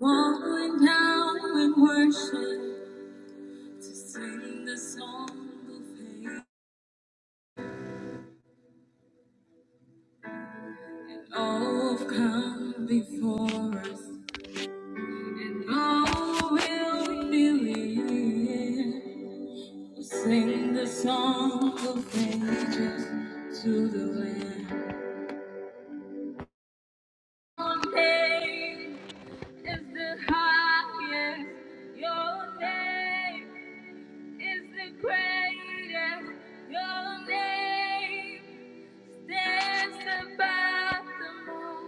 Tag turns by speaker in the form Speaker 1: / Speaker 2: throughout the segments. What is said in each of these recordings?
Speaker 1: Falling down in worship to sing the song of faith. Oh, come before us. Oh, will believe. We'll Sing the song of ages to the land. Your name is the highest. Your name is the greatest. Your name. Dance about the moon,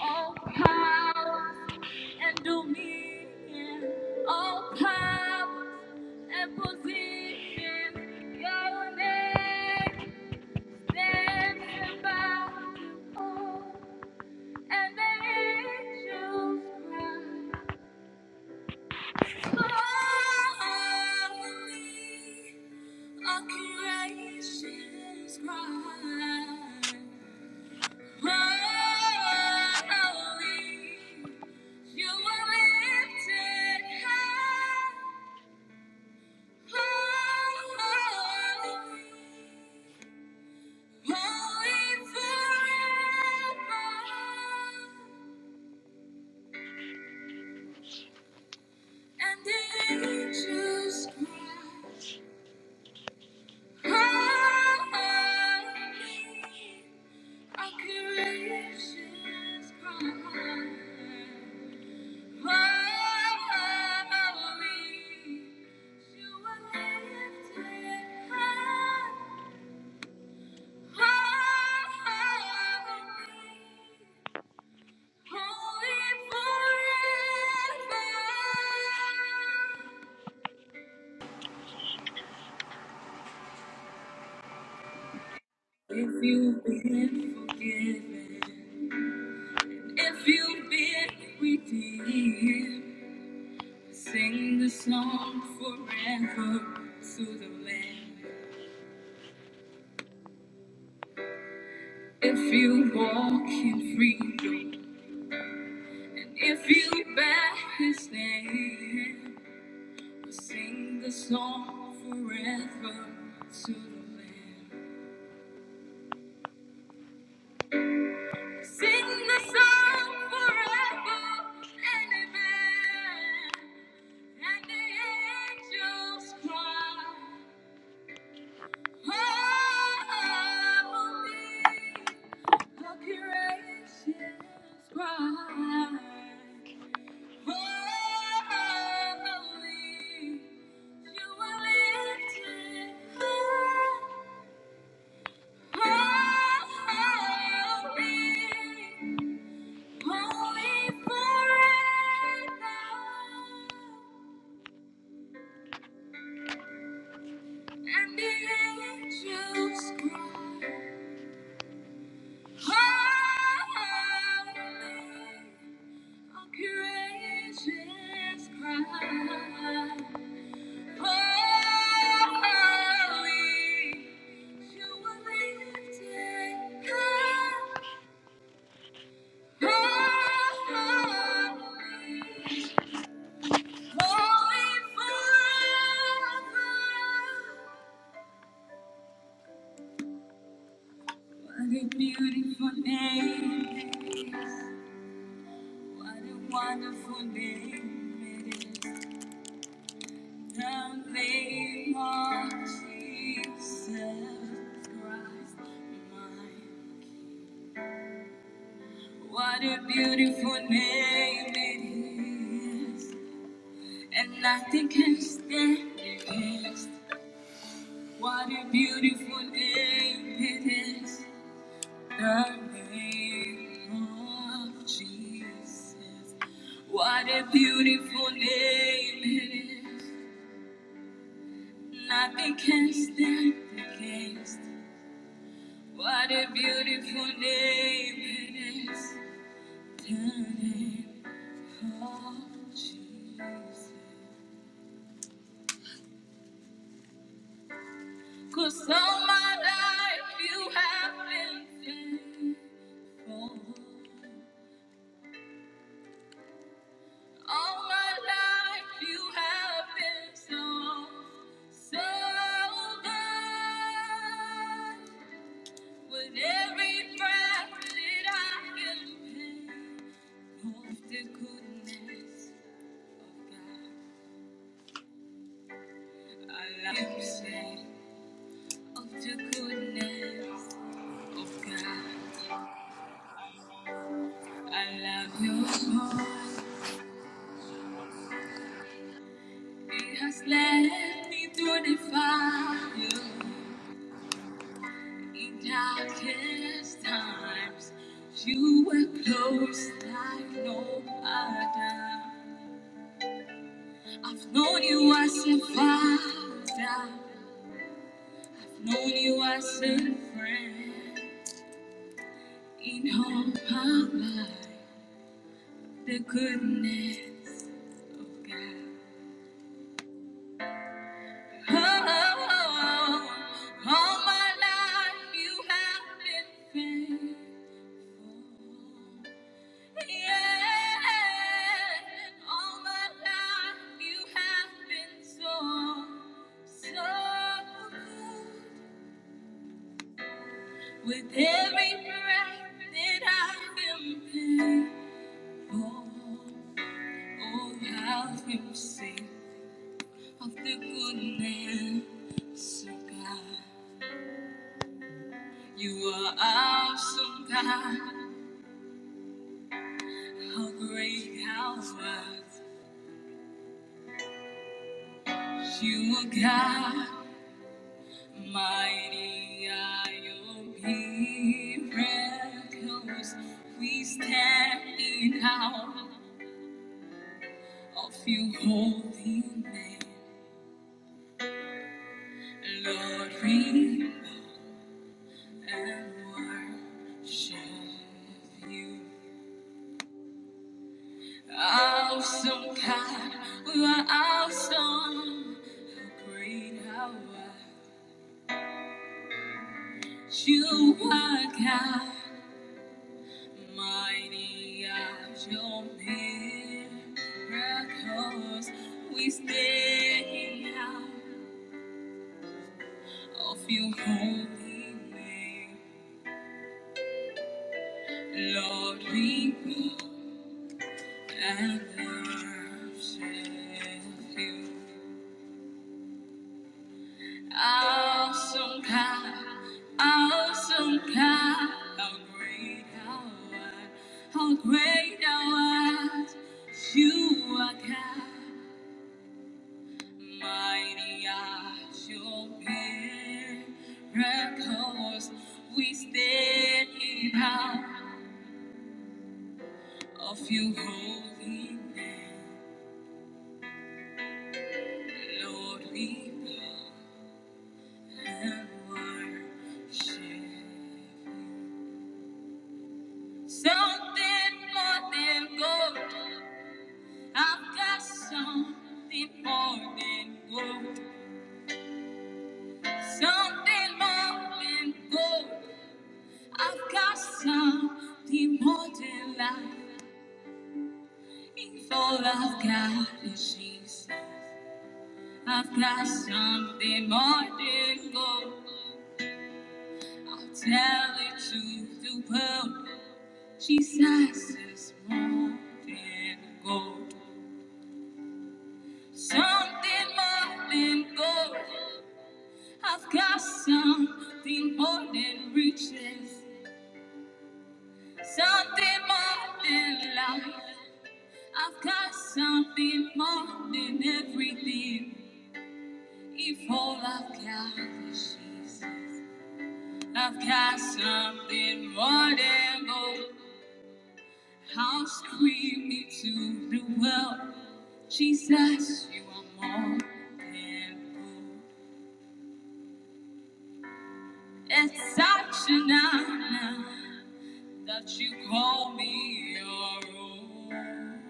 Speaker 1: all power and dominion, all power and position. Your name stands about the moon, and the angels cry. Holy, all creations cry. Our gracious God. If you've been forgiven, if you've been redeemed, sing the song forever to the land. If you walk in freedom, If you bear his name, we'll sing the song forever to the Lamb. Sing the song forever and amen. And the angels cry, Holy, the creation cry. Holy, you are lifted high. Holy, holy forever. And the angels cry, Holy, all creation cries. What a beautiful name it is. What a wonderful name it is. The name of Jesus Christ, my What a beautiful name it is, and nothing can stand against. What a beautiful name it is, the name of Jesus. What a beautiful name it is, nothing can stand against. What a beautiful name it is, the name of Jesus. Cause all my life you have been faithful. All my life you have been so, so good. With every breath that I can take, of the goodness of God. I love you, say, of the goodness of God. I love your voice. It has led me through the fire in darkest times. You were close like no other. I've known you as a father, I've known you as a friend. In all my life, the goodness of God. Oh, oh, oh, oh. all my life you have been faithful. Yeah, all my life you have been so, so good. With every breath that I am thankful, oh how you sing of the goodness of God. You are awesome, God. How great, how wise you are, God. Mighty are your miracles. We stand in awe of your holy name. Lord, we and worship you. Awesome God, you are awesome. How great how are you are God. Mighty as your miracles, we stay out of your holy name. Lord, we bow and worship you. Awesome God, awesome God, how great thou art, how great thou art. You are God. Mighty are your miracles. We stand in awe of your holy name. Lord, we bow and worship you. Something more than gold. I've got something more than gold. Something more than gold. I've got something more than life. All I've got is Jesus. I've got something more than gold. I'll tell it to the world. Jesus is more than gold. Something more than gold. I've got something more than riches. Something more than life. I've got something more than everything. If all I've got is Jesus. I've got something wonderful. How scream me to the world. Jesus, you are more than good. It's such an honor that you call me your own.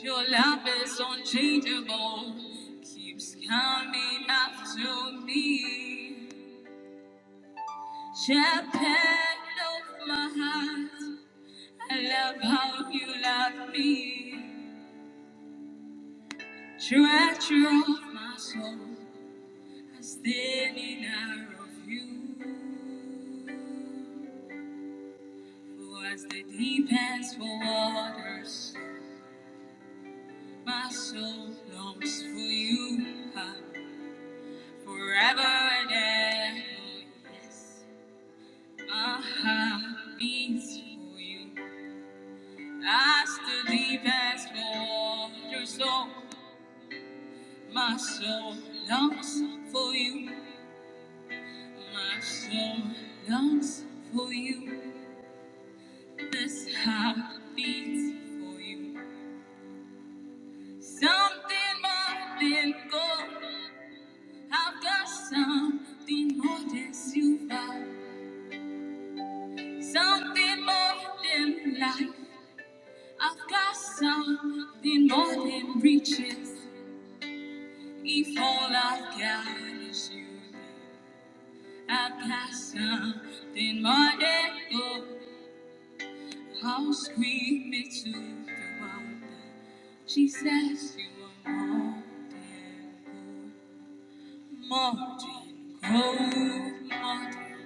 Speaker 1: Your love is unchangeable, keeps coming after me. Shepherd of my heart, I love how you love me. Treasure of my soul, I stand in awe of you. For as the deep ends for waters, my soul longs for you. Ah, Forever and ever, yes, my heart beats for you. As the deep ends for waters, so my soul longs for you. My soul longs for you. This heart beats for you. Something more than gold. I've got something more than silver. Something more than life. I've got something more than riches. If all I've got is you, I've got something more than gold. I'll scream it to the world. that She says you are more than gold. Martin, oh Martin,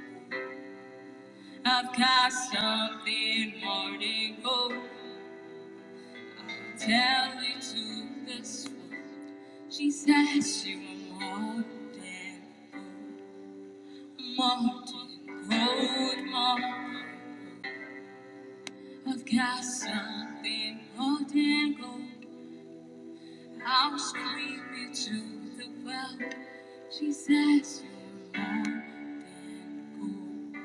Speaker 1: I've got something, Martin, go tell it to the swan. She says you are more than gold. Martin, gold, Martin, I've got something, more than gold. I'll scream it to the well. She says you are more than gold.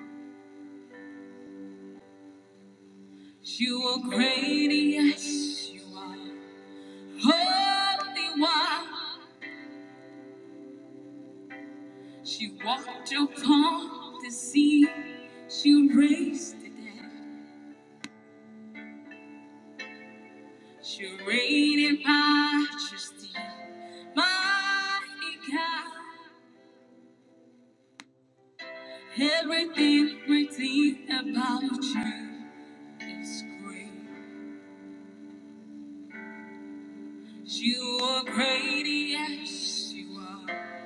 Speaker 1: You are great, yes, you are. Holy one, she walked upon the sea. She raised the dead. She reigned in majesty. Mighty God, everything written about you is great. You are great, yes, you are.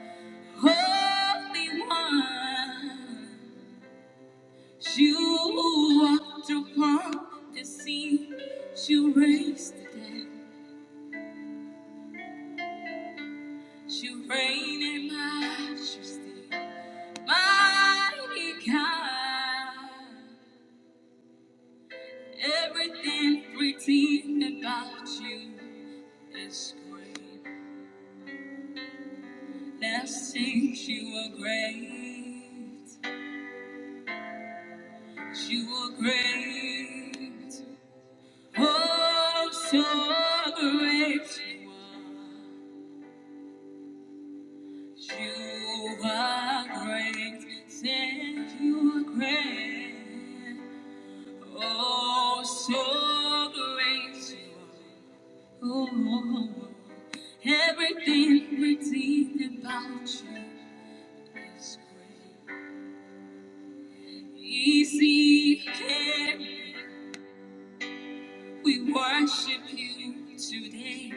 Speaker 1: Holy one. You walked upon the sea. You raised the dead. You reign in majesty. Mighty God, everything written about you is great. Let's sing you are great. You are great. Oh, so great you are. You are great, thank you are great. Oh, so great you are. Oh, everything, everything about you is great. Easy, King, we worship you today.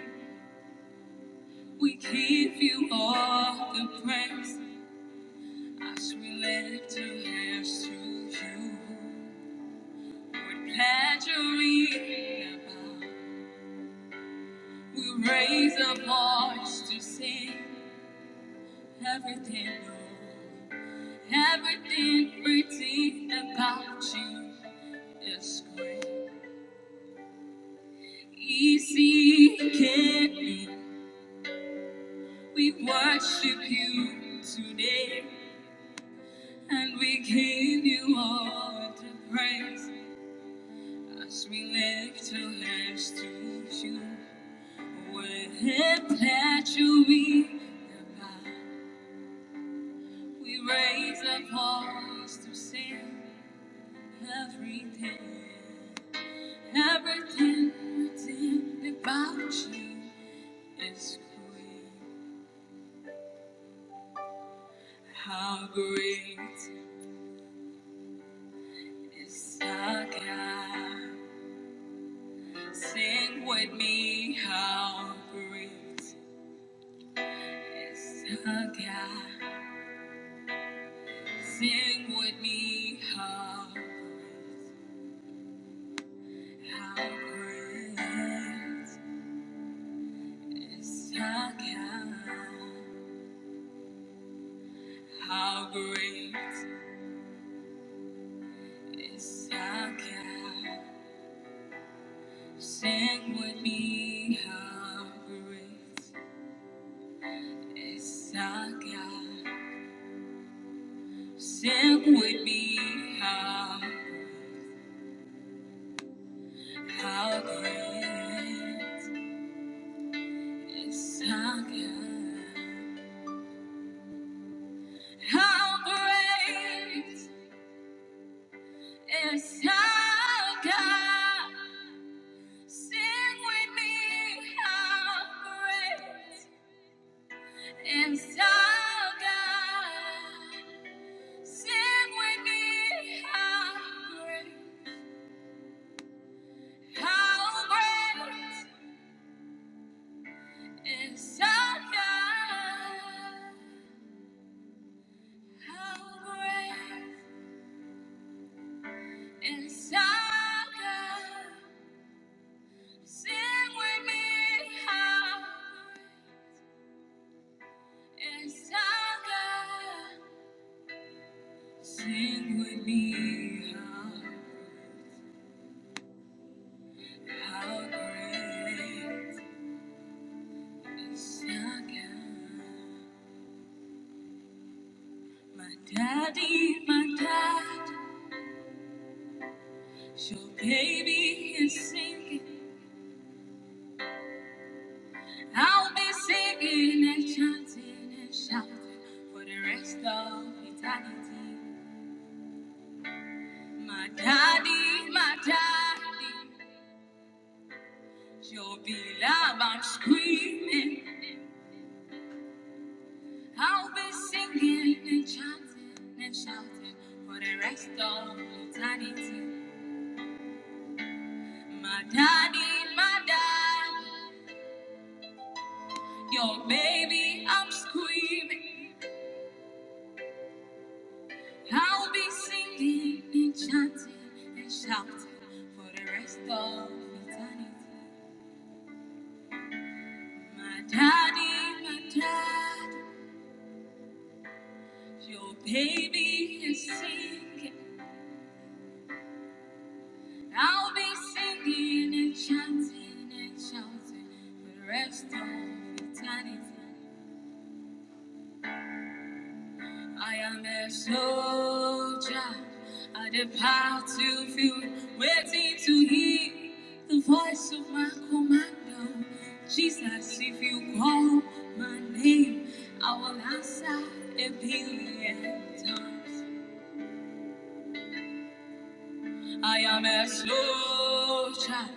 Speaker 1: We give you all the praise as we lift our hands to you. Tangerine, about. we raise a march to sing everything, Lord. Everything pretty about you is great. Easy can be. We worship you today, and we give you all the praise as we lift our hands to you. We're here, Tangerine. about. We raise a voice to sing everything, everything written about you is great. How great is our God? Sing with me, how great is our God? Sing with me, how great, how great is our God? How great is our God? Sing with me, how great is our God? Sing with me, how how great is our God? How great is our God? Sing with me, how great is our God? Sing with me, how great, how great is our God. How great is our God. Sing with me, how great is our God. Sing with me, how, how great is our God. My daddy, my dad. So baby is singing, I'll be singing and chanting and shouting for the rest of eternity. My daddy, my daddy, your beloved, I'm screaming. I'll be singing and chanting and shouting for the rest of eternity. My daddy, my daddy, your baby, I'm screaming. I'll be singing and chanting and shouting for the rest of eternity. My daddy, my dad, your baby is singing. I'll be singing and chanting and shouting for the rest of eternity. I am a soldier. I depart to field, waiting to hear the voice of my commander. Jesus, if you call my name, I will answer a billion times. I am a slow child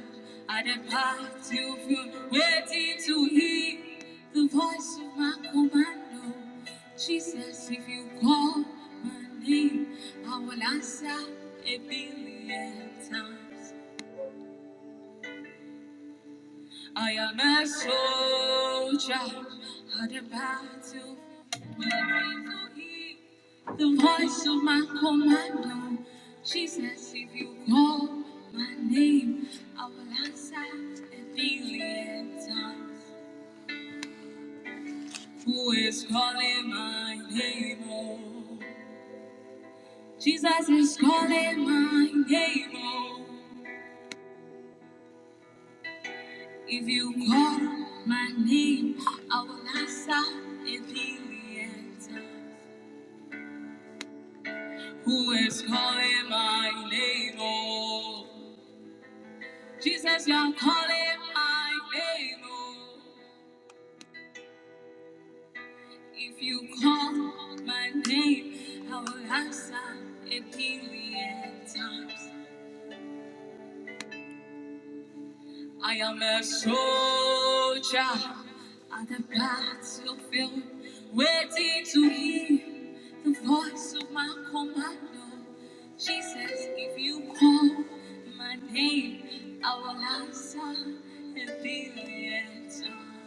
Speaker 1: at a path to feel waiting to hear the voice of my commando. Jesus, if you call my name, I will answer a billion times. I am a soldier on the battlefield, waiting to hear the voice of my commander. Jesus, if you call my name, I will answer a billion times. Who is calling my name? Oh, Jesus is calling my name. Oh, if you call my name, I will answer a billion times. Who is calling my name? Oh, Jesus, you are calling my name. Oh, if you call my name, I will answer a billion times. I am a soldier at the battlefield, waiting to hear the voice of my commander. Jesus, if you call my name, I will answer a billion times.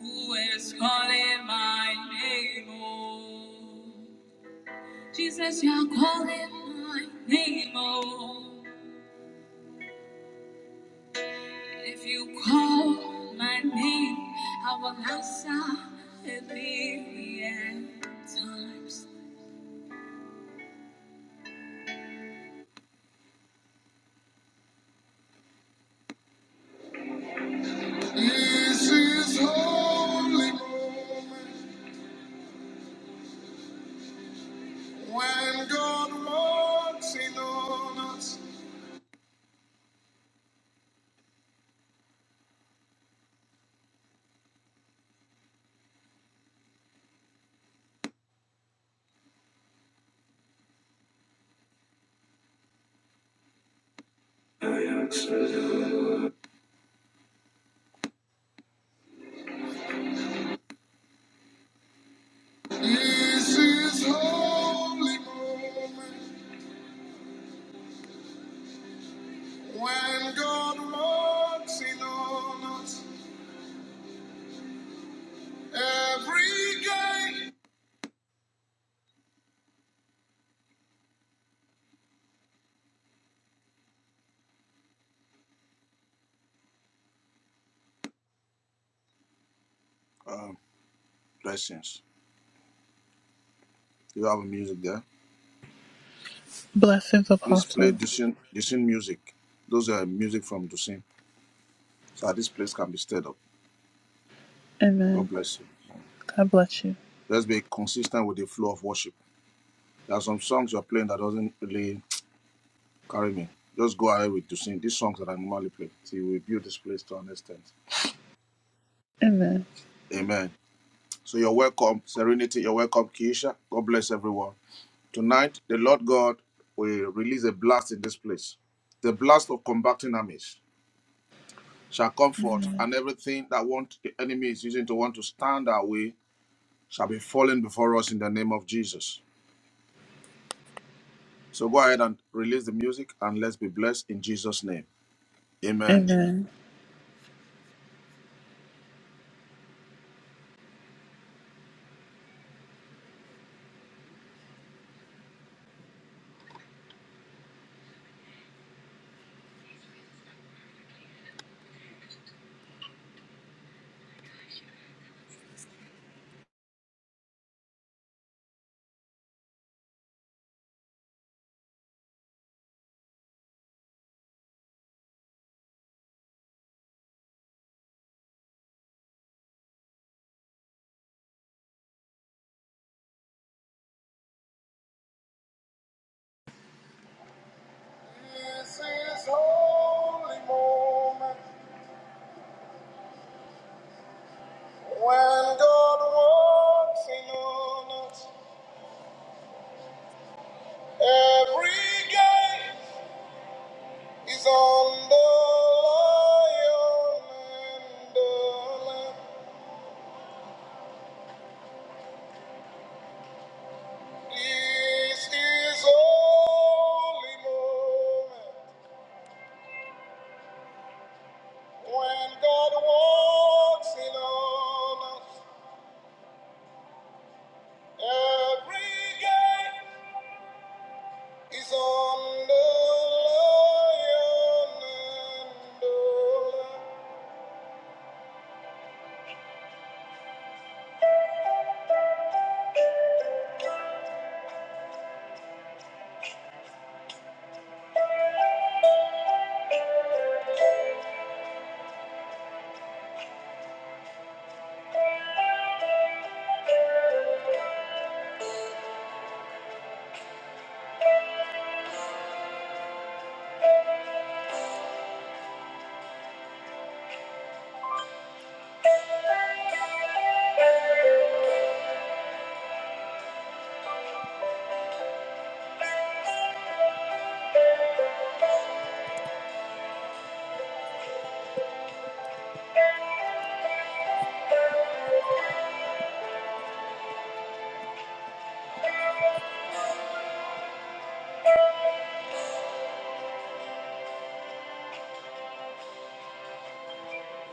Speaker 1: Who is calling my name? Oh, Jesus, you are calling my name. Oh. If you call my name, I will answer a billion times. This is holy moment when God walks in on us. This is holy moment when God walks in on us every day. Um, blessings. You have a music there.
Speaker 2: Blessings,
Speaker 1: Please play
Speaker 2: Apostle.
Speaker 1: Dusin, Dusin music. Those are music from Dusin. So that this place can be stirred up. God
Speaker 2: Amen.
Speaker 1: bless you.
Speaker 2: God bless you.
Speaker 1: Just be consistent with the flow of worship. There are some songs you're playing that doesn't really carry me. Just go ahead with Dusin. These songs that I normally play. See, we build this place to an extent.
Speaker 2: Amen.
Speaker 1: Amen. So you're welcome, Serenity. You're welcome, Keisha. God bless everyone. Tonight, the Lord God will release a blast in this place. The blast of combating armies. shall come forth, and everything that want the enemy is using to want to stand our way shall be fallen before us in the name of Jesus. So go ahead and release the music and let's be blessed in Jesus' name. Amen.
Speaker 2: Amen. This is holy moment when God walks in on us. Every gate is on the lion and the lamb. This is holy moment when God walks in on us. Every gate Is on the lion and the lamb.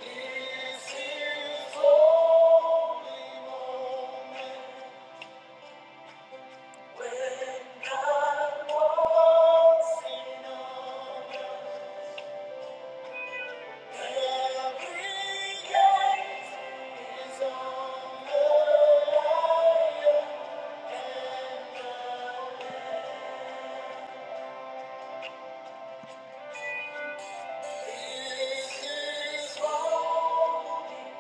Speaker 2: This is holy moment when God walks in honor. Every gate is on the lion. This is holy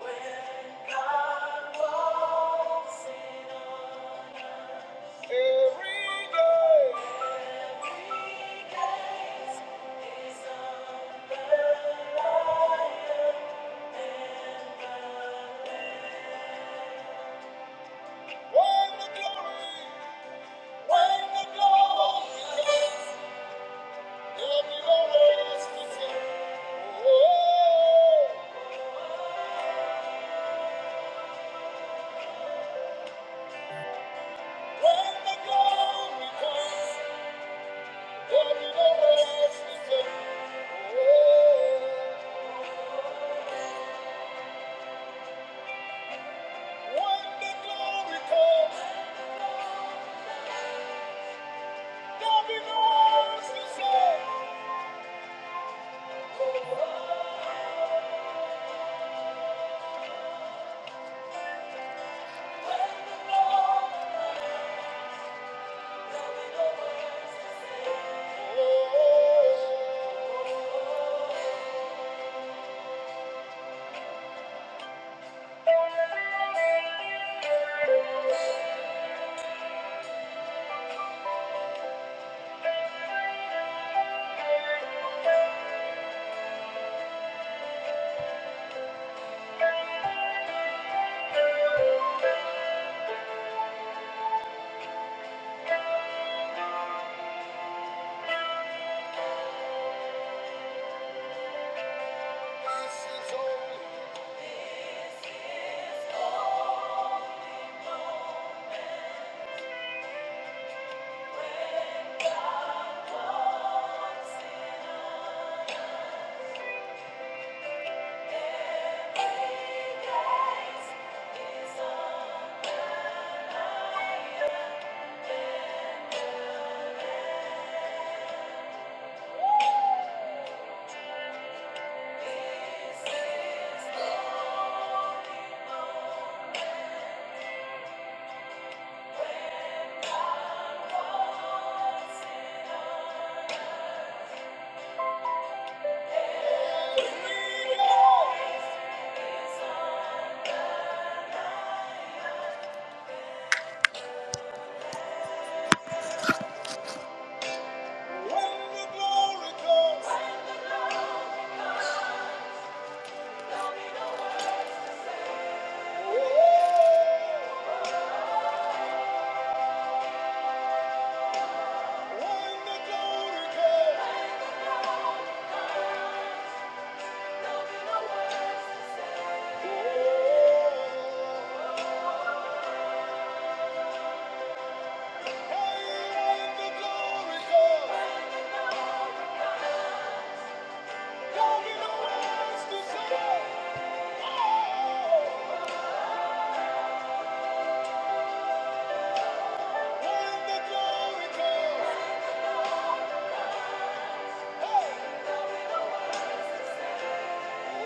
Speaker 2: when God walks Every day, when the glory, when the glory comes, there'll be no rest for sin. Oh, when the glory comes, there'll be no rest for sin. Oh, when the glory comes, there'll be no rest for sin. Oh, this is only. real. When the glory comes, when the glory comes, hey, when the glory comes, there'll be no words to say. Oh, when the glory comes, hey, when the glory comes, oh, hey,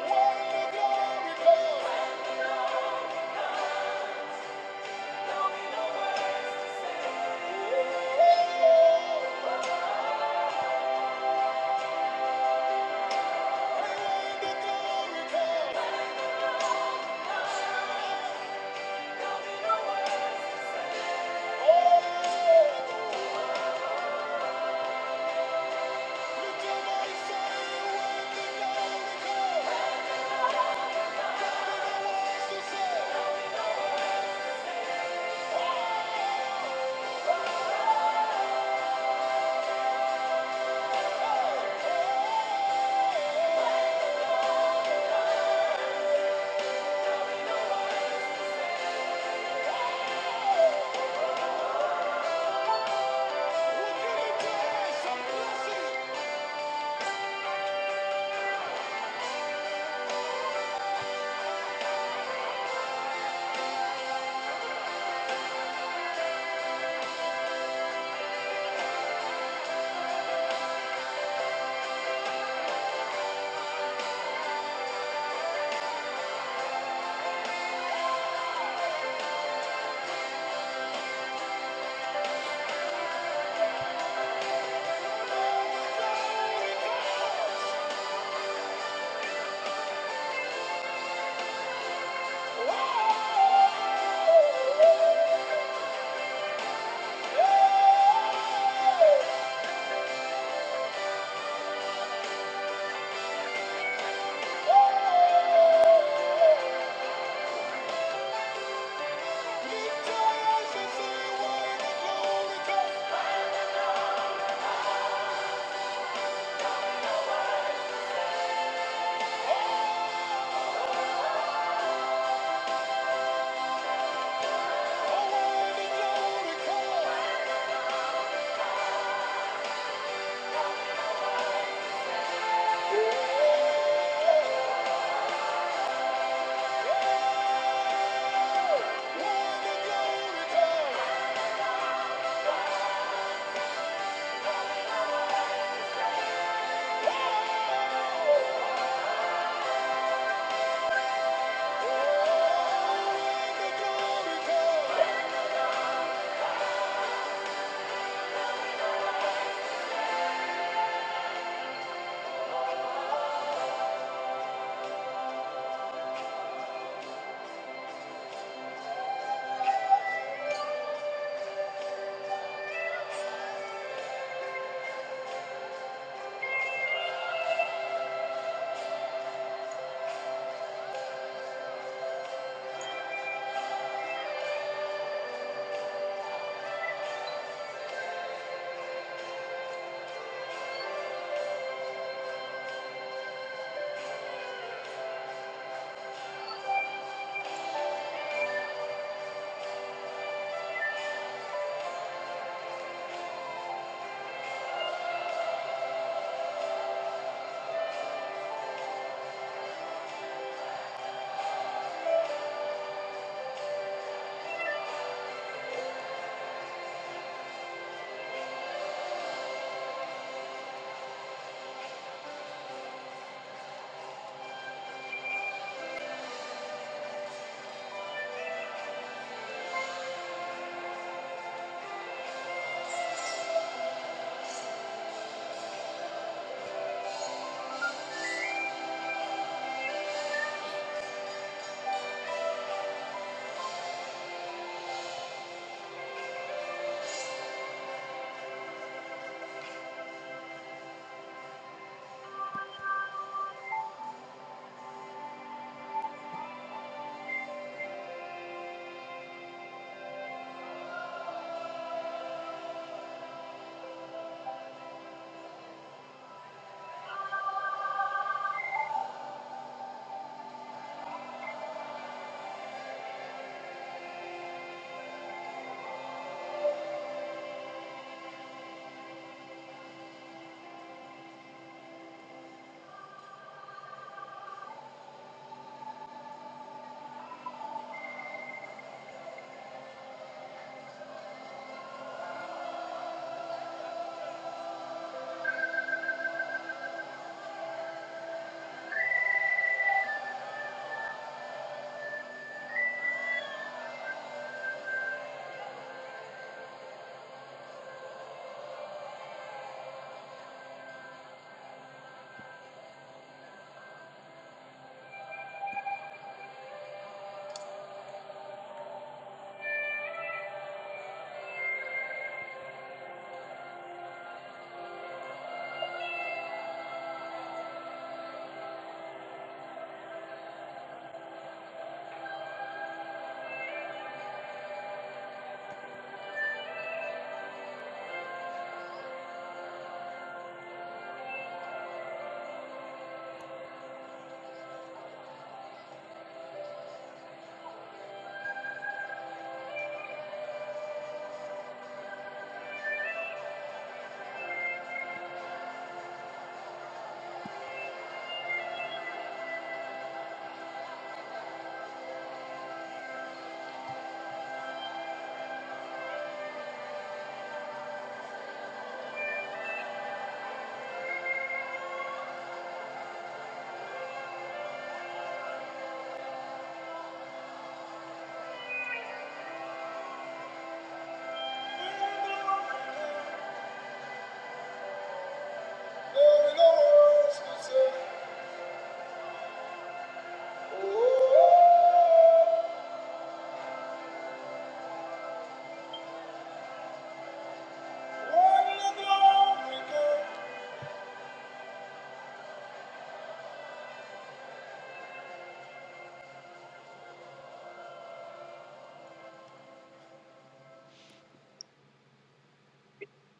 Speaker 2: when the glory comes, oh. Yeah.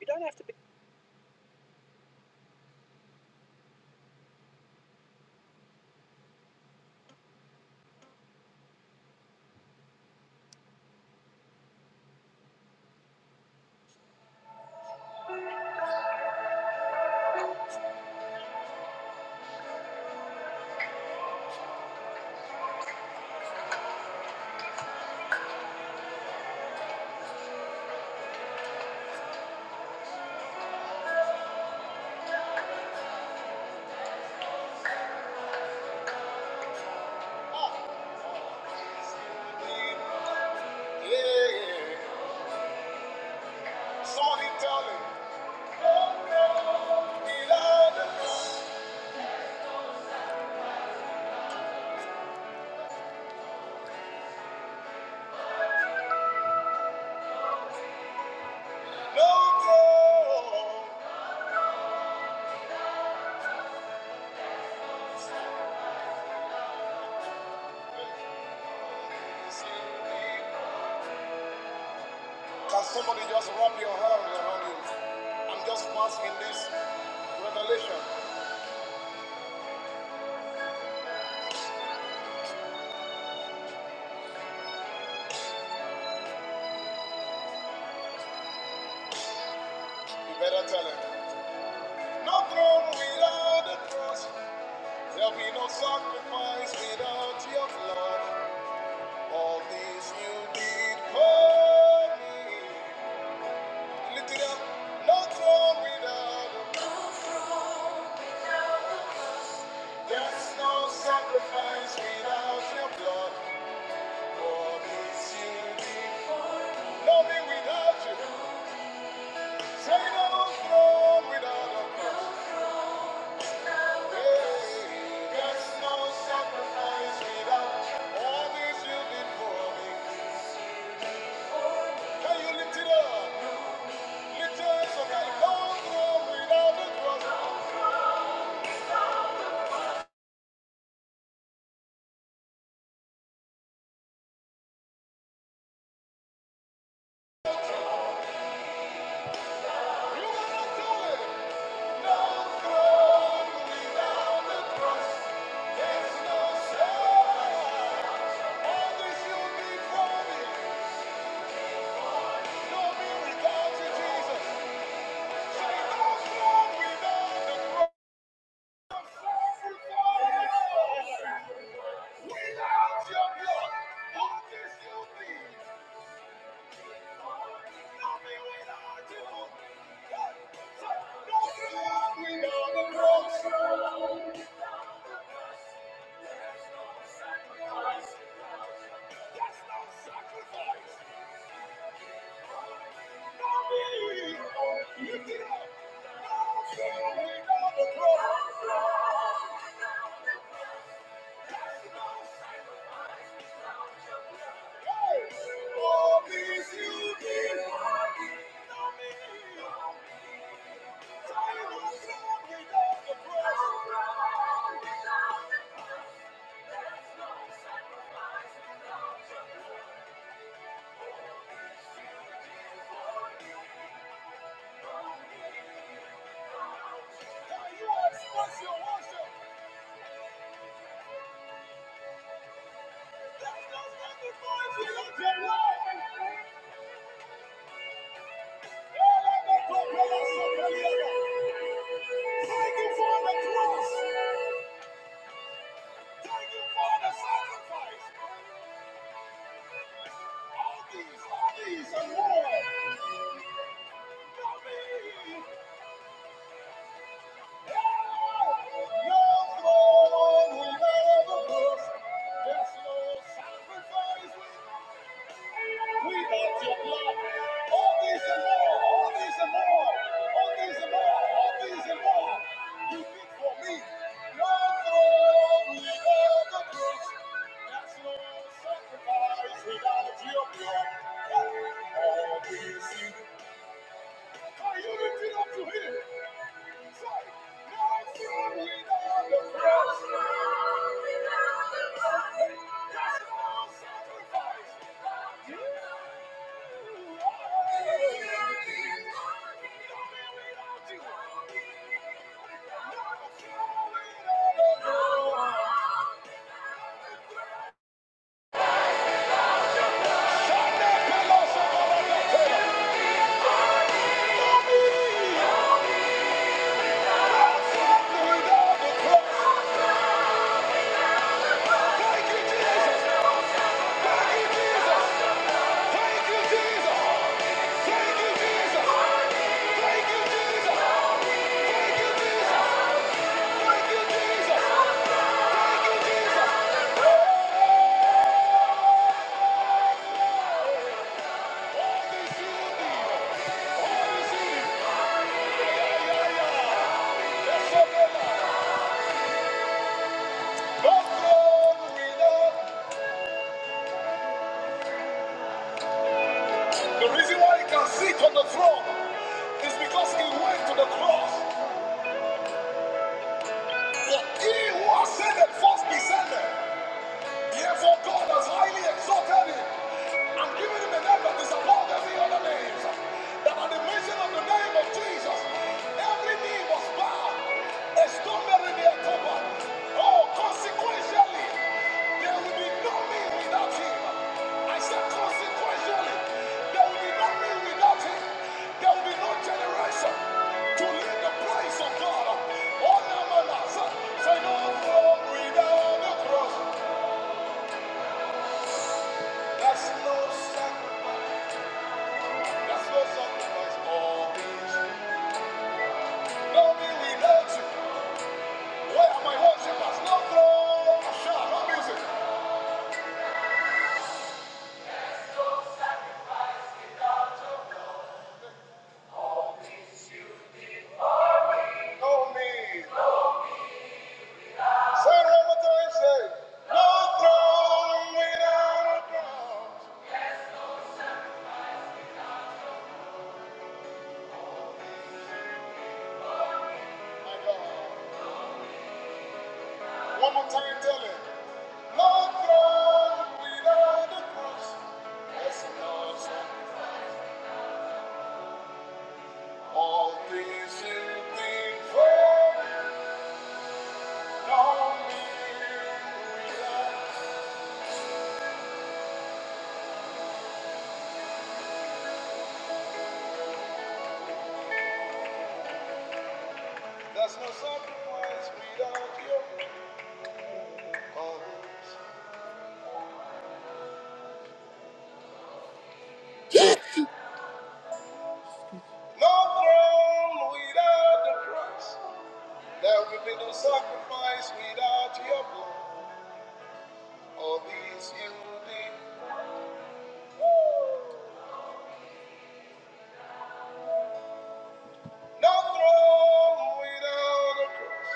Speaker 2: You don't have to be. Yeah. Somebody tell me. No, no, need I know? No, no, is somebody just wrap your hand around you? I'm just passing in this revelation. You better tell him. No throne without a cross. There'll be no sacrifice without your blood. All this you did for me. Lift it up. No throne without a cross. There's no sacrifice without your blood. All this you did for me. Nothing without you. Say no throne without a cross. There's no sacrifice without all this you did for me. Can you lift it up? Lift your hands up right No without the cross. You cannot do it. without the cross. There's no sacrifice. All this you did for me. No me without you, Jesus. no without the cross. No without your blood. All this you need. Oh, peace you give, not me. Thank you for the cross. Thank you for the sacrifice. All these, all these, and more. Come in. Without your blood, all we see. Can you lift it up to him? Thank you, Jesus. Thank you, Jesus. Thank you, Jesus. The reason why he can sit on the throne is because he went to the cross. he was set and first descended. Therefore, God has highly exalted him and given him a name that is above every other name. That at the mention of the name of Jesus, every knee was bowed, extraordinary their cover. Oh, consequentially, there will be no me without him. I said, consequentially, there will be no me without him. There will be no generation to lead the place of God. Oh, no, no, no. So, say, no more without the cross. That's no sacrifice. That's no sacrifice. All these. No we know you. Where are my worshippers? No throne. Shout, no music. No me. Say Ramadan, say. No throne without a crown. My God. One more time, tell it. No throne without a cross. That's no sacrifice. All things you think for. No me without There's no sacrifice without your cross. No throne without the cross. There will be no sacrifice without your blood. All these you did. No throne without the cross.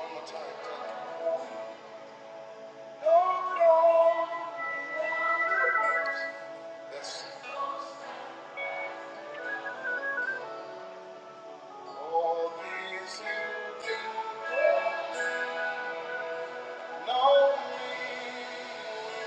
Speaker 2: One more time. No throne. Yes. All these you did. No me.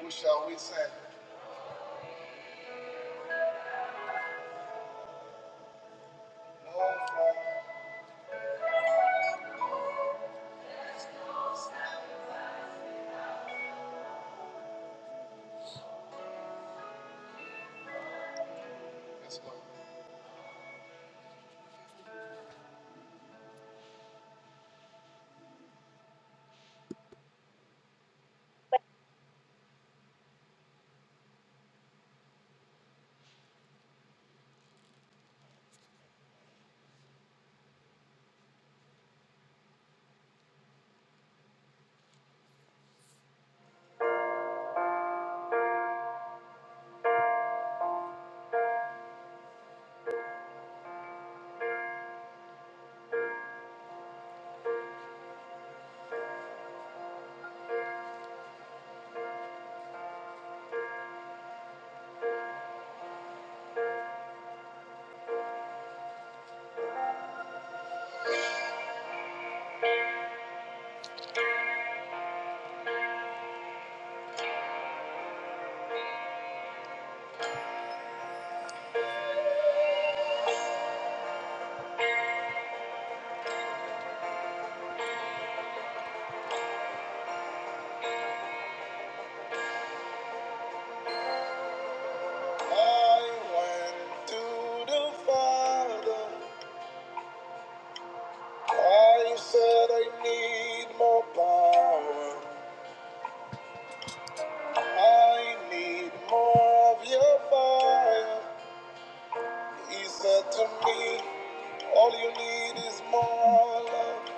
Speaker 2: Who shall we send? No throne. Let's go. I went to the Father. I said I need more power. I need more of your fire. He said to me, All you need is more love.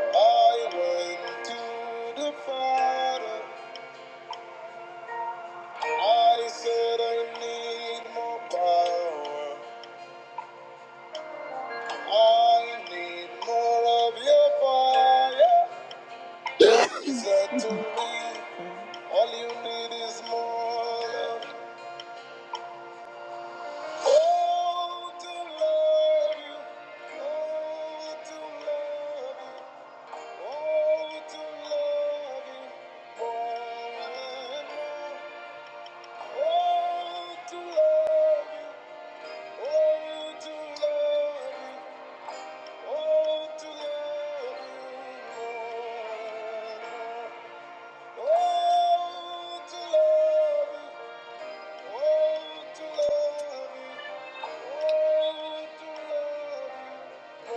Speaker 2: I went to the Father. I said I need more power. I need more of your fire. He said to me, All you need is more love. Oh, to love you. Oh, to love you. Oh, to love you more and more. Oh, to love you. Oh, to love you. Oh, to love you more and more. Oh, to love you. Oh, to love you. Oh, to love you. Oh,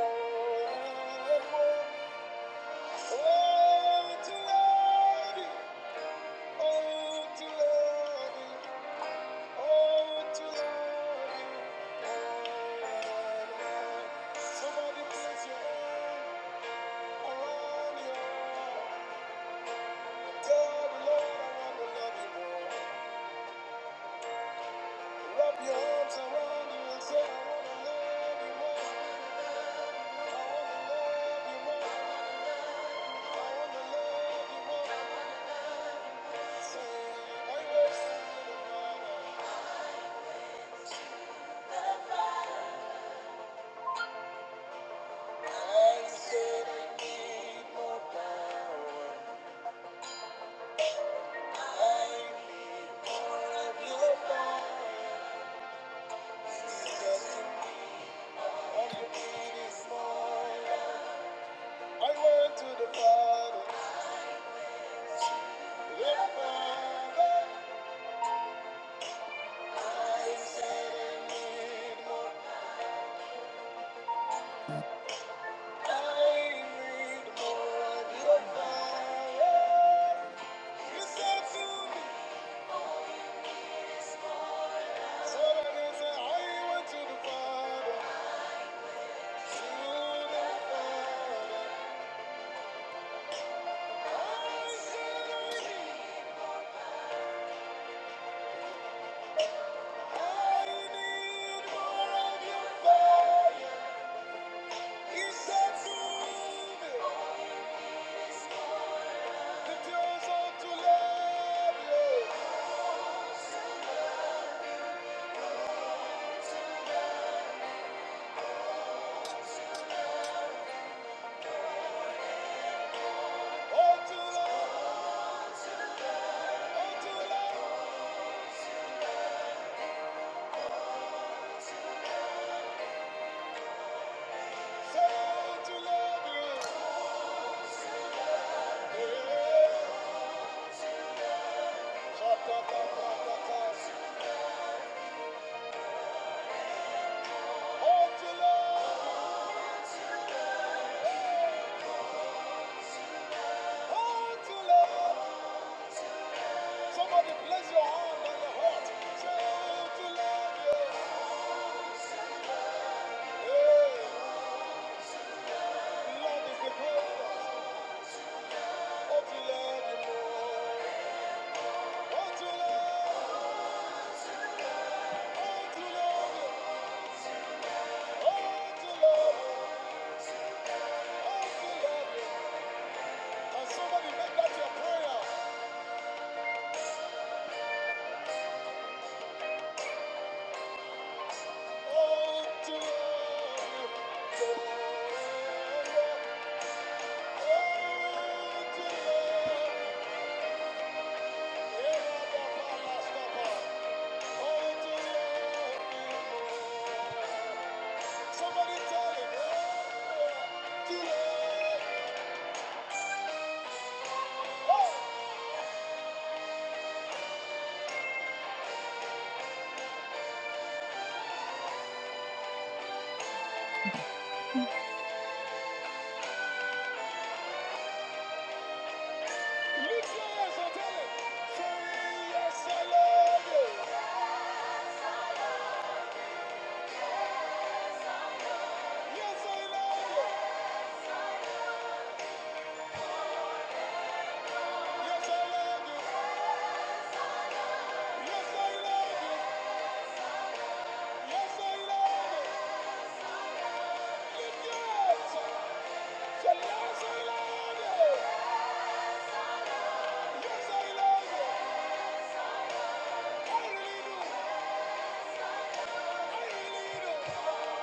Speaker 2: to love you. Oh, to love you. Oh, to love you. Somebody place your hand around your heart. Tell the Lord I want Wrap your arms around you and say I want to love you more. I went to the Father, the Father, I said I need more Yeah. Hold to love. Hold to love. Somebody place your hand your heart. Say, to love. Yeah. Hey, love is the greatest. Hold to love you more. to love. Hold to love you. to love you. somebody make that your prayer? Hold to love you. Somebody tell him, oh, to love. Lift your hands and tell him, say, yes, I love you. Yes, I love you. Yes, I love you. Yes, I love you. Yes, I love you. Lift your hands. Say, yes, I love you. Yes, I love you. I really do. Somebody cry out!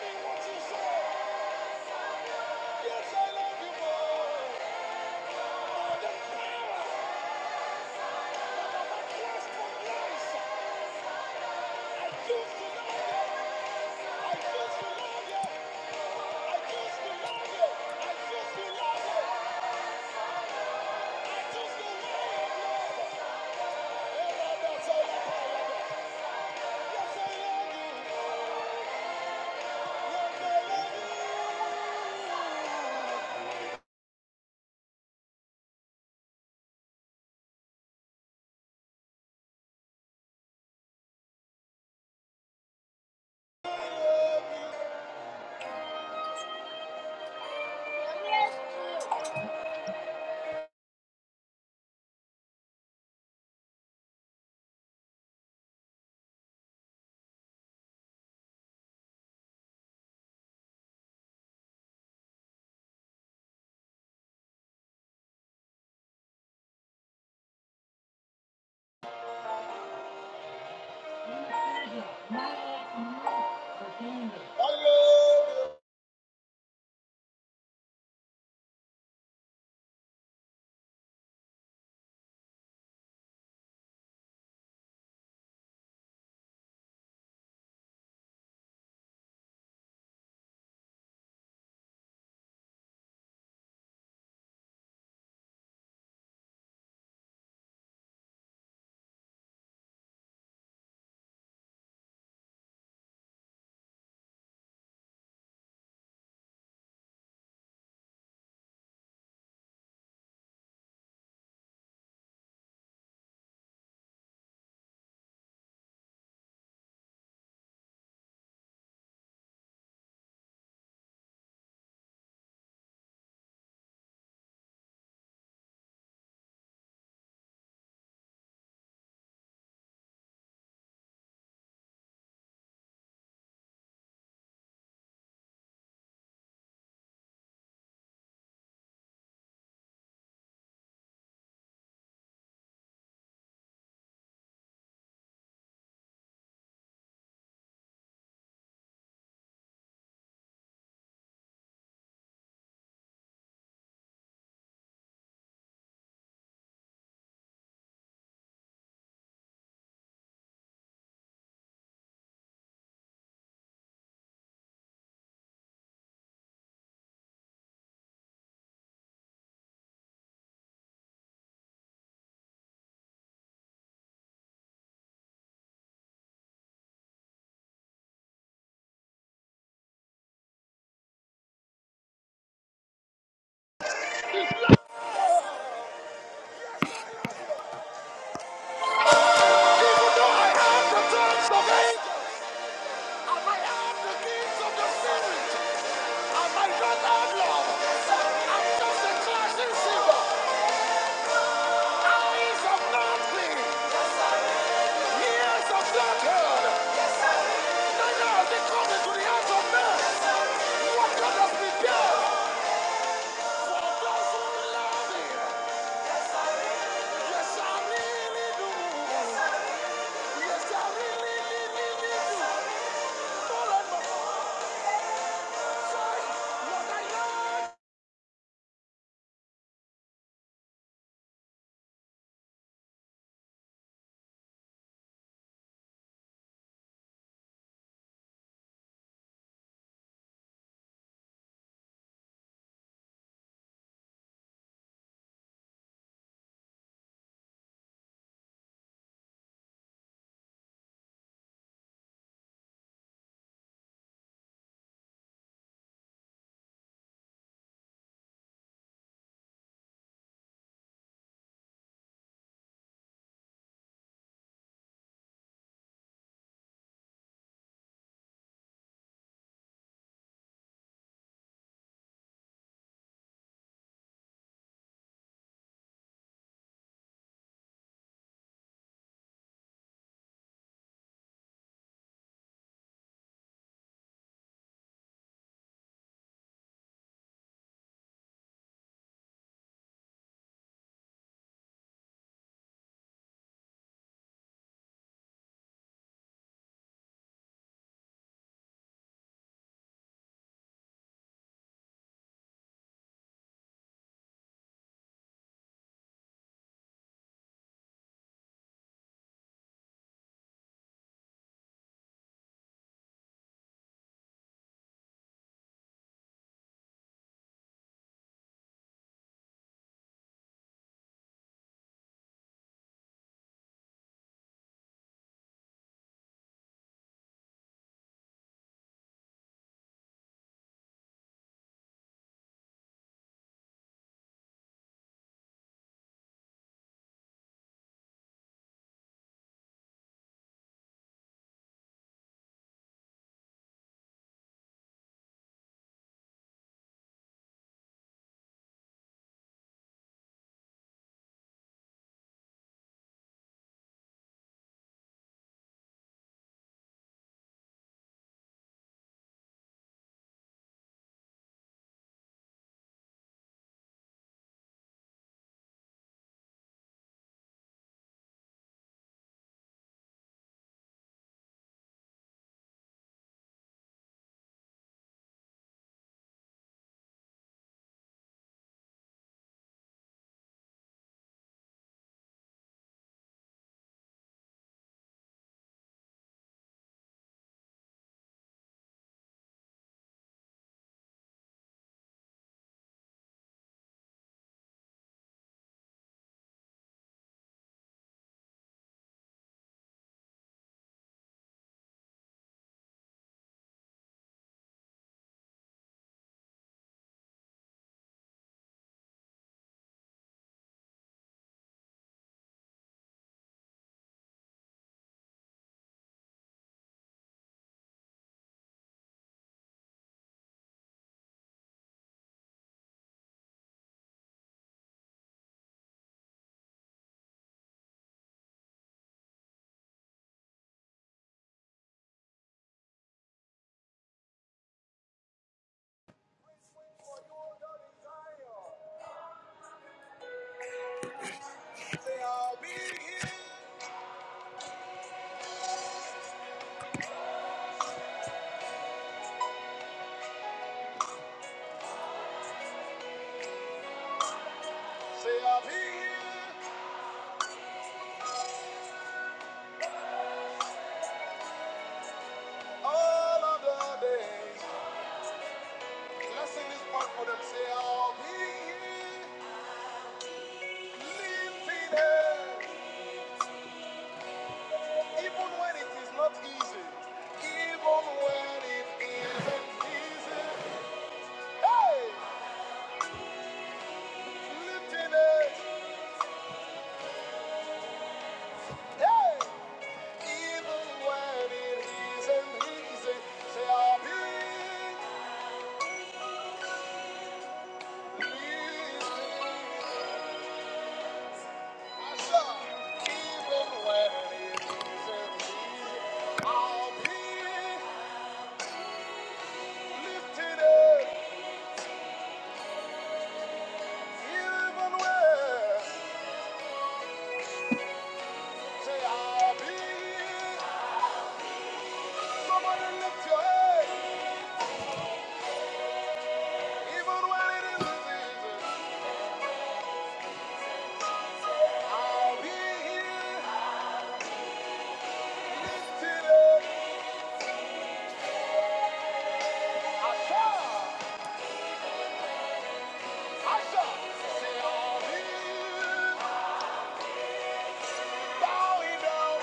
Speaker 2: Mean what you say! Yes, I love you more. More than power. Yes, for Christ. I choose to love you. I choose to love you. I choose to love you. I choose to love you. I love. Yes, you. Yes, I I have the tongues of angels, I might have the of the Spirit, I might not have love. I'm just a clashing silver. Eyes of nothing, ears of flattered. They now they come the hands of men. What God has prepared for those who love Him. Yes, I really do. Yes, I really, really, really do. Don't let my Say I'll be here. Say I'll be here all of the days. Let's sing this part for them. Say, I'll be lifted, up, even when it is not easy, even when it isn't easy. Hey, lifted, up, hey, even when it isn't easy. Say, I'll be lifted. Asha, even when it isn't easy, I'll be lifted. up. Even when, say I'll be. Somebody lift your head. Even when it isn't easy, I'll be here. Lifted up. I shall. I shall. Say I'll be here. Bowing down.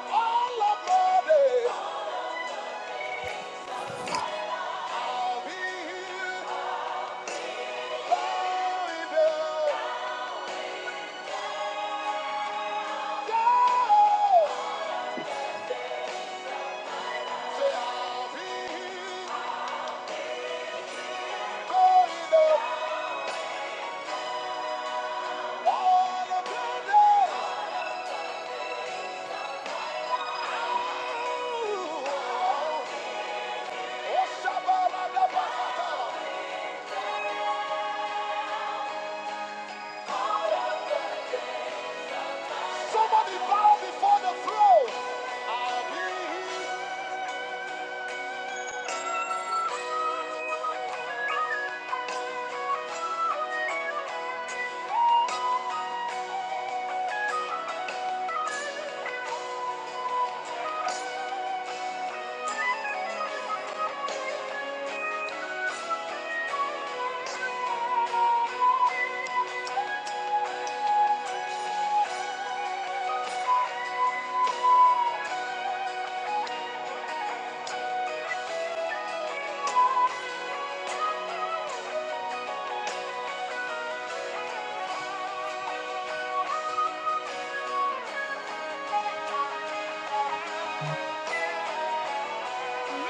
Speaker 2: All of my days. I'll be here. Bowing down. Down. Say I'll be here. Going up. All of your days. Somebody bow before the throne.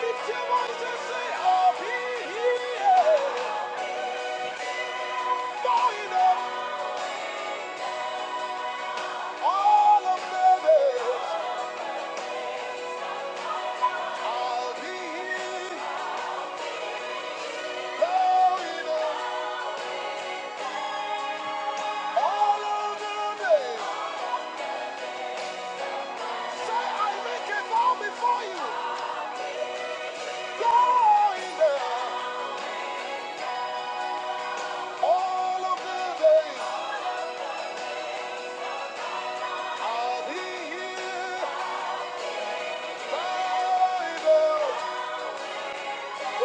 Speaker 2: Lift your voice and say, "Oh, he, he, yeah." Bowing down, all of them is, "Oh, he, he." Bowing down, all of them is. Say, "I make a vow before you." Bowing down, all of them is, "Oh, he, he." Bowing down. All of the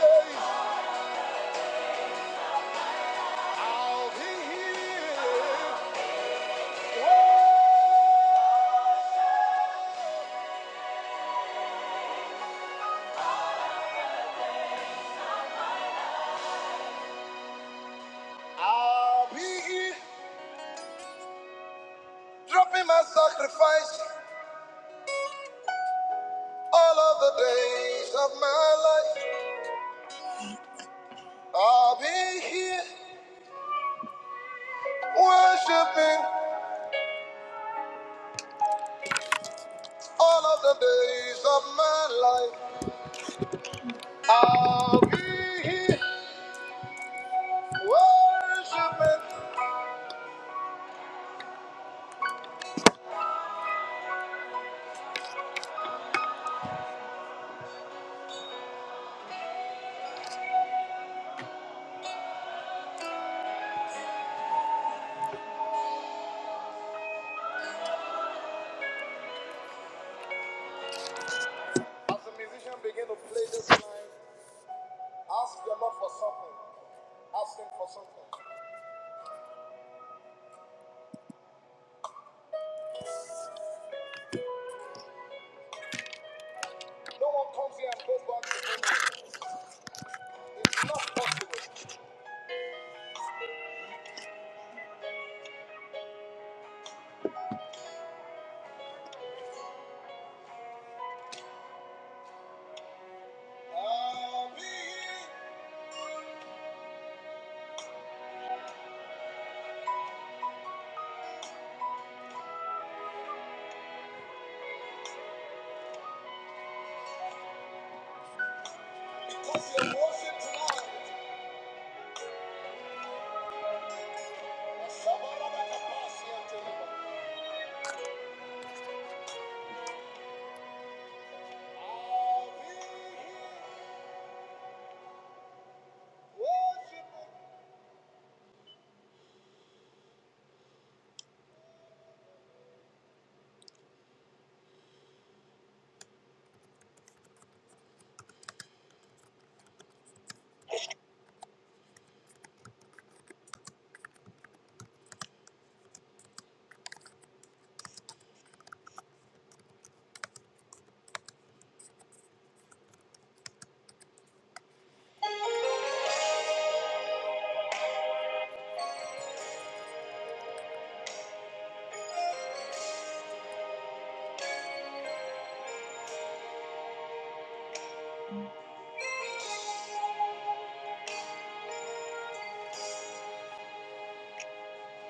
Speaker 2: days I'll be here. I'll be dropping my sacrifice all of the days of my life. I'll be here worshiping all of the days of my life. I'll be here worshiping. As the musician begin to play this line, ask the Lord for something. Ask him for something. No one comes here and goes back to memory. It's not possible. I'll be here because you're worshiping tonight.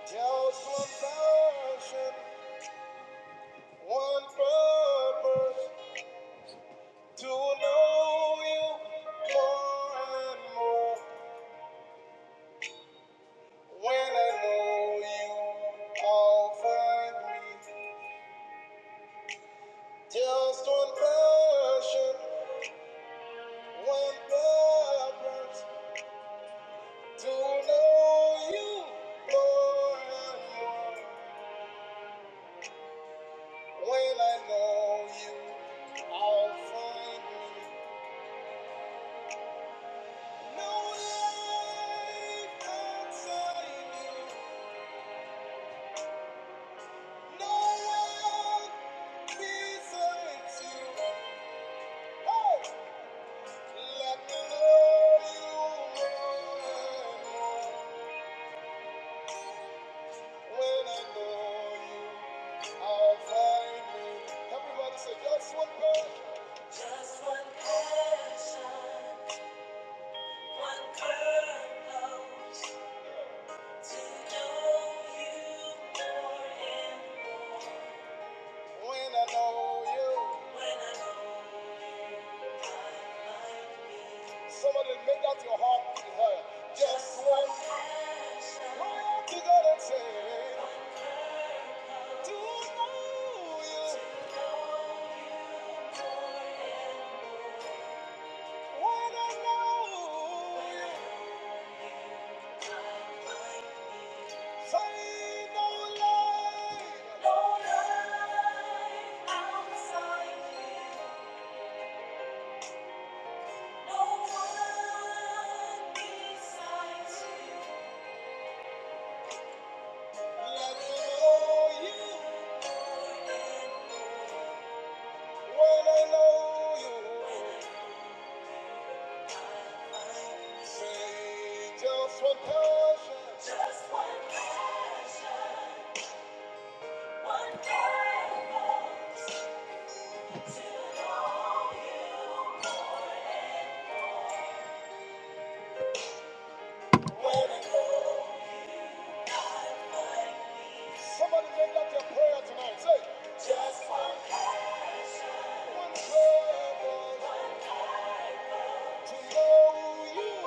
Speaker 2: Just one passion, one purpose to know you more and more. When I know you, I'll find me. Just one passion, one purpose to know you more and more. When I know you, I'll find you. No life outside you. No one besides you. Oh! Let me know you. When I know you, I'll find you. Everybody say, just one God. Just one passion, one purpose. To know you more. When I know you, somebody make that your heart desire. Just one cry out to God and say, To know you, when I know you, say no lie. Let me know you, when I know you, say just one passion. When somebody make that your prayer tonight. Say, when you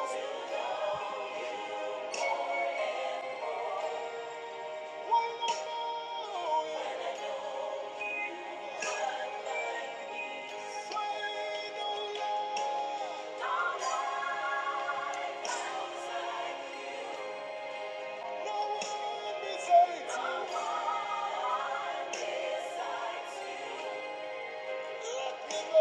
Speaker 2: Thank you.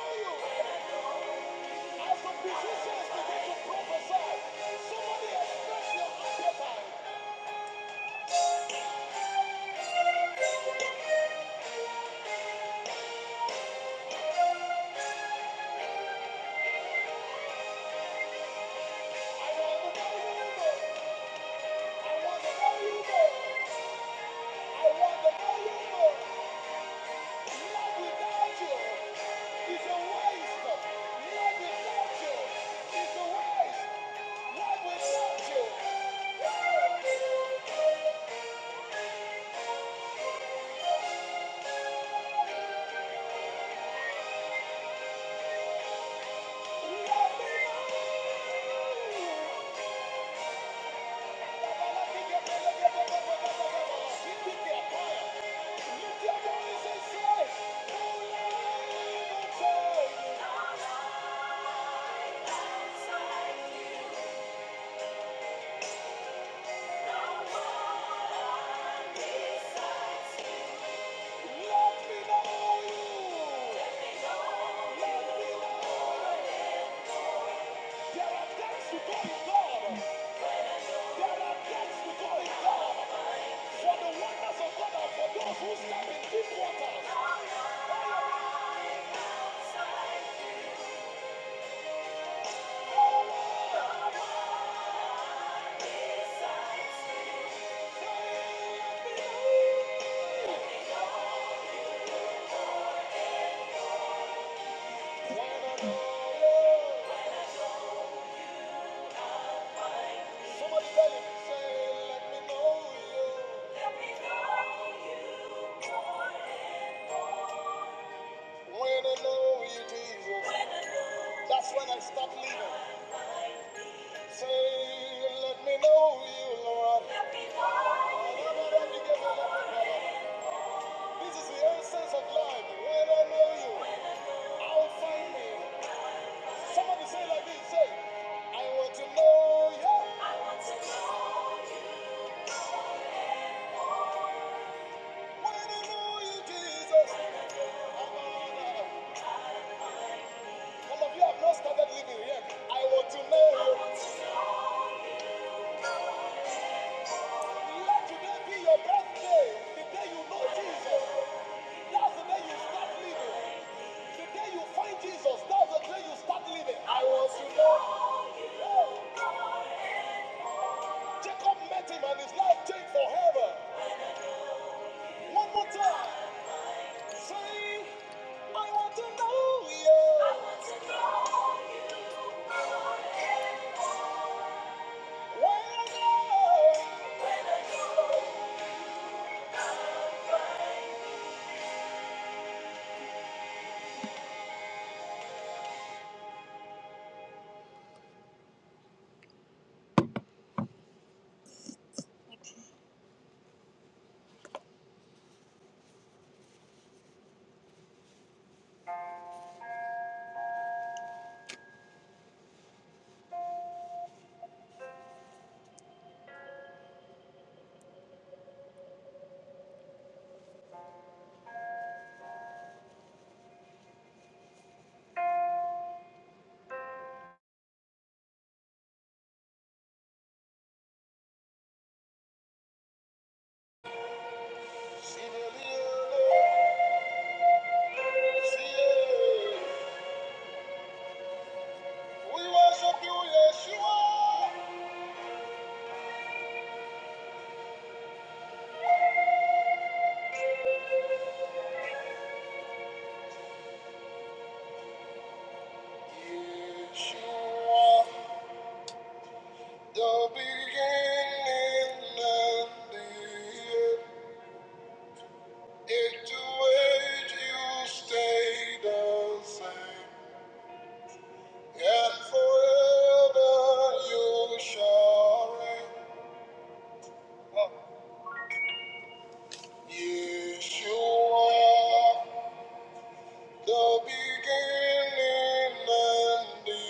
Speaker 2: Thank you. Thank you. Who step in deep waters? When I know you, somebody tell him, say, let me know you. When I know you, Jesus, that's when I start living. Say, let me know you, Lord. This is the essence of life. When I know you, I'll find me. Somebody say like this, say, I want to know you. When I know you, Jesus. Some of you have not started living yet. I want to know you. Let today be your birthday, the day you know Jesus. That's the day you start living. The day you find Jesus, that's the day you start living. I want to know you. Jacob met him and his life changed forever. One more time. Say, I want to know you. When I go, see the real, see it. We worship you, Yeshua. Yeshua. The beginning and the end. Its ways you stay the same. And forever you shall reign. Yeshua, the beginning and the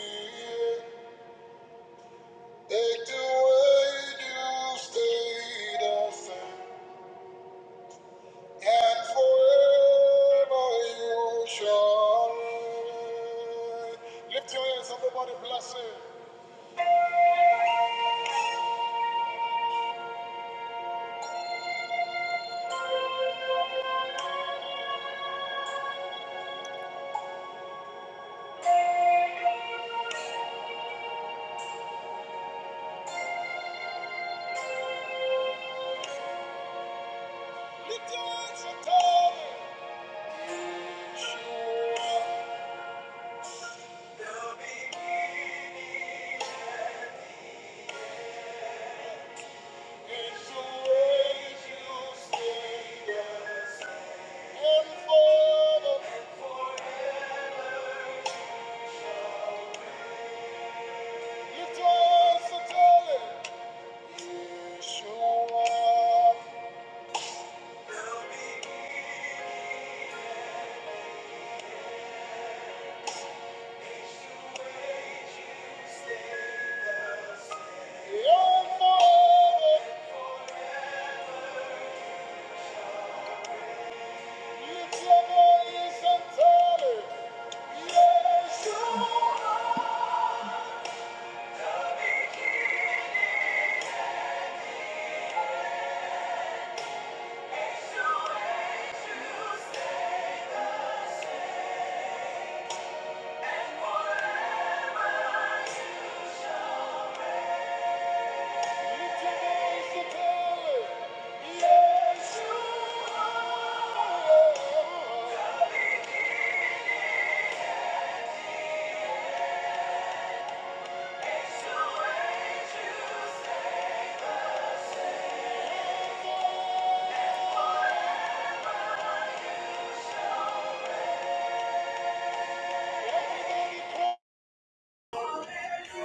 Speaker 2: end. Its ways you stay the same. and forever you shall reign. Lift your hands, everybody, bless him. Lift your hands and tell him. It's the way you stay yeah. and forever. Lift your hands and tell him. Yeshua, and forever. It's Yeshua. Hallelujah,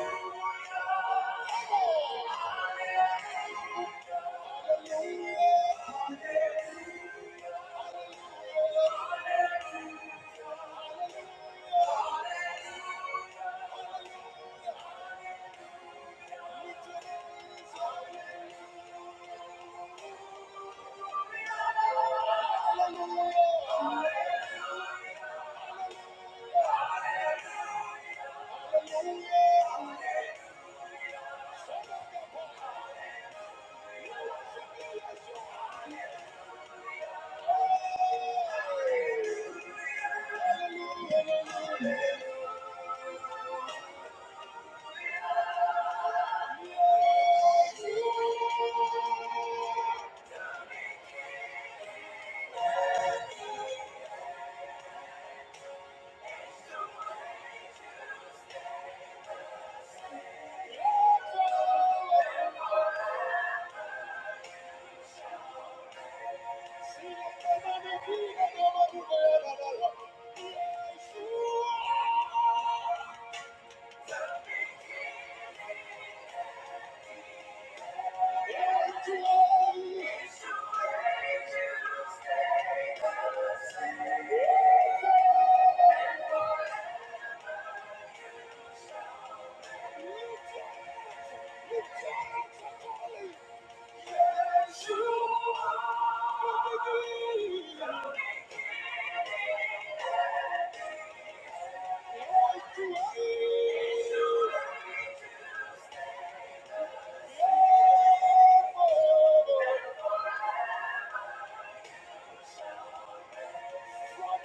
Speaker 2: you. From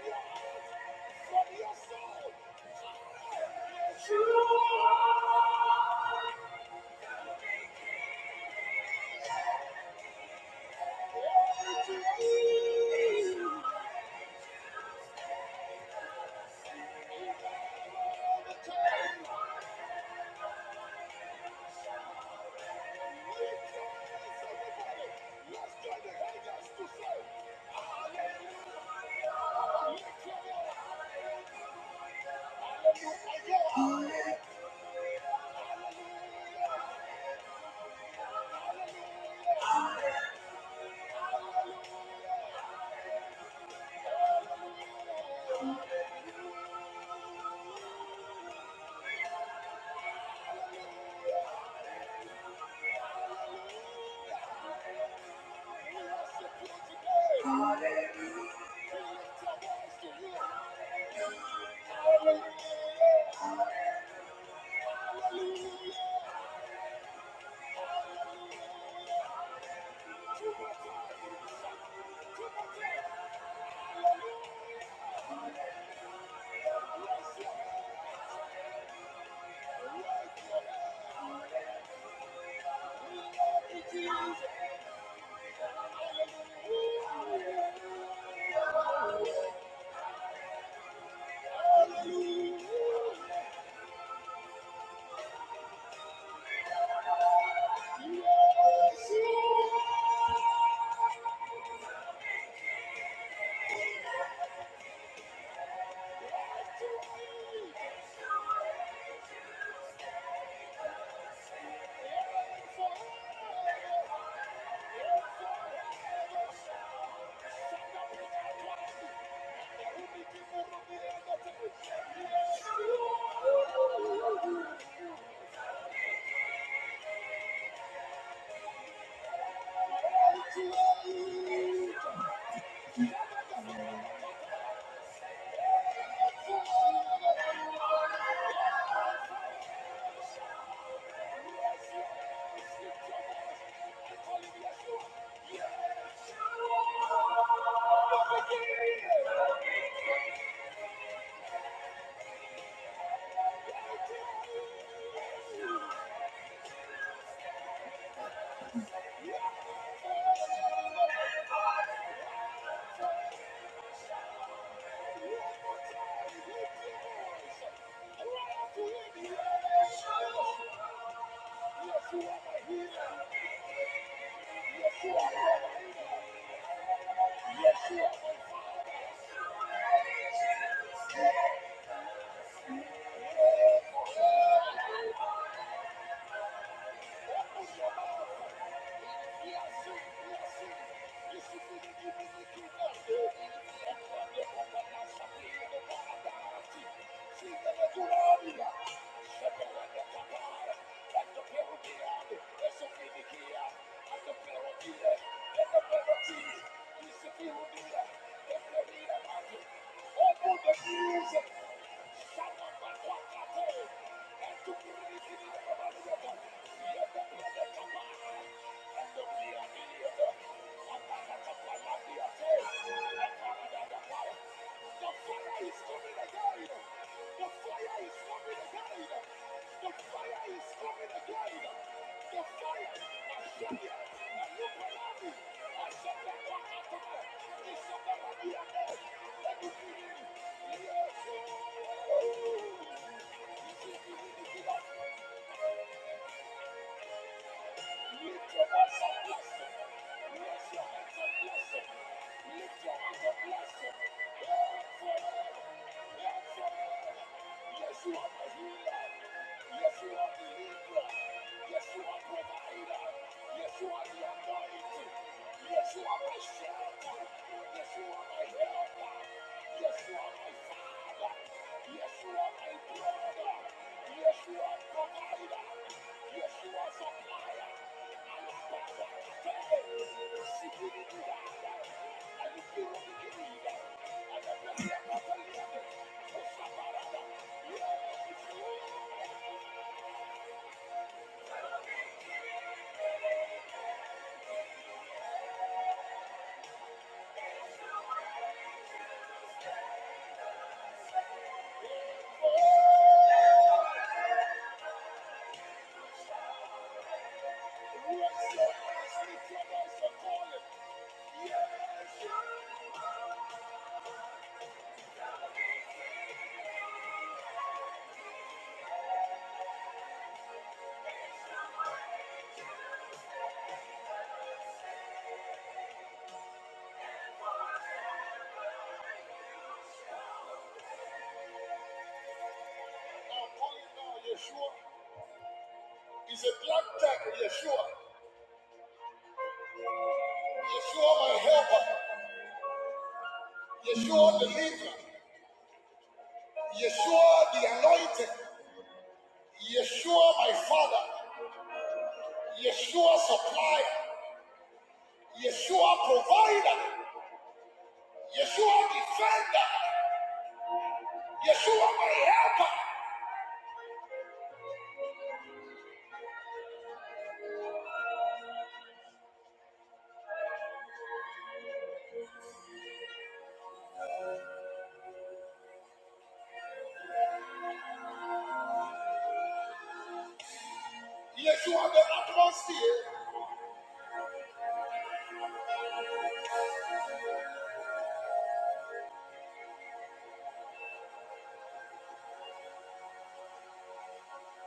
Speaker 2: your, from your soul. Thank you. Yes, you are. my my Yes, you are my father. Open the music. Shut up and walk away. And to break it in the Yes. Yes, you are my father. Yes, you are my brother. Yes, you are brother. He's a black jack, Yeshua. Yeshua, my helper. Yeshua, the leader. Yeshua, the anointed. Yeshua, my father. Yeshua, supplier. Yeshua, provider. Yeshua, defender. Yeshua, my helper. Yes, you are the atmosphere.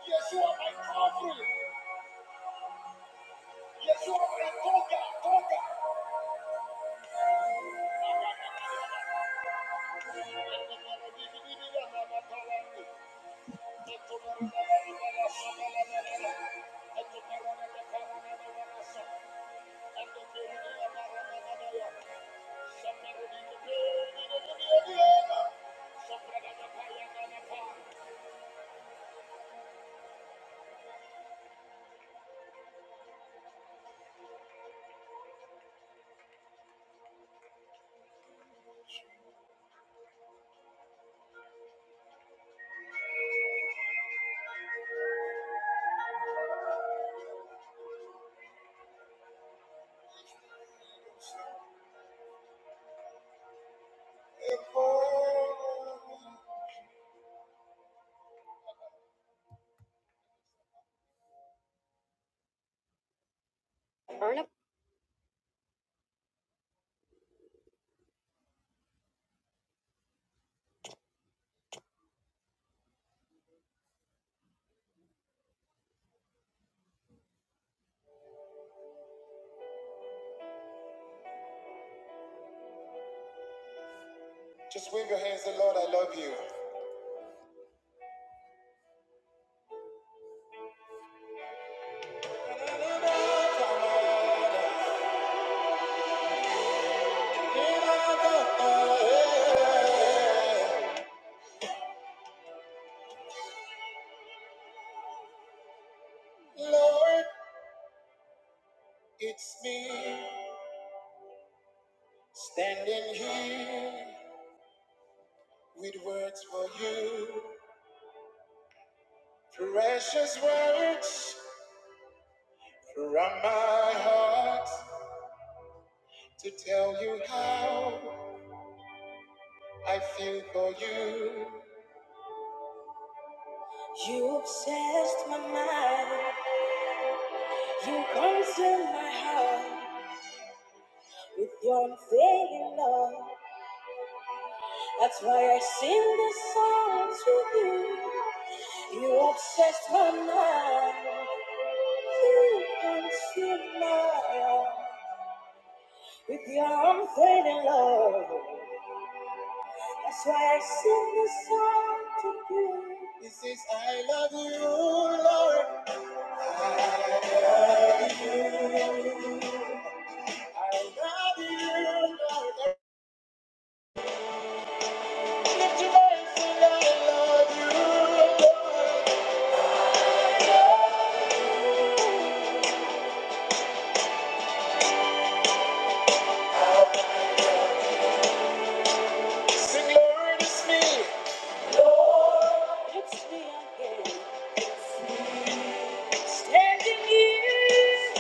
Speaker 2: Yes, you are my covering. Yes, you are my toga, toga. Just wave your hands, say, Lord, I love you. Lord, it's me standing here with words for you, precious words from my heart to tell you how I feel for you. You consume my heart with your unfailing love. That's why I sing the songs with you. You obsessed my mind. You consume my heart with your unfading love. That's why I sing this song to you. He says, I love you, Lord. Sing, Lord, it's me. It's me again. Standing here.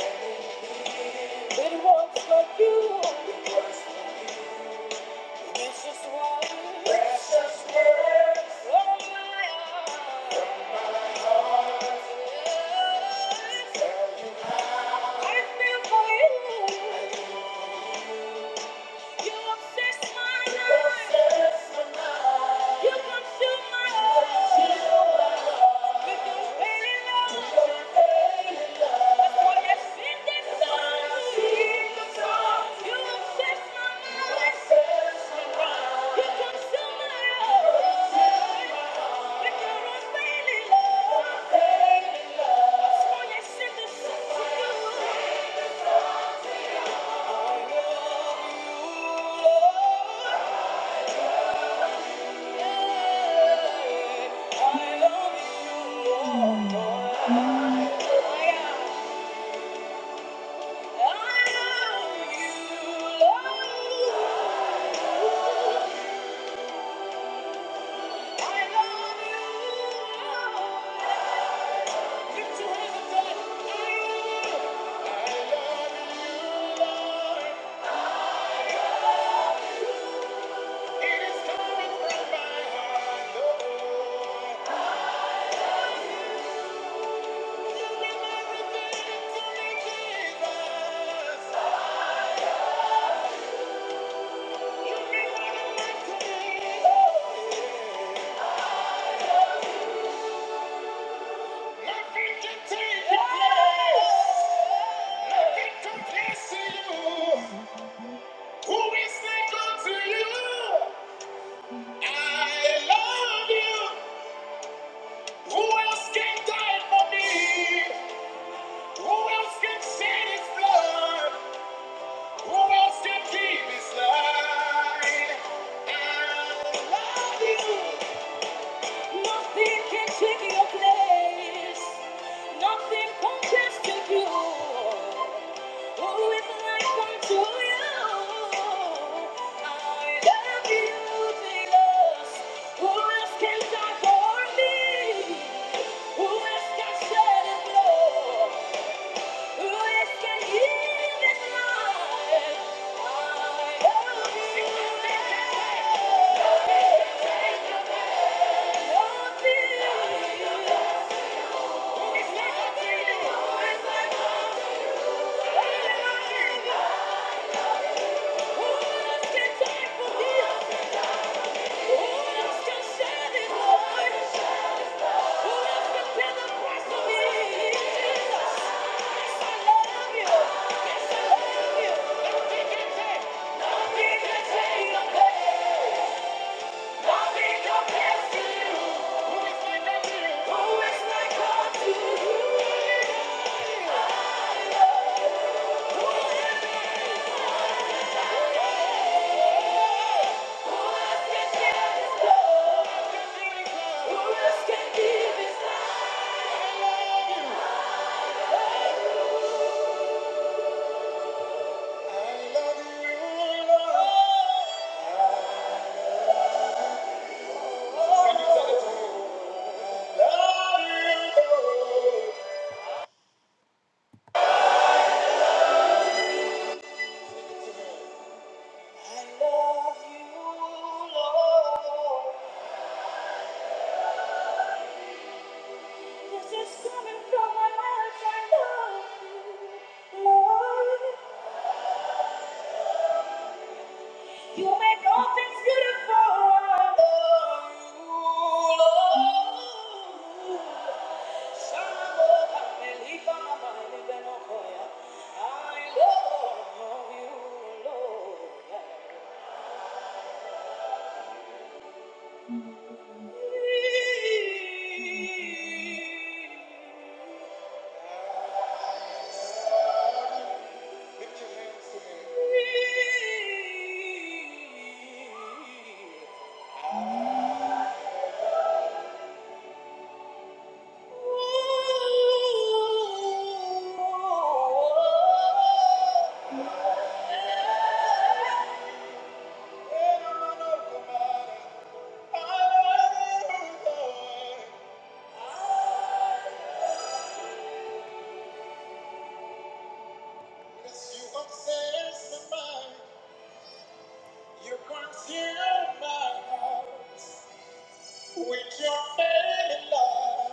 Speaker 2: With words for you. Precious one. Precious words. Oh, my heart. I feel for you. You obsess my life. You consume my life. With your failing love. That's why I sing this song. You obsess my life. You consume my life. With your unfailing love. That's why I sing this song to you. Ooh, yeah. I love you. Who is like to you? I love you. Who else can die for me? Who else can shed his blood? Leave his life. Nothing can take your place. Nothing compares to you. Who is like unto you? I love you, Jesus. Who else can die for me? Who else can shed his blood? Who else can Thank you. Love you. Lord. Can you tell it to me? Love you, Lord. You make all things beautiful. I love you, Lord. Shalom, Amelipa, Mabelibenokoya. I love you. With your fairy love,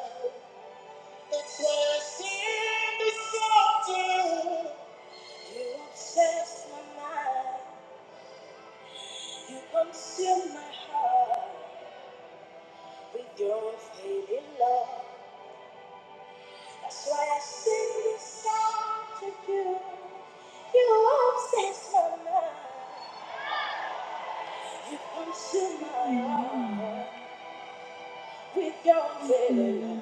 Speaker 2: that's why I sing this song to you. to you. You obsess my mind. You consume my heart. with your melody.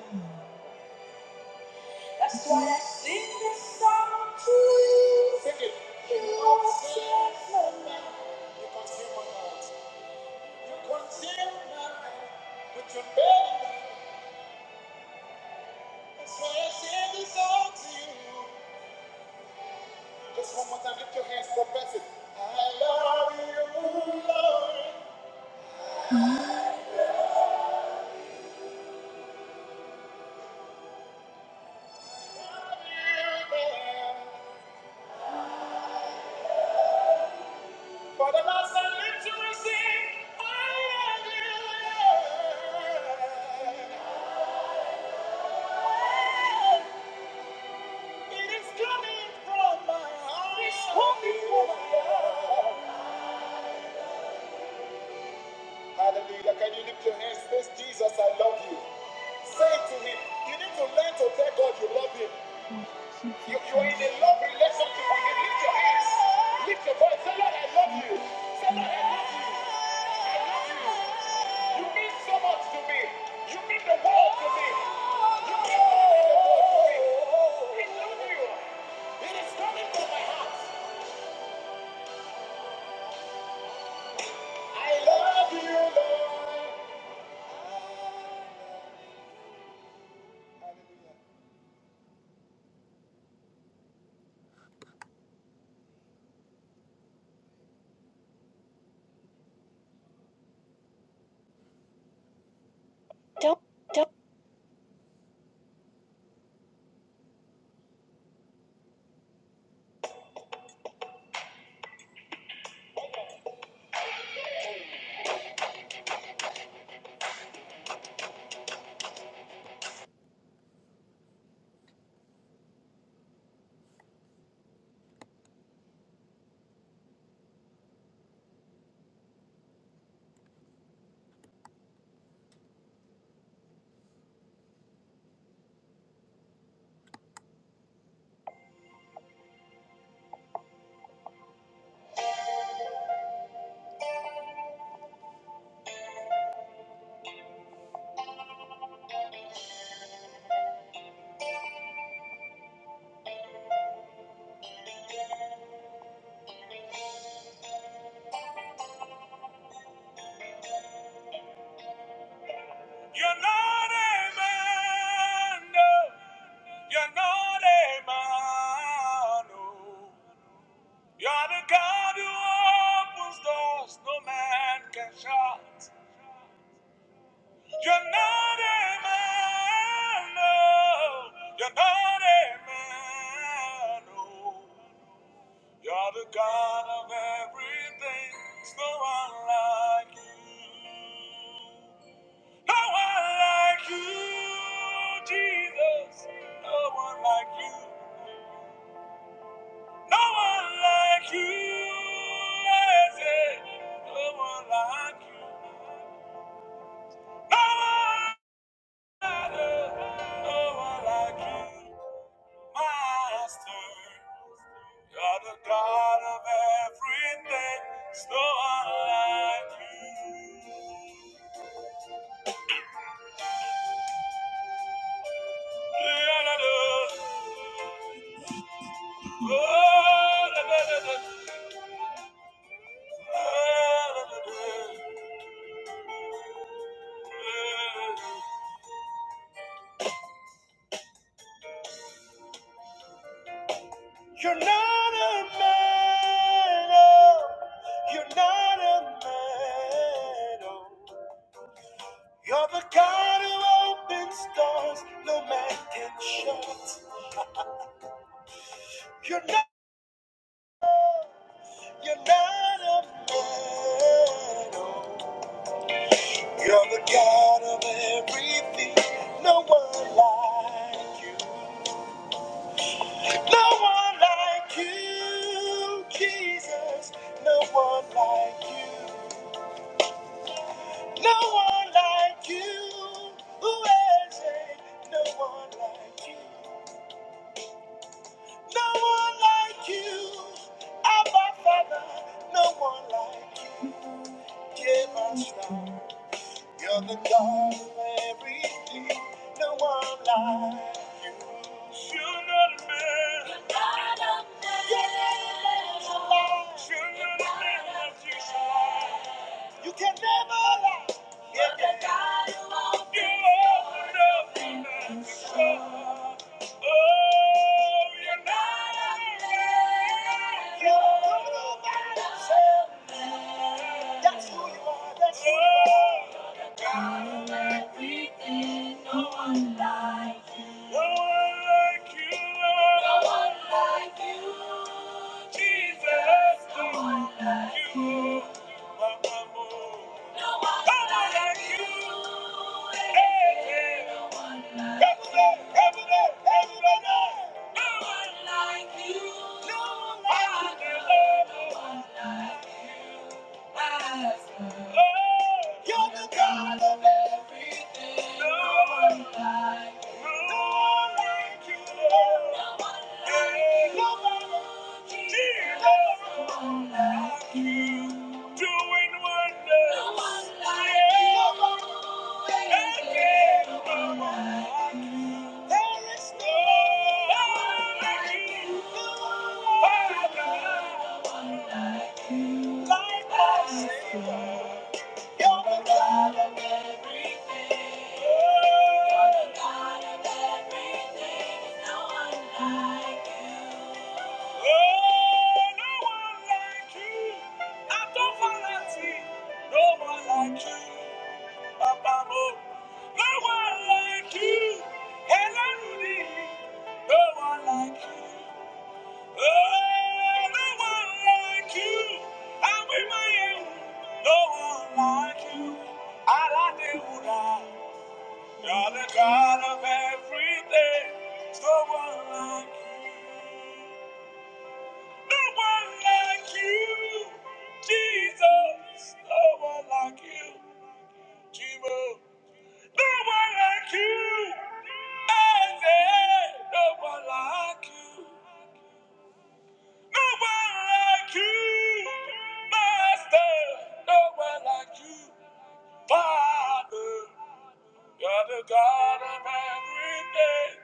Speaker 2: That's why I sing this song to you. Sing it. You are still my love. You consume my notes. You consume my notes. With your melody. That's why I sing this song to you. Just one more time, lift your hands, profess it. I love you, Lord. I love you, Lord. For the last time, lift your hands, sing. I love you, Lord. It is coming. Hallelujah. Can you lift your hands? Say, Jesus, I love you. Say to him, you need to learn to tell God you love him. You, you are in a love relationship with him. Lift your hands. Lift your voice. Say, Lord, I love you. Say, Lord, I love you. You mean so much to me. You mean the world to me. You mean more than the world to me. I love you. It is coming from my heart. I love you, Lord. You're not a man, no. You're not a man, no. You're the God who opens doors no man can shut. You're not a man, no. You're not a man, no. You're the God of everything. There's no one like you. No one like you, Jesus. No one like you. No one like you. I say, No one like you. Your head's not relevant. You're not a man, oh. You're not a man, oh. You're the God who opens doors no man can shut. You're not You're not a man. no. You're the God of everything. No one like you. No one like you, Jesus. No one like you. No one like you. Who is it? No one like you. No one like you. Abba Father. No one like you. Give us now. You're the God of everything, no one like you. You're not a man. You're not a man. You're not a man like you. You can never lie. You're the God who opens You're up the door. Oh, you're not a man. You're all by yourself. That's who you are. That's who you are. Everything, no one like you. No one like you, Jesus. No one like you. No one like you. Hey, hey. No one like No one like you. No like you. No like us. Oh, you're the God of it. Like my Savior, you're the God of me. Oh, no one like you. Adonvalati. No one like you. Abamo. No No one like you. Elarudi. No one like you. Oh, no one like you. Awimayehu. No one like you. Aladewuda. You're the God of everything. No one like you. No one like you. Jesus, no one like you, Jimo. No one like you, Isaac. No one like you. No one like you, Master. No one like you, Father. You're the God of everything.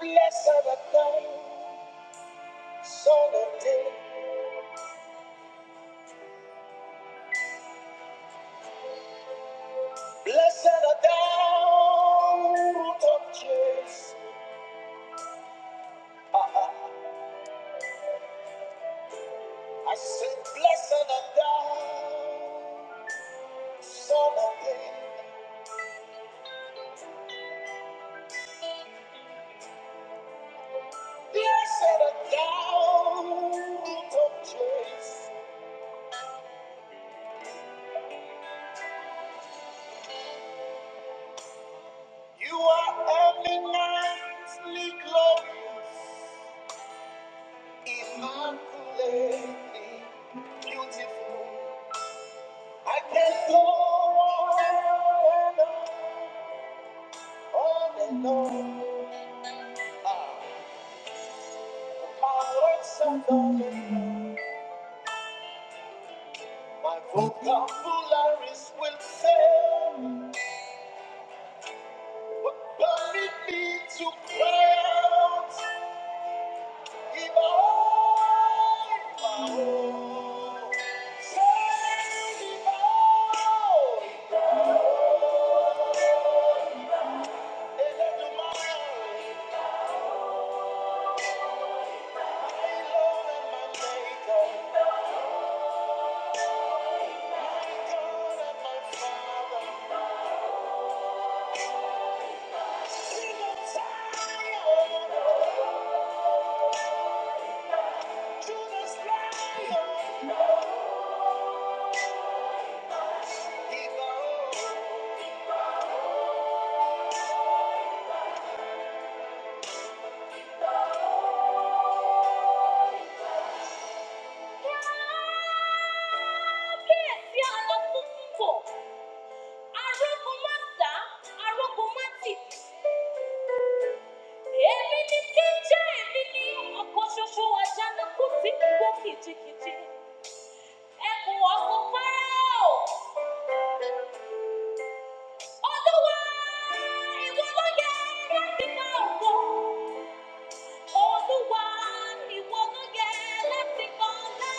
Speaker 2: Blessed are the things that are down root of Jesus. I said, blessed are the things, son of David. Yes, you are not looking for. Arokumasa, arokumatic. Èmi ni jẹ́ èmi ni ọkọ̀ ṣoṣo àjànà kù sí gbogbo kìjìkìjì. Ẹkùn ọ̀gbun Fáráò. Olúwa ìwọ ló yẹ láti gba ògo. Olúwa ìwọ ló yẹ láti gba ọlá.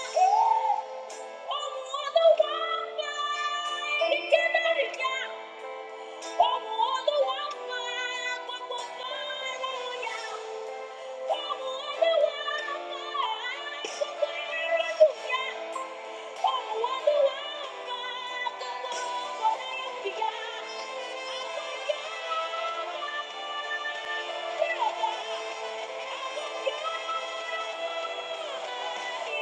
Speaker 2: Yeah. Thank you.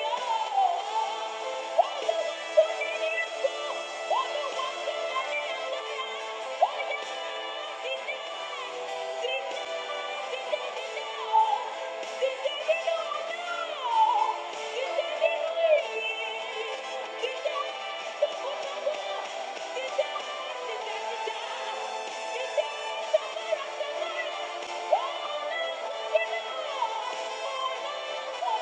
Speaker 2: Thank you.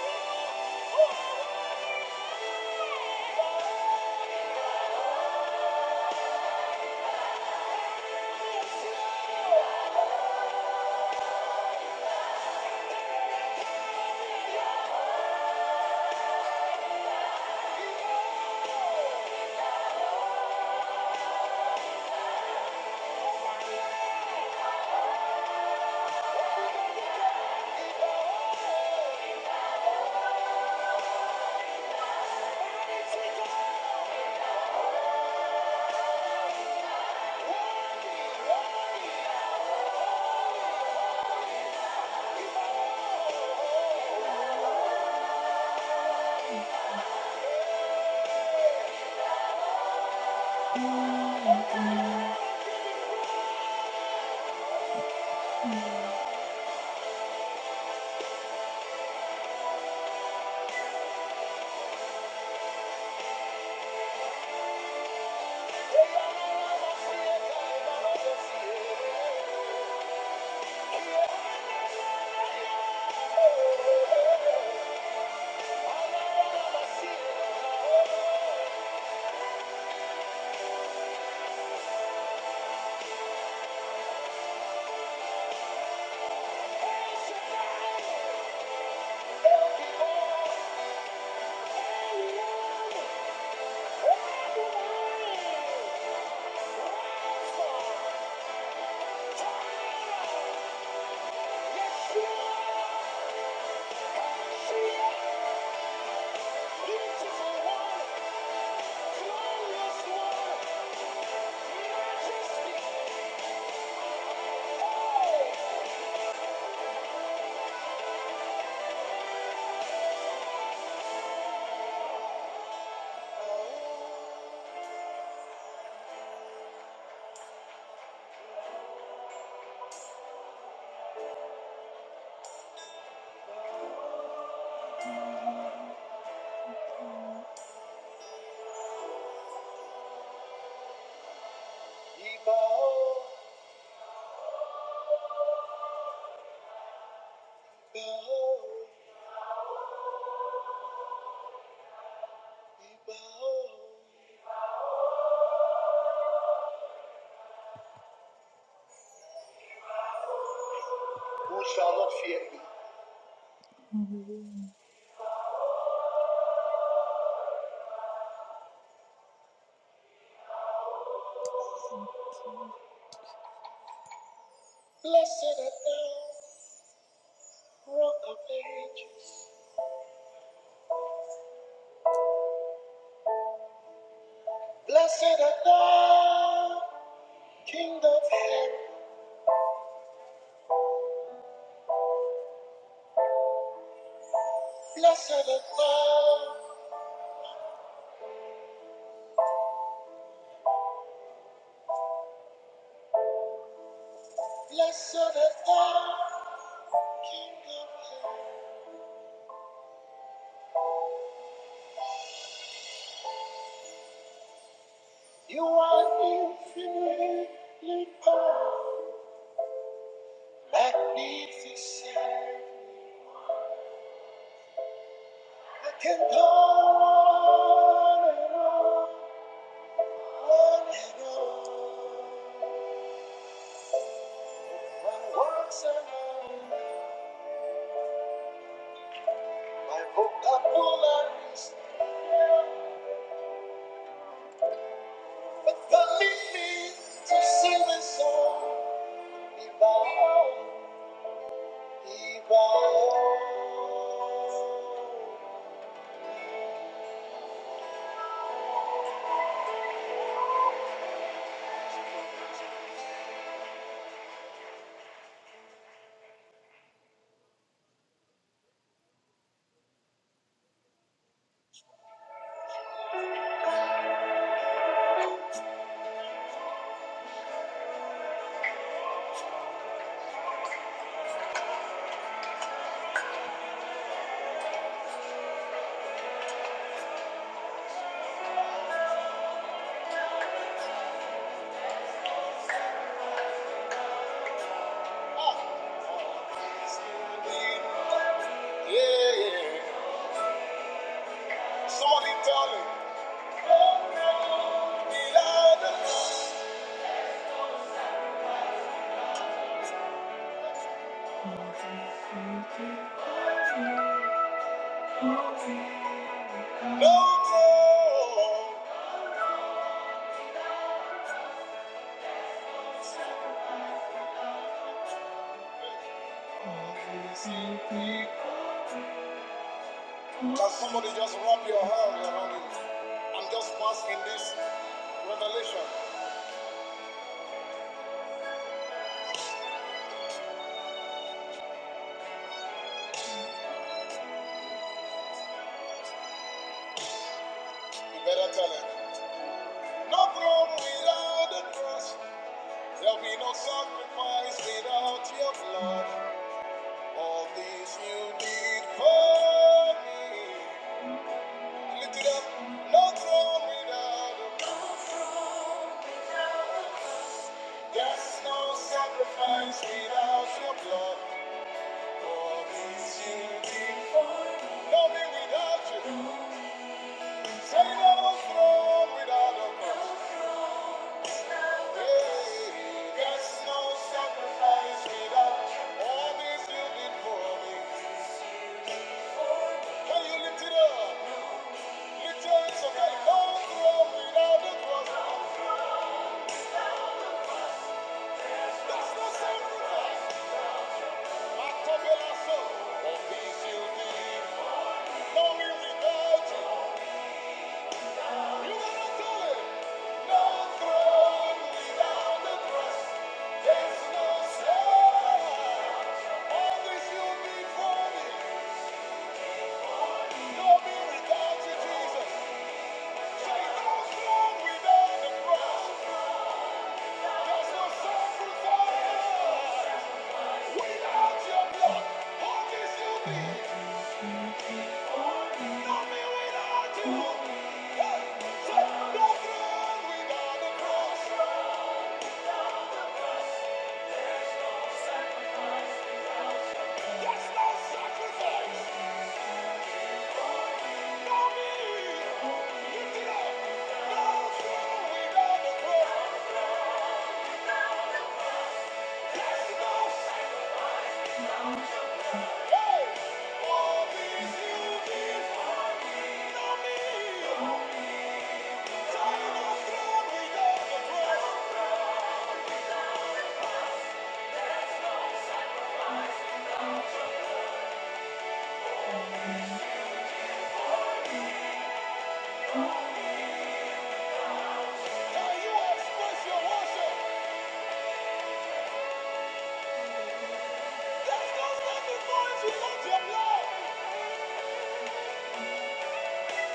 Speaker 2: Beautiful one, glorious one, majestic. Who shall not fear me? Magnificent. I can go on and on, on and on. My works are known, my vocabularies, but permit me to sing the song. Ibaon, Ibaon. Yeah, yeah. Somebody tell me. Can somebody just wrap your hand around it? I'm just basking this revelation. You better tell it. No throne without the cross. There'll be no sacrifice without your blood. All this you did for me. Lift it up. No throne without the There's no sacrifice without your blood. Without you, you cannot do it. No throne without the cross. Thank you.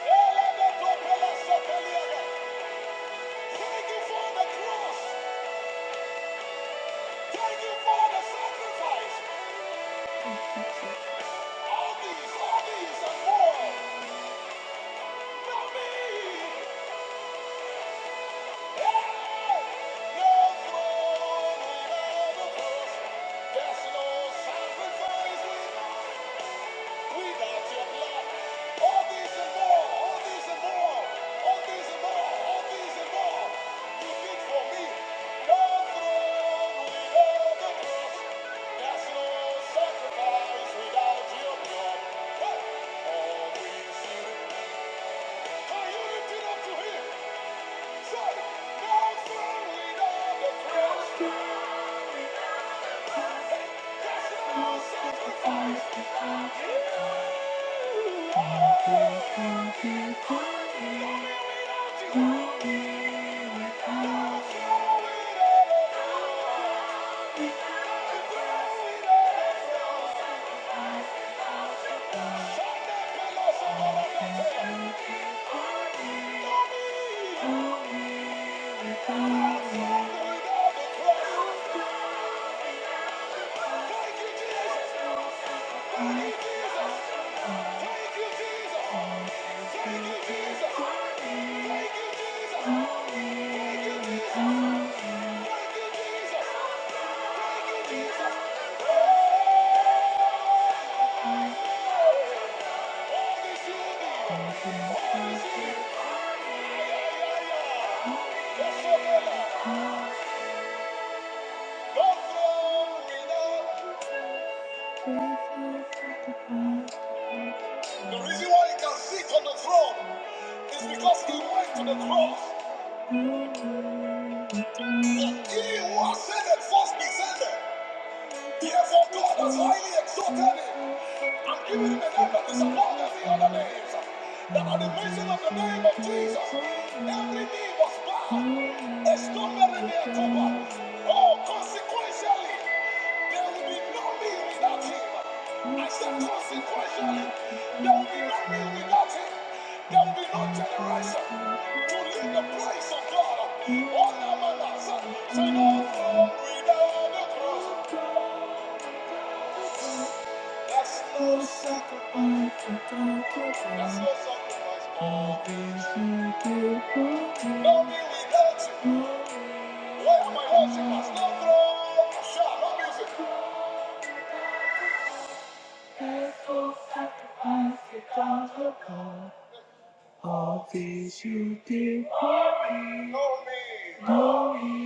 Speaker 2: Thank you for the cross. Thank you for the sacrifice. All these, all these and more. For me. No throne without a cross. no sacrifice We like your blood. All these and more, all these and more, all these and more, all these and more. You did for me. No throne without the cross. There's no sacrifice without your blood. Hey! All these things. Are you lifted up to him? I'm not telling you. No No without the cross. Thank you, Jesus. Thank you, Jesus. Thank you, Jesus. Thank you, Jesus. Thank you, Jesus. Thank you, Jesus. Thank you, Jesus. Thank you, Jesus. All this you need. All this you need. Yeah, yeah, yeah. Yes, sir, brother. No throne without- The reason why he can sit on the throne is because he went to the cross. He was sent and first descended. Oh, constantly. they All things you did for me. No me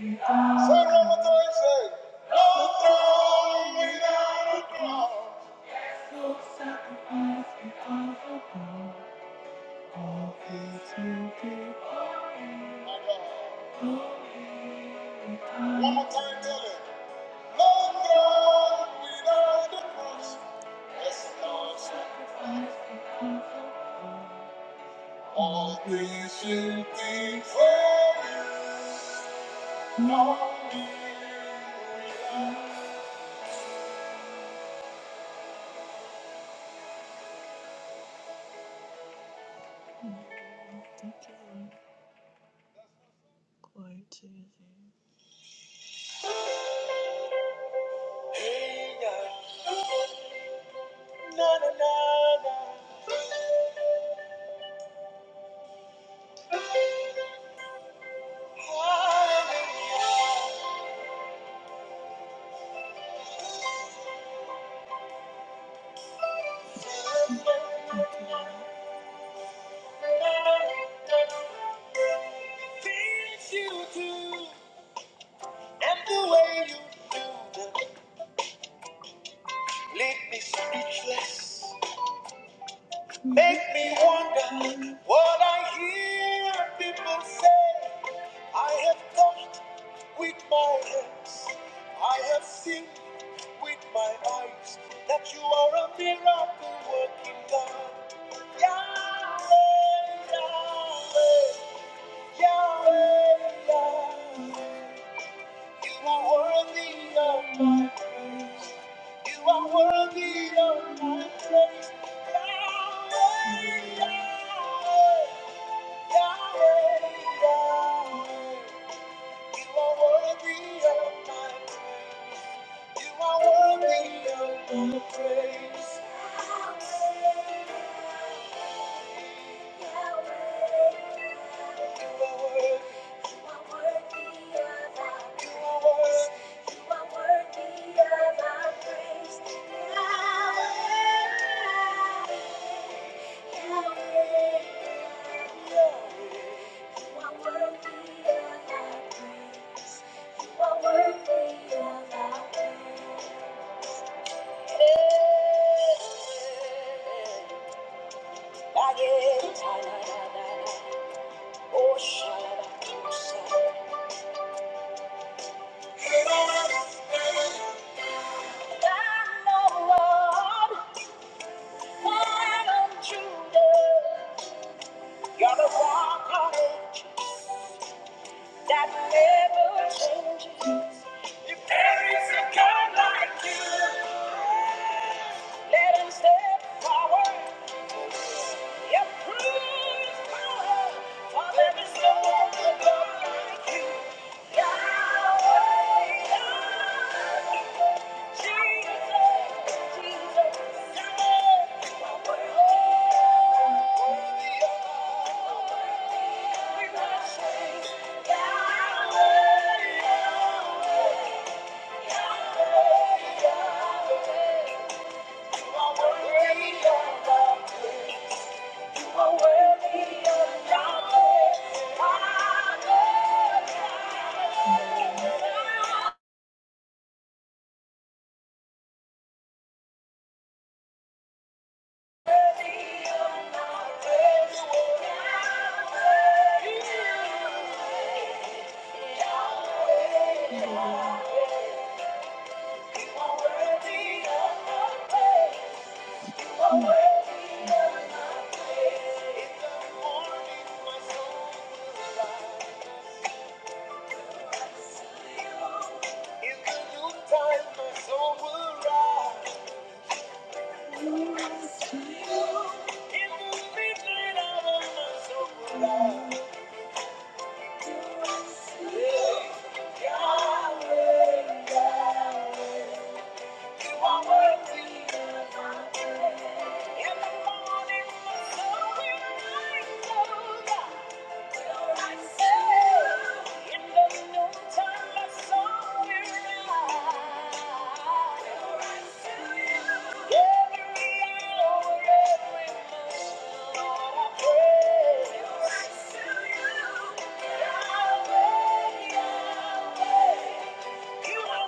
Speaker 2: without. Say it one more time, say, no throne without a cross. One more time, tell it. Lord God, without the cross, as a Lord sacrifice, all things should be for you. Lord, you without Glory to you. things you do and the way you leave me speechless. Make me wonder what I hear people say. I have touched with my hands. I have seen with my eyes that you are a miracle working God. Yahweh, Yahweh, Yahweh. Yahweh. You are Praise. Yeah. You're the rock that never changes. If there is a God like you, let him step forward. Yep, prove his power, for there is no other God like you. Worthy of In the morning, my soul will rise. Yeah. You are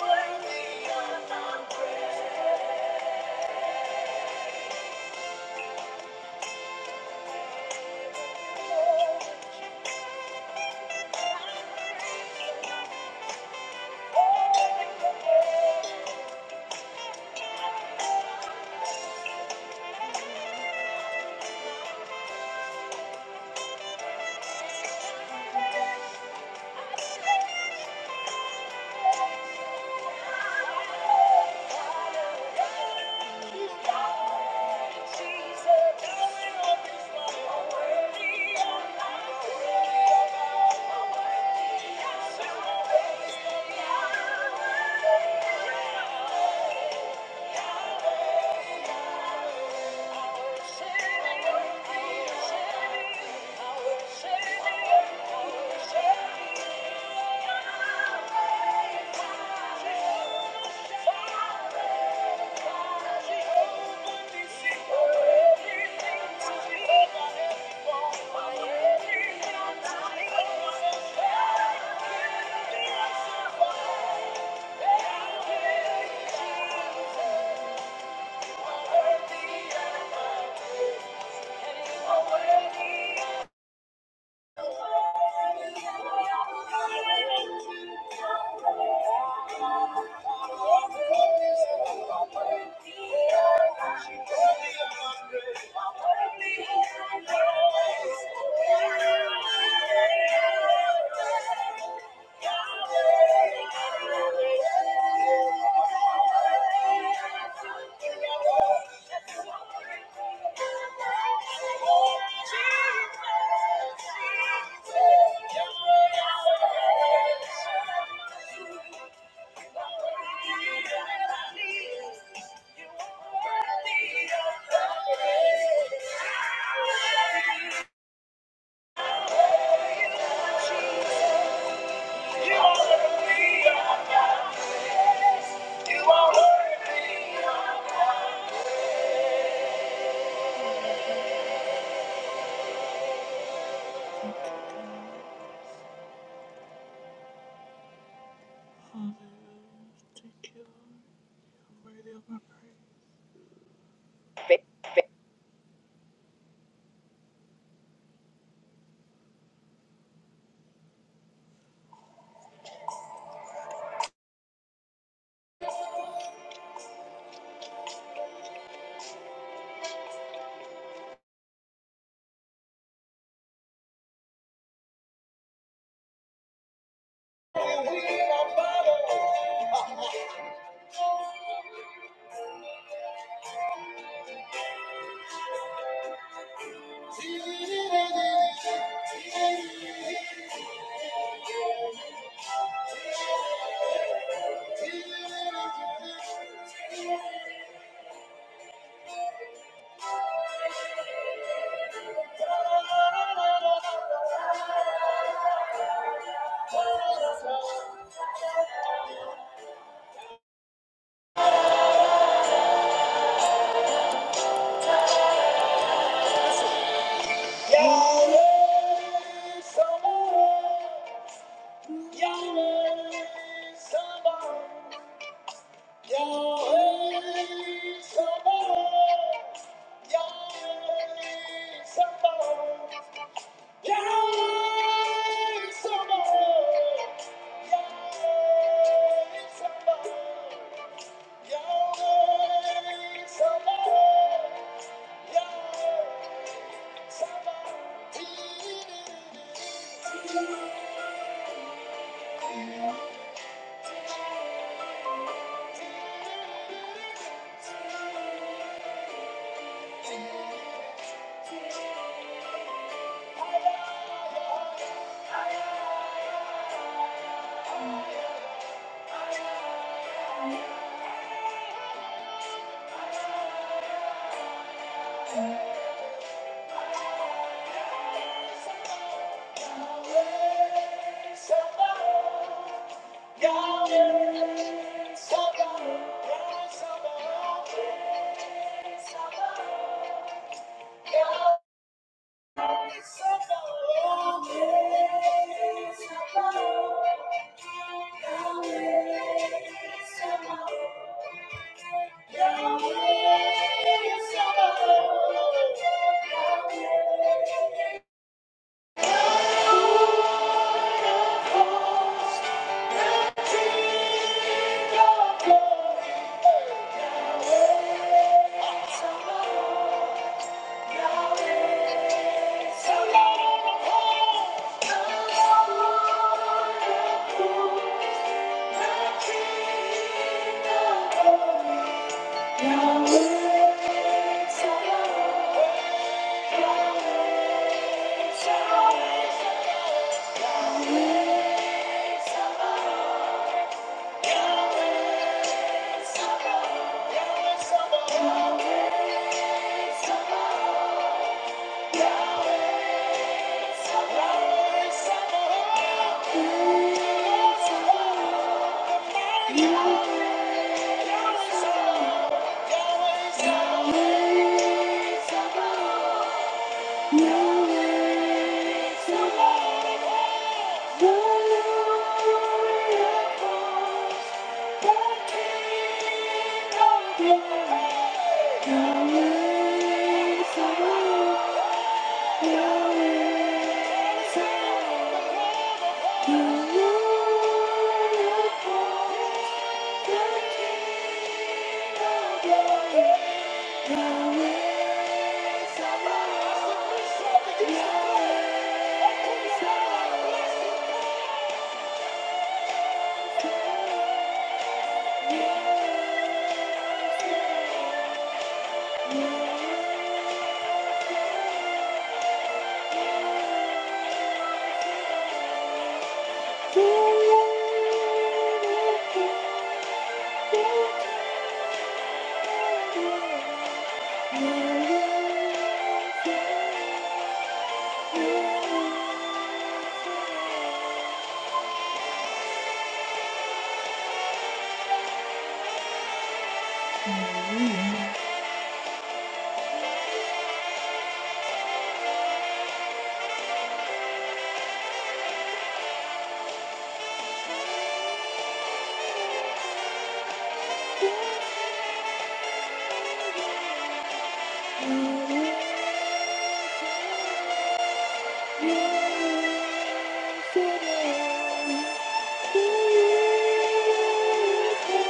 Speaker 2: worthy of my praise. Thank you. Thank you. Thank you. You are worthy of Father, take you i worthy of my praise. Yahweh, Sabaoth. Yahweh, Sabaoth. Yahweh, Sabaoth. Yahweh, Sabaoth. Somebody Yahweh, Yahweh, Sabaoth, Yahweh, Sabaoth. Yahweh Thank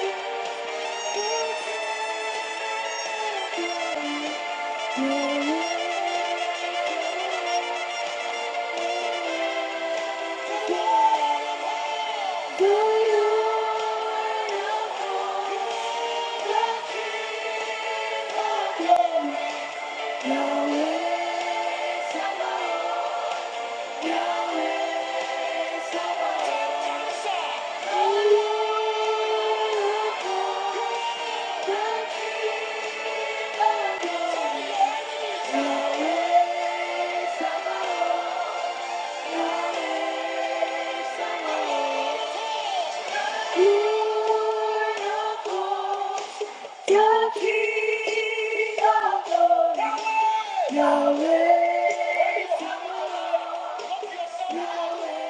Speaker 2: you. Yahweh Sabaoth. Yahweh, Yahweh,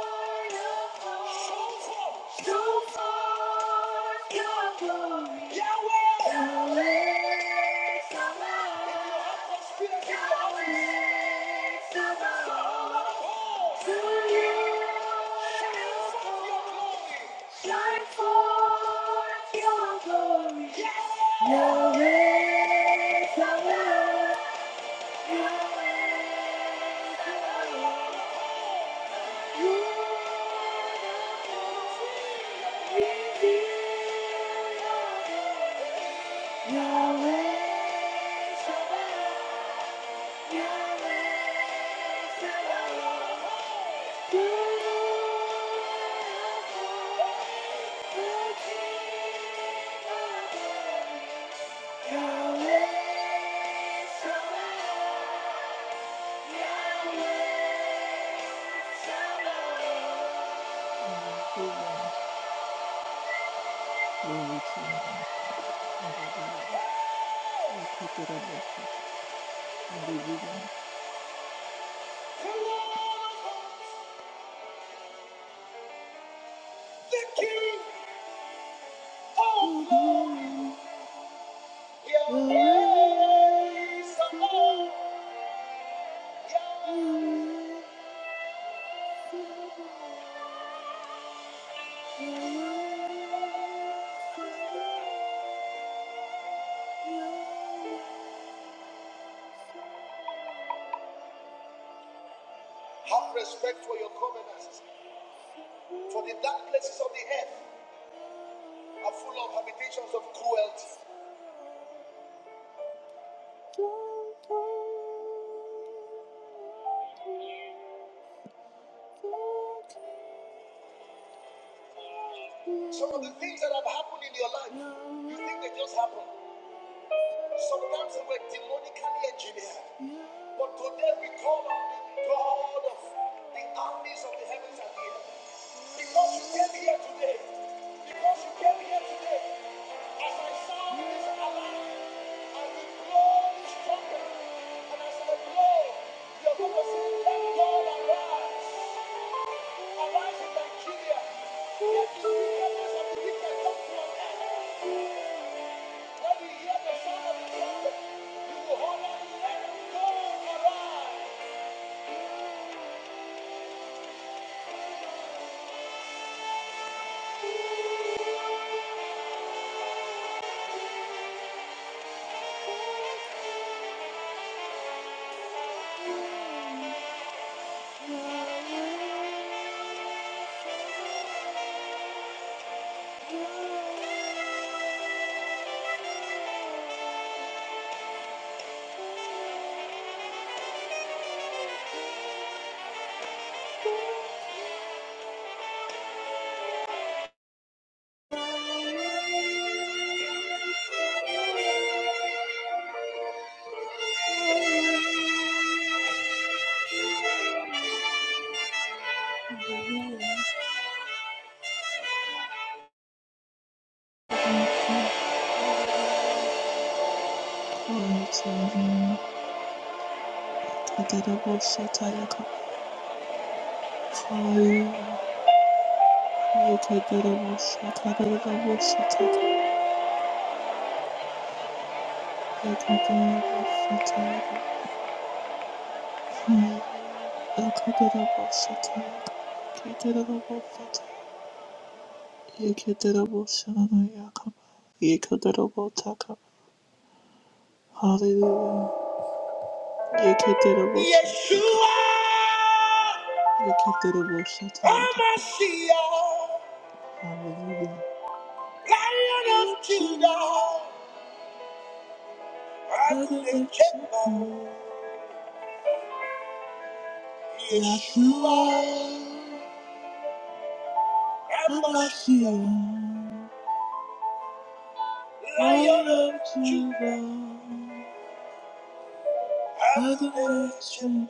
Speaker 2: Your ways are mine, Your Yahweh, Yahweh, Yahweh. Thank you. Oh Lord, your ways are. all. Some of the things that have happened in your life, you think they just happened. Sometimes they were demonically engineered. But today we call on the God of the armies of the heavens and the earth. Because you came here today. Because you came here today. As I sound this alarm, I will blow this trumpet. And as I blow, you're going to see that Lord arise. Arise in Nigeria. Let the wickedness of the wicked come When you hear the sound of the trumpet, you will holler, let God arise. Yeshua! Hallelujah. Lion of Judah, I lift him up. Yeshua, Hamashiach, Lion of Judah, Adonai Yeshua.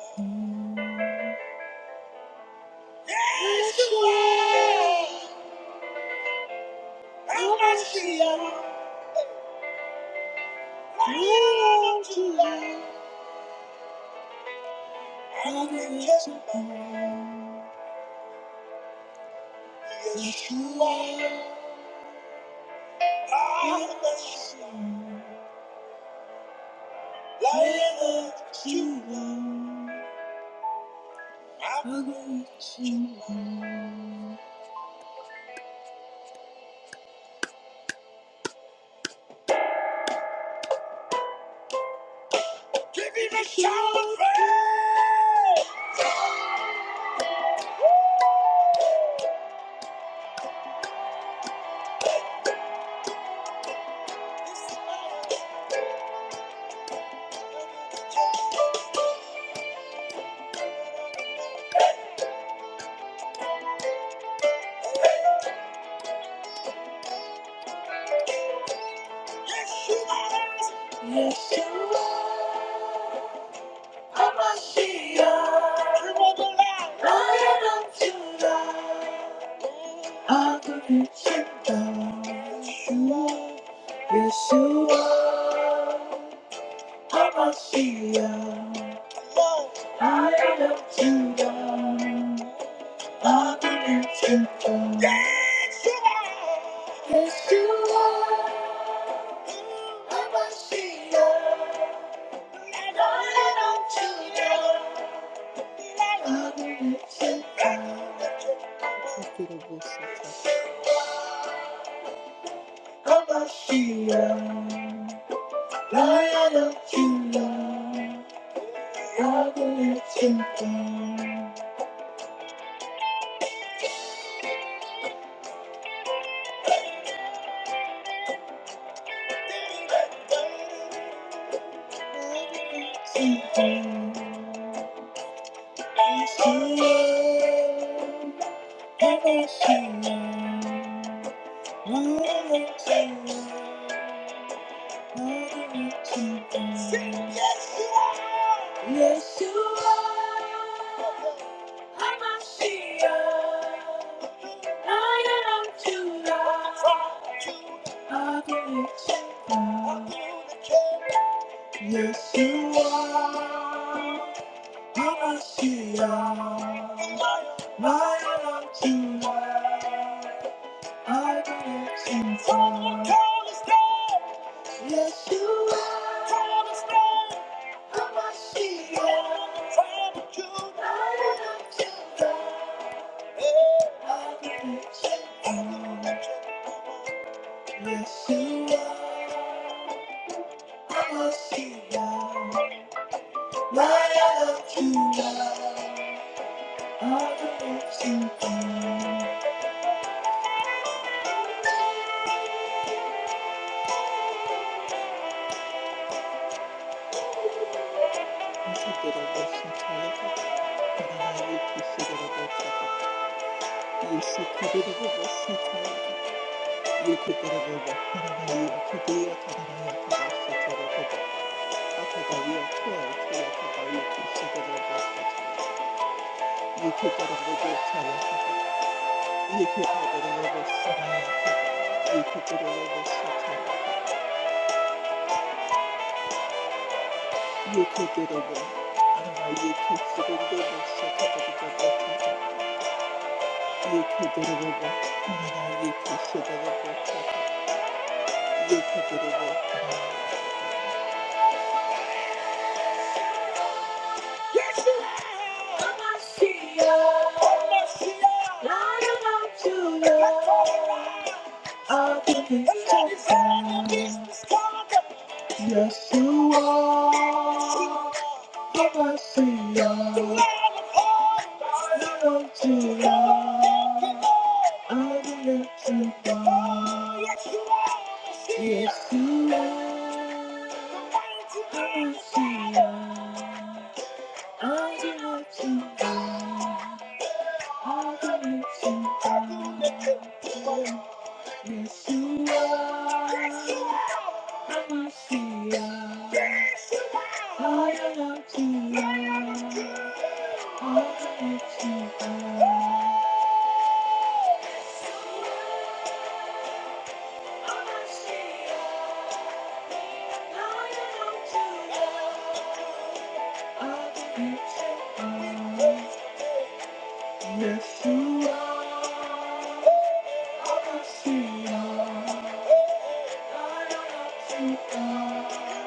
Speaker 2: Yeshua, Hamashiach, Lion of Judah, Adonai Yeshua. Yeshua, Hamashiach, Lion of Judah, Adonai Yeshua. Give him a shout of praise! Yes, you are. I'm a Shia. You are the light. I'll give you Yes, you are. I'm a Shia. I'll give you Judah. Yes, you are. Yes, you are. Yes, you are. Yes, you are. I must see you. I am too Yes, you are. I am a you. I am too Come on, cornerstone. Yes, you are. Cornerstone. I'm a shield. Tribe of Judah. Lion of Judah. Hey. I'm a nation. Yes, you are. You could get a akagariyo k'oyotsi akagariyo k'isogorero ry'akatsi yitegereye cyane yitegereye gusa yitegereye gusa yitegereye araba yitegereye gusa yitegereye araba yitegereye gusa yitegereye Yes, you are the Messiah, the Lord you are, I will let you go. Yes, you are the Messiah, I will let you go. I will let you go. Yes, you are. Yes, you are. The Messiah. Yes, you are. I love you. I love you. Yes, you are. Messiah. I love you. Yes, you are.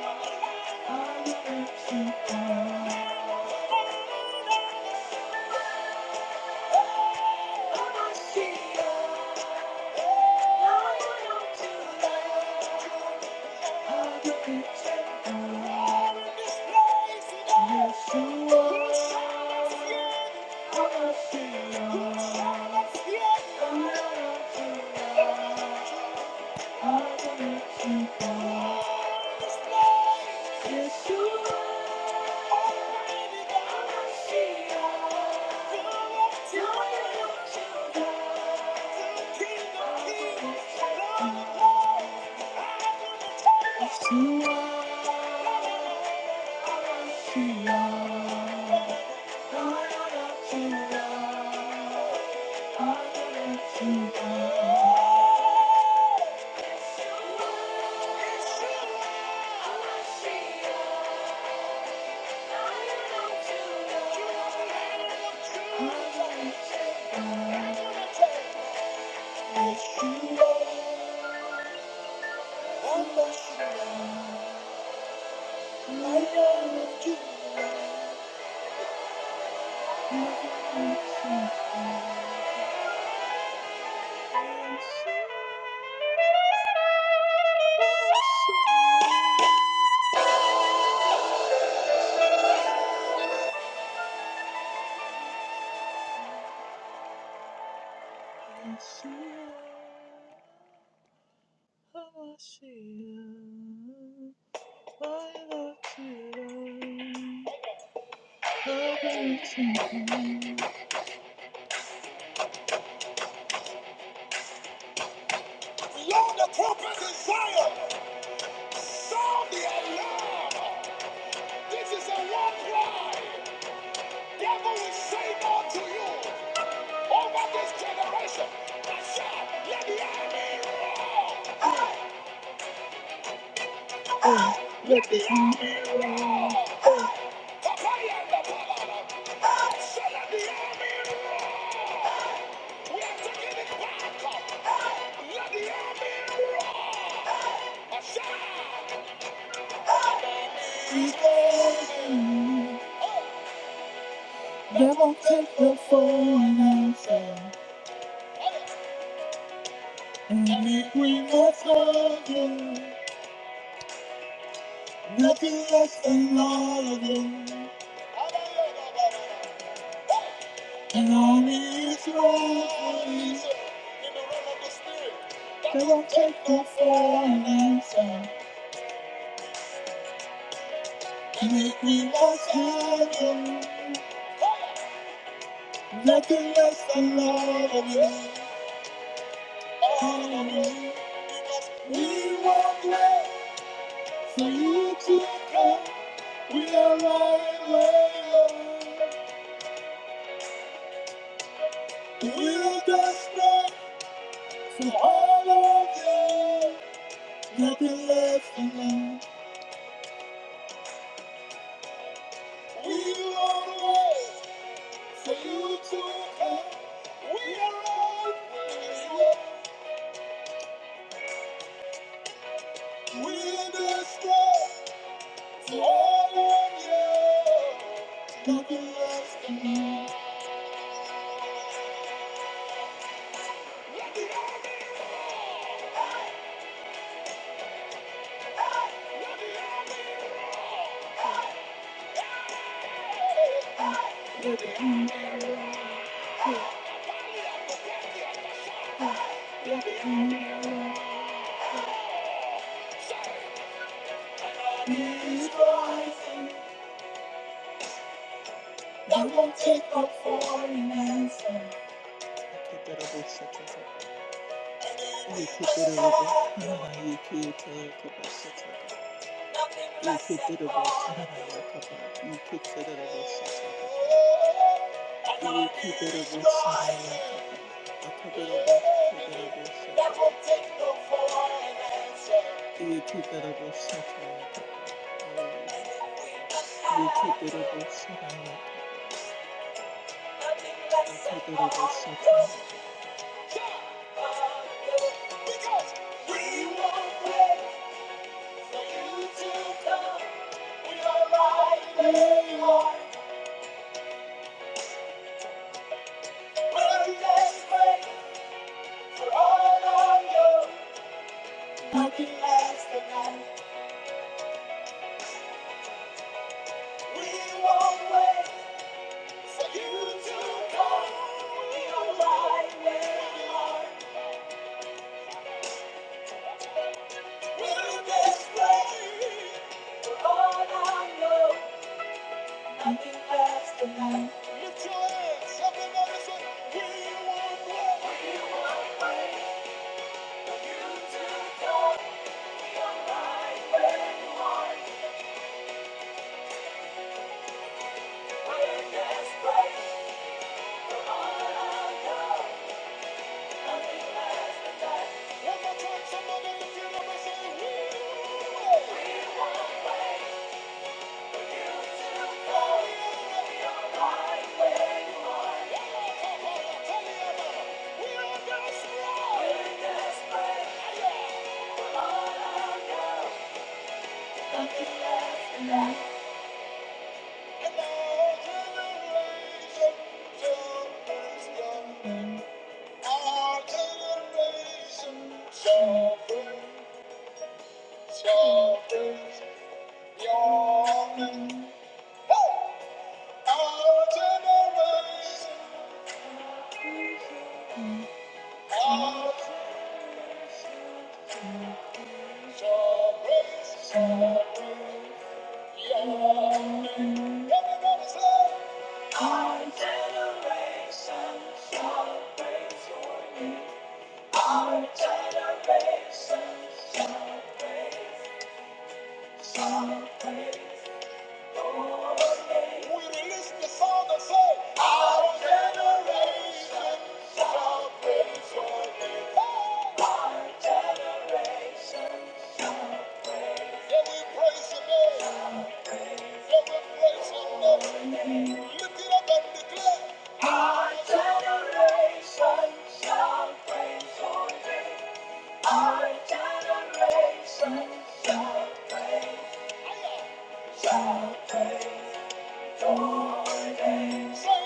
Speaker 2: Thank you. Yes, you are. Lord, the corporate desire, sound the alarm. This is a war cry. Devil will say no to you. over this generation. Shout, papaya and the banana. I at the end, we are taking it back up. Let the end a shout. They take your phone answer. And if we must love you, nothing less than all of you. And all is wrong. They won't take your phone answer. And if we must love you. Nothing less than love and you. for you to come. We are lying, we are desperate for all of you. Nothing less than love. We are waiting for you to come. We are lying, we are desperate for all of you. I won't take up for an answer. Yeketerobo, Karaba, Yekete, Kabasataba, Yeketerobo, Karaba, Yakaba, Yeketerobo, Sataba, Yeketerobo, Saraba, Yakaba, Akaterobo, Katerobo, Sataba, Yeketerobo, Sataba, Yakaba, Hallelujah. Yeketerobo, Saraba, Yakaba, Akaterobo, Sataba, Nothing lasts tonight. We won't wait for you to come. We are right where you are. We're desperate. One more time, somebody at the funeral home say, "Woo!" Tell me about it. We are desperate. And our generation shall praise God. Our generation shall praise, shall praise your name. Our generation. all creatures praise your name. Everybody say, All generations shall praise shall praise, shall praise. Our generation shall praise your name. Our generation. Yeah, praise your name. Yeah, Our generation shall praise your name. Our generation shall praise. Shall praise. Our Generation,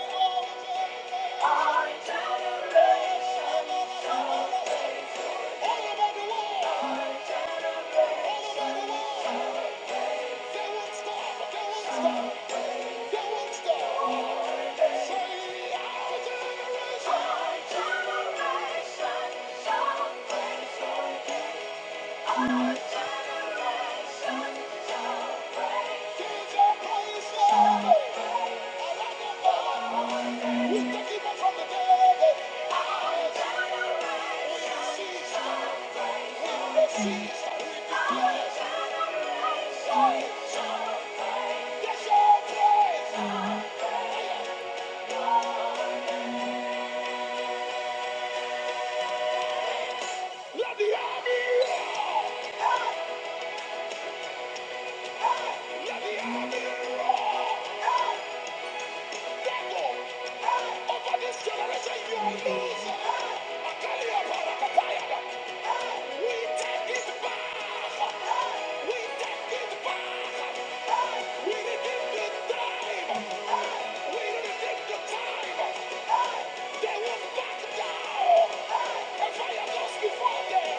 Speaker 2: Fire goes before them.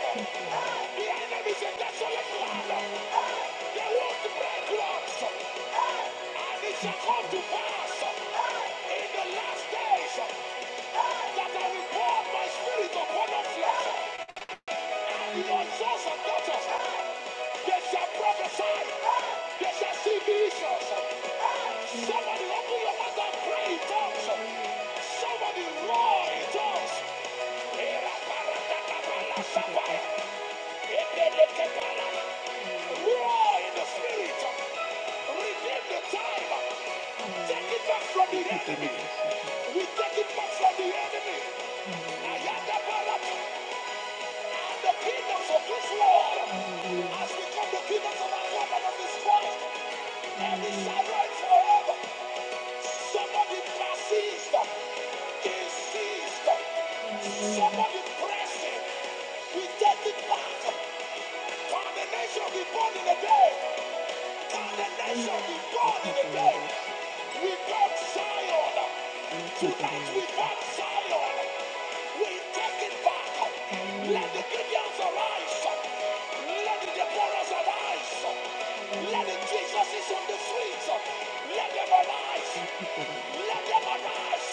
Speaker 2: The enemy is a desolate They want to break rocks. Hey! And it shall come to pass hey! in the last days hey! that I will pour my spirit upon flesh. And your sons and daughters, hey! they shall prophesy. Hey! They shall see visions. Hey! Somebody open your mouth and pray tongues. Somebody roar in tongues. Roar in the spirit. Redeem the time. Take it back from the enemy. We take it back from the enemy. Ayada Barak and the kingdoms of this world. As we come the kingdoms of our God and of his Christ. And we shall reign forever. Somebody persist. Insist. Somebody press it. We take it back. Condemnation will be born in the day. And the nation be born in the day. We got Zion. Tonight we got Zion. We take it back. Let the Gideons arise. Let the Deborahs arise. Let the Jesuses on the streets. Let them arise. Let them arise.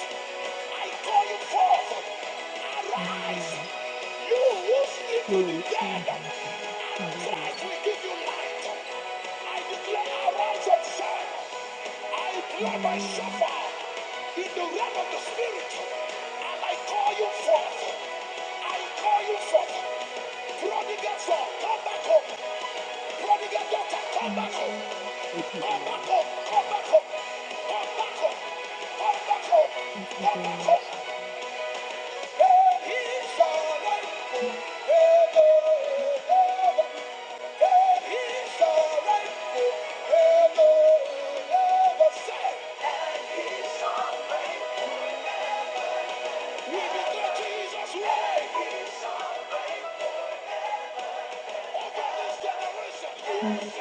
Speaker 2: I call you forth. Arise. Holy Father, Father and I Thank you, forth. I call you forth. forth, prodigal Prodigal son, come come Come come come back back back home. Come back home. Come back daughter, Lord. Glory to you, name.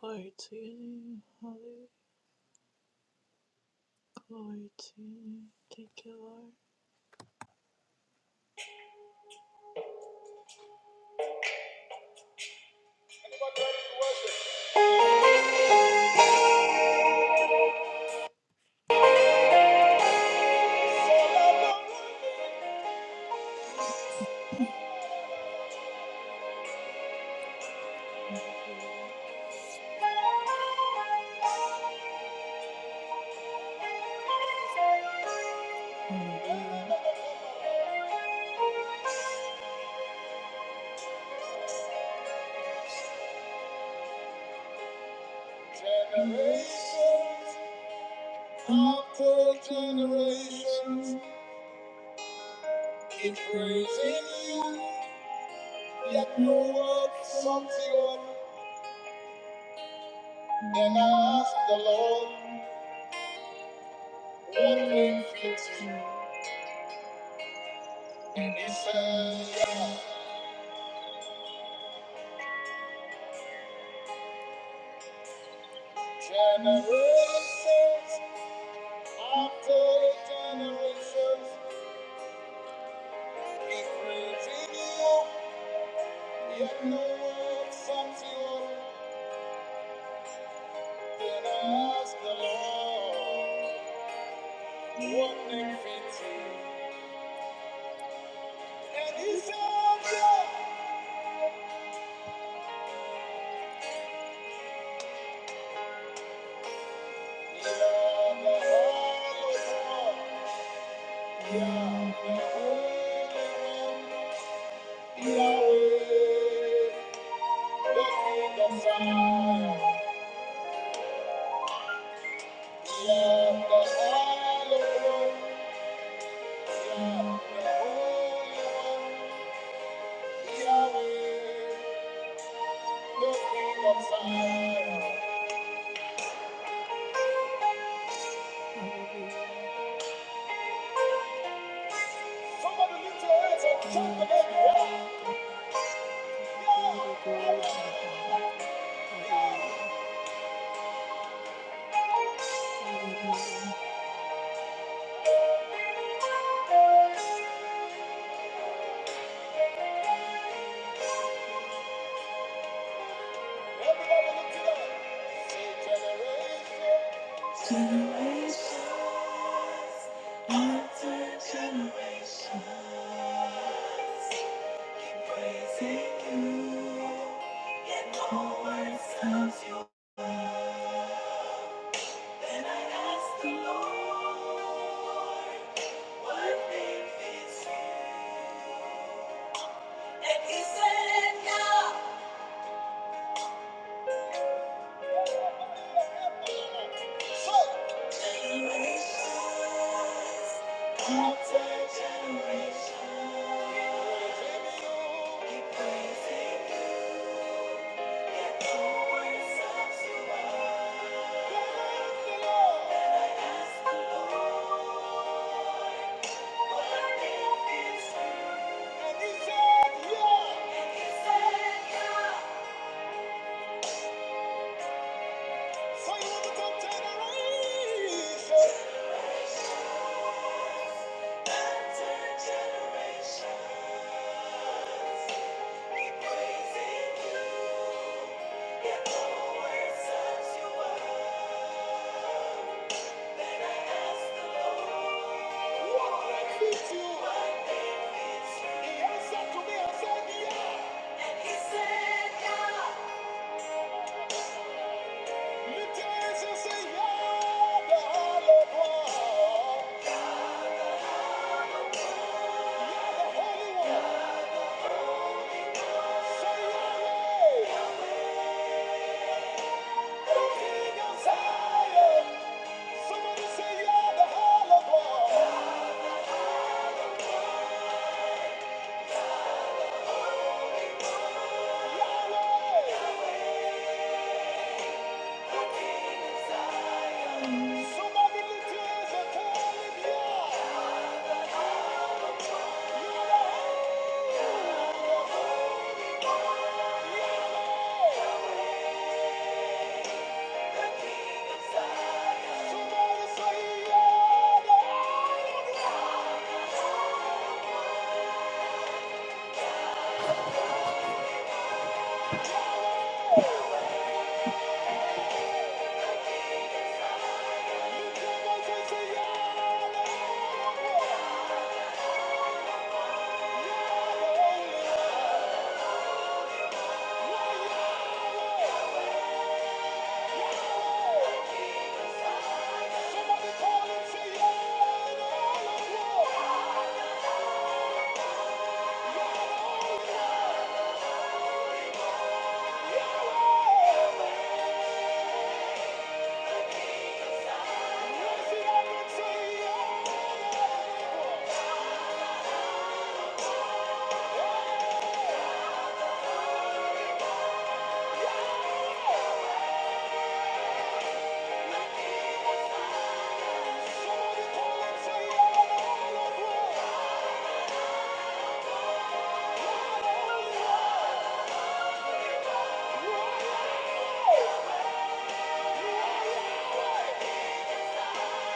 Speaker 2: Glory to you, name. Thank you, Lord. Generations after generations keep praising you, yet no word sums you up. And I ask the Lord, what name fits you? And he says, generations After generations, He's praising yet no one sums you up. the Lord, what name fits And He said, Yeah, you the Holy One. You're the Holy One. Yahweh, the King of Zion. You're the Holy One. Somebody lift your hands and jump the baby. Yeah. Everybody lift it up. Say generation. Thank you, praising you. Yet no one serves you. Then I ask the Lord, what name fits you? And he said, no. Generation, we praise You. Somebody lift your hands and tell them, You are Yahweh! You are Yahweh!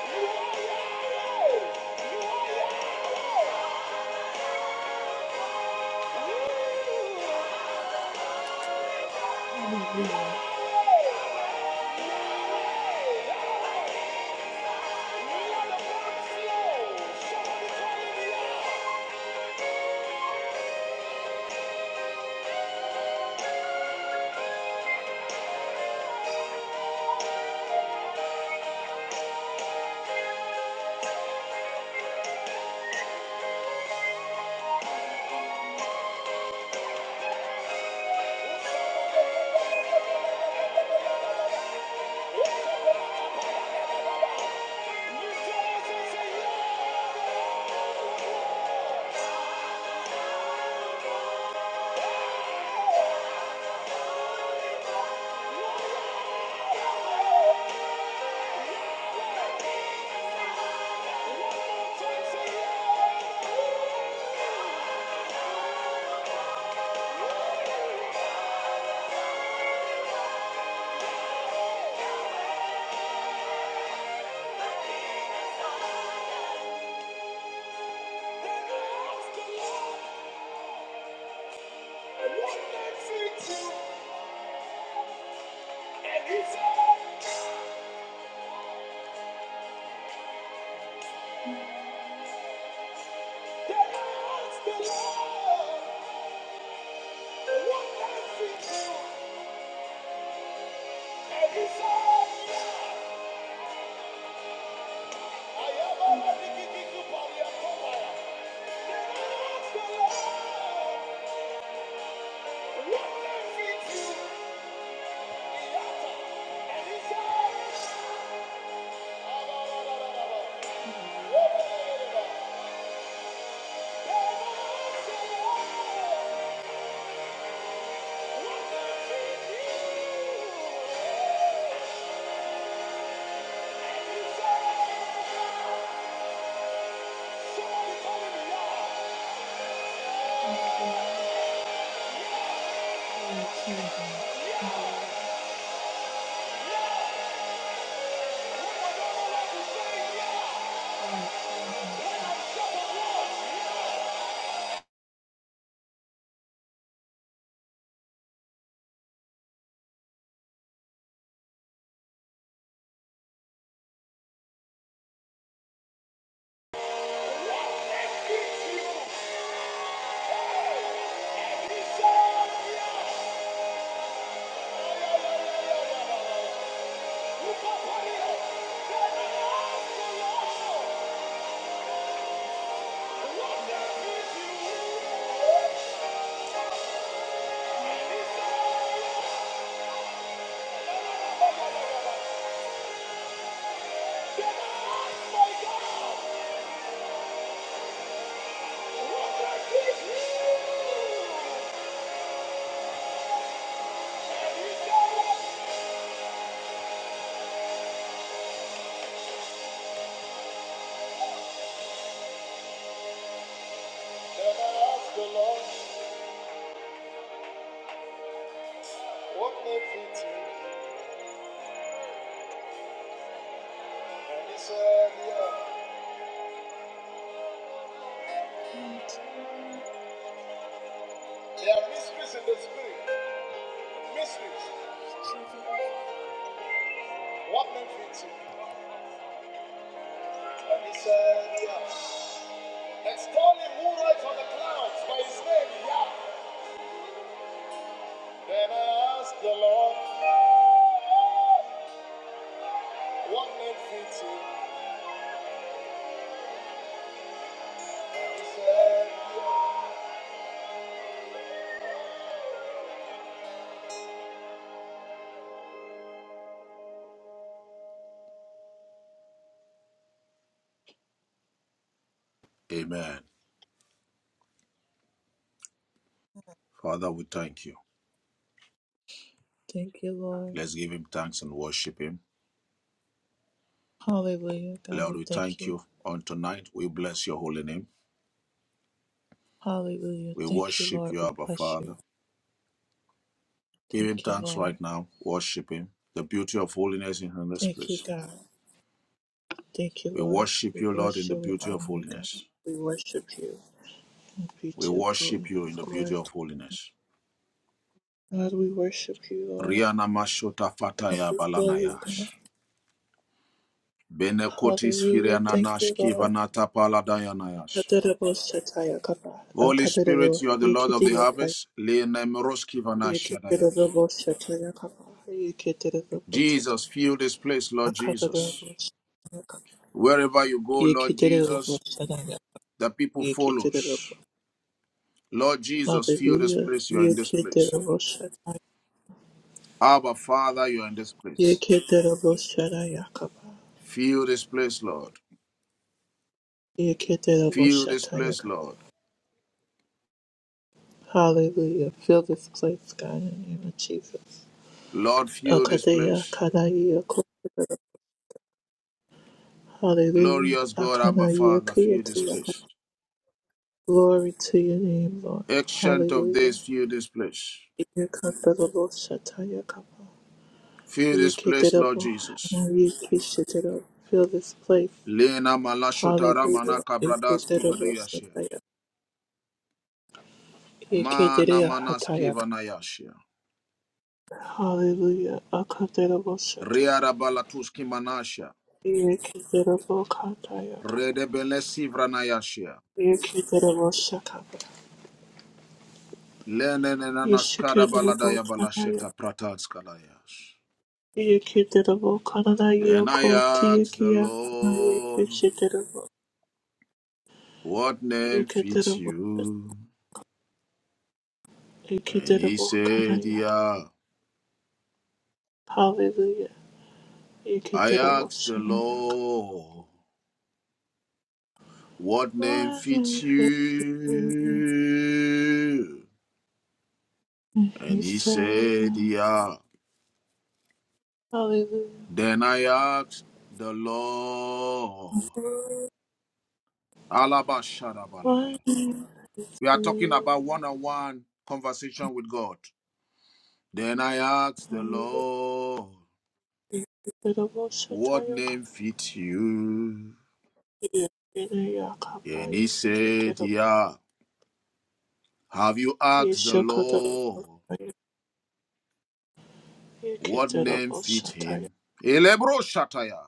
Speaker 2: What Yeah. Then I asked the Lord, what may fit you? And he said, yeah, there are mysteries in the spirit. Mysteries. What may fit you? And he said, yeah. Extol him who rides on the clouds by his name, yeah. Then I asked the Lord, what may fit you? He said,
Speaker 1: Amen. Father, we thank you.
Speaker 2: Thank you, Lord.
Speaker 1: Let's give him thanks and worship him.
Speaker 2: Hallelujah. God,
Speaker 1: Lord,
Speaker 2: we
Speaker 1: we
Speaker 2: thank
Speaker 1: thank
Speaker 2: you.
Speaker 1: you on tonight. We bless your holy name.
Speaker 2: Hallelujah.
Speaker 1: We
Speaker 2: Thank you,
Speaker 1: worship
Speaker 2: Lord.
Speaker 1: you,
Speaker 2: We
Speaker 1: Abba
Speaker 2: bless you.
Speaker 1: Father. Give him
Speaker 2: Thank you,
Speaker 1: thanks
Speaker 2: Lord.
Speaker 1: right now. Worship him. The beauty of holiness is in this
Speaker 2: Thank you,
Speaker 1: place.
Speaker 2: God. Thank you,
Speaker 1: We
Speaker 2: Lord.
Speaker 1: worship
Speaker 2: We
Speaker 1: you, Lord, in
Speaker 2: bless
Speaker 1: the
Speaker 2: you. We
Speaker 1: beauty
Speaker 2: honor
Speaker 1: of
Speaker 2: you, God.
Speaker 1: holiness.
Speaker 2: We worship you in the
Speaker 1: We
Speaker 2: beauty of
Speaker 1: worship you in
Speaker 2: holiness,
Speaker 1: the beauty
Speaker 2: glory.
Speaker 1: of holiness.
Speaker 2: God, we worship you, Lord.
Speaker 1: Riana mashota
Speaker 2: Come
Speaker 1: fataya
Speaker 2: before you, God.
Speaker 1: balanayash. Benekotis
Speaker 2: Hallelujah. Thank
Speaker 1: firiananash
Speaker 2: you, Lord.
Speaker 1: kivanata paladayanayash.
Speaker 2: Kaderebo kapa.
Speaker 1: Holy Spirit,
Speaker 2: Kaderebo
Speaker 1: you are the Lord of the
Speaker 2: yekidiya kaya.
Speaker 1: harvest. Lenemeros kivanashadayash.
Speaker 2: kapa. Yekiderebo taka.
Speaker 1: Jesus, fill this place, Lord Jesus.
Speaker 2: kapa.
Speaker 1: Wherever you go, Lord
Speaker 2: Yekiderebo
Speaker 1: Jesus,
Speaker 2: shataya.
Speaker 1: the people follows. Lord Jesus, fill this
Speaker 2: Hallelujah.
Speaker 1: place, you are in this place.
Speaker 2: Yekiderebo
Speaker 1: Abba, Father, you are in this place.
Speaker 2: Yeketerobosharayakaba.
Speaker 1: Fill this place, Lord. Fill this place,
Speaker 2: Yeketeroboshatayakaba.
Speaker 1: Lord.
Speaker 2: Hallelujah. Fill this place, God, in the name of Jesus.
Speaker 1: Lord, fill this
Speaker 2: Akadeya
Speaker 1: place.
Speaker 2: kadayako. Hallelujah.
Speaker 1: Glorious God, Abba
Speaker 2: Akanaya
Speaker 1: Father, fill this
Speaker 2: kiyatayaka.
Speaker 1: place.
Speaker 2: Glory to your name, Lord.
Speaker 1: Ancient of
Speaker 2: Hallelujah.
Speaker 1: days, fill this place.
Speaker 2: Yekateroboshatayakaba.
Speaker 1: Fill this place, Lord
Speaker 2: Yeketerobo.
Speaker 1: Jesus.
Speaker 2: Yekeshitero. Fill this place.
Speaker 1: Lena malashotara
Speaker 2: Hallelujah.
Speaker 1: manaka bradas kivadiyashia.
Speaker 2: Yeketeroboshatayaka.
Speaker 1: Mana
Speaker 2: Yeketereya
Speaker 1: manas
Speaker 2: hatayaka.
Speaker 1: kivanayashia.
Speaker 2: Hallelujah. Akateroboshatayaka.
Speaker 1: Riara balatuski manashia.
Speaker 2: Yekederebo katayakaba.
Speaker 1: Redebele sivranayashia.
Speaker 2: Yekederebo shakaba.
Speaker 1: Lene nanaskara
Speaker 2: Yeshikederebo
Speaker 1: baladaya
Speaker 2: kanaya.
Speaker 1: balasheta pratantskalayash.
Speaker 2: Yekederebo kanada
Speaker 1: Then I
Speaker 2: yoko
Speaker 1: asked the
Speaker 2: tiyakiya.
Speaker 1: Lord,
Speaker 2: Yekeshederebo.
Speaker 1: what name fits
Speaker 2: Yekederebo.
Speaker 1: you? And he
Speaker 2: Yekederebo
Speaker 1: said,
Speaker 2: kanayaka.
Speaker 1: Yeah,
Speaker 2: Hallelujah.
Speaker 1: I
Speaker 2: Yekederebo
Speaker 1: asked the
Speaker 2: shanayaka.
Speaker 1: Lord, what name
Speaker 2: What
Speaker 1: fits
Speaker 2: if it
Speaker 1: you?
Speaker 2: he
Speaker 1: And he said,
Speaker 2: fail?
Speaker 1: Yeah.
Speaker 2: Hallelujah.
Speaker 1: Then I asked the Lord.
Speaker 2: What
Speaker 1: Alabashadabaladaya.
Speaker 2: if
Speaker 1: We are talking
Speaker 2: you?
Speaker 1: about one on one conversation with God. Then I asked the Lord, what
Speaker 2: Hallelujah.
Speaker 1: name fits you?
Speaker 2: Ereya
Speaker 1: And he
Speaker 2: kabai
Speaker 1: said,
Speaker 2: keterabo
Speaker 1: Yeah. Have you asked the
Speaker 2: yesha kadarabo
Speaker 1: Lord? What name
Speaker 2: keterabo
Speaker 1: fit
Speaker 2: shataya
Speaker 1: him? Elebro Shataya.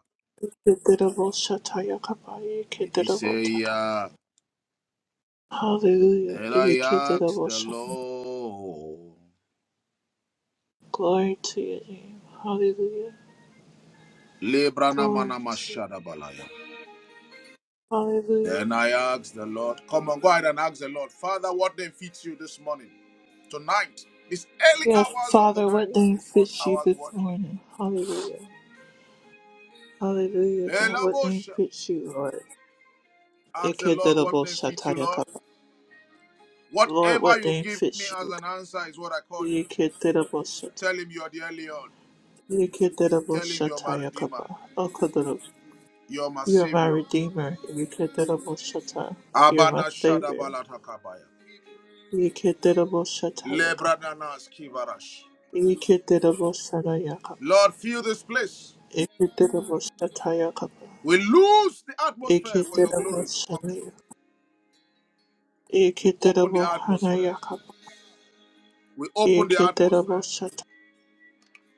Speaker 2: keterabo shataya kabai
Speaker 1: Did he say,
Speaker 2: keterabo taka.
Speaker 1: yeah?
Speaker 2: Hallelujah.
Speaker 1: Then
Speaker 2: Eya
Speaker 1: I asked
Speaker 2: keterabo
Speaker 1: the
Speaker 2: sha.
Speaker 1: Lord.
Speaker 2: Glory to your name. Hallelujah.
Speaker 1: Lebrana
Speaker 2: Glory
Speaker 1: manama
Speaker 2: to you.
Speaker 1: shadabalaya.
Speaker 2: Hallelujah.
Speaker 1: Then I asked the Lord. Come on, go ahead and ask the Lord. Father, what name fits you this morning? Tonight. These early
Speaker 2: Yes,
Speaker 1: hours of the
Speaker 2: Father,
Speaker 1: night.
Speaker 2: what name
Speaker 1: This fourth
Speaker 2: fits you
Speaker 1: hours
Speaker 2: this
Speaker 1: watch.
Speaker 2: morning? Hallelujah. Hallelujah, God. What name
Speaker 1: Elabosha.
Speaker 2: fits you, Lord?
Speaker 1: Ask the Lord what
Speaker 2: Eketerabo
Speaker 1: name fits you,
Speaker 2: shataya
Speaker 1: Lord.
Speaker 2: kabai. Lord,
Speaker 1: Whatever
Speaker 2: what
Speaker 1: you
Speaker 2: name
Speaker 1: give me
Speaker 2: fits
Speaker 1: as
Speaker 2: you?
Speaker 1: an answer is what I call you.
Speaker 2: Eketerabo shataya.
Speaker 1: Tell him you are the early on. Tell him you're my redeemer.
Speaker 2: Yiketeraboshatayakaba. Okodoro.
Speaker 1: You're my
Speaker 2: You are my
Speaker 1: savior.
Speaker 2: redeemer. Yiketeraboshatai. You are
Speaker 1: Abana
Speaker 2: my
Speaker 1: shada
Speaker 2: savior.
Speaker 1: Shadabalatakabaya.
Speaker 2: Yiketeraboshatayakaba.
Speaker 1: Lebrananas Kivarash.
Speaker 2: Yiketeraboshanayakaba.
Speaker 1: Lord, fill this place.
Speaker 2: Yiketeraboshatayakaba.
Speaker 1: We lose the atmosphere for your glory to come through.
Speaker 2: Yiketeraboshanaya.
Speaker 1: We open the atmosphere.
Speaker 2: Yiketerabohanayakaba.
Speaker 1: We open the atmosphere.
Speaker 2: Yiketeraboshatai.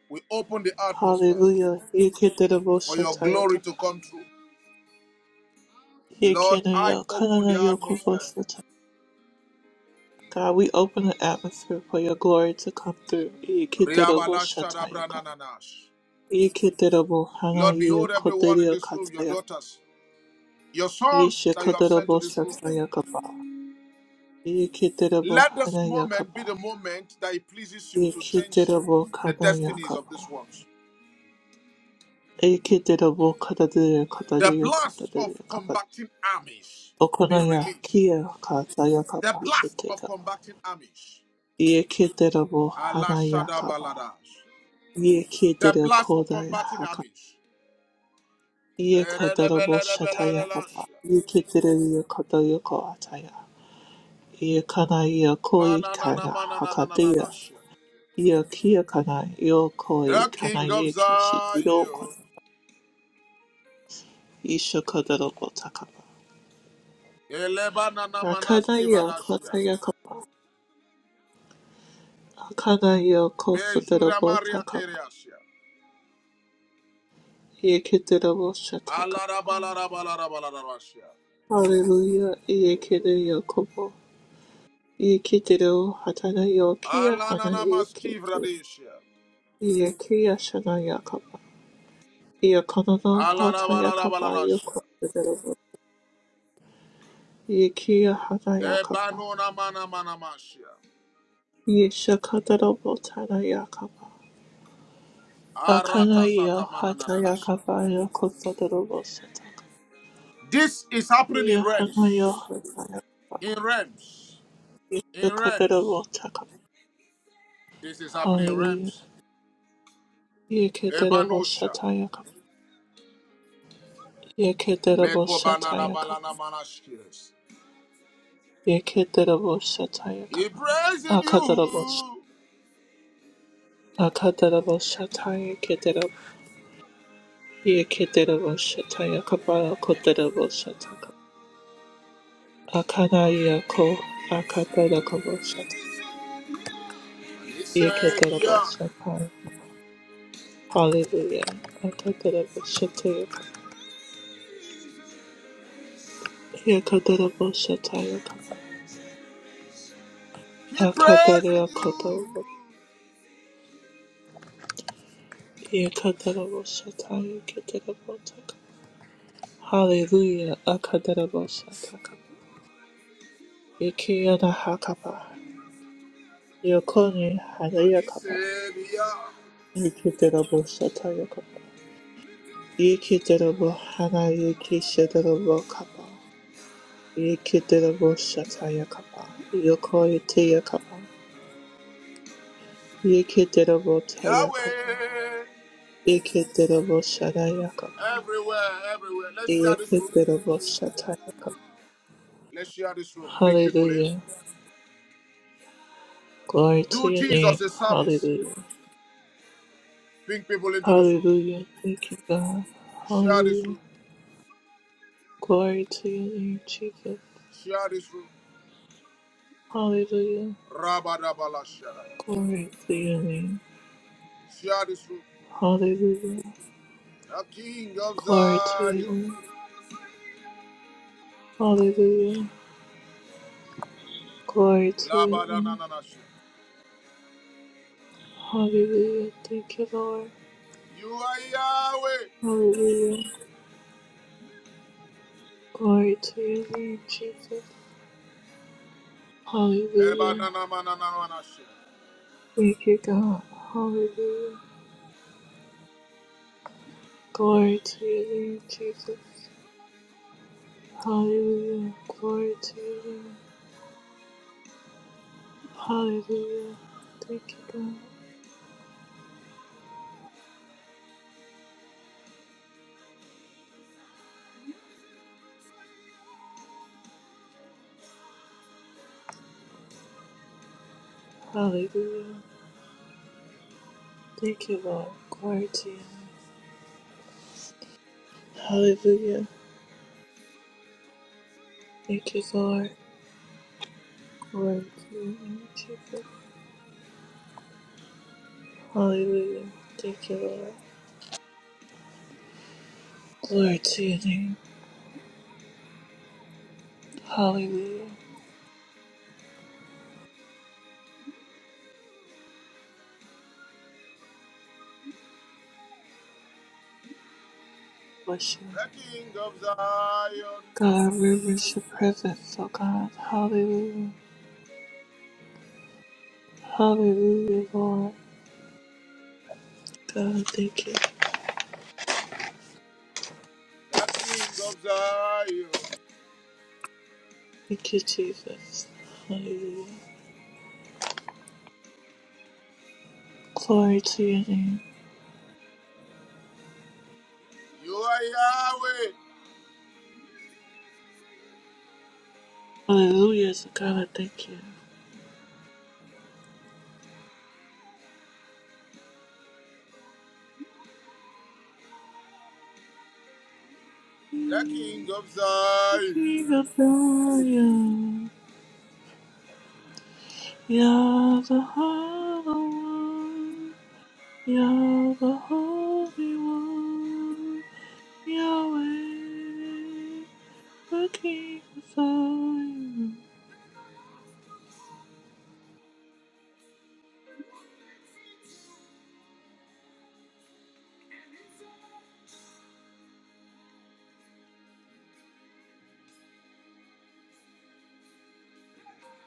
Speaker 1: We open the atmosphere
Speaker 2: Hallelujah.
Speaker 1: for your glory
Speaker 2: Yiketeraboshatayakaba.
Speaker 1: to come through. Lord, I open the atmosphere.
Speaker 2: Yekenayokananayokoboshatai. God, we open the atmosphere for your glory to come through. Ikiterobo
Speaker 1: Riabala shada
Speaker 2: shataya
Speaker 1: Shadabrananash.
Speaker 2: Ikiterobo
Speaker 1: Lord,
Speaker 2: hanaya
Speaker 1: behold everyone in
Speaker 2: koteria
Speaker 1: this room, your
Speaker 2: kataya.
Speaker 1: daughters, your sons
Speaker 2: Yeshe
Speaker 1: that you have sent to
Speaker 2: koterobo
Speaker 1: this room.
Speaker 2: shataya kapa. Ikiterobo
Speaker 1: Let this
Speaker 2: hanaya
Speaker 1: moment be the
Speaker 2: kapa.
Speaker 1: moment that it pleases you to change
Speaker 2: Ikiterobo
Speaker 1: the
Speaker 2: kanaya
Speaker 1: destinies
Speaker 2: kapa.
Speaker 1: of this world.
Speaker 2: Ikiterobo katadeya
Speaker 1: The
Speaker 2: katadeya
Speaker 1: blast of
Speaker 2: katadeya kapa.
Speaker 1: combating armies being
Speaker 2: Okonaya
Speaker 1: released.
Speaker 2: kia kataya
Speaker 1: The
Speaker 2: kapa
Speaker 1: blast
Speaker 2: shite
Speaker 1: of
Speaker 2: kapa.
Speaker 1: combating armies.
Speaker 2: Ikiterobo
Speaker 1: Allah
Speaker 2: hanaya
Speaker 1: Shada
Speaker 2: kapa.
Speaker 1: Baladash. The
Speaker 2: Ikiterobo
Speaker 1: blast of combating
Speaker 2: kodaya
Speaker 1: armies.
Speaker 2: Iye kadarabo shataya kapa.
Speaker 1: Eredebeledebelelelash.
Speaker 2: Yikiteriye kadayo koataya. Iye kana iye koi kana hakateya.
Speaker 1: Banananamananananash.
Speaker 2: Iye kia kana yo koi
Speaker 1: The King
Speaker 2: kana
Speaker 1: of
Speaker 2: iye kishitiro
Speaker 1: Zion.
Speaker 2: kana. Isha kadarabo takapa. Rakana iye
Speaker 1: Elebananamanaskivadash.
Speaker 2: kotaya kapa. Hakana iye
Speaker 1: Bejura
Speaker 2: kosodarabo
Speaker 1: Maria
Speaker 2: takapa.
Speaker 1: Keriash.
Speaker 2: Iye kiterabo shatakapa.
Speaker 1: Alarabalarabalarabalarabashia.
Speaker 2: Hallelujah. Iye kiteriye kobo. Iye kitero hatana yo kia hana iye kiki.
Speaker 1: Alananamastivradeshia.
Speaker 2: Iye kia shana yakapa. Ia kanana hata yakapa ia
Speaker 1: Alarabalarabalarashia.
Speaker 2: kotenerova. Ia kia hana yakapa.
Speaker 1: Ebanona mana mana mashia.
Speaker 2: Ia shakadarabo tana yakapa.
Speaker 1: Arata
Speaker 2: Akana ia
Speaker 1: sata mana
Speaker 2: hata
Speaker 1: nana nashia.
Speaker 2: yakapa ia kotenerova sataka.
Speaker 1: This is happening in
Speaker 2: Ia hana ia
Speaker 1: realms.
Speaker 2: hata yakapa.
Speaker 1: In realms.
Speaker 2: Ia
Speaker 1: In
Speaker 2: shakadarabo
Speaker 1: realms.
Speaker 2: takapa.
Speaker 1: This is happening in
Speaker 2: Hallelujah.
Speaker 1: realms.
Speaker 2: Ia keteravo
Speaker 1: Ebanosha.
Speaker 2: sata yakapa. Ia keteravo
Speaker 1: Meko
Speaker 2: sata
Speaker 1: banana
Speaker 2: yakapa.
Speaker 1: balana manashkires.
Speaker 2: Ia keteravo sata
Speaker 1: He
Speaker 2: yakapa.
Speaker 1: prays in
Speaker 2: Akadaravo
Speaker 1: you.
Speaker 2: Akadarabo sataya Ye keterebo shata yakaba koterebo shata ka. Akada yako akatera kobo
Speaker 1: And
Speaker 2: shata.
Speaker 1: He
Speaker 2: Ye
Speaker 1: said,
Speaker 2: keterebo
Speaker 1: Yeah.
Speaker 2: shata. Hallelujah. Akaterebo shata yakaba. Ye keterebo shata yakaba.
Speaker 1: He praised
Speaker 2: Akadere
Speaker 1: you.
Speaker 2: yakoto. Ye keterebo shata ye keterebo taka. Hallelujah. Akaterebo shata ka. Ye kiyana hakaba. Yokone hada
Speaker 1: And he said, Yeah.
Speaker 2: Ye keterebo shata yakaba. Yikitabo Hana Yikishadabo Kappa. Yikitabo Shataya Kappa. Yokoi Tia Kappa. Yikitabo Taya Kappa.
Speaker 1: Yahweh.
Speaker 2: Yikitabo Shadaya Kappa.
Speaker 1: Everywhere, everywhere. Let's share this room.
Speaker 2: Yikitabo Shataya Kappa.
Speaker 1: Let's share this room. Bring people in.
Speaker 2: Hallelujah. Glory to
Speaker 1: Do
Speaker 2: your name.
Speaker 1: Jesus a service.
Speaker 2: Hallelujah.
Speaker 1: Bring people into this room.
Speaker 2: Hallelujah. Thank you, God.
Speaker 1: Share this
Speaker 2: Hallelujah.
Speaker 1: room.
Speaker 2: Glory to your name, Jesus.
Speaker 1: Share this room.
Speaker 2: Hallelujah.
Speaker 1: Rabadabala shara.
Speaker 2: Glory to your name.
Speaker 1: Share this room.
Speaker 2: Hallelujah.
Speaker 1: The King of
Speaker 2: Glory to your name.
Speaker 1: Zion.
Speaker 2: Hallelujah. Glory to your name.
Speaker 1: Labadanananasha.
Speaker 2: Hallelujah. Thank you, Lord.
Speaker 1: You are Yahweh.
Speaker 2: Hallelujah. Glory to your name, Jesus. Hallelujah.
Speaker 1: Ebananamanananasha.
Speaker 2: Thank you, God. Hallelujah. Glory to your name, Jesus. Hallelujah. Glory to your name. Hallelujah. Thank you, God. Hallelujah. Thank you, Lord. Glory to your name. Hallelujah. Thank you, Lord. Glory to your name, Jesus. Hallelujah. Thank you, Lord. Glory to your name. Hallelujah. Bless you.
Speaker 1: The King of Zion.
Speaker 2: God, I reverence your presence, oh God. Hallelujah. Hallelujah, Lord. God, thank you.
Speaker 1: The King of Zion.
Speaker 2: Thank you, Jesus. Hallelujah. Glory to your name.
Speaker 1: You are Yahweh.
Speaker 2: Hallelujah, so God, I thank you.
Speaker 1: The King of
Speaker 2: The
Speaker 1: Zion.
Speaker 2: King of Zion, Yah the Holy One, Yah the Holy One, Yahweh. looking for you.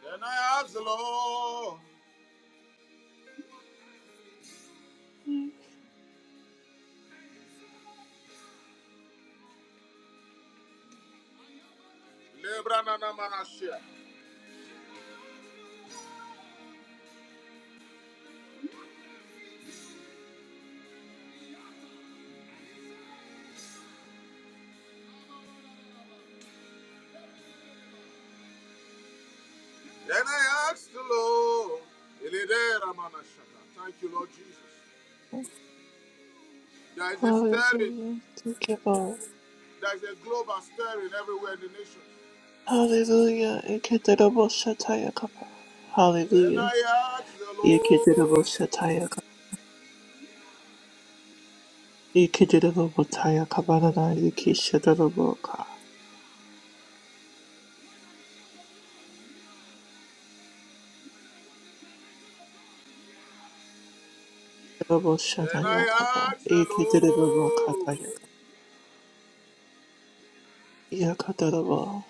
Speaker 1: Then I ask the Lord. Lebrananamanasha. Then I asked the Lord, Thank you, Lord Jesus. There is a stirring,
Speaker 2: Hallelujah. Thank you, Lord.
Speaker 1: there is a global stirring everywhere in the nation.
Speaker 2: Hallelujah. Ikederabo shataya kapa.
Speaker 1: Then
Speaker 2: Hallelujah.
Speaker 1: I asked the Lord,
Speaker 2: Ikederabo shataya kapa. Ikederabo taya kabarada. Ikishederabo ka. Ikederabo
Speaker 1: then
Speaker 2: shataya
Speaker 1: I
Speaker 2: kapa.
Speaker 1: asked the
Speaker 2: Ikederabo
Speaker 1: Lord,
Speaker 2: kataya. Yakederabo.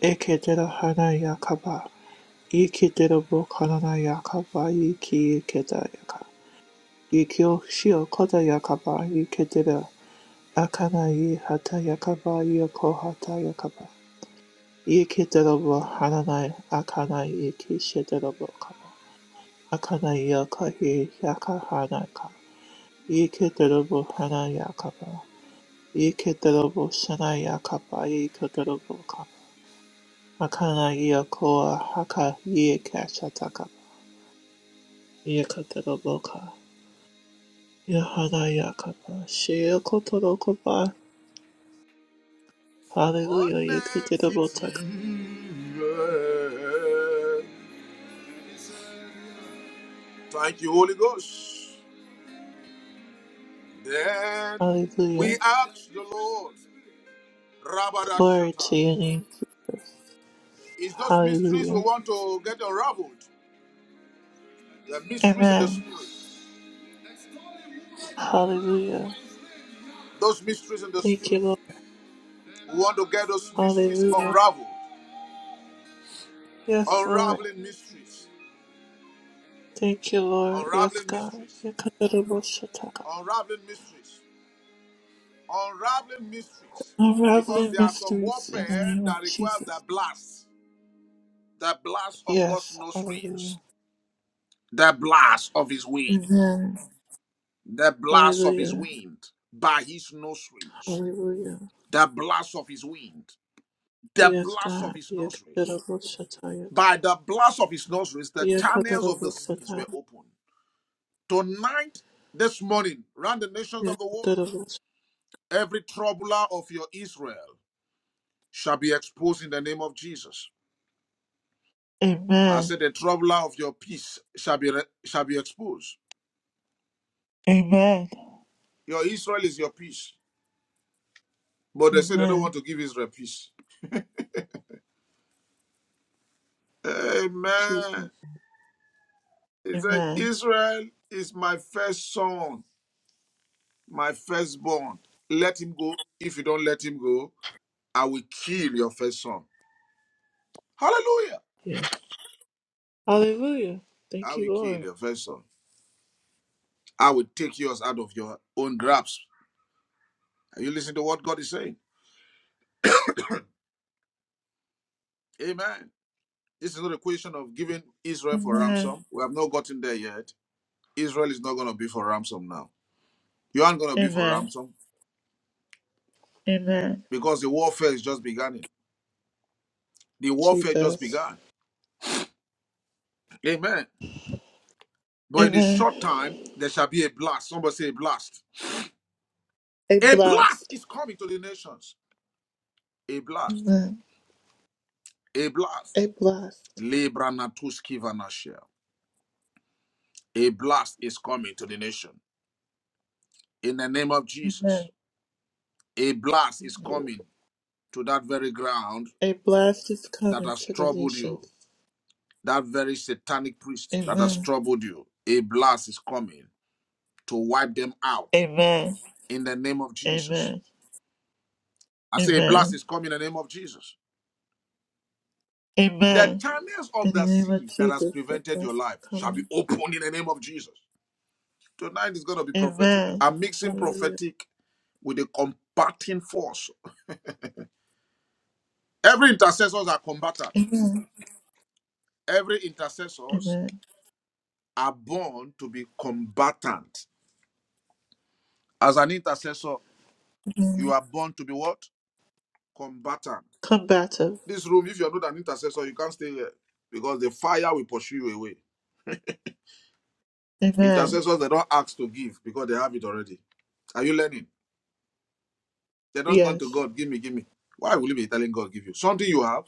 Speaker 2: Ikedera yakaba. Ikederabo kanana yakaba. Iki ikedaya ka. Ikyo shio koda yakaba. Ikedera. Akanayi Hatayakaba Yoko Hatayakaba Yikidabo Hananai Akanayi Kishidabo Kaba Akanayi Yokahi Yaka Hanaka Yikidabo Hanayakaba Yikidabo Shanayakaba Yikidabo Kaba Akanayi Yokoa Haka Yikashatakaba Yikidabo Ka Yahanayakaba Shiyokotorokaba
Speaker 1: what
Speaker 2: Hallelujah
Speaker 1: name
Speaker 2: Yikidabo
Speaker 1: fit
Speaker 2: Taka
Speaker 1: he? Thank you, Holy Ghost. Then
Speaker 2: Hallelujah
Speaker 1: we asked the Lord,
Speaker 2: Glory
Speaker 1: Rabarashata.
Speaker 2: to your name.
Speaker 1: It's those mysteries we
Speaker 2: Hallelujah.
Speaker 1: want to get unraveled. There are mysteries in the
Speaker 2: Amen.
Speaker 1: spirit.
Speaker 2: Hallelujah.
Speaker 1: Those mysteries in the
Speaker 2: Thank you,
Speaker 1: spirit.
Speaker 2: Lord.
Speaker 1: We want to get those mysteries
Speaker 2: Hallelujah.
Speaker 1: unraveled.
Speaker 2: Yes, Lord.
Speaker 1: Unraveling mysteries.
Speaker 2: Thank you, Lord. Yes,
Speaker 1: Unraveling
Speaker 2: God.
Speaker 1: mysteries.
Speaker 2: Yakadadaboshataka.
Speaker 1: Unraveling mysteries. Unraveling mysteries. Because
Speaker 2: Unraveling
Speaker 1: there are some
Speaker 2: mysteries in the
Speaker 1: warfare
Speaker 2: name
Speaker 1: that
Speaker 2: of
Speaker 1: requires the
Speaker 2: Jesus.
Speaker 1: blast. The blast of God's
Speaker 2: Yes.
Speaker 1: nostrils.
Speaker 2: Hallelujah.
Speaker 1: The blast of his wind.
Speaker 2: Amen.
Speaker 1: The blast of his
Speaker 2: Hallelujah.
Speaker 1: wind by his nostrils.
Speaker 2: Hallelujah.
Speaker 1: The blast of his wind. the
Speaker 2: Yes,
Speaker 1: blast of
Speaker 2: God.
Speaker 1: his nostrils.
Speaker 2: Yakadadaboshatayaka.
Speaker 1: By the blast of his nostrils, the channels of the seas
Speaker 2: Yakadadaboshataya.
Speaker 1: were opened. Tonight, this morning, round the nations of the world,
Speaker 2: Yakadadaboshataya.
Speaker 1: every troubler of your Israel shall be exposed in the name of Jesus. I
Speaker 2: Amen.
Speaker 1: said, the troubler of your peace shall be re- shall be exposed.
Speaker 2: Amen.
Speaker 1: Your Israel is your peace, but they say they don't want
Speaker 2: Amen.
Speaker 1: to give Israel peace.
Speaker 2: Jesus.
Speaker 1: Amen. He said,
Speaker 2: Amen.
Speaker 1: Israel is my first son, my firstborn. Let him go. If you don't let him go, I will kill your first son. Hallelujah.
Speaker 2: Yeah. Hallelujah.
Speaker 1: I
Speaker 2: Thank
Speaker 1: will
Speaker 2: you,
Speaker 1: kill
Speaker 2: Lord.
Speaker 1: your first son. I will take yours out of your own grasp. Are you listening to what God is saying? Amen. This is not a question of giving Israel for
Speaker 2: Amen.
Speaker 1: ransom. We have not gotten there yet. Israel is not going to be for ransom now. You aren't going to be for
Speaker 2: Amen.
Speaker 1: ransom
Speaker 2: Amen.
Speaker 1: because the warfare is just beginning. The warfare just
Speaker 2: Jesus.
Speaker 1: began. Amen. But in a short
Speaker 2: Amen.
Speaker 1: time, there shall be a blast. Somebody say a blast.
Speaker 2: A
Speaker 1: A blast
Speaker 2: blast.
Speaker 1: is coming to the nations. A blast.
Speaker 2: Amen.
Speaker 1: A blast.
Speaker 2: A blast.
Speaker 1: Libra natuski vanashia. A blast is coming to the nation. In the name of Jesus,
Speaker 2: Amen.
Speaker 1: a blast is coming to that very ground
Speaker 2: A blast is
Speaker 1: that
Speaker 2: coming
Speaker 1: has
Speaker 2: to the
Speaker 1: troubled you,
Speaker 2: nations.
Speaker 1: that very satanic priest that has
Speaker 2: Amen.
Speaker 1: troubled you. A blast is coming to wipe them out
Speaker 2: Amen.
Speaker 1: in the name of Jesus.
Speaker 2: Amen.
Speaker 1: I say a blast
Speaker 2: Amen.
Speaker 1: is coming in the name of Jesus. The
Speaker 2: Amen.
Speaker 1: channels
Speaker 2: In
Speaker 1: of
Speaker 2: the
Speaker 1: the
Speaker 2: name of
Speaker 1: sea that has
Speaker 2: Jesus, the
Speaker 1: prevented your
Speaker 2: blast is
Speaker 1: life shall be
Speaker 2: coming.
Speaker 1: opened in the name of Jesus. Tonight is going to be prophetic.
Speaker 2: Amen.
Speaker 1: I'm mixing
Speaker 2: Hallelujah.
Speaker 1: prophetic with a combating force Every intercessors are combatant.
Speaker 2: Amen.
Speaker 1: Every intercessors
Speaker 2: Amen.
Speaker 1: are born to be combatant. As an intercessor, you
Speaker 2: Amen.
Speaker 1: are born to be what? Combatant.
Speaker 2: Combative.
Speaker 1: This room, if you're not an intercessor, you can't stay here because the fire will pursue you away.
Speaker 2: Amen.
Speaker 1: Intercessors, they don't ask to give because they have it already. Are you learning? They don't come to
Speaker 2: Yes.
Speaker 1: God, give me, give me. Why will you be telling God, give you? Something you have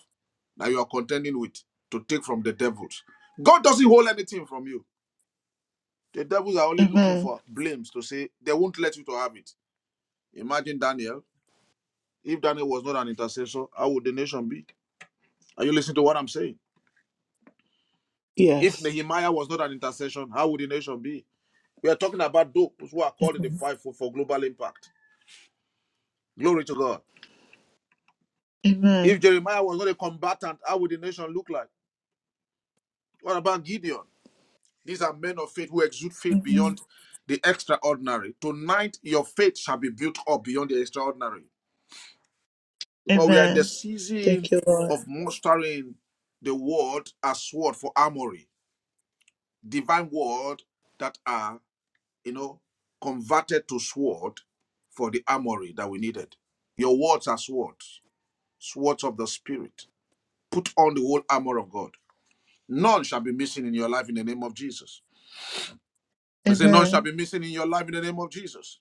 Speaker 1: that you are contending with to take from the devils. God doesn't hold anything from you. The devils are only looking
Speaker 2: Amen.
Speaker 1: for blames to say they won't let you to have it. Imagine Daniel. If Daniel was not an intercessor, how would the nation be? Are you listening to what I'm saying? If
Speaker 2: Yes.
Speaker 1: Nehemiah was not an intercession, how would the nation be? We are talking about those who are called in the fight for, for global impact. Glory to God. If
Speaker 2: Amen.
Speaker 1: Jeremiah was not a combatant, how would the nation look like? What about Gideon? These are men of faith who exude faith
Speaker 2: Amen.
Speaker 1: beyond the extraordinary. Tonight, your faith shall be built up beyond the extraordinary. Because we are in the
Speaker 2: Amen.
Speaker 1: season
Speaker 2: Thank you, Lord.
Speaker 1: of mustering the word as sword for armory, divine word that are, you know, converted to sword for the armory that we needed. Your words are swords, swords of the spirit. Put on the whole armor of God. None shall be missing in your life in the name of Jesus. I say, none shall
Speaker 2: Amen.
Speaker 1: be missing in your life in the name of Jesus.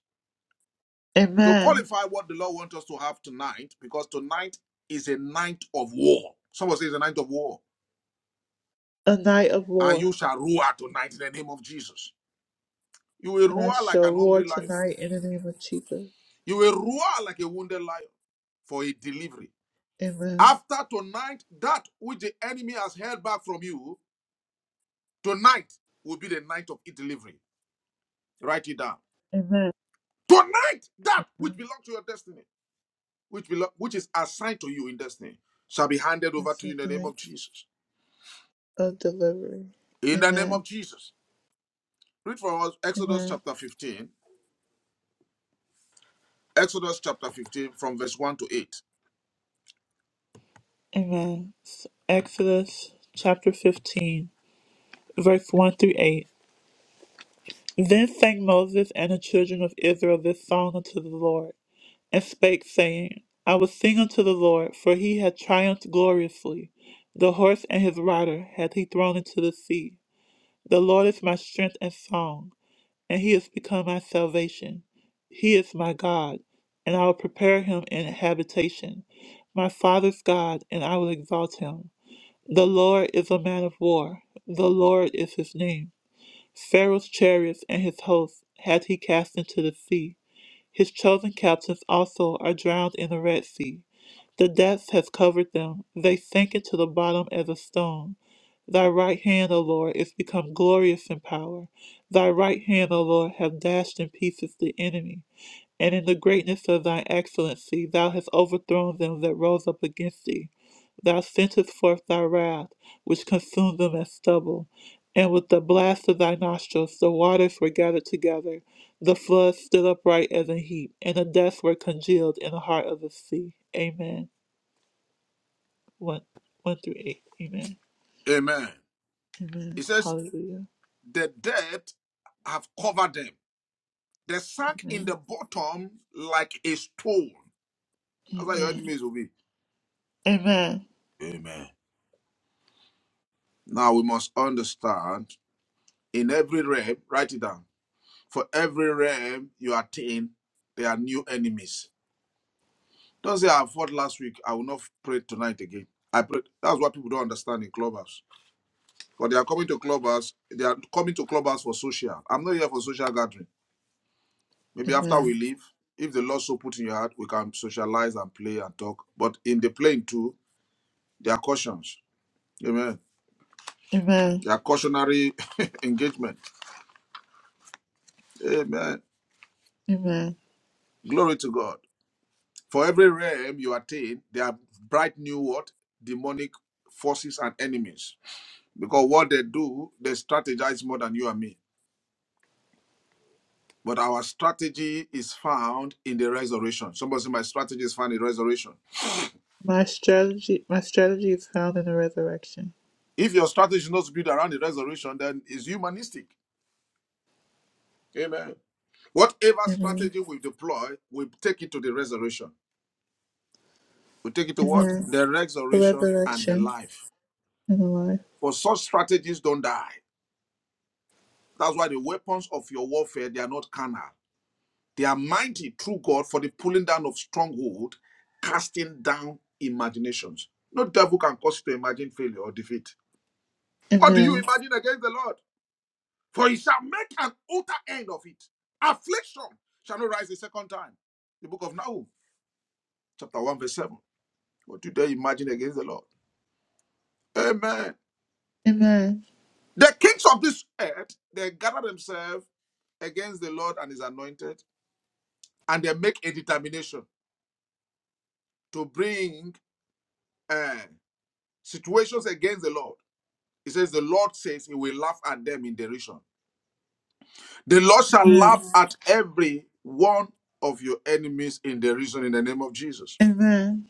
Speaker 1: To
Speaker 2: Amen.
Speaker 1: qualify what the Lord wants us to have tonight, because tonight is a night of war. Someone says a night of war.
Speaker 2: A night of
Speaker 1: and you
Speaker 2: war.
Speaker 1: shall roar tonight in the name of Jesus. You will
Speaker 2: And I
Speaker 1: roar like
Speaker 2: shall
Speaker 1: an
Speaker 2: war
Speaker 1: hungry lion.
Speaker 2: tonight in the name of Jesus.
Speaker 1: You will roar like a wounded lion for a delivery.
Speaker 2: Amen.
Speaker 1: After tonight, that which the enemy has held back from you, tonight will be the night of its delivery. Write it down.
Speaker 2: Amen.
Speaker 1: Tonight, that
Speaker 2: Tonight
Speaker 1: which belongs to your destiny, which belo- which is assigned to you in destiny, shall be handed over
Speaker 2: is
Speaker 1: to you in the
Speaker 2: the
Speaker 1: name of
Speaker 2: night
Speaker 1: Jesus.
Speaker 2: of delivery.
Speaker 1: In the name of
Speaker 2: Amen.
Speaker 1: Jesus. Read for us Exodus
Speaker 2: Amen.
Speaker 1: chapter 15. Exodus chapter 15 from verse 1 to 8.
Speaker 2: Amen. Exodus chapter 15, verse 1 through 8. Then sang Moses and the children of Israel this song unto the Lord. and spake, saying, I will sing unto the Lord, for he hath triumphed gloriously. The horse and his rider hath he thrown into the sea. The Lord is my strength and song, and he is become my salvation. He is my God, and I will prepare him an habitation. My father's God, and I will exalt him. The Lord is a man of war, the Lord is his name. Pharaoh's chariots and his hosts hath he cast into the sea. His chosen captives also are drowned in the Red Sea. The depths have covered them. They sank into the bottom as a stone. Thy right hand, O Lord, is become glorious in power. Thy right hand, O Lord, have dashed in pieces the enemy. And in the greatness of thine excellency, thou hast overthrown them that rose up against thee. Thou sentest forth thy wrath, which consumed them as stubble. And with the blast of thy nostrils, the waters were gathered together. The floods stood upright as a heap, and the depths were congealed in the heart of the sea. Amen. 1, 1 through 8. Amen.
Speaker 1: Amen. It
Speaker 2: Amen.
Speaker 1: says,
Speaker 2: Hallelujah.
Speaker 1: The dead have covered them. They sank in the
Speaker 2: Amen.
Speaker 1: bottom like a stone. That's how your
Speaker 2: Amen.
Speaker 1: enemies will be.
Speaker 2: Amen.
Speaker 1: Amen. Now we must understand in every realm, write it down. For every realm you attain, there are new enemies. Don't say I fought last week, I will not pray tonight again. I pray. That's what people don't understand in clubhouse. But they are coming to clubhouse, they are coming to clubhouse for social. I'm not here for social gathering. Maybe after we
Speaker 2: Amen.
Speaker 1: leave, if the Lord so put in your heart, we can socialize and play and talk. But in the playing too, there are cautions. Amen.
Speaker 2: Amen.
Speaker 1: There are cautionary engagement. Amen.
Speaker 2: Amen.
Speaker 1: Glory to God. For every realm you attain, there are bright new what? Demonic forces and enemies. Because what they do, they strategize more than you and me. But our strategy is found in the resurrection. Somebody say, My strategy is found in resurrection.
Speaker 2: My strategy, my strategy is found in the resurrection.
Speaker 1: If your strategy is not built around the resurrection, then it's humanistic. Amen. Whatever
Speaker 2: Amen.
Speaker 1: strategy we deploy, we take it to the resurrection. We take it to what?
Speaker 2: Amen.
Speaker 1: The
Speaker 2: The
Speaker 1: resurrection and the
Speaker 2: resurrection
Speaker 1: life.
Speaker 2: and the life.
Speaker 1: For such strategies don't die. That's why the weapons of your warfare, they are not carnal. They are mighty through God for the pulling down of stronghold, casting down imaginations. No devil can cause you to imagine failure or defeat. What do you
Speaker 2: Amen.
Speaker 1: imagine against the Lord? For he shall make an utter end of it. Affliction shall not rise a second time. The book of Nahum, chapter 1, verse 7. What do they imagine against the Lord? Amen.
Speaker 2: Amen.
Speaker 1: The kings of this earth, they gather themselves against the Lord and his anointed, and they make a determination to bring uh, situations against the Lord. He says, The Lord says he will laugh at them in derision. The Lord shall
Speaker 2: Amen.
Speaker 1: laugh at every one of your enemies in derision in the name of Jesus,
Speaker 2: Amen.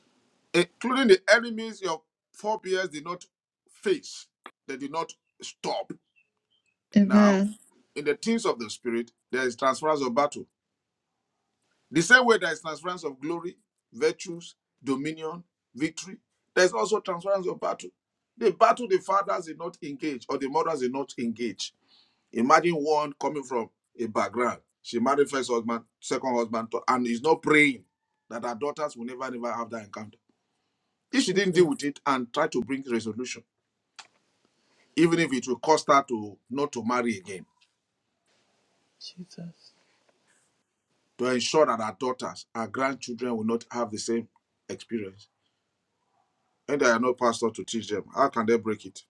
Speaker 1: including the enemies your forebears did not face, they did not stop. Now,
Speaker 2: Amen.
Speaker 1: in the things of the spirit, there is transference of battle. The same way there is transference of glory, virtues, dominion, victory, there is also transference of battle. The battle the fathers did not engage or the mothers did not engage. Imagine one coming from a background. She married first husband, second husband, to- and is not praying that her daughters will never, never have that encounter. If she didn't deal
Speaker 2: Jesus.
Speaker 1: with it and try to bring resolution, even if it will cost her to not to marry again
Speaker 2: Jesus.
Speaker 1: to ensure that our daughters, our grandchildren will not have the same experience. And there are no pastors to teach them. How can they break it?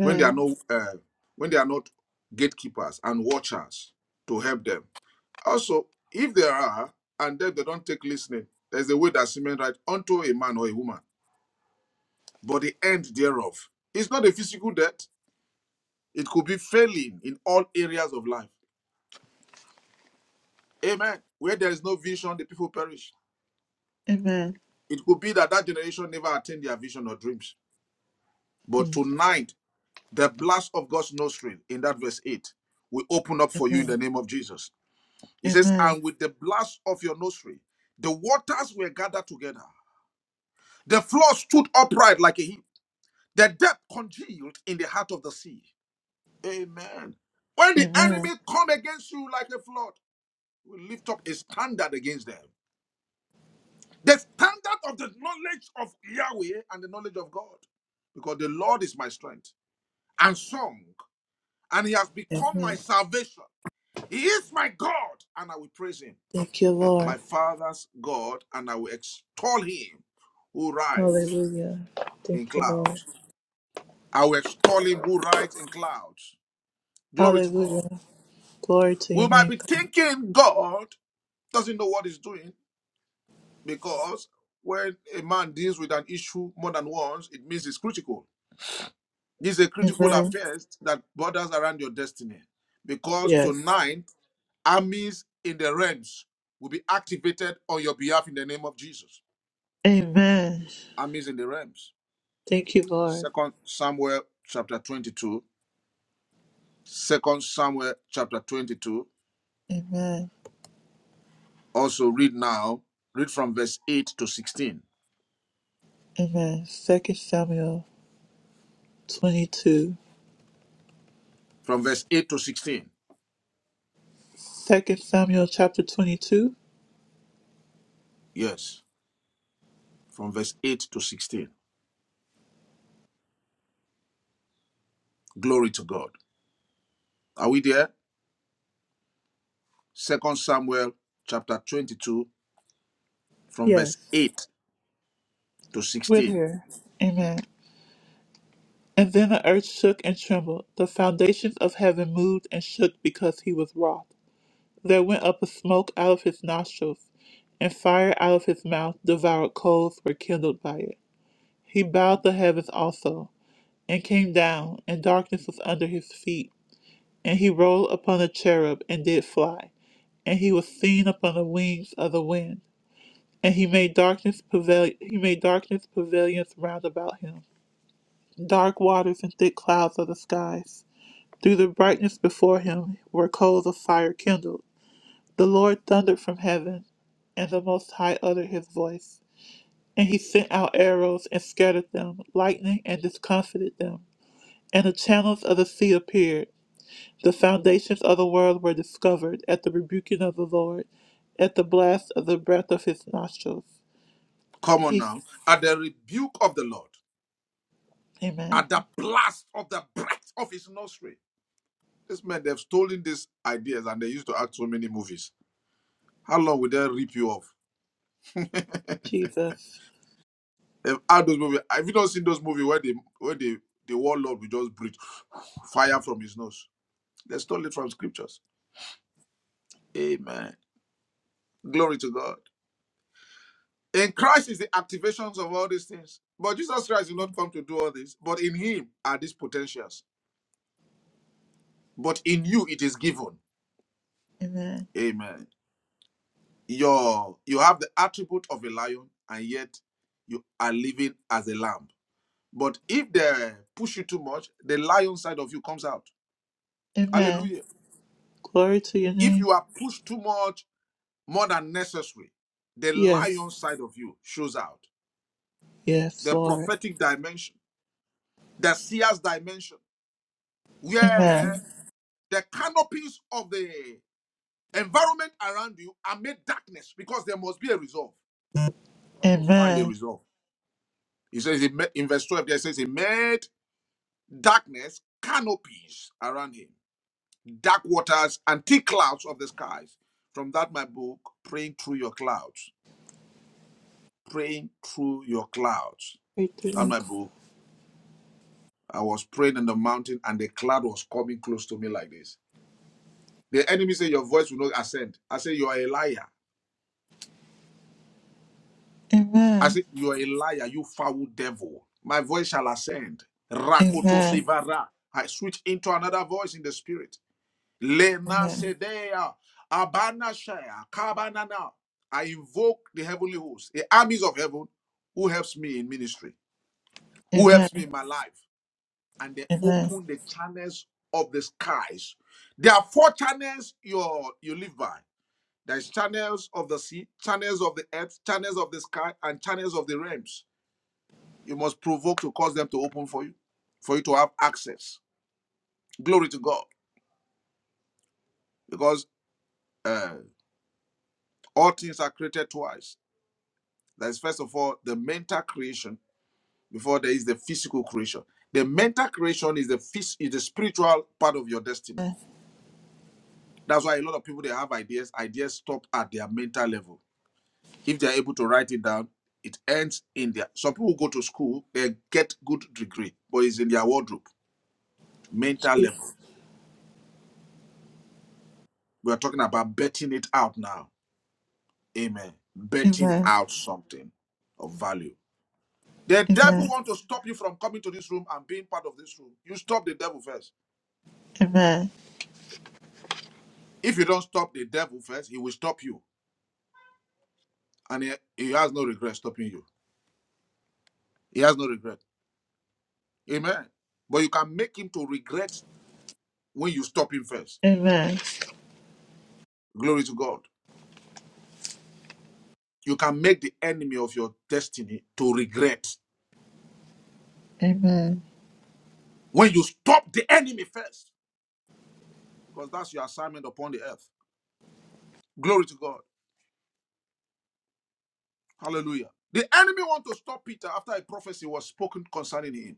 Speaker 1: When there are no uh, when they are not gatekeepers and watchers to help them. Also, if there are and then they don't take listening, there's a way that semen right unto a man or a woman. But the end thereof is not a physical death. It could be failing in all areas of life. Amen. Where there is no vision, the people perish.
Speaker 2: Amen.
Speaker 1: It could be that that generation never attained their vision or dreams But
Speaker 2: Mm.
Speaker 1: tonight, the blast of God's nostril in that verse 8 will open up for you in the
Speaker 2: Amen.
Speaker 1: name of Jesus. He says,
Speaker 2: Amen.
Speaker 1: And with the blast of your nostril, the waters were gathered together. The floor stood upright like a heap. The depth congealed in the heart of the sea. Amen. When the enemy
Speaker 2: Amen.
Speaker 1: come against you like a flood, we lift up a standard against them. The standard of the knowledge of Yahweh and the knowledge of God. Because the Lord is my strength and song. and he has become my
Speaker 2: Amen.
Speaker 1: salvation. He is my God, and I will praise him,
Speaker 2: Thank you, Lord.
Speaker 1: my father's God, and I will extol him who rides
Speaker 2: Hallelujah. Thank
Speaker 1: in
Speaker 2: you, Lord.
Speaker 1: clouds. I will extol him who rides in clouds. Glory to God.
Speaker 2: Hallelujah. Glory to
Speaker 1: We
Speaker 2: your
Speaker 1: might
Speaker 2: name.
Speaker 1: be
Speaker 2: God.
Speaker 1: thinking God doesn't know what he's doing because when a man deals with an issue more than once, it means it's critical. This is a critical
Speaker 2: Amen.
Speaker 1: affair that borders around your destiny because
Speaker 2: Yes.
Speaker 1: tonight Armies in the realms will be activated on your behalf in the name of Jesus.
Speaker 2: Amen.
Speaker 1: Armies in the realms.
Speaker 2: Thank you, Lord.
Speaker 1: Second Samuel chapter 22. Second Samuel chapter 22.
Speaker 2: Amen.
Speaker 1: Also read now. Read from verse 8 to 16.
Speaker 2: Amen. Second Samuel 22.
Speaker 1: From verse 8 to 16.
Speaker 2: Second Samuel chapter 22.
Speaker 1: Yes. From verse 8 to 16. Glory to God. Are we there? Second Samuel chapter 22 from verse
Speaker 2: Yes.
Speaker 1: 8 to
Speaker 2: With
Speaker 1: 16.
Speaker 2: her. Amen. And then the earth shook and trembled. The foundations of heaven moved and shook because he was wroth. There went up a smoke out of his nostrils, and fire out of his mouth devoured coals were kindled by it. He bowed the heavens also, and came down, and darkness was under his feet. And he rolled upon a cherub, and did fly, and he was seen upon the wings of the wind. And he made darkness prevail he made darkness pavilions round about him, dark waters and thick clouds of the skies. Through the brightness before him were coals of fire kindled. The Lord thundered from heaven, and the most high uttered his voice. And he sent out arrows and scattered them, lightning and discomfited them. And the channels of the sea appeared. The foundations of the world were discovered at the rebuking of the Lord, at the blast of the breath of his nostrils.
Speaker 1: Come on
Speaker 2: He
Speaker 1: now. At the rebuke of the Lord.
Speaker 2: Amen.
Speaker 1: at the blast of the breath of his nostril. This man, they've stolen these ideas and they used to act so many movies. How long will they rip you off? they've
Speaker 2: Jesus.
Speaker 1: had those movies. Have you not seen those movies where they where they the warlord will just breathe fire from his nose? They stole it from scriptures. Amen. Glory to God. In Christ is the activations of all these things. But Jesus Christ did not come to do all this. But in him are these potentials. But in you it is given.
Speaker 2: Amen.
Speaker 1: Amen. your you have the attribute of a lion and yet you are living as a lamb but if they push you too much the lion side of you comes out
Speaker 2: Amen.
Speaker 1: hallelujah
Speaker 2: Glory to your
Speaker 1: if
Speaker 2: name.
Speaker 1: you are pushed too much more than necessary the
Speaker 2: Yes.
Speaker 1: lion side of you shows out
Speaker 2: Yes,
Speaker 1: the
Speaker 2: Lord.
Speaker 1: prophetic dimension the seer's dimension where
Speaker 2: Amen.
Speaker 1: the canopies of the environment around you are made darkness because there must be a resolve you want to find a
Speaker 2: Amen.
Speaker 1: resolve he says in verse 12 there says he made darkness, canopies around him, dark waters, and thick clouds of the skies. From that, my book, Praying Through Your Clouds. Praying Through Your Clouds.
Speaker 2: Glory to your
Speaker 1: That
Speaker 2: name.
Speaker 1: my book. I was praying in the mountain, and the cloud was coming close to me like this. The enemy said, Your voice will not ascend. I said, You are a liar. I
Speaker 2: Amen.
Speaker 1: said, You are a liar, you foul devil. My voice shall ascend. Rakoto
Speaker 2: Amen.
Speaker 1: Sivara. I switch into another voice in the spirit.
Speaker 2: Amen.
Speaker 1: Lemasedea, Abanashaya, Kabanana. I invoke the heavenly host, the armies of heaven, who helps me in ministry, who
Speaker 2: Amen.
Speaker 1: helps me in my life, and they
Speaker 2: Amen.
Speaker 1: open the channels of the skies. There are four channels you you live by. There's channels of the sea, channels of the earth, channels of the sky, and channels of the realms. You must provoke to cause them to open for you, for you to have access. Glory to God, because uh, all things are created twice That is, first of all, the mental creation before there is the physical creation. The mental creation is the phys- is the spiritual part of your destiny. That's why a lot of people they have ideas. Ideas stop at their mental level. If they are able to write it down, it ends in their. Some people go to school, they get good degree, but it's in their wardrobe, mental
Speaker 2: Jesus.
Speaker 1: level. We are talking about betting it out now. Amen. Betting
Speaker 2: Amen.
Speaker 1: out something of value. The devil
Speaker 2: Amen.
Speaker 1: want to stop you from coming to this room and being part of this room. You stop the devil first.
Speaker 2: Amen.
Speaker 1: If you don't stop the devil first, he will stop you. And he, he has no regret stopping you. He has no regret. Amen. But you can make him to regret when you stop him first.
Speaker 2: Amen.
Speaker 1: Glory to God. You can make the enemy of your destiny to regret
Speaker 2: Amen.
Speaker 1: when you stop the enemy first, because that's your assignment upon the earth. Glory to God. Hallelujah. The enemy want to stop Peter after a prophecy was spoken concerning him.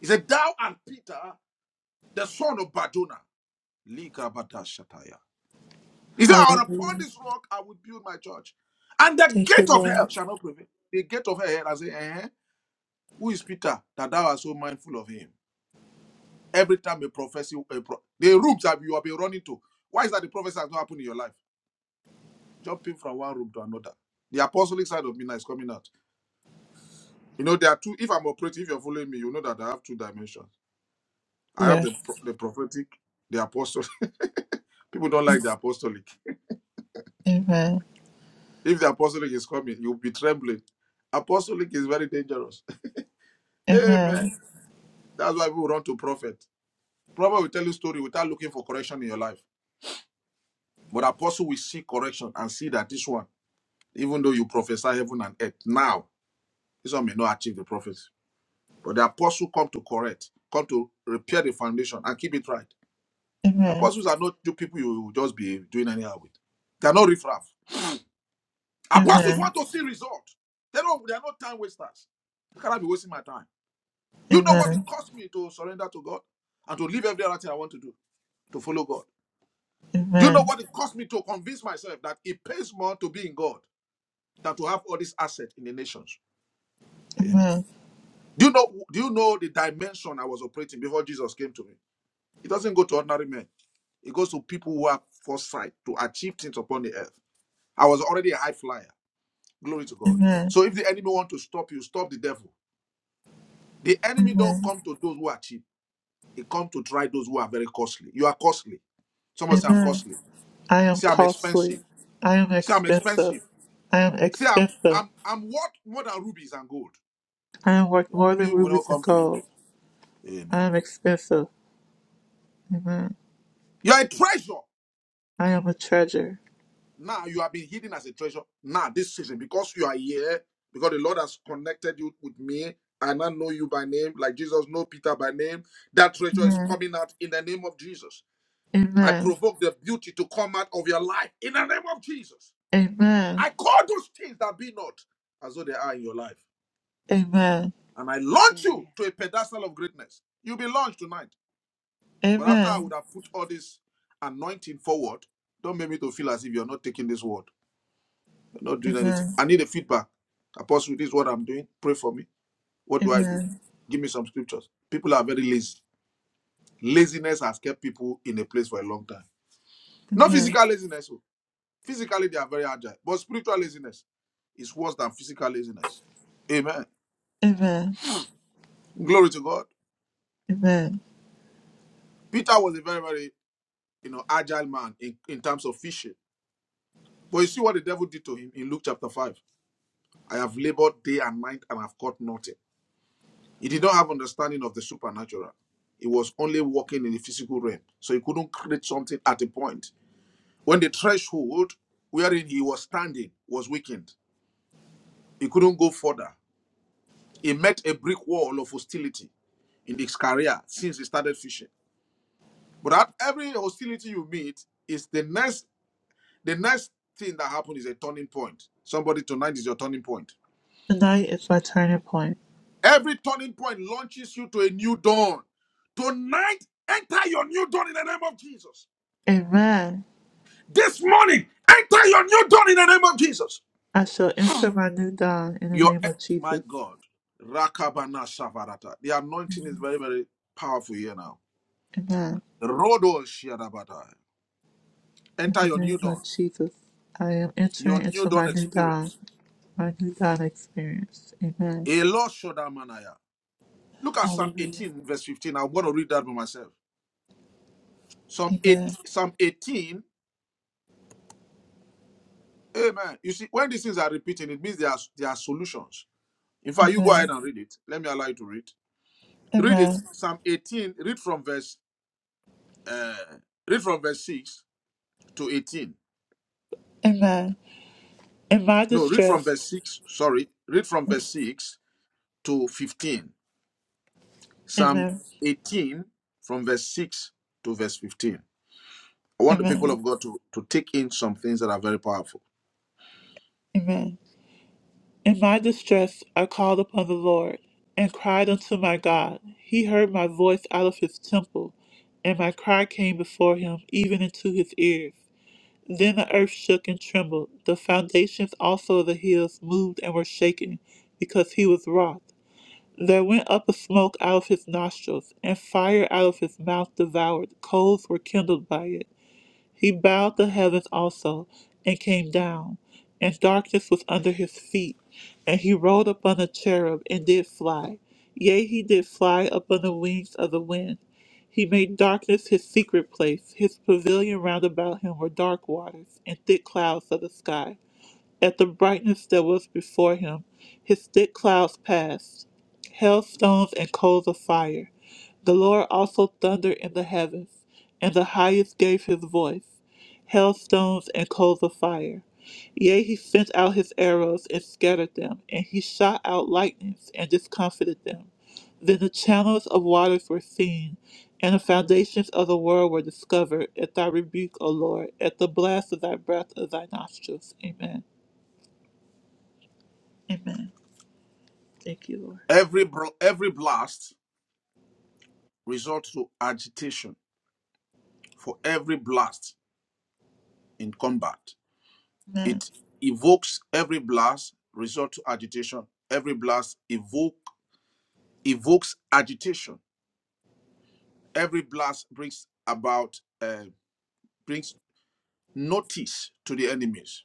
Speaker 1: He said, Thou and Peter, the son of Badona. Lika Badashataya. He said, "And upon
Speaker 2: Hallelujah.
Speaker 1: this rock I will build my church, and the
Speaker 2: Thank you,
Speaker 1: gate of
Speaker 2: Lord.
Speaker 1: hell shall not prevail. The gate of hell, I say, eh, who is Peter that thou art so mindful of him? Every time a prophecy, a pro- the rooms that you have been running to, why is that the prophecy has not happened in your life? Jumping from one room to another. The apostolic side of me now is coming out. You know, there are two. If I'm operating, if you're following me, you know that I have two dimensions. I have
Speaker 2: Yes.
Speaker 1: the pro- the prophetic, the apostolic. People don't like the apostolic.
Speaker 2: Amen.
Speaker 1: If the apostolic is coming, you'll be trembling. Apostolic is very dangerous. Amen.
Speaker 2: Amen.
Speaker 1: That's why people run to prophet. Prophet will tell you story without looking for correction in your life. But apostle will see correction and see that this one, even though you prophesy heaven and earth, now this one may not achieve the prophecy. But the apostle come to correct, come to repair the foundation and keep it right.
Speaker 2: Amen.
Speaker 1: Apostles are not the people you will just be doing anyhow with. They are not riffraff. Apostles
Speaker 2: Amen.
Speaker 1: want to see results. They don't. They are not time wasters. How can I be wasting my time? You know what
Speaker 2: Amen.
Speaker 1: it cost me to surrender to God and to leave every other thing I want to do to follow God. Do you know
Speaker 2: Amen.
Speaker 1: what it cost me to convince myself that it pays more to be in God than to have all these assets in the nations? Amen.
Speaker 2: Amen.
Speaker 1: Do you know do you know the dimension I was operating before Jesus came to me? It doesn't go to ordinary men. It goes to people who have foresight to achieve things upon the earth. I was already a high flyer. Glory to God.
Speaker 2: Amen.
Speaker 1: So if the enemy want to stop you, stop the devil. The enemy don't
Speaker 2: Amen.
Speaker 1: come to those who are cheap. It come to try those who are very costly. You are costly. Someone say I'm
Speaker 2: Amen.
Speaker 1: costly.
Speaker 2: I am
Speaker 1: Say I'm
Speaker 2: costly.
Speaker 1: expensive.
Speaker 2: I am
Speaker 1: Say I'm expensive.
Speaker 2: expensive. I am
Speaker 1: Say, I'm
Speaker 2: expensive.
Speaker 1: I'm I'm worth more than rubies and gold.
Speaker 2: I am worth
Speaker 1: Your
Speaker 2: more
Speaker 1: enemy
Speaker 2: than
Speaker 1: will not
Speaker 2: rubies and
Speaker 1: come to you.
Speaker 2: gold. I
Speaker 1: Amen.
Speaker 2: am expensive. Amen.
Speaker 1: You are a treasure.
Speaker 2: I am a treasure.
Speaker 1: Now you have been hidden as a treasure. Now this season, because you are here, because the Lord has connected you with me. and I know you by name, like Jesus know Peter by name. That treasure is
Speaker 2: Amen.
Speaker 1: coming out in the name of Jesus. I
Speaker 2: Amen.
Speaker 1: provoke the beauty to come out of your life in the name of Jesus.
Speaker 2: Amen.
Speaker 1: I call those things that be not as though they are in your life.
Speaker 2: Amen.
Speaker 1: And I launch
Speaker 3: Amen.
Speaker 1: you to a pedestal of greatness. You'll be launched tonight. But after I would
Speaker 2: Amen.
Speaker 1: have put all this anointing forward, don't make me to feel as if you're not taking this word. You're not doing anything. I
Speaker 2: Amen.
Speaker 1: need a feedback. Apostle, this is what I'm doing. Pray for me. What do I do?
Speaker 2: Amen.
Speaker 1: Give me some scriptures. People are very lazy. Laziness has kept people in a place for a long time. Not
Speaker 2: Amen.
Speaker 1: physical laziness. oh. Physically, they are very agile. But spiritual laziness is worse than physical laziness. Amen.
Speaker 2: Amen.
Speaker 1: Glory to God.
Speaker 2: Amen.
Speaker 1: Peter was a very, very you know, agile man in, in terms of fishing. But you see what the devil did to him in Luke chapter 5. I have labored day and night and have caught nothing. He did not have understanding of the supernatural. He was only walking in the physical realm. So he couldn't create something at a point. When the threshold wherein he was standing was weakened, he couldn't go further. He met a brick wall of hostility in his career since he started fishing. But at every hostility you meet, is the next the next thing that happens is a turning point. Somebody tonight is your turning point.
Speaker 2: Tonight is my turning point.
Speaker 1: Every turning point launches you to a new dawn. Tonight, enter your new dawn in the name of Jesus.
Speaker 2: Amen.
Speaker 1: This morning, enter your new dawn in the name of Jesus.
Speaker 2: I shall enter my new dawn in the
Speaker 1: Your
Speaker 2: name
Speaker 1: e-,
Speaker 2: of
Speaker 1: my
Speaker 2: Jesus.
Speaker 1: God, Rakabana Shavarata. The anointing is very, very powerful here now.
Speaker 2: Amen.
Speaker 1: Rodo Shiarabata.
Speaker 2: In
Speaker 1: Enter
Speaker 2: the
Speaker 1: your new
Speaker 2: name
Speaker 1: dawn,
Speaker 2: of Jesus. I am entering
Speaker 1: your new
Speaker 2: into my
Speaker 1: dawn
Speaker 2: new dawn.
Speaker 1: experience.
Speaker 2: Mighty God experience. Amen.
Speaker 1: Elo Shodamanaya. Look at Psalm
Speaker 2: Hallelujah.
Speaker 1: 18, verse 15. I'm going to read that by myself. Psalm 8,
Speaker 2: Amen.
Speaker 1: Psalm 18 Amen. You see, when these things are repeating, it means there are, there are solutions. In fact, you go ahead
Speaker 2: Amen.
Speaker 1: and read it. Let me allow you to read. Read it,
Speaker 2: Amen.
Speaker 1: Psalm 18. Read from verse uh, read from verse 6 to 18.
Speaker 2: Amen. In my
Speaker 1: No, read from
Speaker 2: distress,
Speaker 1: verse 6. Sorry, read from verse 6 to 15. Psalm
Speaker 2: Amen.
Speaker 1: 18 from verse 6 to verse 15. I want the people
Speaker 2: Amen.
Speaker 1: of God to, to take in some things that are very powerful.
Speaker 2: Amen. In my distress, I called upon the Lord and cried unto my God. He heard my voice out of his temple, and my cry came before him, even into his ears. Then the earth shook and trembled. The foundations also of the hills moved and were shaken, because he was wroth. There went up a smoke out of his nostrils, and fire out of his mouth devoured. Coals were kindled by it. He bowed the heavens also, and came down, and darkness was under his feet. And he rode upon a cherub, and did fly. Yea, he did fly upon the wings of the wind. He made darkness his secret place. His pavilion round about him were dark waters, and thick clouds of the sky at the brightness that was before him. His thick clouds passed, hailstones and coals of fire. The Lord also thundered in the heavens, and the highest gave his voice, hailstones and coals of fire. Yea, he sent out his arrows and scattered them, and he shot out lightnings and discomfited them. Then the channels of waters were seen, and the foundations of the world were discovered at thy rebuke, O Lord, at the blast of thy breath of thy nostrils. Amen. Amen. Thank you, Lord.
Speaker 1: Every bro, every blast results to agitation for every blast in combat.
Speaker 2: Amen.
Speaker 1: It evokes every blast, resort to agitation. Every blast evoke evokes agitation. Every blast brings about uh, brings notice to the enemies.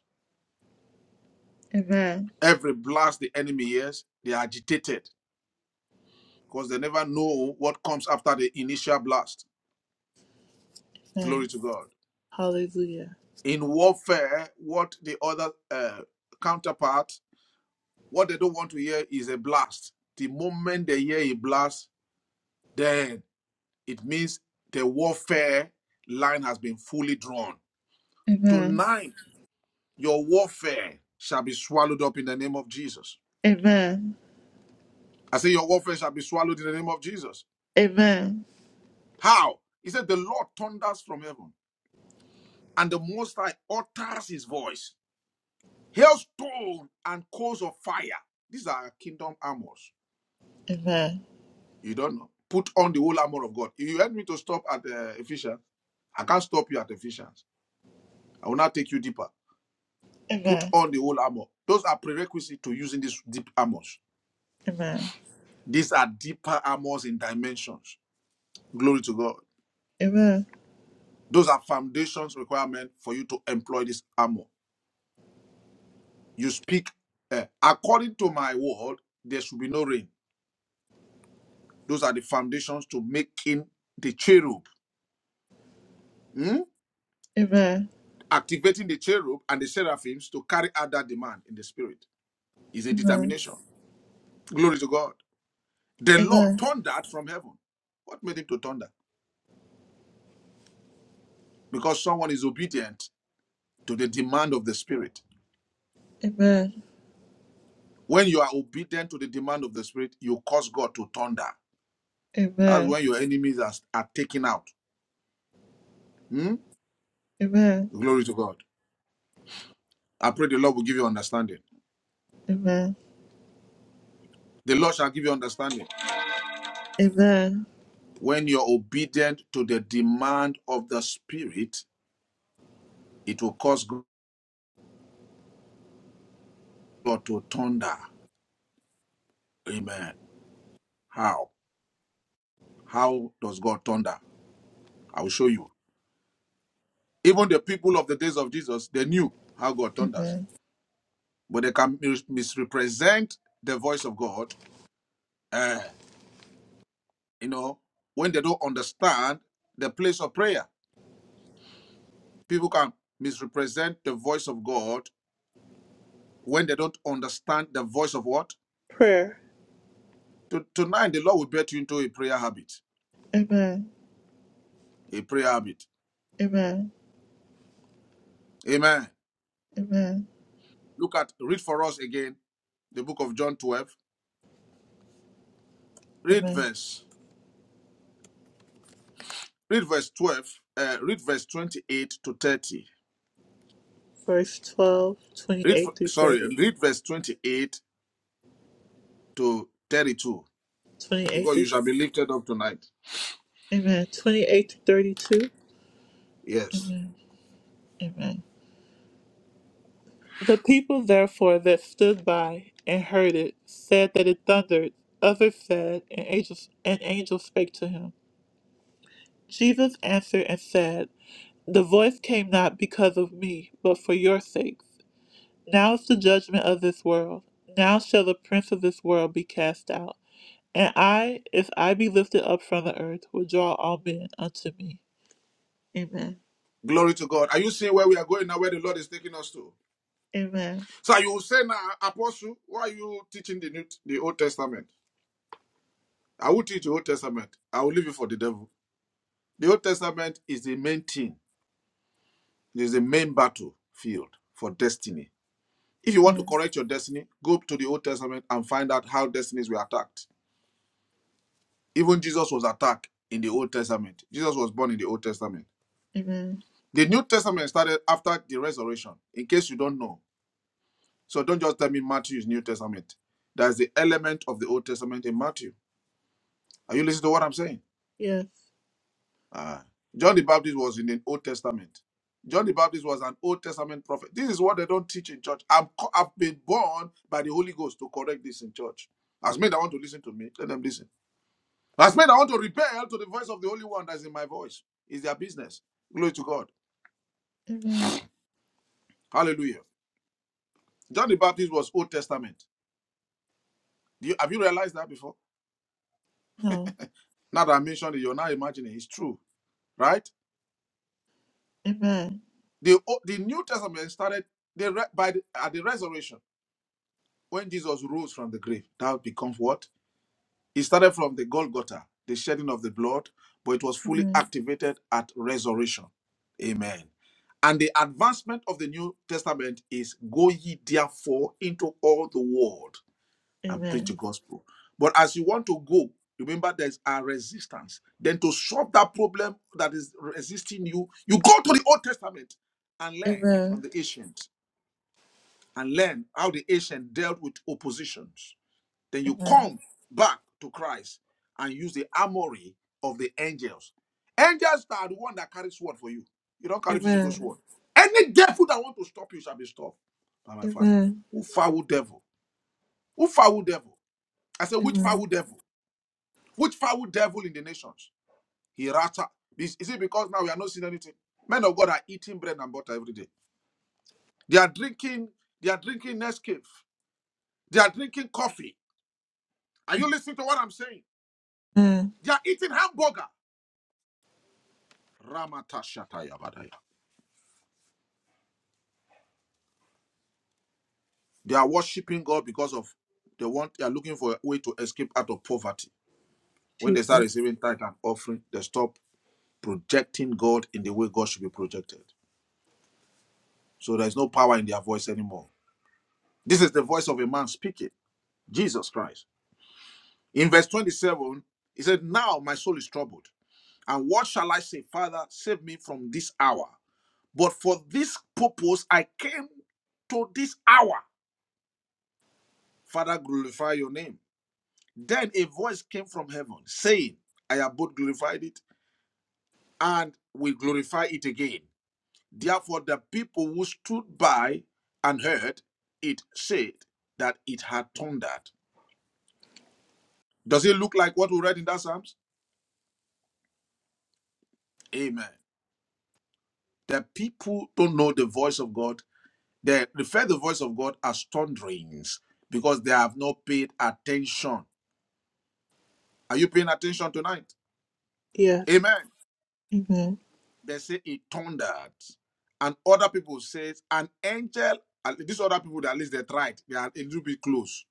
Speaker 2: Amen.
Speaker 1: Every blast the enemy hears, they are agitated because they never know what comes after the initial blast. Glory
Speaker 2: Amen.
Speaker 1: to God.
Speaker 2: Hallelujah.
Speaker 1: In warfare, what the other uh, counterpart, what they don't want to hear is a blast. The moment they hear a blast, then. it means the warfare line has been fully drawn.
Speaker 2: Amen.
Speaker 1: Tonight, your warfare shall be swallowed up in the name of Jesus.
Speaker 2: Amen.
Speaker 1: I say, Your warfare shall be swallowed in the name of Jesus.
Speaker 2: Amen.
Speaker 1: How? He said, The Lord thunders from heaven, and the Most High utters his voice. Hailstone and coals of fire. These are kingdom armors.
Speaker 2: Amen.
Speaker 1: You don't know. Put on the whole armor of God. If You help me to stop at uh, Ephesians. I can't stop you at Ephesians. I will now take you deeper. Put
Speaker 2: Amen.
Speaker 1: on the whole armor. Those are prerequisites to using these deep armors.
Speaker 2: Amen.
Speaker 1: These are deeper armors in dimensions. Glory to God.
Speaker 2: Amen.
Speaker 1: Those are foundations requirement for you to employ this armor. You speak uh, according to my word. There should be no rain. Those are the foundations to making the cherub, hmm?
Speaker 2: Amen.
Speaker 1: activating the cherub and the seraphims to carry out that demand in the spirit. Is a
Speaker 2: Amen.
Speaker 1: determination. Glory to God. The Lord
Speaker 2: Amen.
Speaker 1: thundered from heaven. What made him to thunder? Because someone is obedient to the demand of the spirit.
Speaker 2: Amen.
Speaker 1: When you are obedient to the demand of the spirit, you cause God to thunder. That's
Speaker 2: Amen.
Speaker 1: when your enemies are, are taken out. Hmm?
Speaker 2: Amen.
Speaker 1: Glory to God. I pray the Lord will give you understanding.
Speaker 2: Amen.
Speaker 1: The Lord shall give you understanding.
Speaker 2: Amen.
Speaker 1: When you're obedient to the demand of the spirit, it will cause God to thunder. Amen. How? How does God thunder? I will show you. Even the people of the days of Jesus, they knew how God thunders,
Speaker 2: Amen.
Speaker 1: but they can misrepresent the voice of God uh, you know, when they don't understand the place of prayer. People can misrepresent the voice of God when they don't understand the voice of what?
Speaker 2: Prayer.
Speaker 1: To, tonight, the Lord will get you into a prayer habit.
Speaker 2: Amen.
Speaker 1: A prayer habit.
Speaker 2: Amen.
Speaker 1: Amen.
Speaker 2: Amen.
Speaker 1: Look at, read for us again the book of John 12. Read
Speaker 2: Amen.
Speaker 1: verse, read verse 12, uh, read verse 28 to 30.
Speaker 2: Verse twelve,
Speaker 1: Read, for-
Speaker 2: twenty-eight through
Speaker 1: sorry,
Speaker 2: 30.
Speaker 1: read verse 28 to 32.
Speaker 2: 28
Speaker 1: Because
Speaker 2: through
Speaker 1: you shall be lifted up tonight.
Speaker 2: Amen. 28 to 32.
Speaker 1: Yes.
Speaker 2: Amen. Amen. The people therefore that stood by and heard it said that it thundered. Others said, an angel, an angel spake to him. Jesus answered and said, The voice came not because of me, but for your sakes. Now is the judgment of this world. Now shall the prince of this world be cast out. And I, if I be lifted up from the earth, will draw all men unto me. Amen.
Speaker 1: Glory to God. Are you seeing where we are going now, where the Lord is taking us to?
Speaker 2: Amen.
Speaker 1: So you will say now, Apostle, why are you teaching the New, the Old Testament? I will teach the Old Testament. I will leave it for the devil. The Old Testament is the main thing. It is the main battlefield for destiny. If you want to
Speaker 2: Amen.
Speaker 1: correct your destiny, go to the Old Testament and find out how destinies were attacked. Even Jesus was attacked in the Old Testament. Jesus was born in the Old Testament.
Speaker 2: Amen.
Speaker 1: The New Testament started after the resurrection, in case you don't know. So don't just tell me Matthew is New Testament. There's the element of the Old Testament in Matthew. Are you listening to what I'm saying?
Speaker 2: Yes.
Speaker 1: Ah. John the Baptist was in the Old Testament. John the Baptist was an Old Testament prophet. This is what they don't teach in church. I'm, co- I've been born by the Holy Ghost to correct this in church. As men that want to listen to me, let them listen. As men that want to rebel to the voice of the Holy One that's in my voice, it's their business. Glory to God.
Speaker 2: Amen.
Speaker 1: Hallelujah. John the Baptist was Old Testament. Do you, have you realized that before?
Speaker 2: No.
Speaker 1: Now that I mentioned it, you're now imagining it's true, right?
Speaker 2: Amen.
Speaker 1: The, O- the New Testament started the, re- by the, at the resurrection when Jesus rose from the grave. That becomes what? It started from the Golgotha, the shedding of the blood, but it was fully
Speaker 2: Amen.
Speaker 1: activated at resurrection. Amen. And the advancement of the New Testament is go ye therefore into all the world and preach the
Speaker 2: Amen.
Speaker 1: gospel. But as you want to go, remember there's a resistance. Then to solve that problem that is resisting you, you go to the Old Testament and learn from
Speaker 2: Amen.
Speaker 1: the ancient and learn how the ancient dealt with oppositions. Then you
Speaker 2: Amen.
Speaker 1: come back to Christ and use the armory of the angels. Angels are the one that carry sword for you. You don't carry physical
Speaker 2: Amen.
Speaker 1: sword. Any devil that want to stop you shall be stopped by my father.
Speaker 2: Amen.
Speaker 1: Who foul devil? Who foul devil? I said, which
Speaker 2: Amen.
Speaker 1: foul devil? Which foul devil in the nations? He rata. Is, is it because now we are not seeing anything? Men of God are eating bread and butter every day. They are drinking, they are drinking Nescafe. They are drinking coffee. Are you listening to what I'm saying?
Speaker 2: Amen.
Speaker 1: They are eating hamburger. Ramatashatayabadaya. They are worshiping God because of they want they are looking for a way to escape out of poverty. When they start
Speaker 2: Jesus.
Speaker 1: receiving tithe and offering, they stop projecting God in the way God should be projected. So there is no power in their voice anymore. This is the voice of a man speaking, Jesus Christ. In verse 27, he said, Now my soul is troubled. And what shall I say? Father, save me from this hour. But for this purpose I came to this hour. Father, glorify your name. Then a voice came from heaven saying, I have both glorified it and will glorify it again. Therefore, the people who stood by and heard it said that it had thundered. Does it look like what we read in that Psalms? Amen. The people don't know the voice of God. They refer the voice of God as thunderings because they have not paid attention. Are you paying attention tonight?
Speaker 2: Yes.
Speaker 1: Amen.
Speaker 2: Amen.
Speaker 1: They say it thundered. And other people says an angel, and these other people that at least they tried, they are a little bit close.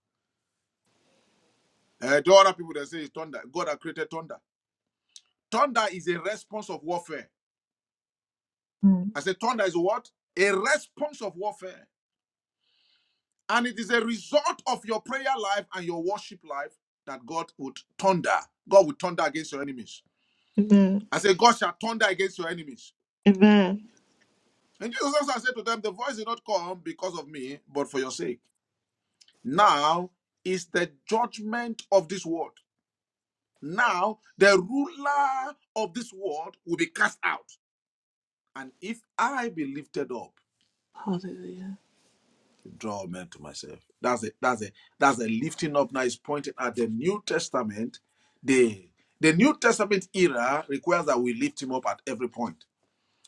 Speaker 1: Uh, the other people that say it's thunder. God had created thunder. Thunder is a response of warfare.
Speaker 2: Mm.
Speaker 1: I said thunder is what? A response of warfare. And it is a result of your prayer life and your worship life that God would thunder. God would thunder against your enemies.
Speaker 2: Amen.
Speaker 1: I said, God shall thunder against your enemies.
Speaker 2: Amen.
Speaker 1: And Jesus also said to them, The voice did not come because of me, but for your sake. Now is the judgment of this world. Now the ruler of this world will be cast out. And if I be lifted up,
Speaker 2: Hallelujah.
Speaker 1: draw men to myself. That's it. That's it. That's the lifting up now is pointing at the New Testament. The, the New Testament era requires that we lift him up at every point.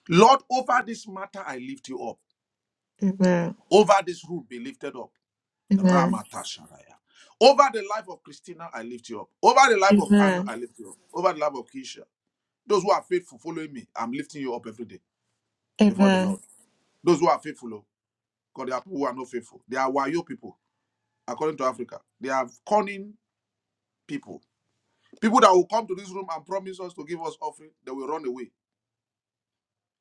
Speaker 1: Lord, over this matter I lift you up.
Speaker 2: Amen.
Speaker 1: Over this rule, be lifted up.
Speaker 2: Amen.
Speaker 1: Ramatasharaya. Over the life of Christina, I lift you up. Over the life of Anna,
Speaker 2: Amen.
Speaker 1: I lift you up. Over the life of Keisha. Those who are faithful, following me, I'm lifting you up every day before the Lord.
Speaker 2: Amen.
Speaker 1: Those who are faithful, oh, because there are people who are not faithful. They are Wayo people, according to Africa. They are cunning people. People that will come to this room and promise us to give us offering, they will run away.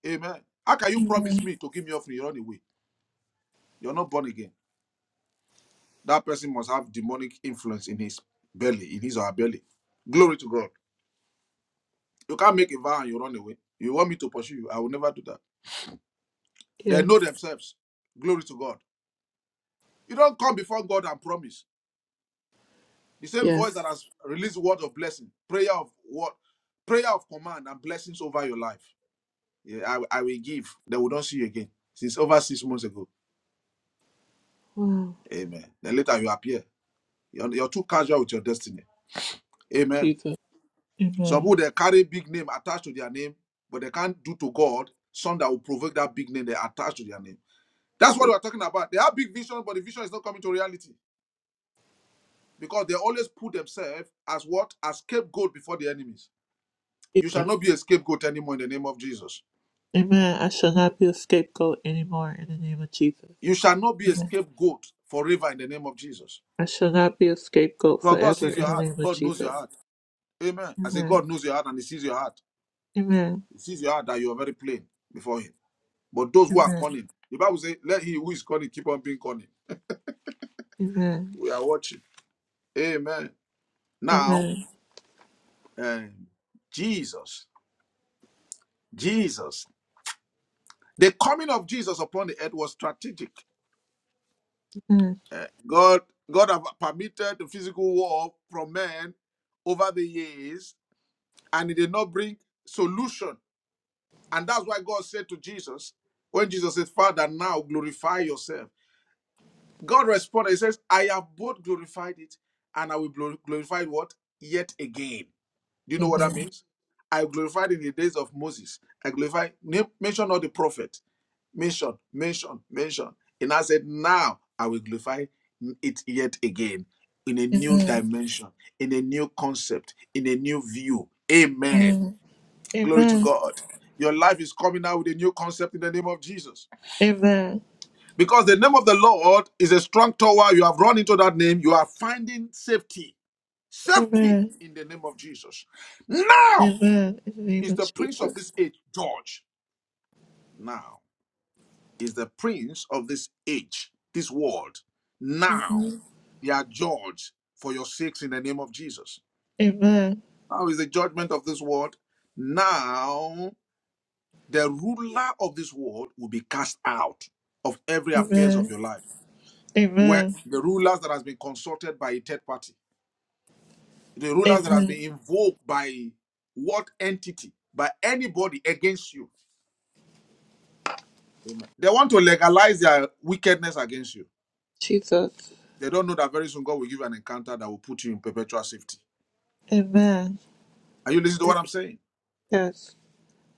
Speaker 1: Amen. How can you promise me to give me offering? You run away. You're not born again. That person must have demonic influence in his belly, in his or her belly. Glory to God. You can't make a vow and you run away. You want me to pursue you? I will never do that. They
Speaker 2: Yes.
Speaker 1: know themselves. Glory to God. You don't come before God and promise. The same voice that
Speaker 2: Yes.
Speaker 1: has released word of blessing, prayer of what, prayer of command and blessings over your life. Yeah, I, I will give. They will not see you again. Since over six months ago.
Speaker 2: Wow.
Speaker 1: Amen. Then later you appear. You're, you're too casual with your destiny. Amen.
Speaker 2: Jesus.
Speaker 1: Some people
Speaker 2: Amen.
Speaker 1: they carry big name attached to their name, but they can't do to God some that will provoke that big name they attach to their name. That's what
Speaker 2: Jesus.
Speaker 1: we're talking about. They have big vision, but the vision is not coming to reality because they always put themselves as what? As scapegoat before the enemies. You shall not be a scapegoat anymore in the name of Jesus.
Speaker 2: Amen. I shall not be a scapegoat anymore in the name of Jesus.
Speaker 1: You shall not be a
Speaker 2: Amen.
Speaker 1: scapegoat forever in the name of Jesus.
Speaker 2: I shall not be a scapegoat
Speaker 1: Well, God
Speaker 2: forever
Speaker 1: sees your
Speaker 2: in the
Speaker 1: heart.
Speaker 2: name of
Speaker 1: God knows your
Speaker 2: Jesus.
Speaker 1: heart. Amen. I say,
Speaker 2: Amen.
Speaker 1: God knows your heart and He sees your heart.
Speaker 2: Amen.
Speaker 1: He sees your heart that you are very plain before Him. But those who are
Speaker 2: Amen.
Speaker 1: cunning, the Bible says, let he who is cunning keep on being cunning.
Speaker 2: Amen.
Speaker 1: We are watching. Amen. Now,
Speaker 2: Amen.
Speaker 1: um, Jesus. Jesus. The coming of Jesus upon the earth was strategic.
Speaker 2: Amen.
Speaker 1: Eh, God, God have permitted the physical war from men over the years, and it did not bring solution. And that's why God said to Jesus, when Jesus said, Father, now glorify yourself. God responded, He says, I have both glorified it, and I will glor- glorify it what? Yet again. Do you know what
Speaker 2: Amen.
Speaker 1: that means? I glorified in the days of Moses. I glorified, name- mention all the prophet. Mention, mention, mention. And I said, now I will glorify it yet again in a new
Speaker 2: Amen.
Speaker 1: dimension, in a new concept, in a new view. Amen.
Speaker 2: Amen.
Speaker 1: Glory to
Speaker 2: Amen.
Speaker 1: God. Your life is coming out with a new concept in the name of Jesus.
Speaker 2: Amen.
Speaker 1: Because the name of the Lord is a strong tower. You have run into that name. You are finding safety. Safety
Speaker 2: Amen.
Speaker 1: in the name of Jesus. Now
Speaker 2: Amen. In the name
Speaker 1: He's
Speaker 2: of
Speaker 1: the prince of
Speaker 2: Jesus.
Speaker 1: this age, George. Now, is the prince of this age, this world. Now,
Speaker 2: Amen.
Speaker 1: they are judged for your sakes in the name of Jesus.
Speaker 2: Amen.
Speaker 1: Now is the judgment of this world. Now, the ruler of this world will be cast out of every affairs of
Speaker 2: Amen.
Speaker 1: your life. Where
Speaker 2: Amen.
Speaker 1: the rulers that has been consulted by a third party, the rulers that has been
Speaker 2: Amen.
Speaker 1: invoked by what entity, by anybody against you. Amen. They want to legalize their wickedness against you.
Speaker 2: Jesus.
Speaker 1: They don't know that very soon God will give you an encounter that will put you in perpetual safety.
Speaker 2: Amen.
Speaker 1: Are you listening to what I'm saying?
Speaker 2: Yes.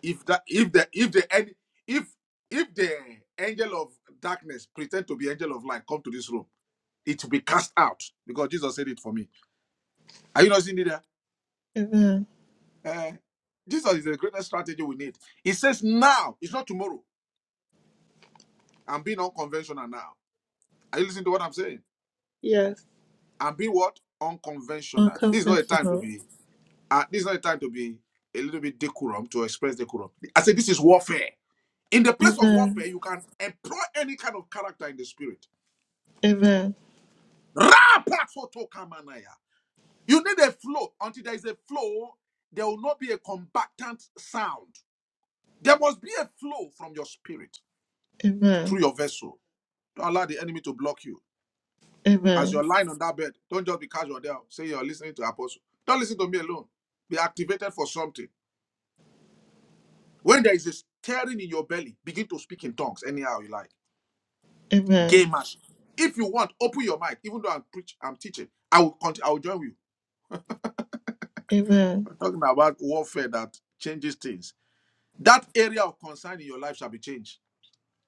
Speaker 1: If that if the if the en- if if the angel of darkness pretend to be angel of light, come to this room, it will be cast out because Jesus said it for me. Are you not seeing it there?
Speaker 2: Amen.
Speaker 1: Eh, Jesus is the greatest strategy we need. He says now, it's not tomorrow. I'm being unconventional now. Are you listening to what I'm saying?
Speaker 2: Yes.
Speaker 1: I'm being what? Unconventional. This is not a time to
Speaker 2: Unconventional.
Speaker 1: be uh, this is not a time to be a little bit decorum to express decorum. I said this is warfare. In the place of
Speaker 2: Amen.
Speaker 1: warfare, you can employ any kind of character in the spirit.
Speaker 2: Amen.
Speaker 1: Rapasotokamanaya. You need a flow. Until there is a flow, there will not be a combatant sound. There must be a flow from your spirit
Speaker 2: Amen.
Speaker 1: through your vessel. Don't allow the enemy to block you. As
Speaker 2: Amen.
Speaker 1: you're lying on that bed, don't just be casual there. Say you're listening to apostle. Don't listen to me alone. Be activated for something. When there is a stirring in your belly, begin to speak in tongues anyhow you like.
Speaker 2: Amen.
Speaker 1: gay mash. If you want, open your mic. Even though I'm preach, I'm teaching. I will continue, I will join you.
Speaker 2: Amen.
Speaker 1: We're talking about warfare that changes things. That area of concern in your life shall be changed.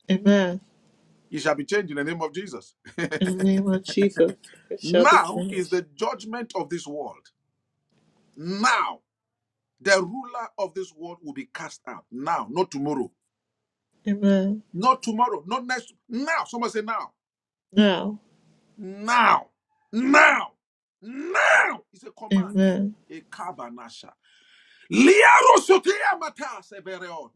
Speaker 2: Amen.
Speaker 1: It shall be changed in the name of Jesus.
Speaker 2: In the name of Jesus, it shall be
Speaker 1: now is
Speaker 2: changed.
Speaker 1: the judgment of this world. Now the ruler of this world will be cast out. Now, not tomorrow.
Speaker 2: Amen.
Speaker 1: Not tomorrow. Not next. Now. Someone say now.
Speaker 2: Now.
Speaker 1: Now. Now. Now. It's a command.
Speaker 2: Amen.
Speaker 1: A kabanasha. Liaro sotea matas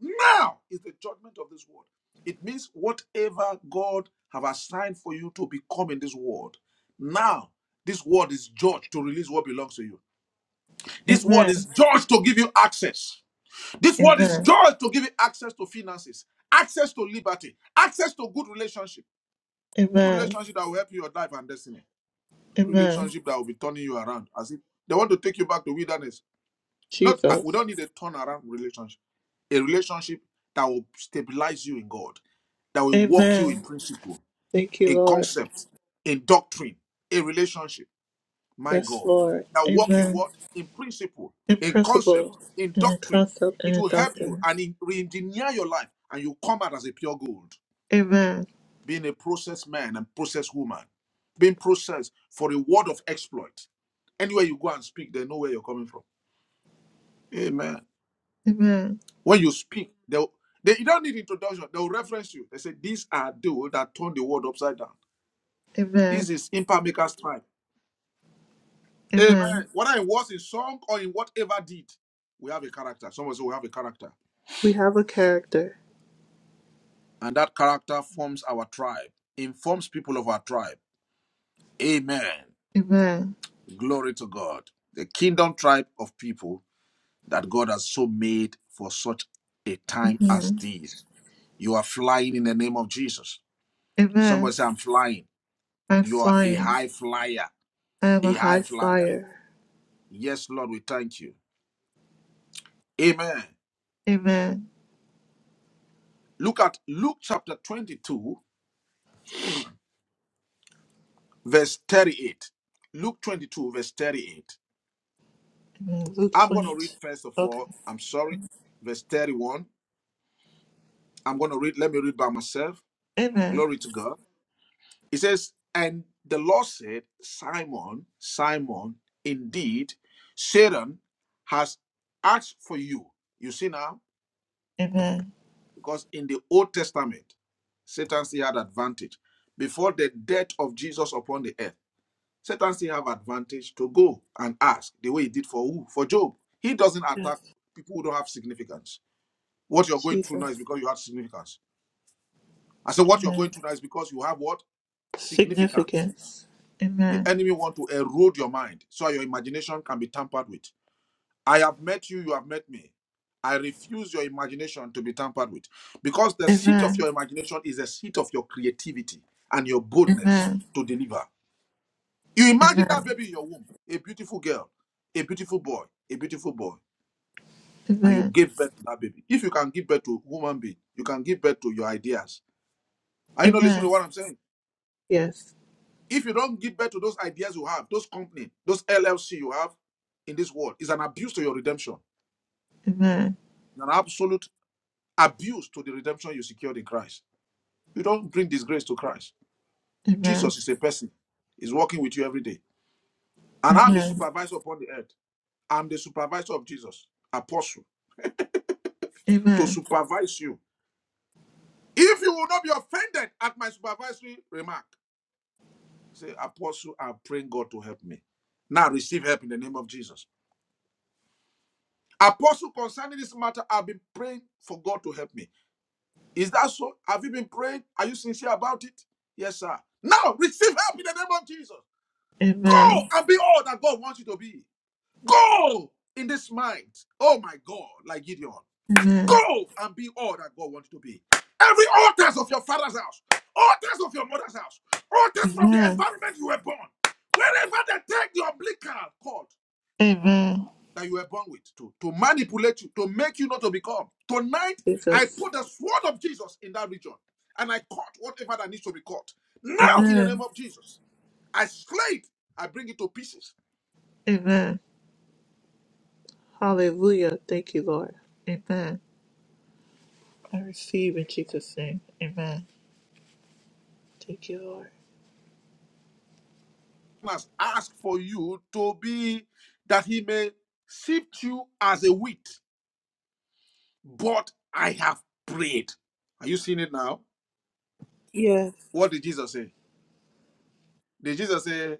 Speaker 1: Now is the judgment of this world. It means whatever God have assigned for you to become in this world, now this world is judged to release what belongs to you. This world is
Speaker 2: Amen.
Speaker 1: judged to give you access. This world is
Speaker 2: Amen.
Speaker 1: judged to give you access to finances, access to liberty, access to good relationship. Good
Speaker 2: Amen.
Speaker 1: relationship that will help you your life and destiny.
Speaker 2: Amen.
Speaker 1: Relationship that will be turning you around. As if they want to take you back to wilderness not uh, we
Speaker 2: Jesus.
Speaker 1: don't need a turnaround relationship. A relationship that will stabilize you in God, that will walk you in
Speaker 2: Amen.
Speaker 1: principle,
Speaker 2: Thank you,
Speaker 1: in
Speaker 2: Lord.
Speaker 1: concept, in doctrine. A relationship, my
Speaker 2: Yes,
Speaker 1: God,
Speaker 2: Lord.
Speaker 1: that will walk you
Speaker 2: Amen.
Speaker 1: what in principle,
Speaker 2: In
Speaker 1: in concept,
Speaker 2: principle,
Speaker 1: in
Speaker 2: in a
Speaker 1: doctrine.
Speaker 2: concept, and
Speaker 1: It
Speaker 2: a
Speaker 1: will help you
Speaker 2: doctrine.
Speaker 1: and in- re-engineer your life, and you come out as a pure gold,
Speaker 2: Amen.
Speaker 1: being a processed man and processed woman, being processed for a word of exploit. Anywhere you go and speak, they know where you're coming from. Amen.
Speaker 2: Amen.
Speaker 1: When you speak, they, will- they you don't need introduction. They will reference you. They say, These are those that turn the world upside down.
Speaker 2: Amen.
Speaker 1: This is impact maker's time. Amen.
Speaker 2: Amen.
Speaker 1: Whether in words, in song, or in whatever did, we have a character. Someone say we have a character.
Speaker 2: We have a character.
Speaker 1: And that character forms our tribe, informs people of our tribe. Amen.
Speaker 2: Amen.
Speaker 1: Glory to God. The kingdom tribe of people that God has so made for such a time as
Speaker 2: Amen.
Speaker 1: this. You are flying in the name of Jesus. Somebody
Speaker 2: Amen.
Speaker 1: say, I'm flying.
Speaker 2: I'm
Speaker 1: You are a
Speaker 2: flying.
Speaker 1: high flyer,
Speaker 2: I am a
Speaker 1: a high
Speaker 2: high
Speaker 1: flyer.
Speaker 2: flyer.
Speaker 1: Yes, Lord, we thank you. Amen.
Speaker 2: Amen.
Speaker 1: Look at Luke chapter 22, verse 38. Luke 22, verse 38.
Speaker 2: Amen. Luke
Speaker 1: I'm going to read
Speaker 2: 22.
Speaker 1: first of
Speaker 2: Okay.
Speaker 1: all, I'm sorry, verse 31. I'm going to read, let me read by myself.
Speaker 2: Amen.
Speaker 1: Glory to God. It says, And the Lord said, Simon, Simon, indeed, Satan has asked for you. You see now?
Speaker 2: Amen.
Speaker 1: Because in the Old Testament, Satan still had advantage. Before the death of Jesus upon the earth, Satan still have advantage to go and ask the way he did for who? For Job. He doesn't attack
Speaker 2: Yes.
Speaker 1: people who don't have significance. What you're going through now is
Speaker 2: Jesus.
Speaker 1: because you have significance. I said what you're
Speaker 2: Amen.
Speaker 1: going through now is because you have what? Significance.
Speaker 2: Significance.
Speaker 1: The
Speaker 2: Amen.
Speaker 1: enemy want to erode your mind so your imagination can be tampered with. I have met you, you have met me. I refuse your imagination to be tampered with because the seat of
Speaker 2: Amen.
Speaker 1: your imagination is the seat of your creativity and your boldness
Speaker 2: Amen.
Speaker 1: to deliver. You imagine that
Speaker 2: Amen.
Speaker 1: baby in your womb, a beautiful girl, a beautiful boy, a beautiful boy, and you
Speaker 2: Amen.
Speaker 1: give birth to that baby. If you can give birth to human being, you can give birth to your ideas. Are you not listening to
Speaker 2: Amen.
Speaker 1: what I'm saying?
Speaker 2: Yes.
Speaker 1: If you don't give birth to those ideas you have, those company, those LLC you have in this world, is an abuse to your redemption.
Speaker 2: Amen.
Speaker 1: It's an absolute abuse to the redemption you secured in Christ. You don't bring disgrace to Christ.
Speaker 2: Amen.
Speaker 1: Jesus is a person, He's working with you every day. And I'm His
Speaker 2: Amen.
Speaker 1: supervisor upon the earth. I'm the supervisor of Jesus, apostle, to
Speaker 2: Amen.
Speaker 1: supervise you. If you will not be offended at my supervisory remark, say, Apostle, I'm praying God to help me. Now receive help in the name of Jesus. Apostle, concerning this matter, I've been praying for God to help me. Is that so? Have you been praying? Are you sincere about it? Yes, sir. Now receive help in the name of Jesus. Go
Speaker 2: Amen.
Speaker 1: and be all that God wants you to be. Go in this mind. Oh my God, like Gideon.
Speaker 2: Amen.
Speaker 1: Go and be all that God wants you to be. Every altars of your father's house, altars of your mother's house, altars from the
Speaker 2: Amen.
Speaker 1: environment you were born, wherever they take the umbilical cord
Speaker 2: Amen.
Speaker 1: that you were born with to, to manipulate you, to make you not to become. Tonight, I
Speaker 2: Jesus.
Speaker 1: put the sword of Jesus in that region and I caught whatever that needs to be caught. Now, in the name
Speaker 2: Amen.
Speaker 1: of Jesus, I slay it, I bring it to pieces.
Speaker 2: Amen. Hallelujah. Thank you, Lord. Amen. I receive in Jesus' name. Amen. Thank you, Lord.
Speaker 1: must ask for you to be that he may sift you as a wheat, but I have prayed. Are you seeing it now?
Speaker 2: Yes.
Speaker 1: What did Jesus say? Did Jesus say,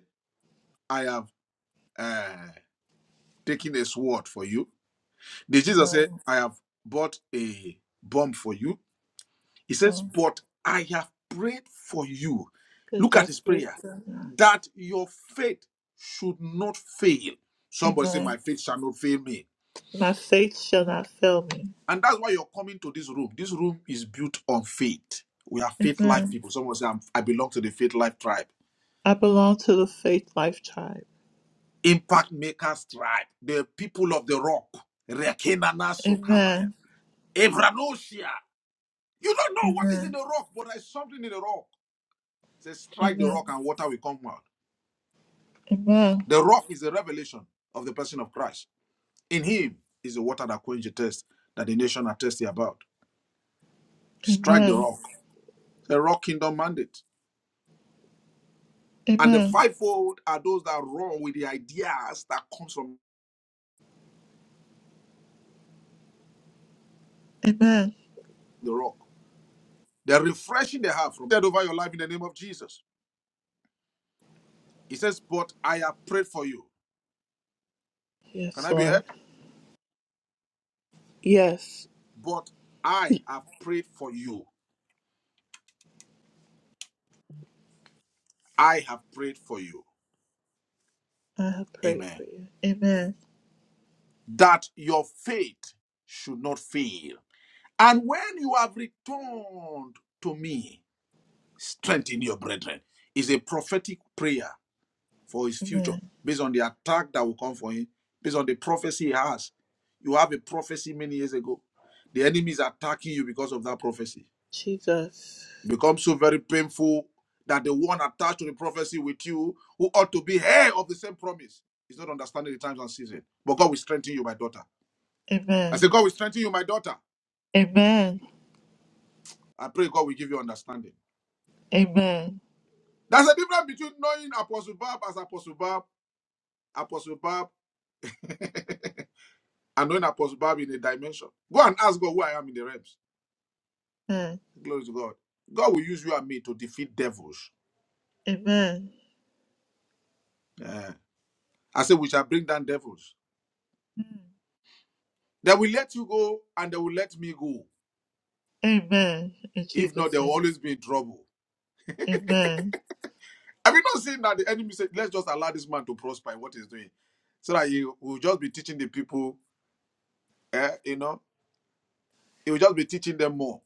Speaker 1: I have uh, taken a sword for you? Did Jesus say,
Speaker 2: No.
Speaker 1: I have bought a bomb for you? He says,
Speaker 2: No.
Speaker 1: But I have prayed for you.
Speaker 2: That
Speaker 1: Look at
Speaker 2: thy
Speaker 1: his
Speaker 2: faith
Speaker 1: prayer
Speaker 2: shall not.
Speaker 1: that your faith should not fail. Somebody say, My
Speaker 2: Amen.
Speaker 1: faith shall not fail me
Speaker 2: My faith shall not fail me.
Speaker 1: And that's why you're coming to this room. This room is built on faith. We are faith life
Speaker 2: Amen.
Speaker 1: people. Someone say, I'm, I belong to the faith life tribe.
Speaker 2: I belong to the Faith Life Tribe.
Speaker 1: Impact makers tribe. The people of the rock. Rekenana Sokabaya.
Speaker 2: Amen.
Speaker 1: Evranosia. You don't know what
Speaker 2: Amen.
Speaker 1: is in the rock, but there's something in the rock. Say, strike the
Speaker 2: Amen.
Speaker 1: rock and water will come out.
Speaker 2: Amen.
Speaker 1: The rock is the revelation of the person of Christ. In him is the water that quenches the thirst that the nation are thirsty about. Strike the
Speaker 2: Amen.
Speaker 1: rock. The rock kingdom mandate. And the
Speaker 2: Amen.
Speaker 1: fivefold are those that run with the ideas that comes from
Speaker 2: Amen.
Speaker 1: the rock. The refreshing they have from dead over your life in the name of Jesus. He says, But I have prayed for you. Can
Speaker 2: Yes,
Speaker 1: I be heard?
Speaker 2: Lord. Yes,
Speaker 1: But
Speaker 2: I
Speaker 1: I have prayed for you. I have prayed for you.
Speaker 2: have prayed
Speaker 1: Amen.
Speaker 2: for you. Amen.
Speaker 1: That your faith should not fail. And when you have returned to me, strengthen your brethren. Is a prophetic prayer for his future,
Speaker 2: Amen.
Speaker 1: based on the attack that will come for him, based on the prophecy he has. You have a prophecy many years ago. The enemy is attacking you because of that prophecy.
Speaker 2: Jesus.
Speaker 1: It becomes so very painful that the one attached to the prophecy with you, who ought to be heir of the same promise, is not understanding the times and season. But God will strengthen you, my daughter. I
Speaker 2: Amen.
Speaker 1: say, God will strengthen you, my daughter.
Speaker 2: Amen.
Speaker 1: I pray God will give you understanding.
Speaker 2: Amen.
Speaker 1: There's a difference between knowing Apostle Bab as Apostle Bab, Apostle Bab. and knowing Apostle Bobby in a dimension. Go and ask God who I am in the realms.
Speaker 2: Amen.
Speaker 1: Glory to God. God will use you and me to defeat devils.
Speaker 2: Amen.
Speaker 1: Eh. I said, we shall bring down devils.
Speaker 2: Mm.
Speaker 1: They will let you go and they will let me go.
Speaker 2: Amen. In
Speaker 1: If not,
Speaker 2: Jesus'
Speaker 1: they will
Speaker 2: name.
Speaker 1: always be in trouble.
Speaker 2: Amen.
Speaker 1: Have you not seen that the enemy said, let's just allow this man to prosper in what he's doing? So that he will just be teaching the people, eh, you know, he will just be teaching them more.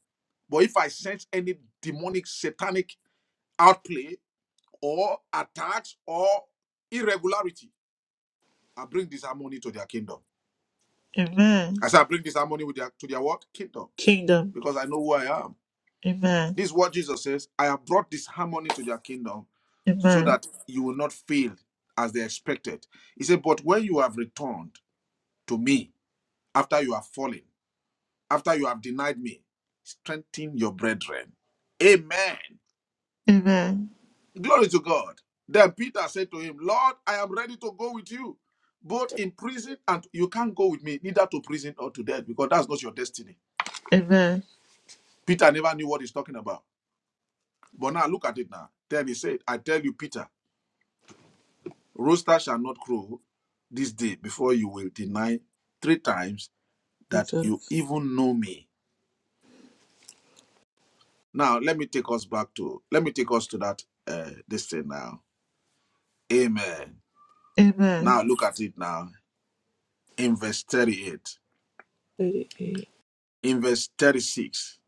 Speaker 1: But if I sense any demonic, satanic outplay or attacks or irregularity, I bring this harmony to their kingdom.
Speaker 2: Amen.
Speaker 1: I said, I bring this harmony with their, to their what? Kingdom.
Speaker 2: Kingdom.
Speaker 1: Because I know who I am.
Speaker 2: Amen.
Speaker 1: This is what Jesus says. I have brought this harmony to their kingdom so
Speaker 2: Amen.
Speaker 1: that you will not fail as they expected. He said, But when you have returned to me after you have fallen, after you have denied me, strengthen your brethren. Amen.
Speaker 2: Amen.
Speaker 1: Glory to God. Then Peter said to him, Lord, I am ready to go with you, both in prison and you can't go with me, neither to prison or to death, because that's not your destiny.
Speaker 2: Amen.
Speaker 1: Peter never knew what he's talking about. But now look at it now. Then he said, I tell you, Peter, rooster shall not crow this day before you will deny three times that you
Speaker 2: Jesus.
Speaker 1: even know me. Now let me take us back to let me take us to that uh this thing now. Amen.
Speaker 2: Amen.
Speaker 1: Now look at it now. In verse 38.
Speaker 2: 38.
Speaker 1: In verse 36.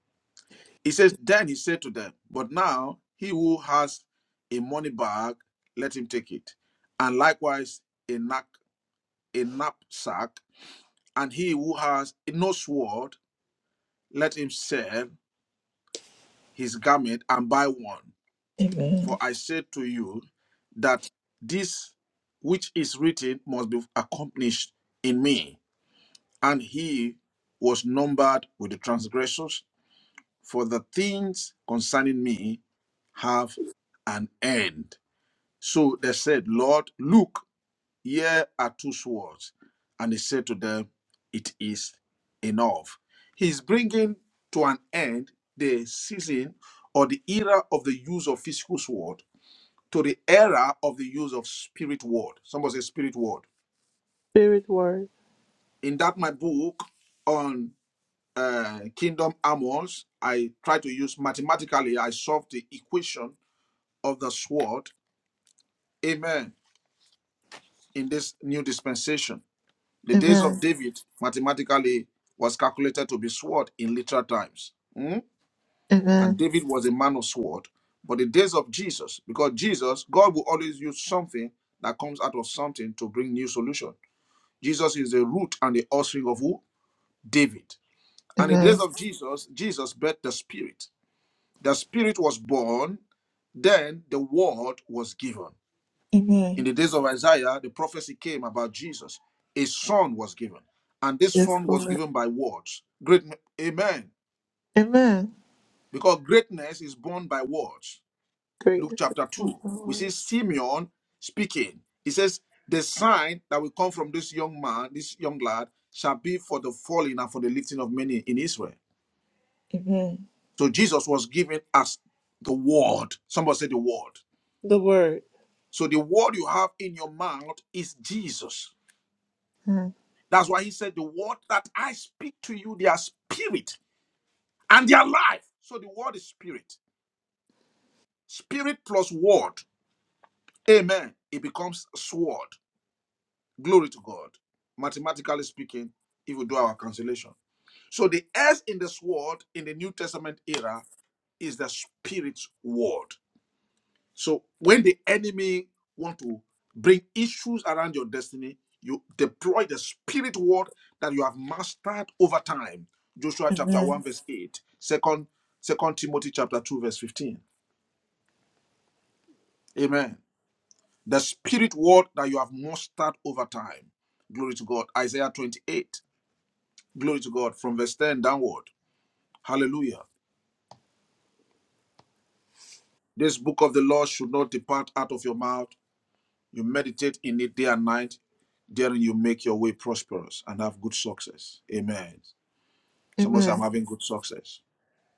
Speaker 1: He says, Then he said to them, But now he who has a money bag, let him take it. And likewise a knack a knapsack, and he who has no sword, let him sell his garment and buy one. For
Speaker 2: Amen.
Speaker 1: I say to you that this which is written must be accomplished in me. And he was numbered with the transgressors, for the things concerning me have an end. So they said, Lord, look, Here are two swords. And he said to them, It is enough. He's bringing to an end the season or the era of the use of physical sword to the era of the use of spirit word. Somebody say spirit word.
Speaker 2: Spirit word.
Speaker 1: In that my book on uh, kingdom armors, I try to use mathematically. I solve the equation of the sword. Amen. In this new dispensation. The days of
Speaker 2: Amen.
Speaker 1: David mathematically was calculated to be sword in literal times. Mm? And
Speaker 2: Amen.
Speaker 1: David was a man of sword. But the days of Jesus, because Jesus, God will always use something that comes out of something to bring new solution. Jesus is the root and the offspring of who? David. And in the days
Speaker 2: Amen.
Speaker 1: of Jesus, Jesus birthed the Spirit. The Spirit was born, then the word was given. In
Speaker 2: Amen.
Speaker 1: the days of Isaiah, the prophecy came about Jesus. A son was given, and this
Speaker 2: Yes,
Speaker 1: son was
Speaker 2: Lord.
Speaker 1: given by words. Great, amen.
Speaker 2: Amen.
Speaker 1: Because greatness is born by words. Luke
Speaker 2: Greatness is the
Speaker 1: chapter
Speaker 2: Lord,
Speaker 1: 2, we see
Speaker 2: word.
Speaker 1: Simeon speaking. He says, The sign that will come from this young man, this young lad, shall be for the falling and for the lifting of many in Israel.
Speaker 2: Amen.
Speaker 1: So Jesus was given as the word. Somebody said the word.
Speaker 2: The word.
Speaker 1: So the word you have in your mouth is Jesus.
Speaker 2: Amen.
Speaker 1: That's why he said, The word that I speak to you, they are spirit and they are life. So the word is spirit. Spirit plus word. Amen. It becomes sword. Glory to God. Mathematically speaking, if we do our cancellation. So the S in the sword in the New Testament era is the spirit's word. So when the enemy want to bring issues around your destiny, you deploy the spirit word that you have mastered over time. Joshua chapter 1
Speaker 2: Amen.
Speaker 1: verse 8, second, second Timothy chapter 2 verse 15. Amen. The spirit word that you have mastered over time. Glory to God. Isaiah 28. Glory to God from verse 10 downward. Hallelujah. This book of the law should not depart out of your mouth. You meditate in it day and night Therein you make your way prosperous and have good success. Amen. Somebody say, I'm
Speaker 2: Amen.
Speaker 1: having good success.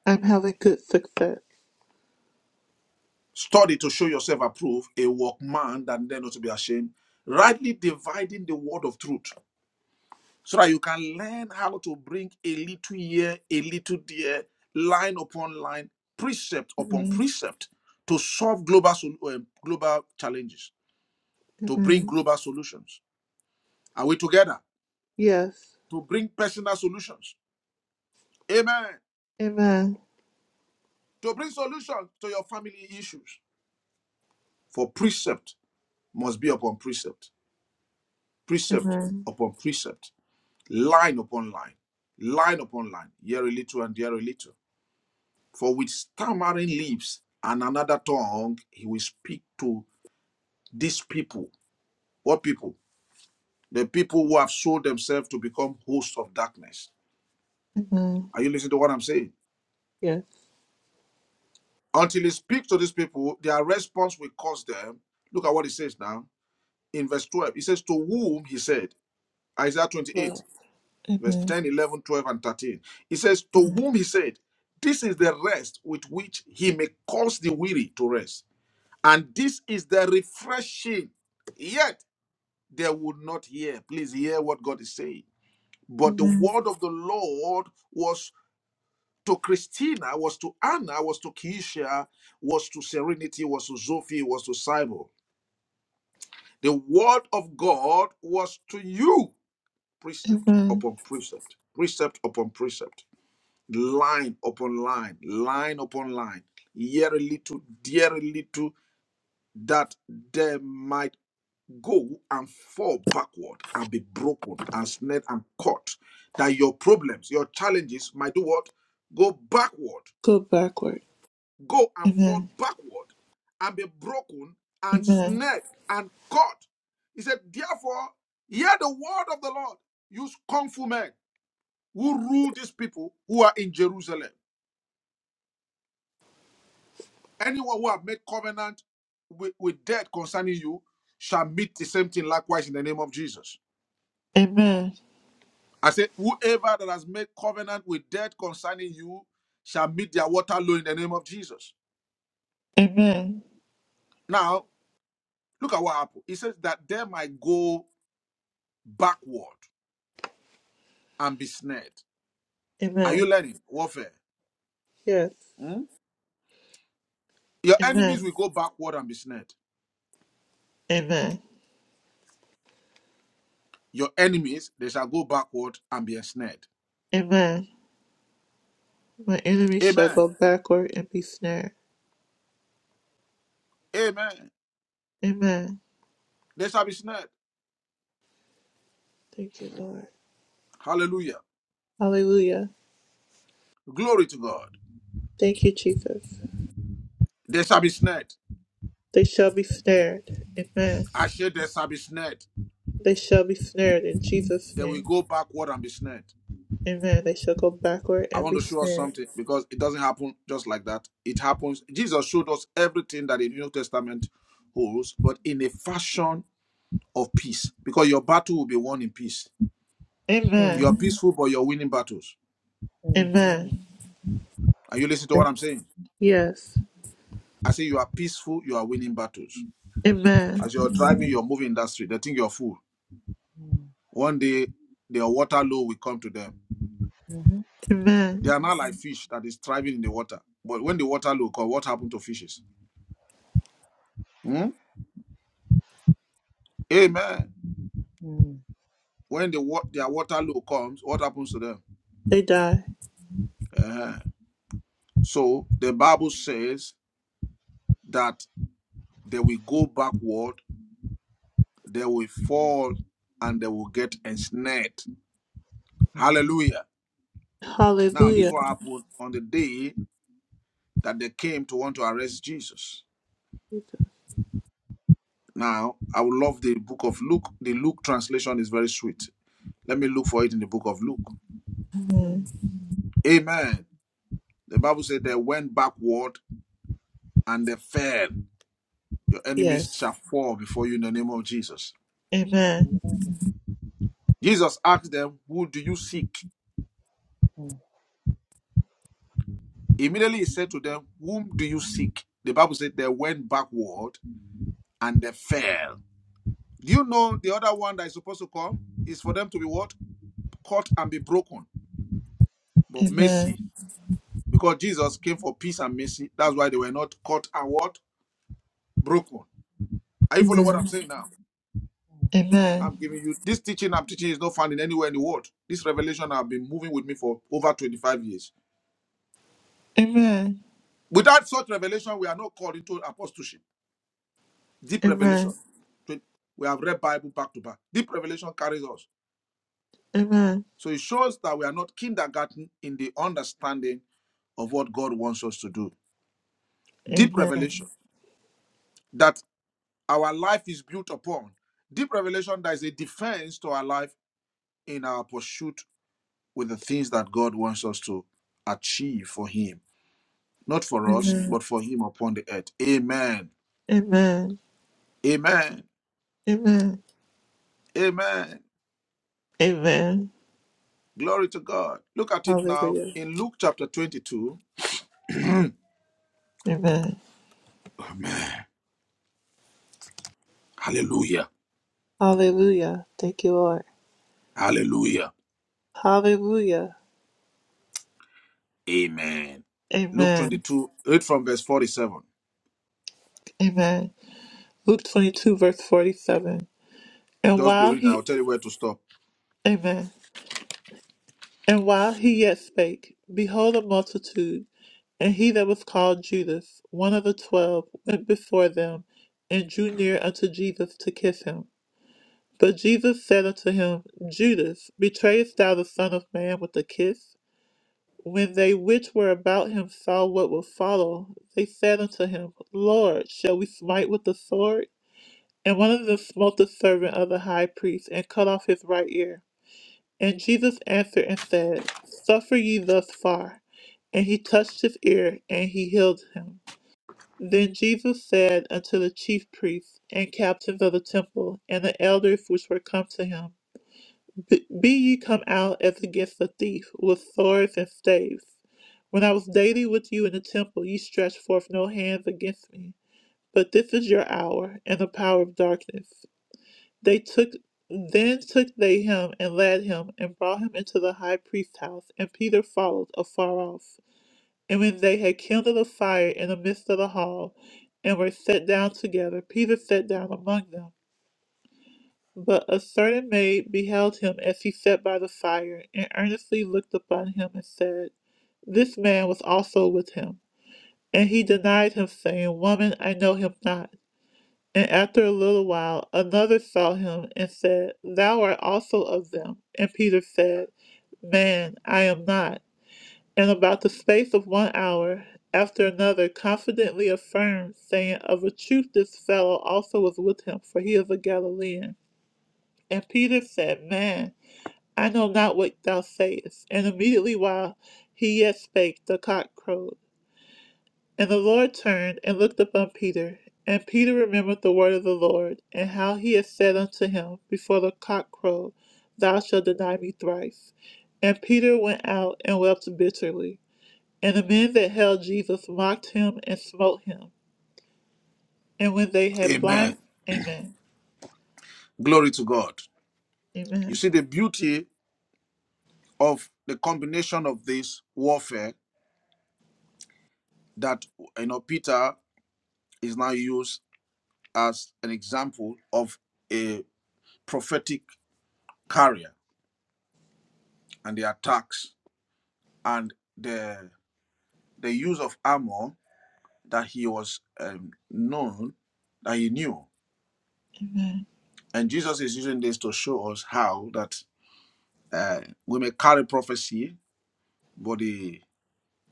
Speaker 2: I'm having good success.
Speaker 1: Study to show yourself approved, a workman that then not to be ashamed, rightly dividing the word of truth, so that you can learn how to bring a little here, a little there, line upon line, precept upon
Speaker 2: Amen.
Speaker 1: precept, to solve global sol- um, global challenges, to bring
Speaker 2: Amen.
Speaker 1: global solutions. Are we together?
Speaker 2: Yes.
Speaker 1: To bring personal solutions. Amen.
Speaker 2: Amen.
Speaker 1: To bring solutions to your family issues For precept must be upon precept, precept
Speaker 2: Amen.
Speaker 1: upon precept, line upon line, line upon line, here a little and there a little. For with stammering lips and another tongue, he will speak to these people. What people? The people who have sold themselves to become hosts of darkness.
Speaker 2: Amen.
Speaker 1: Are you listening to what I'm saying?
Speaker 2: Yes.
Speaker 1: Until he speaks to these people, their response will cause them. Look at what he says now in verse 12. He says, To whom he said, Isaiah 28.
Speaker 2: Well,
Speaker 1: verse
Speaker 2: Amen.
Speaker 1: 10, 11, 12, and 13. He says, To whom he said, This is the rest with which he may cause the weary to rest. And this is the refreshing. Yet they would not hear. Please hear what God is saying. But the
Speaker 2: Amen.
Speaker 1: word of the Lord was to Christina, was to Anna, was to Keisha, was to Serenity, was to Sophie, was to Cybo. The word of God was to you, precept
Speaker 2: Amen.
Speaker 1: upon precept, precept upon precept. line upon line, line upon line, year a little, dear a little, that they might go and fall backward and be broken and snared and caught. That your problems, your challenges might do what? Go backward,
Speaker 2: go backward.
Speaker 1: go and fall
Speaker 2: Amen.
Speaker 1: backward and be broken and
Speaker 2: Amen.
Speaker 1: snared and caught. He said, Therefore, hear the word of the Lord, you scornful men who rule these people who are in Jerusalem. Anyone who have made covenant with, with death concerning you shall meet the same thing likewise in the name of Jesus.
Speaker 2: Amen.
Speaker 1: I said, whoever that has made covenant with death concerning you shall meet their water low in the name of Jesus.
Speaker 2: Amen.
Speaker 1: Now, look at what happened. He says that they might go backward and be snared. Are
Speaker 2: Amen.
Speaker 1: you learning warfare?
Speaker 2: Yes.
Speaker 1: Hmm? Your enemies
Speaker 2: Amen.
Speaker 1: will go backward and be snared.
Speaker 2: Amen.
Speaker 1: Your enemies, they shall go backward and be ensnared.
Speaker 2: Amen. My enemy shall
Speaker 1: Amen.
Speaker 2: go backward and be snared.
Speaker 1: Amen.
Speaker 2: Amen.
Speaker 1: They shall be snared.
Speaker 2: Thank you, Lord.
Speaker 1: Hallelujah.
Speaker 2: Hallelujah.
Speaker 1: Glory to God.
Speaker 2: Thank you, Jesus.
Speaker 1: They shall be snared.
Speaker 2: They shall be snared. Amen.
Speaker 1: I said they shall be snared.
Speaker 2: They shall be snared in Jesus'
Speaker 1: They will
Speaker 2: name.
Speaker 1: go backward and be snared.
Speaker 2: Amen. They shall go backward
Speaker 1: I
Speaker 2: and
Speaker 1: want
Speaker 2: be
Speaker 1: to show us
Speaker 2: snared.
Speaker 1: something because it doesn't happen just like that. It happens. Jesus showed us everything that the New Testament holds, but in a fashion of peace. Because your battle will be won in peace. You are
Speaker 2: Amen.
Speaker 4: Amen.
Speaker 1: peaceful, but you're winning battles.
Speaker 2: Amen.
Speaker 4: Amen.
Speaker 1: Are you listening to what I'm saying?
Speaker 2: Yes.
Speaker 1: I say you are peaceful, you are winning battles.
Speaker 2: Amen.
Speaker 1: As you're driving,
Speaker 4: Amen.
Speaker 1: you're moving in that street. They think you're a fool.
Speaker 4: Mm-hmm.
Speaker 1: One day, their water low will come to them
Speaker 4: Amen.
Speaker 1: They
Speaker 2: Amen.
Speaker 1: are not like fish that is thriving in the water. But when the water low comes, what happened to fishes? Hmm? Amen.
Speaker 4: Amen.
Speaker 1: When the wa- their water low comes, what happens to them?
Speaker 2: They die.
Speaker 1: Eh. So the Bible says that they will go backward, they will fall, and they will get ensnared.
Speaker 4: Amen.
Speaker 1: Hallelujah. Now, this is
Speaker 2: Hallelujah.
Speaker 1: what happened on the day that they came to want to arrest Jesus. Now, I would love the book of Luke. The Luke translation is very sweet. Let me look for it in the book of Luke.
Speaker 2: Amen.
Speaker 1: Amen. The Bible said they went backward and they fell. Your enemies
Speaker 2: Yes.
Speaker 1: shall fall before you in the name of Jesus.
Speaker 2: Amen.
Speaker 4: Amen.
Speaker 1: Jesus asked them, Who do you seek?
Speaker 4: Mm.
Speaker 1: Immediately he said to them, Whom do you seek? The Bible said they went backward and they fell. Do you know the other one that is supposed to come is for them to be what? Caught and be broken. But
Speaker 2: Amen.
Speaker 1: mercy, because Jesus came for peace and mercy, that's why they were not caught and what? Broken. Are you following what I'm
Speaker 2: Amen.
Speaker 1: saying now?
Speaker 2: Amen.
Speaker 1: I'm giving you this teaching I'm teaching is not found in anywhere in the world. This revelation have been moving with me for over 25 years.
Speaker 2: Amen.
Speaker 1: Without such revelation, we are not called into apostleship. Deep revelation.
Speaker 2: Amen.
Speaker 1: Twen- We have read Bible back to back. Deep revelation carries us.
Speaker 2: Amen.
Speaker 1: So it shows that we are not kindergarten in the understanding of what God wants us to do. Deep
Speaker 2: Amen.
Speaker 1: revelation that our life is built upon. Deep revelation that is a defense to our life in our pursuit with the things that God wants us to achieve for Him not for us,
Speaker 2: Amen.
Speaker 1: but for him upon the earth. Amen.
Speaker 2: Amen.
Speaker 1: Amen.
Speaker 2: Amen.
Speaker 1: Amen.
Speaker 2: Amen.
Speaker 1: Glory to God. Look at it now
Speaker 2: Hallelujah.
Speaker 1: in Luke chapter 22.
Speaker 2: Amen.
Speaker 1: Amen. Hallelujah.
Speaker 2: Hallelujah. Thank you, Lord.
Speaker 1: Hallelujah.
Speaker 2: Hallelujah.
Speaker 1: Amen. Luke
Speaker 2: Amen.
Speaker 1: 22, read from verse 47.
Speaker 2: Amen. Luke 22, verse 47. And
Speaker 1: Just be
Speaker 2: while
Speaker 1: reading. I'll
Speaker 2: he,
Speaker 1: tell you where to stop.
Speaker 2: amen. And while he yet spake, behold, a multitude, and he that was called Judas, one of the twelve, went before them, and drew near unto Jesus to kiss him. But Jesus said unto him, Judas, betrayest thou the Son of Man with a kiss? When they which were about him saw what would follow, they said unto him, Lord, shall we smite with the sword? And one of them smote the servant of the high priest, and cut off his right ear. And Jesus answered and said, Suffer ye thus far. And he touched his ear, and he healed him. Then Jesus said unto the chief priests and captains of the temple, and the elders which were come to him, Be be ye come out as against a thief, with swords and staves. When I was daily with you in the temple, ye stretched forth no hands against me. But this is your hour and the power of darkness. They took then took they him and led him and brought him into the high priest's house, and Peter followed afar off. And when they had kindled a fire in the midst of the hall, and were set down together, Peter sat down among them. But a certain maid beheld him as he sat by the fire, and earnestly looked upon him and said, This man was also with him And he denied him, saying, Woman, I know him not. And after a little while, another saw him and said, Thou art also of them. And Peter said, Man, I am not. And about the space of one hour, after another, confidently affirmed, saying, Of a truth, this fellow also was with him, for he is a Galilean. And Peter said, Man, I know not what thou sayest. And immediately while he yet spake, the cock crowed. And the Lord turned and looked upon Peter. And Peter remembered the word of the Lord, and how he had said unto him, Before the cock crow, thou shalt deny me thrice. And Peter went out and wept bitterly. And the men that held Jesus mocked him and smote him. And when they had blind,
Speaker 1: Amen.
Speaker 2: Amen.
Speaker 1: Glory to God. You
Speaker 2: Amen.
Speaker 1: see the beauty of the combination of this warfare that, you know, Peter is now used as an example of a prophetic carrier and the attacks and the the use of armor that he was um, known that he knew
Speaker 2: Amen.
Speaker 1: and jesus is using this to show us how that uh, we may carry prophecy but the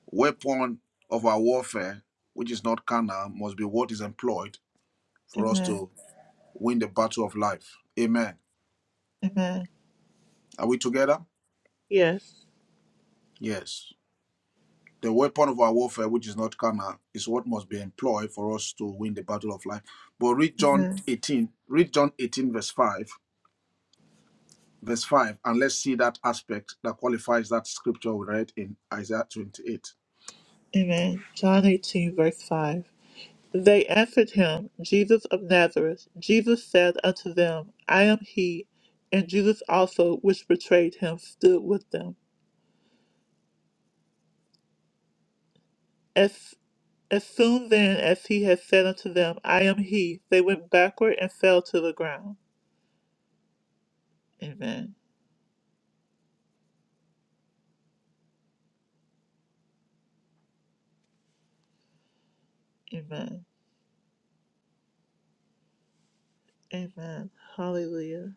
Speaker 1: weapon of our warfare which is not carnal must be what is employed for us
Speaker 2: Amen.
Speaker 1: to win the battle of life amen
Speaker 2: Amen.
Speaker 1: are we together
Speaker 2: Yes.
Speaker 1: yes The weapon of our warfare, which is not carnal, is what must be employed for us to win the battle of life. But read John
Speaker 2: Amen.
Speaker 1: 18, read John 18, verse 5, verse 5, and let's see that aspect that qualifies that scripture we read in Isaiah 28.
Speaker 2: Amen. John 18, verse 5. They answered him, Jesus of Nazareth. Jesus said unto them, I am he. And Judas also, which betrayed him, stood with them. As, as soon then as he had said unto them, I am he, they went backward and fell to the ground. Amen. Amen. Amen. Hallelujah.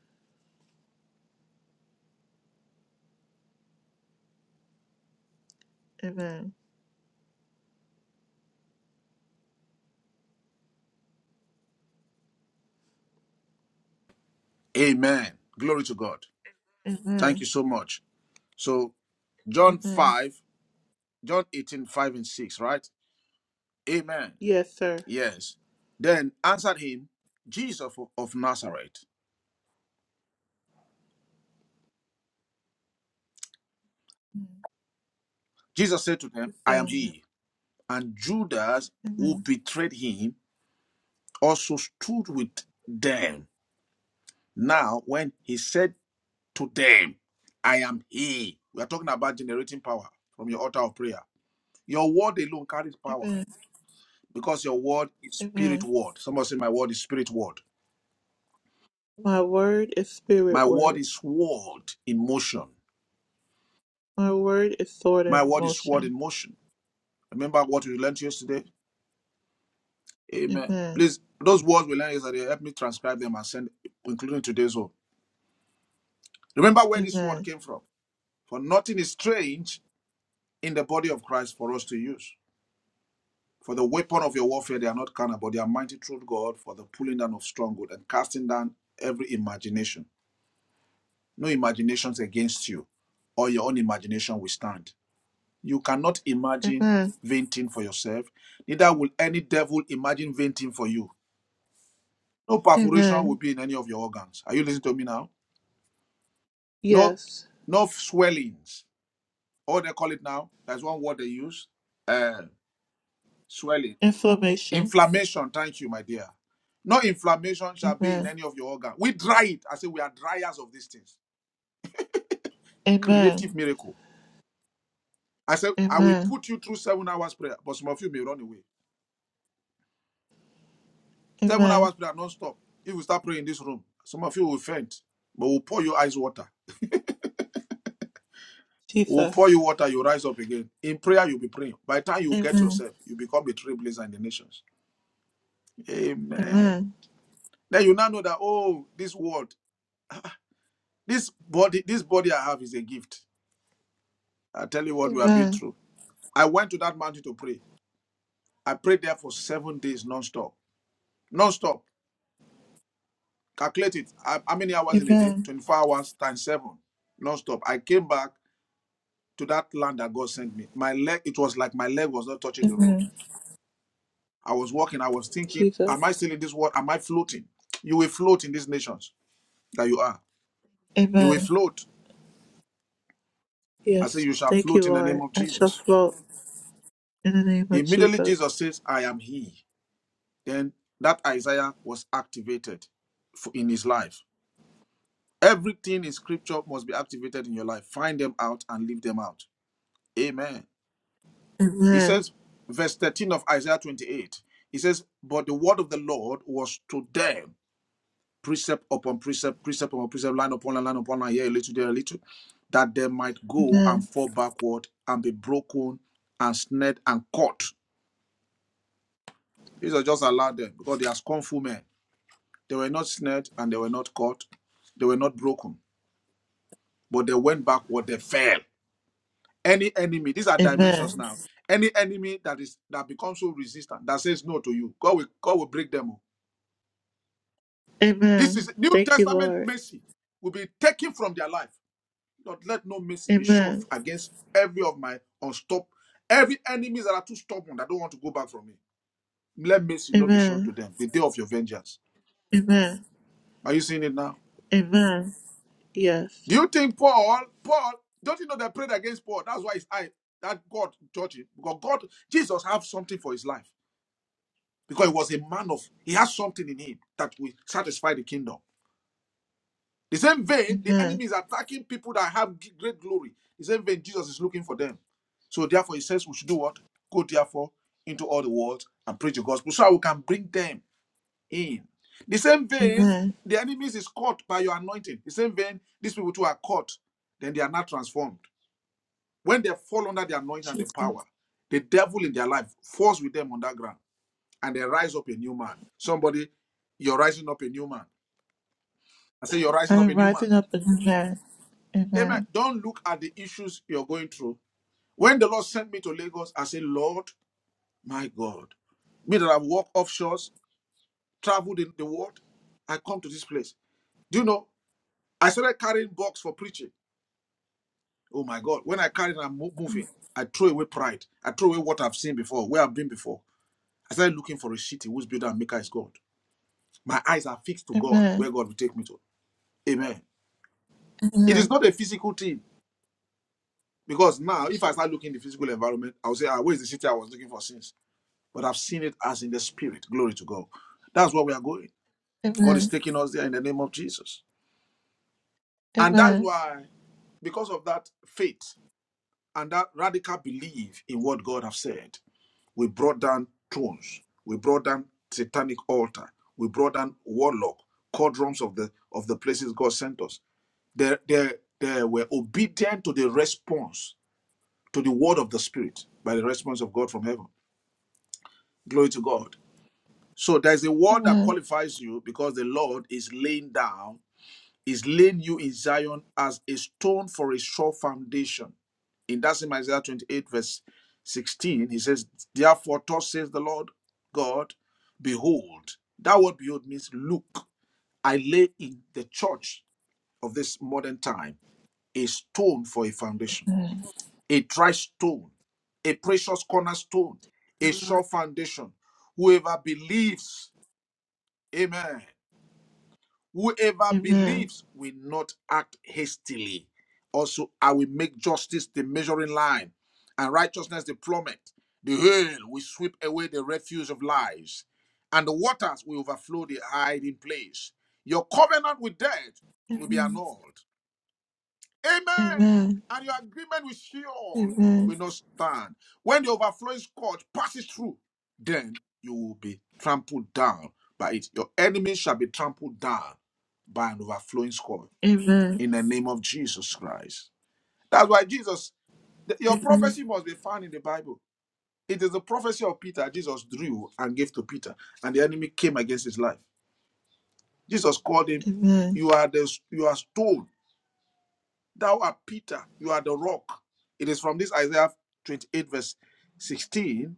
Speaker 2: Amen.
Speaker 1: Amen. Glory to God. Thank
Speaker 2: Amen.
Speaker 1: you so much. So John
Speaker 2: Amen.
Speaker 1: 5, John 18, 5 and 6, right? Amen.
Speaker 2: Yes, sir.
Speaker 1: Yes. Then answered him, Jesus of Nazareth.
Speaker 2: Amen.
Speaker 1: Jesus said to them,
Speaker 2: The
Speaker 1: I am
Speaker 2: sound went
Speaker 1: he and Judas,
Speaker 2: out.
Speaker 1: who
Speaker 2: Amen.
Speaker 1: betrayed him, also stood with them. Now, when he said to them, I am he, we are talking about generating power from your altar of prayer. Your word alone carries power
Speaker 2: Amen.
Speaker 1: because your word is spirit
Speaker 2: Amen.
Speaker 1: word. Somebody say, My word is spirit word.
Speaker 2: My word is
Speaker 1: My
Speaker 2: spirit
Speaker 1: word
Speaker 2: word.
Speaker 1: is word in motion.
Speaker 2: My word is sword
Speaker 1: My
Speaker 2: in
Speaker 1: word is word
Speaker 2: motion.
Speaker 1: in motion. Remember what we learned yesterday? Amen.
Speaker 2: Amen.
Speaker 1: Please, those words we learned yesterday, help me transcribe them and send, including today's one. Remember where this word
Speaker 2: Amen.
Speaker 1: came from. For nothing is strange in the body of Christ for us to use. For the weapon of your warfare, they are not carnal, but they are mighty through God for the pulling down of stronghold and casting down every imagination. No imaginations against you, or your own imagination will stand. You cannot imagine
Speaker 2: Amen.
Speaker 1: vain thing for yourself, neither will any devil imagine vain thing for you. No perforation will
Speaker 2: Amen.
Speaker 1: be in any of your organs. Are you listening to me now? No,
Speaker 2: Yes.
Speaker 1: no swellings. Oh, they call it now. That's one word they use. Uh, swelling
Speaker 2: Inflammation.
Speaker 1: Inflammation, thank you, my dear. No inflammation shall be in
Speaker 2: Amen.
Speaker 1: any of your organ. We dry it. I say we are dryers of these things. Creative
Speaker 2: Amen.
Speaker 1: miracle. I said, I will
Speaker 2: Amen.
Speaker 1: put you through seven hours prayer, but some of you may run away. Seven
Speaker 2: Amen.
Speaker 1: hours prayer non-stop. If you start praying in this room, some of you will faint, but we'll pour you ice water. We'll pour
Speaker 2: Jesus.
Speaker 1: you water, you rise up again. In prayer, you'll be praying. By the time you get
Speaker 2: Amen.
Speaker 1: yourself, you become a trailblazer in the nations. Amen.
Speaker 2: Amen.
Speaker 1: Then you now know that, oh, this world, this body, this body I have is a gift. I tell you what we have been
Speaker 2: Amen.
Speaker 1: through. I went to that mountain to pray. I prayed there for seven days non-stop. Non-stop. Calculate it. How how many hours in a day?
Speaker 2: Amen.
Speaker 1: 24 hours times seven. Non-stop. I came back to that land that God sent me. My leg, it was like my leg was not touching the road.
Speaker 2: Amen.
Speaker 1: I was walking. I was thinking,
Speaker 2: Jesus.
Speaker 1: am I still in this world? Am I floating? You will float in these nations that you are. You will
Speaker 2: Amen.
Speaker 1: float. I say
Speaker 2: Yes.
Speaker 1: you shall
Speaker 2: Thank
Speaker 1: float
Speaker 2: you,
Speaker 1: in the name
Speaker 2: Lord.
Speaker 1: of
Speaker 2: I shall
Speaker 1: Jesus.
Speaker 2: float in the name of
Speaker 1: Immediately
Speaker 2: Jesus.
Speaker 1: Jesus says, I am he. Then that Isaiah was activated for- in his life. Everything in scripture must be activated in your life. Find them out and leave them out. Amen. It
Speaker 2: Amen.
Speaker 1: says, verse 13 of Isaiah 28, it says, But the word of the Lord was to them, precept upon precept, precept upon precept, line upon line, line upon line, here a little, there a little, that they might go and
Speaker 2: Amen.
Speaker 1: fall backward and be broken and snared and caught. Jesus just allowed them because they are scornful men. They were not snared and they were not caught. They were not broken, but they went backward, they fell. any enemy these are dimensions
Speaker 2: Amen.
Speaker 1: now any enemy that is that becomes so resistant that says no to you god will god will break them all this
Speaker 2: Amen.
Speaker 1: is new
Speaker 2: Thank you,
Speaker 1: testament
Speaker 2: Lord.
Speaker 1: mercy will be taken from their life Lord, let no mercy be shown
Speaker 2: Amen.
Speaker 1: against every of my unstop every enemies that are too stubborn that don't want to go back from me let mercy not be shown to
Speaker 2: Amen.
Speaker 1: them the day of your vengeance
Speaker 2: Amen.
Speaker 1: are you seeing it now
Speaker 2: Amen. Yes.
Speaker 1: do you think paul paul don't you know they prayed against paul that's why his eye that god judged him because god jesus have something for his life because he was a man of he has something in him that will satisfy the kingdom. The same vein, the
Speaker 2: Amen.
Speaker 1: enemy is attacking people that have g- great glory. The same vein, Jesus is looking for them. So therefore, he says we should do what? Go therefore into all the world and preach the gospel so that we can bring them in. The same vein,
Speaker 2: Amen.
Speaker 1: the enemies is caught by your anointing. The same vein, these people too are caught, then they are not transformed. When they fall under the anointing and the
Speaker 2: Jesus.
Speaker 1: power, the devil in their life falls with them on that ground and they rise up a new man. Somebody, you're rising up a new man. I say, you're
Speaker 2: I
Speaker 1: rising up
Speaker 2: am
Speaker 1: a new man.
Speaker 2: rising up in Amen.
Speaker 1: Amen.
Speaker 2: Amen.
Speaker 1: Don't look at the issues you're going through. When the Lord sent me to Lagos, I said, Lord, my God, me that I've walked offshores, traveled in the world, I come to this place. Do you know? I started carrying box for preaching. Oh my God. When I carry it, I'm moving. I throw away pride. I throw away what I've seen before, where I've been before. I started looking for a city whose builder and maker is God. My eyes are fixed to God, where
Speaker 2: Amen.
Speaker 1: God will take me to. Amen. It is
Speaker 2: Amen.
Speaker 1: not a physical thing because now, if I
Speaker 2: Jesus.
Speaker 1: start looking the physical environment, I'll say, ah, where is the city I was looking for since? But I've seen it as in the spirit. Glory to God. That's where we are going. God is
Speaker 2: Amen.
Speaker 1: taking us there in the name of Jesus. And that's
Speaker 2: Amen.
Speaker 1: why, because of that faith and that radical belief in what God has said, we brought down thrones, we brought down satanic altar, we brought down warlock, cauldrons of the of the places God sent us. They, they, they were obedient to the response to the word of the Spirit by the response of God from heaven. Glory to God. So there's a word that
Speaker 2: Amen.
Speaker 1: qualifies you because the Lord is laying down, is laying you in Zion as a stone for a sure foundation. In that same Isaiah 28, verse 16, he says, Therefore, thus says the Lord God, behold, that word behold means look, I lay in the church of this modern time a stone for a foundation
Speaker 2: Amen.
Speaker 1: a dry stone, a precious cornerstone, a sure foundation. Whoever believes, amen. Whoever
Speaker 2: Amen.
Speaker 1: believes will not act hastily. Also, I will make justice the measuring line and righteousness the plummet. The hail will sweep away the refuse of lies, and the waters will overflow the hiding place. Your covenant with death will be
Speaker 2: Amen.
Speaker 1: annulled, Amen.
Speaker 2: Amen.
Speaker 1: And your agreement with Sheol
Speaker 2: Amen.
Speaker 1: will not stand. When the overflowing scourge passes through, then you will be trampled down by it. Your enemies shall be trampled down by an overflowing scourge
Speaker 2: Amen.
Speaker 1: in the name of Jesus Christ. That's why Jesus, th- your prophecy must be found in the Bible. It is the prophecy of Peter Jesus drew and gave to Peter, and the enemy came against his life. Jesus called him,
Speaker 2: Amen.
Speaker 1: You are the you are stone Thou art Peter, you are the rock. It is from this Isaiah 28, verse 16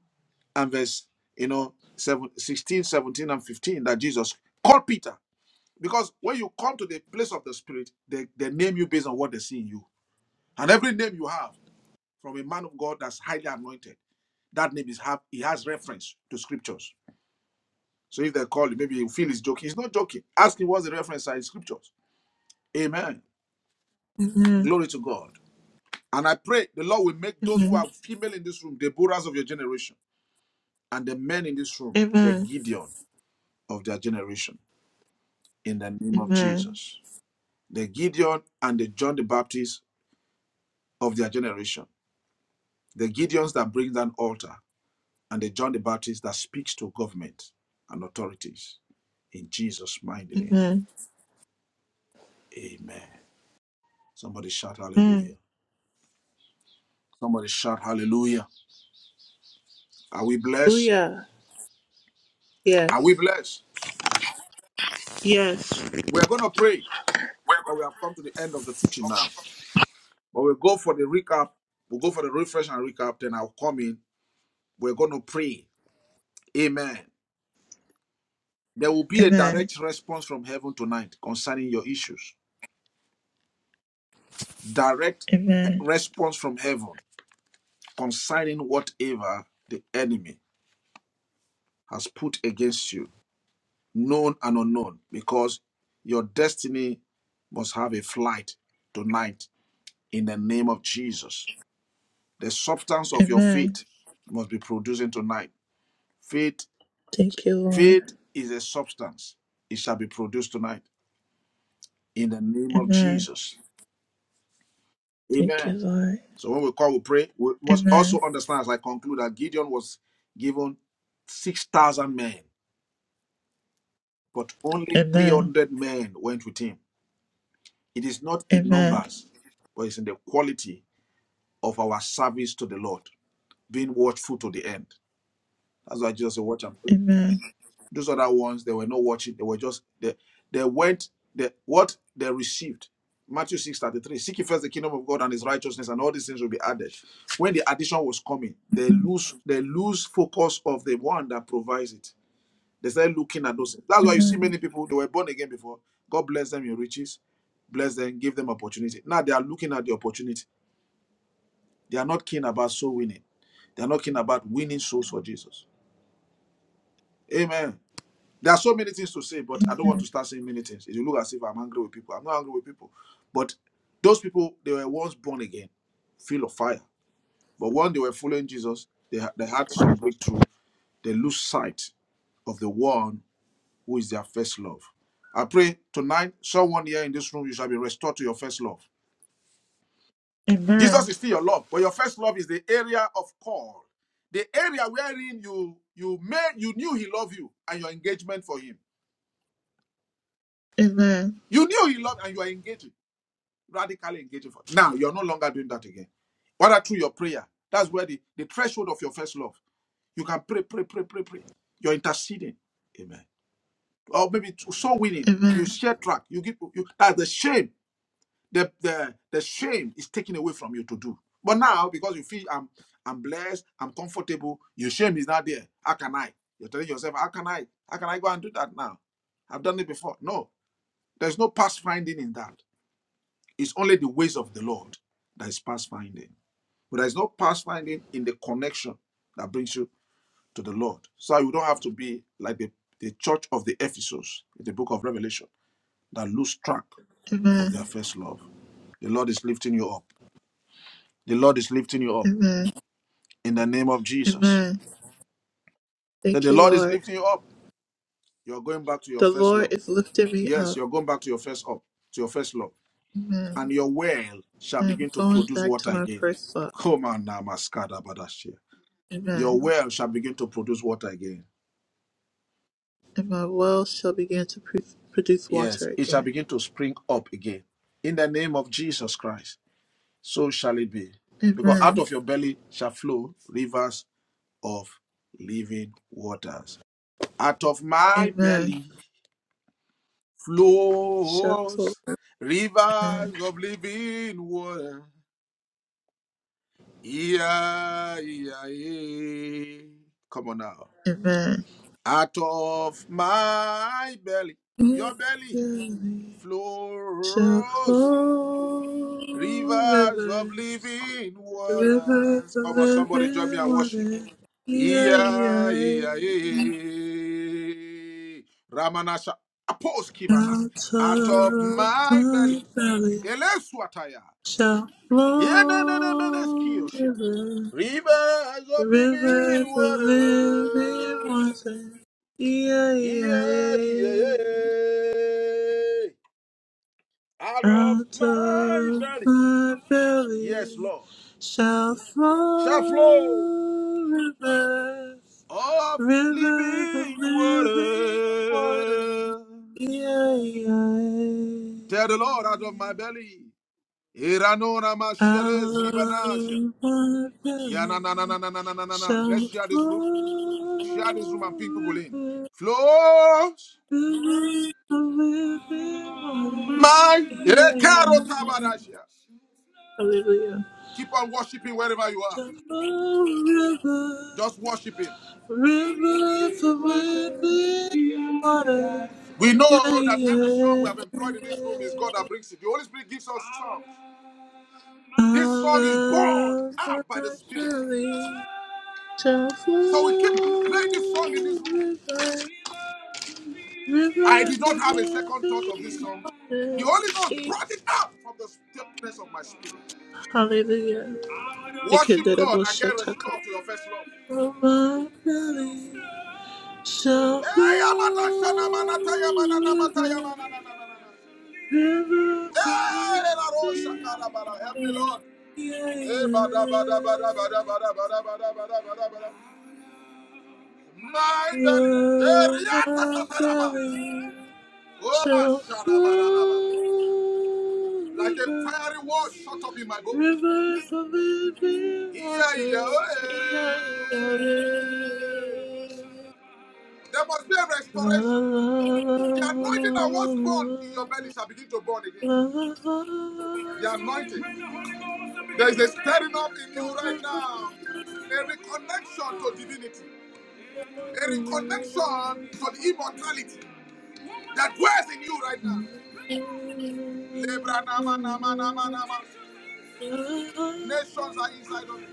Speaker 1: and verse, you know, seven sixteen, seventeen, and 15 that Jesus called Peter. Because when you come to the place of the Spirit, they, they name you based on what they see in you. And every name you have from a man of God that's highly anointed, that name is have he has reference to scriptures. So if they call you, maybe you feel he's joking. He's not joking. Ask him what's the reference are in scriptures. Amen.
Speaker 2: Amen. Amen.
Speaker 1: Glory to God. And I pray the Lord will make those who
Speaker 2: Amen.
Speaker 1: are female in this room the Boras of your generation, and the men in this room the
Speaker 2: Amen.
Speaker 1: Gideon of their generation. In the name of
Speaker 2: Amen. Amen.
Speaker 1: Jesus, the Gideon and the John the Baptist of their generation, the Gideons that bring down altar, and the John the Baptist that speaks to government and authorities. In Jesus' mighty name,
Speaker 2: Amen.
Speaker 1: Amen. Somebody shout Hallelujah! Somebody shout Hallelujah! Are we blessed?
Speaker 2: Booyah.
Speaker 1: Are we
Speaker 2: Yes.
Speaker 1: blessed?
Speaker 2: Yes.
Speaker 1: We're going to pray because we have come to the end of the teaching now. But we'll go for the recap. We'll go for the refresh and recap. Then I'll come in. We're going to pray. Amen. There will be a
Speaker 2: Amen.
Speaker 1: direct response from heaven tonight concerning your issues. Direct eh,
Speaker 2: Amen.
Speaker 1: response from heaven concerning whatever the enemy has put against you, known and unknown, because your destiny must have a flight tonight in the name of Jesus. The substance of your
Speaker 2: Amen.
Speaker 1: faith must be producing tonight. Faith
Speaker 2: Thank you, Lord.
Speaker 1: Faith is a substance. It shall be produced tonight in the name of
Speaker 2: Amen.
Speaker 1: Jesus.
Speaker 2: Thank you,
Speaker 1: Amen.
Speaker 2: Lord.
Speaker 1: So when we call, we pray. We must also
Speaker 2: Amen.
Speaker 1: understand, as I conclude, that Gideon was given 6,000 men, but only
Speaker 2: Amen.
Speaker 1: 300 men went with him. It is not in
Speaker 2: Amen.
Speaker 1: numbers, but it's in the quality of our service to the Lord, being watchful to the end. That's why Jesus said, Watch and pray.
Speaker 2: Amen.
Speaker 1: Those other ones, they were not watching. They were just they they went the what they received. Matthew six thirty three. Seek ye first the kingdom of God and his righteousness, and all these things will be added. When the addition was coming, they lose they lose focus of the one that provides it. They started looking at those things. That's why you see
Speaker 2: Amen.
Speaker 1: many people they were born again before. God bless them in riches, bless them, give them opportunity. Now they are looking at the opportunity. They are not keen about soul winning. They are not keen about winning souls for Jesus. Amen. There are so many things to say, but I don't want to
Speaker 2: Amen.
Speaker 1: start saying many things. It will look as if I'm angry with people. I'm not angry with people. But those people, they were once born again, full of fire. But when they were following Jesus, they, ha- they had some breakthrough. They lose sight of the one who is their first love. I pray tonight, someone here in this room, you shall be restored to your first love.
Speaker 2: Amen.
Speaker 1: Jesus is still your love, but your first love is the area of call, the area wherein you you made you knew he loved you and your engagement for him.
Speaker 2: Amen.
Speaker 1: You knew he loved and you are engaging. radically engaging for now you're no longer doing that again whether through your prayer that's where the, the threshold of your first love you can pray pray pray pray pray you're interceding amen or maybe t- soul winning you share track you give you that's the shame the, the the shame is taken away from you to do but now because you feel i'm i'm blessed i'm comfortable your shame is not there how can i you're telling yourself how can i how can i go and do that now i've done it before no there's no past finding in that it's only the ways of the Lord that is past finding. But there is no past finding in the connection that brings you to the Lord. So you don't have to be like the, the church of the Ephesus in the book of Revelation that lose track of
Speaker 2: Amen.
Speaker 1: their first love. The Lord is lifting you up. The Lord is lifting you up
Speaker 2: Amen.
Speaker 1: in the name of Jesus.
Speaker 2: Amen.
Speaker 1: That
Speaker 2: Thank
Speaker 1: the
Speaker 2: you,
Speaker 1: Lord is
Speaker 2: Lord.
Speaker 1: lifting you up. You're going back to your
Speaker 2: The
Speaker 1: first
Speaker 2: Lord
Speaker 1: love.
Speaker 2: is lifting me
Speaker 1: Yes,
Speaker 2: up.
Speaker 1: you're going back to your first up, to your first love.
Speaker 2: Amen.
Speaker 1: And your well shall
Speaker 2: I am
Speaker 1: begin to
Speaker 2: going
Speaker 1: produce
Speaker 2: back
Speaker 1: water
Speaker 2: to my
Speaker 1: again.
Speaker 2: first love.
Speaker 1: Come on now, Maskada Badashia. Your
Speaker 2: Amen.
Speaker 1: well shall begin to produce water again.
Speaker 2: And my well shall begin to pr- produce
Speaker 1: Yes,
Speaker 2: water
Speaker 1: it shall
Speaker 2: again.
Speaker 1: begin to spring up again. In the name of Jesus Christ, so shall it be. Because out
Speaker 2: Amen.
Speaker 1: of your belly shall flow rivers of living waters. Out of my
Speaker 2: Amen.
Speaker 1: belly
Speaker 2: Shall flow.
Speaker 1: flows
Speaker 2: Amen.
Speaker 1: rivers of living water. Yeah, yeah, yeah. Come on now.
Speaker 2: Amen.
Speaker 1: Out of my belly,
Speaker 2: With
Speaker 1: your belly
Speaker 2: belly Shall
Speaker 1: flows
Speaker 2: flow.
Speaker 1: rivers of
Speaker 2: Amen.
Speaker 1: living
Speaker 2: River of
Speaker 1: waters.
Speaker 2: the
Speaker 1: Come on, somebody join me
Speaker 2: living
Speaker 1: and worship.
Speaker 2: water, yeah,
Speaker 1: Iya, Iya,
Speaker 2: yeah.
Speaker 1: yeah. Ramanasha apos kivana
Speaker 2: Out
Speaker 1: out of
Speaker 2: of
Speaker 1: my belly.
Speaker 2: my belly
Speaker 1: Eleswataya.
Speaker 2: shall flow
Speaker 1: Yenenenemeneskiyosha.
Speaker 2: river.
Speaker 1: Rivers of
Speaker 2: River
Speaker 1: living
Speaker 2: of the living
Speaker 1: waters.
Speaker 2: water, yeah,
Speaker 1: Yeah, yeah,
Speaker 2: yeah.
Speaker 1: yeah. Out of
Speaker 2: Out
Speaker 1: my
Speaker 2: of
Speaker 1: belly.
Speaker 2: my
Speaker 1: Yes,
Speaker 2: belly
Speaker 1: Lord.
Speaker 2: shall flow
Speaker 1: shall flow
Speaker 2: rivers.
Speaker 1: of
Speaker 2: Rivers of
Speaker 1: living water.
Speaker 2: living water. Yeah, yeah.
Speaker 1: Tell the Lord out of my belly.
Speaker 2: Out of my
Speaker 1: Yeah,
Speaker 2: belly
Speaker 1: Let's
Speaker 2: shall
Speaker 1: share this room.
Speaker 2: flow
Speaker 1: Share this room and ping people in.
Speaker 2: rivers
Speaker 1: Flows
Speaker 2: rivers of living waters.
Speaker 1: my
Speaker 2: Yeah, yeah. Hallelujah.
Speaker 1: Keep on worshiping wherever you are.
Speaker 2: Shall flow rivers.
Speaker 1: Just worship him.
Speaker 2: Rivers of living water.
Speaker 1: We
Speaker 2: Yeah,
Speaker 1: know that every song we
Speaker 2: yeah.
Speaker 1: have employed in this room is God that brings it. The Holy Spirit gives us songs. This song is born
Speaker 2: Our
Speaker 1: out by the Spirit.
Speaker 2: family shall
Speaker 1: So we keep
Speaker 2: flow.
Speaker 1: playing this song in this room.
Speaker 2: Rivers,
Speaker 1: I did
Speaker 2: rivers
Speaker 1: not
Speaker 2: of
Speaker 1: have a second thought of this
Speaker 2: living
Speaker 1: song.
Speaker 2: water.
Speaker 1: The Holy Ghost brought it out from the depthness of my spirit.
Speaker 2: Hallelujah.
Speaker 1: Worship God
Speaker 2: Ikederebo
Speaker 1: and get
Speaker 2: shataka.
Speaker 1: restored to your first love.
Speaker 2: From my belly shall flow
Speaker 1: Hey, Amata Shana Manata Yamana Namata Yamana na na na na
Speaker 2: Never
Speaker 1: na.
Speaker 2: thought
Speaker 1: Hey, Lela
Speaker 2: it'd
Speaker 1: Rosha Karabala. Help me,
Speaker 2: be
Speaker 1: Lord.
Speaker 2: yeah,
Speaker 1: Hey, bada bada bada bada bada
Speaker 2: yeah.
Speaker 1: bada bada bada bada bada. My belly. Hey,
Speaker 2: Love,
Speaker 1: Riata
Speaker 2: I'm
Speaker 1: Sataraba.
Speaker 2: telling you,
Speaker 1: Oh, my
Speaker 2: shall
Speaker 1: Shana Barabara.
Speaker 2: flow
Speaker 1: Like a fiery word
Speaker 2: rivers,
Speaker 1: shot up in my bones.
Speaker 2: rivers of living
Speaker 1: Yeah, yeah.
Speaker 2: waters.
Speaker 1: hey.
Speaker 2: Yeah, you got it.
Speaker 1: There must be a
Speaker 2: La la
Speaker 1: restoration.
Speaker 2: la la la
Speaker 1: The anointing that was
Speaker 2: la
Speaker 1: born in your belly shall begin to burn again.
Speaker 2: la la la la la la
Speaker 1: The anointing.
Speaker 2: la
Speaker 1: There is a stirring up in you right
Speaker 2: la
Speaker 1: now. A
Speaker 2: la la la
Speaker 1: reconnection to
Speaker 2: la.
Speaker 1: divinity.
Speaker 2: Other
Speaker 1: A reconnection to the immortality that dwells in you right now. Lebra nama nama nama nama. Nations are inside of you.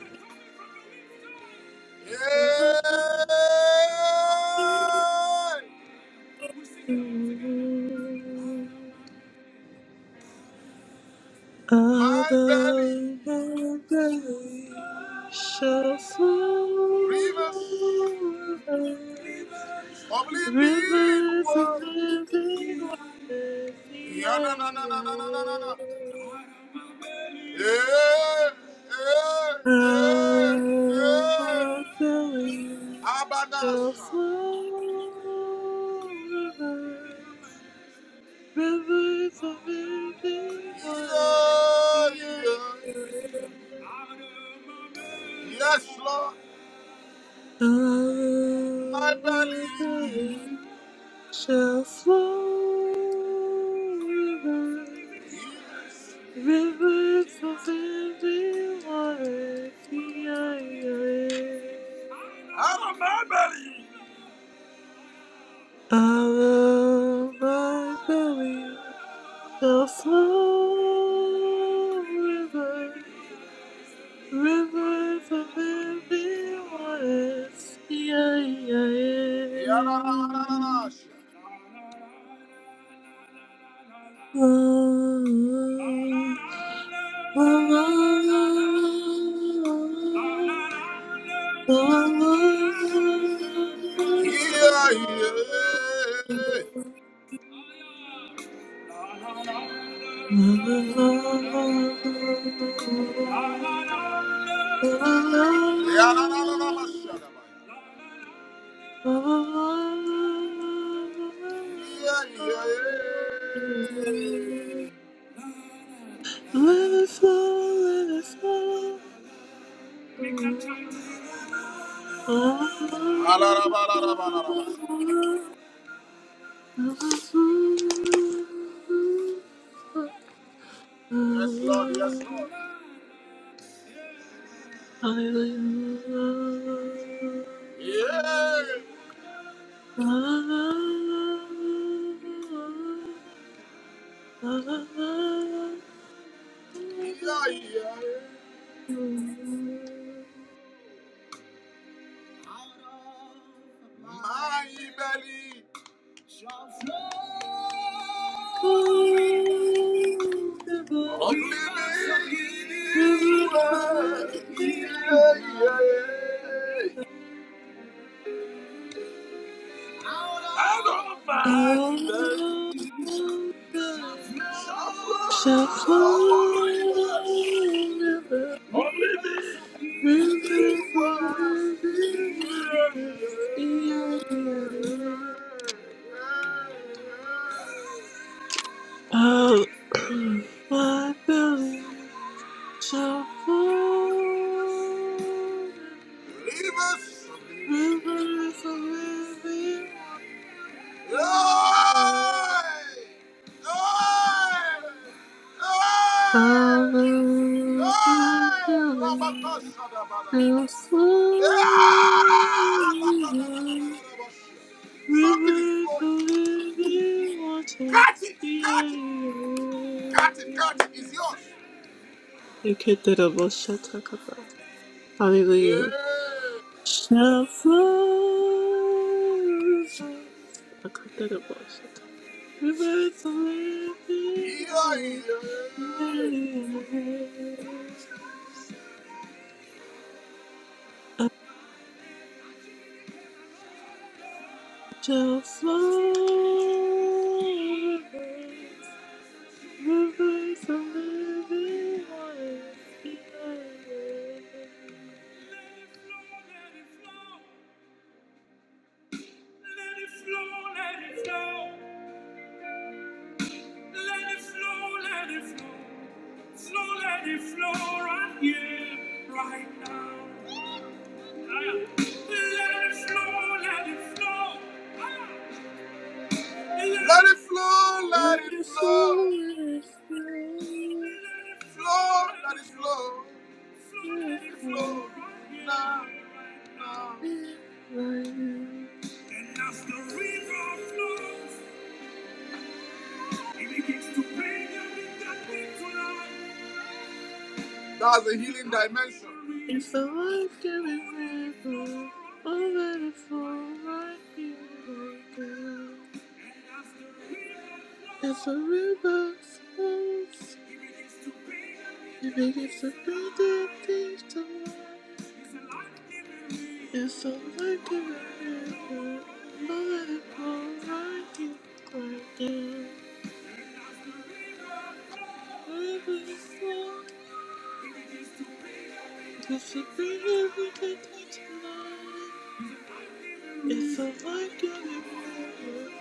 Speaker 1: Hey, my belly
Speaker 2: than grace shall flow
Speaker 1: rivers
Speaker 2: us
Speaker 1: of living
Speaker 2: rivers of
Speaker 1: water.
Speaker 2: living water.
Speaker 1: Yeah, na na na na na na na na. na. Yeah, yeah, yeah,
Speaker 2: From
Speaker 1: yeah.
Speaker 2: Philly shall
Speaker 1: Abanasa.
Speaker 2: flow rivers, rivers of living water.
Speaker 1: Yeah, yeah. Yes, Lord,
Speaker 2: The
Speaker 1: my
Speaker 2: From
Speaker 1: belly.
Speaker 2: Philly shall flow rivers,
Speaker 1: Yes.
Speaker 2: rivers of living water. The
Speaker 1: Out of my belly.
Speaker 2: Out of my belly shall flow rivers, rivers of living waters. Yeah, yeah, yeah.
Speaker 1: Yeah, na na na na na. na. Yeah, yeah.
Speaker 2: Oh, oh, oh, oh, oh, oh, oh, oh. oh, oh. Let it
Speaker 1: Yeah, na, na, na, na, ma, sha, da, ba, ya. Yeah, yeah.
Speaker 2: flow, let it flow.
Speaker 1: Ah, la, la, ba, la, la, ba, la, la, ba, sha. Yes, Lord, yes, Lord.
Speaker 2: Hallelujah.
Speaker 1: Yeah,
Speaker 2: Shall
Speaker 1: yeah, yeah. My belly, only me. Yeah, yeah, yeah. Out of my belly, shall flow rivers.
Speaker 2: forever, river
Speaker 1: It was,
Speaker 2: forever.
Speaker 1: yeah, yeah.
Speaker 2: Yeah, yeah,
Speaker 1: yeah.
Speaker 2: yeah. Oh, my belly shall flow
Speaker 1: Rivers of
Speaker 2: You
Speaker 1: living. Something is flowing. Catch it! Catch it! Catch it! Catch it! It's yours.
Speaker 2: get the double shot,
Speaker 1: Yeah.
Speaker 2: Hallelujah. shall flow rivers. I cut that up all shit. Rivers of living
Speaker 1: Yeah.
Speaker 2: water. Yeah. yeah.
Speaker 1: yeah.
Speaker 2: Shall
Speaker 1: Let
Speaker 2: flow rivers. Rivers of living water. Yeah.
Speaker 1: it flow, let
Speaker 2: Let
Speaker 1: it
Speaker 2: it flow,
Speaker 1: flow.
Speaker 2: let it flow,
Speaker 1: Flow, let it flow.
Speaker 2: let it
Speaker 1: Let it flow
Speaker 2: flow.
Speaker 1: now, now.
Speaker 2: Light
Speaker 1: And as the river flows, it begins to bring everything that came to life. That's a healing dimension.
Speaker 2: It's the life giving
Speaker 1: Oh, let it flow
Speaker 2: river
Speaker 1: right here,
Speaker 2: I'll let it
Speaker 1: right
Speaker 2: flow
Speaker 1: now.
Speaker 2: right here, right now.
Speaker 1: And as the river
Speaker 2: As
Speaker 1: flows,
Speaker 2: the river flows,
Speaker 1: it begins to bring everything
Speaker 2: it
Speaker 1: that
Speaker 2: begins
Speaker 1: came
Speaker 2: to
Speaker 1: to
Speaker 2: bring dead
Speaker 1: life.
Speaker 2: things to
Speaker 1: Thank
Speaker 2: life.
Speaker 1: you.
Speaker 2: It's the life giving river I'll let it flow right here, right now. The river flows, it begins to bring every dead thing to life. It's a life-giving river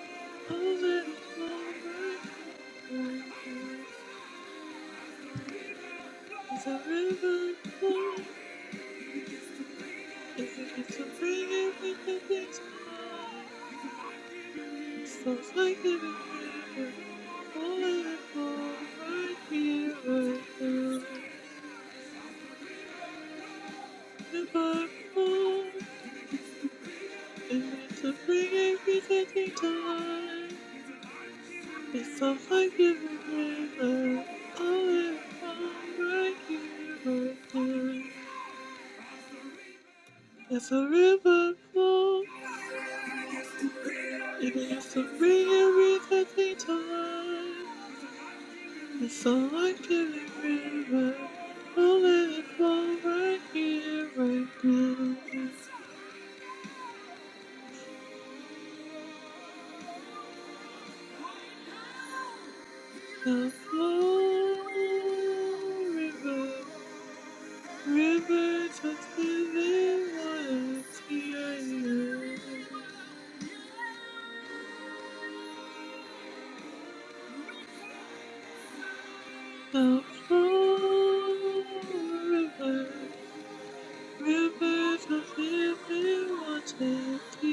Speaker 2: over the flow right here, right now. It's a river flow.
Speaker 1: Hallelujah!
Speaker 2: It begins to bring everything things to life. It's a life-giving river over the flow right here, right now. River flow. It begins to bring everything things to life. It's a fucking river. Oh, it's all right here, right now. As a river flows,
Speaker 1: of
Speaker 2: it begins to bring everything to life. It's a like every river. Oh, let it flow right here, right now. The flow, river. Rivers of living water, T-I-A. The flow river, rivers of living water, the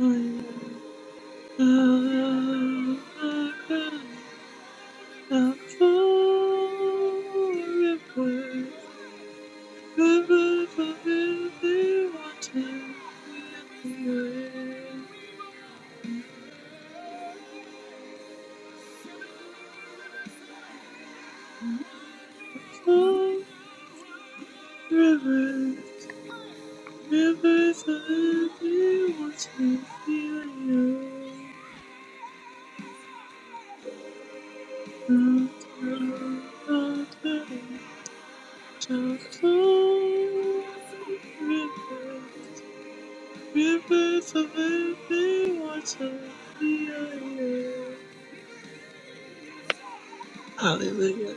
Speaker 2: I I the flow river, rivers of living water, the I flow river, rivers of living water, the River, Rivers of living water, yeah, Hallelujah,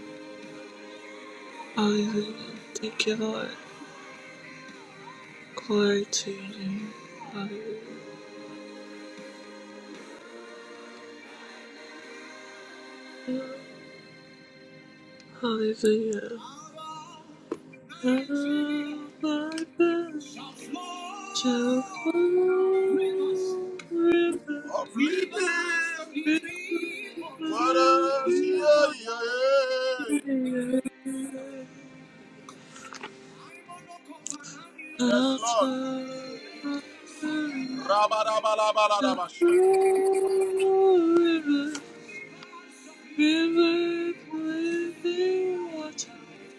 Speaker 2: hallelujah. Thank you, Lord. Glory to your name. Hallelujah. Oh, Hallelujah. Out
Speaker 1: Nigeria
Speaker 2: of my belly
Speaker 1: shall
Speaker 2: shall
Speaker 1: flow rivers
Speaker 2: flow
Speaker 1: of
Speaker 2: river,
Speaker 1: living
Speaker 2: river,
Speaker 1: water. Yeah,
Speaker 2: living water.
Speaker 1: yeah,
Speaker 2: Altar
Speaker 1: yeah. Yes, Lord.
Speaker 2: of the
Speaker 1: Rabarabalabalabalasha.
Speaker 2: river, river blazing water,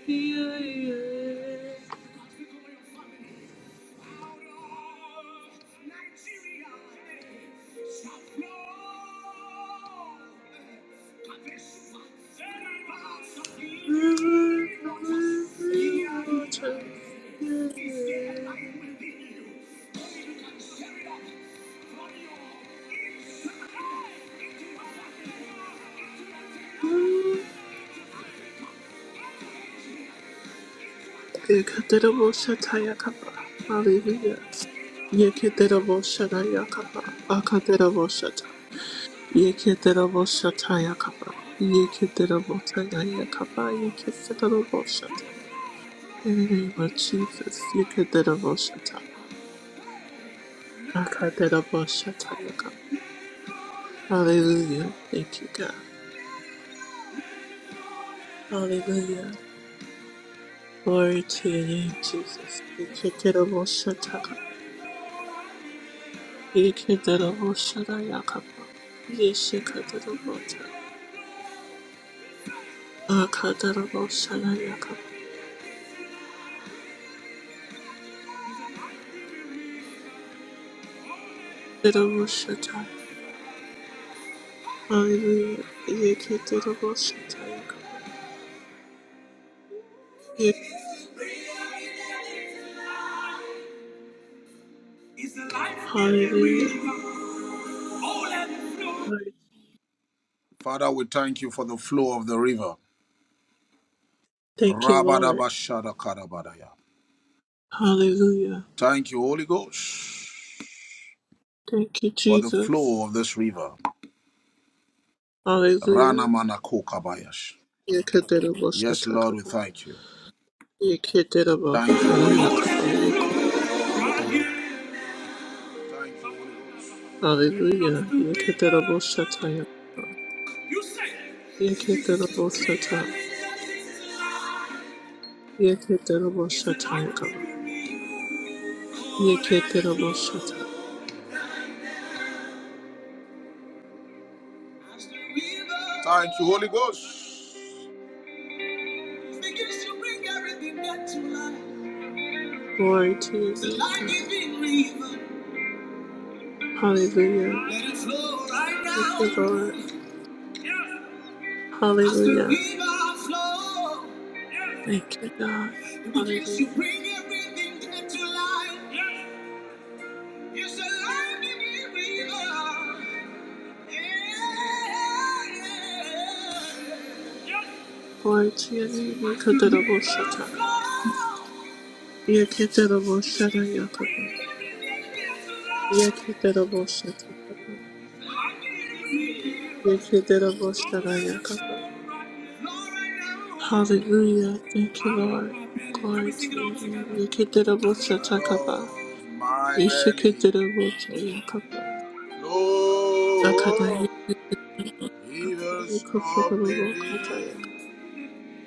Speaker 2: yeah, yeah. River blazing
Speaker 1: Is
Speaker 2: water, yeah,
Speaker 1: there a
Speaker 2: yeah.
Speaker 1: light within you? Only you can stir it up from your inside into Africa, into Latin America, into Africa, into Asia, into Antarctica, into
Speaker 2: Yekederabo
Speaker 1: North America,
Speaker 2: shataya kapa, hallelujah.
Speaker 1: into Europe,
Speaker 2: Yekederabo shataya kapa,
Speaker 1: into Australia.
Speaker 2: akaderabo shata.
Speaker 1: Let it go, let it go.
Speaker 2: Yeketerabo shataya kapa. Yeketerabo taya kapa. Yeketerabo shata. In the name of Jesus, yeketerabo shata.
Speaker 1: let let
Speaker 2: Akaterabo shataya kapa. Hallelujah. Thank you, God. Hallelujah. Glory to your name, Jesus. Yeketerabo
Speaker 1: it
Speaker 2: shata
Speaker 1: it
Speaker 2: kapa.
Speaker 1: it go, go,
Speaker 2: Yeketerabo shataya kapa. Yeshekaterabo ta. Akaterabo shataya kapa. Terabo shata. Hallelujah. Yeketerabo shataya kapa. Hallelujah.
Speaker 1: Oh,
Speaker 2: Lord,
Speaker 1: Father, we thank you for the flow of the river.
Speaker 2: Thank you, Lord.
Speaker 1: Rabadabashadakadabadaya.
Speaker 2: Hallelujah.
Speaker 1: Thank you, Holy Ghost.
Speaker 2: Thank you,
Speaker 1: for the
Speaker 2: Jesus.
Speaker 1: flow of this river. Rana
Speaker 2: Hallelujah.
Speaker 1: Manako Kabayash.
Speaker 2: Yeketerebo
Speaker 1: Yes, Lord, we
Speaker 2: shatakaba.
Speaker 1: thank you.
Speaker 2: Yeketerebo
Speaker 1: Thank you, Holy Ghost.
Speaker 2: hanayakaba yeku.
Speaker 1: Thank you, Holy Ghost. And
Speaker 2: Hallelujah. Yeketerebo
Speaker 1: as the river flows,
Speaker 2: shataya.
Speaker 1: you say, it begins to bring
Speaker 2: Yeketerebo
Speaker 1: a
Speaker 2: shata.
Speaker 1: million things to life.
Speaker 2: Yeketerebo
Speaker 1: It's a life-giving
Speaker 2: shatayakaba.
Speaker 1: river. Oh, let it
Speaker 2: Yeketerebo shata.
Speaker 1: flow. As the river Thank you, Holy Ghost. It begins to bring everything back to life.
Speaker 2: Glory to your
Speaker 1: It's a
Speaker 2: name, God.
Speaker 1: life-giving river.
Speaker 2: Hallelujah.
Speaker 1: Let it flow right
Speaker 2: Thank
Speaker 1: now.
Speaker 2: you, Lord.
Speaker 1: yeah. As the
Speaker 2: Hallelujah.
Speaker 1: river flows, yeah.
Speaker 2: Thank you, God.
Speaker 1: it begins to
Speaker 2: Hallelujah.
Speaker 1: bring everything dead to life. Yeah. It's a life giving river. Yeah. yeah,
Speaker 2: Boitiani
Speaker 1: As the river
Speaker 2: Mikaderabosata.
Speaker 1: flows, it
Speaker 2: Yakiteraboshana
Speaker 1: begins to bring
Speaker 2: Yakaba.
Speaker 1: everything dead to life.
Speaker 2: Yakiteraboshata.
Speaker 1: I need a river. Oh,
Speaker 2: Yakiteraboshana
Speaker 1: let it flow
Speaker 2: Yakaba.
Speaker 1: right now. Flow right now.
Speaker 2: Hallelujah. Thank you,
Speaker 1: Out of
Speaker 2: Lord.
Speaker 1: my belly. Can we
Speaker 2: Glory
Speaker 1: sing it
Speaker 2: to your
Speaker 1: all
Speaker 2: name.
Speaker 1: together? Out
Speaker 2: Yakiteraboshata Kaba.
Speaker 1: of my belly.
Speaker 2: Yishikiteraboshata Yakaba. Akada
Speaker 1: Flow
Speaker 2: Yakaba.
Speaker 1: rivers of
Speaker 2: Yakufotabokata Yakaba.
Speaker 1: living.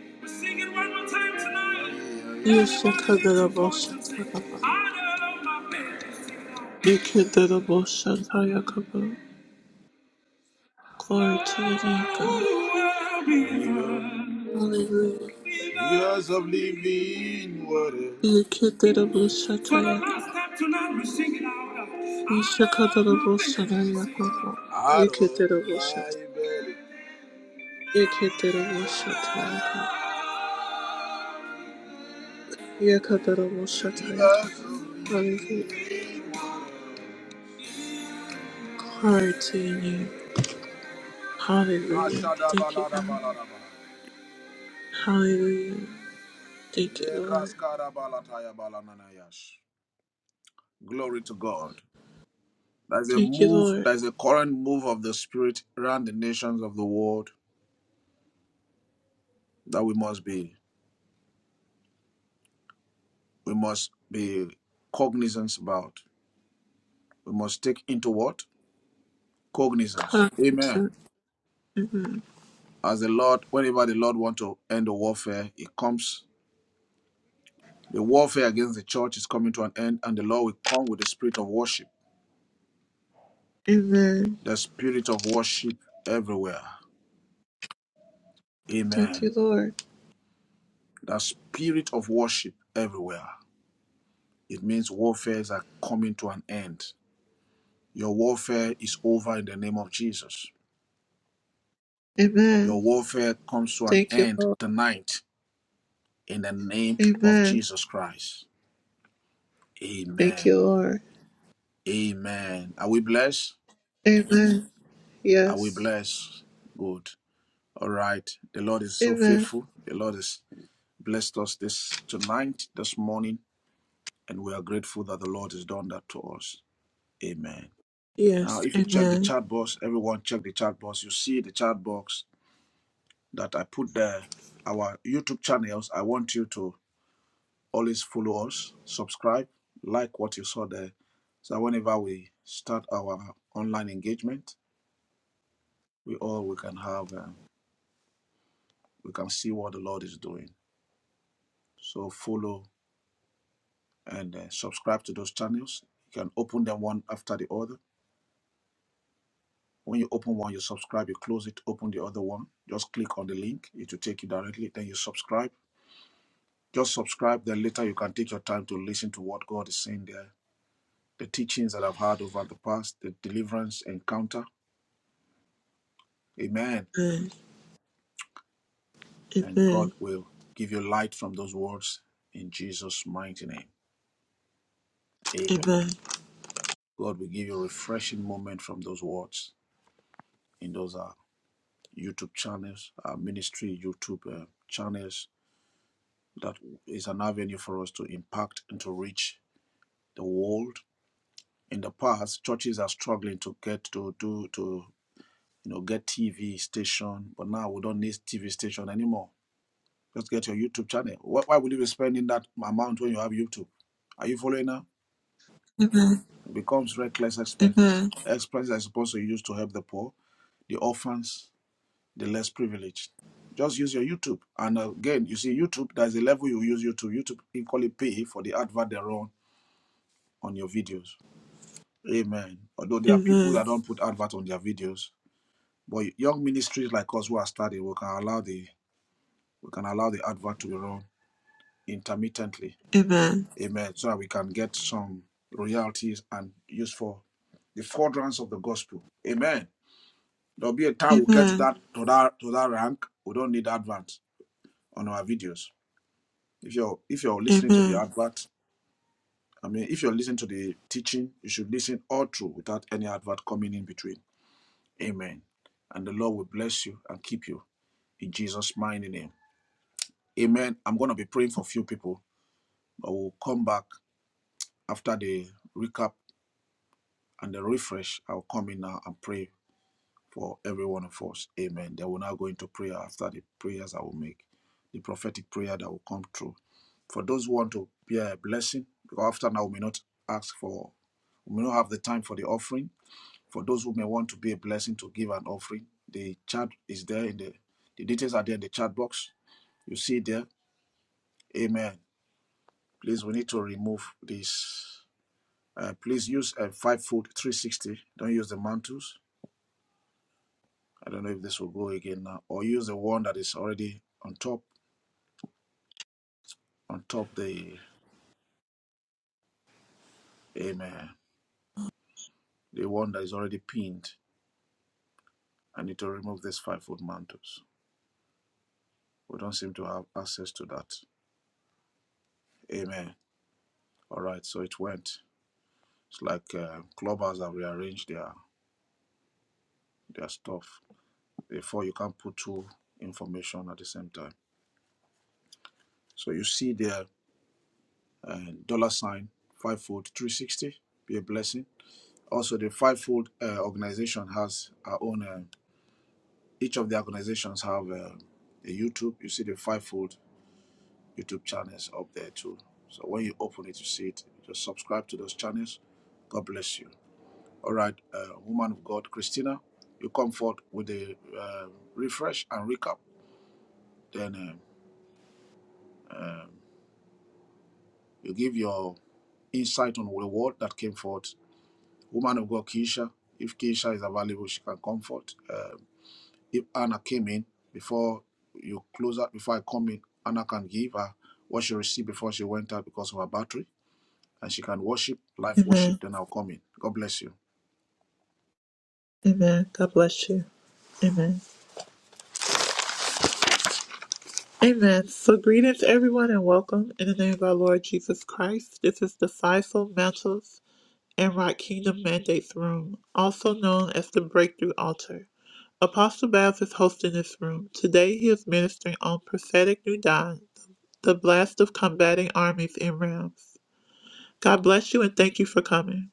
Speaker 1: We are singing one more time tonight. Yeah, yeah. Everybody lift your voice and
Speaker 2: Yishikiteraboshata
Speaker 1: sing.
Speaker 2: Kaba.
Speaker 1: Out of my belly. Sing it out.
Speaker 2: Yakiteraboshata Yakaba. Glory to your name, God.
Speaker 1: Flow rivers.
Speaker 2: Hallelujah.
Speaker 1: Rivers of living waters.
Speaker 2: Yeketerebo shata
Speaker 1: For the last
Speaker 2: yakapa.
Speaker 1: time tonight, we sing it out. Out of my
Speaker 2: Yeshakatarabo shata
Speaker 1: belly, we sing it
Speaker 2: yakapa.
Speaker 1: out. Out of
Speaker 2: Yeketerebo shata.
Speaker 1: my belly.
Speaker 2: Yeketerebo shata yakapa. Yekaterebo shata
Speaker 1: Rivers
Speaker 2: yakapa.
Speaker 1: of
Speaker 2: Hallelujah.
Speaker 1: living water.
Speaker 2: Glory to your name. Hallelujah.
Speaker 1: Mashada
Speaker 2: Thank you,
Speaker 1: balada
Speaker 2: God.
Speaker 1: baladaba.
Speaker 2: Hallelujah. Thank you, Lord.
Speaker 1: Ledras balataya balananayash. Glory to God. There's a
Speaker 2: Thank you,
Speaker 1: move,
Speaker 2: Lord.
Speaker 1: there's a current move of the Spirit around the nations of the world that we must be, we must be cognizant about. We must take into what? cognizance. Amen.
Speaker 2: Constant. Amen.
Speaker 1: As the Lord, whenever the Lord want to end the warfare, it comes. The warfare against the church is coming to an end, and the Lord will come with the spirit of worship.
Speaker 2: Amen.
Speaker 1: The spirit of worship everywhere.
Speaker 2: Thank
Speaker 1: Amen.
Speaker 2: you, Lord.
Speaker 1: The spirit of worship everywhere. It means warfares are coming to an end. Your warfare is over in the name of Jesus. Your
Speaker 2: Amen.
Speaker 1: warfare comes to an
Speaker 2: Thank you,
Speaker 1: end
Speaker 2: Lord.
Speaker 1: tonight in the name of
Speaker 2: Amen.
Speaker 1: Jesus Christ.
Speaker 2: Thank you,
Speaker 1: Amen.
Speaker 2: Lord.
Speaker 1: Amen. Are we blessed?
Speaker 2: Amen.
Speaker 1: Are we
Speaker 2: Yes.
Speaker 1: blessed? Good. All right. The Lord is so
Speaker 2: Amen.
Speaker 1: faithful. The Lord has blessed us this tonight, this morning, and we are grateful that the Lord has done that to us. Amen. Now,
Speaker 2: Yes,
Speaker 1: if you check the
Speaker 2: amen,
Speaker 1: chat box, everyone check the chat box. You see the chat box that I put there. Our YouTube channels. I want you to always follow us, subscribe, like what you saw there. So whenever we start our online engagement, we all we can have, um, we can see what the Lord is doing. So follow and uh, subscribe to those channels. You can open them one after the other. When you open one, you subscribe, you close it, open the other one. Just click on the link, it will take you directly. Then you subscribe. Just subscribe, then later you can take your time to listen to what God is saying there. The teachings that I've had over the past, the deliverance encounter. Amen.
Speaker 2: amen,
Speaker 1: And God
Speaker 2: amen,
Speaker 1: will give you light from those words in Jesus' mighty name.
Speaker 2: amen,
Speaker 1: Amen. God will give you a refreshing moment from those words in those hours. YouTube channels, our ministry YouTube uh, channels. That is an avenue for us to impact and to reach the world. In the past, churches are struggling to get to do to you know get TV station, but now we don't need TV station anymore. Just get your YouTube channel. Why, why would you be spending that amount when you have YouTube? Are you following now?
Speaker 2: amen,
Speaker 1: It becomes reckless expenses.
Speaker 2: amen,
Speaker 1: Expenses are supposed to use to help the poor, the orphans, the less privileged. Just use your YouTube. And uh, again, you see, YouTube, there's a level you use YouTube. YouTube equally pay for the advert they run on your videos. Amen. Although there are people that
Speaker 2: amen,
Speaker 1: don't put advert on their videos, but young ministries like us who are starting, we can allow the we can allow the advert to be run intermittently.
Speaker 2: amen,
Speaker 1: Amen. So that we can get some royalties and use for the furtherance of the gospel. Amen. There'll be a time we'll get to
Speaker 2: amen,
Speaker 1: that to that to that rank. We don't need advert on our videos. If you're if you're listening to the
Speaker 2: amen,
Speaker 1: advert, I mean, if you're listening to the teaching, you should listen all through without any advert coming in between. Amen. And the Lord will bless you and keep you in Jesus' mighty name. Amen. I'm going to be praying for a few people. I will come back after the recap and the refresh. I'll come in now and pray for every one of us. Amen. They will now go into prayer after the prayers I will make, the prophetic prayer that will come through. For those who want to bear a blessing, because often I may not ask for, we may not have the time for the offering. For those who may want to be a blessing to give an offering, the chat is there in the, the details are there in the chat box. You see there, Amen. Please, we need to remove this. Uh, please use a five foot 360. Don't use the mantles I don't know if this will go again now. Or use the one that is already on top, on top the amen, the one that is already pinned. I need to remove this five foot mantles. We don't seem to have access to that. Amen. All right, so it went. It's like uh, clubbers have rearranged their their stuff. Therefore, you can't put two information at the same time. So you see the uh, dollar sign fivefold, three sixty. Be a blessing. Also, the fivefold uh, organization has our own. uh, each of the organizations have um, a YouTube. You see the fivefold YouTube channels up there too. So when you open it, you see it. Just subscribe to those channels. God bless you. All right, uh, woman of God, Christina, you come forth with a uh, refresh and recap. Then um, um, you give your insight on the word that came forth. Woman of God, Keisha, if Keisha is available, she can come forth. Uh, if Anna came in before you close out, before I come in, Anna can give her what she received before she went out because of her battery, and she can worship, live worship,
Speaker 2: amen,
Speaker 1: then I'll come in. God bless you.
Speaker 2: amen. God bless you. Amen. Amen. So greetings everyone and welcome in the name of our Lord Jesus Christ. This is the Faisal Mantles and Rock Kingdom Mandates Room, also known as the Breakthrough Altar. Apostle Babs is hosting this room. Today he is ministering on prophetic new dawn, the blast of combating armies in realms. God bless you and thank you for coming.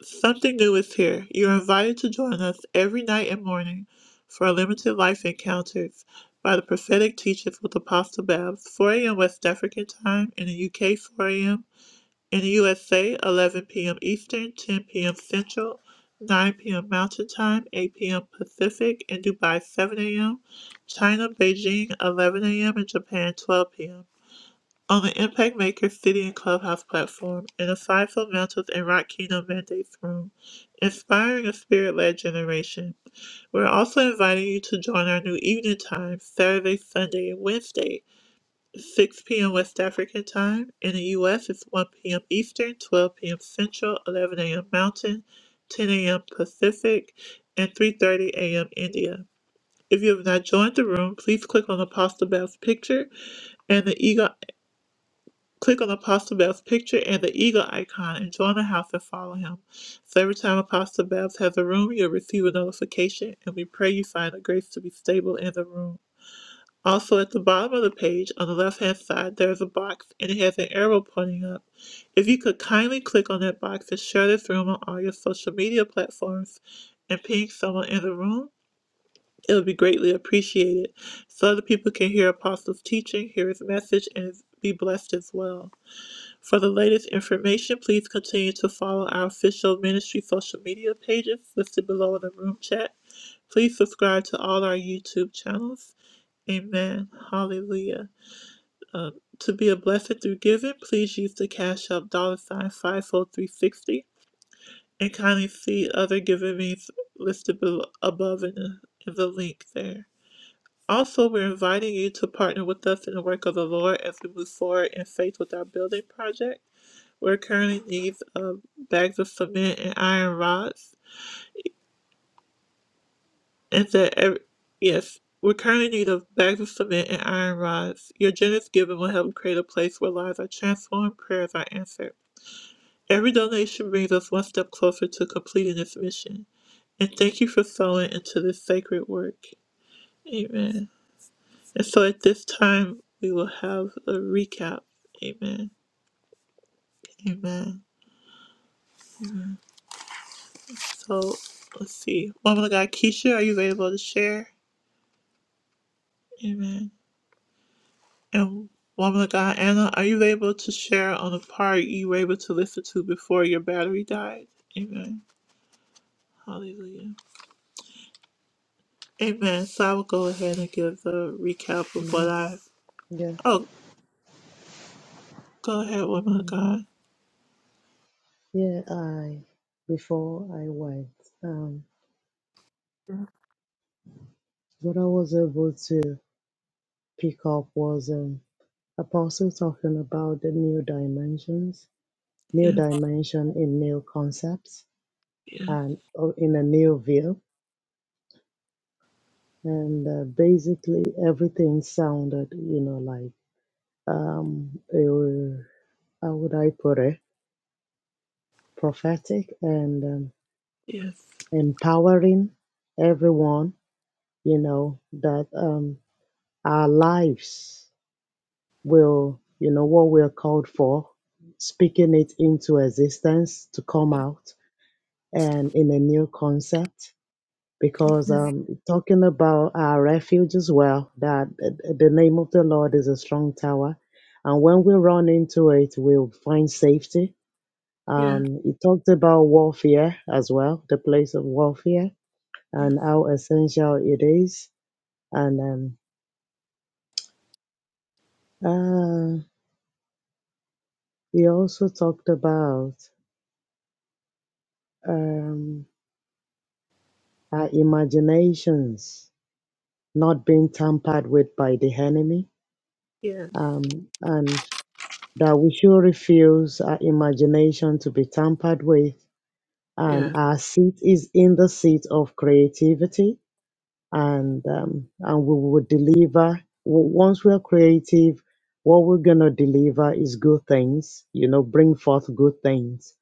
Speaker 2: Something new is here. You're invited to join us every night and morning for our limited life encounters by the prophetic teachers with Apostle Babs, 4 a.m. West African time in the UK, 4 a.m. in the USA, 11 p.m. Eastern, 10 p.m. Central, 9 p.m. Mountain Time, 8 p.m. Pacific, in Dubai, 7 a.m. China, Beijing, 11 a.m. and Japan, 12 p.m on the Impact Maker City and Clubhouse platform in the Fivefold Mantles and Rock Kingdom Mandates room, inspiring a spirit-led generation. We're also inviting you to join our new evening time, Saturday, Sunday, and Wednesday, 6 p.m. West African time. In the U.S., it's 1 p.m. Eastern, 12 p.m. Central, 11 a.m. Mountain, 10 a.m. Pacific, and 3.30 a.m. India. If you have not joined the room, please click on Apostle Bell's picture and the eagle. Click on Apostle Bev's picture and the eagle icon and join the house and follow him. So every time Apostle Bev has a room, you'll receive a notification, and we pray you find the grace to be stable in the room. Also, at the bottom of the page on the left hand side, there is a box and it has an arrow pointing up. If you could kindly click on that box and share this room on all your social media platforms and ping someone in the room, it would be greatly appreciated so other people can hear Apostle's teaching, hear his message, and be blessed as well. For the latest information, please continue to follow our official ministry social media pages listed below in the room chat. Please subscribe to all our YouTube channels. Amen. Hallelujah. Um, to be a blessing through giving, please use the Cash App dollar sign 54360 and kindly see other giving means listed below, above in the, in the link there. Also, we're inviting you to partner with us in the work of the Lord as we move forward in faith with our building project. We're currently in need of bags of cement and iron rods, and that every, yes, we're currently in need of bags of cement and iron rods. Your generous giving will help create a place where lives are transformed, prayers are answered. Every donation brings us one step closer to completing this mission. And thank you for sowing into this sacred work. Amen. And so at this time, we will have a recap. Amen. Amen. So let's see. Woman of God, Keisha, are you able to share? Amen. And Woman of God, Anna, are you able to share on the part you were able to listen to before your battery died? Amen. Hallelujah. Amen. So I will go ahead and give the recap of what
Speaker 4: Amen.
Speaker 2: I.
Speaker 4: Yeah.
Speaker 2: Oh, go ahead, Woman of God.
Speaker 4: Yeah, I before I went, um, what I was able to pick up was um, Apostle talking about the new dimensions, new
Speaker 2: Yes,
Speaker 4: dimension in new concepts,
Speaker 2: yes,
Speaker 4: and or in a new view. And uh, basically, everything sounded, you know, like um, how would I put it, prophetic and um,
Speaker 2: yes,
Speaker 4: empowering everyone, you know, that um, our lives will, you know, what we're called for, speaking it into existence to come out and in a new concept. Because
Speaker 2: yes,
Speaker 4: um, talking about our refuge as well, that uh, the name of the Lord is a strong tower. And when we run into it, we'll find safety
Speaker 2: yes,
Speaker 4: Um, he talked about warfare as well, the place of warfare and how essential it is. And um, uh, he also talked about um, our imaginations not being tampered with by the enemy
Speaker 2: yes,
Speaker 4: um, and that we should refuse our imagination to be tampered with. And
Speaker 2: yes.
Speaker 4: our seat is in the seat of creativity and um, and we will deliver. W- Once we are creative, what we're gonna deliver is good things. You know, bring forth good things.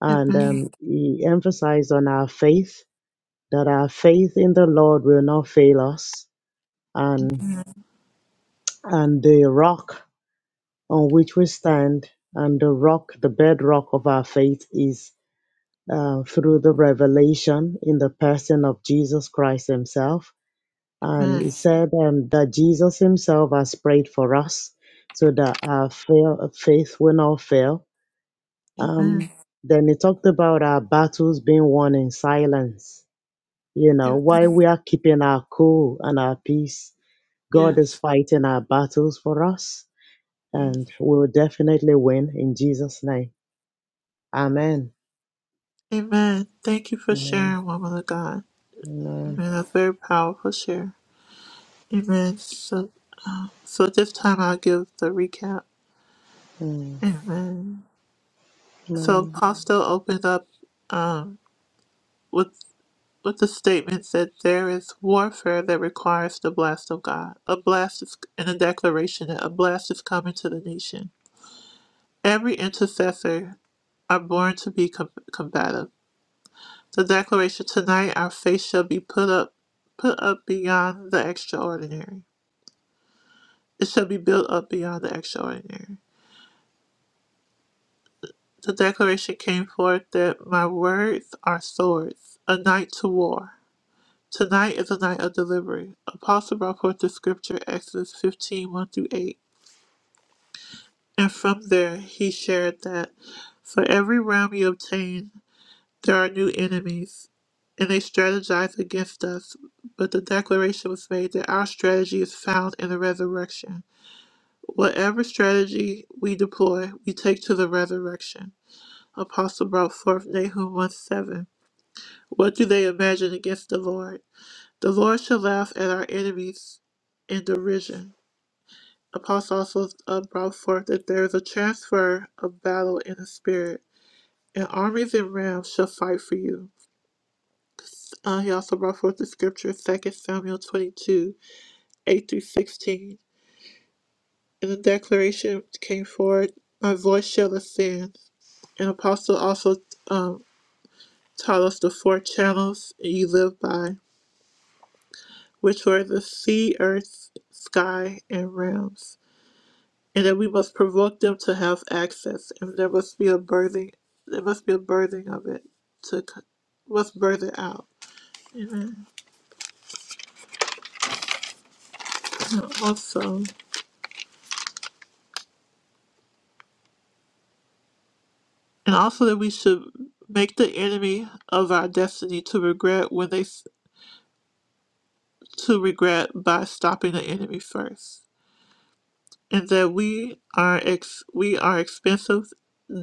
Speaker 4: And
Speaker 2: Amen.
Speaker 4: um, he emphasized on our faith that our faith in the Lord will not fail us, and and the rock on which we stand, and the rock, the bedrock of our faith is uh, through the revelation in the person of Jesus Christ Himself And he
Speaker 2: Amen.
Speaker 4: said um, that Jesus himself has prayed for us so that our fail, faith will not fail.
Speaker 2: Amen.
Speaker 4: Um, then he talked about our battles being won in silence. You know,
Speaker 2: Amen.
Speaker 4: while we are keeping our cool and our peace, God is
Speaker 2: Yes.
Speaker 4: fighting our battles for us
Speaker 2: Yes.
Speaker 4: and we will definitely win in Jesus' name. Amen.
Speaker 2: Amen. Thank you for
Speaker 4: Amen.
Speaker 2: sharing, woman of God.
Speaker 4: Amen.
Speaker 2: Amen. That's very powerful share. Amen. So, so this time I'll give the recap.
Speaker 4: Amen.
Speaker 2: Amen. So
Speaker 4: Amen.
Speaker 2: Apostle opened up um, with with the statement that there is warfare that requires the blast of God. A blast is and a declaration that a blast is coming to the nation. Every intercessor are born to be com- combative. The declaration tonight our faith shall be put up put up beyond the extraordinary. It shall be built up beyond the extraordinary. The declaration came forth that my words are swords, a night to war. Tonight is a night of delivery. Apostle brought forth the scripture Exodus fifteen one through 8. And from there he shared that for every realm you obtain There are new enemies, and they strategize against us. But the declaration was made that our strategy is found in the resurrection. Whatever strategy we deploy, we take to the resurrection. Apostle brought forth Nahum 1 7. What do they imagine against the Lord? The Lord shall laugh at our enemies in derision. Apostle also uh, brought forth that there is a transfer of battle in the spirit, and armies and rams shall fight for you. Uh, He also brought forth the scripture, 2 Samuel 22, 8 through 16. And the declaration came forward, My voice shall ascend. An Apostle also um, taught us the four channels you live by, which were the sea, earth, sky, and realms. And that we must provoke them to have access, and there must be a birthing, there must be a birthing of it to c- must birth it out. Amen. And also. and also that we should make the enemy of our destiny to regret when they s- to regret by stopping the enemy first and that we are ex we are expensive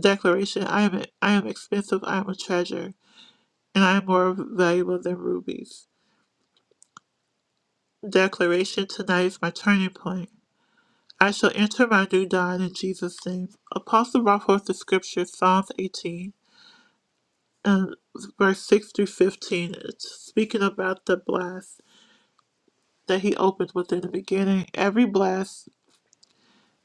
Speaker 2: declaration i am i am expensive i am a treasure and i am more valuable than rubies declaration tonight is my turning point i shall enter my new dawn in jesus name apostle brought forth the scripture psalms 18 and verse 6 through 15 it's speaking about the blast that he opened within the beginning, every blast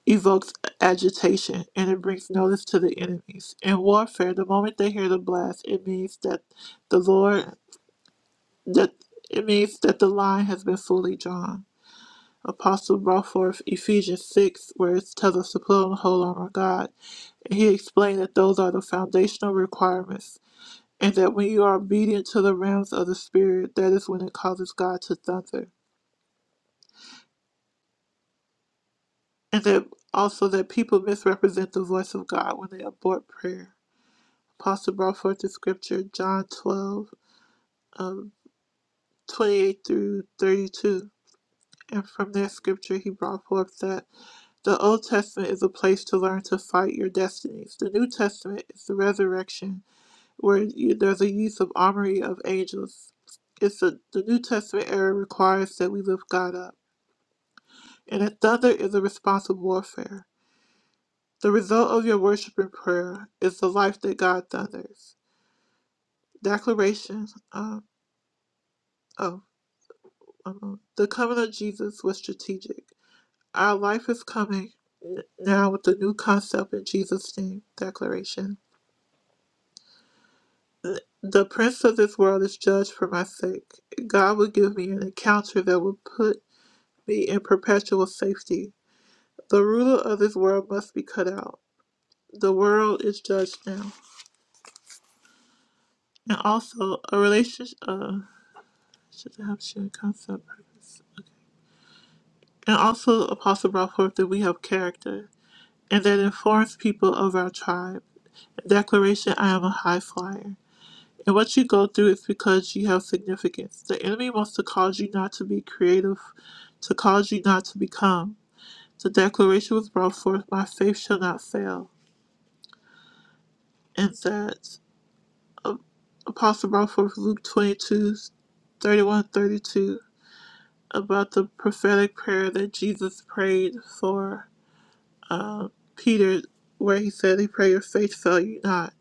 Speaker 2: evokes agitation and it brings notice to the enemies. In warfare, the moment they hear the blast, it means that the Lord that it means that the line has been fully drawn. Apostle brought forth Ephesians six, where it tells us to put on the whole armor of God. And he explained that those are the foundational requirements, and that when you are obedient to the realms of the spirit, that is when it causes God to thunder. and that also that people misrepresent the voice of God when they abort prayer. Apostle brought forth the scripture, John 12, um, 28 through 32. And from that scripture, he brought forth that the Old Testament is a place to learn to fight your destinies. The New Testament is the resurrection, where you, there's a use of armory of angels. It's a, the New Testament era requires that we lift God up. And a thunder is a response of warfare. The result of your worship and prayer is the life that God thunders. Declaration of oh, one moment. the coming of Jesus was strategic. Our life is coming now with the new concept in Jesus' name. Declaration. The prince of this world is judged for my sake. God will give me an encounter that will put me in perpetual safety. The ruler of this world must be cut out. The world is judged now. And also, a relationship. uh, Should have shared concept purpose. Okay. And also, Apostle brought forth that we have character, and that informs people of our tribe. Declaration I am a high flyer. And what you go through is because you have significance. The enemy wants to cause you not to be creative, to cause you not to become. The declaration was brought forth, my faith shall not fail. And that uh, Apostle brought forth Luke 22, 31, 32 about the prophetic prayer that Jesus prayed for uh, Peter, where he said, "He pray your faith fail you not."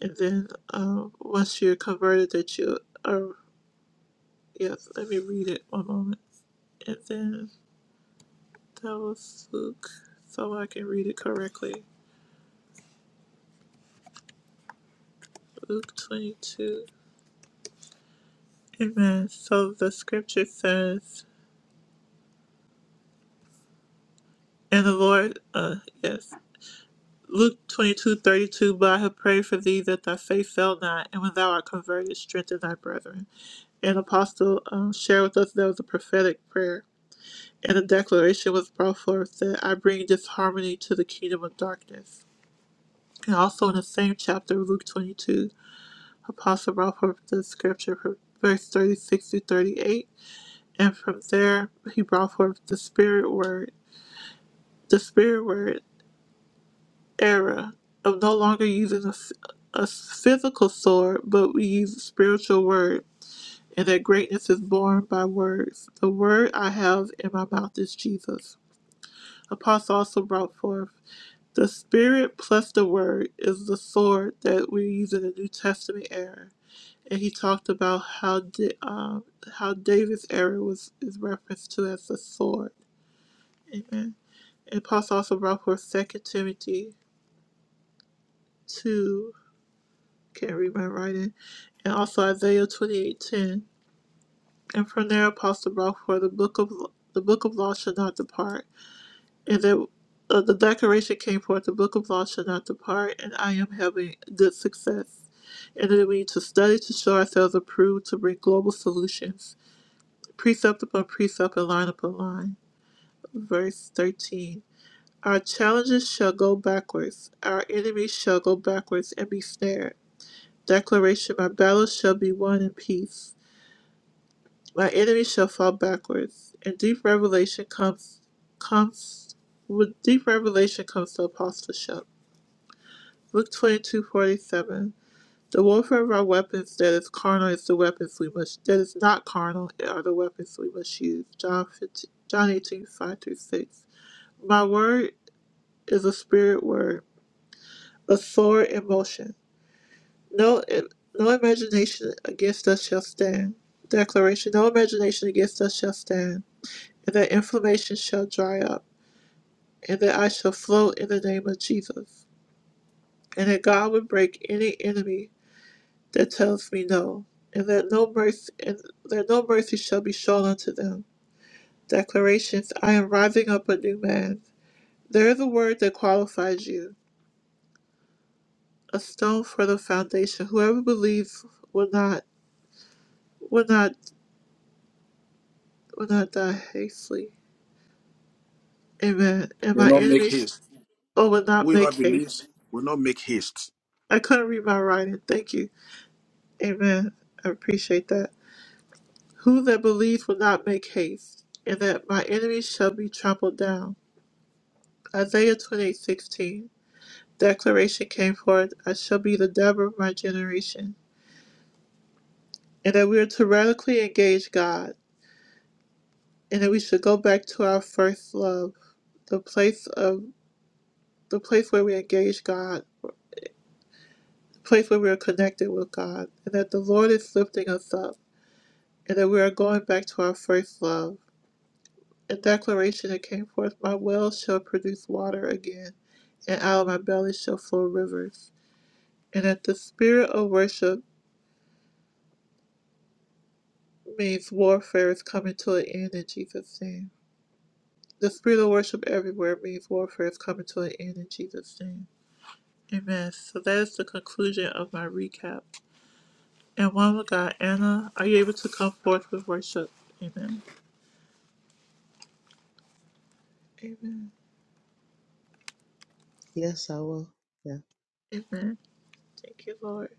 Speaker 2: And then um, once you're converted, that you are. Yes, let me read it one moment. And then that was Luke, so I can read it correctly. Luke 22. Amen. So the scripture says, and the Lord, uh, yes, Luke twenty two thirty two, 32, but I have prayed for thee that thy faith fail not, and when thou art converted, strengthen thy brethren. And Apostle um, shared with us that was a prophetic prayer. and a declaration was brought forth that I bring disharmony to the kingdom of darkness. And also in the same chapter, Luke 22, Apostle brought forth the scripture from verse 36 to 38, and from there he brought forth the spirit word, the spirit word era of no longer using a a physical sword, but we use a spiritual word, and that greatness is born by words. The word I have in my mouth is Jesus. Apostle also brought forth. The Spirit plus the Word is the sword that we use in the New Testament era, and he talked about how da- um, how David's era was is referenced to as the sword. Amen. And Paul also brought forth Second Timothy two. Can't read my writing, and also Isaiah twenty eight ten. And from there, Apostle brought forth the book of the book of law should not depart And it, uh, the declaration came forth, the book of law shall not depart, and I am having good success. And then we need to study to show ourselves approved to bring global solutions, precept upon precept and line upon line. Verse 13. Our challenges shall go backwards, our enemies shall go backwards and be snared. Declaration My battles shall be won in peace, my enemies shall fall backwards. And deep revelation comes, comes with deep revelation comes to apostleship. Luke twenty two forty seven. The warfare of our weapons that is carnal is the weapons we must that is not carnal are the weapons we must use. John 15, John eighteen five through six. My word is a spirit word, a sword in motion. No no imagination against us shall stand. Declaration No imagination against us shall stand, and that inflammation shall dry up, and that I shall float in the name of Jesus, and that God would break any enemy that tells me no, and that no mercy and that no mercy shall be shown unto them. Declarations I am rising up a new man. There is a word that qualifies you, a stone for the foundation. Whoever believes will not will not will not die hastily. Amen. And
Speaker 1: Will
Speaker 2: my
Speaker 1: not make
Speaker 2: enemies
Speaker 1: haste.
Speaker 2: oh will not
Speaker 1: Whoever
Speaker 2: make haste.
Speaker 1: believes will not make haste.
Speaker 2: I couldn't read my writing. Thank you. Amen. I appreciate that. Who that believes will not make haste, and that my enemies shall be trampled down. Isaiah twenty eight sixteen. declaration came forth, I shall be the Deborah of my generation. And that we are to radically engage God. And that we should go back to our first love, the place of the place where we engage God, the place where we are connected with God, and that the Lord is lifting us up, and that we are going back to our first love. A declaration that came forth, my well shall produce water again, and out of my belly shall flow rivers. And that the spirit of worship means warfare is coming to an end in Jesus' name The spirit of worship everywhere means warfare is coming to an end in Jesus' name. Amen. So that is the conclusion of my recap. And one with God, Anna, are you able to come forth with worship? Amen. Amen.
Speaker 4: Yes, I will. Yeah.
Speaker 2: Amen. Thank you, Lord.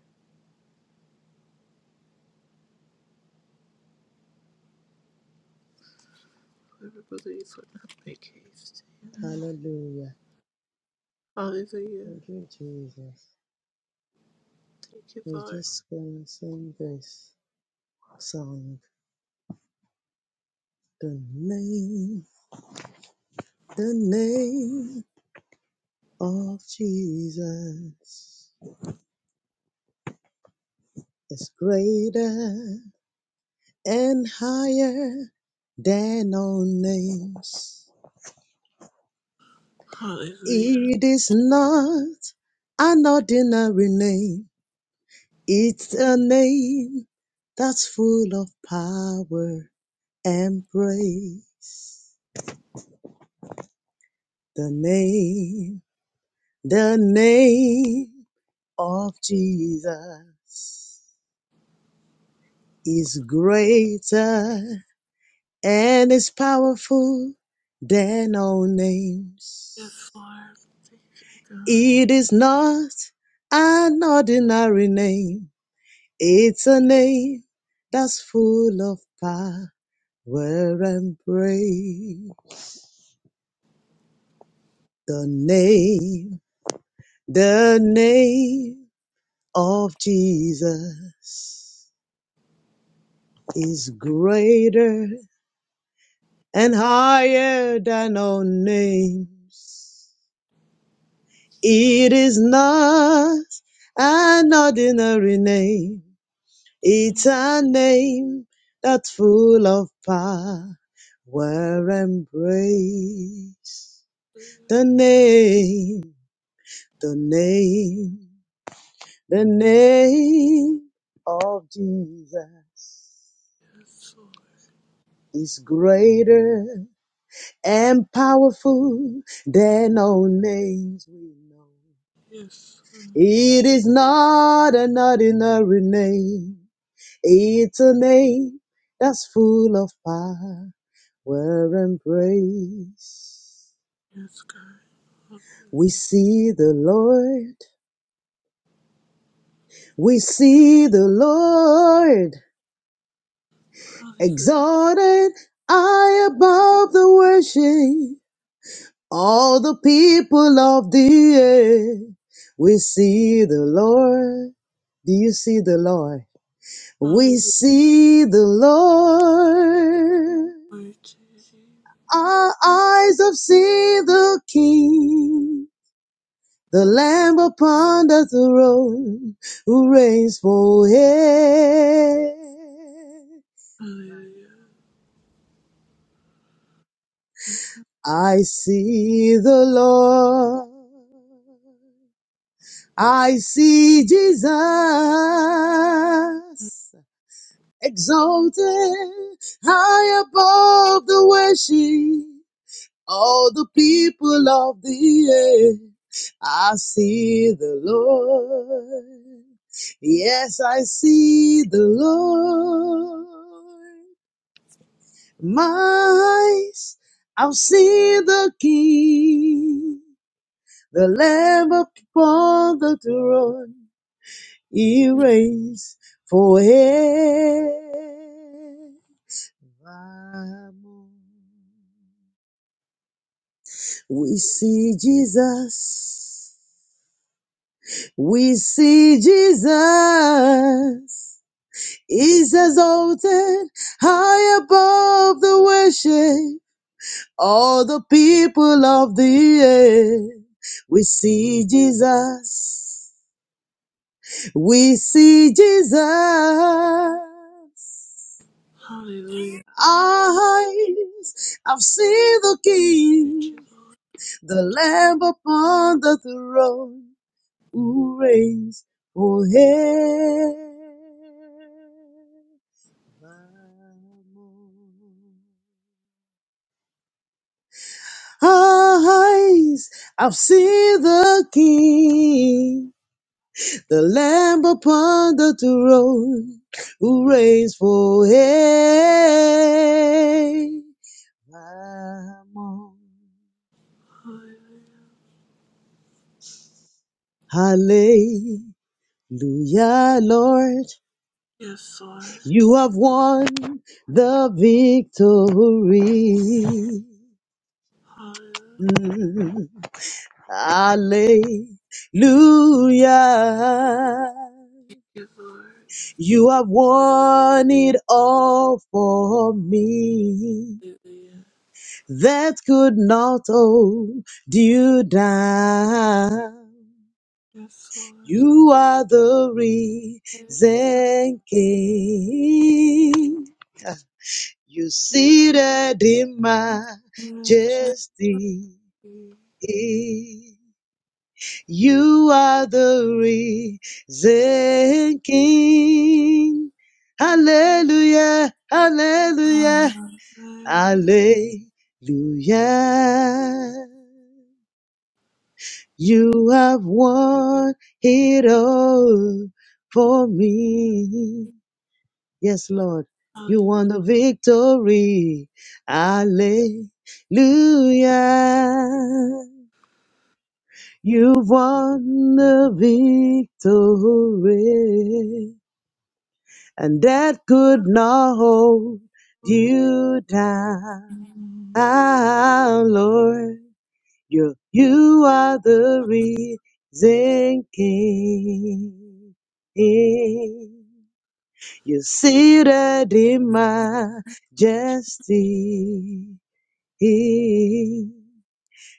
Speaker 2: Whoever believes will not make haste.
Speaker 4: Hallelujah.
Speaker 2: Hallelujah.
Speaker 4: Thank you, Jesus.
Speaker 2: Thank you,
Speaker 4: We're
Speaker 2: Lord.
Speaker 4: just gonna sing this song. The name, the name of Jesus is greater and higher than all names.
Speaker 2: Hallelujah.
Speaker 4: It is not an ordinary name. It's a name that's full of power and praise. The name, the name. of Jesus is greater and is powerful than all
Speaker 2: Yes,
Speaker 4: names.
Speaker 2: Lord. Thank you, God.
Speaker 4: It is not an ordinary name, it's a name that's full of power and praise. The name, the name of Jesus is greater and higher than all names. It is not an ordinary name. It's a name that's full of power and grace. The name, the name, the name of Jesus
Speaker 2: Yes, Lord.
Speaker 4: is greater and powerful than all names we know.
Speaker 2: Yes, Lord.
Speaker 4: It is not an ordinary name. It's a name that's full of power and praise.
Speaker 2: Yes, God.
Speaker 4: We see the Lord. We see the Lord
Speaker 2: Hallelujah.
Speaker 4: exalted high above the worship. All the people of the earth. We see the Lord. Do you see the Lord? We
Speaker 2: Hallelujah.
Speaker 4: see the Lord.
Speaker 2: Glory to your name.
Speaker 4: Our eyes have seen the King, the Lamb upon the throne who reigns forever.
Speaker 2: Hallelujah.
Speaker 4: I see the Lord. I see Jesus exalted high above the worship All the people of the earth, I see the Lord. Yes, I see the Lord. My eyes, I've seen the King, the Lamb upon the throne. He reigns forevermore. We see Jesus. We see Jesus is exalted high above the worship, all the people of the earth. We see Jesus, we see Jesus.
Speaker 2: Hallelujah.
Speaker 4: Our eyes have seen the
Speaker 2: Thank you,
Speaker 4: King,
Speaker 2: Lord.
Speaker 4: the Lamb upon the throne. who reigns forevermore. Eyes, I've seen the King, the Lamb upon the throne, who reigns forevermore.
Speaker 2: Hallelujah.
Speaker 4: Hallelujah, Lord,
Speaker 2: Yes, Lord.
Speaker 4: you have won the victory.
Speaker 2: Hallelujah,
Speaker 4: Hallelujah.
Speaker 2: Thank you, Lord.
Speaker 4: You have won it all for me.
Speaker 2: Hallelujah.
Speaker 4: That could not hold you down.
Speaker 2: Yes, Lord.
Speaker 4: You are the
Speaker 2: Yes, Lord.
Speaker 4: reason king. You seated in
Speaker 2: Yes, Lord. Yes, Lord.
Speaker 4: majesty. You are the risen King. Hallelujah, hallelujah,
Speaker 2: Hallelujah.
Speaker 4: hallelujah. You have won it all for me. Yes, Lord, you won
Speaker 2: Hallelujah.
Speaker 4: the victory. Hallelujah. You've won the victory, and that could not hold
Speaker 2: Yes, Lord.
Speaker 4: you down,
Speaker 2: Hallelujah.
Speaker 4: Lord. You, you are the
Speaker 2: Thank
Speaker 4: risen king. You're seated in majesty.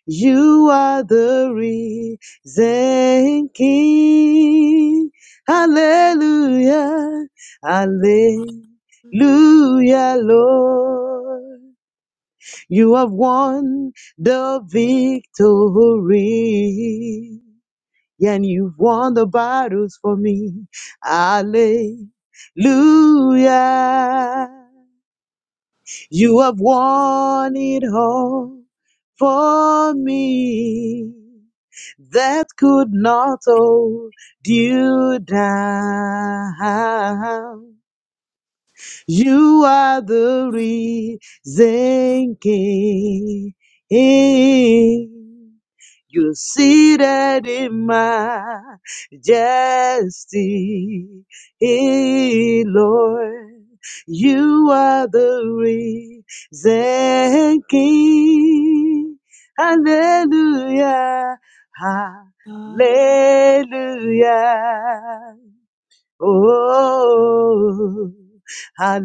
Speaker 4: You are the risen King. Hallelujah. Hallelujah, Lord. You have won the victory. And you've won the battles for me. Hallelujah. You have won it all for me that could not hold you down. You are the risen king. You're seated in majesty, eh, Lord. You are the risen King. Hallelujah, hallelujah. Oh, hallelujah.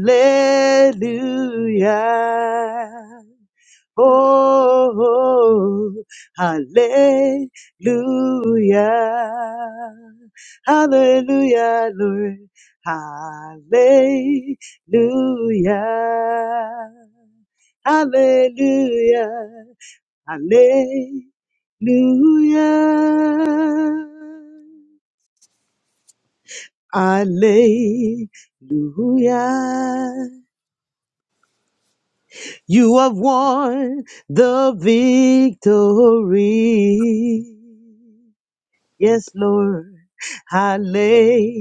Speaker 4: Oh, hallelujah. Hallelujah, Lord. Hallelujah. Hallelujah. Hallelujah. Hallelujah. You have won the victory. Yes, Lord. Hallelujah.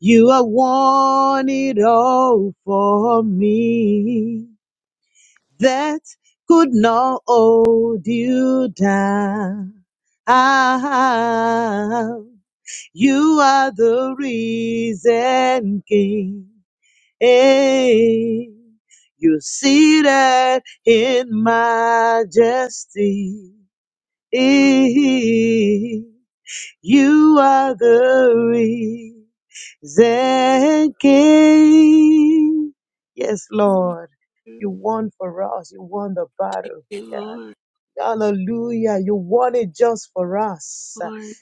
Speaker 4: You have won it all for me. That could not hold you down. Ah, you are the risen King. Hey, you're seated in majesty. You are the risen King. Yes, Lord. You won for us. You won the battle.
Speaker 2: you,
Speaker 4: God.
Speaker 2: Lord.
Speaker 4: Hallelujah. You want it just for us.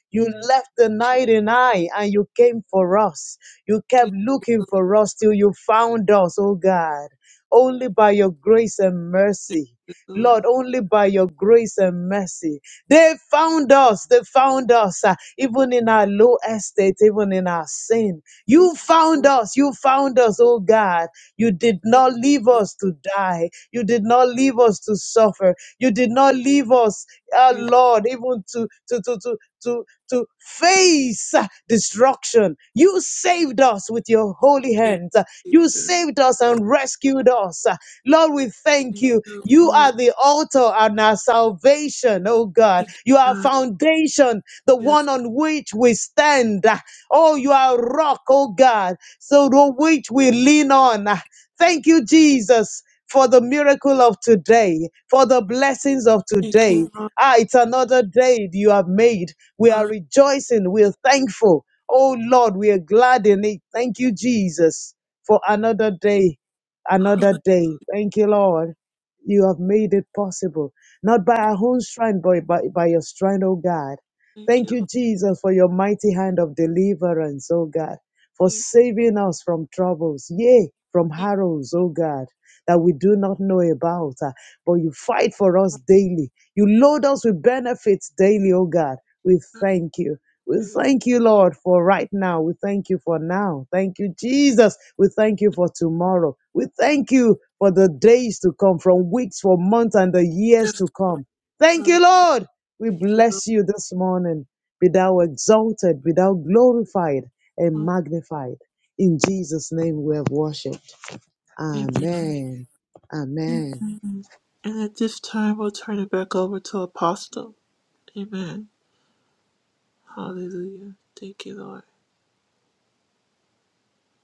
Speaker 4: You left the night and I and you came for us. You kept looking for us till you found us, oh God. Only by your grace and mercy. Lord, only by your grace and mercy. They found us. They found us. uh, even in our low estate, even in our sin. You
Speaker 2: Yes,
Speaker 4: found
Speaker 2: Lord,
Speaker 4: us. You found us, oh God. You did
Speaker 2: yes,
Speaker 4: not leave us to die. You did not leave us to suffer. You did not leave us, uh,
Speaker 2: you-
Speaker 4: Lord, even to, to, to, to, to, to face uh, destruction. You saved us with your holy
Speaker 2: thank
Speaker 4: hands. Uh,
Speaker 2: you,
Speaker 4: You
Speaker 2: Lord.
Speaker 4: saved us and rescued us. Uh, Lord, we thank
Speaker 2: Thank you, Lord. Yes, Lord. Thank you, Lord. Thank you, Jesus. Thank
Speaker 4: you.
Speaker 2: you,
Speaker 4: You
Speaker 2: Lord.
Speaker 4: are the altar and our salvation, oh God.
Speaker 2: Thank you,
Speaker 4: You are
Speaker 2: God.
Speaker 4: foundation, the
Speaker 2: Yes,
Speaker 4: one on which we stand. Uh, Oh, you are rock, oh God. So the which we lean on. Thank you, Jesus, for the miracle of today, for the blessings of
Speaker 2: Thank
Speaker 4: today.
Speaker 2: you, Lord
Speaker 4: Ah, it's another day you have made. We are
Speaker 2: God.
Speaker 4: rejoicing. We are thankful. Oh, Lord, we are glad in it. Thank you, Jesus, for another day, another day. Thank you, Lord. You have made it possible, not by our own strength, but by, by your strength, oh God.
Speaker 2: Thank
Speaker 4: Thank
Speaker 2: you,
Speaker 4: you,
Speaker 2: Lord
Speaker 4: Jesus, for your mighty hand of deliverance, oh God for
Speaker 2: Jesus.
Speaker 4: saving us from troubles, yea, from
Speaker 2: Thank
Speaker 4: harrows, O God, that we do not know about. ah, But you fight
Speaker 2: you,
Speaker 4: for us daily. You load us with benefits daily, O God. We
Speaker 2: God.
Speaker 4: thank you. We thank you, Lord, for right now. We thank you for now. Thank you, Jesus. We thank you for tomorrow. We thank you for the days to come, from weeks, for months, and the years
Speaker 2: Yes,
Speaker 4: to come. Thank
Speaker 2: Father.
Speaker 4: you, Lord. We
Speaker 2: Thank you, Lord
Speaker 4: bless you this morning. Be thou exalted, be thou glorified and
Speaker 2: Father.
Speaker 4: magnified. In Jesus' name we have worshipped.
Speaker 2: Amen.
Speaker 4: Amen. Amen.
Speaker 2: Amen. And at this time, we'll turn it back over to Apostle. Amen. Hallelujah. Thank you, Lord.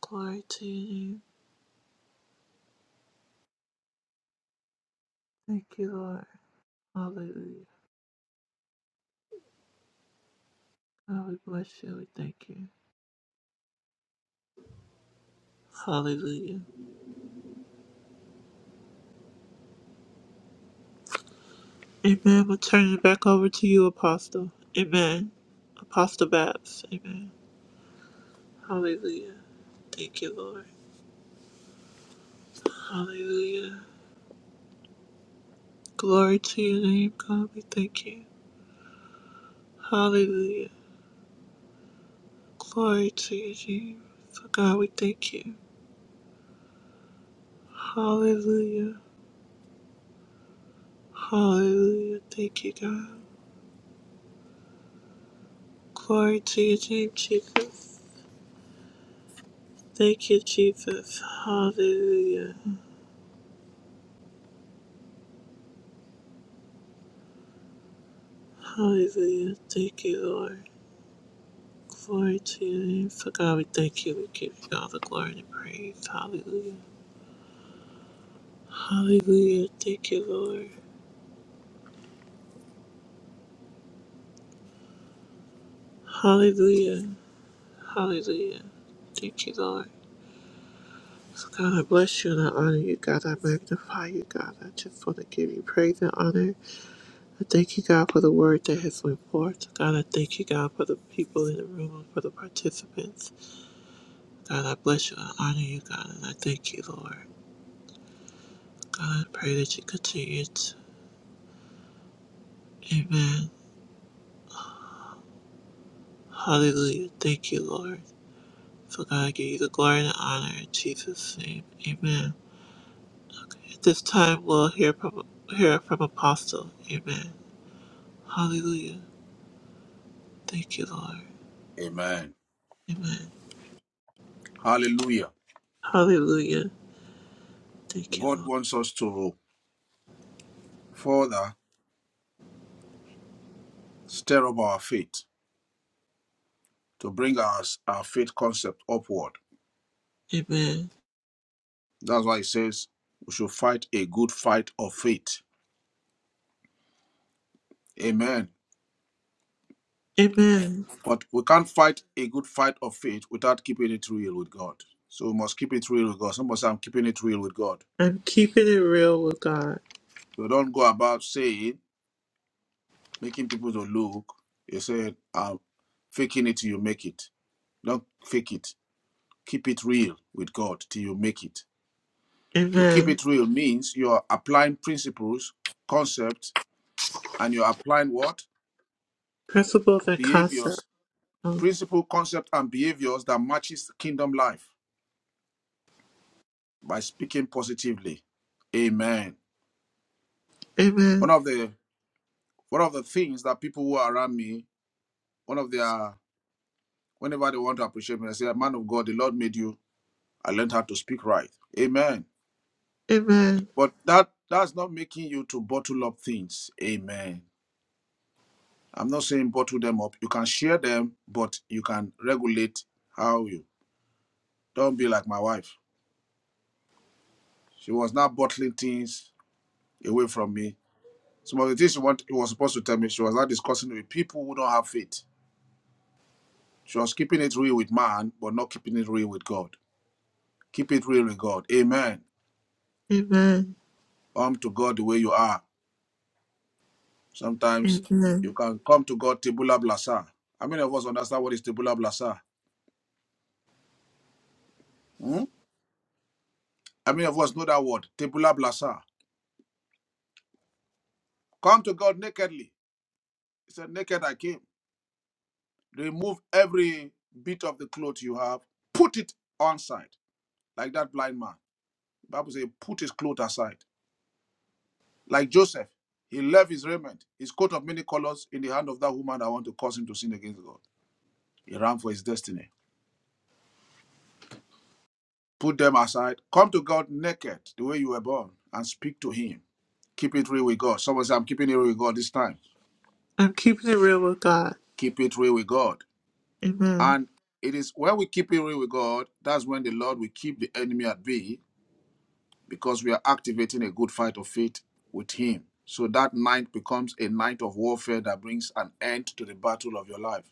Speaker 2: Glory to your name. Thank you, Lord. Hallelujah. God, we bless you. We thank you. Hallelujah. Amen. We'll turn it back over to you, Apostle. Amen. Apostle Babs. Amen. Hallelujah. Thank you, Lord. Hallelujah. Glory to your name, God. We thank you. Hallelujah. Glory to your name. For God, we thank you. Hallelujah. Hallelujah. Thank you, God. Glory to your name, Jesus. Thank you, Jesus. Hallelujah. Hallelujah. Thank you, Lord. Glory to your name. For God, we thank you. We give you all the glory and praise. Hallelujah. Hallelujah. Thank you, Lord. Hallelujah. Hallelujah. Thank you, Lord. So God, I bless you and I honor you. God, I magnify you. God, I just want to give you praise and honor. I thank you, God, for the word that has went forth. God, I thank you, God, for the people in the room and for the participants. God, I bless you and I honor you, God, and I thank you, Lord. God, I pray that you continue to. Amen. Hallelujah. Thank you, Lord. So, God, I give you the glory and the honor in Jesus' name. Amen. At this time, we'll hear from, hear from Apostle. Amen. Hallelujah. Thank you, Lord.
Speaker 1: Amen.
Speaker 2: Amen.
Speaker 1: Hallelujah.
Speaker 2: Hallelujah. Thank you,
Speaker 1: God
Speaker 2: Lord.
Speaker 1: wants us to further stir up our faith, to bring our, our faith concept upward.
Speaker 2: Amen.
Speaker 1: That's why he says we should fight a good fight of faith. Amen.
Speaker 2: Amen.
Speaker 1: But we can't fight a good fight of faith without keeping it real with God. So we must keep it real with God. Somebody say, I'm keeping it real with God.
Speaker 2: I'm keeping it real with God.
Speaker 1: So don't go about saying, making people to look. You say, I'm faking it till you make it. Don't fake it. Keep it real with God till you make it. To keep
Speaker 2: Amen.
Speaker 1: it real means you're applying principles, concepts, and you're applying what?
Speaker 2: Principles and concepts.
Speaker 1: Behaviors.
Speaker 2: Oh,
Speaker 1: Principle, concept, and behaviors that matches kingdom life by speaking positively. Amen. one
Speaker 2: amen.
Speaker 1: of the one of the things that people who are around me, one of their whenever they want to appreciate me, they say, "Man of God, the Lord made you. I learned how to speak right." Amen.
Speaker 2: Amen.
Speaker 1: But that that's not making you to bottle up things. Amen. I'm not saying bottle them up. You can share them, but you can regulate how you. Don't be like my wife. She was not bottling things away from me. Some of the things she want, she was supposed to tell me, she was not discussing with people who don't have faith. She was keeping it real with man, but not keeping it real with God. Keep it real with God. Amen.
Speaker 2: Amen.
Speaker 1: Come to God the way you are. Sometimes you
Speaker 2: Amen.
Speaker 1: can come to God tibula blasa. How many of us understand what is tibula blasa? Hmm? How many of us know that word? Tibula blasa. Come to God nakedly. He said, Naked I came. Remove every bit of the cloth you have. Put it on side. Like that blind man. The Bible says, put his cloth aside. Like Joseph. He left his raiment, his coat of many colors, in the hand of that woman that want to cause him to sin against God. He ran for his destiny. Put them aside. Come to God naked, the way you were born, and speak to Him. Keep it real with God. Someone say, I'm keeping it real with God this time.
Speaker 2: I'm keeping it real with God.
Speaker 1: Keep it real with God.
Speaker 2: Amen.
Speaker 1: And it is when we keep it real with God, that's when the Lord will keep the enemy at bay because we are activating a good fight of faith with Him. So that night becomes a night of warfare that brings an end to the battle of your life.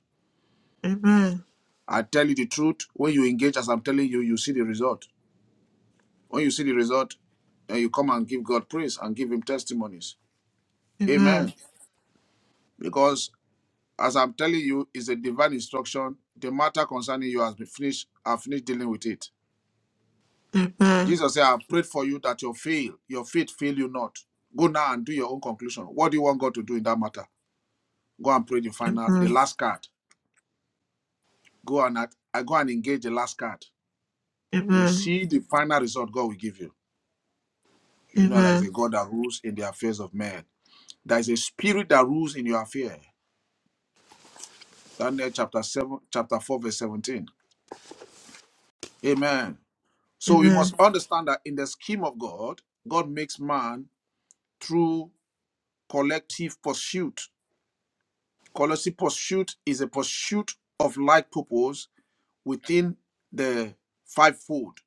Speaker 2: Amen.
Speaker 1: I tell you the truth, when you engage, as I'm telling you, you see the result. When you see the result, and you come and give God praise and give Him testimonies.
Speaker 2: Amen.
Speaker 1: Amen. Because as I'm telling you, it's a divine instruction. The matter concerning you has been finished. I've finished dealing with it.
Speaker 2: Amen.
Speaker 1: Jesus said, I prayed for you that your fail, your faith fail you not. Go now and do your own conclusion. What do you want God to do in that matter? Go and pray the final, the
Speaker 2: Amen.
Speaker 1: last card. Go and act- I go and engage the last card. You
Speaker 2: Amen.
Speaker 1: see the final result God will give you. You know there is a
Speaker 2: Amen.
Speaker 1: God that rules in the affairs of men. There is a spirit that rules in your affair. Daniel chapter seven, chapter four, verse seventeen. Amen. So we
Speaker 2: Amen.
Speaker 1: must understand that in the scheme of God, God makes man through collective pursuit. Collective pursuit is a pursuit of like purpose within the fivefold.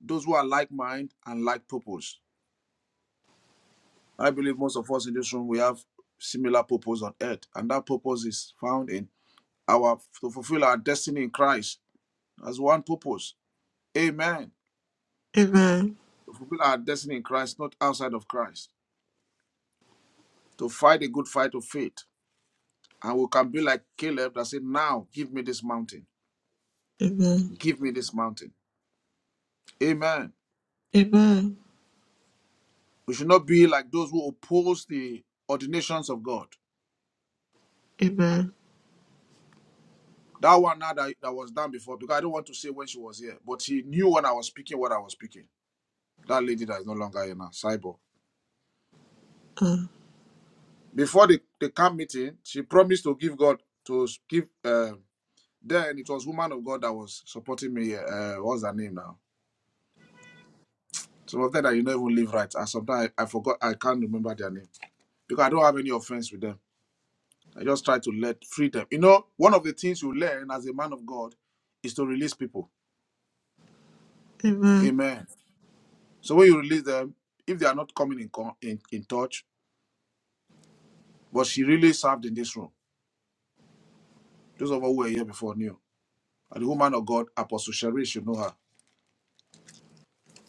Speaker 1: Those who are like mind and like purpose. I believe most of us in this room we have similar purpose on earth, and that purpose is found in our to fulfill our destiny in Christ as one purpose. Amen.
Speaker 2: Amen.
Speaker 1: To fulfill our destiny in Christ, not outside of Christ. To fight a good fight of faith And we can be like Caleb that said, Now give me this mountain.
Speaker 2: Amen.
Speaker 1: Give me this mountain. Amen.
Speaker 2: Amen.
Speaker 1: We should not be like those who oppose the ordinations of God.
Speaker 2: Amen.
Speaker 1: That one now that, that was done before, because I don't want to say when she was here, but he knew when I was speaking what I was speaking. That lady that is no longer here now, Cyborg.
Speaker 2: Uh,
Speaker 1: Before the, the camp meeting, she promised to give God, to give, uh, then it was woman of God that was supporting me. Uh, what's her name now? Some of them that you don't even live right. And sometimes I, I forgot, I can't remember their name because I don't have any offense with them. I just try to let free them. You know, one of the things you learn as a man of God is to release people.
Speaker 2: amen.
Speaker 1: Amen. So when you release them, if they are not coming in con- in, in touch, but she really served in this room. Those of us who were here before knew. And the woman of God, Apostle Sherry, should know her.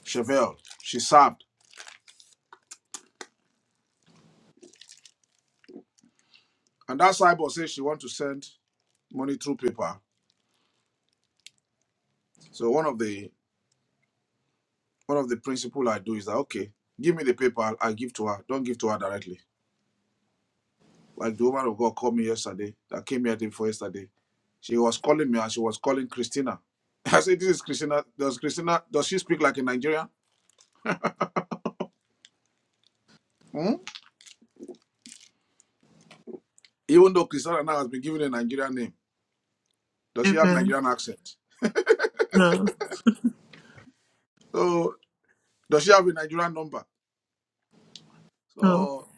Speaker 1: Chevelle, she served. And that cyber says she wants to send money through paper. So one of the one of the principle I do is that okay, give me the paper, I give to her. Don't give to her directly Like the woman of God called me yesterday, that came here day before yesterday. She was calling me and she was calling Christina. I said, This is Christina. Does Christina, does she speak like a Nigerian? Hmm? Even though Christina now has been given a Nigerian name, does she have
Speaker 2: Amen.
Speaker 1: Nigerian accent?
Speaker 2: No.
Speaker 1: So, does she have a Nigerian number?
Speaker 2: No.
Speaker 1: So,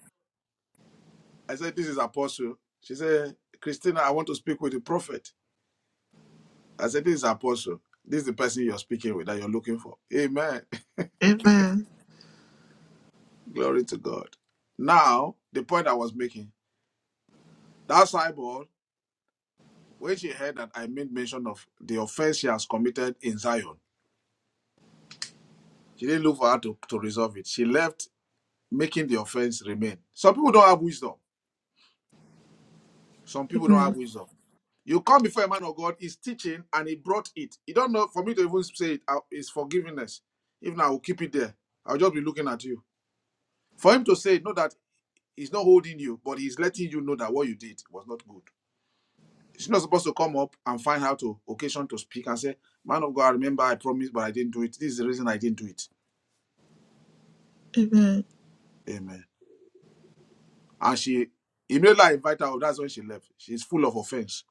Speaker 1: I said, This is Apostle. She said, Christina, I want to speak with the prophet. I said, This is Apostle. This is the person you're speaking with that you're looking for. Amen.
Speaker 2: Amen.
Speaker 1: Glory to God. Now, the point I was making that cyborg When she heard that I made mention of the offense she has committed in Zion, she didn't look for her to, to resolve it. She left making the offense remain. Some people don't have wisdom. Some people don't
Speaker 2: Amen.
Speaker 1: have wisdom. You come before a man of God, he's teaching and he brought it. You don't know, for me to even say it, I- it's forgiveness. Even I will keep it there. I'll just be looking at you. For him to say, no, that he's not holding you, but he's letting you know that what you did was not good. She's not supposed to come up and find out to occasion to speak and say, Man of God, I remember I promised, but I didn't do it. This is the reason I didn't do it.
Speaker 2: Amen.
Speaker 1: Amen. And she immediately I invite her, that's when she left. She's full of offense.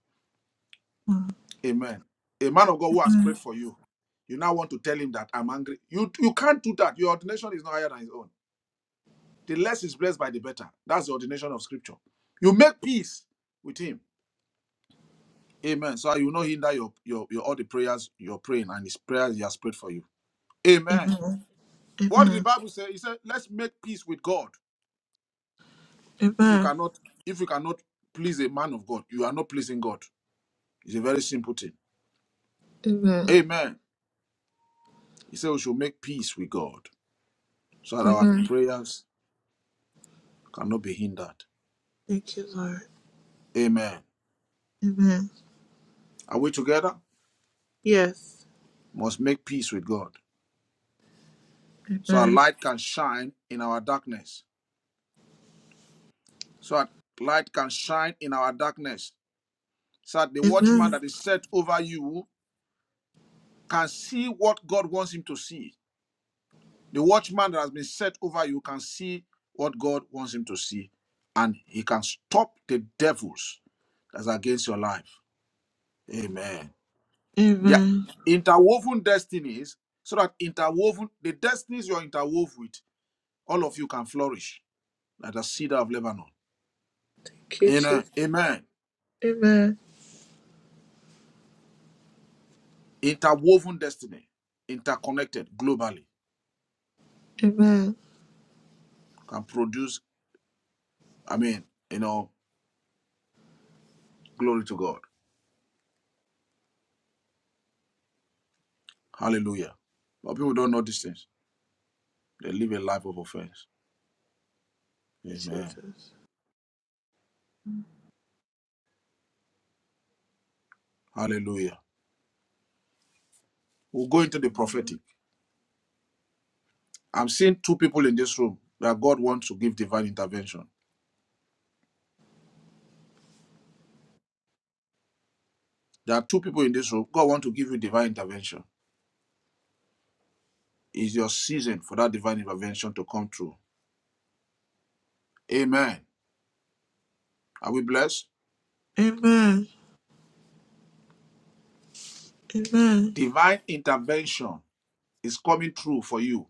Speaker 2: Amen.
Speaker 1: Amen. A man of God who has prayed
Speaker 2: Amen.
Speaker 1: for you, you now want to tell him that I'm angry. You you can't do that. Your ordination is not higher than his own. The less is blessed by the better. That's the ordination of scripture. You make peace with him. Amen. So you will not hinder your, your, your all the prayers you're praying and his prayers he has prayed for you. Amen.
Speaker 2: Amen.
Speaker 1: What did the
Speaker 2: Amen.
Speaker 1: Bible say? He said, "Let's make peace with God." If you cannot, if you cannot please a man of God, you are not pleasing God. It's a very simple thing.
Speaker 2: Amen.
Speaker 1: Amen. He said we should make peace with God so that our
Speaker 2: Amen.
Speaker 1: prayers cannot be hindered.
Speaker 2: Thank you, Lord.
Speaker 1: Amen.
Speaker 2: Amen.
Speaker 1: Are we together?
Speaker 2: Yes.
Speaker 1: Must make peace with God so that
Speaker 2: Amen.
Speaker 1: light can shine in our darkness. So that light can shine in our darkness. So that the watchman
Speaker 2: Amen.
Speaker 1: that is set over you can see what God wants him to see The watchman that has been set over you can see what God wants him to see, and he can stop the devils that's against your life. Amen. Their
Speaker 2: Amen.
Speaker 1: interwoven destinies, so that interwoven the destinies you're interwoven with, all of you can flourish like the cedar of Lebanon.
Speaker 2: Thank you,
Speaker 1: Amen.
Speaker 2: Jesus.
Speaker 1: Amen.
Speaker 2: Amen.
Speaker 1: Interwoven destiny, interconnected globally,
Speaker 2: Amen.
Speaker 1: can produce. I mean, you know, glory to God. Hallelujah. But people don't know these things. They live a life of offense. Amen.
Speaker 2: Jesus.
Speaker 1: Hallelujah. We'll go into the
Speaker 2: Hallelujah.
Speaker 1: prophetic. I'm seeing two people in this room that God wants to give divine intervention. There are two people in this room. God wants to give you divine intervention. It's your season for that divine intervention to come true. Amen. Are we blessed?
Speaker 2: Amen. Amen.
Speaker 1: Divine intervention is coming true for you.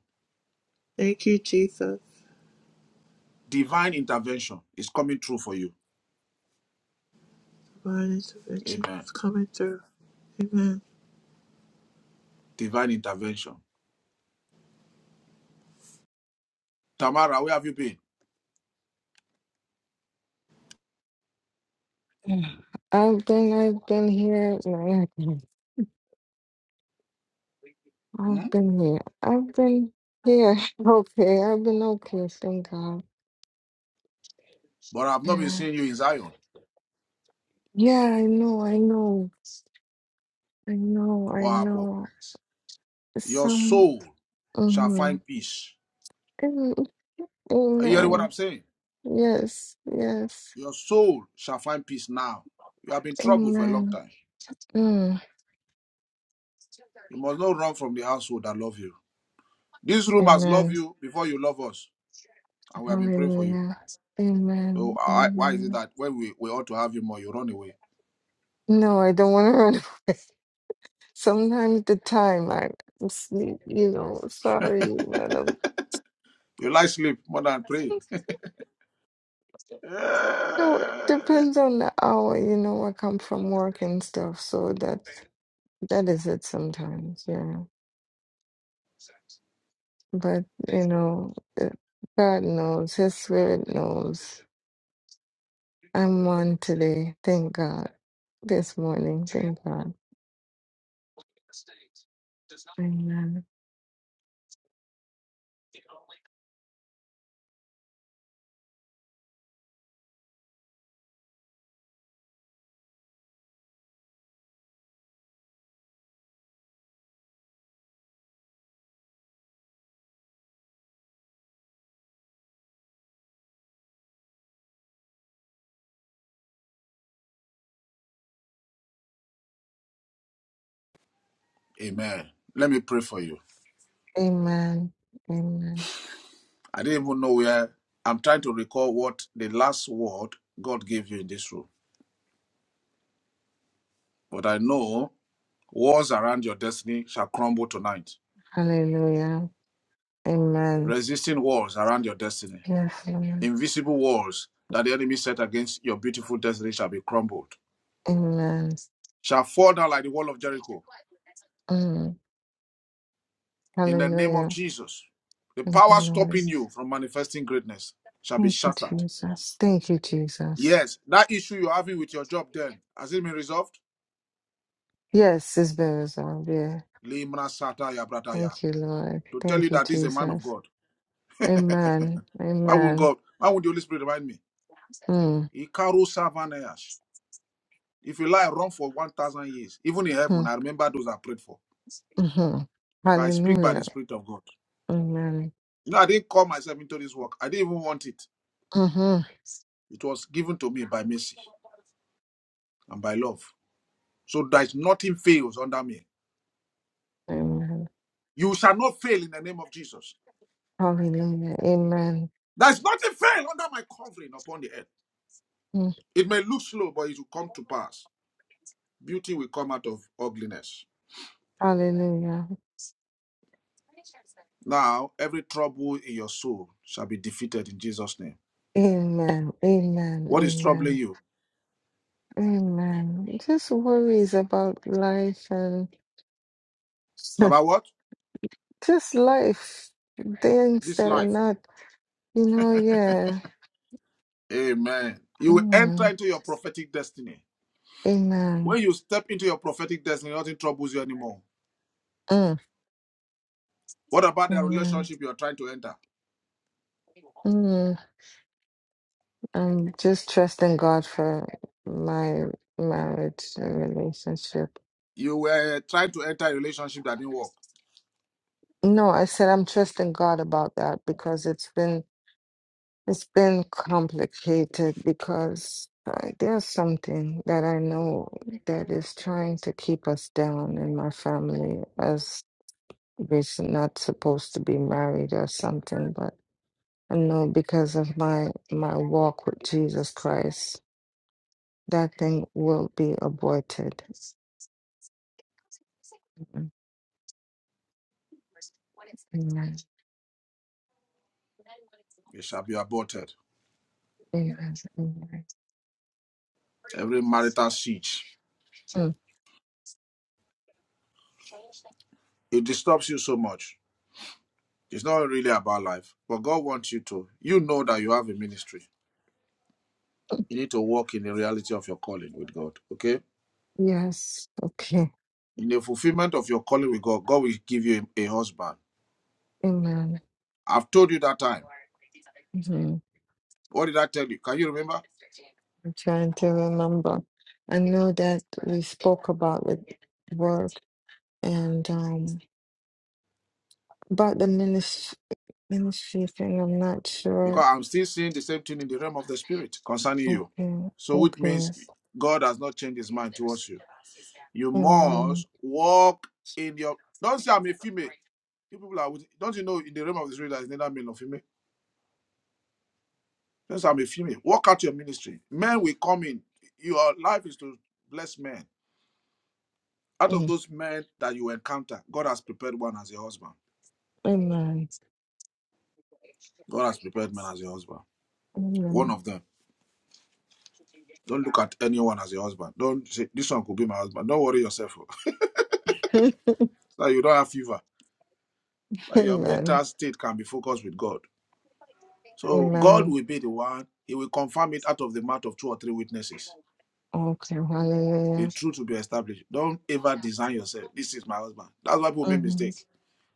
Speaker 2: Thank you, Jesus.
Speaker 1: Divine intervention is coming true for you.
Speaker 2: Divine intervention
Speaker 1: Amen.
Speaker 2: is coming through. Amen.
Speaker 1: Divine intervention. Tamara, where have you been?
Speaker 5: Yeah. I've been, I've been here. No, I've been
Speaker 1: Hmm?
Speaker 5: I've been here. I've been here. Okay, I've been okay. Thank God.
Speaker 1: But I've not been
Speaker 5: Yeah,
Speaker 1: seeing you in Zion.
Speaker 5: yeah. I know, I know, I know, I
Speaker 1: What happened?
Speaker 5: know.
Speaker 1: Your
Speaker 5: Some.
Speaker 1: soul shall
Speaker 5: Mm-hmm.
Speaker 1: find peace
Speaker 5: Mm,
Speaker 1: Are you hearing what
Speaker 5: Amen.
Speaker 1: I'm saying?
Speaker 5: Yes, yes.
Speaker 1: Your soul shall find peace now. You have been troubled for a long
Speaker 5: Amen.
Speaker 1: time.
Speaker 5: Mm.
Speaker 1: You must not run from the household that love you. This room has loved
Speaker 5: Amen.
Speaker 1: you before you love us, and we have been praying for you.
Speaker 5: Hallelujah.
Speaker 1: So
Speaker 5: Amen.
Speaker 1: I, why is it
Speaker 5: Amen.
Speaker 1: that when we, we ought to have you more, you run away?
Speaker 5: No, I don't want to run. Sometimes the time like, I'm sleep, you know, sorry, man. I'm,
Speaker 1: You lie sleep more than praying.
Speaker 5: no, it depends on the hour, you know, I come from work and stuff, so that that is it sometimes, yeah. But you know, uh, God knows, His Spirit knows. I'm on today, thank God. This morning, thank God. Amen.
Speaker 1: Amen. Let me pray for you.
Speaker 5: Amen. Amen.
Speaker 1: I didn't even know where. I'm trying to recall what the last word God gave you in this room. But I know walls around your destiny shall crumble tonight.
Speaker 5: Hallelujah. Amen.
Speaker 1: resisting walls around your destiny.
Speaker 5: Yes, Lord.
Speaker 1: Invisible walls that the enemy set against your beautiful destiny shall be crumbled,
Speaker 5: Amen.
Speaker 1: shall fall down like the wall of Jericho.
Speaker 5: Mm.
Speaker 1: In the name of
Speaker 5: Hallelujah.
Speaker 1: Jesus, the
Speaker 5: Thank you,
Speaker 1: power
Speaker 5: Lord.
Speaker 1: stopping you from manifesting greatness shall be
Speaker 5: Thank you,
Speaker 1: shattered.
Speaker 5: Jesus. Thank you, Jesus.
Speaker 1: Yes, that issue you're having with your job then, has it been resolved?
Speaker 5: Yes, it's been resolved. Yeah.
Speaker 1: Limra sataya brataya.
Speaker 5: Thank you, Lord.
Speaker 1: To tell you
Speaker 5: Thank you,
Speaker 1: that this is a man of
Speaker 5: Jesus.
Speaker 1: God.
Speaker 5: Amen.
Speaker 1: Why won't
Speaker 5: Amen.
Speaker 1: God, why won't the Holy Spirit remind me?
Speaker 5: Mm.
Speaker 1: Ikaru savanayash. If you lie, run for 1,000 years. Even in heaven,
Speaker 5: Mm.
Speaker 1: I remember those I prayed for.
Speaker 5: hmm
Speaker 1: because I speak by the
Speaker 5: Hallelujah.
Speaker 1: Spirit of God.
Speaker 5: Amen.
Speaker 1: You know, I didn't call myself into this work. I didn't even want it.
Speaker 5: hmm
Speaker 1: It was given to me by mercy and by love. So there's nothing fails under me.
Speaker 5: Amen.
Speaker 1: You shall not fail in the name of Jesus.
Speaker 5: Hallelujah. Amen.
Speaker 1: There's nothing fail under my covering upon the earth.
Speaker 5: Mm.
Speaker 1: It may look slow, but it will come to pass. Beauty will come out of ugliness.
Speaker 5: Hallelujah.
Speaker 1: Now, every trouble in your soul shall be defeated in Jesus' name.
Speaker 5: Amen. Amen.
Speaker 1: What is troubling
Speaker 5: Amen.
Speaker 1: you?
Speaker 5: Amen. Just worries about life and
Speaker 1: It's about what?
Speaker 5: just life, things
Speaker 1: This
Speaker 5: that are
Speaker 1: life.
Speaker 5: not, you know, yeah.
Speaker 1: Amen. You will enter
Speaker 5: Mm,
Speaker 1: into your prophetic destiny.
Speaker 5: amen.
Speaker 1: When you step into your prophetic destiny, nothing troubles you anymore.
Speaker 5: Mm,
Speaker 1: What about the
Speaker 5: amen.
Speaker 1: relationship you are trying to enter?
Speaker 5: Mm, I'm just trusting God for my marriage and relationship.
Speaker 1: You were trying to enter a relationship that didn't work.
Speaker 5: No, I said I'm trusting God about that because it's been it's been complicated because uh, there's something that I know that is trying to keep us down in my family as was not supposed to be married or something, but I know because of my my walk with Jesus Christ, that thing will be aborted. Mhm. Amen.
Speaker 1: It shall be aborted.
Speaker 5: Amen. Amen.
Speaker 1: Every marital siege.
Speaker 5: Mm.
Speaker 1: It disturbs you so much. It's not really about life. But God wants you to. You know that you have a ministry. You need to walk in the reality of your calling with God. Okay?
Speaker 5: Yes. Okay.
Speaker 1: In the fulfillment of your calling with God, God will give you a, a husband.
Speaker 5: Amen.
Speaker 1: I've told you that time.
Speaker 5: hmm
Speaker 1: What did I tell you? Can you remember?
Speaker 5: I'm trying to remember. I know that we spoke about with work and um about the ministry ministry thing. I'm not sure
Speaker 1: because I'm still seeing the same thing in the realm of the spirit concerning you.
Speaker 5: Okay,
Speaker 1: So, which
Speaker 5: okay.
Speaker 1: means God has not changed his mind towards you. You
Speaker 5: Amen. Mm,
Speaker 1: must walk in your. Don't say I'm a female. You people are. with- Don't you know in the realm of the spirit there is neither male nor female. Don't say I'm a female. Walk out your ministry. Men will come in. Your life is to bless men. Out of those men that you encounter, God has prepared one as your husband.
Speaker 5: Amen.
Speaker 1: God has prepared men as your husband. One
Speaker 5: Amen.
Speaker 1: of them. Don't look at anyone as your husband. Don't say this one could be my husband. Don't worry yourself. oh. so that you don't have fever, so that your
Speaker 5: Amen.
Speaker 1: mental state can be focused with God. So God
Speaker 5: Amen.
Speaker 1: will be the one, He will confirm it out of the mouth of two or three witnesses.
Speaker 5: Okay,
Speaker 1: The
Speaker 5: hallelujah.
Speaker 1: truth will be established. Don't ever design yourself. This is my husband. That's why people make
Speaker 5: Mm-hmm.
Speaker 1: mistake.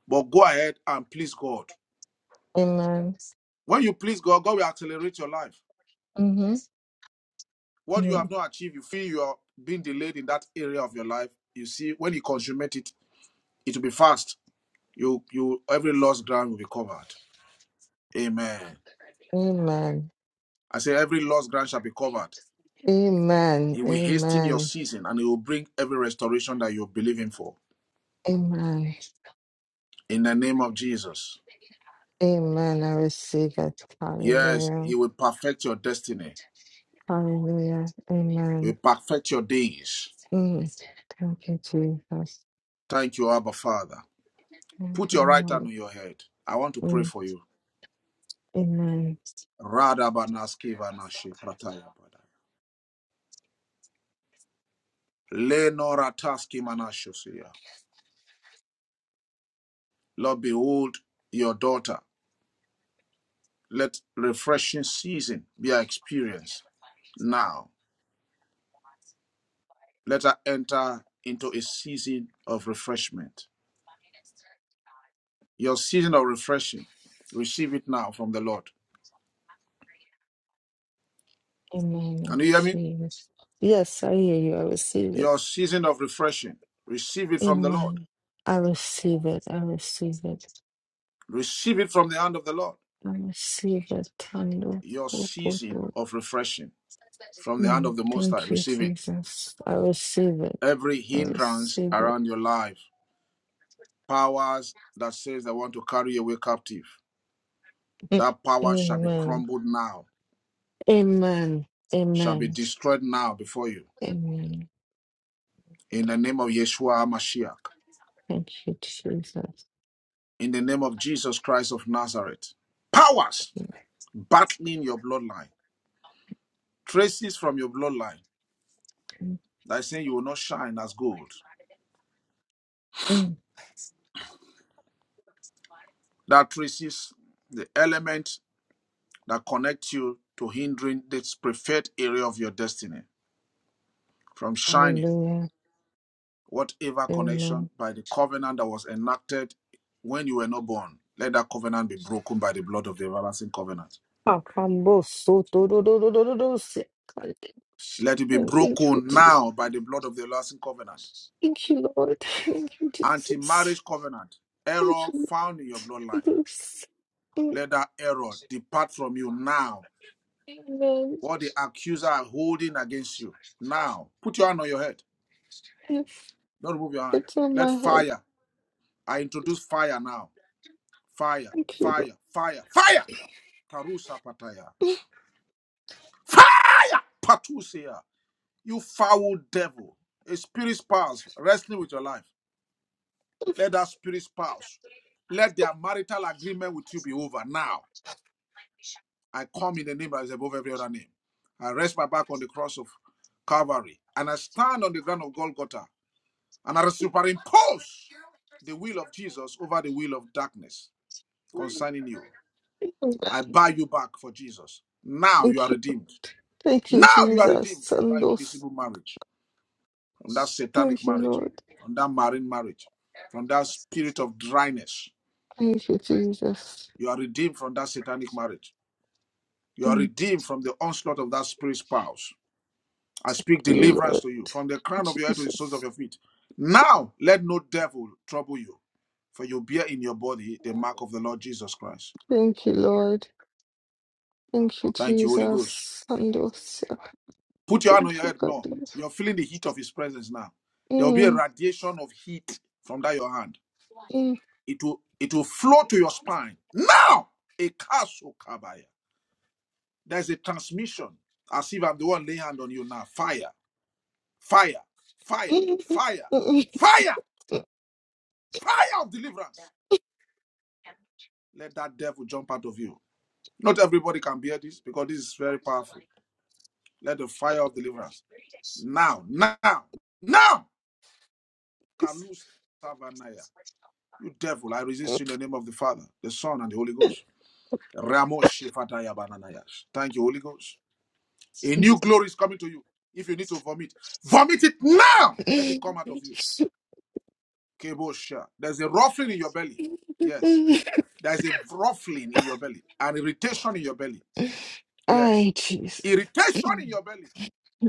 Speaker 1: But go ahead and please God.
Speaker 5: Amen.
Speaker 1: When you please God, God will accelerate your life.
Speaker 5: Mm-hmm.
Speaker 1: What you
Speaker 5: Mm-hmm.
Speaker 1: have not achieved, you feel you are being delayed in that area of your life. You see, when you consummate it, it will be fast. You, you, every lost ground will be covered. Amen.
Speaker 5: Amen.
Speaker 1: I say every lost ground shall be covered.
Speaker 5: Amen.
Speaker 1: He will hasten your
Speaker 5: Amen.
Speaker 1: season and he will bring every restoration that you're believing for.
Speaker 5: Amen.
Speaker 1: In the name of Jesus.
Speaker 5: Amen. I receive it.
Speaker 1: Yes,
Speaker 5: Hallelujah.
Speaker 1: he will perfect your destiny.
Speaker 5: Hallelujah.
Speaker 1: He will
Speaker 5: Amen.
Speaker 1: perfect your days.
Speaker 5: Mm. Thank you, Jesus.
Speaker 1: Thank you, Abba Father.
Speaker 5: Thank
Speaker 1: Put
Speaker 5: you,
Speaker 1: your right hand
Speaker 5: Lord.
Speaker 1: on your head. I want to pray
Speaker 5: Mm.
Speaker 1: for you.
Speaker 5: Amen.
Speaker 1: Radabanaski vanashi prataya badaya. Lenorataski manashosia. Lord, behold your daughter. Let refreshing season be our experience now. Let her enter into a season of refreshment. Your season of refreshing, receive it now from the Lord.
Speaker 5: Amen.
Speaker 1: Can you
Speaker 5: I
Speaker 1: hear me?
Speaker 5: receive it. Yes, I hear you. I receive it.
Speaker 1: Your season of refreshing, receive it from the Lord.
Speaker 5: Amen. I receive it. I receive it.
Speaker 1: Receive it from the hand of the Lord.
Speaker 5: I receive it. Tando
Speaker 1: Your season
Speaker 5: fokoto.
Speaker 1: of refreshing from the hand of
Speaker 5: Mm.
Speaker 1: the Most High,
Speaker 5: Thank you,
Speaker 1: receive it.
Speaker 5: Jesus. I receive it.
Speaker 1: Every
Speaker 5: I
Speaker 1: hindrance
Speaker 5: receive it.
Speaker 1: around your life, powers that says they want to carry you away captive,
Speaker 5: Mm.
Speaker 1: that power shall be
Speaker 5: Amen.
Speaker 1: crumbled now,
Speaker 5: Amen.
Speaker 1: shall be
Speaker 5: Amen.
Speaker 1: destroyed now before you.
Speaker 5: Amen.
Speaker 1: In the name of Yeshua Mashiach,
Speaker 5: Thank you, Jesus.
Speaker 1: in the name of Jesus Christ of Nazareth, powers battling your bloodline, traces from your bloodline
Speaker 5: Mm.
Speaker 1: that is saying you will not shine as gold.
Speaker 5: Mm.
Speaker 1: That traces the element that connects you to hindering this preferred area of your destiny from shining,
Speaker 5: Hallelujah.
Speaker 1: whatever connection by the covenant that was enacted when you were not born. Let that covenant be broken by the blood of the everlasting covenant.
Speaker 5: Kakambo soto do do do do do do se-
Speaker 1: Let it be
Speaker 5: Thank
Speaker 1: broken
Speaker 5: you, Jesus.
Speaker 1: now by the blood of the everlasting covenant.
Speaker 5: Thank you, Lord. Thank you,
Speaker 1: Anti
Speaker 5: Jesus.
Speaker 1: marriage covenant,
Speaker 5: Thank
Speaker 1: error
Speaker 5: you,
Speaker 1: found in your
Speaker 5: Lord.
Speaker 1: bloodline
Speaker 5: Thank you. Jesus.
Speaker 1: Let that error depart from you now.
Speaker 5: Amen.
Speaker 1: What the accuser are holding against you now. Put your hand on your head.
Speaker 5: If
Speaker 1: Don't remove your hand.
Speaker 5: It's on
Speaker 1: Let
Speaker 5: my head.
Speaker 1: fire. I introduce fire now. Fire,
Speaker 5: Thank you,
Speaker 1: fire, fire, fire. Karusa pataya.
Speaker 5: Lord.
Speaker 1: Fire! Patusia. You foul devil. A spirit spouse wrestling with your life. Let that spirit spouse. Let their marital agreement with you be over now. I come in the name that is above every other name. I rest my back on the cross of Calvary and I stand on the ground of Golgotha and I superimpose the will of Jesus over the will of darkness concerning you. I buy you back for Jesus. Now you
Speaker 5: Thank
Speaker 1: are
Speaker 5: you.
Speaker 1: redeemed.
Speaker 5: Thank you,
Speaker 1: Now you are
Speaker 5: Jesus.
Speaker 1: redeemed from that
Speaker 5: Sandos.
Speaker 1: invisible marriage, from that satanic
Speaker 5: Thank you,
Speaker 1: marriage,
Speaker 5: Lord.
Speaker 1: from that marine marriage, from that spirit of dryness.
Speaker 5: Thank you, Jesus.
Speaker 1: You are redeemed from that satanic marriage. You are
Speaker 5: Thank
Speaker 1: redeemed from the onslaught of that spirit spouse. I speak
Speaker 5: you,
Speaker 1: deliverance
Speaker 5: Lord.
Speaker 1: to you from the crown
Speaker 5: Thank
Speaker 1: of
Speaker 5: you,
Speaker 1: your head to the soles of
Speaker 5: Jesus.
Speaker 1: your feet. Now let no devil trouble you, for you bear in your body the mark of the Lord Jesus Christ.
Speaker 5: Thank you, Lord. Thank you,
Speaker 1: Thank you, Holy Ghost.
Speaker 5: Jesus. Sandos.
Speaker 1: Put your hand
Speaker 5: Thank
Speaker 1: on your
Speaker 5: you,
Speaker 1: head more.
Speaker 5: God.
Speaker 1: You're feeling the heat of his presence now. There will be a
Speaker 5: Mm,
Speaker 1: radiation of heat from that your hand.
Speaker 5: mm, mm,
Speaker 1: It will it will flow to your spine. Now a kaso kabaya. There's a transmission. As if I'm the one laying hand on you now. Fire, fire, fire, fire,
Speaker 5: mm,
Speaker 1: fire, fire of deliverance Let that devil jump out of you. Not everybody can bear this because this is very powerful. Let the fire of deliverance now, now, now can lose Savanaya. You devil, I resist you in the name of the Father, the Son, and the Holy Ghost. Ramos Shefataya bananayas. Thank you, Holy Ghost. A new glory is coming to you. If you need to vomit, vomit it now. Let it come
Speaker 5: mm,
Speaker 1: out of you. Kebosha. There's a ruffling in your belly. Yes.
Speaker 5: mm.
Speaker 1: There's a ruffling in your belly, an irritation in your belly. Yes.
Speaker 5: Ay, Jesus.
Speaker 1: Irritation in
Speaker 5: Mm,
Speaker 1: your belly.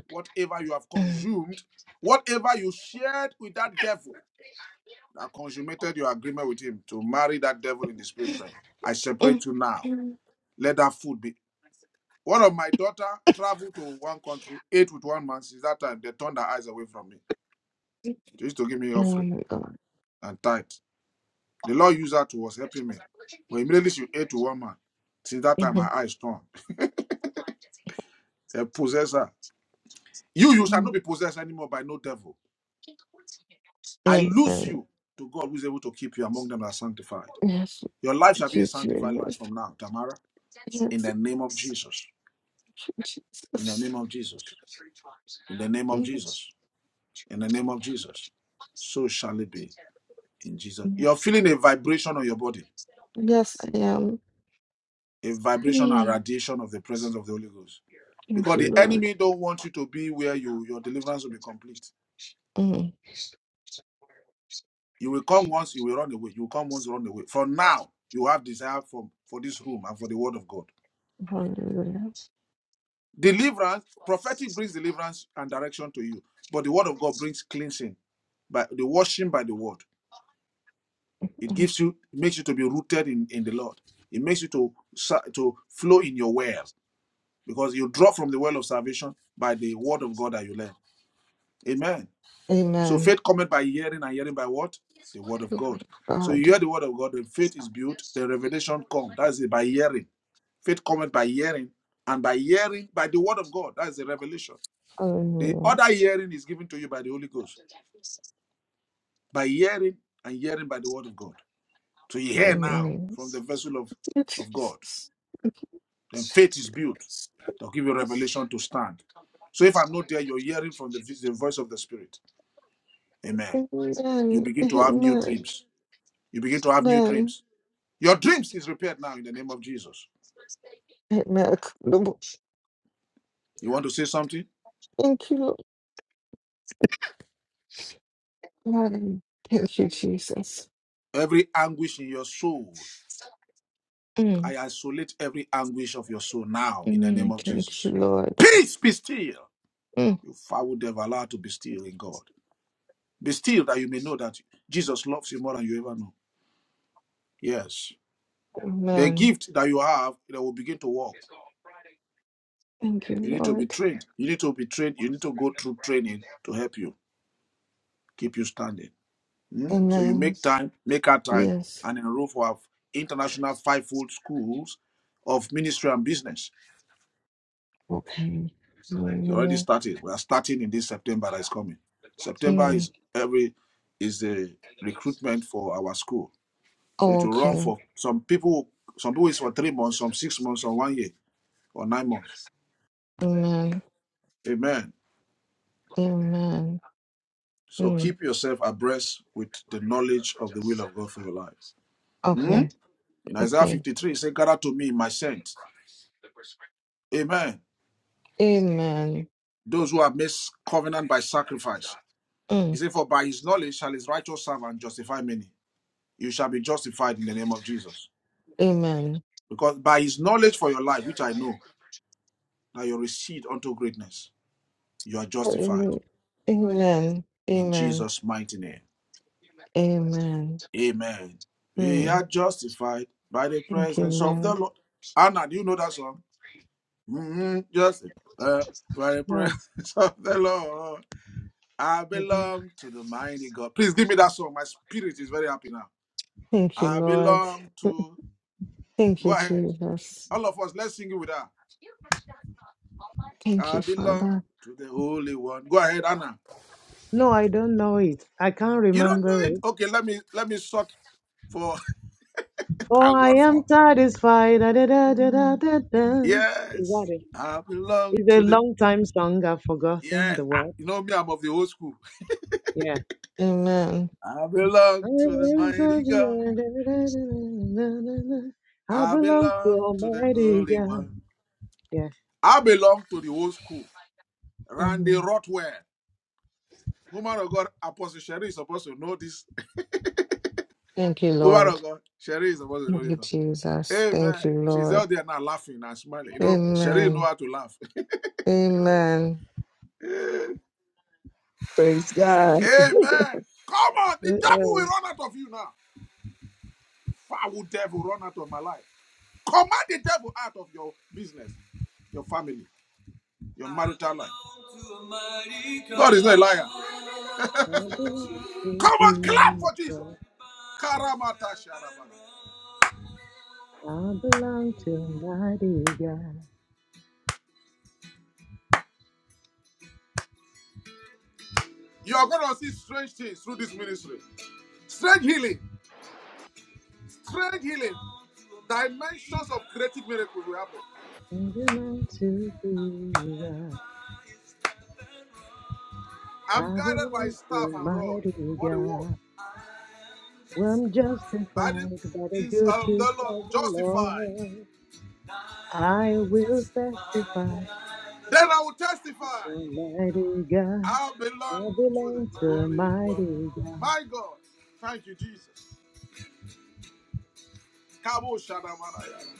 Speaker 1: Whatever you have consumed, whatever you shared with that devil that consummated your agreement with him to marry that devil in the spirit realm. I
Speaker 5: mm,
Speaker 1: separate you now.
Speaker 5: mm.
Speaker 1: Let that food be. One of my daughter traveled to one country, ate with one man. Since that time, they turned their eyes away from me. They used to give me
Speaker 5: Oh
Speaker 1: offering
Speaker 5: my God.
Speaker 1: and tithe. The Lord used her to was helping me. But immediately she ate with one man. Since that time, my
Speaker 5: Mhm,
Speaker 1: eyes turned. They possess her. You, you shall
Speaker 5: mm,
Speaker 1: not be possessed anymore by no devil. I
Speaker 5: mm,
Speaker 1: lose
Speaker 5: mm.
Speaker 1: you to God who is able to keep you among them that are sanctified.
Speaker 5: Yes,
Speaker 1: Your life shall be a sanctified life
Speaker 5: Jesus.
Speaker 1: from now, Tamara.
Speaker 5: Yes,
Speaker 1: In the name of Jesus. In the
Speaker 5: Jesus.
Speaker 1: name of Jesus. In the name of
Speaker 5: Mm,
Speaker 1: Jesus. In the name of Jesus. So shall it be in Jesus. You're
Speaker 5: Yes,
Speaker 1: feeling a vibration on your body,
Speaker 5: yes, I am.
Speaker 1: a vibration and
Speaker 5: Mm,
Speaker 1: radiation of the presence of the Holy Ghost.
Speaker 5: Thank
Speaker 1: Because
Speaker 5: you,
Speaker 1: the
Speaker 5: Lord.
Speaker 1: enemy don't want you to be where you your deliverance will be complete.
Speaker 5: Mm,
Speaker 1: You will come once, you will run away. You will come once, run away. For now, you have desire for, for this room and for the word of God.
Speaker 5: Hallelujah.
Speaker 1: Deliverance, prophetic brings deliverance and direction to you, but the word of God brings cleansing by the washing by the word. It
Speaker 5: Mm,
Speaker 1: gives you, it makes you to be rooted in, in the Lord. It makes you to sa- to flow in your well because you draw from the well of salvation by the word of God that you learn. Amen. So
Speaker 5: Amen.
Speaker 1: faith cometh by hearing, and hearing by what? The word of
Speaker 5: Lord
Speaker 1: God. So you
Speaker 5: God.
Speaker 1: hear the word of God, then faith is built, the revelation comes. That's it by hearing. Faith cometh by hearing, and by hearing by the word of God. That's the revelation. The
Speaker 5: Hallelujah.
Speaker 1: other hearing is given to you by the Holy Ghost, by hearing and hearing by the word of God. So you hear now
Speaker 5: Amen.
Speaker 1: from the vessel of, of God.
Speaker 5: Jesus.
Speaker 1: Then faith is built. They'll give you revelation to stand. So if I'm not there, you're hearing from the, vis- the voice of the Spirit. Amen. You
Speaker 5: Amen.
Speaker 1: begin to have new
Speaker 5: Amen.
Speaker 1: dreams. You begin to have new
Speaker 5: Amen.
Speaker 1: dreams. Your dreams is repaired now in the name of Jesus.
Speaker 5: Amen.
Speaker 1: You want to say something?
Speaker 5: Thank you, Lord. Thank you, Jesus.
Speaker 1: Every anguish in your soul,
Speaker 5: Mm.
Speaker 1: I isolate every anguish of your soul now in the name
Speaker 5: Mm.
Speaker 1: of
Speaker 5: Thank you,
Speaker 1: Jesus.
Speaker 5: Lord.
Speaker 1: Peace be still
Speaker 5: Mm.
Speaker 1: I would have allowed to be still in God. Be still that you may know that Jesus loves you more than you ever know. Yes. The
Speaker 5: Amen.
Speaker 1: gift that you have that will begin to work.
Speaker 5: Thank you,
Speaker 1: You need to be
Speaker 5: Lord.
Speaker 1: trained. You need to be trained. You need to go through training to help you, keep you standing. Mm? So you
Speaker 5: Amen.
Speaker 1: make time, make our time,
Speaker 5: Yes.
Speaker 1: and enroll for our international five-fold schools of ministry and business.
Speaker 5: Okay.
Speaker 1: It's already
Speaker 5: Hallelujah.
Speaker 1: started. We are starting in this September that is coming. September
Speaker 5: Mm.
Speaker 1: is every is the recruitment for our school So it will run
Speaker 5: Okay.
Speaker 1: for some people. Some people it's for three months, some six months, some one year or nine months.
Speaker 5: Amen.
Speaker 1: Amen.
Speaker 5: Amen.
Speaker 1: So
Speaker 5: Mm.
Speaker 1: keep yourself abreast with the knowledge of the will of God for your life. Hmm?
Speaker 5: Okay.
Speaker 1: In Isaiah
Speaker 5: Okay.
Speaker 1: 53, it says, Gather to me my saints. Amen.
Speaker 5: Amen.
Speaker 1: Those who have made covenant by sacrifice. He
Speaker 5: Mm.
Speaker 1: said, For by his knowledge shall his righteous servant justify many. You shall be justified in the name of Jesus.
Speaker 5: Amen.
Speaker 1: Because by his knowledge for your life, which I know, that you recede unto greatness, you are justified
Speaker 5: Amen. Amen.
Speaker 1: in
Speaker 5: Amen.
Speaker 1: Jesus' mighty name.
Speaker 5: Amen.
Speaker 1: Amen. We
Speaker 5: Mm.
Speaker 1: are justified by the
Speaker 5: Thank you,
Speaker 1: presence of the
Speaker 5: Lord.
Speaker 1: Lord. Anna, do you know that song? Mm-hmm. Justified by the
Speaker 4: No,
Speaker 1: presence of the Lord. I
Speaker 4: I don't.
Speaker 1: belong to the mighty God. Please give me that song. My spirit is very happy now.
Speaker 5: Thank you,
Speaker 1: I
Speaker 5: Lord.
Speaker 1: belong to.
Speaker 5: Thank
Speaker 1: Go
Speaker 5: you,
Speaker 1: ahead.
Speaker 5: Jesus.
Speaker 1: All of us, let's sing it with her.
Speaker 5: Thank
Speaker 1: I
Speaker 5: you,
Speaker 1: belong
Speaker 5: Father.
Speaker 1: to the Holy One. Go ahead, Anna.
Speaker 4: No, I don't know it. I can't
Speaker 1: You don't
Speaker 4: remember
Speaker 1: know it?
Speaker 4: it.
Speaker 1: Okay, let me let me sort for
Speaker 4: Oh,
Speaker 1: thank
Speaker 4: I
Speaker 1: God
Speaker 4: am
Speaker 1: for.
Speaker 4: satisfied. Da, da, da, da, da,
Speaker 5: Mm.
Speaker 4: da, da. Is that
Speaker 1: Yes.
Speaker 4: it?
Speaker 1: I belong
Speaker 4: It's a
Speaker 1: to the
Speaker 4: long time song. I've forgotten
Speaker 1: Yes,
Speaker 4: the
Speaker 1: I,
Speaker 4: word.
Speaker 1: you know me, I'm of the old school.
Speaker 4: Yeah.
Speaker 5: Amen.
Speaker 1: I
Speaker 4: I
Speaker 1: belong to the
Speaker 4: am
Speaker 1: mighty God.
Speaker 4: satisfied, da, da, da, da, da, da, da, I
Speaker 1: I
Speaker 4: belong to
Speaker 1: belong to the
Speaker 4: Almighty
Speaker 1: Holy
Speaker 4: God.
Speaker 1: One.
Speaker 4: Yeah.
Speaker 1: I belong to the old school. Randy
Speaker 5: Amen.
Speaker 1: Rotwell. Woman of God, Apostle Sherry is supposed to know this.
Speaker 5: Thank you,
Speaker 1: Woman
Speaker 5: Lord.
Speaker 1: of God, Sherry is supposed to know
Speaker 5: Thank
Speaker 1: this.
Speaker 5: you,
Speaker 1: one.
Speaker 5: Jesus.
Speaker 1: Amen.
Speaker 5: Thank you,
Speaker 1: She's
Speaker 5: Lord.
Speaker 1: out there now laughing and smiling. You know, Sherry know
Speaker 5: Amen.
Speaker 1: how to laugh.
Speaker 5: Amen.
Speaker 6: Praise God.
Speaker 1: Amen. Come on, the
Speaker 4: Uh,
Speaker 1: devil will
Speaker 4: uh,
Speaker 1: run out of you now. Foul devil, run out of my life. Command the devil out of your business, your family. Your marital life. God is not a liar.
Speaker 4: I belong to
Speaker 1: Come on, clap for Jesus.
Speaker 4: Jesus.
Speaker 1: Karamata sharabana.
Speaker 4: I belong to mighty God.
Speaker 1: You are going to see strange things through this ministry. Strange healing. Strange healing. Dimensions of creative miracles will happen.
Speaker 4: I belong to Jesus.
Speaker 1: I'm
Speaker 4: I
Speaker 1: guided by
Speaker 4: belong
Speaker 1: staff
Speaker 4: to
Speaker 1: and rod.
Speaker 4: mighty
Speaker 1: What a word.
Speaker 4: God. Well, I'm
Speaker 1: By the
Speaker 4: justified by the
Speaker 1: things
Speaker 4: good
Speaker 1: of the
Speaker 4: gift
Speaker 1: Lord
Speaker 4: of the
Speaker 1: justified.
Speaker 4: Lord. I will testify
Speaker 1: Then I will testify.
Speaker 4: to mighty God.
Speaker 1: I belong
Speaker 4: I
Speaker 1: to the
Speaker 4: belong to
Speaker 1: Holy One.
Speaker 4: mighty God.
Speaker 1: My God. Thank you, Jesus. Kabo shadamanaya.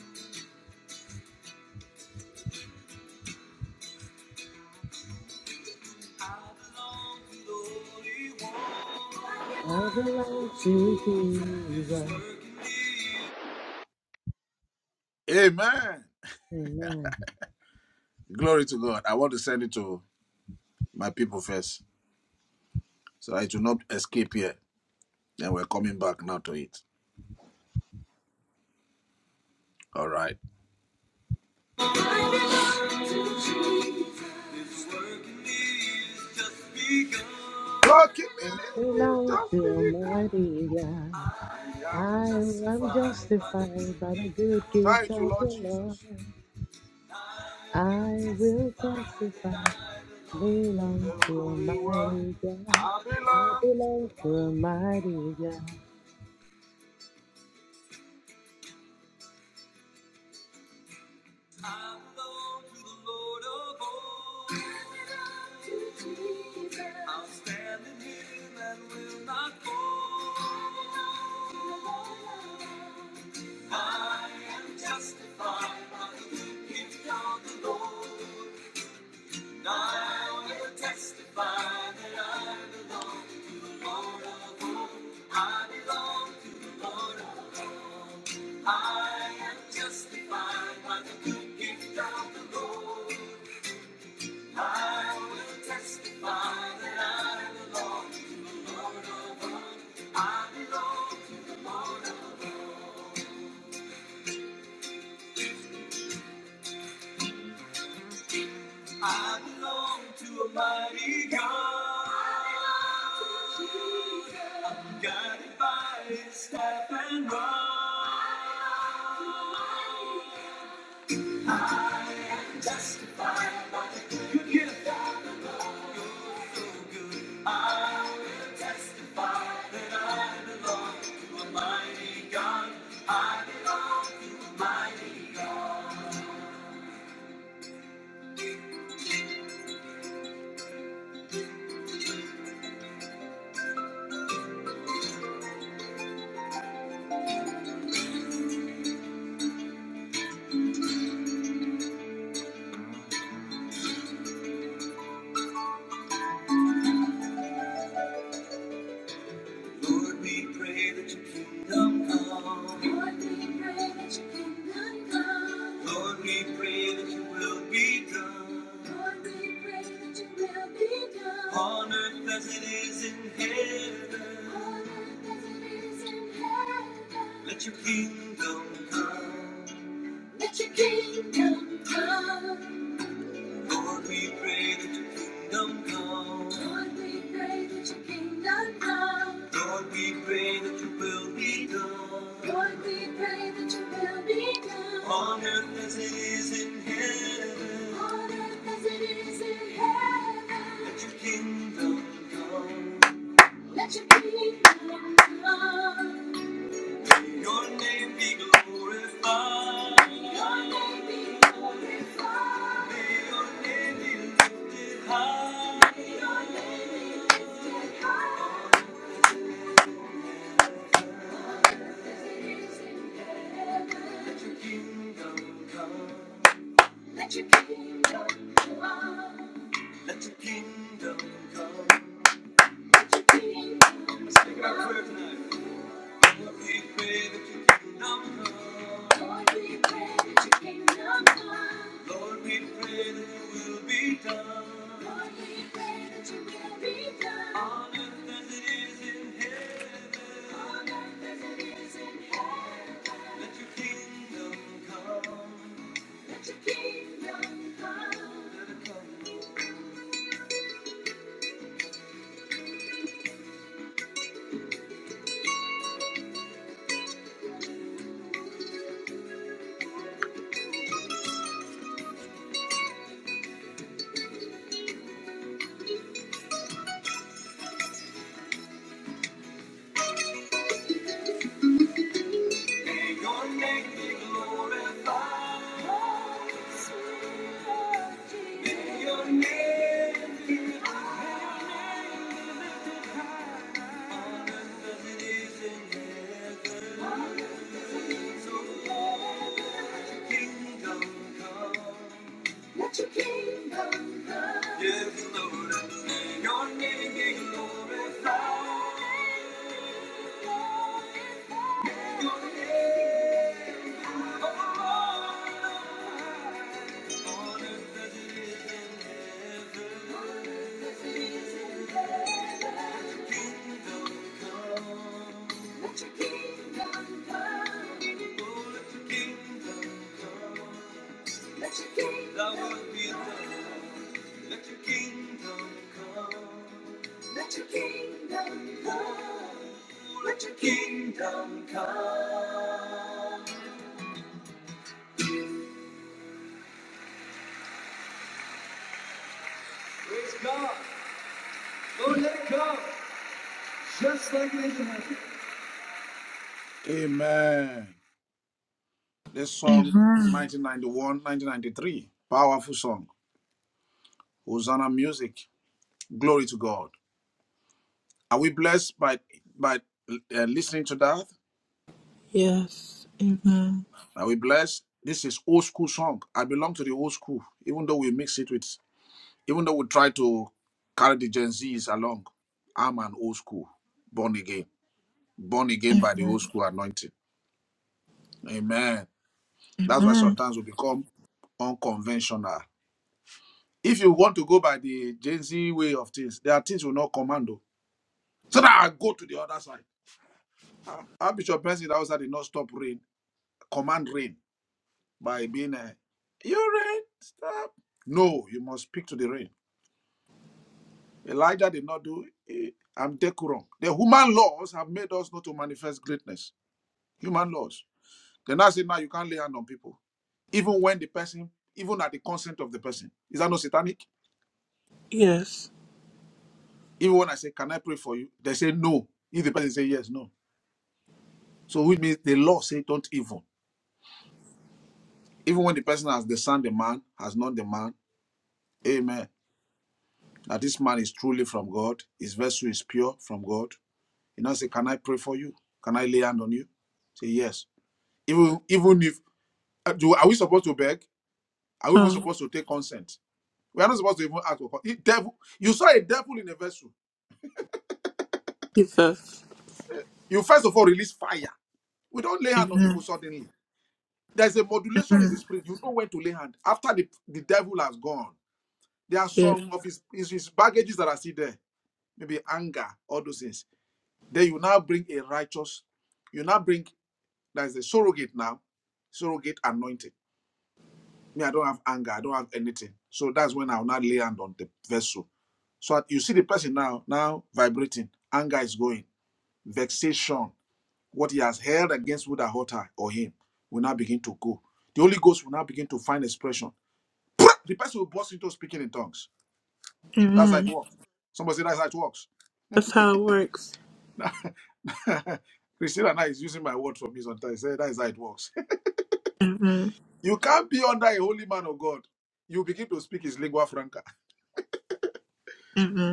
Speaker 4: I belong to Jesus.
Speaker 1: Amen.
Speaker 4: Amen.
Speaker 1: Glory to God. I want to send it to my people first. So I do not escape here. And we're coming back now to it. All right. Working me,
Speaker 4: I belong
Speaker 1: just
Speaker 4: to
Speaker 1: be
Speaker 4: mighty God.
Speaker 1: I am
Speaker 4: I am
Speaker 1: justified.
Speaker 4: justified by the good gift
Speaker 1: Thank you,
Speaker 4: of the
Speaker 1: Lord
Speaker 4: Lord.
Speaker 1: Jesus. I
Speaker 4: I
Speaker 1: will
Speaker 4: will
Speaker 1: testify that
Speaker 4: testify,
Speaker 1: I belong To
Speaker 4: belong
Speaker 1: the
Speaker 4: to
Speaker 1: Holy One,
Speaker 4: Almighty
Speaker 1: I
Speaker 4: God. I
Speaker 1: belong to the
Speaker 4: belong to Almighty God.
Speaker 1: I belong to the Lord of hosts. I'll stand in him and will not fall. I am justified by the gift of the Lord. I will testify that I belong to the Lord of hosts. I belong to the Lord of hosts. I am justified by the good gift of the Lord. I will testify that I belong to the Lord of hosts. I belong to the one. I belong to a mighty God. I belong to Jesus. I'm guided by His staff and rod. I am justified. Yes, to a mighty God, mighty Lord, we pray that your kingdom come. Lord, we pray that your kingdom come. Lord, we pray that your will be done. Lord, we pray that your will be done. On earth as it is in heaven. On earth as it is in heaven. Let your kingdom come. Let your kingdom come. Lord, we pray that your kingdom come. Lord, we pray that your kingdom come. Lord, we pray that your will be done. Lord, we pray that your will be done. On earth as it is in heaven. On earth as it is in heaven. Let your kingdom come. Let your kingdom come. Your name be glorified. Your name be glorified. May your name be lifted high. May your name be lifted high. Let your kingdom come. Let your kingdom come. Let your kingdom come. Let your kingdom come. Let's make it prayer tonight. Your Let your Kingdom come. May your name be glorified. Oh, sweet Lord Jesus. May your name be honored as it is in heaven. So let your kingdom come. Yes, Lord, and may your name be glorified. Let your kingdom come. Let your kingdom come. Let your kingdom come. It's God. Don't let it go. Just like it is in heaven. Amen. This song,
Speaker 2: Amen.
Speaker 1: 1991, 1993. Powerful song. Hosanna music. Glory to God. Are we blessed by by uh, listening to that?
Speaker 2: Yes. Amen.
Speaker 1: Are we blessed? This is old school song. I belong to the old school, even though we mix it with, even though we try to carry the Gen Zs along. I'm an old school, born again, born again by the
Speaker 2: Amen.
Speaker 1: old school anointing. Amen. That's why
Speaker 2: Amen.
Speaker 1: sometimes we become unconventional. If you want to go by the Gen Z way of things, there are things we not commando. So that I go to the other side. Ah, Our Bishop Benson that did not stop rain, command rain by being a, you rain, stop. No, you must speak to the rain. Elijah did not do it. I'm decorum. The human laws have made us not to manifest greatness. Human laws. Then I say now you can't lay hand on people, even when the person, even at the consent of the person. Is that not satanic?
Speaker 2: Yes.
Speaker 1: Even when I say, Can I pray for you? They say no. If the person say yes, no. So which means the law say don't even. Even when the person has discerned the man, has known the man, amen. That this man is truly from God, his vessel is pure from God. You know, say, Can I pray for you? Can I lay hand on you? Say yes. Even even if uh, do, are we supposed to beg? Are we even
Speaker 2: Oh,
Speaker 1: supposed to take consent? We are not supposed to even ask for consent. Devil, you saw a devil in a vessel.
Speaker 2: Jesus.
Speaker 1: You first of all release fire. We don't lay hand on people
Speaker 2: Amen.
Speaker 1: suddenly There's a modulation in the spirit. You know when to lay hand. After the, the devil has gone, there are
Speaker 2: Yes.
Speaker 1: some of his, his, his baggages that are still there. Maybe anger, all those things. Then you now bring a righteous, you now bring, there's a surrogate now, surrogate anointing. Me, I don't have anger, I don't have anything. So that's when I'll now lay hand on the vessel. So you see the person now, now vibrating. Anger is going. Vexation, what he has held against Buddha her or him, will now begin to go. The Holy Ghost will now begin to find expression. The person will burst into speaking in tongues. That's how it
Speaker 2: Amen.
Speaker 1: works. Somebody say that's how it works.
Speaker 2: That's how it works.
Speaker 1: Christina now is using my word for me sometimes. Say that's how it works.
Speaker 2: Amen.
Speaker 1: you can't be under a holy man of God. You begin to speak his lingua franca.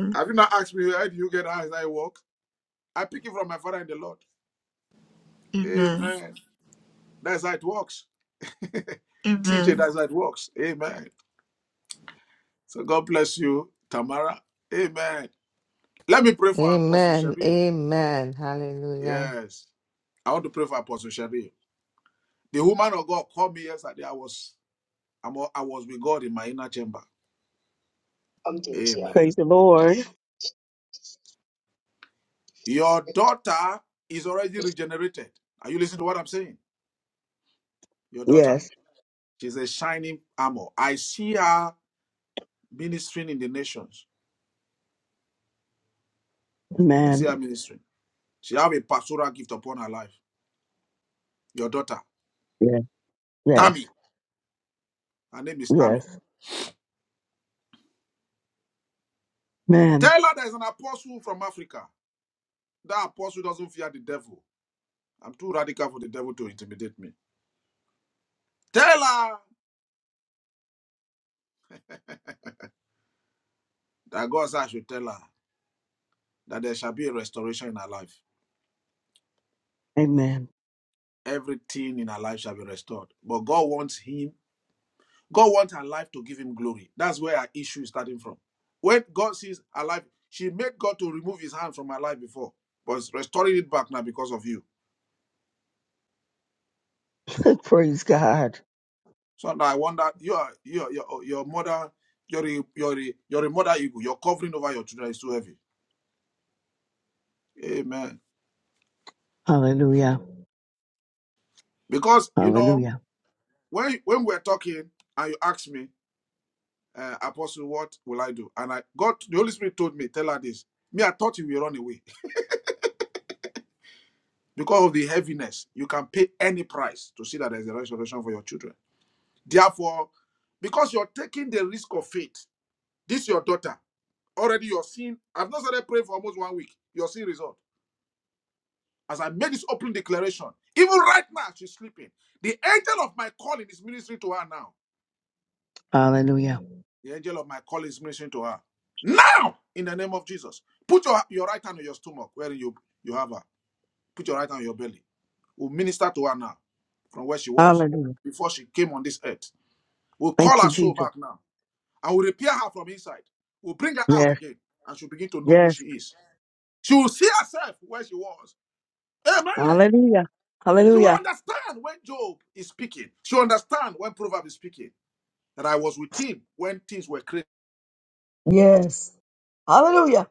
Speaker 1: Have you not asked me how do you get how I work? I pick it from my father in the Lord.
Speaker 2: Amen.
Speaker 1: Amen. That's how it works. TJ,
Speaker 2: Amen.
Speaker 1: that's how it works. Amen. So God bless you, Tamara. Amen. Let me pray for Apostle
Speaker 5: Amen.
Speaker 1: Shario.
Speaker 5: Amen. Hallelujah.
Speaker 1: Yes. I want to pray for Apostle Shario. The woman of God called me yesterday. I was I'm, al- I was with God in my inner chamber. Amen.
Speaker 6: Praise the Lord.
Speaker 1: Your daughter is already regenerated. Are you listening to what I'm saying? Your daughter.
Speaker 6: Yes.
Speaker 1: She's a shining armor. I see her ministering in the nations. I see
Speaker 6: Amen.
Speaker 1: her ministering. She have a pastoral gift upon her life. Your daughter,
Speaker 6: Yes. Yes.
Speaker 1: Tammy. Her name is Tammy.
Speaker 6: Yes. Amen.
Speaker 1: Tell her there's an apostle from Africa. That apostle doesn't fear the devil. I'm too radical for the devil to intimidate me. Tell her that God said I should tell her that there shall be a restoration in her life.
Speaker 6: Amen.
Speaker 1: everything in her life shall be restored. But God wants him, God wants her life to give him glory. That's where her issue is starting from. When God sees her life, she made God to remove his hand from her life before, but he's restoring it back now because of you.
Speaker 6: Praise God.
Speaker 1: So now I wonder, you are you are, your your mother, your your your mother eagle, your covering over your children is too heavy. Amen.
Speaker 6: Hallelujah.
Speaker 1: Because you know
Speaker 6: Hallelujah.
Speaker 1: when when we're talking and you ask me, uh, Apostle, what will I do? And I God, the Holy Spirit told me, tell her this. Me, I thought you will run away. Because of the heaviness, you can pay any price to see that there's a restoration for your children. Therefore, because you're taking the risk of faith, this your daughter. Already you are seeing. I've not started praying for almost one week. You are seeing result. As I made this opening declaration, even right now she's sleeping. The angel of my calling is ministering to her now.
Speaker 6: Hallelujah.
Speaker 1: The angel of my calling is ministering to her. Now, in the name of Jesus, put your, your right hand on your stomach where you, you have her. Put your right hand on your belly. We'll minister to her now from where she was
Speaker 6: Hallelujah.
Speaker 1: before she came on this earth. We'll call
Speaker 6: Thank you,
Speaker 1: her soul
Speaker 6: Jesus.
Speaker 1: back now and we'll repair her from inside. We'll bring her out
Speaker 6: Yes.
Speaker 1: again and she'll begin to know who
Speaker 6: Yes.
Speaker 1: she is. She will see herself where she was. Amen.
Speaker 6: Hallelujah.
Speaker 1: She will
Speaker 6: Hallelujah.
Speaker 1: understand when Job is speaking. She will understand when Proverbs is speaking that I was with him when things were created.
Speaker 6: Yes. Hallelujah.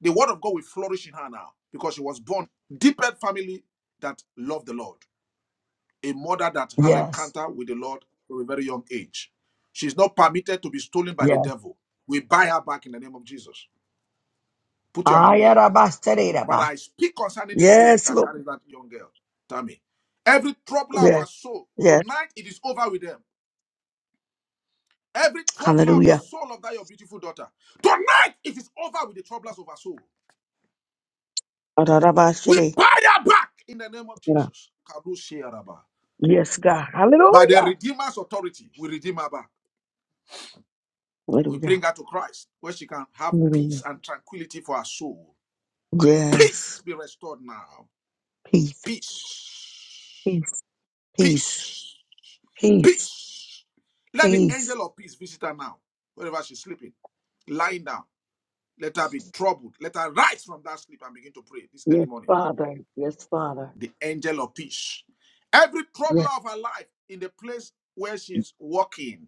Speaker 1: The word of God will flourish in her now because she was born deep family that loved the Lord. a mother that have
Speaker 6: Yes.
Speaker 1: encounter with the Lord from a very young age. She's not permitted to be stolen by the
Speaker 6: Yes.
Speaker 1: devil. We buy her back in the name of Jesus. Put your hand here. But
Speaker 6: Ayarabastereba.
Speaker 1: I speak concerning this womb
Speaker 6: Yes,
Speaker 1: that
Speaker 6: Lord.
Speaker 1: carries that young girl. Tell me, Every troubler of
Speaker 6: Yes.
Speaker 1: her soul,
Speaker 6: Yes.
Speaker 1: tonight it is over with them. Every troubler of the
Speaker 6: Hallelujah.
Speaker 1: soul of that your beautiful daughter, tonight it is over with the troublers of her soul. We
Speaker 6: Ararabashere.
Speaker 1: buy her back in the name of Jesus. Kadosh Yaraba.
Speaker 6: Yes, God.
Speaker 1: By the
Speaker 6: Hallelujah.
Speaker 1: Redeemer's authority, we redeem her back. We bring
Speaker 6: Hallelujah.
Speaker 1: her to Christ where she can have peace and tranquility for her soul.
Speaker 6: Yes.
Speaker 1: Peace be restored now.
Speaker 6: Peace,
Speaker 1: Peace.
Speaker 6: peace, peace,
Speaker 1: Peace.
Speaker 6: peace,
Speaker 1: Peace. Let the
Speaker 6: peace.
Speaker 1: angel of peace visit her now, wherever she's sleeping, lying down. Let her be troubled. Let her rise from that sleep and begin to pray this early
Speaker 6: Yes,
Speaker 1: morning.
Speaker 6: Father. Yes, Father.
Speaker 1: The angel of peace. Every trouble
Speaker 6: Yes,
Speaker 1: of her life in the place where she's walking,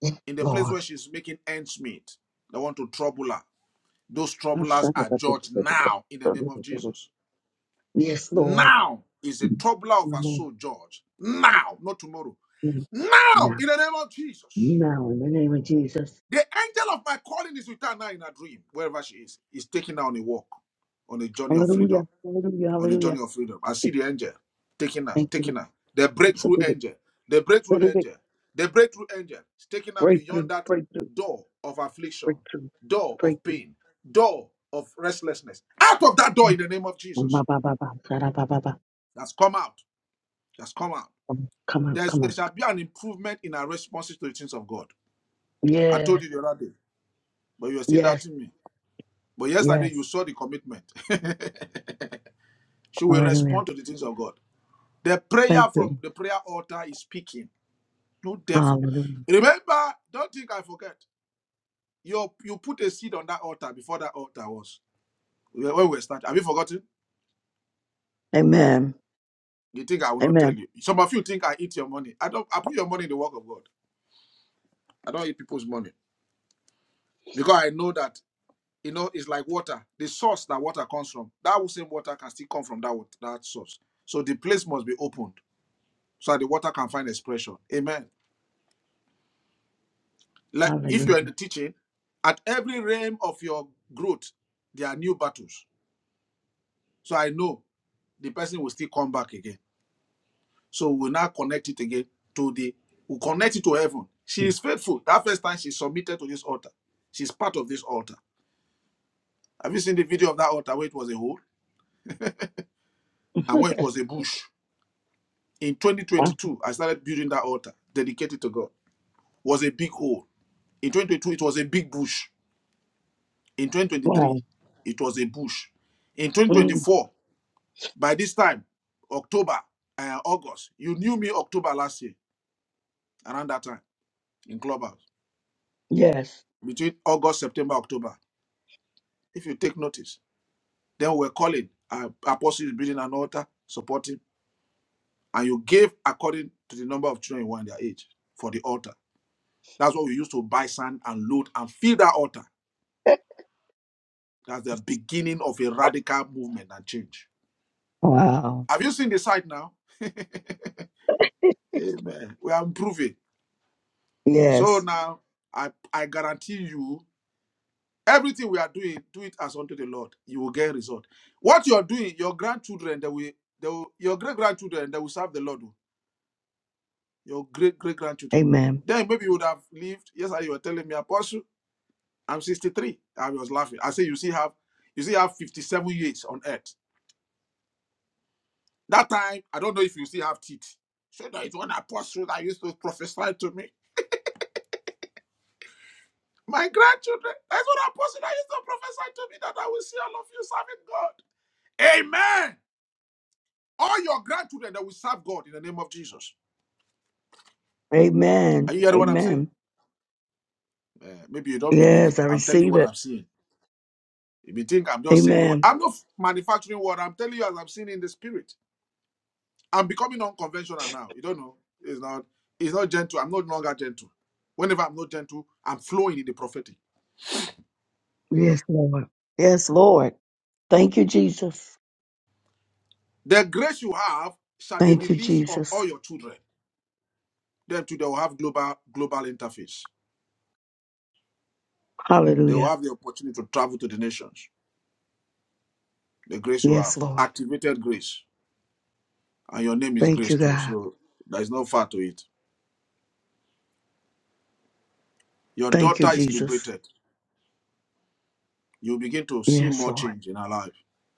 Speaker 6: yes,
Speaker 1: in the place
Speaker 6: Lord.
Speaker 1: where she's making ends meet, they want to trouble her. Those troublers are judged now in the name of Jesus.
Speaker 6: Yes, Lord.
Speaker 1: Now is the troubler of our
Speaker 6: Now,
Speaker 1: soul judged. Now, not tomorrow. Now in the name of Jesus.
Speaker 6: now, in the name of Jesus.
Speaker 1: The angel of my calling is with her now in a dream, wherever she is, is taking her on a walk, on a journey of freedom
Speaker 6: Hallelujah. Hallelujah.
Speaker 1: on a
Speaker 6: Hallelujah.
Speaker 1: journey of freedom. I see the angel taking her,
Speaker 6: Thank you.
Speaker 1: taking her. The breakthrough angel, the breakthrough
Speaker 6: Let it be
Speaker 1: angel, the breakthrough angel is taking her beyond
Speaker 6: breakthrough,
Speaker 1: that
Speaker 6: breakthrough,
Speaker 1: door of affliction,
Speaker 6: breakthrough,
Speaker 1: door of
Speaker 6: breakthrough.
Speaker 1: pain, door of restlessness. Out of that door in the name of
Speaker 6: Ba, ba,
Speaker 1: Jesus.
Speaker 6: ba, ba, ba, da, ba, ba, ba.
Speaker 1: That's come out. That's come out.
Speaker 6: Come on,
Speaker 1: There's,
Speaker 6: come
Speaker 1: there
Speaker 6: on.
Speaker 1: shall be an improvement in our responses to the things of God. I told
Speaker 6: Yes,
Speaker 1: you the other day, but you are still
Speaker 6: yes,
Speaker 1: doubting me. But yesterday
Speaker 6: yes.
Speaker 1: you saw the commitment. she will
Speaker 6: Hallelujah.
Speaker 1: respond to the things of God. The
Speaker 6: Thank
Speaker 1: prayer from
Speaker 6: you.
Speaker 1: the prayer altar is speaking. No devil.
Speaker 6: Hallelujah.
Speaker 1: Remember, don't think I forget. You you put a seed on that altar before that altar was when we were starting. Have you forgotten?
Speaker 6: Amen.
Speaker 1: You think I will not tell
Speaker 6: Amen.
Speaker 1: you? Some of you think I eat your money. I don't. I put your money in the work of God. I don't eat people's money because I know that you know it's like water. The source that water comes from, that same water can still come from that wat- that source. So the place must be opened so that the water can find expression. Amen. Like if
Speaker 6: Hallelujah.
Speaker 1: you are in the teaching, at every realm of your growth, there are new battles So I know the person will still come back again. So we'll now connect it again to the, we'll connect it to heaven. She is faithful. That first time she submitted to this altar. She's part of this altar. Have you seen the video of that altar where it was a hole and when it was a bush? In
Speaker 6: Ah,
Speaker 1: 2022, I started building that altar dedicated to God. was a big hole. In 2022, it was a big bush. In
Speaker 6: Wow.
Speaker 1: 2023, it was a bush. In
Speaker 6: Mm,
Speaker 1: 2024, by this time, October, uh, August, you knew me October last year, around that time. in Clubhouse
Speaker 6: yes.
Speaker 1: between August, September, October. If you take notice, then we're calling uh, apostles building an altar, supporting, and you give according to the number of children you want their age for the altar. That's what we used to buy sand and load and fill that altar. That's the beginning of a radical movement and change.
Speaker 6: Wow.
Speaker 1: Have you seen the site now? Amen. We are improving. So
Speaker 6: Yes.
Speaker 1: now I I guarantee you Everything we are doing, do it as unto the Lord. You will get result. What you are doing, your grandchildren, they will, they will your great grandchildren, they will serve the Lord. oh, Your great great grandchildren.
Speaker 6: Amen.
Speaker 1: Then maybe you would have lived. Yesterday you were telling me, Apostle, I'm 63. I was laughing. I say you still have, you still have 57 years on earth. That time, I don't know if you still have teeth. So there is one apostle that used to prophesy to me. My grandchildren, there's one apostle that used to prophesy to me that I will see all of you serving God. Amen. All your grandchildren that will serve God in the name of Jesus.
Speaker 6: Amen.
Speaker 1: Are you hearing what I'm saying?
Speaker 6: Amen.
Speaker 1: Eh, maybe you don't believe.
Speaker 6: Yes, I
Speaker 1: I'm telling you
Speaker 6: receive
Speaker 1: what
Speaker 6: it.
Speaker 1: I'm seeing. If you think I'm just saying what,
Speaker 6: Amen.
Speaker 1: I'm not manufacturing what I'm telling you as I'm seeing in the spirit. I'm becoming unconventional now. You don't know. It's not. It's not gentle. I'm no longer gentle. Whenever I'm not gentle, I'm flowing in the prophetic.
Speaker 6: Yes, Lord. Yes, Lord. Thank you, Jesus.
Speaker 1: The grace you have shall be
Speaker 6: Thank you,
Speaker 1: released on
Speaker 6: Jesus.
Speaker 1: all your children. Then too, they will have global global interface. They will
Speaker 6: Hallelujah.
Speaker 1: have the opportunity to travel to the nations. The grace you have,
Speaker 6: Yes, Lord.
Speaker 1: activated grace and your name is
Speaker 6: Thank
Speaker 1: Grace
Speaker 6: you,
Speaker 1: too.
Speaker 6: God.
Speaker 1: So there is no far to it. Your
Speaker 6: Thank you,
Speaker 1: daughter is
Speaker 6: Jesus.
Speaker 1: liberated. You begin to see
Speaker 6: Yes,
Speaker 1: more
Speaker 6: Lord.
Speaker 1: change in her life.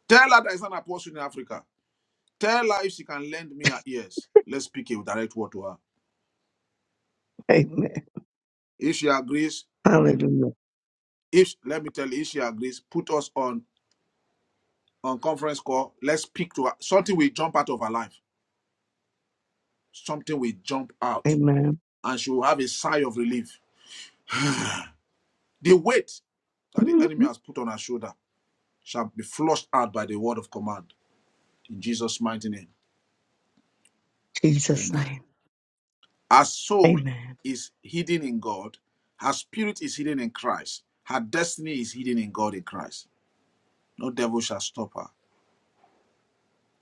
Speaker 1: Tell her there is an apostle in Africa. Tell her if she can lend me her ears. Let's speak a direct word to her.
Speaker 6: Amen.
Speaker 1: If she agrees,
Speaker 6: Hallelujah.
Speaker 1: if let me tell you, if she agrees, put us on on conference call. Let's speak to her. Something will jump out of her life. Something will jump out,
Speaker 6: Amen.
Speaker 1: and she will have a sigh of relief. The weight that the
Speaker 6: In
Speaker 1: enemy has put on her shoulder shall be flushed out by the word of command in Jesus' mighty name.
Speaker 6: Jesus' name.
Speaker 1: Amen. Her soul
Speaker 6: Amen.
Speaker 1: is hidden in God. Her spirit is hidden in Christ. Her destiny is hidden in God in Christ. No devil shall stop her.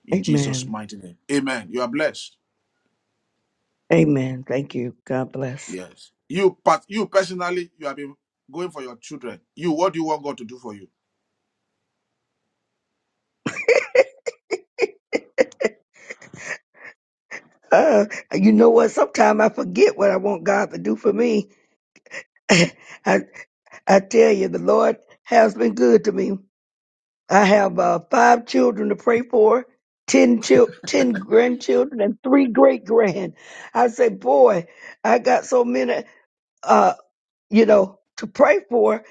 Speaker 1: In Jesus'
Speaker 6: Amen.
Speaker 1: mighty name. Amen. You are blessed.
Speaker 6: Amen. Thank you. God bless.
Speaker 1: Yes. You but you personally, you have been going for your children. You, what do you want God to do for you?
Speaker 6: Uh, you know what? Sometimes I forget what I want God to do for me. I I tell you, the Lord has been good to me. I have uh, five children to pray for, ten chil- ten grandchildren, and three great grand. I say, boy, I got so many, uh, you know, to pray for.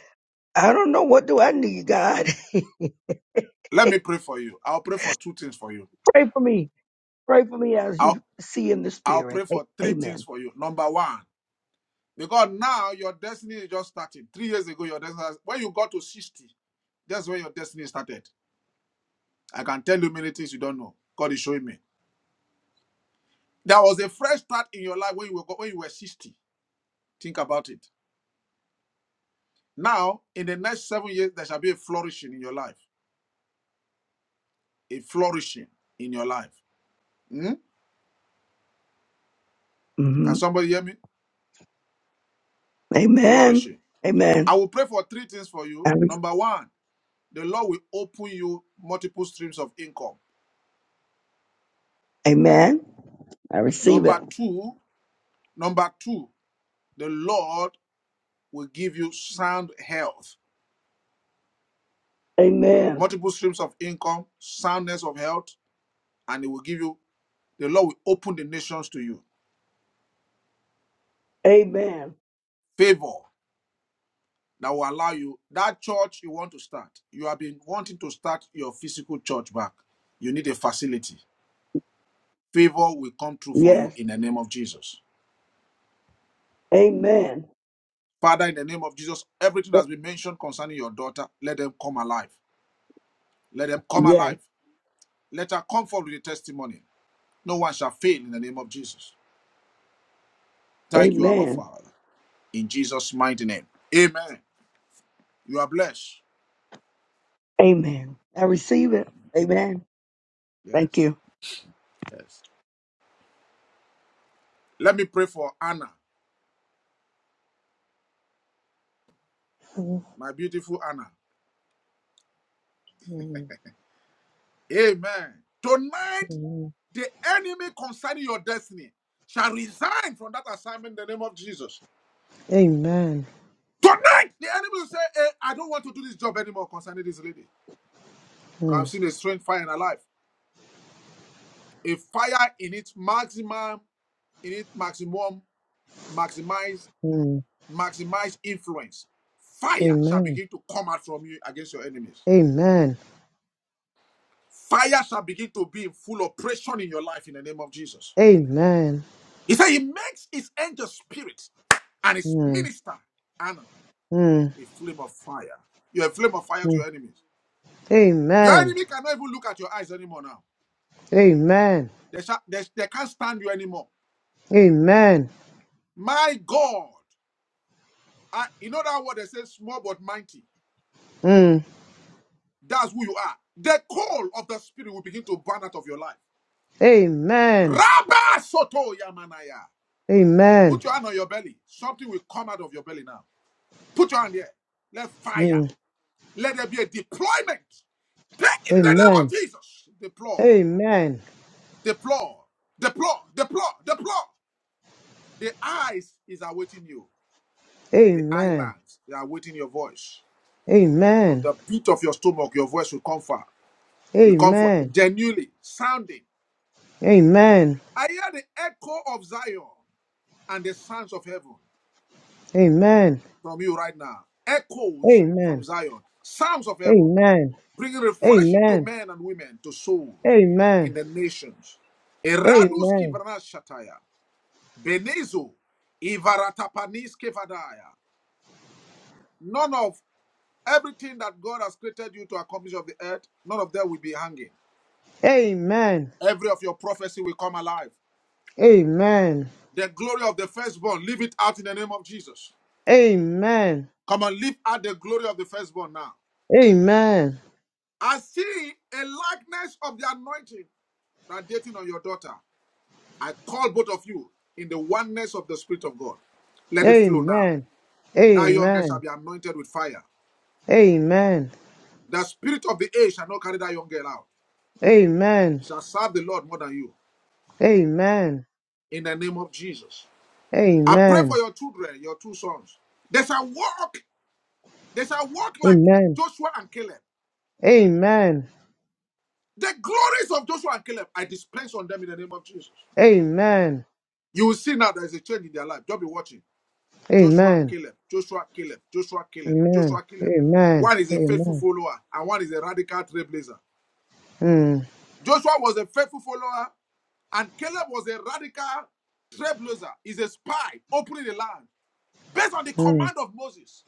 Speaker 6: I don't know what do I need, God.
Speaker 1: Let me pray for you. I'll pray for two things for you.
Speaker 6: pray for me. Pray for me as you
Speaker 1: I'll
Speaker 6: see in the
Speaker 1: I'll
Speaker 6: spirit.
Speaker 1: pray
Speaker 6: A-
Speaker 1: for three
Speaker 6: Amen.
Speaker 1: things for you. Number one, because now your destiny is just starting. Three years ago, your destiny when you got to 60, that's when your destiny started. I can tell you many things you don't know. God is showing me. There was a fresh start in your life when you were when you were 60. Think about it. Now, in the next seven years, there shall be a flourishing in your life. A flourishing in your life. Hmm? Can
Speaker 6: hmm
Speaker 1: somebody hear me?
Speaker 6: Amen.
Speaker 1: Flourishing.
Speaker 6: Amen.
Speaker 1: I will pray for three things for you.
Speaker 6: I re-
Speaker 1: Number one, the Lord will open you multiple streams of income.
Speaker 6: amen. I receive it.
Speaker 1: Number two, number two, the Lord will give you sound health,
Speaker 6: Amen.
Speaker 1: multiple streams of income, soundness of health, and it will give you The Lord will open the nations to you.
Speaker 6: Amen.
Speaker 1: Favor that will allow you that church you want to start. You have been wanting to start your physical church back. You need a facility. Favor will come true for you
Speaker 6: Yes.
Speaker 1: in the name of Jesus.
Speaker 6: Amen.
Speaker 1: Father, in the name of Jesus, everything that's been mentioned concerning your daughter, let them come alive. Let them come
Speaker 6: Yes.
Speaker 1: alive. Let her come forward with a testimony. No one shall fail in the name of Jesus. Thank you, Abba
Speaker 6: Amen.
Speaker 1: Father. In Jesus' mighty name. Amen. You are blessed.
Speaker 6: Amen. I receive it. Amen. Thank
Speaker 1: Yes.
Speaker 6: you.
Speaker 1: Yes. Let me pray for Anna.
Speaker 4: Mm,
Speaker 1: my beautiful Anna.
Speaker 4: mm,
Speaker 1: Amen. Tonight,
Speaker 4: mm.
Speaker 1: the enemy concerning your destiny shall resign from that assignment in the name of Jesus.
Speaker 4: Amen.
Speaker 1: Tonight, the enemy will say, hey, I don't want to do this job anymore concerning this lady. Because
Speaker 4: Mm,
Speaker 1: I've seen a strange fire in her life. A fire in its maximum, in its maximum, maximize,
Speaker 4: mm.
Speaker 1: maximize influence. Fire shall
Speaker 4: Amen.
Speaker 1: begin to come out from you against your enemies.
Speaker 4: Amen.
Speaker 1: Fire shall begin to be in full operation in your life in the name of Jesus.
Speaker 4: Amen.
Speaker 1: He said he makes his angel spirit and his
Speaker 4: Mm,
Speaker 1: minister, Anna,
Speaker 4: mm,
Speaker 1: a flame of fire. You're a flame of fire to
Speaker 4: mm.
Speaker 1: your enemies. Your
Speaker 4: Amen.
Speaker 1: enemy cannot even look at your eyes anymore now.
Speaker 4: Amen.
Speaker 1: They, sha- they, they can't stand you anymore.
Speaker 4: Amen.
Speaker 1: My God. I, you know that word they say, small but mighty.
Speaker 4: Mm.
Speaker 1: That's who you are. The coal of the spirit will begin to burn out of your life.
Speaker 4: Amen.
Speaker 1: Rabba Soto Yamanaya.
Speaker 4: Amen.
Speaker 1: Put your hand on your belly. Something will come out of your belly now. Put your hand there. Let fire.
Speaker 4: Mm.
Speaker 1: Let there be a deployment. Take in the name of
Speaker 4: Amen.
Speaker 1: Jesus. Deploy,
Speaker 4: Amen.
Speaker 1: deploy, deploy, deploy, deploy. The eyes is awaiting you. The
Speaker 4: Amen.
Speaker 1: islands, they are awaiting your voice. From
Speaker 4: Amen.
Speaker 1: the pit of your stomach, your voice will come far. Will come forth
Speaker 4: Amen.
Speaker 1: genuinely sounding.
Speaker 4: Amen.
Speaker 1: I hear the echo of Zion and the sounds of heaven
Speaker 4: Amen.
Speaker 1: from you right now. Echoes from
Speaker 4: Amen.
Speaker 1: Zion, sounds of heaven.
Speaker 4: Amen.
Speaker 1: Bring refreshing to
Speaker 4: Amen.
Speaker 1: men and women, to souls in
Speaker 4: Amen.
Speaker 1: the nations.
Speaker 4: Amen.
Speaker 1: Eradus
Speaker 4: Amen.
Speaker 1: kivanas shataya. Benezo. Ivaratapanis kevadaya. None of everything that God has created you to accomplish of the earth, none of them will be hanging.
Speaker 4: Amen.
Speaker 1: Every of your prophecy will come alive.
Speaker 4: Amen.
Speaker 1: The glory of the firstborn, leave it out in the name of Jesus.
Speaker 4: Amen. Amen.
Speaker 1: Come and leave out the glory of the firstborn now.
Speaker 4: Amen.
Speaker 1: I see a likeness of the anointing radiating on your daughter. I call both of you in the oneness of the Spirit of God.
Speaker 4: Amen.
Speaker 1: Let it flow now.
Speaker 4: Amen.
Speaker 1: That young girl shall
Speaker 4: Amen.
Speaker 1: be anointed with fire.
Speaker 4: Amen.
Speaker 1: The spirit of the age shall not carry that young girl out.
Speaker 4: Amen.
Speaker 1: She shall serve the Lord more than you. In the name of Jesus. I pray for your children, your two sons. They shall walk. They shall walk like Joshua and Caleb. The glories of Joshua and Caleb, I dispense on them in the name of Jesus.
Speaker 4: Amen. Amen.
Speaker 1: You will see now there is a change in their life. Don't be watching.
Speaker 4: Amen.
Speaker 1: Joshua
Speaker 4: Amen.
Speaker 1: Caleb, Joshua Caleb, Joshua Caleb, Joshua Caleb.
Speaker 4: Amen.
Speaker 1: One is a faithful
Speaker 4: Amen.
Speaker 1: follower and one is a radical trailblazer.
Speaker 4: Mm.
Speaker 1: Joshua was a faithful follower and Caleb was a radical trailblazer. He's a spy opening the land based on the
Speaker 4: Mm.
Speaker 1: command of Moses.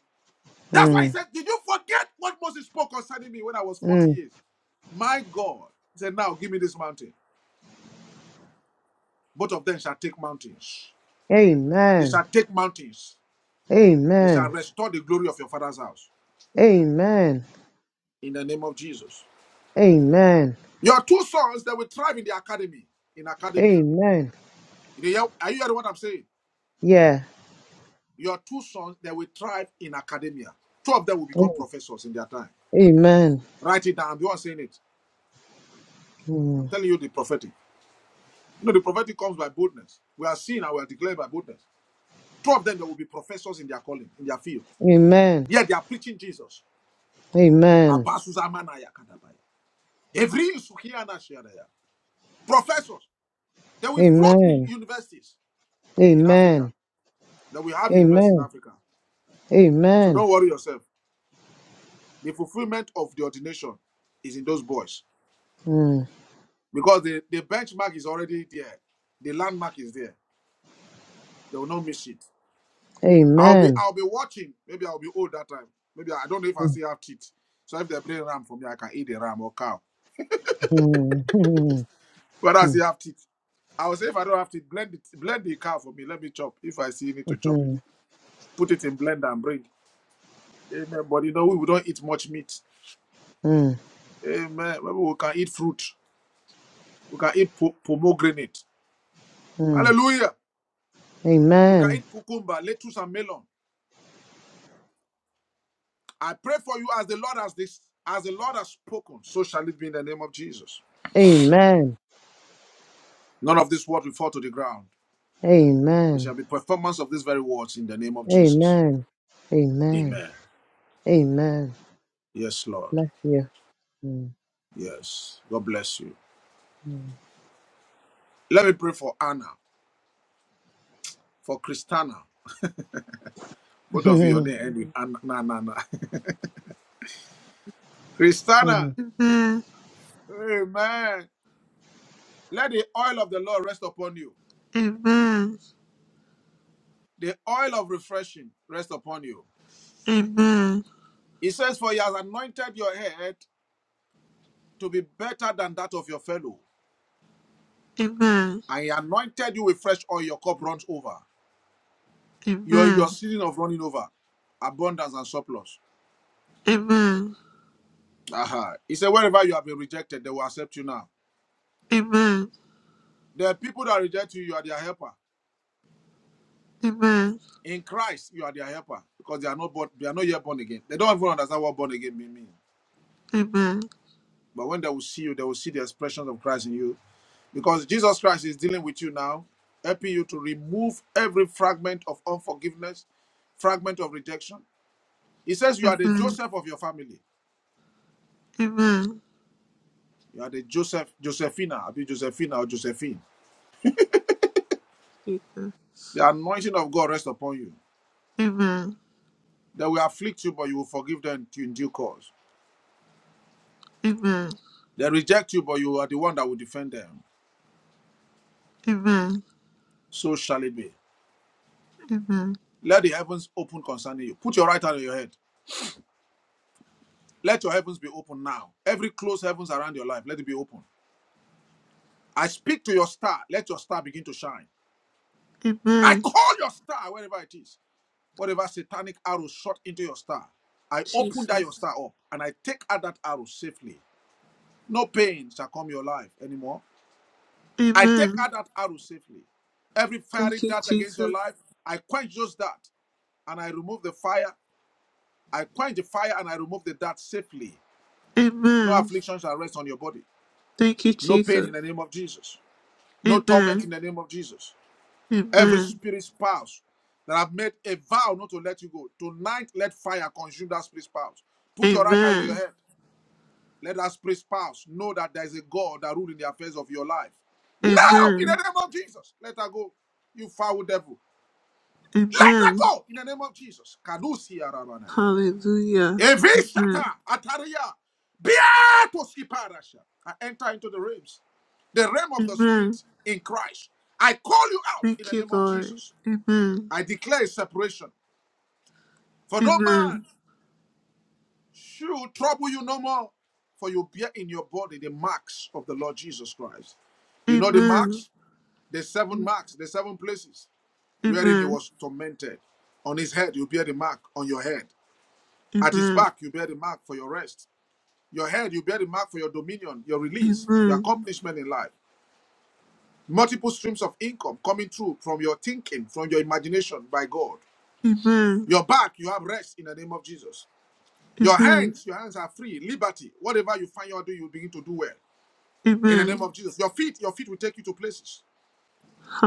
Speaker 1: That's
Speaker 4: mm.
Speaker 1: why he said, Did you forget what Moses spoke concerning me when I was 40
Speaker 4: Mm.
Speaker 1: years? My God. He said, Now give me this mountain. Both of them shall take mountains. They
Speaker 4: Amen.
Speaker 1: shall take mountains. They shall
Speaker 4: Amen.
Speaker 1: restore the glory of your father's house.
Speaker 4: Amen.
Speaker 1: In the name of Jesus.
Speaker 4: Amen.
Speaker 1: Your two sons, they will thrive in the academy, in academia.
Speaker 4: Amen.
Speaker 1: You know, yeah, are you hearing what I'm saying?
Speaker 4: Yeah.
Speaker 1: Your two sons, they will thrive in academia. Two of them will become
Speaker 4: A-
Speaker 1: professors in their time.
Speaker 4: Amen.
Speaker 1: Write it down. I'm the one saying it. I'm
Speaker 4: Mm.
Speaker 1: telling you the prophetic. You know, the prophetic comes by boldness. We are seen and we are declared by boldness. Two of them, they will be professors in their calling, in their field.
Speaker 4: Amen.
Speaker 1: Yet they are preaching Jesus.
Speaker 4: Amen.
Speaker 1: Abasuzamanaya kadabaya. Every Sukiana Sharaya. Professors, they will float with
Speaker 4: Amen.
Speaker 1: universities in Africa.
Speaker 4: Amen.
Speaker 1: That we have universities in
Speaker 4: Amen.
Speaker 1: Africa. So
Speaker 4: Amen.
Speaker 1: don't worry yourself. The fulfillment of the ordination is in those boys
Speaker 4: Mm.
Speaker 1: because the, the benchmark is already there. The landmark is there. They will not miss it. I'll be
Speaker 4: Amen.
Speaker 1: I'll be watching. Maybe I'll be old that time. Maybe I don't know if I
Speaker 4: Mm.
Speaker 1: still have teeth. So if they bring ram for me, I can eat the ram or cow.
Speaker 4: Mm.
Speaker 1: But I
Speaker 4: Mm.
Speaker 1: still have teeth. I will say if I don't have teeth, blend it, blend the cow for me. Let me chop. If I see you need to chop it,
Speaker 4: Mm.
Speaker 1: put it in blender and bring. Amen. But you know we don't eat much meat.
Speaker 4: Mm.
Speaker 1: Amen. Maybe we can eat fruit. We can eat po- pomegranate.
Speaker 4: Mm.
Speaker 1: Hallelujah. We can
Speaker 4: Amen.
Speaker 1: eat cucumber, lettuce, and melon. I pray for you as the Lord has this, as the Lord has spoken, so shall it be in the name of Jesus.
Speaker 4: Amen.
Speaker 1: None of this word will fall to the ground. It shall
Speaker 4: Amen.
Speaker 1: be performance of these very words in the name of Jesus.
Speaker 4: Amen. Amen.
Speaker 1: Amen.
Speaker 4: Amen.
Speaker 1: Yes, Lord.
Speaker 4: Bless you. Mm.
Speaker 1: Yes. God bless you. Let me pray for Anna, for Christana. Both of you, your name end with Anna. Nah, nah, nah. Christana.
Speaker 4: Mm.
Speaker 2: Amen.
Speaker 1: Amen. Let the oil of the Lord rest upon you.
Speaker 2: Amen.
Speaker 1: The oil of refreshing rest upon you.
Speaker 2: Amen.
Speaker 1: He says, For he has anointed your head to be better than that of your fellow.
Speaker 2: Amen. Amen.
Speaker 1: And he anointed you with fresh oil, your cup runs over. Your your season of running over, abundance and surplus.
Speaker 2: Amen.
Speaker 1: Aha. He said, Wherever you have been rejected, they will accept you now.
Speaker 2: Amen.
Speaker 1: The people that reject you, you are their helper.
Speaker 2: Amen.
Speaker 1: In Christ, you are their helper because they are not born, they are not yet born again. They don't even understand what born again means.
Speaker 2: Amen.
Speaker 1: But when they will see you, they will see the expression of Christ in you. Because Jesus Christ is dealing with you now, helping you to remove every fragment of unforgiveness, fragment of rejection, He says you are the Joseph of your family. You are the Joseph, Josephina, Abi Josephina or Josephine. The anointing of God rests upon you. They will afflict you, but you will forgive them in due course. They reject you, but you are the one that will defend them. So shall it be.
Speaker 2: Amen.
Speaker 1: Let the heavens open concerning you. Put your right hand on your head. Let your heavens be open now. Every closed heavens around your life, let it be open. I speak to your star. Let your star begin to shine. I
Speaker 2: Amen.
Speaker 1: call your star wherever it is. Whatever satanic arrow shot into your star, I open that
Speaker 2: Jesus.
Speaker 1: your star up and I take out that arrow safely. No pain shall come your life anymore. I take
Speaker 2: Amen. Amen. Amen. Amen. Amen. Jesus. Amen.
Speaker 1: out that arrow safely. Every fiery
Speaker 2: Thank you,
Speaker 1: dart against your
Speaker 2: Jesus.
Speaker 1: life, I quench those darts and I remove the fire. I quench the fire and I remove the dart safely. No
Speaker 2: Amen.
Speaker 1: affliction shall rest on your body.
Speaker 2: Thank you,
Speaker 1: No pain in
Speaker 2: Jesus.
Speaker 1: the name of Jesus. No torment in
Speaker 2: Amen.
Speaker 1: the name of Jesus. Every
Speaker 2: Amen.
Speaker 1: spirit spouse that have made a vow not to let you go, tonight let fire consume that spirit spouse. Put your right hand on your
Speaker 2: Amen.
Speaker 1: head. Let that spirit spouse know that there is a God that rules in the affairs of your life. Now, in the
Speaker 2: Amen.
Speaker 1: name of Jesus, let her go. You foul devil. Let her
Speaker 2: Amen.
Speaker 1: go in the name of Jesus. Kadusia Rabanaya.
Speaker 2: Hallelujah.
Speaker 1: Evishata
Speaker 2: Amen.
Speaker 1: Ataria. Beatos Kiparasha. I enter into the realms, the realm of the spirit
Speaker 2: Amen.
Speaker 1: in Christ. I call you out in
Speaker 2: Thank
Speaker 1: the
Speaker 2: you,
Speaker 1: name of
Speaker 2: Lord.
Speaker 1: Jesus.
Speaker 2: Amen.
Speaker 1: I declare separation. For no man
Speaker 2: Amen.
Speaker 1: should trouble you no more, for you bear in your body the marks of the Lord Jesus Christ. You know the
Speaker 2: Amen.
Speaker 1: marks? The seven marks, the seven places wherein he
Speaker 2: Amen.
Speaker 1: was tormented. On his head, you bear the mark on your head. At his
Speaker 2: Amen.
Speaker 1: back, you bear the mark for your rest. Your head, you bear the mark for your dominion, your release, your
Speaker 2: Amen.
Speaker 1: accomplishment in life. Multiple streams of income coming through from your thinking, from your imagination by God.
Speaker 2: Amen.
Speaker 1: Your back, you have rest in the name of Jesus. Your
Speaker 2: Amen.
Speaker 1: hands, your hands are free, liberty. Whatever you find you are doing, you begin to do well. In the name
Speaker 2: Amen.
Speaker 1: of Jesus. Your feet, your feet will take you to places.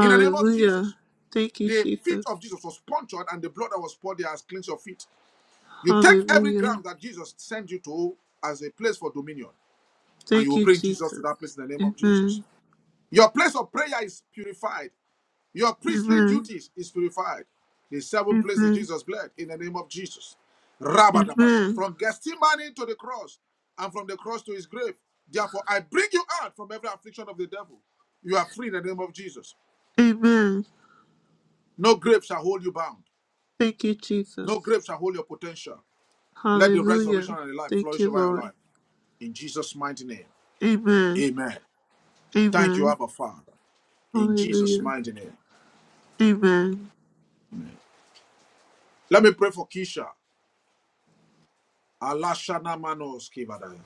Speaker 1: In the name of Jesus.
Speaker 2: Thank you,
Speaker 1: The feet
Speaker 2: Jesus.
Speaker 1: of Jesus was punctured, and the blood that was poured there has cleansed your feet. You take every
Speaker 2: Hallelujah.
Speaker 1: ground that Jesus sent you to as a place for dominion, and you
Speaker 2: Thank
Speaker 1: will
Speaker 2: you,
Speaker 1: bring Jesus to that
Speaker 2: Jesus.
Speaker 1: place in the name of Jesus.
Speaker 2: Amen.
Speaker 1: Your place of prayer is purified. Your priestly
Speaker 2: Amen.
Speaker 1: duties is purified. The seven places
Speaker 2: Amen.
Speaker 1: Jesus bled in the name of Jesus. Rabadabasha.
Speaker 2: Amen.
Speaker 1: From Gethsemane to the cross, and from the cross to his grave. Therefore, I bring you out from every affliction of the devil. You are free in the name of Jesus.
Speaker 2: Amen.
Speaker 1: No grave shall hold you bound.
Speaker 2: Thank you,
Speaker 1: No
Speaker 2: Jesus.
Speaker 1: grave shall hold your potential. Let the
Speaker 2: Hallelujah.
Speaker 1: resurrection and the life
Speaker 2: Thank
Speaker 1: flourish
Speaker 2: you,
Speaker 1: over your
Speaker 2: Lord.
Speaker 1: life. In Jesus' mighty name.
Speaker 2: Amen.
Speaker 1: Amen. Thank you,
Speaker 2: Amen.
Speaker 1: Abba Father. In Jesus'
Speaker 2: Hallelujah.
Speaker 1: mighty name.
Speaker 2: Amen.
Speaker 1: Amen. Let me pray for Keisha. Allah Shana Manos Kivadaya.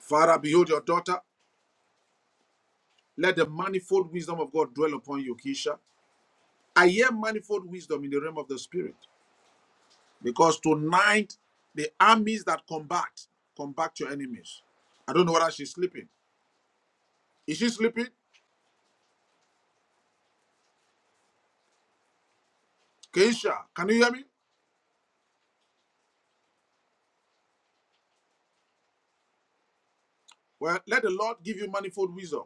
Speaker 1: Father, behold your daughter. Let the manifold wisdom of God dwell upon you, Keisha. I hear manifold wisdom in the realm of the spirit. Because tonight, the armies that combat, combat your enemies. I don't know whether she's sleeping. Is she sleeping? Keisha, can you hear me? Well, let the Lord give you manifold wisdom,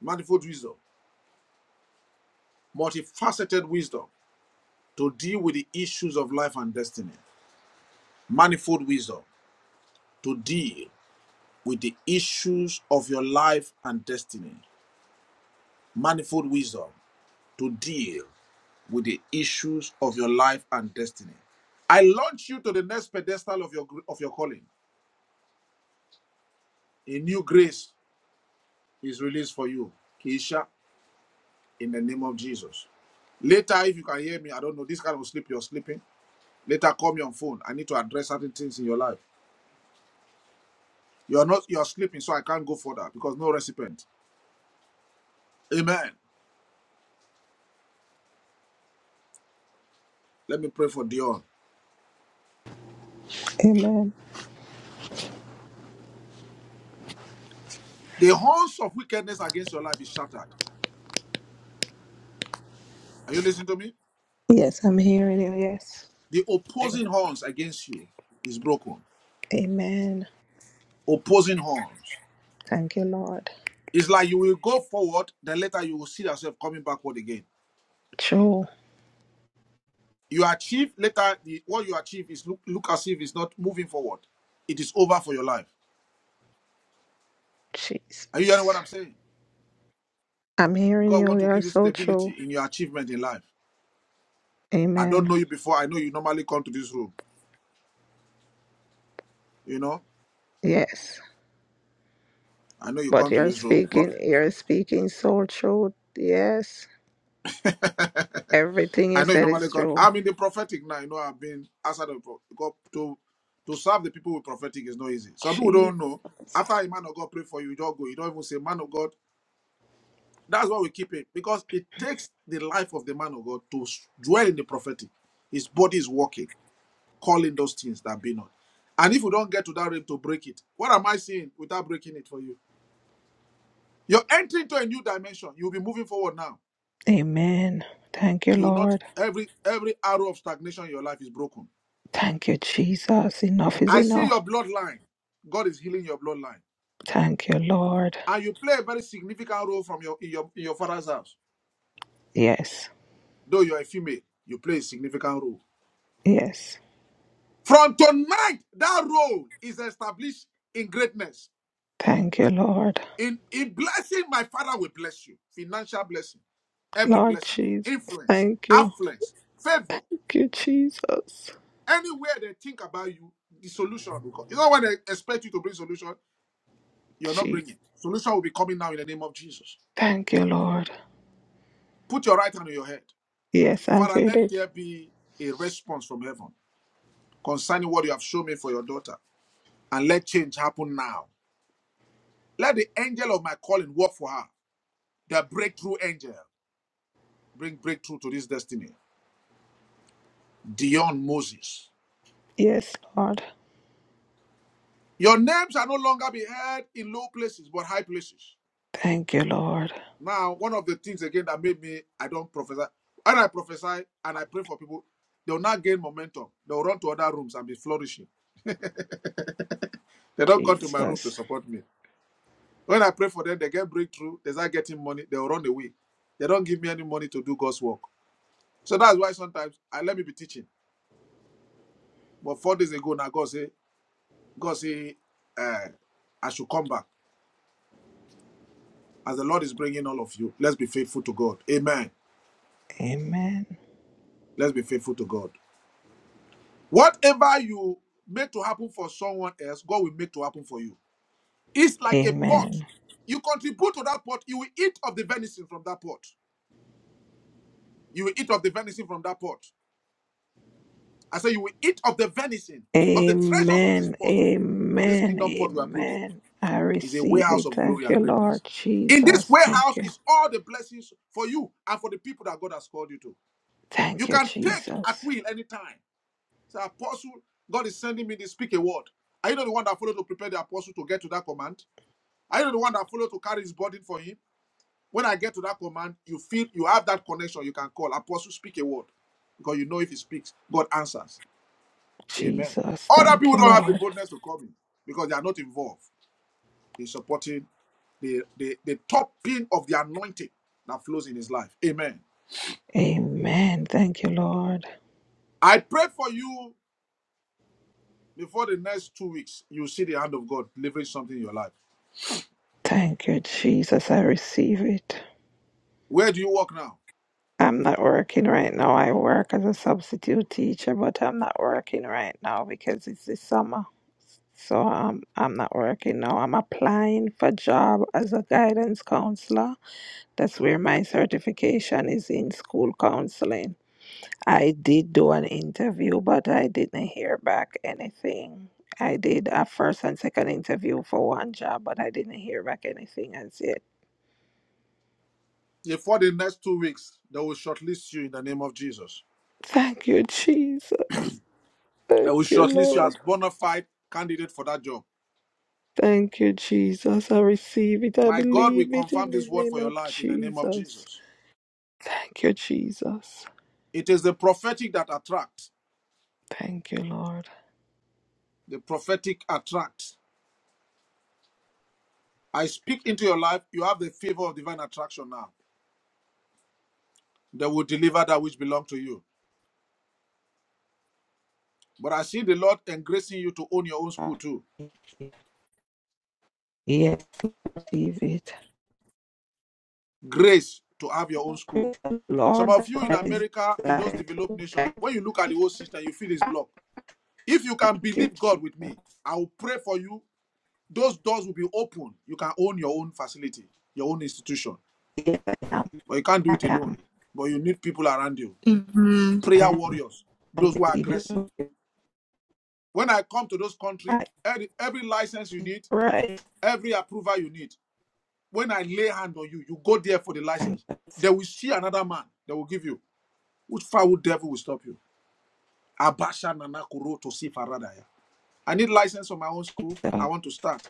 Speaker 1: manifold wisdom, multifaceted wisdom to deal with the issues of life and destiny, manifold wisdom to deal with the issues of your life and destiny. manifold wisdom to deal with the issues of your life and destiny. I launch you to the next pedestal of your gr- of your calling. A new grace is released for you, Keisha, in the name of Jesus. Later, if you can hear me, I don't know this kind of sleep you're sleeping. Later, call me on phone. I need to address certain things in your life. You're not you're sleeping, so I can't go further because no recipient. Amen. Let me pray for Dion.
Speaker 7: Amen.
Speaker 1: The horns of wickedness against your life is shattered. Are you listening to me?
Speaker 7: Yes, I'm hearing you. Yes.
Speaker 1: The opposing horns against you is broken.
Speaker 7: Amen.
Speaker 1: Opposing horns.
Speaker 7: Thank you, Lord.
Speaker 1: It's like you will go forward, then later you will see yourself coming backward again.
Speaker 7: True.
Speaker 1: You achieve later the, what you achieve is look, look as if it's not moving forward. It is over for your life. Are you hearing what
Speaker 7: Jesus.
Speaker 1: I'm saying?
Speaker 7: I'm hearing
Speaker 1: God
Speaker 7: you.
Speaker 1: want
Speaker 7: You
Speaker 1: to
Speaker 7: are
Speaker 1: give you
Speaker 7: so true.
Speaker 1: stability in your achievement in life. I don't
Speaker 7: Amen.
Speaker 1: know you before. I know you normally come to this room. You know,
Speaker 7: Yes.
Speaker 1: I know you
Speaker 7: But
Speaker 1: come to
Speaker 7: you're
Speaker 1: this room, but.
Speaker 7: speaking, you're speaking so true. Yes. Everything you
Speaker 1: I know you
Speaker 7: said
Speaker 1: normally
Speaker 7: is
Speaker 1: go.
Speaker 7: true.
Speaker 1: I'm in the prophetic now. You know, I've been outside of pro- God to to serve the people with prophetic is not easy. Some people don't
Speaker 7: Jesus.
Speaker 1: know. After a man of God pray for you, you don't go. You don't even say man of God. That's why we keep it because it takes the life of the man of God to s- dwell in the prophetic. His body is working, calling those things that be not. And if we don't get to that realm to break it, what am I saying without breaking it for you? You're entering to a new dimension. You'll be moving forward now.
Speaker 7: Amen. Thank you,
Speaker 1: You will not
Speaker 7: Lord.
Speaker 1: every every arrow of stagnation in your life is broken
Speaker 7: Thank you, Jesus. Enough is
Speaker 1: I see
Speaker 7: enough.
Speaker 1: your bloodline. God is healing your bloodline.
Speaker 7: Thank you, Lord.
Speaker 1: And you play a very significant role from your in your in your father's house.
Speaker 7: Yes.
Speaker 1: Though you're a female, you play a significant role.
Speaker 7: Yes.
Speaker 1: From tonight, that role is established in greatness.
Speaker 7: Thank you, Lord.
Speaker 1: In in blessing, my father will bless you. Financial blessing, every
Speaker 7: Lord
Speaker 1: blessing,
Speaker 7: Jesus.
Speaker 1: influence,
Speaker 7: Thank you.
Speaker 1: affluence, favor.
Speaker 7: Thank you, Jesus.
Speaker 1: Anywhere they think about you, the solution will come. You know when they expect you to bring solution, you're not
Speaker 7: Gee,
Speaker 1: bringing. Solution will be coming now in the name of Jesus.
Speaker 7: thank you, Lord.
Speaker 1: Put your right hand on your head.
Speaker 7: Yes, I
Speaker 1: Father,
Speaker 7: did
Speaker 1: let
Speaker 7: it.
Speaker 1: there be a response from heaven concerning what you have shown me for your daughter. And let change happen now. Let the angel of my calling work for her. The breakthrough angel. Bring breakthrough to this destiny. Dion Moses.
Speaker 7: Yes, Lord.
Speaker 1: Your name shall no longer be heard in low places, but high places.
Speaker 7: Thank you, Lord.
Speaker 1: Now, one of the things again that made me, I don't prophesy. When I prophesy and I pray for people, they'll not gain momentum. They'll run to other rooms and be flourishing. They don't come to my room to
Speaker 7: Jesus.
Speaker 1: support me. When I pray for them, they get breakthrough, they start getting money, they'll run away. They don't give me any money to do God's work. So that's why sometimes I let me be teaching. But four days ago now, God say, God say, uh, I should come back. As the Lord is bringing all of you, let's be faithful to God. Amen.
Speaker 7: Amen.
Speaker 1: Let's be faithful to God. Whatever you make to happen for someone else, God will make to happen for you. It's like a pot.
Speaker 7: Amen.
Speaker 1: You contribute to that pot, you will eat of the venison from that pot. You will eat of the venison from that pot. I say you will eat of the venison, of the treasures of this
Speaker 7: Amen.
Speaker 1: pot, of this
Speaker 7: Amen.
Speaker 1: kingdom pot we are building.
Speaker 7: Amen. I
Speaker 1: Is a
Speaker 7: receive
Speaker 1: warehouse
Speaker 7: it.
Speaker 1: of glory
Speaker 7: Thank
Speaker 1: and
Speaker 7: you,
Speaker 1: greatness.
Speaker 7: Lord.
Speaker 1: In this
Speaker 7: Jesus. Thank
Speaker 1: warehouse
Speaker 7: you.
Speaker 1: is all the blessings for you and for the people that God has called you to. You
Speaker 7: Thank you,
Speaker 1: can take at
Speaker 7: Jesus.
Speaker 1: will anytime. Say, Apostle, God is sending me to speak a word. Are you not the one that followed to prepare the apostle to get to that command? Are you not the one that followed to carry his burden for him? When I get to that command, you feel you have that connection. You can call apostle, speak a word, because you know if he speaks, God answers. Amen.
Speaker 7: Jesus.
Speaker 1: Other
Speaker 7: Thank
Speaker 1: people
Speaker 7: you,
Speaker 1: don't have the
Speaker 7: Lord.
Speaker 1: boldness to come in because they are not involved in supporting the, the, the top pin of the anointing that flows in his life. Amen.
Speaker 7: Amen. Thank you, Lord.
Speaker 1: I pray for you before the next two weeks, you see the hand of God delivering something in your life.
Speaker 7: Thank you, Jesus. I receive it.
Speaker 1: Where do you work now?
Speaker 7: I'm not working right now. I work as a substitute teacher, but I'm not working right now because it's the summer. So um, I'm not working now. I'm applying for job as a guidance counselor. That's where my certification is in school counseling. I did do an interview, but I didn't hear back anything. I did a first and second interview for one job, but I didn't hear back anything as yet.
Speaker 1: Before the next two weeks, they will shortlist you in the name of Jesus.
Speaker 7: Thank you, Jesus.
Speaker 1: They will
Speaker 7: Thank you,
Speaker 1: shortlist you
Speaker 7: Lord.
Speaker 1: as bona fide candidate for that job.
Speaker 7: Thank you, Jesus. I receive it. I
Speaker 1: My God will
Speaker 7: believe it in
Speaker 1: confirm
Speaker 7: the
Speaker 1: this word
Speaker 7: name
Speaker 1: for your
Speaker 7: of
Speaker 1: life in the name of
Speaker 7: Jesus.
Speaker 1: Jesus.
Speaker 7: Thank you, Jesus.
Speaker 1: It is the prophetic that attracts.
Speaker 7: Thank you, Lord.
Speaker 1: The prophetic attracts. I speak into your life, you have the favor of divine attraction now that will deliver that which belongs to you. But I see the Lord engracing you to own your own school too.
Speaker 7: Yes, I receive it.
Speaker 1: Grace to have your own
Speaker 7: Oh,
Speaker 1: school.
Speaker 7: Praise the
Speaker 1: Some
Speaker 7: Lord,
Speaker 1: of
Speaker 7: that's
Speaker 1: you
Speaker 7: what
Speaker 1: in
Speaker 7: I
Speaker 1: America, in those
Speaker 7: desire.
Speaker 1: developed
Speaker 7: to
Speaker 1: nations,
Speaker 7: thank
Speaker 1: when you look at the whole system, you feel it's blocked. If you can
Speaker 7: thank you,
Speaker 1: believe God with
Speaker 7: Jesus.
Speaker 1: me, I will pray for you. Those doors will be open. You can own your own facility, your own institution.
Speaker 7: Yes, I am.
Speaker 1: But you can't do
Speaker 7: I
Speaker 1: it alone.
Speaker 7: am.
Speaker 1: But you need people around you.
Speaker 2: Amen.
Speaker 7: I
Speaker 1: Prayer
Speaker 7: am.
Speaker 1: warriors,
Speaker 7: I'm
Speaker 1: those who are
Speaker 7: believing
Speaker 1: aggressive,
Speaker 7: in you.
Speaker 1: When I come to those country,
Speaker 7: Right.
Speaker 1: every, every license you need,
Speaker 7: Right.
Speaker 1: every approval you need, when I lay hand on you, you go there for the
Speaker 7: Thank
Speaker 1: license.
Speaker 7: you,
Speaker 1: They will see another man. They will give you. Which foul devil will stop you? Abasha Nanakuro to see Faradaya. I need license for my own school. I
Speaker 7: Jesus.
Speaker 1: want to start.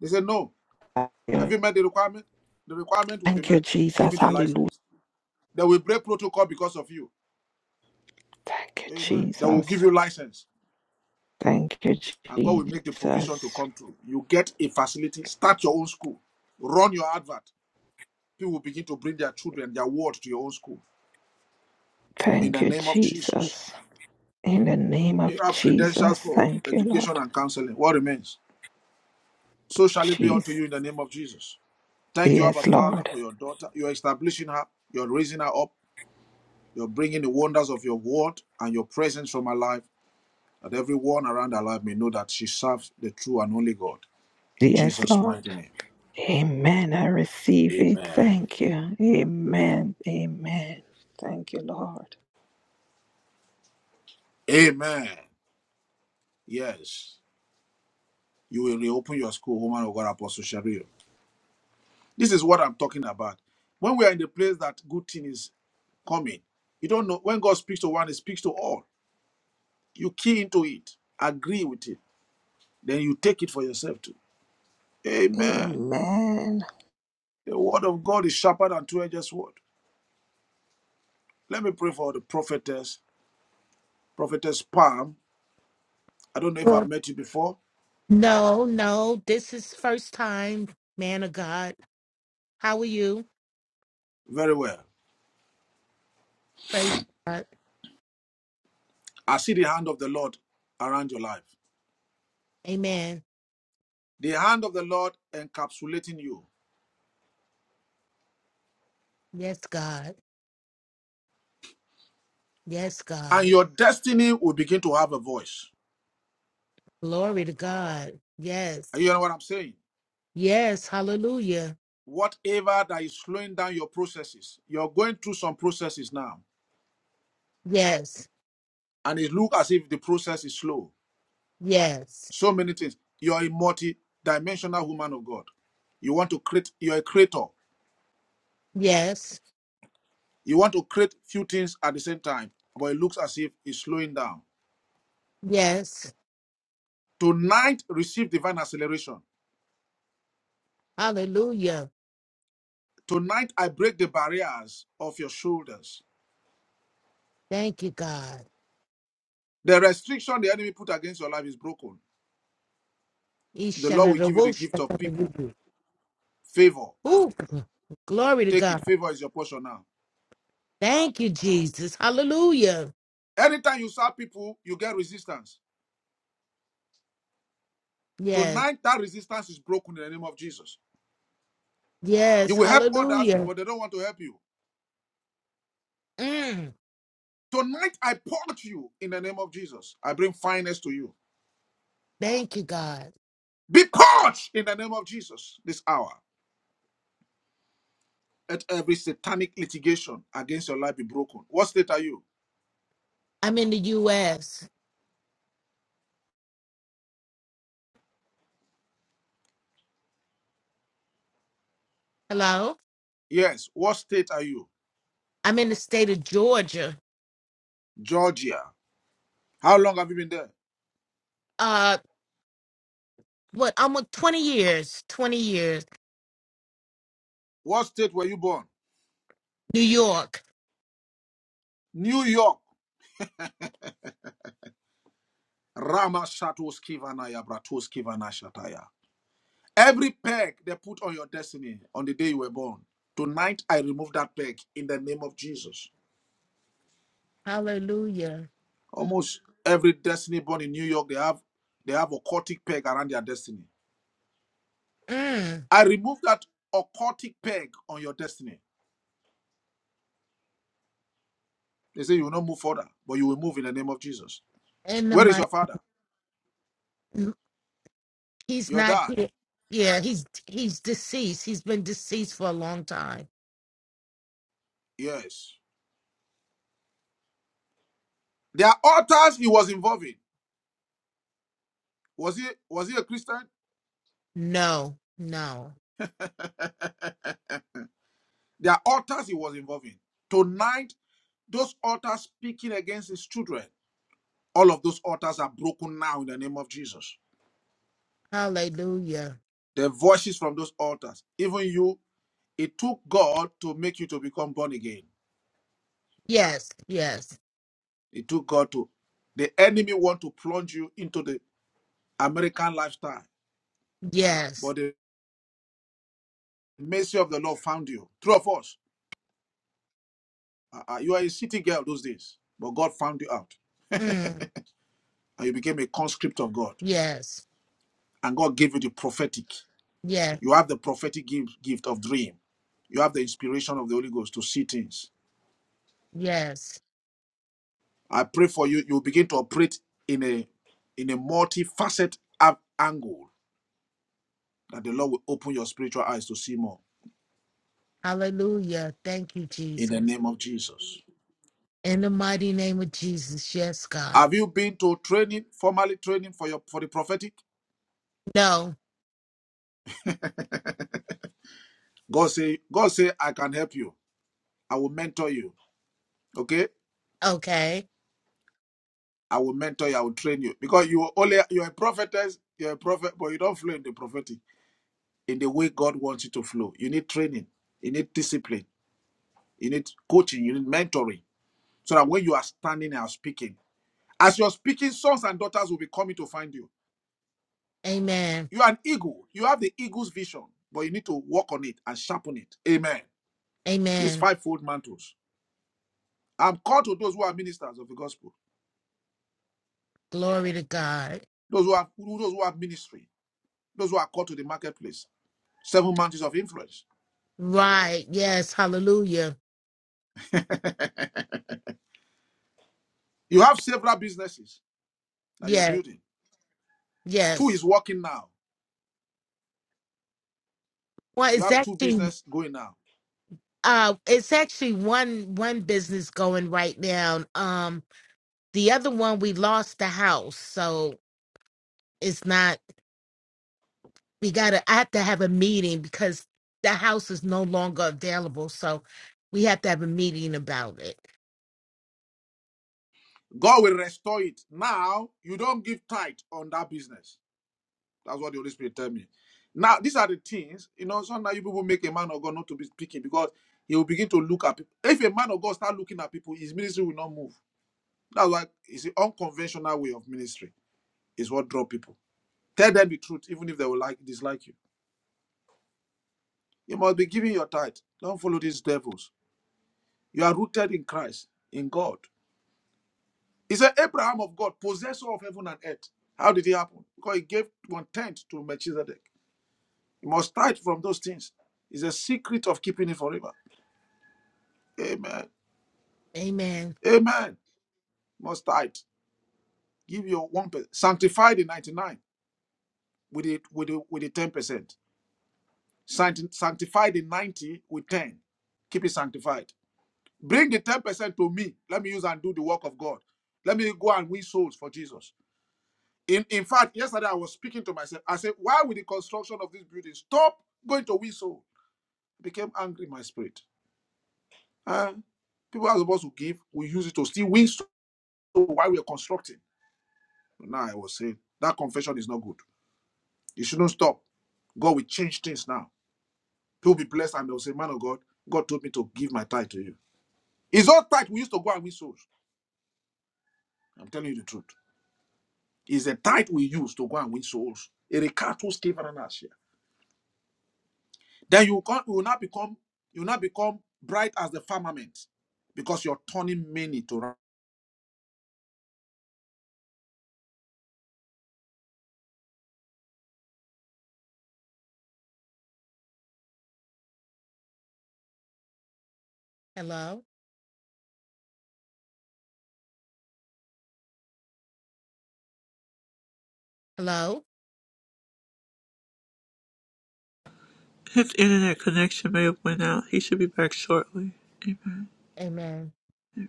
Speaker 1: They say, no.
Speaker 7: Thank
Speaker 1: Have
Speaker 7: you,
Speaker 1: you met the requirement? The requirement will be
Speaker 7: Thank you,
Speaker 1: met. Give me
Speaker 7: Jesus.
Speaker 1: the
Speaker 7: Hallelujah.
Speaker 1: license. They will break protocol because of you.
Speaker 7: Thank you,
Speaker 1: Amen. They will give
Speaker 7: Jesus.
Speaker 1: you license.
Speaker 7: Thank you,
Speaker 1: And God will make the provision
Speaker 7: Jesus.
Speaker 1: to come through. You get a facility. Start your own school. Run your advert. People will begin to bring their children, their ward to your own school. In
Speaker 7: Thank
Speaker 1: the
Speaker 7: you,
Speaker 1: name of Jesus.
Speaker 7: Jesus. In the name of
Speaker 1: You have credentials
Speaker 7: Jesus,
Speaker 1: for
Speaker 7: thank you,
Speaker 1: education
Speaker 7: Lord.
Speaker 1: and counseling. What remains? So shall it be unto
Speaker 7: Jesus.
Speaker 1: you in the name of Jesus. Thank you, Abba
Speaker 7: Yes,
Speaker 1: Father,
Speaker 7: Lord.
Speaker 1: for your daughter. You're establishing her. You're raising her up. You're bringing the wonders of your word and your presence from her life, that everyone around her life may know that she serves the true and only God. In
Speaker 7: Yes,
Speaker 1: Jesus'
Speaker 7: Lord.
Speaker 1: mighty name.
Speaker 7: Amen. I receive it.
Speaker 1: Amen.
Speaker 7: Thank you. Amen. Amen. Thank you, Lord.
Speaker 1: Amen. Yes. You will reopen your school, woman of God, Apostle Sharia. This is what I'm talking about. When we are in the place that good thing is coming, you don't know when God speaks to one, He speaks to all. You key into it, agree with it, then you take it for yourself too. Amen.
Speaker 7: Amen.
Speaker 1: The word of God is sharper than two-edged sword. Let me pray for the prophetess, prophetess Palm. I don't know if I've
Speaker 8: Lord.
Speaker 1: met you before.
Speaker 8: No, no, this is first time, man of God. How are you?
Speaker 1: Very well.
Speaker 8: Praise God.
Speaker 1: I see the hand of the Lord around your life.
Speaker 8: Amen.
Speaker 1: The hand of the Lord encapsulating you,
Speaker 8: Yes, God. Yes,
Speaker 1: and
Speaker 8: God.
Speaker 1: your destiny will begin to have a voice.
Speaker 8: Glory to God. Yes.
Speaker 1: Are you hearing what I'm saying?
Speaker 8: Yes. Hallelujah.
Speaker 1: whatever that is slowing down your processes. You're going through some processes now,
Speaker 8: Yes.
Speaker 1: and it looks as if the process is slow.
Speaker 8: Yes.
Speaker 1: So many things. You're a multi-dimensional woman of God. You want to create. You're a creator.
Speaker 8: Yes.
Speaker 1: You want to create few things at the same time, but it looks as if it's slowing down.
Speaker 8: Yes.
Speaker 1: Tonight, receive divine acceleration.
Speaker 8: Hallelujah.
Speaker 1: Tonight, I break the barriers of your shoulders.
Speaker 8: Thank you, God.
Speaker 1: The restriction the enemy put against your life is broken. The Lord will give you the
Speaker 8: Ishanarabosha.
Speaker 1: gift of people, favor.
Speaker 8: Ooh, glory to
Speaker 1: Take it.
Speaker 8: God.
Speaker 1: Favor is your portion now.
Speaker 8: Thank you, Jesus. Hallelujah.
Speaker 1: Anytime you serve people, you get resistance.
Speaker 8: Yes.
Speaker 1: Tonight, that resistance is broken in the name of Jesus. You
Speaker 8: Yes.
Speaker 1: will help others,
Speaker 8: Hallelujah.
Speaker 1: but they don't want to help you.
Speaker 8: Mm.
Speaker 1: Tonight, I purge you in the name of Jesus. I bring fineness to you.
Speaker 8: Thank you, God.
Speaker 1: Be purged in the name of Jesus this hour. Let every satanic litigation against your life be broken. What state are you?
Speaker 8: I'm in the U.S. Hello.
Speaker 1: Yes. What state are you?
Speaker 8: I'm in the state of Georgia.
Speaker 1: Georgia. How long have you been there?
Speaker 8: Uh, what? Almost 20 years. 20 years.
Speaker 1: What state were you born?
Speaker 8: New York.
Speaker 1: New York. Rama Shatoskivana Yabratoskivana Shataya. Every peg they put on your destiny on the day you were born, tonight I remove that peg in the name of Jesus.
Speaker 8: Hallelujah.
Speaker 1: Almost every destiny born in New York, they have they have a occultic peg around their destiny.
Speaker 8: Mm.
Speaker 1: I remove that occultic peg on your destiny. They say you will not move further, but you will move in the name of Jesus.
Speaker 8: And the
Speaker 1: Where is
Speaker 8: my,
Speaker 1: your father?
Speaker 8: he's
Speaker 1: Your
Speaker 8: not
Speaker 1: dad?
Speaker 8: here. Yeah, he's he's deceased. He's been deceased for a long time.
Speaker 1: Yes. There are altars he was involved in. Was he was he a Christian?
Speaker 8: No, no.
Speaker 1: There are altars he was involved in. Tonight, those altars speaking against his children. All of those altars are broken now in the name of Jesus.
Speaker 8: Hallelujah.
Speaker 1: The voices from those altars, even you, it took God to make you to become born again.
Speaker 8: Yes, yes,
Speaker 1: It took God to. The enemy want to plunge you into the American lifestyle,
Speaker 8: yes.
Speaker 1: but the mercy of the Lord found you. True of us, uh, uh, you are a city girl those days, but God found you out,
Speaker 8: Mm.
Speaker 1: and you became a conscript of God,
Speaker 8: Yes,
Speaker 1: and God gave you the prophetic.
Speaker 8: yes,
Speaker 1: You have the prophetic gift, gift of dream. You have the inspiration of the Holy Ghost to see things
Speaker 8: yes.
Speaker 1: I pray for you. You begin to operate in a in a multifaceted ab- angle that the Lord will open your spiritual eyes to see more
Speaker 8: Hallelujah. Thank you,
Speaker 1: in the
Speaker 8: Jesus.
Speaker 1: name of Jesus.
Speaker 8: In the mighty name of Jesus. Yes, God.
Speaker 1: Have you been to training, formally training for your for the prophetic?
Speaker 8: No.
Speaker 1: God say, God say, I can help you. I will mentor you. Okay?
Speaker 8: Okay.
Speaker 1: I will mentor you, I will train you. Because you only you're a prophetess, you're a prophet, but you don't flow in the prophetic in the way God wants you to flow. You need training, you need discipline, you need coaching, you need mentoring. So that when you are standing and speaking, As you're speaking, sons and daughters will be coming to find you.
Speaker 8: Amen.
Speaker 1: You are an eagle. You have the eagle's vision, but you need to work on it and sharpen it. Amen. These
Speaker 8: Amen.
Speaker 1: fivefold mantles. I'm called to those who are ministers of the gospel,
Speaker 8: Glory to God.
Speaker 1: those who have who- those who have ministry, those who are called to the marketplace. Seven mantles of influence.
Speaker 8: Right. Yes. Hallelujah.
Speaker 1: You have several businesses that you're
Speaker 8: Yes.
Speaker 1: building. Two
Speaker 8: Yes.
Speaker 1: is working now.
Speaker 8: Well,
Speaker 1: You
Speaker 8: it's
Speaker 1: have two
Speaker 8: actually
Speaker 1: business going now.
Speaker 8: uh it's actually one one business going right now. Um the other one we lost the house. So it's not we gotta I have to have a meeting because the house is no longer available. So we have to have a meeting about it.
Speaker 1: God will restore it. Now you don't give tithe on that business. That's what the Holy Spirit tell me. Now, these are the things, you know, sometimes you people make a man of God not to be speaking because he will begin to look at people. If a man of God start looking at people, his ministry will not move. That's why it's an unconventional way of ministry, is what draw people. Tell them the truth, even if they will like dislike you. You must be giving your tithe. Don't follow these devils. You are rooted in Christ, in God. He said, Abraham of God, possessor of heaven and earth. How did it happen? Because he gave one tenth to Melchizedek. You must tithe from those things. It's a secret of keeping it forever. Amen.
Speaker 8: Amen.
Speaker 1: Amen. You Must tithe. Give your one percent. Sanctify the ninety-nine with it with the with the ten percent. Sanctify the ninety with ten. Keep it sanctified. Bring the ten percent to me. Let me use and do the work of God. Let me go and win souls for Jesus. In in fact, yesterday I was speaking to myself. I said, "Why with the construction of this building stop going to win souls. I became angry in my spirit. And people are supposed to give, we use it to steal wings to while we are constructing. Now I was saying that confession is not good. It shouldn't stop. God will change things now. People will be blessed and they'll say, Man of God, God told me to give my tithe to you. It's not tithe we used to go and win souls. I'm telling you the truth. It's the tithe we use to go and win souls. It recattles Stephen and Ashia. Then you will not become you will not become bright as the firmament because you're turning many to ra-
Speaker 8: Hello? Hello?
Speaker 2: His internet connection may have went out. He should be back shortly. Amen.
Speaker 8: Amen.
Speaker 2: Amen.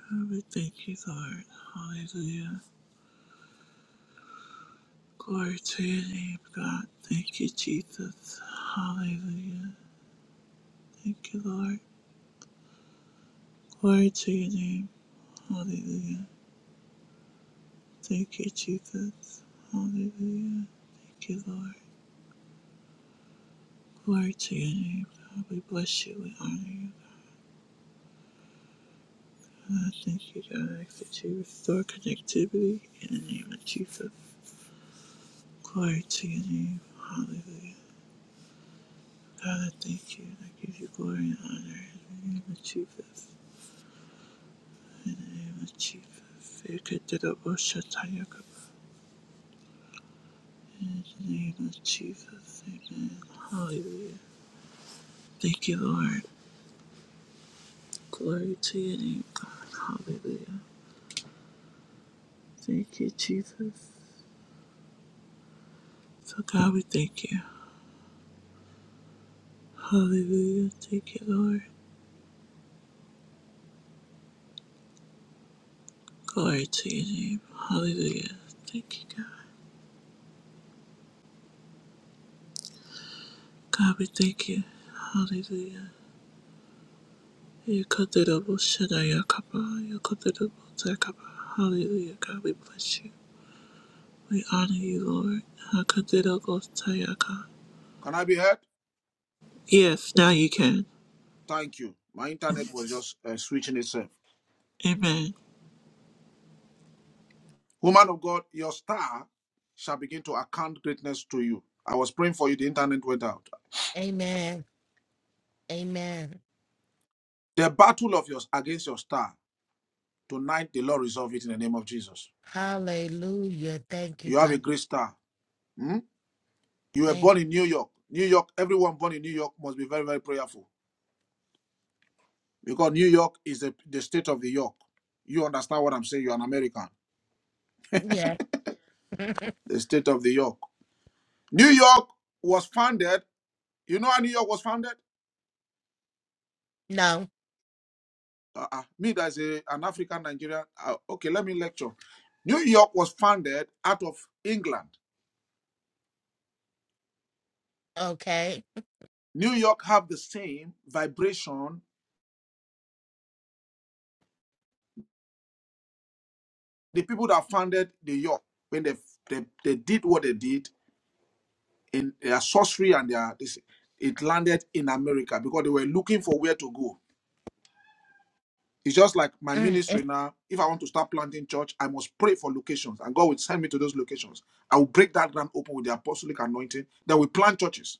Speaker 2: God, We thank you, Lord. Hallelujah. Glory to your name, God. Thank you, Jesus. Hallelujah. Thank you, Lord. Glory to your name. Hallelujah. Thank you, Jesus. Hallelujah. Thank you, Lord. Glory to your name, God. We bless you. We honor you. I thank you, God, that you restore connectivity in the name of Jesus. Glory to your name. Hallelujah. God, I thank you. I give you glory and honor in the name of Jesus. In the name of Jesus. In the name of Jesus. Amen. Hallelujah. Thank you, Lord. Glory to your name, God. Hallelujah. Thank you, Jesus. So, God, we thank you. Hallelujah. Thank you, Lord. Glory to your name. Hallelujah. Thank you, God. God, we thank you. Hallelujah. You cut the double shadow, your kappa. You cut the double kappa. Hallelujah, God, we bless you. We honor you, Lord. I cut the double shadow, God.
Speaker 1: Can I be heard?
Speaker 2: Yes, now you can.
Speaker 1: Thank you. My internet was just uh, switching itself.
Speaker 2: Amen.
Speaker 1: Woman of God, your star shall begin to account greatness to you. I was praying for you, the internet went out.
Speaker 8: Amen. Amen.
Speaker 1: The battle of yours against your star, tonight the Lord resolve it in the name of Jesus.
Speaker 8: Hallelujah. Thank you,
Speaker 1: You have a
Speaker 8: God.
Speaker 1: great star. Hmm? You were
Speaker 8: Thank
Speaker 1: born in New York. New York, everyone born in New York must be very, very prayerful because New York is the, the state of the York. You understand what I'm saying? You're an American.
Speaker 8: Yeah.
Speaker 1: The state of the York. New York was founded. You know how New York was founded?
Speaker 8: no.
Speaker 1: uh-uh. me that's a, an African Nigerian. Uh, okay, let me lecture. New York was founded out of England.
Speaker 8: Okay.
Speaker 1: New York have the same vibration. The people that founded New York when they they, they did what they did in their sorcery and their this, it landed in America because they were looking for where to go. It's just like my
Speaker 8: Mm.
Speaker 1: ministry
Speaker 8: it's-
Speaker 1: now. If I want to start planting church, I must pray for locations, and God will send me to those locations. I will break that ground open with the apostolic anointing. Then we plant churches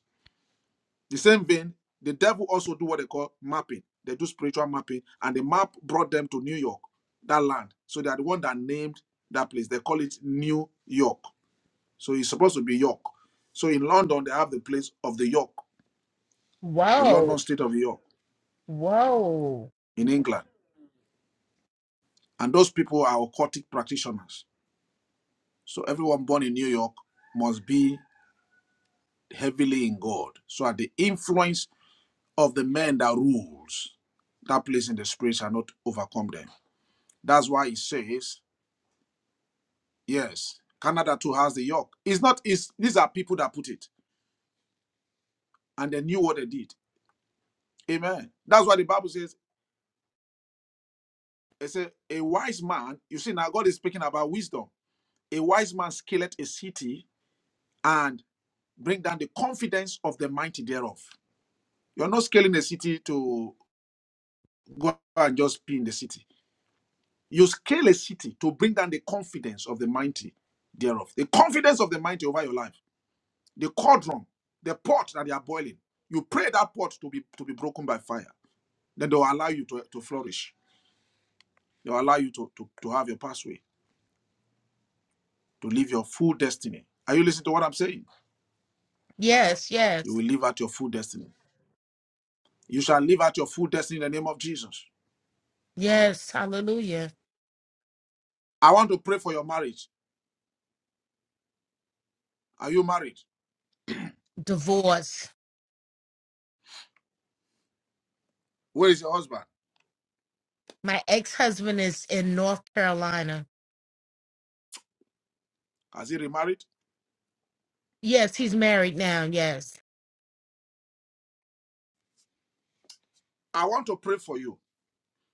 Speaker 1: The same vein, the devil also do what they call mapping. They do spiritual mapping, and the map brought them to New York, that land. So they are the one that named that place. They call it New York. So it's supposed to be York. So in London, they have the place of the York, the London
Speaker 8: Whoa.
Speaker 1: state of York
Speaker 8: Whoa.
Speaker 1: in England. And those people are occultic practitioners. So everyone born in New York must be heavily in God. So at the influence of the man that rules, that place in the spirit shall not overcome them. That's why it says Yes, Canada too has the yoke. It's not. It's these are people that put it, and they knew what they did. Amen. That's why the Bible says. It says a wise man. You see now, God is speaking about wisdom. A wise man scaleth a city and bring down the confidence of the mighty thereof. You're not scaling a city to go and just be in the city. You scale a city to bring down the confidence of the mighty thereof. The confidence of the mighty over your life. the cauldron, the pot that they are boiling. You pray that pot to be to be broken by fire. Then they'll allow you to, to flourish. They'll allow you to, to, to have your pathway, to live your full destiny. Are you listening to what I'm saying?
Speaker 8: Yes,
Speaker 1: You
Speaker 8: yes.
Speaker 1: will live out your full destiny. You shall live out your full destiny in the name of Jesus.
Speaker 8: Yes. Hallelujah.
Speaker 1: I want to pray for your marriage. Are you married?
Speaker 8: Divorce.
Speaker 1: Where is your husband?
Speaker 8: My ex husband is in North Carolina.
Speaker 1: Has he remarried?
Speaker 8: Yes, he's married now. Yes.
Speaker 1: I want to pray for you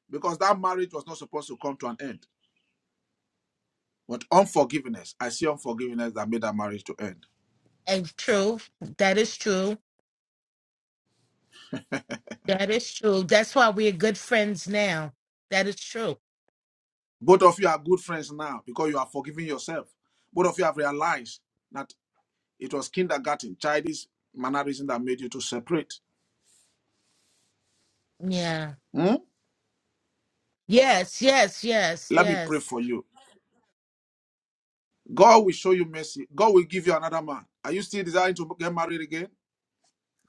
Speaker 1: because that marriage was not supposed to come to an end. But unforgiveness, I see unforgiveness that made that marriage to end.
Speaker 8: And true. That is true. That is true. That's why we're good friends now. That is true.
Speaker 1: Both of you are good friends now because you are forgiving yourself. Both of you have realized that it was kindergarten, childish mannerism that made you to separate.
Speaker 8: Yeah.
Speaker 1: Hmm?
Speaker 8: Yes, yes, yes,
Speaker 1: Let me pray
Speaker 8: yes,
Speaker 1: for you. God will show you mercy. God will give you another man. Are you still desiring to get married again?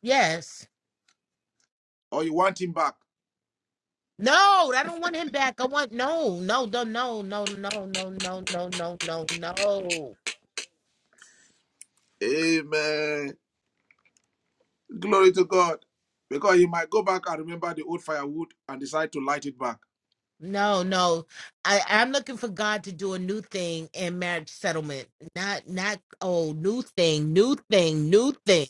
Speaker 8: yes.
Speaker 1: Or you want him back?
Speaker 8: No, I don't want him back. I want no, no, no, no, no, no, no, no, no, no, no, no,
Speaker 1: Amen. Glory to God. Because he might go back and remember the old firewood and decide to light it back.
Speaker 8: no, no. I I'm looking for God to do a new thing in marriage settlement. Not not oh new thing, new thing, new thing.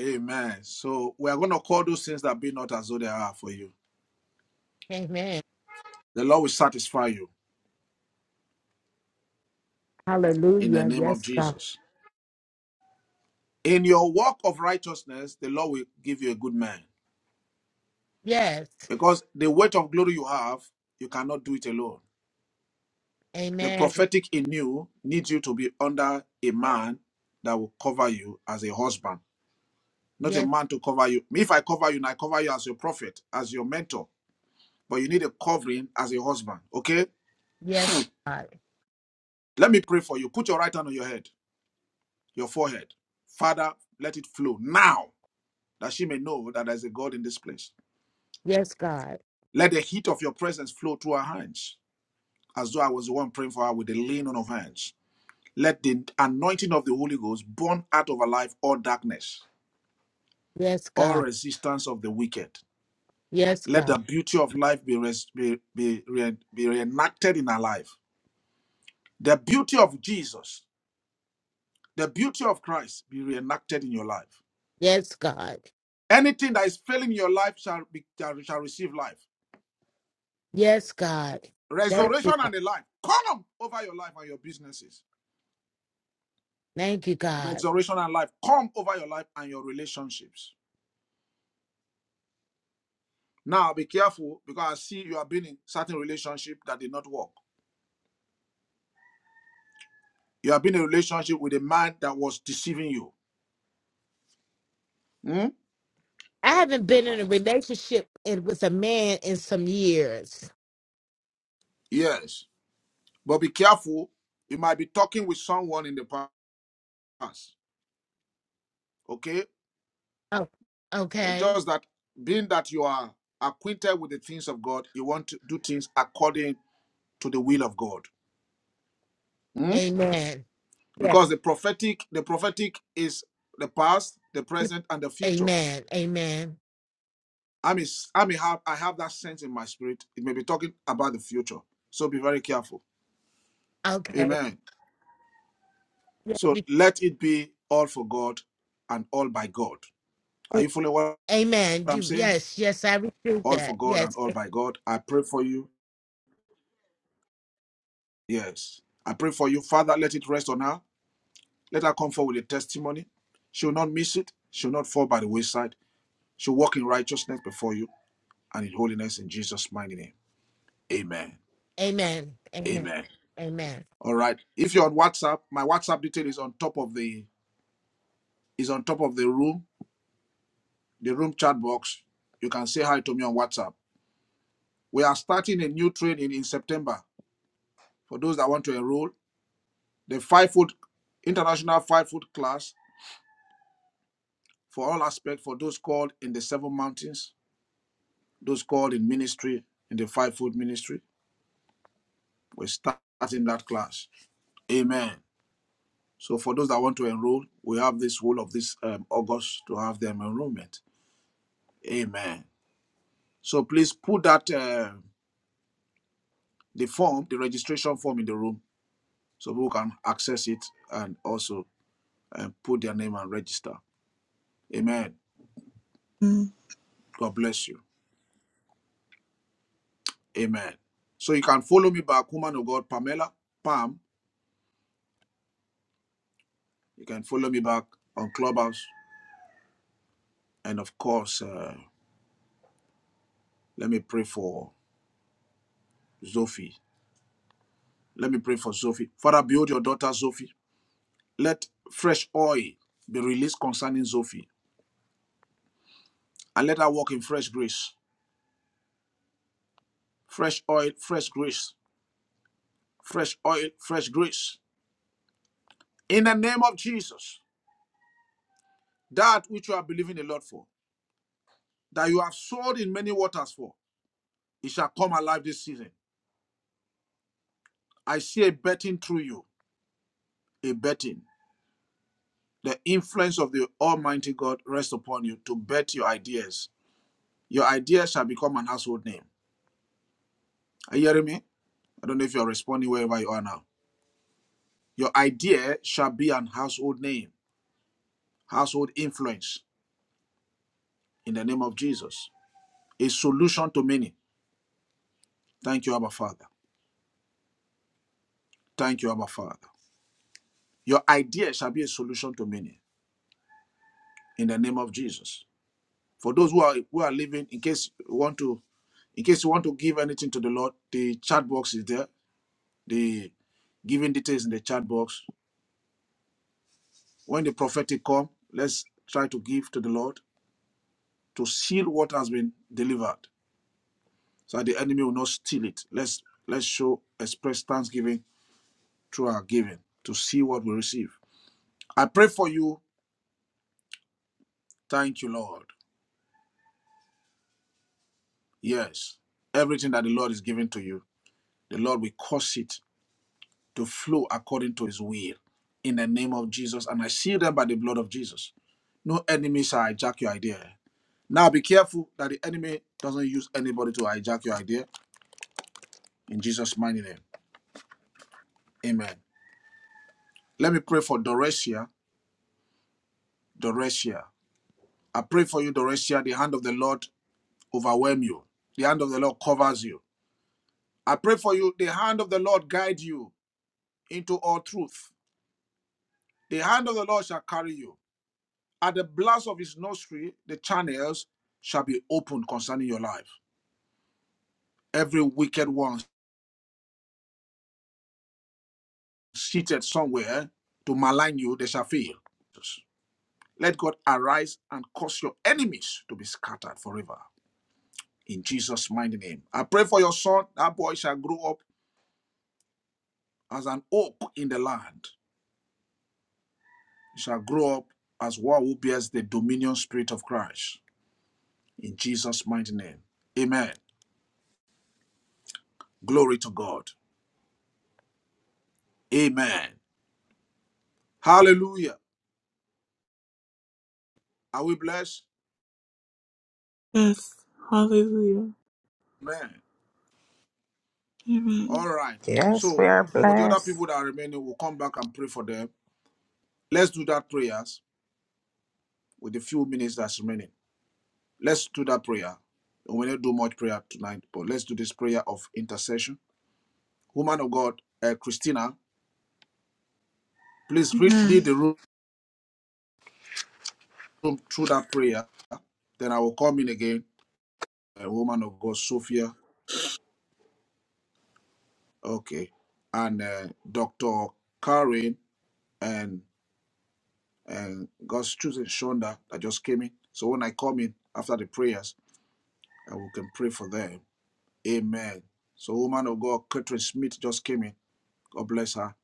Speaker 1: Amen. So we are going to call those things that be not as though they are for you.
Speaker 8: Amen.
Speaker 1: The Lord will satisfy you in the
Speaker 8: Hallelujah.
Speaker 1: name of
Speaker 8: Yes, God.
Speaker 1: Jesus. In your walk of righteousness, the Lord will give you a good man.
Speaker 8: Yes.
Speaker 1: Because the weight of glory you have, you cannot do it alone. The
Speaker 8: Amen.
Speaker 1: prophetic in you needs you to be under a man that will cover you as a husband, not a
Speaker 8: Yes.
Speaker 1: man to cover you. If I cover you, and I cover you as your prophet, as your mentor, but you need a covering as a husband, okay?
Speaker 8: Yes, God.
Speaker 1: Let me pray for you. Put your right hand on your head, your forehead. Father, let it flow now that she may know that there's a God in this place.
Speaker 8: Yes, God.
Speaker 1: Let the heat of your presence flow through her hands. as though I was the one praying for her with a laying on of hands. Let the anointing of the Holy Ghost burn out of her life all darkness,
Speaker 8: Yes,
Speaker 1: all
Speaker 8: God.
Speaker 1: resistance of the wicked.
Speaker 8: Yes,
Speaker 1: Let
Speaker 8: God.
Speaker 1: the beauty of life be, res- be, be, re- be reenacted in her life. The beauty of Jesus, the beauty of Christ be reenacted in your life.
Speaker 8: Yes, God.
Speaker 1: Anything that is failing in your life shall, be, shall, shall receive life.
Speaker 8: Yes, God. Thank you,
Speaker 1: Resurrection
Speaker 8: God.
Speaker 1: and the life come over your life and your businesses.
Speaker 8: Thank you, God.
Speaker 1: Resurrection and life come over your life and your relationships Now be careful because I see you have been in certain relationship that did not work. You have been in a relationship with a man that was deceiving you. Hmm?
Speaker 8: I haven't been in a relationship in- with a man in some years.
Speaker 1: Yes. But be careful. You might be talking with someone in the past. Okay?
Speaker 8: Oh,
Speaker 1: But
Speaker 8: okay.
Speaker 1: just that being that you are acquainted with the things of God, you want to do things according to the will of God. Hmm?
Speaker 8: Amen. Yes.
Speaker 1: Because the prophetic, the prophetic is the past, the present, and the future.
Speaker 8: Amen. Amen.
Speaker 1: I mean, I mean, have I have that sense in my spirit. It may be talking about the future, so be very careful.
Speaker 8: Okay.
Speaker 1: Amen.
Speaker 8: Yes.
Speaker 1: So
Speaker 8: we-
Speaker 1: let it be all for God and all by God. Are
Speaker 8: oh,
Speaker 1: you following what
Speaker 8: Amen.
Speaker 1: I'm
Speaker 8: You,
Speaker 1: saying?
Speaker 8: yes. Yes. I received
Speaker 1: All for
Speaker 8: that.
Speaker 1: God and
Speaker 8: Yes.
Speaker 1: all by God. I pray for you. Yes, I pray for you, Father. Let it rest on her. Let her come forward with a testimony. She will not miss it. She will not fall by the wayside. She'll walk in righteousness before you and in holiness in Jesus' mighty name. Amen.
Speaker 8: Amen. Amen.
Speaker 1: Amen.
Speaker 8: Amen.
Speaker 1: All right. If you're on WhatsApp, my WhatsApp detail is on top of the is on top of the room, the room chat box. You can say hi to me on WhatsApp. We are starting a new training in September for those that want to enroll. The five foot international five foot class for all aspects for those called in the seven mountains, those called in ministry, in the five foot ministry. We're starting that class. Amen. So for those that want to enroll, we have this whole of this um, August to have them enrollment. Amen. So please put that uh, the form, the registration form in the room so people can access it and also uh, put their name and register. Amen.
Speaker 2: Mm.
Speaker 1: God bless you. Amen. So you can follow me back, woman of God, Pamela, Pam. You can follow me back on Clubhouse. And of course, uh, let me pray for Sophie. Let me pray for Sophie. Father, build your daughter, Sophie. Let fresh oil be released concerning Sophie. And let her walk in fresh grace. Fresh oil, fresh grace fresh oil, fresh grace. In the name of Jesus, that which you are believing the Lord for, that you have sowed in many waters for, it shall come alive this season. I see a betting through you, a betting. The influence of the Almighty God rests upon you to bet your ideas. Your ideas shall become an household name. Are you hearing me? I don't know if you're responding wherever you are now. Your idea shall be an household name, household influence in the name of Jesus. A solution to many. Thank you, Abba Father. Thank you, Abba Father. Your idea shall be a solution to many in the name of Jesus. For those who are who are living, in case you want to, in case you want to give anything to the Lord, the chat box is there. The giving details in the chat box. When the prophetic come, let's try to give to the Lord to seal what has been delivered, so that the enemy will not steal it. Let's let's show express thanksgiving through our giving to see what we receive. I pray for you. Thank you, Lord. Yes. Everything that the Lord is giving to you, the Lord will cause it to flow according to his will in the name of Jesus. And I seal them by the blood of Jesus. No enemy shall hijack your idea. Now be careful that the enemy doesn't use anybody to hijack your idea in Jesus' mighty name. Amen. Let me pray for Doresia. Doresia. I pray for you, Doresia. The hand of the Lord overwhelm you. The hand of the Lord covers you. I pray for you. The hand of the Lord guide you into all truth. The hand of the Lord shall carry you. At the blast of his nostril, the channels shall be opened concerning your life. Every wicked one seated somewhere to malign you, they shall fail. Let God arise and cause your enemies to be scattered forever. In Jesus' mighty name. I pray for your son. That boy shall grow up as an oak in the land. He shall grow up as one who bears the dominion spirit of Christ. In Jesus' mighty name. Amen. Glory to God. Amen. Hallelujah. Are we blessed?
Speaker 2: Yes. Hallelujah.
Speaker 1: Amen.
Speaker 2: Amen.
Speaker 1: All right.
Speaker 7: Yes, we
Speaker 1: So
Speaker 7: are
Speaker 1: for the other
Speaker 7: blessed.
Speaker 1: people that are remaining, we'll come back and pray for them. Let's do that prayers with the few minutes that's remaining. Let's do that prayer. we don't do much prayer tonight, but let's do this prayer of intercession. Woman of God, uh, Christina, please read, lead
Speaker 2: Amen.
Speaker 1: the room through that prayer. Then I will come in again. Uh, woman of God, Sophia. Okay. And uh, Dr. Karen. and. and God's choosing Shonda that just came in. So when I come in after the prayers, and we can pray for them. Amen. So woman of God, Catherine Smith just came in. God bless her.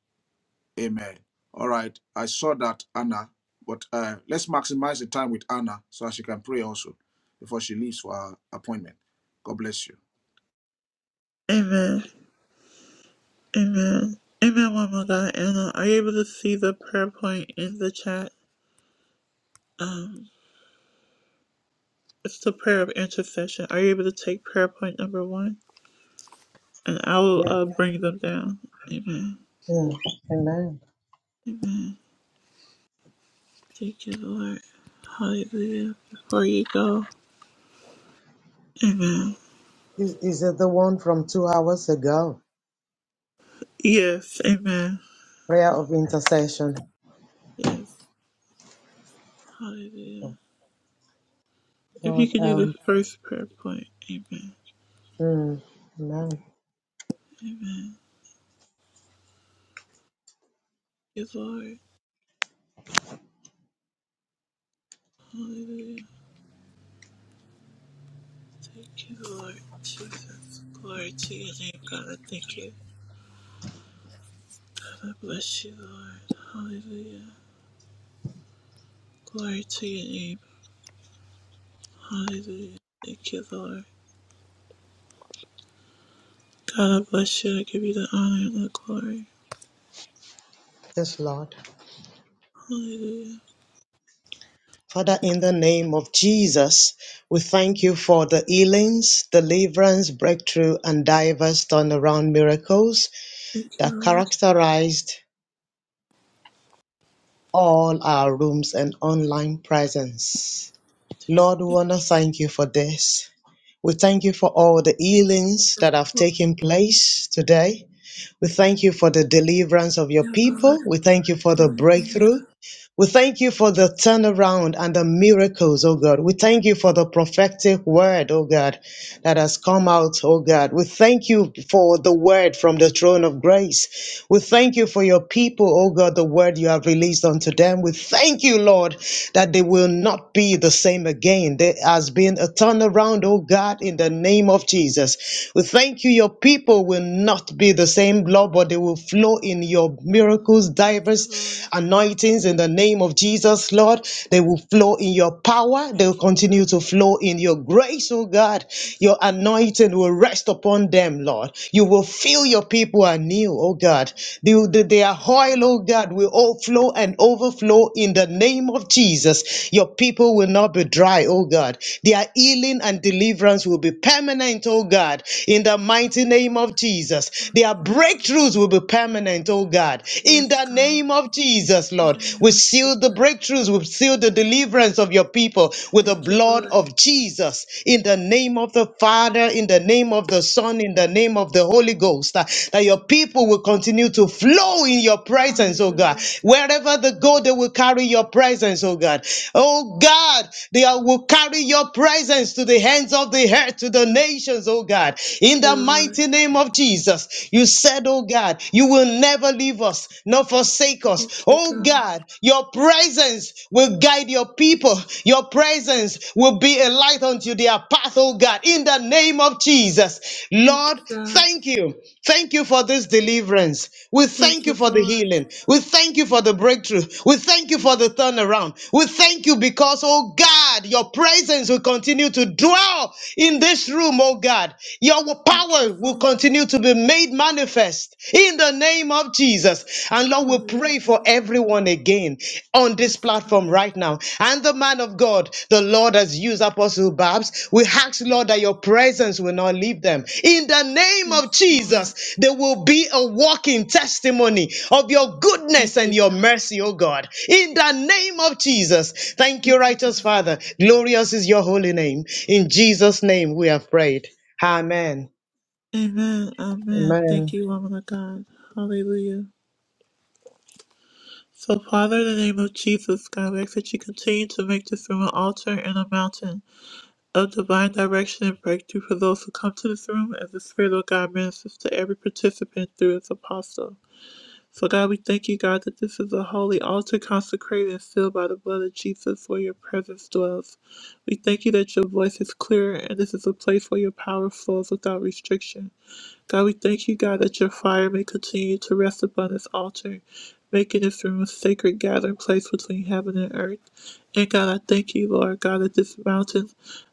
Speaker 1: Amen. All right. I saw that Anna, but uh, let's maximize the time with Anna so that she can pray also before she leaves for her appointment. God bless you.
Speaker 2: Amen. Amen. Amen, one more, God. Anna, are you able to see the prayer point in the chat? Um, It's the prayer of intercession. Are you able to take prayer point number one? And I will uh, bring them down. Amen.
Speaker 4: Yeah. Amen.
Speaker 2: Amen. Thank you, Lord. Hallelujah. Before you go. Amen.
Speaker 4: Is is it the one from two hours ago.
Speaker 2: Yes. Amen.
Speaker 4: Prayer of intercession.
Speaker 2: Yes. Hallelujah. If you
Speaker 4: Lord,
Speaker 2: could do the
Speaker 4: um,
Speaker 2: first prayer point. Amen.
Speaker 4: mm, amen.
Speaker 2: Amen. Thank you, Lord. Hallelujah. Thank you, Lord. Jesus. Glory to your name, God. I thank you. God, I bless you, Lord. Hallelujah. Glory to your name. Hallelujah. Thank you, Lord. God, I bless you. I give you the honor and the glory.
Speaker 4: Yes, Lord.
Speaker 2: Hallelujah.
Speaker 4: Father, in the name of Jesus, we thank you for the healings, deliverance, breakthrough, and diverse turnaround miracles
Speaker 2: Thank you,
Speaker 4: that
Speaker 2: Lord.
Speaker 4: characterized all our rooms and online presence. Lord, we
Speaker 2: Thank
Speaker 4: want to thank you for this. We thank you for all the healings that have taken place today. We thank you for the deliverance of your
Speaker 2: you, Lord.
Speaker 4: people. We thank you for the breakthrough.
Speaker 2: Hallelujah.
Speaker 4: We thank you for the turnaround and the miracles, oh God. We thank you for the prophetic word, oh God that has come out, oh God. We thank you for the word from the throne of grace. We thank you for your people, oh God, the word you have released unto them. We thank you, Lord, that they will not be the same again. There has been a turnaround, oh God, in the name of Jesus. We thank you, your people will not be the same, Lord, but they will flow in your miracles,
Speaker 2: Thank you,
Speaker 4: diverse
Speaker 2: Lord.
Speaker 4: anointings in the name of Jesus, Lord. They will flow in your power. They will
Speaker 2: Thank you, God.
Speaker 4: continue to flow in your grace, oh God.
Speaker 2: Yes,
Speaker 4: Your
Speaker 2: Lord.
Speaker 4: anointing will rest upon them, Lord. You will fill your people anew, oh God. The, the,
Speaker 2: Thank
Speaker 4: their
Speaker 2: you,
Speaker 4: oil,
Speaker 2: Lord.
Speaker 4: oh God, will all flow and overflow in the name of Jesus. Your people will not be dry, oh God. Their healing and deliverance will be permanent, oh God, in the
Speaker 2: Thank
Speaker 4: mighty
Speaker 2: you,
Speaker 4: name
Speaker 2: Lord.
Speaker 4: of Jesus. Their
Speaker 2: Hallelujah.
Speaker 4: breakthroughs will be permanent, oh God, in
Speaker 2: Yes,
Speaker 4: the
Speaker 2: God.
Speaker 4: name of Jesus,
Speaker 2: In the
Speaker 4: Lord. We
Speaker 2: name of Jesus.
Speaker 4: seal the breakthroughs. We seal the deliverance of your people with the
Speaker 2: Thank you,
Speaker 4: blood
Speaker 2: Lord.
Speaker 4: of Jesus. In the name of the Father, in the name of the Son, in the name of the Holy Ghost. uh, That your people will continue to flow in your
Speaker 2: Hallelujah.
Speaker 4: presence, oh God. Wherever they go, they will carry your presence, oh God. Oh God, they are- will carry your presence to the hands of the earth, to the nations, oh God.
Speaker 2: Thank
Speaker 4: In the
Speaker 2: you, Lord.
Speaker 4: mighty name of Jesus, you said, oh God, you will never leave us, nor forsake us.
Speaker 2: Thank you,
Speaker 4: Oh
Speaker 2: God.
Speaker 4: God, your presence will guide your people. Your presence will be a light unto their path, oh God, in the name of Jesus.
Speaker 2: Thank
Speaker 4: Lord,
Speaker 2: you, God.
Speaker 4: thank you. Thank you for this deliverance. We
Speaker 2: Thank
Speaker 4: thank you
Speaker 2: you,
Speaker 4: for the
Speaker 2: Lord.
Speaker 4: healing. We thank you for the breakthrough. We thank you for the turnaround. We thank you because, oh God, your presence will continue to dwell in this room, oh God. Your
Speaker 2: Thank you,
Speaker 4: power will
Speaker 2: Lord.
Speaker 4: continue to be made manifest in the name of Jesus. And Lord, we pray for
Speaker 2: Hallelujah.
Speaker 4: everyone again on
Speaker 2: Yes,
Speaker 4: this
Speaker 2: God.
Speaker 4: platform right now. And the man of God, the Lord has used Apostle Babs. We ask, Lord, that your presence will not leave them. In the name
Speaker 2: Yes,
Speaker 4: of
Speaker 2: Lord.
Speaker 4: Jesus, there will be a walking testimony of your goodness
Speaker 2: Thank
Speaker 4: and
Speaker 2: you,
Speaker 4: your
Speaker 2: God.
Speaker 4: mercy, oh God. In the name of Jesus. Thank you,
Speaker 2: Thank you,
Speaker 4: righteous
Speaker 2: God.
Speaker 4: Father. Glorious is your holy name. In Jesus' name we have prayed. Amen.
Speaker 2: Amen. Amen.
Speaker 4: Amen.
Speaker 2: Thank you, woman of God. Hallelujah. So, Father, in the name of Jesus, God, we ask that you continue to make this room an altar and a mountain of divine direction and breakthrough for those who come to this room as the Spirit of God ministers to every participant through its apostle. So, God, we thank you, God, that this is a holy altar consecrated and sealed by the blood of Jesus where your presence dwells. We thank you that your voice is clear and this is a place where your power flows without restriction. God, we thank you, God, that your fire may continue to rest upon this altar, making this room a sacred gathering place between heaven and earth. And God, I thank you, Lord God, that this mountain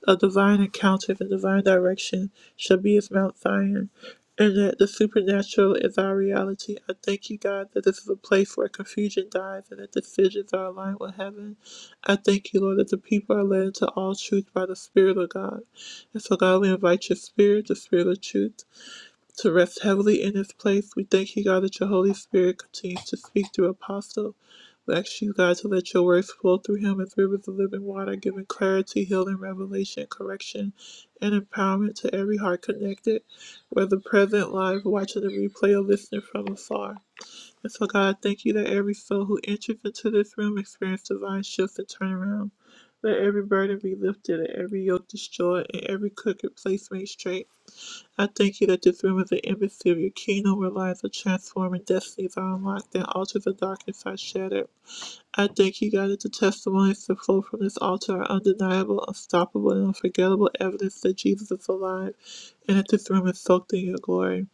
Speaker 2: of divine encounter and divine direction shall be as Mount Zion, and that the supernatural is our reality. I thank you, God, that this is a place where confusion dies and that decisions are aligned with heaven. I thank you, Lord, that the people are led into all truth by the Spirit of God. And so, God, we invite your Spirit, the Spirit of truth to rest heavily in his place. We thank you, God, that your Holy Spirit continues to speak through Apostle. We ask you, God, to let your words flow through him as rivers of living water, giving clarity, healing, revelation, correction, and empowerment to every heart connected, whether present, live, watching the replay, or listening from afar. And so, God, I thank you that every soul who enters into this room experiences divine shifts and turnaround. Let every burden be lifted, and every yoke destroyed, and every crooked place made straight. I thank you that this room is an embassy of your kingdom where lives are transformed and destinies are unlocked and altars of darkness are shattered. I thank you, God, that the testimonies that flow from this altar are undeniable, unstoppable, and unforgettable evidence that Jesus is alive and that this room is soaked in your glory.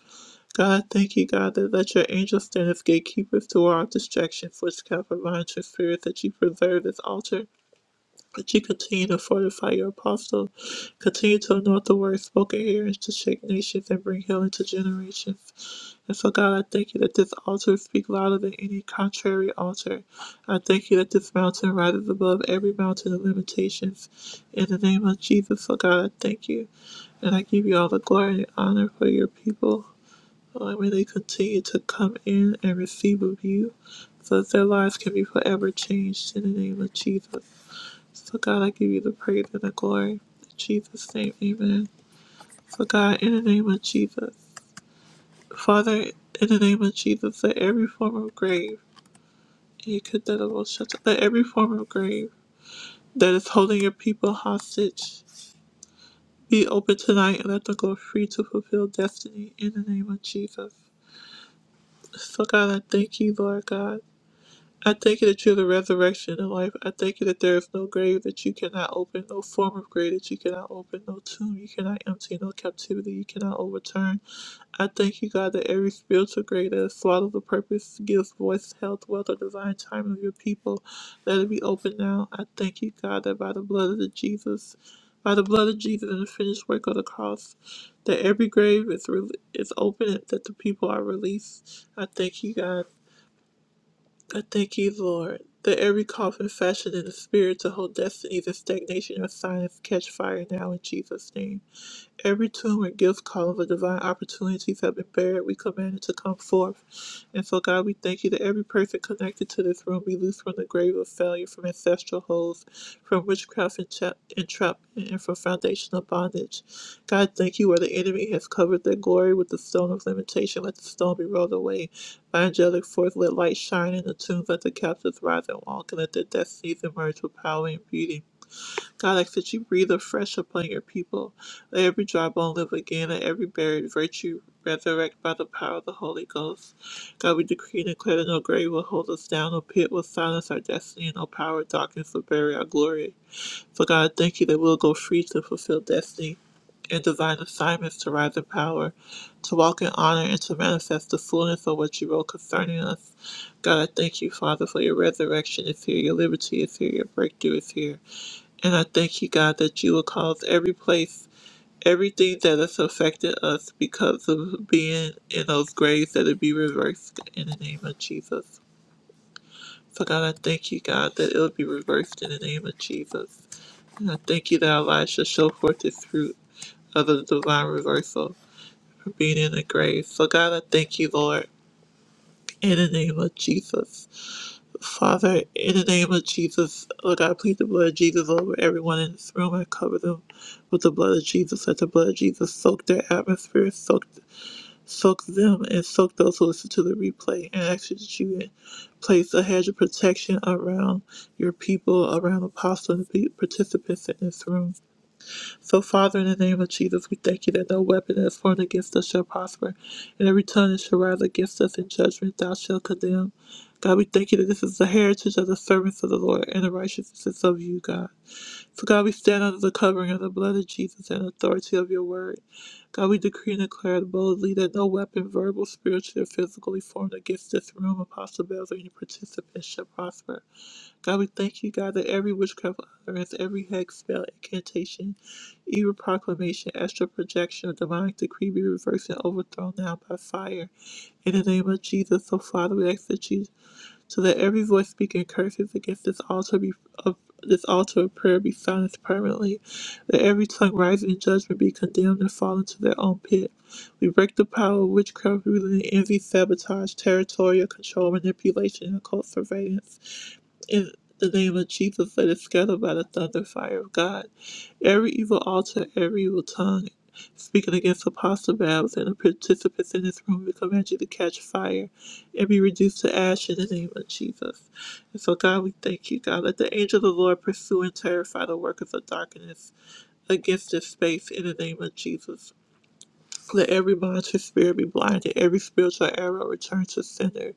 Speaker 2: God, I thank you, God, that let your angels stand as gatekeepers to ward off distractions, witchcraft, or monitoring spirits that you preserve this altar but you continue to fortify your apostle. Continue to anoint the word spoken here and to shake nations and bring healing to generations. And so, God, I thank you that this altar speaks louder than any contrary altar. I thank you that this mountain rises above every mountain of limitations. In the name of Jesus, so God, I thank you. And I give you all the glory and honor for your people. Lord, may they continue to come in and receive of you so that their lives can be forever changed in the name of Jesus. So, God, I give you the praise and the glory. In Jesus' name, amen. So, God, in the name of Jesus, Father, in the name of Jesus, let every form of grave, you could that will shut up, let every form of grave that is holding your people hostage be open tonight and let them go free to fulfill destiny in the name of Jesus. So, God, I thank you, Lord God. I thank you that you are the resurrection and life. I thank you that there is no grave that you cannot open, no form of grave that you cannot open, no tomb you cannot empty, no captivity you cannot overturn. I thank you, God, that every spiritual grave that has swallowed the purpose, gives voice, health, wealth, or divine time of your people, let it be open now. I thank you, God, that by the blood of the Jesus, by the blood of Jesus and the finished work of the cross, that every grave is re- is open and that the people are released. I thank you, God. I thank you, Lord, that every coffin fashioned in the spirit to hold destinies and stagnation or silence catch fire now in Jesus' name. Every tomb and gift column of divine opportunities have been buried. We command it to come forth. And so, God, we thank you that every person connected to this room be loose from the grave of failure, from ancestral holes, from witchcraft and tra- entrapment, and from foundational bondage. God, thank you where the enemy has covered their glory with the stone of limitation. Let the stone be rolled away by angelic force. Let light shine in the tombs. Let the captives rise and walk, and let their destinies emerge with power and beauty. God, I ask that you breathe afresh upon your people. Let every dry bone live again, and every buried virtue resurrect by the power of the Holy Ghost. God, we decree and declare that no grave will hold us down, no pit will silence our destiny, and no power of darkness will bury our glory. So, God, I thank you that we'll go free to fulfill destiny and divine assignments to rise in power, to walk in honor, and to manifest the fullness of what you wrote concerning us. God, I thank you, Father, for your resurrection is here, your liberty is here, your breakthrough is here. And I thank you, God, that you will cause every place, everything that has affected us because of being in those graves, that it be reversed in the name of Jesus. So, God, I thank you, God, that it will be reversed in the name of Jesus. And I thank you that our lives shall show forth its fruit of the divine reversal from being in the grave. So, God, I thank you, Lord, in the name of Jesus. Father, in the name of Jesus, Lord God, I plead the blood of Jesus over everyone in this room. I cover them with the blood of Jesus. Let the blood of Jesus soak their atmosphere, soak, soak them, and soak those who listen to the replay. And I ask you that you place a hedge of protection around your people, around the apostle and the participants in this room. So, Father, in the name of Jesus, we thank you that no weapon that is formed against us shall prosper, and every tongue that shall rise against us in judgment thou shalt condemn. God, we thank you that this is the heritage of the servants of the Lord, and the righteousness is of you, God. So, God, we stand under the covering of the blood of Jesus and authority of your word. God, we decree and declare boldly that no weapon, verbal, spiritual, or physically formed against this room, Apostle Bells, or any participant shall prosper. God, we thank you, God, that every witchcraft utterance, every hex, spell, incantation, evil proclamation, astral projection, or demonic decree be reversed and overthrown now by fire. In the name of Jesus, so Father, we ask that you, so that every voice speaking curses against this altar be of this altar of prayer be silenced permanently, that every tongue rising in judgment be condemned and fall into their own pit. We break the power of witchcraft, ruling, envy, sabotage, territorial control, manipulation, and occult surveillance in the name of Jesus let it scatter by the thunder fire of God. Every evil altar, every evil tongue speaking against Apostle Babs and the participants in this room, we command you to catch fire and be reduced to ash in the name of Jesus. And so, God, we thank you, God. Let the angel of the Lord pursue and terrify the workers of darkness against this space in the name of Jesus. Let every monster spirit be blinded, every spiritual arrow return to sender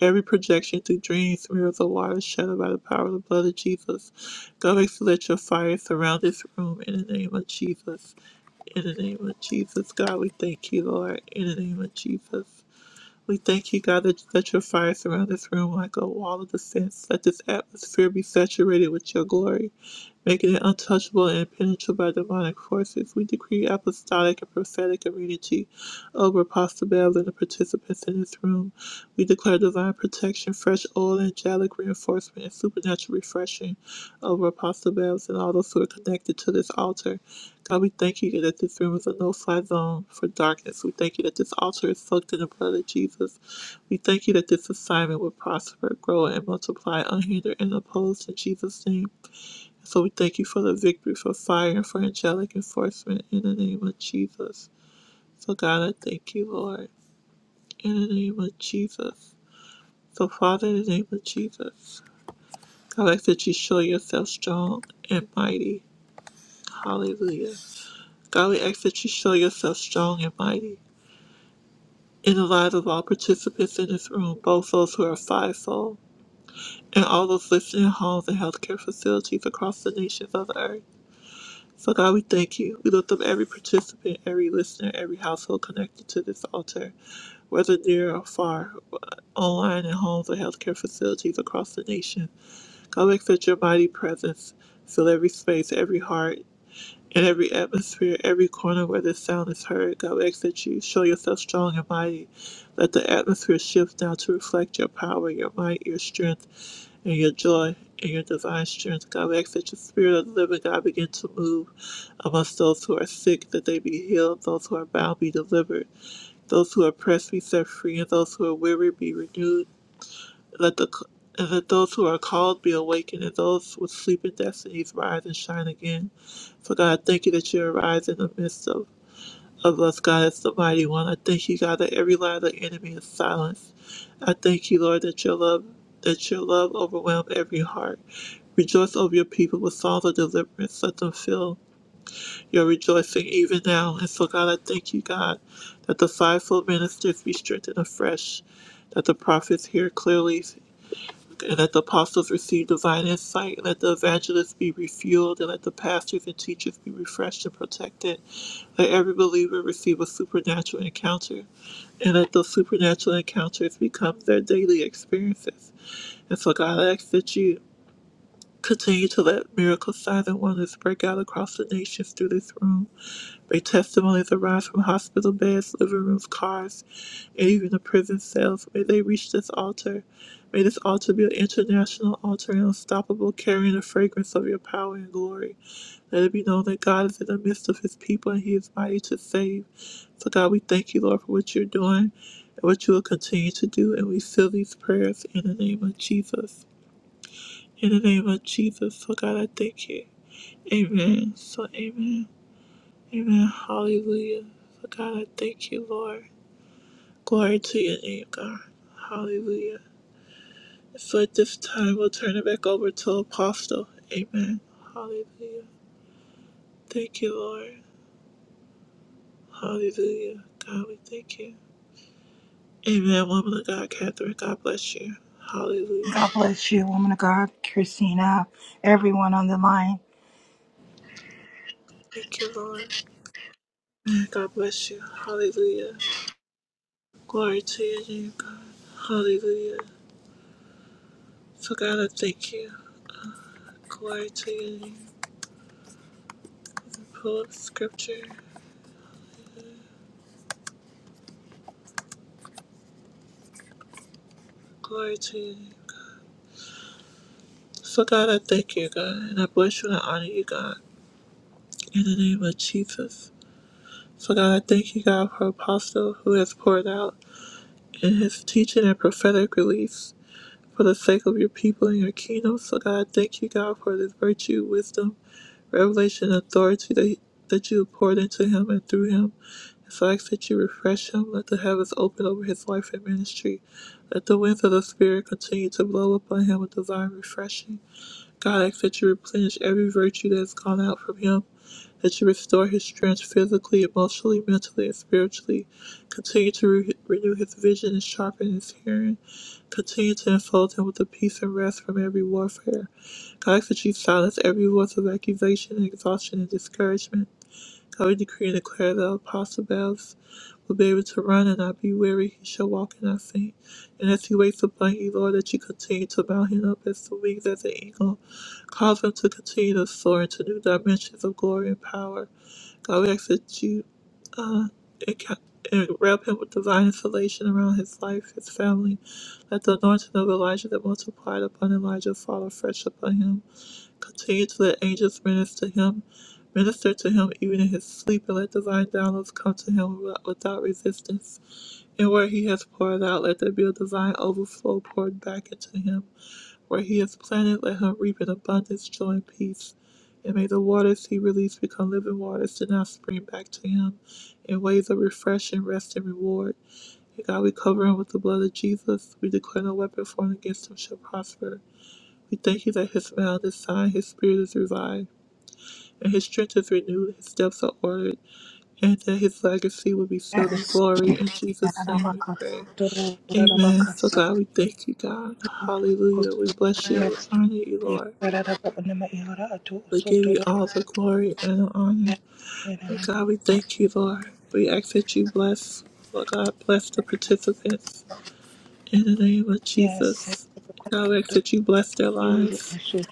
Speaker 2: Every projection through dreams, mirrors, or waters shadowed by the power of the blood of Jesus. God, we let your fire surround this room in the name of Jesus. In the name of Jesus, God, we thank you, Lord. In the name of Jesus. We thank you, God, that you let your fire surround this room like a wall of defense. Let this atmosphere be saturated with your glory, making it untouchable and impenetrable by demonic forces. We decree apostolic and prophetic immunity over Apostle Bev and the participants in this room. We declare divine protection, fresh oil, angelic reinforcement, and supernatural refreshing over Apostle Bev and all those who are connected to this altar. God, we thank you that this room is a no-fly zone for darkness. We thank you that this altar is soaked in the blood of Jesus. We thank you that this assignment will prosper, grow, and multiply unhindered and opposed in Jesus' name. So we thank you for the victory, for fire, and for angelic enforcement in the name of Jesus. So God, I thank you, Lord, in the name of Jesus. So Father, in the name of Jesus, God, I ask that you show yourself strong and mighty. Hallelujah. God, we ask that you show yourself strong and mighty. in the lives of all participants in this room, both those who are fivefold and all those listening in homes and healthcare facilities across the nations of the earth. So, God, we thank you. We lift up every participant, every listener, every household connected to this altar, whether near or far, online in homes or healthcare facilities across the nation. God, we accept your mighty presence. Fill every space, every heart, in every atmosphere, every corner where this sound is heard, God, we that you show yourself strong and mighty. Let the atmosphere shift now to reflect your power, your might, your strength, and your joy, and your divine strength. God, we that your spirit of the living God begin to move amongst those who are sick, that they be healed, those who are bound be delivered, those who are oppressed be set free, and those who are weary be renewed. Let the and let those who are called be awakened, and those with sleeping destinies rise and shine again. So God, I thank you that you arise in the midst of, of us, God, as the mighty one. I thank you, God, that every lie of the enemy is silenced. I thank you, Lord, that your love that your love overwhelm every heart. Rejoice over your people with songs of deliverance. Let them feel your rejoicing even now. And so, God, I thank you, God, that the fivefold ministers be strengthened afresh, that the prophets hear clearly and let the apostles receive divine insight. Let the evangelists be refueled. And let the pastors and teachers be refreshed and protected. Let every believer receive a supernatural encounter. And let those supernatural encounters become their daily experiences. And so, God, I ask that you continue to let miracle signs and wonders break out across the nations through this room. Their testimonies arise from hospital beds, living rooms, cars, and even the prison cells. May they reach this altar. May this altar be an international altar and unstoppable, carrying the fragrance of your power and glory. Let it be known that God is in the midst of his people and he is mighty to save. So, God, we thank you, Lord, for what you're doing and what you will continue to do. And we seal these prayers in the name of Jesus. In the name of Jesus. So, God, I thank you. Amen. So, amen. Amen. Hallelujah. For God, I thank you, Lord. Glory to your name, God. Hallelujah. So at this time, we'll turn it back over to Apostle. Amen. Hallelujah. Thank you, Lord. Hallelujah. God, we thank you. Amen. Woman of God, Catherine, God bless you. Hallelujah.
Speaker 9: God bless you, woman of God, Christina, everyone on the line.
Speaker 2: Thank you, Lord. Amen. God bless you. Hallelujah. Glory to your name, God. Hallelujah. So God, I thank you. Glory to your name. Pull up scripture. Glory to you. So, God, I thank you, God, and I bless you and I honor you, God, in the name of Jesus. So, God, I thank you, God, for Apostle who has poured out in his teaching and prophetic release for the sake of your people and your kingdom. So, God, I thank you, God, for this virtue, wisdom, revelation, and authority that, that you have poured into him and through him. And so I ask that you refresh him, let the heavens open over his life and ministry. Let the winds of the Spirit continue to blow upon him with divine refreshing. God, I ask that you replenish every virtue that has gone out from him, that you restore his strength physically, emotionally, mentally, and spiritually. Continue to re- renew his vision and sharpen his hearing. Continue to enfold him with the peace and rest from every warfare. God, I ask that you silence every voice of accusation and exhaustion and discouragement. God, we decree and declare that Apostle Babs will be able to run and not be weary. He shall walk and not faint. And as he waits upon you, Lord, that you continue to mount him up as the wings as an eagle. Cause him to continue to soar into new dimensions of glory and power. God, we ask that you uh, enca- and wrap him with divine insulation around his life, his family. Let the anointing of Elijah that multiplied upon Elijah fall afresh upon him. Continue to let angels minister him, minister to him even in his sleep, and let divine downloads come to him without without resistance. And where he has poured out, let there be a divine overflow poured back into him. Where he has planted, let him reap in abundance, joy, and peace. And may the waters he released become living waters to now spring back to him in ways of refreshing, rest, and reward. And God, we cover him with the blood of Jesus. We declare no weapon formed against him shall prosper we thank you that his mouth is signed, his spirit is revived, and his strength is renewed, his steps are ordered, and that his legacy will be filled in
Speaker 9: Yes.
Speaker 2: glory. In Jesus' name we pray. Amen. So, God, we thank you, God. Hallelujah. We bless you. We honor you, Lord. We give you all the glory and the honor. And, God, we thank you, Lord. We ask that you bless, Lord God, bless the participants in the name of
Speaker 9: Yes.
Speaker 2: Jesus. God, we ask that you bless their
Speaker 9: You in
Speaker 2: lives.
Speaker 9: the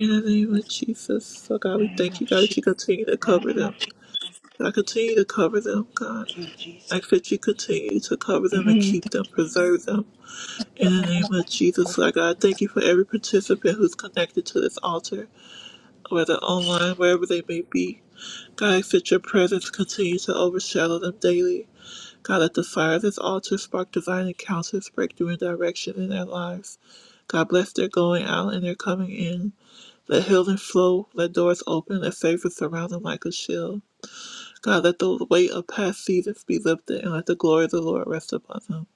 Speaker 2: In the name of Jesus, oh God, we
Speaker 9: name
Speaker 2: thank
Speaker 9: of
Speaker 2: you, God,
Speaker 9: Jesus.
Speaker 2: that you
Speaker 9: In
Speaker 2: continue to
Speaker 9: the
Speaker 2: cover
Speaker 9: name
Speaker 2: them.
Speaker 9: of Jesus.
Speaker 2: God, continue to cover them, God.
Speaker 9: Thank you,
Speaker 2: I
Speaker 9: Jesus.
Speaker 2: ask that you continue to cover them and
Speaker 9: Mhm.
Speaker 2: keep them, preserve them. In the name of Jesus, Lord God, thank you for every participant who's connected to this altar, whether online, wherever they may be. God, I ask that your presence continue to overshadow them daily. God, let the fire of this altar spark divine encounters, breakthrough, and direction in their lives. God, bless their going out and their coming in. Let healing flow, let doors open, and favor surround them like a shield. God, let the weight of past seasons be lifted, and let the glory of the Lord rest upon them.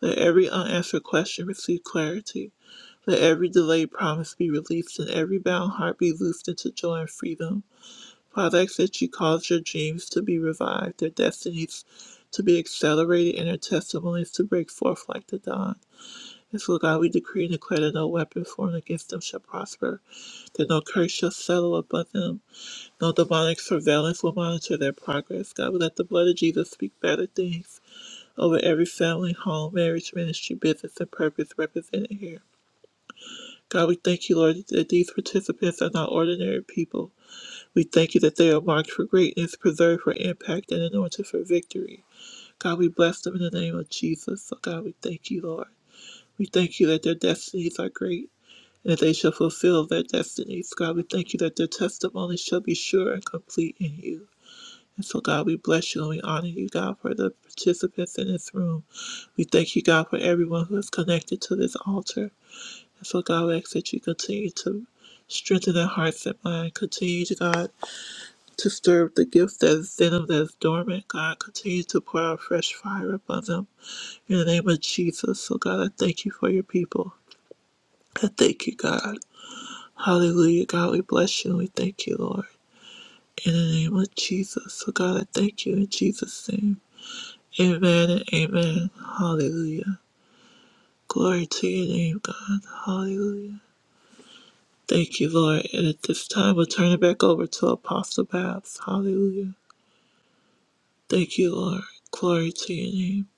Speaker 2: Let every unanswered question receive clarity. Let every delayed promise be released, and every bound heart be loosed into joy and freedom. Father, I ask that you cause your dreams to be revived, their destinies to be accelerated, and their testimonies to break forth like the dawn. And so, God, we decree and declare that no weapon formed against them shall prosper, that no curse shall settle upon them no demonic surveillance will monitor their progress. God, let the blood of Jesus speak better things over every family, home, marriage, ministry, business, and purpose represented here. God, we thank you, Lord, that these participants are not ordinary people. We thank you that they are marked for greatness, preserved for impact, and anointed for victory. God, we bless them in the name of Jesus. So, God, we thank you, Lord. We thank you that their destinies are great and that they shall fulfill their destinies. God, we thank you that their testimony shall be sure and complete in you. And so, God, we bless you and we honor you, God, for the participants in this room. We thank you, God, for everyone who is connected to this altar. And so, God, we ask that you continue to strengthen their hearts and mind. Continue, to, God, to stir up the gift that is in them that is dormant. God, continue to pour out fresh fire upon them. In the name of Jesus. So, God, I thank you for your people. I thank you, God. Hallelujah, God, we bless you and we thank you, Lord. In the name of Jesus. So, God, I thank you in Jesus' name. Amen and amen. Hallelujah. Glory to your name, God. Hallelujah. Thank you, Lord. And at this time, we'll turn it back over to Apostle Babs. Hallelujah. Thank you, Lord. Glory to your name.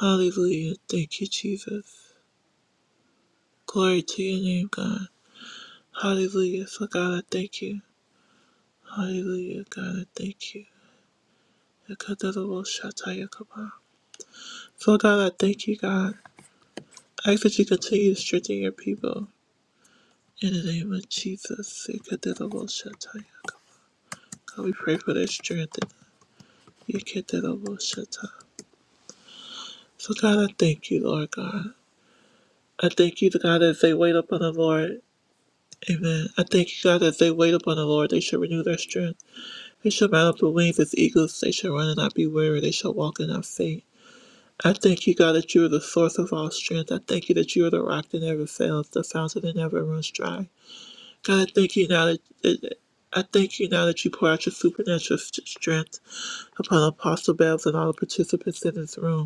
Speaker 2: Hallelujah. Thank you, Jesus. Glory to your name, God. Hallelujah. So, God, I thank you. Hallelujah. God, I thank you. Yakadadawoshatayakaba. So, God, I thank you, God. I ask that you continue to strengthen your people. In the name of Jesus. Yakadadaboshatayakaba. God, we pray for their strength. You get that almost shut up. So, God, I thank you, Lord God. I thank you, God, that if they wait upon the Lord, amen. I thank you, God, that if they wait upon the Lord, they shall renew their strength. They shall mount up with wings as eagles. They shall run and not be weary. They shall walk and not faint. I thank you, God, that you are the source of all strength. I thank you that you are the rock that never fails, the fountain that never runs dry. God, I thank you now that, that I thank you now that you pour out your supernatural s- strength upon Apostle Bells and all the participants in this room.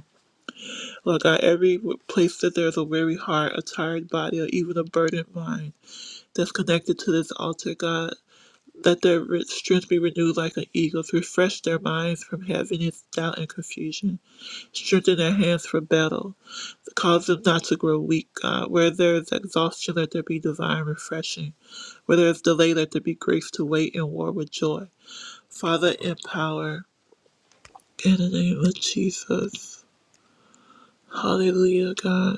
Speaker 2: Lord God, every place that there's a weary heart, a tired body, or even a burdened mind that's connected to this altar, God, let their re- strength be renewed like an eagle's. Refresh their minds from heaviness, doubt, and confusion. Strengthen their hands for battle. Cause them not to grow weak, God. Where there is exhaustion, let there be divine refreshing. Where there is delay, let there be grace to wait in war with joy. Father, empower. In the name of Jesus. Hallelujah, God.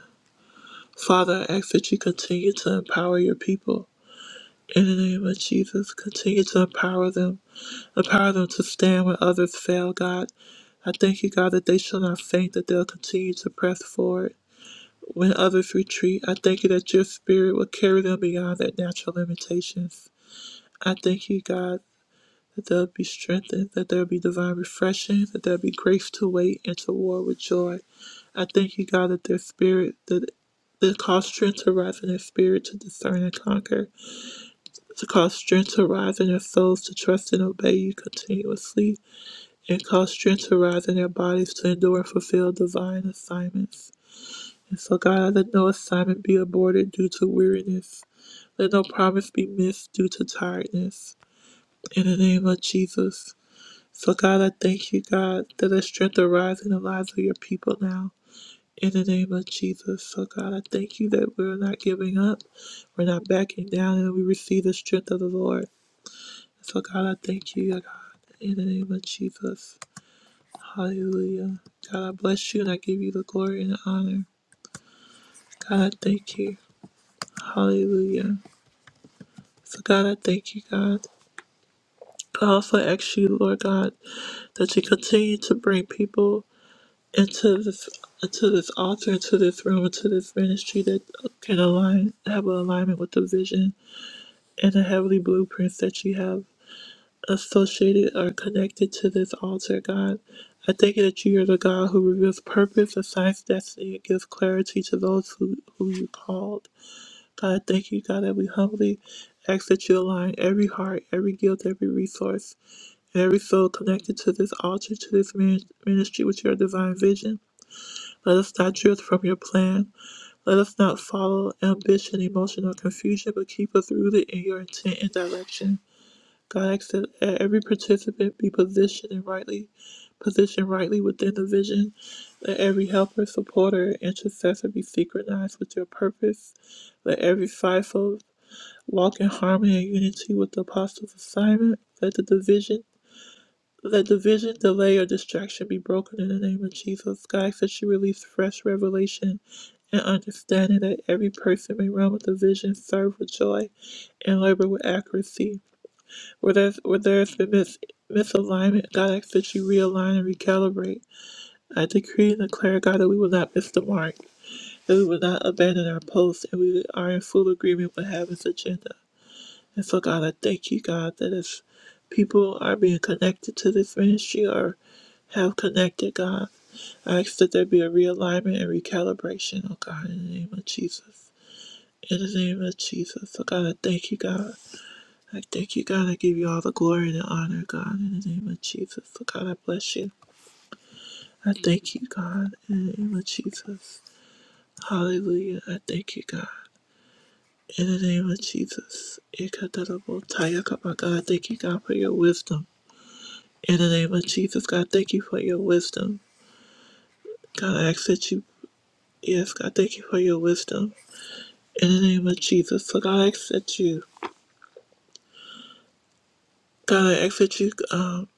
Speaker 2: Father, I ask that you continue to empower your people. In the name of Jesus, continue to empower them. Empower them to stand when others fail, God. I thank you, God, that they shall not faint, that they'll continue to press forward. When others retreat, I thank you that your spirit will carry them beyond their natural limitations. I thank you, God that they'll be strengthened, that there'll be divine refreshing, that there'll be grace to wait and to war with joy. I thank you, God, that their spirit, that that cause strength to rise in their spirit to discern and conquer, to cause strength to rise in their souls to trust and obey you continuously, and cause strength to rise in their bodies to endure and fulfill divine assignments. And so, God, let no assignment be aborted due to weariness. Let no promise be missed due to tiredness. In the name of Jesus. So, God, I thank you, God, that the strength arises in the lives of your people now. In the name of Jesus. So, God, I thank you that we're not giving up, we're not backing down, and we receive the strength of the Lord. So, God, I thank you, God, in the name of Jesus. Hallelujah. God, I bless you and I give you the glory and the honor. God, I thank you. Hallelujah. So, God, I thank you, God. I also ask you, Lord God, that you continue to bring people. into this into this altar, into this room, into this ministry that can align have an alignment with the vision and the heavenly blueprints that you have associated or connected to this altar, God. I thank you that you are the God who reveals purpose, assigns destiny, and gives clarity to those who, who you called. God, I thank you, God, that we humbly ask that you align every heart, every gift, every resource, and every soul connected to this altar, to this min- ministry with your divine vision. Let us not drift from your plan. Let us not follow ambition, emotion, or confusion, but keep us rooted in your intent and direction. God asks that every participant be positioned and rightly positioned rightly within the vision. Let every helper, supporter, intercessor be synchronized with your purpose. Let every fivefold walk in harmony and unity with the apostles' assignment. Let the division let division, delay, or distraction be broken in the name of Jesus. God, that you release fresh revelation and understanding that every person may run with the vision, serve with joy, and labor with accuracy. Where there's, where there's been mis- misalignment, God asks that you realign and recalibrate. I decree and declare, God, that we will not miss the mark, that we will not abandon our post, and we are in full agreement with heaven's agenda. And so, God, I thank you, God, that as people are being connected to this ministry or have connected, God, I ask that there be a realignment and recalibration, oh God, in the name of Jesus. In the name of Jesus. So, God, I thank you, God. I thank you, God. I give you all the glory and the honor, God, in the name of Jesus. So, God, I bless you. I thank you, God, in the name of Jesus. Hallelujah. I thank you, God. In the name of Jesus. Ikatarabo tayakabaka. I Thank you, God, for your wisdom. In the name of Jesus, God, thank you for your wisdom. God, I ask that you, yes, God, thank you for your wisdom. In the name of Jesus, so God, I ask that you, God, I ask that you, um,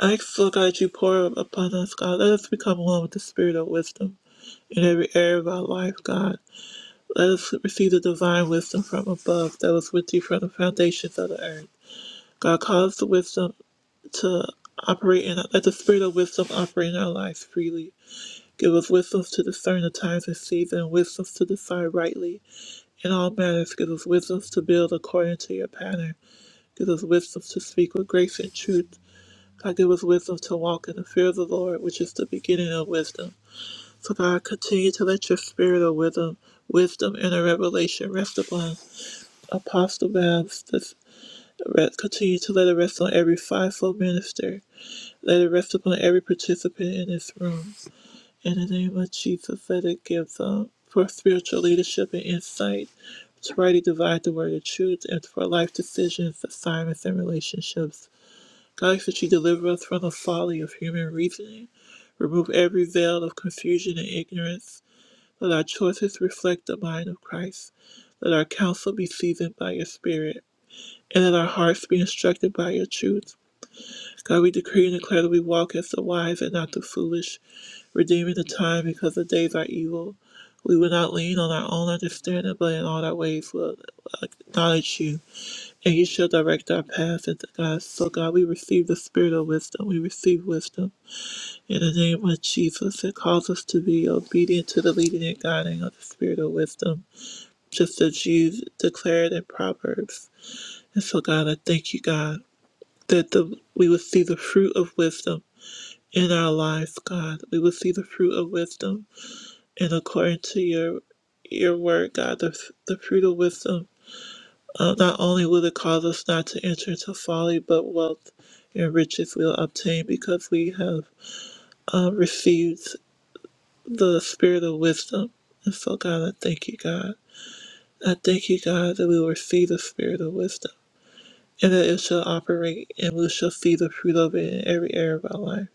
Speaker 2: I ask, Lord God, that you pour upon us, God. Let us become one with the spirit of wisdom in every area of our life, God. Let us receive the divine wisdom from above that was with you from the foundations of the earth. God, cause the wisdom to operate in, let the spirit of wisdom operate in our lives freely Give us wisdom to discern the times and seasons, wisdom to decide rightly. In all matters, give us wisdom to build according to your pattern. Give us wisdom to speak with grace and truth. God, give us wisdom to walk in the fear of the Lord, which is the beginning of wisdom. So, God, continue to let your spirit of wisdom, wisdom and a revelation rest upon Apostle Babs. This- Continue to let it rest on every fivefold minister. Let it rest upon every participant in this room. In the name of Jesus, let it give them for spiritual leadership and insight to rightly divide the word of truth and for life decisions, assignments, and relationships. God, I ask that you deliver us from the folly of human reasoning, remove every veil of confusion and ignorance. Let our choices reflect the mind of Christ. Let our counsel be seasoned by your spirit, and let our hearts be instructed by your truth. God, we decree and declare that we walk as the wise and not the foolish, redeeming the time because the days are evil. We will not lean on our own understanding, but in all our ways will acknowledge you, and you shall direct our path And God. So, God, we receive the spirit of wisdom. We receive wisdom in the name of Jesus. It calls us to be obedient to the leading and guiding of the spirit of wisdom, just as you declared in Proverbs. And so, God, I thank you, God, that the, we will see the fruit of wisdom in our lives, God. We will see the fruit of wisdom, and according to your your word, God, the, the fruit of wisdom. Uh, not only will it cause us not to enter into folly, but wealth and riches we'll obtain because we have uh, received the spirit of wisdom. And so, God, I thank you, God. I thank you, God, that we will receive the spirit of wisdom and that it shall operate and we shall see the fruit of it in every area of our life.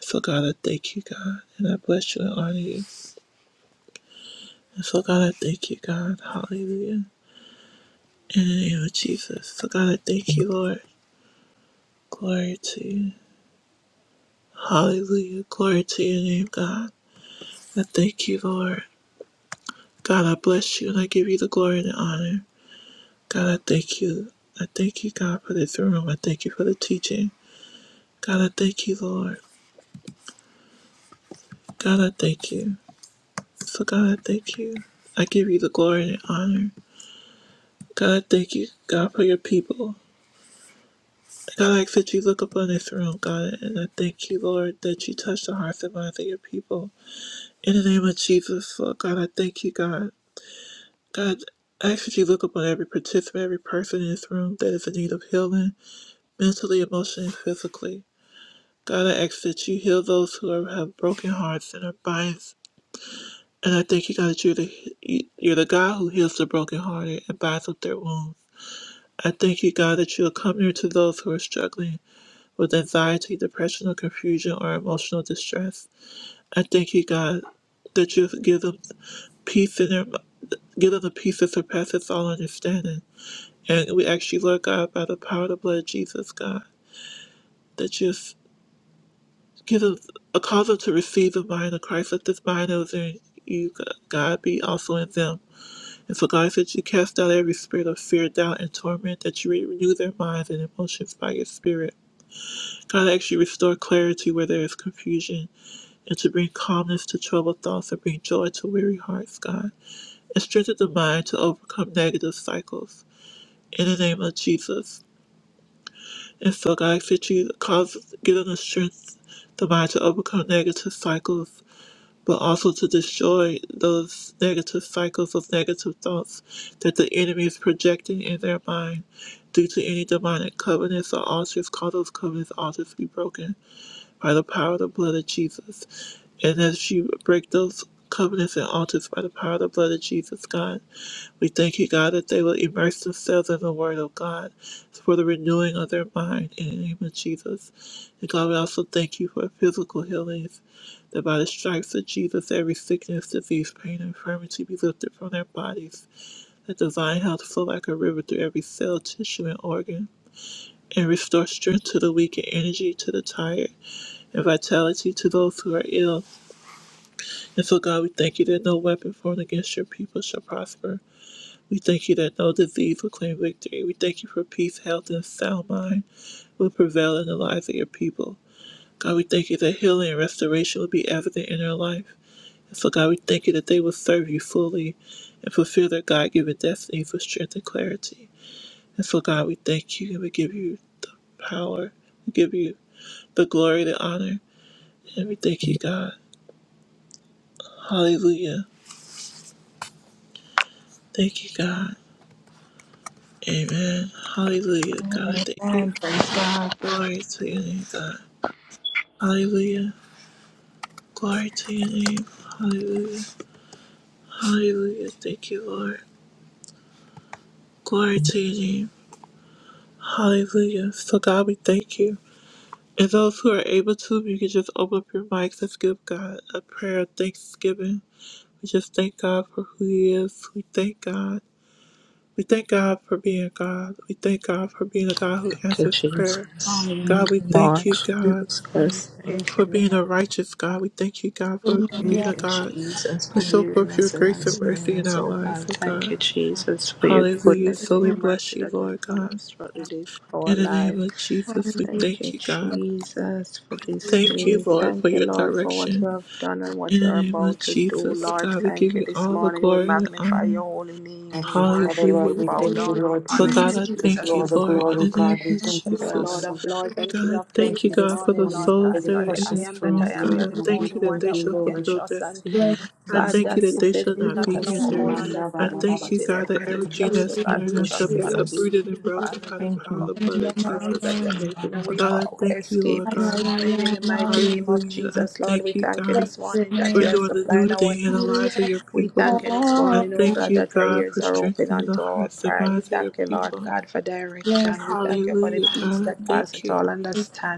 Speaker 2: So, God, I thank you, God, and I bless you and honor you. So God, I thank you, God. Hallelujah. In the name of Jesus. So God, I thank you, Lord. Glory to you. Hallelujah. Glory to your name, God. I thank you, Lord. God, I bless you and I give you the glory and the honor. God, I thank you. I thank you, God, for this room. I thank you for the teaching. God, I thank you, Lord. God, I thank you. So God, I thank you. I give you the glory and the honor. God, I thank you, God, for your people. I ask that you look upon this room, God, and I thank you, Lord, that you touch the hearts and minds of your people. In the name of Jesus, Lord God, I thank you, God. God, I ask that you look upon every participant, every person in this room that is in need of healing, mentally, emotionally, and physically. God, I ask that you heal those who are, have broken hearts and are binds. And I thank you, God, that you're the, you- are the God who heals the brokenhearted and binds up their wounds. I thank you, God, that you are coming to those who are struggling with anxiety, depression, or confusion or emotional distress. I thank you, God, that you give them peace in their give them the peace that surpasses all understanding. And we ask you, Lord God, by the power of the blood of Jesus, God, that you give them a cause them to receive the mind of Christ. Let this mind that was in you, God, be also in them. And so, God, that you cast out every spirit of fear, doubt, and torment, that you renew their minds and emotions by your spirit. God, I ask you, restore clarity where there is confusion and to bring calmness to troubled thoughts and bring joy to weary hearts, God, and strengthen the mind to overcome negative cycles in the name of Jesus. And so, God, I ask that you cause, give us the strength, the mind to overcome negative cycles, but also to destroy those negative cycles of negative thoughts that the enemy is projecting in their mind due to any demonic covenants or altars. Call those covenants altars to be broken by the power of the blood of Jesus. And as you break those covenants and altars by the power of the blood of Jesus, God, we thank you, God, that they will immerse themselves in the Word of God for the renewing of their mind in the name of Jesus. And God, we also thank you for physical healings, that by the stripes of Jesus, every sickness, disease, pain, and infirmity be lifted from their bodies, that divine health flow like a river through every cell, tissue, and organ, and restore strength to the weak and energy to the tired and vitality to those who are ill. And so, God, we thank you that no weapon formed against your people shall prosper. We thank you that no disease will claim victory. We thank you for peace, health, and sound mind will prevail in the lives of your people. God, we thank you that healing and restoration will be evident in their life. And so, God, we thank you that they will serve you fully and fulfill their God given destiny for strength and clarity. And so, God, we thank you and we give you the power. We give you the glory, the honor, and we thank you, God. Hallelujah. Thank you, God. Amen. Hallelujah, God. Thank you.
Speaker 9: Amen. Praise God.
Speaker 2: Glory to your name, God. Hallelujah. Glory to your name. Hallelujah. Hallelujah. Thank you, Lord. Glory to your name. Hallelujah. So, God, we thank you. And those who are able to, you can just open up your mics and give God a prayer of thanksgiving. We just thank God for who He is. We thank God. We thank God for being God. We thank God for being a God who
Speaker 7: Thank you,
Speaker 2: answers prayer.
Speaker 7: Jesus.
Speaker 9: Hallelujah.
Speaker 2: God,
Speaker 7: Thank
Speaker 2: we
Speaker 7: you,
Speaker 2: thank
Speaker 7: Lord
Speaker 2: you, God.
Speaker 7: Jesus. Thank you,
Speaker 2: for being
Speaker 7: Lord.
Speaker 2: a righteous God. We thank you, God, for being
Speaker 7: Thank
Speaker 9: Bless
Speaker 2: a
Speaker 7: you,
Speaker 2: God
Speaker 7: Jesus, for
Speaker 2: who show
Speaker 7: hearing
Speaker 2: forth your
Speaker 7: us and
Speaker 2: grace and
Speaker 7: answering
Speaker 2: mercy in
Speaker 7: us,
Speaker 2: our
Speaker 7: oh
Speaker 2: lives,
Speaker 7: God.
Speaker 2: oh
Speaker 7: Thank you,
Speaker 2: God.
Speaker 7: Jesus, for your
Speaker 2: Hallelujah.
Speaker 7: goodness
Speaker 2: So
Speaker 7: and
Speaker 9: you.
Speaker 2: we
Speaker 7: your mercy
Speaker 2: bless you,
Speaker 7: that will
Speaker 2: Lord
Speaker 7: follow
Speaker 2: God.
Speaker 7: us throughout the days of our
Speaker 2: In the
Speaker 7: life.
Speaker 2: name of Jesus, we
Speaker 7: Thank
Speaker 2: thank
Speaker 7: you,
Speaker 2: you, God.
Speaker 7: Jesus, for this
Speaker 2: Thank you,
Speaker 7: day.
Speaker 2: Lord, for
Speaker 7: Thank you,
Speaker 2: your
Speaker 7: Lord, for what
Speaker 2: direction.
Speaker 7: you have done and what
Speaker 2: In
Speaker 7: you
Speaker 2: the
Speaker 7: are
Speaker 2: name of
Speaker 7: about to do,
Speaker 2: Jesus,
Speaker 7: Lord.
Speaker 2: God, we give
Speaker 7: Thank you
Speaker 2: you
Speaker 7: this
Speaker 2: all the
Speaker 7: morning. We
Speaker 2: glory and the
Speaker 7: magnify your
Speaker 2: honor.
Speaker 7: holy name. We
Speaker 5: Thank you, Father
Speaker 7: worship,
Speaker 5: Lord.
Speaker 7: we
Speaker 2: Hallelujah.
Speaker 5: We
Speaker 7: bow
Speaker 5: thank you,
Speaker 7: down, we
Speaker 5: Lord
Speaker 2: So
Speaker 7: honor you,
Speaker 2: God,
Speaker 5: Jesus.
Speaker 2: I
Speaker 5: We give you
Speaker 2: thank
Speaker 7: Jesus,
Speaker 2: you,
Speaker 5: all the
Speaker 7: this
Speaker 2: Lord, in
Speaker 5: glory,
Speaker 2: the
Speaker 7: morning.
Speaker 2: name
Speaker 5: God. We
Speaker 2: of
Speaker 5: thank
Speaker 7: For
Speaker 5: you,
Speaker 7: you are
Speaker 2: Jesus.
Speaker 7: Lord of
Speaker 5: Father.
Speaker 7: Lords and King
Speaker 2: God, I
Speaker 7: of
Speaker 5: Thank
Speaker 7: Kings
Speaker 2: thank you,
Speaker 5: you
Speaker 7: this
Speaker 5: this
Speaker 2: God, for the
Speaker 7: morning,
Speaker 5: morning
Speaker 7: Lord
Speaker 5: for
Speaker 7: God.
Speaker 2: souls
Speaker 5: your
Speaker 7: You
Speaker 2: that
Speaker 7: are
Speaker 2: are
Speaker 7: the
Speaker 2: in
Speaker 7: I
Speaker 5: precious
Speaker 2: this
Speaker 7: am that I
Speaker 5: truth.
Speaker 2: room.
Speaker 7: am. You
Speaker 5: We
Speaker 2: God,
Speaker 7: are
Speaker 2: I
Speaker 7: the
Speaker 2: thank
Speaker 7: only
Speaker 2: you that
Speaker 7: one
Speaker 5: thank
Speaker 2: they
Speaker 7: that
Speaker 5: you,
Speaker 2: shall
Speaker 7: we can
Speaker 5: Lord.
Speaker 2: fulfill
Speaker 7: trust and
Speaker 2: destiny.
Speaker 5: Thank
Speaker 2: I
Speaker 5: you,
Speaker 7: God,
Speaker 2: thank
Speaker 7: that
Speaker 2: you
Speaker 5: Jesus.
Speaker 2: that
Speaker 7: you
Speaker 2: they
Speaker 7: said,
Speaker 2: shall
Speaker 7: lean
Speaker 2: not
Speaker 7: not
Speaker 2: be
Speaker 7: on our
Speaker 2: hindered.
Speaker 7: own
Speaker 2: I
Speaker 7: understanding,
Speaker 2: thank
Speaker 7: but
Speaker 2: you,
Speaker 7: in
Speaker 2: God, that
Speaker 5: Thank
Speaker 7: everything,
Speaker 2: everything
Speaker 7: trust
Speaker 2: that's
Speaker 7: you. God,
Speaker 2: hindering
Speaker 7: we
Speaker 5: you,
Speaker 2: us shall
Speaker 7: trust you
Speaker 2: be
Speaker 7: and we
Speaker 5: Jesus.
Speaker 7: believe
Speaker 2: uprooted and
Speaker 7: you,
Speaker 2: broken
Speaker 7: Father,
Speaker 2: by the
Speaker 7: that
Speaker 5: Thank
Speaker 7: you're
Speaker 2: power of the
Speaker 5: you.
Speaker 7: coming
Speaker 2: blood
Speaker 7: through
Speaker 2: of
Speaker 7: for us,
Speaker 2: Jesus.
Speaker 7: that you're
Speaker 9: Hallelujah.
Speaker 7: making a
Speaker 2: Oh,
Speaker 7: way for
Speaker 2: God, I
Speaker 7: our
Speaker 2: thank you, Lord
Speaker 7: escape this
Speaker 2: God.
Speaker 7: morning.
Speaker 9: Hallelujah.
Speaker 7: In the mighty name
Speaker 9: Hallelujah.
Speaker 7: of
Speaker 2: Hallelujah. I
Speaker 7: Jesus, Lord, we
Speaker 2: thank you,
Speaker 7: thank you
Speaker 2: God,
Speaker 7: this morning that
Speaker 2: for
Speaker 7: you are
Speaker 2: doing the new
Speaker 7: supplying our
Speaker 2: thing in the
Speaker 7: needs.
Speaker 2: lives of your
Speaker 7: We
Speaker 2: people.
Speaker 7: thank you this
Speaker 2: I
Speaker 7: morning, oh
Speaker 2: thank
Speaker 7: God,
Speaker 2: you,
Speaker 7: that our
Speaker 2: God,
Speaker 7: ears
Speaker 2: for
Speaker 7: are open
Speaker 2: strengthening the
Speaker 7: unto our
Speaker 2: hearts and
Speaker 7: cry. We
Speaker 2: minds of your
Speaker 7: thank you, Lord
Speaker 2: people.
Speaker 7: God, for direction. We thank you for the
Speaker 2: Hallelujah,
Speaker 7: peace
Speaker 2: God. I
Speaker 7: that
Speaker 2: thank
Speaker 7: passeth
Speaker 2: you.
Speaker 7: all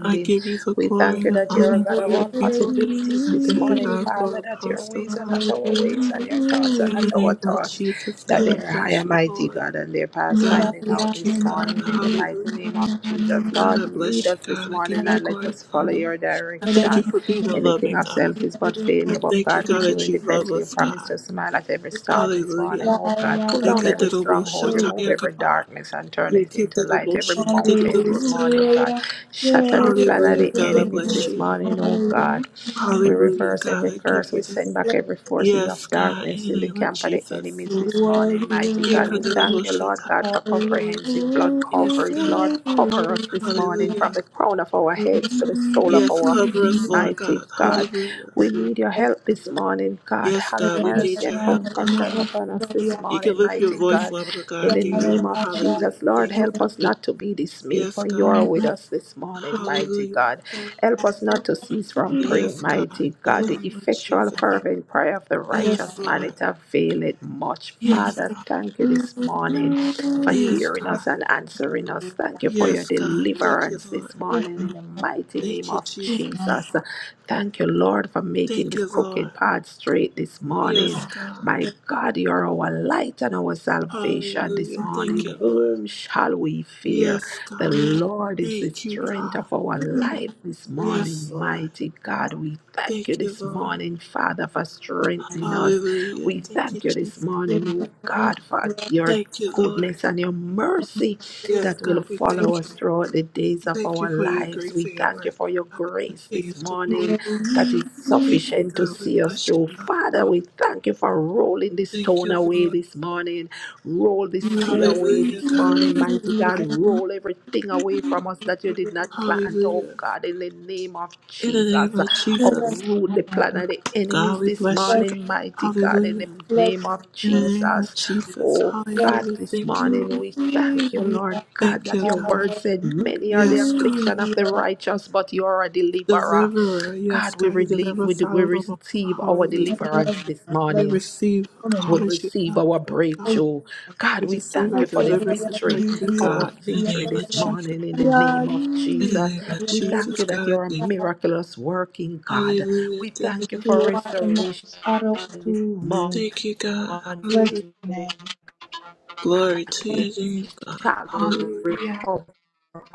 Speaker 2: I give you the
Speaker 7: We
Speaker 2: glory
Speaker 7: thank
Speaker 2: and
Speaker 7: you
Speaker 2: the
Speaker 7: that you're a
Speaker 2: honor
Speaker 7: God
Speaker 2: for
Speaker 7: of
Speaker 2: your
Speaker 7: all
Speaker 2: people.
Speaker 7: possibilities
Speaker 2: I
Speaker 7: this
Speaker 2: thank you,
Speaker 7: morning,
Speaker 2: God, for
Speaker 7: Father, that your
Speaker 2: Apostle
Speaker 7: ways are
Speaker 2: God.
Speaker 7: not our ways and your thoughts are
Speaker 2: In the
Speaker 7: not our
Speaker 2: name of
Speaker 7: thoughts,
Speaker 2: Jesus,
Speaker 7: that
Speaker 2: God, I
Speaker 7: they are high
Speaker 2: bless
Speaker 7: and
Speaker 2: you,
Speaker 7: mighty,
Speaker 2: Lord.
Speaker 7: God, and their paths
Speaker 2: God, I
Speaker 7: finding out
Speaker 2: thank you,
Speaker 7: this
Speaker 2: God.
Speaker 7: morning in the mighty
Speaker 2: Hallelujah.
Speaker 7: name of Jesus.
Speaker 2: God,
Speaker 7: Lord,
Speaker 2: I
Speaker 7: lead
Speaker 2: bless
Speaker 7: us
Speaker 2: you,
Speaker 7: this
Speaker 2: God. I give
Speaker 7: morning
Speaker 2: you the
Speaker 7: and let
Speaker 2: glory and
Speaker 7: us
Speaker 2: the
Speaker 7: follow
Speaker 2: honor.
Speaker 7: your
Speaker 2: I thank
Speaker 7: direction.
Speaker 2: you for being a
Speaker 7: Anything
Speaker 2: loving
Speaker 7: of
Speaker 2: God.
Speaker 7: self is but
Speaker 2: I
Speaker 7: failure, but
Speaker 2: thank you,
Speaker 7: God
Speaker 2: God,
Speaker 7: with you
Speaker 2: that
Speaker 7: in the
Speaker 2: you love
Speaker 7: vessel, you
Speaker 2: us,
Speaker 7: promise
Speaker 2: God.
Speaker 7: to smile at every storm this morning.
Speaker 2: Hallelujah.
Speaker 7: Oh God, pull down every stronghold, remove every
Speaker 2: Eketeroboshatayakaba.
Speaker 7: darkness and turn it into light. Every
Speaker 9: Worthy,
Speaker 7: mountain this morning,
Speaker 2: Yeketerobosheketerobosakaba.
Speaker 7: God. Shatter the plan of
Speaker 2: Hallelujah,
Speaker 7: the
Speaker 2: God, I
Speaker 7: enemies
Speaker 2: bless
Speaker 7: this
Speaker 2: you.
Speaker 7: morning, oh God. We
Speaker 2: Hallelujah,
Speaker 7: reverse every
Speaker 2: God, I give
Speaker 7: curse.
Speaker 2: you
Speaker 7: We
Speaker 2: the
Speaker 7: send back every forces
Speaker 2: Yes,
Speaker 7: of
Speaker 2: God, in
Speaker 7: darkness in the
Speaker 2: the name of
Speaker 7: camp of the
Speaker 2: Jesus.
Speaker 7: enemies this morning,
Speaker 9: worthy,
Speaker 7: mighty God. We
Speaker 9: worthy.
Speaker 7: thank you, Lord
Speaker 2: Yekadarabosheta.
Speaker 7: God, for
Speaker 9: Bless your
Speaker 7: comprehensive blood
Speaker 9: name. Thank
Speaker 2: Yes,
Speaker 9: you.
Speaker 7: coverage.
Speaker 2: God.
Speaker 7: Lord, cover us this morning from
Speaker 2: Hallelujah.
Speaker 7: the crown of our heads to the sole of
Speaker 2: Yes,
Speaker 7: our
Speaker 2: cover
Speaker 7: feet,
Speaker 2: us, Lord
Speaker 7: mighty
Speaker 2: God.
Speaker 7: God.
Speaker 2: Hallelujah.
Speaker 7: We need your help this morning, God.
Speaker 2: Yes,
Speaker 7: Have
Speaker 2: God, we
Speaker 7: mercy
Speaker 2: need
Speaker 7: and
Speaker 2: your help, God.
Speaker 7: compassion upon us this
Speaker 2: You can
Speaker 7: morning,
Speaker 2: lift your
Speaker 7: mighty
Speaker 2: voice,
Speaker 7: God.
Speaker 2: Lord
Speaker 7: In
Speaker 2: God,
Speaker 7: the name
Speaker 2: Dion.
Speaker 7: of
Speaker 2: Hallelujah.
Speaker 7: Jesus, Lord,
Speaker 2: Thank you,
Speaker 7: help
Speaker 2: God.
Speaker 7: us not to be dismayed,
Speaker 2: Yes,
Speaker 7: for you
Speaker 2: God.
Speaker 7: are with us this morning, mighty God.
Speaker 2: Hallelujah.
Speaker 7: Help us not to cease from praying,
Speaker 2: Yes, God.
Speaker 7: mighty
Speaker 2: In
Speaker 7: God.
Speaker 2: the
Speaker 7: The
Speaker 2: name of
Speaker 7: effectual,
Speaker 2: Jesus.
Speaker 7: fervent prayer of the righteous
Speaker 2: Yes,
Speaker 7: man,
Speaker 2: Lord.
Speaker 7: it availeth much.
Speaker 2: Yes,
Speaker 7: Father,
Speaker 2: God.
Speaker 7: thank you this morning for
Speaker 2: Yes,
Speaker 7: hearing
Speaker 2: God.
Speaker 7: us and answering us. Thank you for your
Speaker 2: Yes, God. Thank you,
Speaker 7: deliverance this
Speaker 2: Lord.
Speaker 7: morning in the mighty name
Speaker 2: Thank you,
Speaker 7: of
Speaker 2: Jesus.
Speaker 7: Jesus. Thank you, Lord, for making
Speaker 2: Thank
Speaker 7: the
Speaker 2: you,
Speaker 7: crooked
Speaker 2: Lord.
Speaker 7: path straight this morning.
Speaker 2: Yes, God.
Speaker 7: My God, you are our light and our salvation this
Speaker 2: Hallelujah. Thank
Speaker 7: morning.
Speaker 2: you, Lord.
Speaker 7: Whom shall we fear?
Speaker 2: Yes,
Speaker 7: The
Speaker 2: God.
Speaker 7: Lord is the
Speaker 2: Thank you,
Speaker 7: strength
Speaker 2: God.
Speaker 7: of our life this
Speaker 2: Yes,
Speaker 7: morning,
Speaker 2: Lord.
Speaker 7: mighty God. We thank you
Speaker 2: Thank you,
Speaker 7: this
Speaker 2: Lord.
Speaker 7: morning, Father, for strengthening us.
Speaker 2: Hallelujah.
Speaker 7: We
Speaker 2: Thank you,
Speaker 7: thank you this
Speaker 2: Jesus.
Speaker 7: morning, oh God, for your
Speaker 2: Thank you, Lord.
Speaker 7: goodness and your mercy
Speaker 2: Yes,
Speaker 7: that will
Speaker 2: God, we thank
Speaker 7: follow us throughout the days
Speaker 2: you.
Speaker 7: of
Speaker 2: Thank you
Speaker 7: our
Speaker 2: for your
Speaker 7: lives.
Speaker 2: grace
Speaker 7: We
Speaker 2: and your
Speaker 7: thank you
Speaker 2: mercy,
Speaker 7: for your
Speaker 2: God. and
Speaker 7: grace this
Speaker 2: Things to fall.
Speaker 7: morning that is
Speaker 2: Thank you,
Speaker 7: sufficient to
Speaker 2: God. We
Speaker 7: see us
Speaker 2: bless you,
Speaker 7: through.
Speaker 2: God.
Speaker 7: Father,
Speaker 2: Hall-
Speaker 7: we thank you for rolling the
Speaker 2: Thank
Speaker 7: stone
Speaker 2: you,
Speaker 7: away
Speaker 2: Lord.
Speaker 7: this morning. Roll this sea away
Speaker 2: Hallelujah,
Speaker 7: this
Speaker 2: God. I
Speaker 7: morning, mighty God.
Speaker 2: magnify you.
Speaker 7: Roll everything away from us that you did not plant, oh
Speaker 2: Hallelujah.
Speaker 7: God, in the name of
Speaker 2: In the name
Speaker 7: Jesus.
Speaker 2: of Jesus,
Speaker 7: Uproot the plan of the
Speaker 2: God,
Speaker 7: enemies
Speaker 2: we
Speaker 7: this
Speaker 2: bless you, God.
Speaker 7: morning, mighty God, in the
Speaker 2: Hallelujah.
Speaker 7: name of
Speaker 2: In the name of
Speaker 7: Jesus.
Speaker 2: Jesus,
Speaker 7: Oh God,
Speaker 2: hallelujah.
Speaker 7: this
Speaker 2: Thank you, Lord.
Speaker 7: morning we thank you, Lord God,
Speaker 2: Thank
Speaker 7: that
Speaker 2: you,
Speaker 7: your
Speaker 2: God.
Speaker 7: word said, Many are the
Speaker 2: Yes, God.
Speaker 7: affliction of the righteous, but you are a deliverer.
Speaker 2: Deliverer. Yes,
Speaker 7: God, we,
Speaker 2: God. You
Speaker 7: relie-
Speaker 2: deliver
Speaker 7: we,
Speaker 2: us out
Speaker 7: we
Speaker 2: of the womb.
Speaker 7: receive our
Speaker 2: Hallelujah.
Speaker 7: deliverance this
Speaker 2: We
Speaker 7: morning.
Speaker 2: receive all
Speaker 7: We
Speaker 2: that you
Speaker 7: receive
Speaker 2: have
Speaker 7: our
Speaker 2: for us, God.
Speaker 7: breakthrough. God,
Speaker 2: We
Speaker 7: we
Speaker 2: receive
Speaker 7: thank
Speaker 2: our
Speaker 7: you for the
Speaker 2: deliverance and
Speaker 7: victory,
Speaker 2: breakthrough,
Speaker 7: our
Speaker 2: God. In the
Speaker 7: victory
Speaker 2: name of
Speaker 7: this
Speaker 2: Jesus.
Speaker 7: morning in the name of
Speaker 2: In the
Speaker 7: Jesus.
Speaker 2: name of
Speaker 7: We thank
Speaker 2: Jesus,
Speaker 7: you that
Speaker 2: God, I
Speaker 7: you're a
Speaker 2: thank you.
Speaker 7: miraculous working God.
Speaker 2: Hallelujah.
Speaker 7: We
Speaker 2: Thank
Speaker 7: thank you
Speaker 2: you,
Speaker 7: for
Speaker 2: Lord.
Speaker 7: restoration this morning
Speaker 2: Thank you, God. Hallelujah. Glory to
Speaker 7: and
Speaker 2: your
Speaker 7: we
Speaker 2: name, God.
Speaker 7: shall
Speaker 2: Hallelujah.
Speaker 9: Hallelujah.
Speaker 7: recover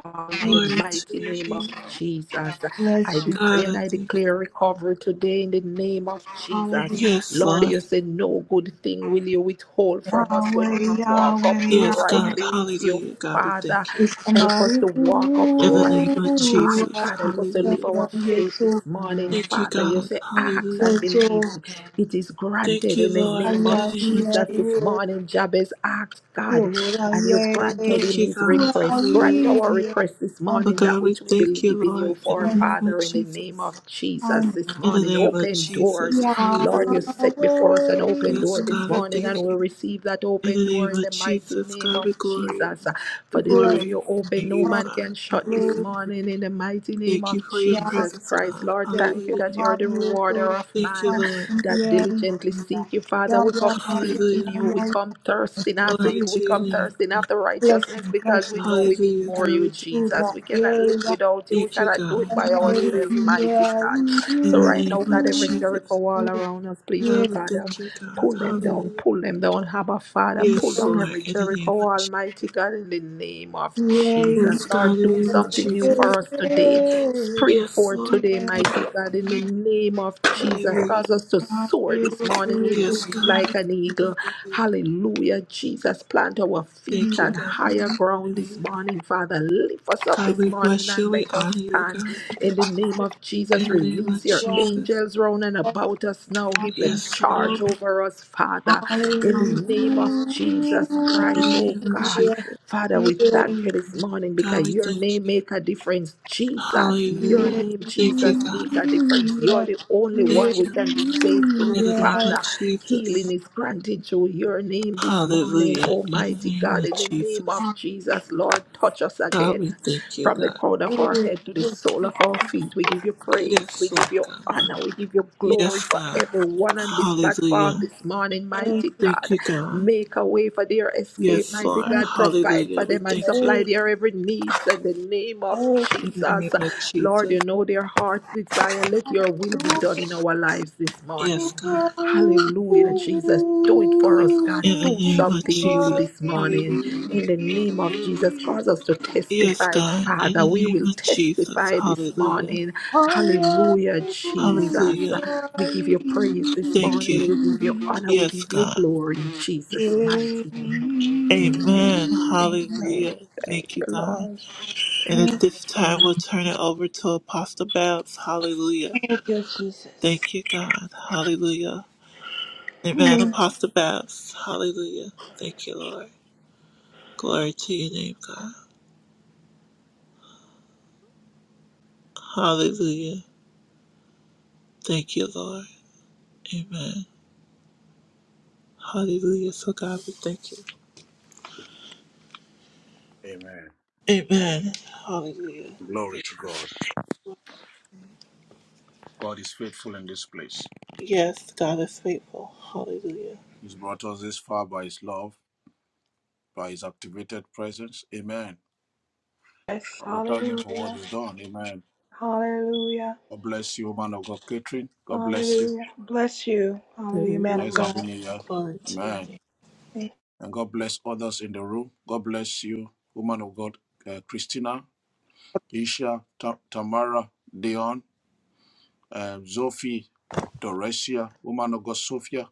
Speaker 7: on the
Speaker 9: Thank
Speaker 2: Glory to
Speaker 7: mighty
Speaker 2: your
Speaker 7: name of
Speaker 2: name.
Speaker 7: Jesus. I
Speaker 9: Bless you.
Speaker 7: decree
Speaker 2: God,
Speaker 7: and
Speaker 2: I
Speaker 7: I
Speaker 2: thank you.
Speaker 7: declare recovery today in the name of Jesus.
Speaker 9: Hallelujah.
Speaker 2: Yes,
Speaker 7: Lord,
Speaker 2: Lord.
Speaker 7: you say no good thing will you withhold from us when
Speaker 9: Yahweh,
Speaker 7: we walk
Speaker 9: Yahweh,
Speaker 2: Yes, God.
Speaker 9: Yahweh.
Speaker 7: uprightly with you.
Speaker 2: Hallelujah. God, we
Speaker 7: Father,
Speaker 2: thank you.
Speaker 9: It's
Speaker 7: help us
Speaker 9: somebody
Speaker 7: to walk
Speaker 2: In the name
Speaker 7: uprightly.
Speaker 2: of
Speaker 7: Oh
Speaker 9: who
Speaker 2: Jesus,
Speaker 7: God, help us to live
Speaker 2: hallelujah.
Speaker 7: our faith this
Speaker 9: Yeshua.
Speaker 7: morning.
Speaker 2: Thank you,
Speaker 7: Father, you
Speaker 2: God,
Speaker 7: say, ask and
Speaker 2: hallelujah.
Speaker 9: Yeshua.
Speaker 7: believe. It is
Speaker 2: Thank
Speaker 7: granted
Speaker 2: you,
Speaker 7: in the
Speaker 2: Lord,
Speaker 7: name
Speaker 2: in
Speaker 7: of
Speaker 2: the name of
Speaker 7: Jesus
Speaker 9: Ayayayay.
Speaker 7: this
Speaker 2: Jesus.
Speaker 7: morning. Jabez asked God, and you
Speaker 9: Yorayay.
Speaker 7: granted
Speaker 2: Thank
Speaker 7: him
Speaker 2: you,
Speaker 7: his
Speaker 2: God,
Speaker 7: request. Grant
Speaker 2: hallelujah.
Speaker 7: our
Speaker 9: Yahweh.
Speaker 7: request this
Speaker 2: Oh
Speaker 7: morning,
Speaker 9: An-
Speaker 7: that
Speaker 2: God, we
Speaker 7: which we
Speaker 2: thank
Speaker 7: believe
Speaker 2: you,
Speaker 7: in you
Speaker 2: Lord, in
Speaker 7: for,
Speaker 2: the
Speaker 9: an-
Speaker 2: name of
Speaker 7: Father, in the name
Speaker 2: Jesus.
Speaker 7: of Jesus
Speaker 9: an-
Speaker 7: this
Speaker 2: In the
Speaker 7: morning.
Speaker 2: name of
Speaker 7: Open doors.
Speaker 2: Jesus,
Speaker 7: Lord, you
Speaker 2: hallelujah.
Speaker 9: Yahweh.
Speaker 7: set before us an open
Speaker 2: Yes,
Speaker 7: door this
Speaker 2: God, I
Speaker 7: morning, and
Speaker 2: thank you.
Speaker 7: we'll receive that
Speaker 2: In
Speaker 7: open
Speaker 2: the
Speaker 7: door
Speaker 2: name
Speaker 7: in
Speaker 2: of
Speaker 7: the mighty
Speaker 2: Jesus,
Speaker 7: name
Speaker 2: God,
Speaker 7: of
Speaker 2: we glory.
Speaker 7: Jesus.
Speaker 2: We
Speaker 7: For the door
Speaker 9: Bless
Speaker 2: glory
Speaker 7: you open,
Speaker 2: in
Speaker 7: no
Speaker 2: you,
Speaker 9: our
Speaker 7: man
Speaker 2: God,
Speaker 7: can shut this
Speaker 2: hallelujah.
Speaker 9: Lord.
Speaker 7: morning in the mighty name
Speaker 2: Thank you
Speaker 7: of
Speaker 2: for your
Speaker 7: Jesus
Speaker 2: presence,
Speaker 7: Christ.
Speaker 2: God,
Speaker 7: Lord,
Speaker 9: the
Speaker 7: thank you
Speaker 2: hallelujah.
Speaker 7: that you
Speaker 9: Mario
Speaker 7: are the
Speaker 9: Nigeria.
Speaker 7: rewarder of
Speaker 2: Thank you,
Speaker 7: man
Speaker 9: Yeah,
Speaker 2: Lord,
Speaker 7: that
Speaker 9: yeah, yeah,
Speaker 7: diligently seek you, Father.
Speaker 9: yeah,
Speaker 7: We
Speaker 9: yeah,
Speaker 7: come seeking
Speaker 2: hallelujah.
Speaker 7: you. We
Speaker 9: yeah, yeah.
Speaker 7: come thirsting after
Speaker 2: Glory
Speaker 7: you. We
Speaker 2: to your
Speaker 7: come
Speaker 2: name,
Speaker 7: thirsting
Speaker 2: God.
Speaker 7: after righteousness
Speaker 9: Blessing,
Speaker 7: because we
Speaker 9: blessing.
Speaker 7: know we need
Speaker 2: Hallelujah,
Speaker 7: more of
Speaker 2: God,
Speaker 7: you,
Speaker 2: we thank
Speaker 9: Ura,
Speaker 2: you.
Speaker 7: Jesus. We cannot live
Speaker 9: yeah,
Speaker 7: without you. We
Speaker 2: Thank you,
Speaker 7: cannot do it
Speaker 2: God.
Speaker 7: by ourselves,
Speaker 2: Hallelujah.
Speaker 7: mighty God. So
Speaker 2: In the
Speaker 7: right
Speaker 2: name
Speaker 7: now, God,
Speaker 2: of
Speaker 7: every Jericho
Speaker 2: Jesus.
Speaker 7: wall around us, please, oh
Speaker 2: God, we
Speaker 7: God. uh,
Speaker 2: thank you, God.
Speaker 7: Pull them down,
Speaker 2: Hallelujah.
Speaker 7: pull them down, Abba Father. Pull
Speaker 2: Yes,
Speaker 7: down
Speaker 2: Lord,
Speaker 7: every
Speaker 2: in the
Speaker 7: Jericho,
Speaker 2: name of
Speaker 7: Almighty
Speaker 2: Jesus.
Speaker 7: God, in the name of Jesus.
Speaker 2: Yes, God,
Speaker 7: Lord,
Speaker 2: in the
Speaker 7: do
Speaker 2: name of
Speaker 7: something new
Speaker 2: Jesus.
Speaker 9: yeah,
Speaker 7: for us today.
Speaker 9: yeah,
Speaker 7: Spring
Speaker 2: Yes,
Speaker 7: forth
Speaker 2: Lord.
Speaker 7: today,
Speaker 9: yeah,
Speaker 7: mighty God, in the name of Jesus.
Speaker 2: Hallelujah.
Speaker 7: Cause us to soar this morning with
Speaker 2: Yes,
Speaker 7: wings
Speaker 9: yeah,
Speaker 7: like
Speaker 2: God.
Speaker 7: an eagle.
Speaker 2: Hallelujah.
Speaker 7: Hallelujah, Jesus. Plant our feet
Speaker 2: Thank you,
Speaker 7: on
Speaker 2: God.
Speaker 7: higher ground this
Speaker 2: Hallelujah.
Speaker 7: morning, Father. Lift us up
Speaker 2: God,
Speaker 7: this
Speaker 2: we
Speaker 7: morning
Speaker 2: bless
Speaker 7: and
Speaker 2: you. We
Speaker 7: let
Speaker 2: honor
Speaker 7: us
Speaker 2: you,
Speaker 7: stand.
Speaker 2: God.
Speaker 7: In the name of Jesus,
Speaker 2: In the name
Speaker 7: release
Speaker 2: of
Speaker 7: your
Speaker 2: Jesus.
Speaker 7: angels round and about us now. Give them
Speaker 2: Yes,
Speaker 7: charge
Speaker 2: Lord.
Speaker 7: over us, Father. In the name
Speaker 2: Hallelujah.
Speaker 7: of Jesus Christ,
Speaker 2: In the
Speaker 7: oh
Speaker 2: name of
Speaker 7: God.
Speaker 2: Jesus.
Speaker 7: Father, we thank you
Speaker 9: Hallelujah.
Speaker 7: this morning because
Speaker 2: God, we
Speaker 7: your name
Speaker 2: thank you.
Speaker 7: make a difference. Jesus, your
Speaker 2: Hallelujah.
Speaker 7: name,
Speaker 2: Thank you,
Speaker 7: Jesus,
Speaker 9: Thank
Speaker 2: God.
Speaker 7: make a difference. You're the only one
Speaker 2: Thank
Speaker 7: we
Speaker 2: you,
Speaker 7: can be
Speaker 2: Lord,
Speaker 7: saved
Speaker 2: in
Speaker 7: through,
Speaker 2: the name of
Speaker 7: Father. Healing
Speaker 2: Jesus.
Speaker 7: is granted through your name this morning,
Speaker 2: Hallelujah, in the
Speaker 7: Almighty
Speaker 2: name
Speaker 7: God.
Speaker 2: of
Speaker 7: In the name
Speaker 2: Jesus.
Speaker 7: of Jesus, Lord, touch us
Speaker 2: God, we
Speaker 7: again.
Speaker 2: thank you,
Speaker 7: From the
Speaker 2: God.
Speaker 7: crown of our head to the sole of our feet, we give you praise, we
Speaker 2: Yes, Lord
Speaker 7: give you
Speaker 2: God.
Speaker 7: honor, we give you glory
Speaker 2: Yes,
Speaker 7: for
Speaker 2: God.
Speaker 7: everyone on this platform
Speaker 2: Hallelujah.
Speaker 7: this morning, mighty
Speaker 2: Thank
Speaker 7: God.
Speaker 2: you, God.
Speaker 7: Make a way for their escape,
Speaker 2: Yes,
Speaker 7: mighty
Speaker 2: Lord.
Speaker 7: God. Provide
Speaker 2: Hallelujah.
Speaker 7: for
Speaker 2: We
Speaker 7: them and
Speaker 2: thank you.
Speaker 7: supply their every needs in the name of
Speaker 2: In the name
Speaker 7: Jesus.
Speaker 2: of
Speaker 7: Lord,
Speaker 2: Jesus.
Speaker 7: you know their heart's desire. Let your will be done in our lives this
Speaker 2: Yes,
Speaker 7: morning.
Speaker 2: God.
Speaker 7: Hallelujah, Jesus. Do it for us, God.
Speaker 2: In the
Speaker 7: Do
Speaker 2: name of
Speaker 7: something new
Speaker 2: Jesus.
Speaker 7: this morning.
Speaker 2: Hallelujah.
Speaker 7: In the name of Jesus, cause us to
Speaker 2: Yes,
Speaker 7: testify,
Speaker 2: God. In
Speaker 7: Father.
Speaker 2: the
Speaker 7: We
Speaker 2: name
Speaker 7: will
Speaker 2: of Jesus.
Speaker 7: testify this
Speaker 2: Hallelujah.
Speaker 7: morning. Hallelujah, Jesus.
Speaker 2: Hallelujah.
Speaker 7: We give you praise this
Speaker 2: Thank
Speaker 7: morning.
Speaker 2: you.
Speaker 7: We give you honor. We
Speaker 2: Yes,
Speaker 7: give you
Speaker 2: God.
Speaker 7: glory in Jesus' mighty name. Amen.
Speaker 2: Amen.
Speaker 7: Amen.
Speaker 2: Hallelujah.
Speaker 7: Thank
Speaker 2: Thank you,
Speaker 7: you,
Speaker 2: God.
Speaker 7: Lord.
Speaker 2: And at this time, we'll turn it over to Apostle Babs. Hallelujah.
Speaker 9: you, Jesus.
Speaker 2: Thank you, God. Hallelujah. Amen.
Speaker 9: Mm.
Speaker 2: Apostle Babs. Hallelujah. Thank you, Lord. Glory to your name, God. Hallelujah. Thank you, Lord. Amen. Hallelujah. So, God, we thank you.
Speaker 1: Amen.
Speaker 2: Amen. Hallelujah.
Speaker 1: Glory
Speaker 2: Thank
Speaker 1: to God. God is faithful in this place.
Speaker 2: Yes, God is faithful. Hallelujah.
Speaker 1: He's brought us this far by His love, by His activated presence. Amen.
Speaker 9: Yes,
Speaker 1: And we thank him for what
Speaker 9: hallelujah,
Speaker 1: he's done. Amen.
Speaker 9: hallelujah.
Speaker 1: God bless you, man of God, Catherine. God bless you.
Speaker 9: Hallelujah. Bless you. Hallelujah, man of
Speaker 2: Hallelujah.
Speaker 1: Nice
Speaker 9: God.
Speaker 1: having you here.
Speaker 2: Glory to your
Speaker 1: Amen.
Speaker 2: name.
Speaker 1: And God bless others in the room. God bless you, woman of God, uh, Christina, Isha, Ta- Tamara, Dion, um, Sophie, Doresia, woman of God, Sophia,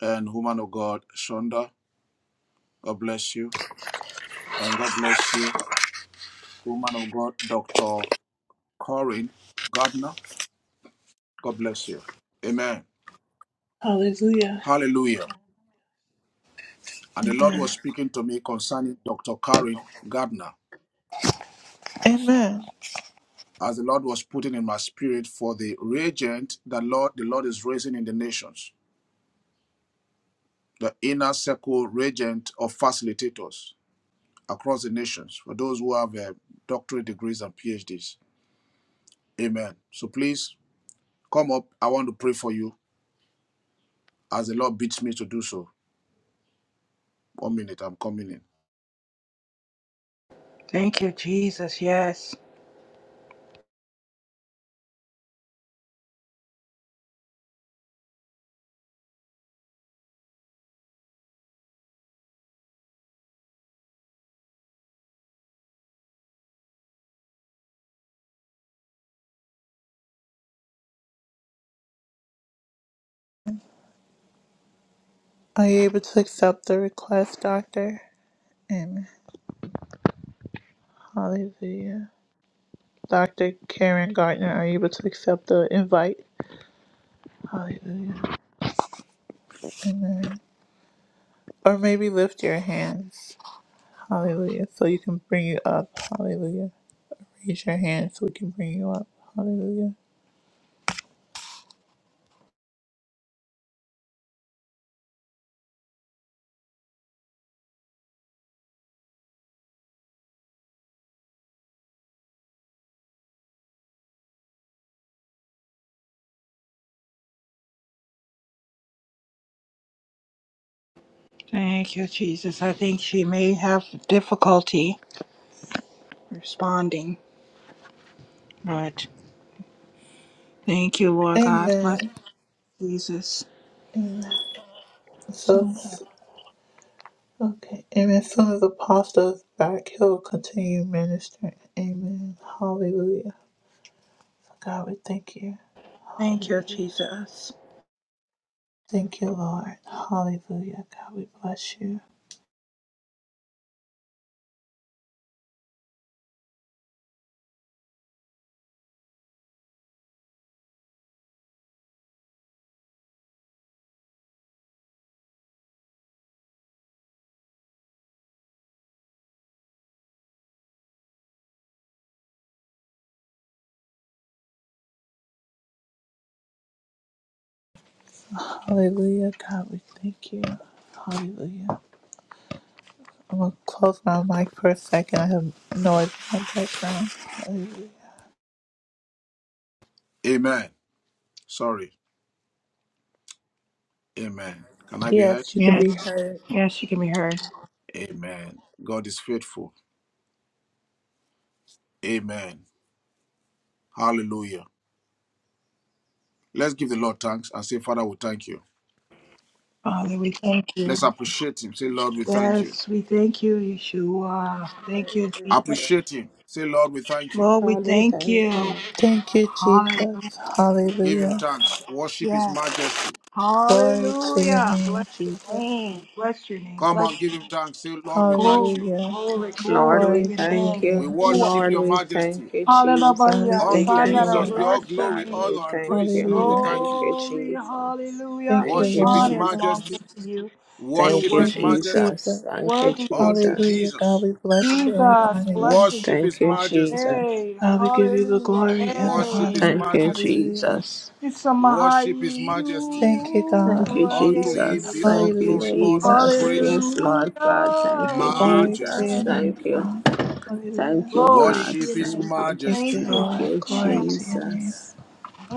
Speaker 1: and woman of God, Shonda. God bless you. And God bless you, woman of God, Dr. Corinne Gardner. God bless you. Amen.
Speaker 2: Hallelujah.
Speaker 1: Hallelujah. And the Lord
Speaker 2: Amen.
Speaker 1: was speaking to me concerning Dr. Karen Gardner.
Speaker 2: Amen.
Speaker 1: As the Lord was putting in my spirit for the regent that Lord, the Lord is raising in the nations, the inner circle regent of facilitators across the nations, for those who have uh, doctorate degrees and PhDs. Amen. So please come up. I want to pray for you as the Lord bids me to do so. One minute, I'm coming in.
Speaker 9: Thank you, Jesus. Yes.
Speaker 2: Are you able to accept the request, Doctor? And hallelujah. Dr. Karen Gardner, are you able to accept the invite? Hallelujah. Amen. Or maybe lift your hands. Hallelujah. So you can bring you up. Hallelujah. Raise your hand so we can bring you up. Hallelujah.
Speaker 9: Thank you, Jesus. I think she may have difficulty responding, but thank you, Lord God. Bless
Speaker 2: Amen.
Speaker 9: you, Jesus.
Speaker 2: Amen. So,
Speaker 9: Thank you,
Speaker 2: okay. Amen. As soon as Apostle is back, he'll continue ministering. Amen. Hallelujah. So God, we thank you.
Speaker 9: Thank you,
Speaker 2: Hallelujah.
Speaker 9: Jesus.
Speaker 2: Thank you, Lord. Hallelujah. God, we bless you. Hallelujah. God, we thank you. Hallelujah. I'm going to close my mic for a second. I have noise in my background. Hallelujah.
Speaker 1: Amen. Sorry. Amen. Can I be heard?
Speaker 2: Yes, you can
Speaker 9: Yes.
Speaker 2: be heard.
Speaker 9: Yes, you can be heard.
Speaker 1: Amen. God is faithful. Amen. Hallelujah. Let's give the Lord thanks and say, Father, we thank you.
Speaker 9: Father, we thank you.
Speaker 1: Let's appreciate Him. Say, Lord, we thank you.
Speaker 9: Yes, we thank you, Yeshua.
Speaker 7: Lord,
Speaker 9: Thank
Speaker 7: we
Speaker 9: you,
Speaker 7: thank
Speaker 9: Jesus.
Speaker 7: you.
Speaker 1: Appreciate Him. Say, Lord, we thank you.
Speaker 9: Lord, we
Speaker 7: Lord, we
Speaker 9: thank
Speaker 7: thank you.
Speaker 9: you.
Speaker 2: Thank you,
Speaker 9: Hallelujah.
Speaker 2: Jesus.
Speaker 1: Give Him
Speaker 2: Hallelujah.
Speaker 1: thanks. Worship His majesty.
Speaker 2: Glory to your
Speaker 9: Hallelujah.
Speaker 2: name,
Speaker 9: Bless your
Speaker 2: Jesus.
Speaker 9: name. Bless your name.
Speaker 1: Come
Speaker 9: Bless
Speaker 1: on,
Speaker 9: your
Speaker 1: give
Speaker 9: name.
Speaker 1: Him thanks. Say, Lord, we thank
Speaker 9: Glory,
Speaker 1: you.
Speaker 2: Hallelujah.
Speaker 9: glory,
Speaker 7: Lord,
Speaker 9: glory
Speaker 7: we
Speaker 9: to
Speaker 2: Glory
Speaker 9: your
Speaker 2: to your
Speaker 9: name.
Speaker 7: thank
Speaker 1: We
Speaker 7: you.
Speaker 2: name, Jesus.
Speaker 9: Yeshua.
Speaker 1: worship
Speaker 7: Lord,
Speaker 1: Your
Speaker 7: we
Speaker 1: majesty.
Speaker 7: thank you,
Speaker 2: God, we
Speaker 7: Jesus.
Speaker 9: Hallelujah.
Speaker 7: We
Speaker 1: Unto
Speaker 2: thank you,
Speaker 7: thank
Speaker 9: Sanara.
Speaker 1: Jesus
Speaker 7: you,
Speaker 2: Lord.
Speaker 1: be all
Speaker 7: Lord
Speaker 9: Bless your
Speaker 1: glory,
Speaker 7: God.
Speaker 9: name.
Speaker 7: We
Speaker 1: honor, and
Speaker 7: thank
Speaker 1: praise.
Speaker 7: you.
Speaker 1: Lord, we
Speaker 2: Hallelujah.
Speaker 7: Thank
Speaker 1: thank you.
Speaker 7: you,
Speaker 9: Glory,
Speaker 7: Jesus.
Speaker 9: hallelujah,
Speaker 2: Thank you,
Speaker 7: Thank
Speaker 9: and
Speaker 7: you,
Speaker 1: Worship His
Speaker 2: Lord.
Speaker 9: honor belongs
Speaker 1: majesty.
Speaker 7: Jesus.
Speaker 9: unto you. You're
Speaker 7: Thank
Speaker 1: Worship
Speaker 7: you,
Speaker 1: His
Speaker 2: Thank
Speaker 9: worthy.
Speaker 2: you,
Speaker 1: majesty.
Speaker 7: Jesus.
Speaker 2: Jesus.
Speaker 9: You're
Speaker 7: Thank you,
Speaker 9: worthy.
Speaker 1: Unto
Speaker 2: Hallelujah.
Speaker 7: Jesus.
Speaker 2: God,
Speaker 1: Jesus.
Speaker 2: we bless you and we
Speaker 9: Jesus,
Speaker 2: honor you.
Speaker 9: blessing
Speaker 1: Worship
Speaker 9: and
Speaker 7: Thank
Speaker 1: His
Speaker 7: you,
Speaker 9: honor.
Speaker 1: majesty.
Speaker 7: Jesus.
Speaker 9: Hey,
Speaker 2: God, we give you the
Speaker 9: hallelujah.
Speaker 2: glory and the
Speaker 1: Worship
Speaker 9: Hey.
Speaker 1: His
Speaker 2: honor.
Speaker 7: Thank you,
Speaker 1: majesty.
Speaker 2: Hallelujah.
Speaker 7: Jesus.
Speaker 9: It's a
Speaker 1: Worship His majesty.
Speaker 2: Thank you,
Speaker 7: Thank
Speaker 2: God.
Speaker 7: you,
Speaker 1: Unto him
Speaker 7: Jesus.
Speaker 1: be
Speaker 9: Mahai.
Speaker 1: all
Speaker 7: Thank you,
Speaker 2: Hallelujah.
Speaker 1: glory,
Speaker 2: We
Speaker 1: honor, and
Speaker 2: bless you,
Speaker 7: Jesus.
Speaker 1: praise.
Speaker 2: God.
Speaker 7: Yes, Lord God. Thank you,
Speaker 9: Hallelujah.
Speaker 2: Glory to
Speaker 7: Jesus.
Speaker 2: your
Speaker 1: Majesty,
Speaker 2: name,
Speaker 7: Thank you.
Speaker 2: God. Hallelujah.
Speaker 7: Thank you,
Speaker 9: Glory
Speaker 7: God.
Speaker 9: to
Speaker 1: worship
Speaker 9: your
Speaker 1: his
Speaker 7: Thank
Speaker 9: name, God.
Speaker 7: you.
Speaker 2: Thank
Speaker 9: Thank
Speaker 2: you,
Speaker 7: Thank
Speaker 1: majesty.
Speaker 9: you,
Speaker 2: Lord.
Speaker 7: you,
Speaker 2: Glory
Speaker 9: Jesus.
Speaker 2: to your name.
Speaker 7: Jesus.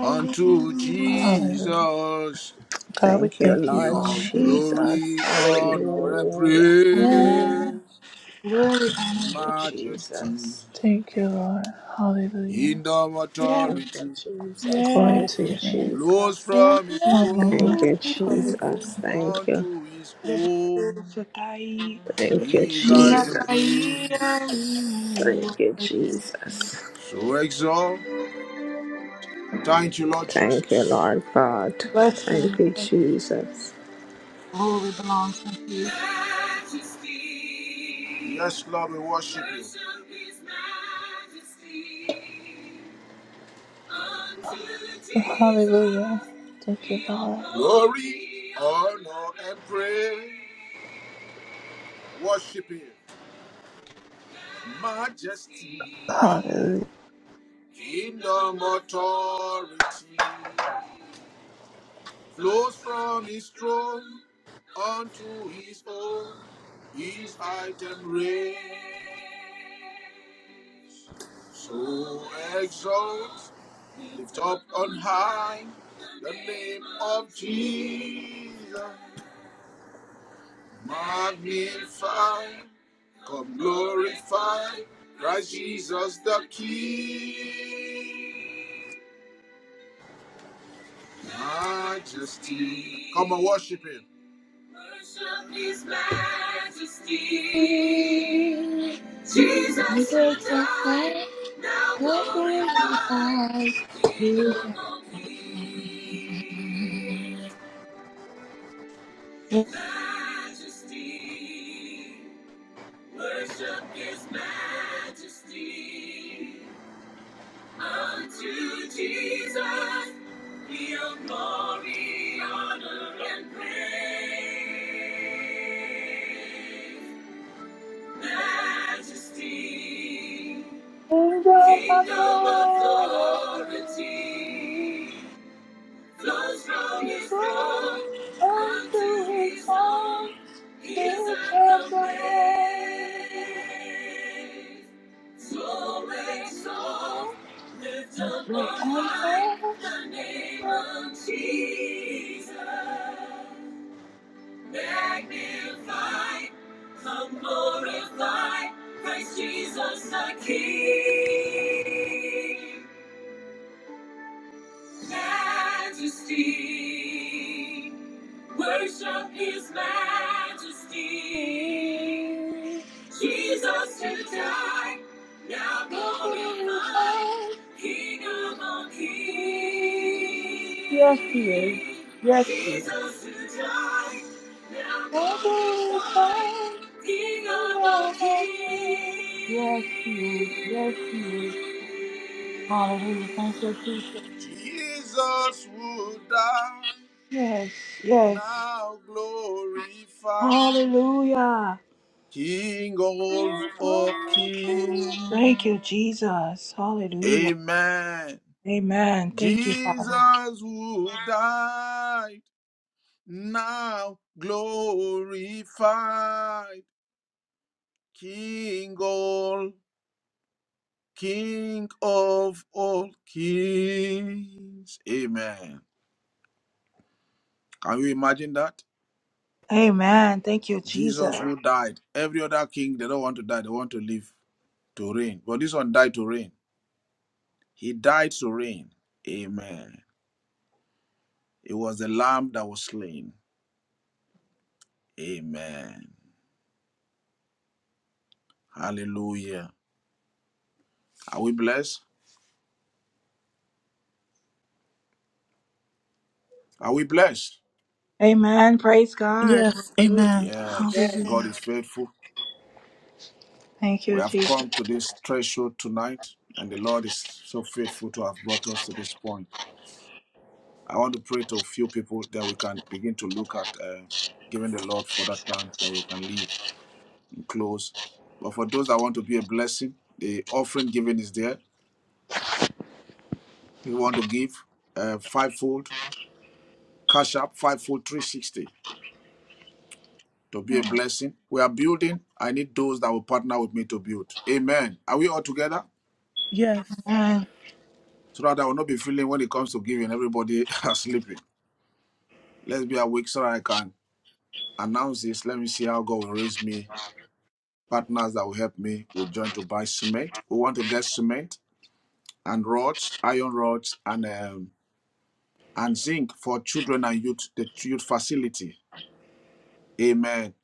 Speaker 1: Unto
Speaker 2: Hallelujah.
Speaker 1: Jesus
Speaker 2: God, we
Speaker 7: Thank you,
Speaker 2: thank you,
Speaker 1: be
Speaker 7: Lord
Speaker 1: all
Speaker 2: Lord.
Speaker 9: Jesus.
Speaker 7: Jesus.
Speaker 1: glory, honor, and
Speaker 7: Hallelujah.
Speaker 9: Yeah.
Speaker 2: Hallelujah.
Speaker 1: praise.
Speaker 9: Glory,
Speaker 7: Thank
Speaker 9: honor,
Speaker 7: you,
Speaker 9: praise.
Speaker 1: Majesty,
Speaker 7: Jesus.
Speaker 2: Thank you, Lord. Hallelujah.
Speaker 1: kingdom
Speaker 9: Yeah,
Speaker 7: Thank you,
Speaker 1: authority
Speaker 7: Jesus.
Speaker 2: Glory
Speaker 9: yeah.
Speaker 7: Thank
Speaker 2: to
Speaker 7: you,
Speaker 2: your name.
Speaker 1: flows
Speaker 7: Jesus.
Speaker 1: from his
Speaker 2: One
Speaker 9: Hallelujah.
Speaker 7: Thank
Speaker 2: moment.
Speaker 1: throne
Speaker 7: you, Jesus.
Speaker 2: Hallelujah.
Speaker 7: Thank you.
Speaker 1: unto his
Speaker 9: The Bible
Speaker 1: own.
Speaker 9: says, I,
Speaker 7: Thank you,
Speaker 1: He is high and
Speaker 9: Nakai.
Speaker 7: Jesus.
Speaker 1: praise.
Speaker 7: Thank you, Jesus.
Speaker 1: So exalt. Thank you, Lord
Speaker 7: Thank you,
Speaker 1: Jesus.
Speaker 7: Lord God.
Speaker 9: Bless your
Speaker 7: Thank you,
Speaker 9: name.
Speaker 7: Jesus.
Speaker 9: Glory belongs to you.
Speaker 1: Yes, Lord, we worship you.
Speaker 2: Hallelujah. Thank you, Lord.
Speaker 1: Glory, honor, and praise. Worship him. Majesty,
Speaker 2: Hallelujah.
Speaker 1: kingdom authority flows from his throne unto his own. His item reign. So exalt Lift up on high the name of Jesus. Magnify, come glorify, Christ Jesus the King. Majesty. Come and worship Him. Worship His majesty. Jesus who
Speaker 9: Jesus, I
Speaker 1: died, now
Speaker 9: glorify you.
Speaker 1: glorified,
Speaker 9: God.
Speaker 1: King of
Speaker 9: Jesus.
Speaker 1: all kings. majesty. Worship his majesty. Unto Jesus be all glory, honor, and praise. Majesty,
Speaker 9: Kingdom
Speaker 1: kingdom
Speaker 9: authority
Speaker 1: authority. flows from his throne
Speaker 9: is
Speaker 1: unto his
Speaker 9: on
Speaker 1: own.
Speaker 9: this and the way. the
Speaker 1: His anthem
Speaker 9: Son
Speaker 1: raised. So exalt, lift
Speaker 9: the
Speaker 1: up
Speaker 9: glory of
Speaker 1: on high
Speaker 9: Jesus.
Speaker 1: the name of Jesus. Magnify, come glorify Christ Jesus the King. Majesty. Worship His majesty. Jesus who died, now
Speaker 9: Yes,
Speaker 1: glorified, King of all kings.
Speaker 9: he is. Yes, he is.
Speaker 1: Jesus who died, now
Speaker 9: Yes, he
Speaker 1: glorified, King of all
Speaker 9: is.
Speaker 1: kings.
Speaker 9: Yes, he is. Hallelujah. Thank you, Jesus.
Speaker 1: Jesus who died,
Speaker 9: Yes, yes.
Speaker 1: now glorified.
Speaker 9: Hallelujah.
Speaker 1: King of all
Speaker 9: Thank
Speaker 1: kings.
Speaker 9: you, Jesus. Hallelujah.
Speaker 1: Amen.
Speaker 9: Amen. Thank you, Father.
Speaker 1: Jesus who died, now glorified. King all, King of all kings. Amen. Can you imagine that?
Speaker 9: Amen. Thank you, Jesus.
Speaker 1: Jesus who died. Every other king, they don't want to die, they want to live to reign. But this one died to reign. He died to reign. Amen. It was the lamb that was slain. Amen. Hallelujah. Are we blessed? Are we blessed?
Speaker 9: Amen. Praise God.
Speaker 2: Yes.
Speaker 9: Hallelujah.
Speaker 2: Amen.
Speaker 1: Yes.
Speaker 9: Yes.
Speaker 1: God
Speaker 2: Hallelujah.
Speaker 1: is faithful.
Speaker 9: Thank
Speaker 1: We
Speaker 9: you,
Speaker 1: have
Speaker 9: Jesus.
Speaker 1: come to this threshold tonight, and the Lord is so faithful to have brought us to this point. I want to pray to a few people that we can begin to look at uh, giving the Lord further thanks that we can leave and close. But for those that want to be a blessing, the offering giving is there. If you want to give uh, fivefold, cash up fivefold 360. to be a blessing. We are building. I need those that will partner with me to build. Amen. Are we all together?
Speaker 2: Yes.
Speaker 9: Amen.
Speaker 1: So that I will not be feeling when it comes to giving, everybody are sleeping. Let's be awake so that I can announce this. Let me see how God will raise me. Partners that will help me. We join to buy cement. We want to get cement and rods, iron rods, and um, and zinc for children and youth, the youth facility. Amen.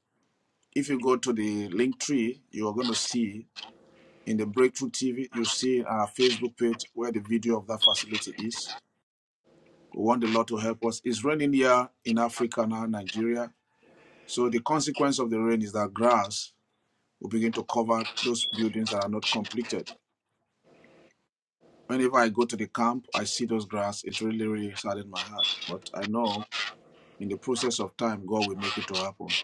Speaker 1: If you go to the link tree, you are going to see in the Breakthrough TV, you see in our Facebook page where the video of that facility is. We want the Lord to help us. It's raining here in Africa now, Nigeria. So the consequence of the rain is that grass will begin to cover those buildings that are not completed. Whenever I go to the camp, I see those grass. It really, really saddens my heart. But I know in the process of time, God will make it to happen.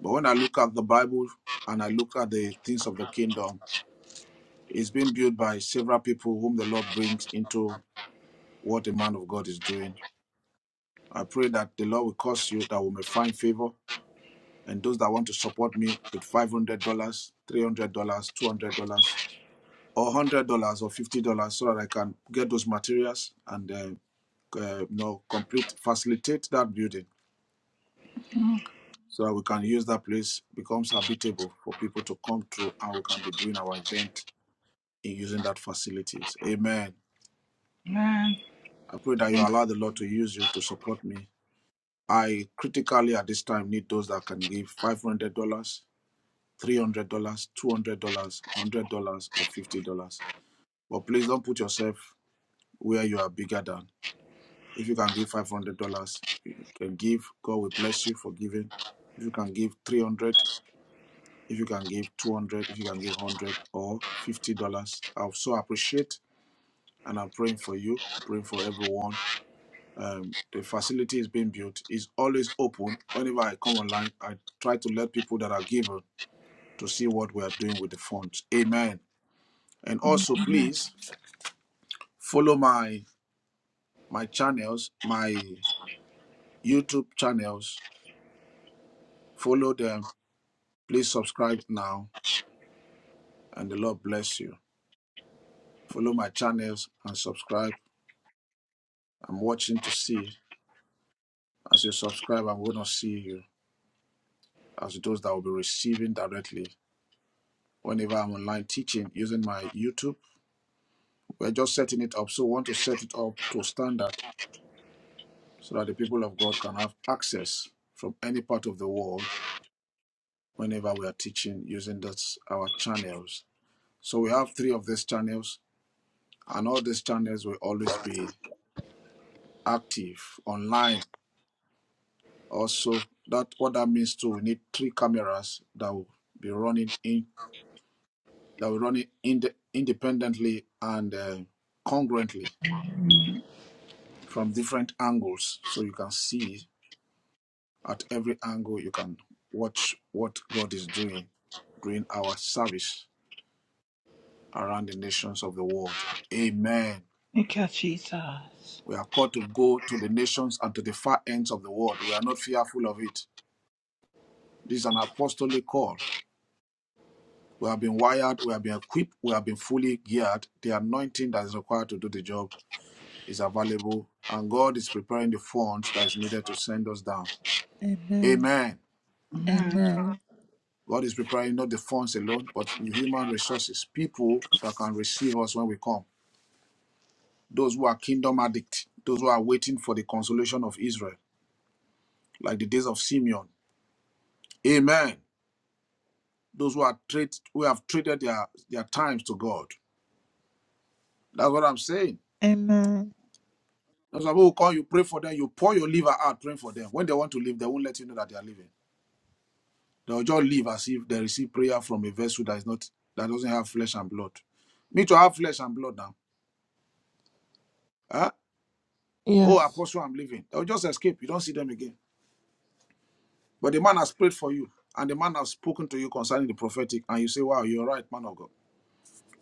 Speaker 1: But when I look at the Bible and I look at the things of the kingdom, it's been built by several people whom the Lord brings into what the man of God is doing. I pray that the Lord will cause you that we may find favor. And those that want to support me with $500, $300, $200, or $100 or $50 so that I can get those materials and uh, uh, you know, complete, facilitate that building so that we can use that place, becomes habitable for people to come through and we can be doing our event in using that facilities. Amen.
Speaker 9: Amen.
Speaker 1: I pray that you
Speaker 9: Thank, you,
Speaker 1: allow the Lord to use you to support me I critically at this time need those that can give five hundred dollars, three hundred dollars, two hundred dollars, one hundred dollars, or fifty dollars. But please don't put yourself where you are bigger than. If you can give five hundred dollars, you can give. God will bless you for giving. If you can give three hundred, dollars, if you can give two hundred, dollars, if you can give one hundred dollars or fifty dollars, I so appreciate and I'm praying for you, praying for everyone um, the facility is being built is always open. Whenever I come online, I try to let people that are given to see what we are doing with the funds. Amen. And also,
Speaker 9: amen.
Speaker 1: please follow my my channels, my YouTube channels. Follow them. Please subscribe now, and the Lord bless you. Follow my channels and subscribe. I'm watching to see. As you subscribe, I'm going to see you as those that will be receiving directly whenever I'm online teaching using my YouTube We're just setting it up. So we want to set it up to standard so that the people of God can have access from any part of the world whenever we are teaching using this, our channels. So we have three of these channels, and all these channels will always be active online. Also, that what that means too, we need three cameras that will be running in that will run it ind- independently and uh, congruently from different angles, so you can see At every angle, you can watch what God is doing during our service around the nations of the world. Amen.
Speaker 9: Thank you, Jesus.
Speaker 1: We are called to go to the nations and to the far ends of the world. We are not fearful of it. This is an apostolic call. We have been wired, we have been equipped, we have been fully geared. The anointing that is required to do the job is available, and God is preparing the funds that is needed to send us down.
Speaker 2: Amen.
Speaker 1: Amen.
Speaker 9: Amen.
Speaker 2: Amen.
Speaker 1: God is preparing not the funds alone, but human resources, people that can receive us when we come. Those who are kingdom addicts, those who are waiting for the consolation of Israel, like the days of Simeon. Amen. Those who are trade, who have traded their, their times to God. That's what I'm saying.
Speaker 2: Amen.
Speaker 1: Those people who call you, pray for them, you pour your liver out praying for them. When they want to leave, they won't let you know that they are leaving. They'll just leave as if they receive prayer from a vessel that is not that doesn't have flesh and blood. Me to have flesh and blood now. Huh? Oh,
Speaker 2: Yes.
Speaker 1: Apostle, I'm leaving. They'll just escape. You don't see them again. But the man has prayed for you, and the man has spoken to you concerning the prophetic, and you say, Wow, you're right, man of God.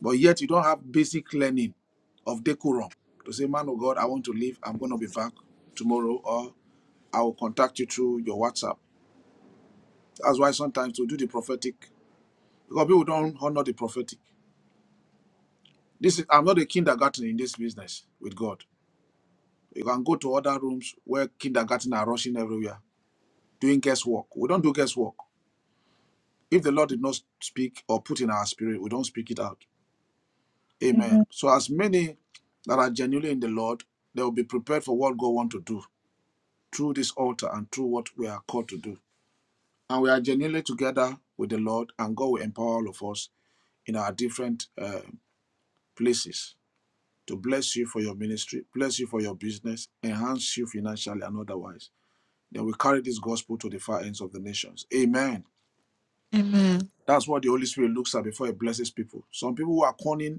Speaker 1: But yet you don't have basic learning of decorum to say, Man of God, I want to leave. I'm going to be back tomorrow, or I will contact you through your WhatsApp. That's why sometimes we do the prophetic, because people don't honor the prophetic. This is, I'm not a kindergarten in this business with God. You can go to other rooms where kindergarten are rushing everywhere, doing guesswork. We don't do guesswork. If the Lord did not speak or put in our spirit, we don't speak it out. Amen.
Speaker 2: Amen.
Speaker 1: So as many that are genuinely in the Lord, they will be prepared for what God wants to do through this altar and through what we are called to do. And we are genuinely together with the Lord, and God will empower all of us in our different uh, places to bless you for your ministry, bless you for your business, enhance you financially and otherwise. Then we carry this gospel to the far ends of the nations. Amen.
Speaker 2: Amen.
Speaker 1: That's what the Holy Spirit looks at before He blesses people. Some people who are corny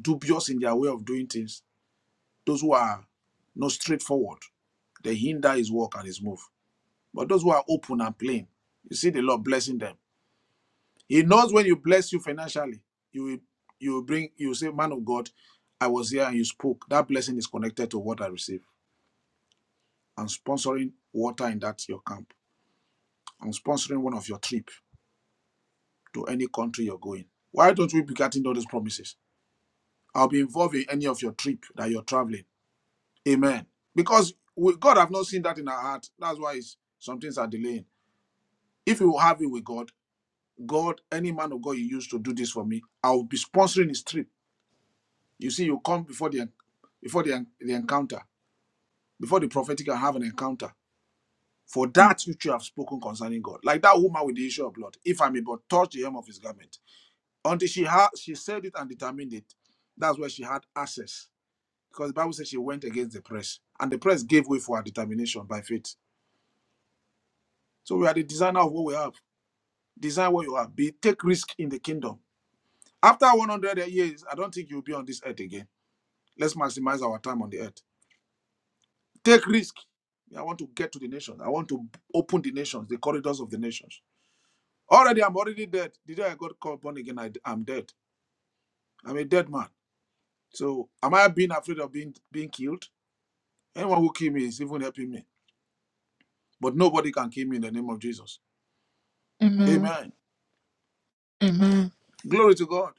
Speaker 1: dubious in their way of doing things, those who are not straightforward, they hinder his work and his move. But those who are open and plain, you see the Lord blessing them. He knows when you bless you financially, you will you will bring you will say, Man of God, I was here and you spoke. That blessing is connected to what I received. I'm sponsoring water in that your camp. I'm sponsoring one of your trip to any country you're going. Why don't we be getting all those promises? I'll be involved in any of your trip that you're traveling. Amen. Because we, God have not seen that in our heart. That's why it's, some things are delaying. If you have it with God, God, any man of God you used to do this for me, I will be sponsoring his trip. You see, you come before the before the, the encounter, before the prophetic can have an encounter. For that which you have spoken concerning God, like that woman with the issue of blood, if I may but touch the hem of his garment, until she had she said it and determined it, that's where she had access. Because the Bible says she went against the press, and the press gave way for her determination by faith. So we are the designer of what we have. Design what you have. Be take risk in the kingdom. After 100 years, I don't think you'll be on this earth again. Let's maximize our time on the earth. Take risk. I want to get to the nations. I want to open the nations, the corridors of the nations. Already, I'm already dead. The day I got called born again, I, am dead. I'm a dead man. So am I being afraid of being being killed? Anyone who kill me is even helping me. But nobody can kill me in the name of Jesus.
Speaker 2: Amen.
Speaker 1: Amen.
Speaker 2: Amen.
Speaker 1: Glory to God.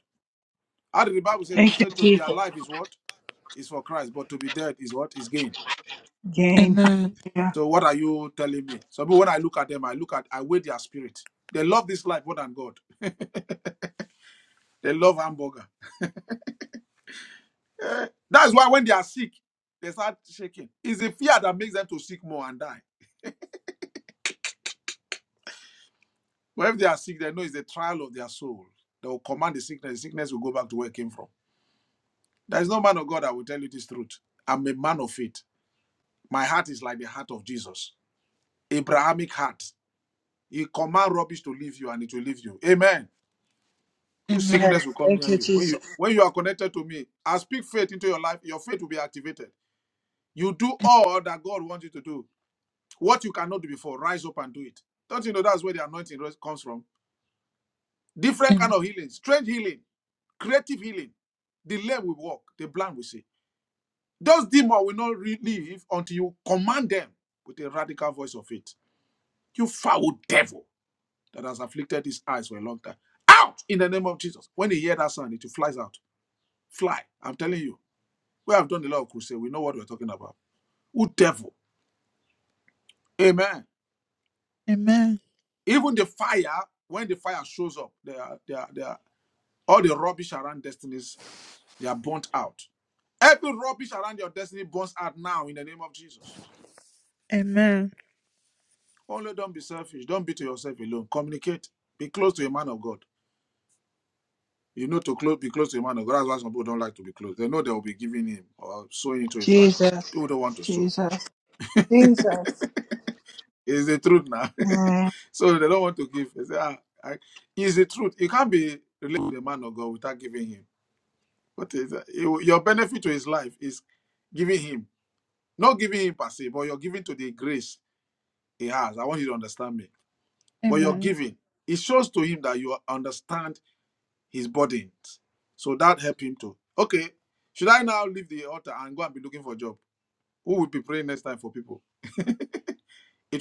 Speaker 1: How did the Bible say? He
Speaker 9: Thank you,
Speaker 1: said to be
Speaker 9: Jesus.
Speaker 1: alive is what? is for Christ, but to be dead is what is gain.
Speaker 9: Again,
Speaker 2: Amen.
Speaker 9: hallelujah.
Speaker 1: So what are you telling me? So when I look at them, I look at I weigh their spirit. They love this life more than God. they love hamburger. That's why when they are sick, they start shaking. It's the fear that makes them to seek more and die. But if they are sick, they know it's the trial of their soul. They will command the sickness. The sickness will go back to where it came from. There is no man of God that will tell you this truth. I'm a man of faith. My heart is like the heart of Jesus. Abrahamic heart. He command rubbish to leave you and it will leave you. Amen. whose
Speaker 2: Amen.
Speaker 9: Yes.
Speaker 1: sickness will come
Speaker 9: Thank
Speaker 1: near
Speaker 9: you,
Speaker 1: you. When you
Speaker 9: Jesus.
Speaker 1: when you are connected to me, I speak faith into your life, your faith will be activated. You do all that God wants you to do. What you cannot do before, rise up and do it. Don't you know that's where the anointing res- comes from? Different kind
Speaker 2: Amen.
Speaker 1: of healing, strange healing, creative healing. The lame will walk, the blind will see. Those demons will not re- leave until you command them with a radical voice of faith. You foul devil that has afflicted his eyes for a long time. Out in the name of Jesus. When he hear that sound, it flies out. Fly. I'm telling you. We have done a lot of crusade. We know what we're talking about. Who devil? Amen.
Speaker 2: Amen.
Speaker 1: Even the fire, when the fire shows up, they are, they are, they are, all the rubbish around destinies, they are burnt out. Every rubbish around your destiny burns out now in the name of Jesus.
Speaker 2: Amen.
Speaker 1: Only don't be selfish. Don't be to yourself alone. Communicate. Be close to a man of God. You know to close, be close to a man of God. That's why some people don't like to be close. They know they will be giving him or sowing into his life.
Speaker 9: Jesus.
Speaker 1: People don't want to sow.
Speaker 9: Jesus. Jesus.
Speaker 1: It's the truth now. so they don't want to give. They say, ah, I, it's the truth. You can't be related to the man of God without giving him. What is that? You- your benefit to his life is giving him, not giving him per se, but you're giving to the grace he has. I want you to understand me. But you're
Speaker 2: Amen.
Speaker 1: giving. It shows to him that you understand his burden. So that help him to. Okay, should I now leave the altar and go and be looking for a job? Who will be praying next time for people? it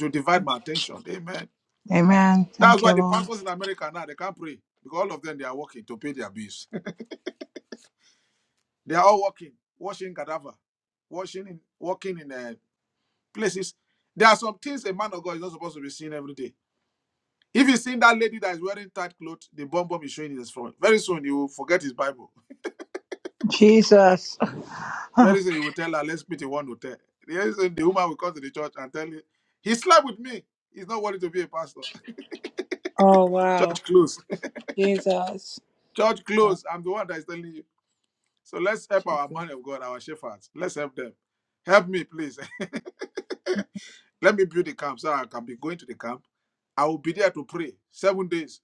Speaker 1: will divide my attention. Amen.
Speaker 9: Amen.
Speaker 1: That's
Speaker 9: Thank you,
Speaker 1: why the
Speaker 9: Lord.
Speaker 1: pastors in America now they can't pray because all of them they are working to pay their bills. they are all working, washing cadaver, washing in, working in uh, places. There are some things a man of God is not supposed to be seen every day. If you see that lady that is wearing tight clothes, the bomb bomb is showing in his front. Very soon you will forget his Bible.
Speaker 9: Jesus.
Speaker 1: Very soon you will tell her, let's meet in one hotel. Very soon the woman will come to the church and tell you, he slept with me. He's not worthy to be a pastor.
Speaker 9: Oh, wow.
Speaker 1: Church close.
Speaker 9: Jesus.
Speaker 1: Church
Speaker 2: God,
Speaker 1: close. I'm the one that is telling you. So let's help our
Speaker 2: Jesus.
Speaker 1: man of God, our shepherds. Let's help them. Help me, please. Let me build the camp so I can be going to the camp. I will be there to pray. Seven days,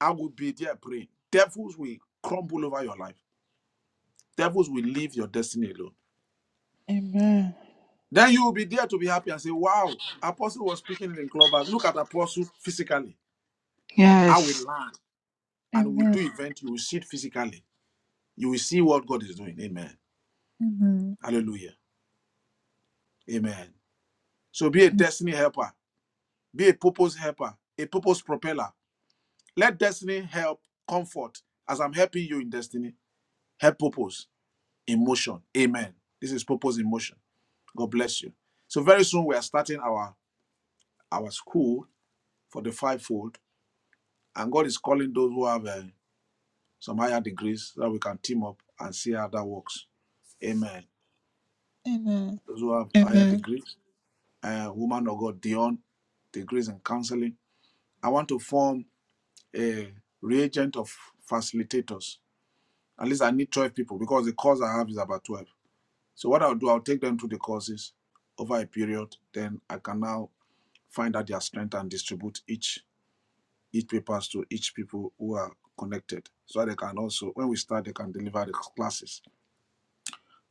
Speaker 1: I will be there praying. Devils will crumble over your life. Devils will leave your destiny alone.
Speaker 2: Amen.
Speaker 1: Then you will be there to be happy and say, Wow, Apostle was speaking in clubhouse. Look at Apostle physically. I will
Speaker 9: Yes.
Speaker 1: learn and we will
Speaker 2: Amen.
Speaker 1: do event. You will see it physically. You will see what God is doing. Amen.
Speaker 2: Amen.
Speaker 1: Hallelujah. Amen. So be a destiny helper. Be a purpose helper, a purpose propeller. Let destiny help comfort as I'm helping you in destiny. Help purpose in motion. Amen. This is purpose in motion. God bless you. So very soon we are starting our our school for the fivefold, and God is calling those who have uh, some higher degrees so that we can team up and see how that works. Amen.
Speaker 2: Amen.
Speaker 1: Those who have higher
Speaker 2: Amen.
Speaker 1: degrees, uh, woman of God, Dion, degrees in counseling. I want to form a reagent of facilitators At least I need 12 people because the course I have is about 12. So what I'll do, I'll take them through the courses over a period. Then I can now find out their strength and distribute each each papers to each people who are connected. So they can also, when we start, they can deliver the classes.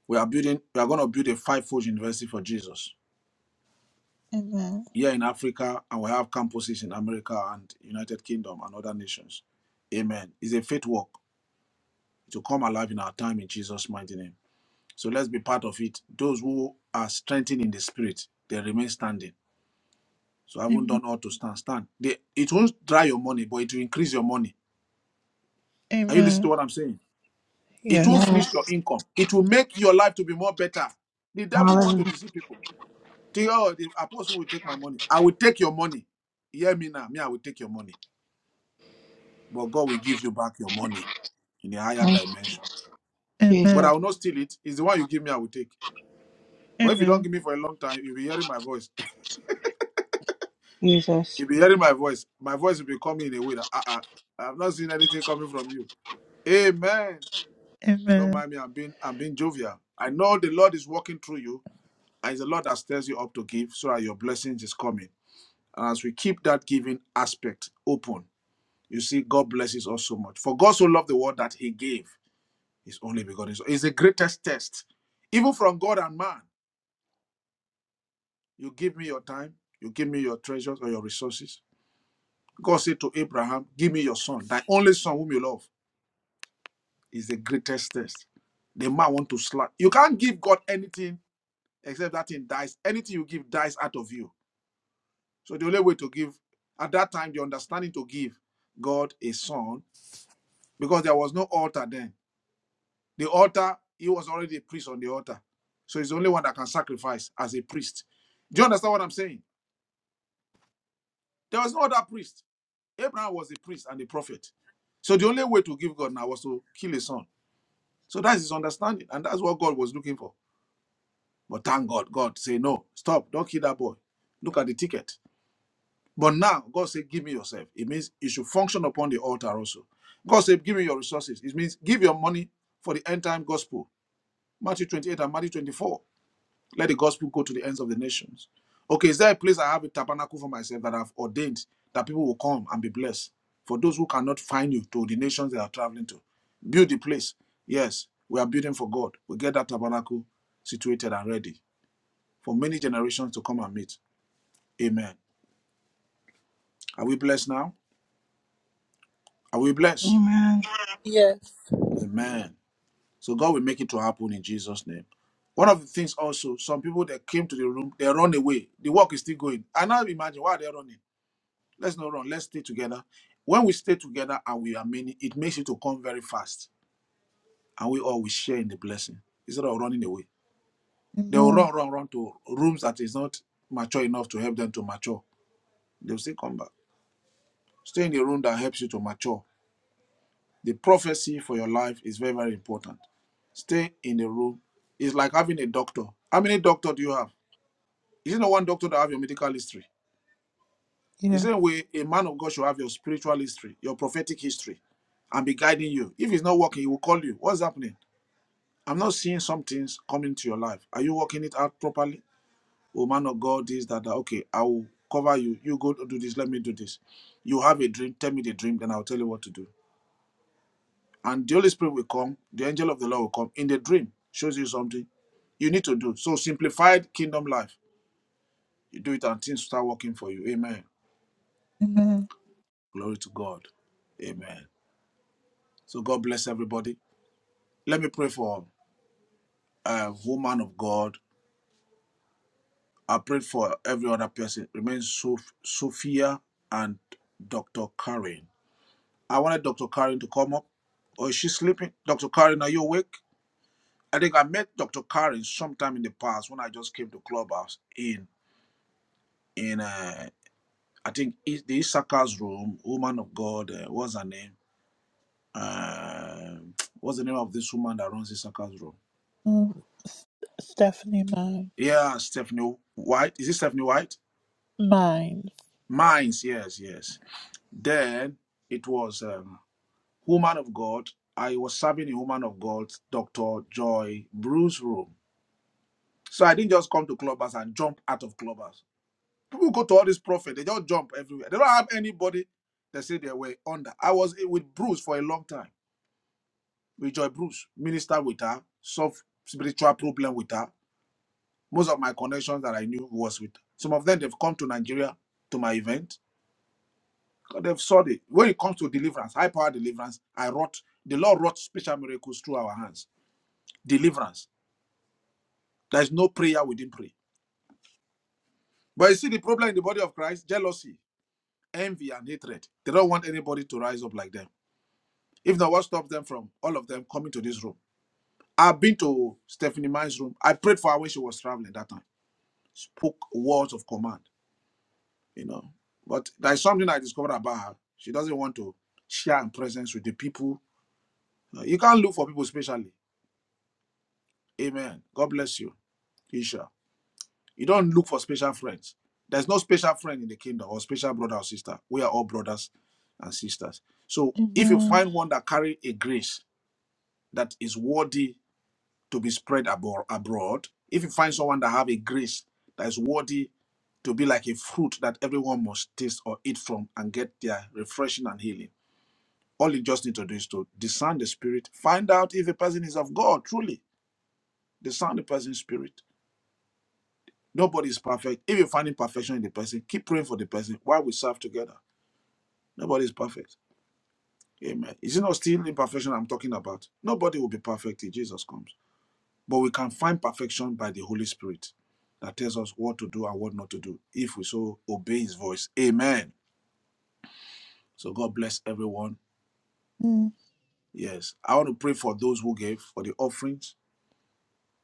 Speaker 1: We are building, we are going to build a five-fold university for Jesus
Speaker 2: Amen.
Speaker 1: here in Africa, and we have campuses in America and United Kingdom and other nations. Amen. It's a faith work. to come alive in our time in Jesus' mighty name. So let's be part of it. Those who are strengthened in the spirit, they remain standing. So I haven't
Speaker 2: Amen.
Speaker 1: done all to stand. Stand. They, it won't dry your money, but it will increase your money. Are you listening to
Speaker 2: Amen.
Speaker 1: what I'm saying? It won't
Speaker 2: Yes.
Speaker 1: finish your
Speaker 9: Yes.
Speaker 1: income. It will make your life to be more better. The devil want to
Speaker 9: Hallelujah.
Speaker 1: deceive people. Think, oh, the apostle will take my money. I will take your money. Hear me now. Me, I will take your money. But God will give you back your money in a higher
Speaker 9: Thank you,
Speaker 1: dimension. But I
Speaker 2: Amen.
Speaker 9: Jesus.
Speaker 1: will not steal it. It's the one you give me, I will take. But if you don't
Speaker 2: Amen.
Speaker 1: give me for a long time, you'll be hearing my voice.
Speaker 9: Jesus.
Speaker 1: You'll be hearing my voice. My voice will be coming in a way that uh, uh, I've not seen anything coming from you. Amen. Don't
Speaker 2: Amen.
Speaker 1: mind me. I'm being I'm being jovial. I know the Lord is walking through you, and it's the Lord that stirs you up to give, so that your blessings is coming. And as we keep that giving aspect open, you see, God blesses us so much. For God so loved the world that He gave His only begotten. Son. It's the greatest test, even from God and man. You give me your time. You give me your treasures or your resources. God said to Abraham, "Give me your son, thy only son whom you love." is the greatest test. The man want to slap. You can't give God anything except that thing dies. Anything you give dies out of you. So the only way to give at that time, the understanding to give God a son, because there was no altar then. The altar, he was already a priest on the altar. So he's the only one that can sacrifice as a priest. Do you understand what I'm saying? There was no other priest. Abraham was a priest and a prophet. So the only way to give God now was to kill a son. So that's his understanding, and that's what God was looking for. But thank God, God say, no, stop, don't kill that boy. Look at the ticket. But now, God say, give me yourself. It means you should function upon the altar also. God said, give me your resources. It means give your money for the end time gospel. Matthew 28 and Matthew 24. Let the gospel go to the ends of the nations. Okay, is there a place I have a tabernacle for myself that I've ordained that people will come and be blessed? For those who cannot find you to the nations they are traveling to, build the place. Yes, we are building for God. We get that tabernacle situated and ready for many generations to come and meet. Amen. Are we blessed now? Are we blessed?
Speaker 9: Amen.
Speaker 2: Yes.
Speaker 1: Amen. So God will make it to happen in Jesus' name. One of the things also, some people that came to the room, they run away. The work is still going. And now imagine why they're running. Let's not run. Let's stay together. When we stay together and we are many, it makes it to come very fast. And we all will share in the blessing instead of running away. They will
Speaker 2: Amen.
Speaker 1: run, run, run to rooms that is not mature enough to help them to mature. They'll still come back. Stay in the room that helps you to mature The prophecy for your life is very, very important. Stay in the room. It's like having a doctor. How many doctor do you have? Is it not one doctor that have your medical history? The
Speaker 2: Yes.
Speaker 1: same way a man of God should have your spiritual history, your prophetic history, and be guiding you. If it's not working, he will call you. What's happening? I'm not seeing some things coming to your life. Are you working it out properly? Oh man of God, this, that, that. Okay, I will cover you. You go do this, let me do this. You have a dream, tell me the dream, then I'll tell you what to do and the Holy Spirit will come, the angel of the Lord will come in the dream, shows you something you need to do. So simplified kingdom life. You do it and things start working for you. Amen.
Speaker 2: Amen.
Speaker 1: Glory to God. Amen. So God bless everybody. Let me pray for a woman of God. I pray for every other person. Remain Sof- Sophia and Dr. Karen. I wanted Dr. Karen to come up. Oh, is she sleeping? Dr. Karen, are you awake? I think I met Dr. Karen sometime in the past when I just came to Clubhouse in in uh, I think Is- the Issachar's room, woman of God, uh, what's her name? Uh, what's the name of this woman that runs Issachar's room?
Speaker 2: Mm. Stephanie Mines.
Speaker 1: Yeah, Stephanie White. Is it Stephanie White?
Speaker 2: Mines.
Speaker 1: Mines, yes, yes. Then it was um, woman of God. I was serving in woman of God, Dr. Joy Bruce room. So I didn't just come to clubbers and jump out of clubbers. People go to all these prophets, they just jump everywhere. They don't have anybody that say they were under. I was eh, with Bruce for a long time Rejoice Bruce, minister with her, solve spiritual problem with her. Most of my connections that I knew was with her. Some of them they've come to Nigeria to my event. 'cause They've saw it. When it comes to deliverance, high power deliverance, I wrought the Lord wrought special miracles through our hands. Deliverance. There is no prayer we didn't pray. But you see the problem in the body of Christ: jealousy, envy, and hatred. They don't want anybody to rise up like them. If not, what stops them from all of them coming to this room? I've been to Stephanie Mine's room. I prayed for her when she was traveling that time. spoke words of command, you know. But there's something I discovered about her. She doesn't want to share her presence with the people. Uh, You can't look for people specially. Amen. God bless you, Isha. You don't look for special friends. There's no special friend in the kingdom or special brother or sister. We are all brothers and sisters. So if you
Speaker 2: Amen.
Speaker 1: find one that carry a grace that is worthy to be spread abor- abroad. If you find someone that have a grace that is worthy to be like a fruit that everyone must taste or eat from and get their refreshing and healing, all you just need to do is to discern the spirit, find out if a person is of God truly. Discern the person's spirit. Nobody is perfect. If you find imperfection in the person, keep praying for the person while we serve together. Nobody is perfect. Amen. Is it not still imperfection I'm talking about? Nobody will be perfect till Jesus comes. But we can find perfection by the Holy Spirit that tells us what to do and what not to do if we so obey his voice. Amen. So God bless everyone. Yes. I want to pray for those who gave for the offerings.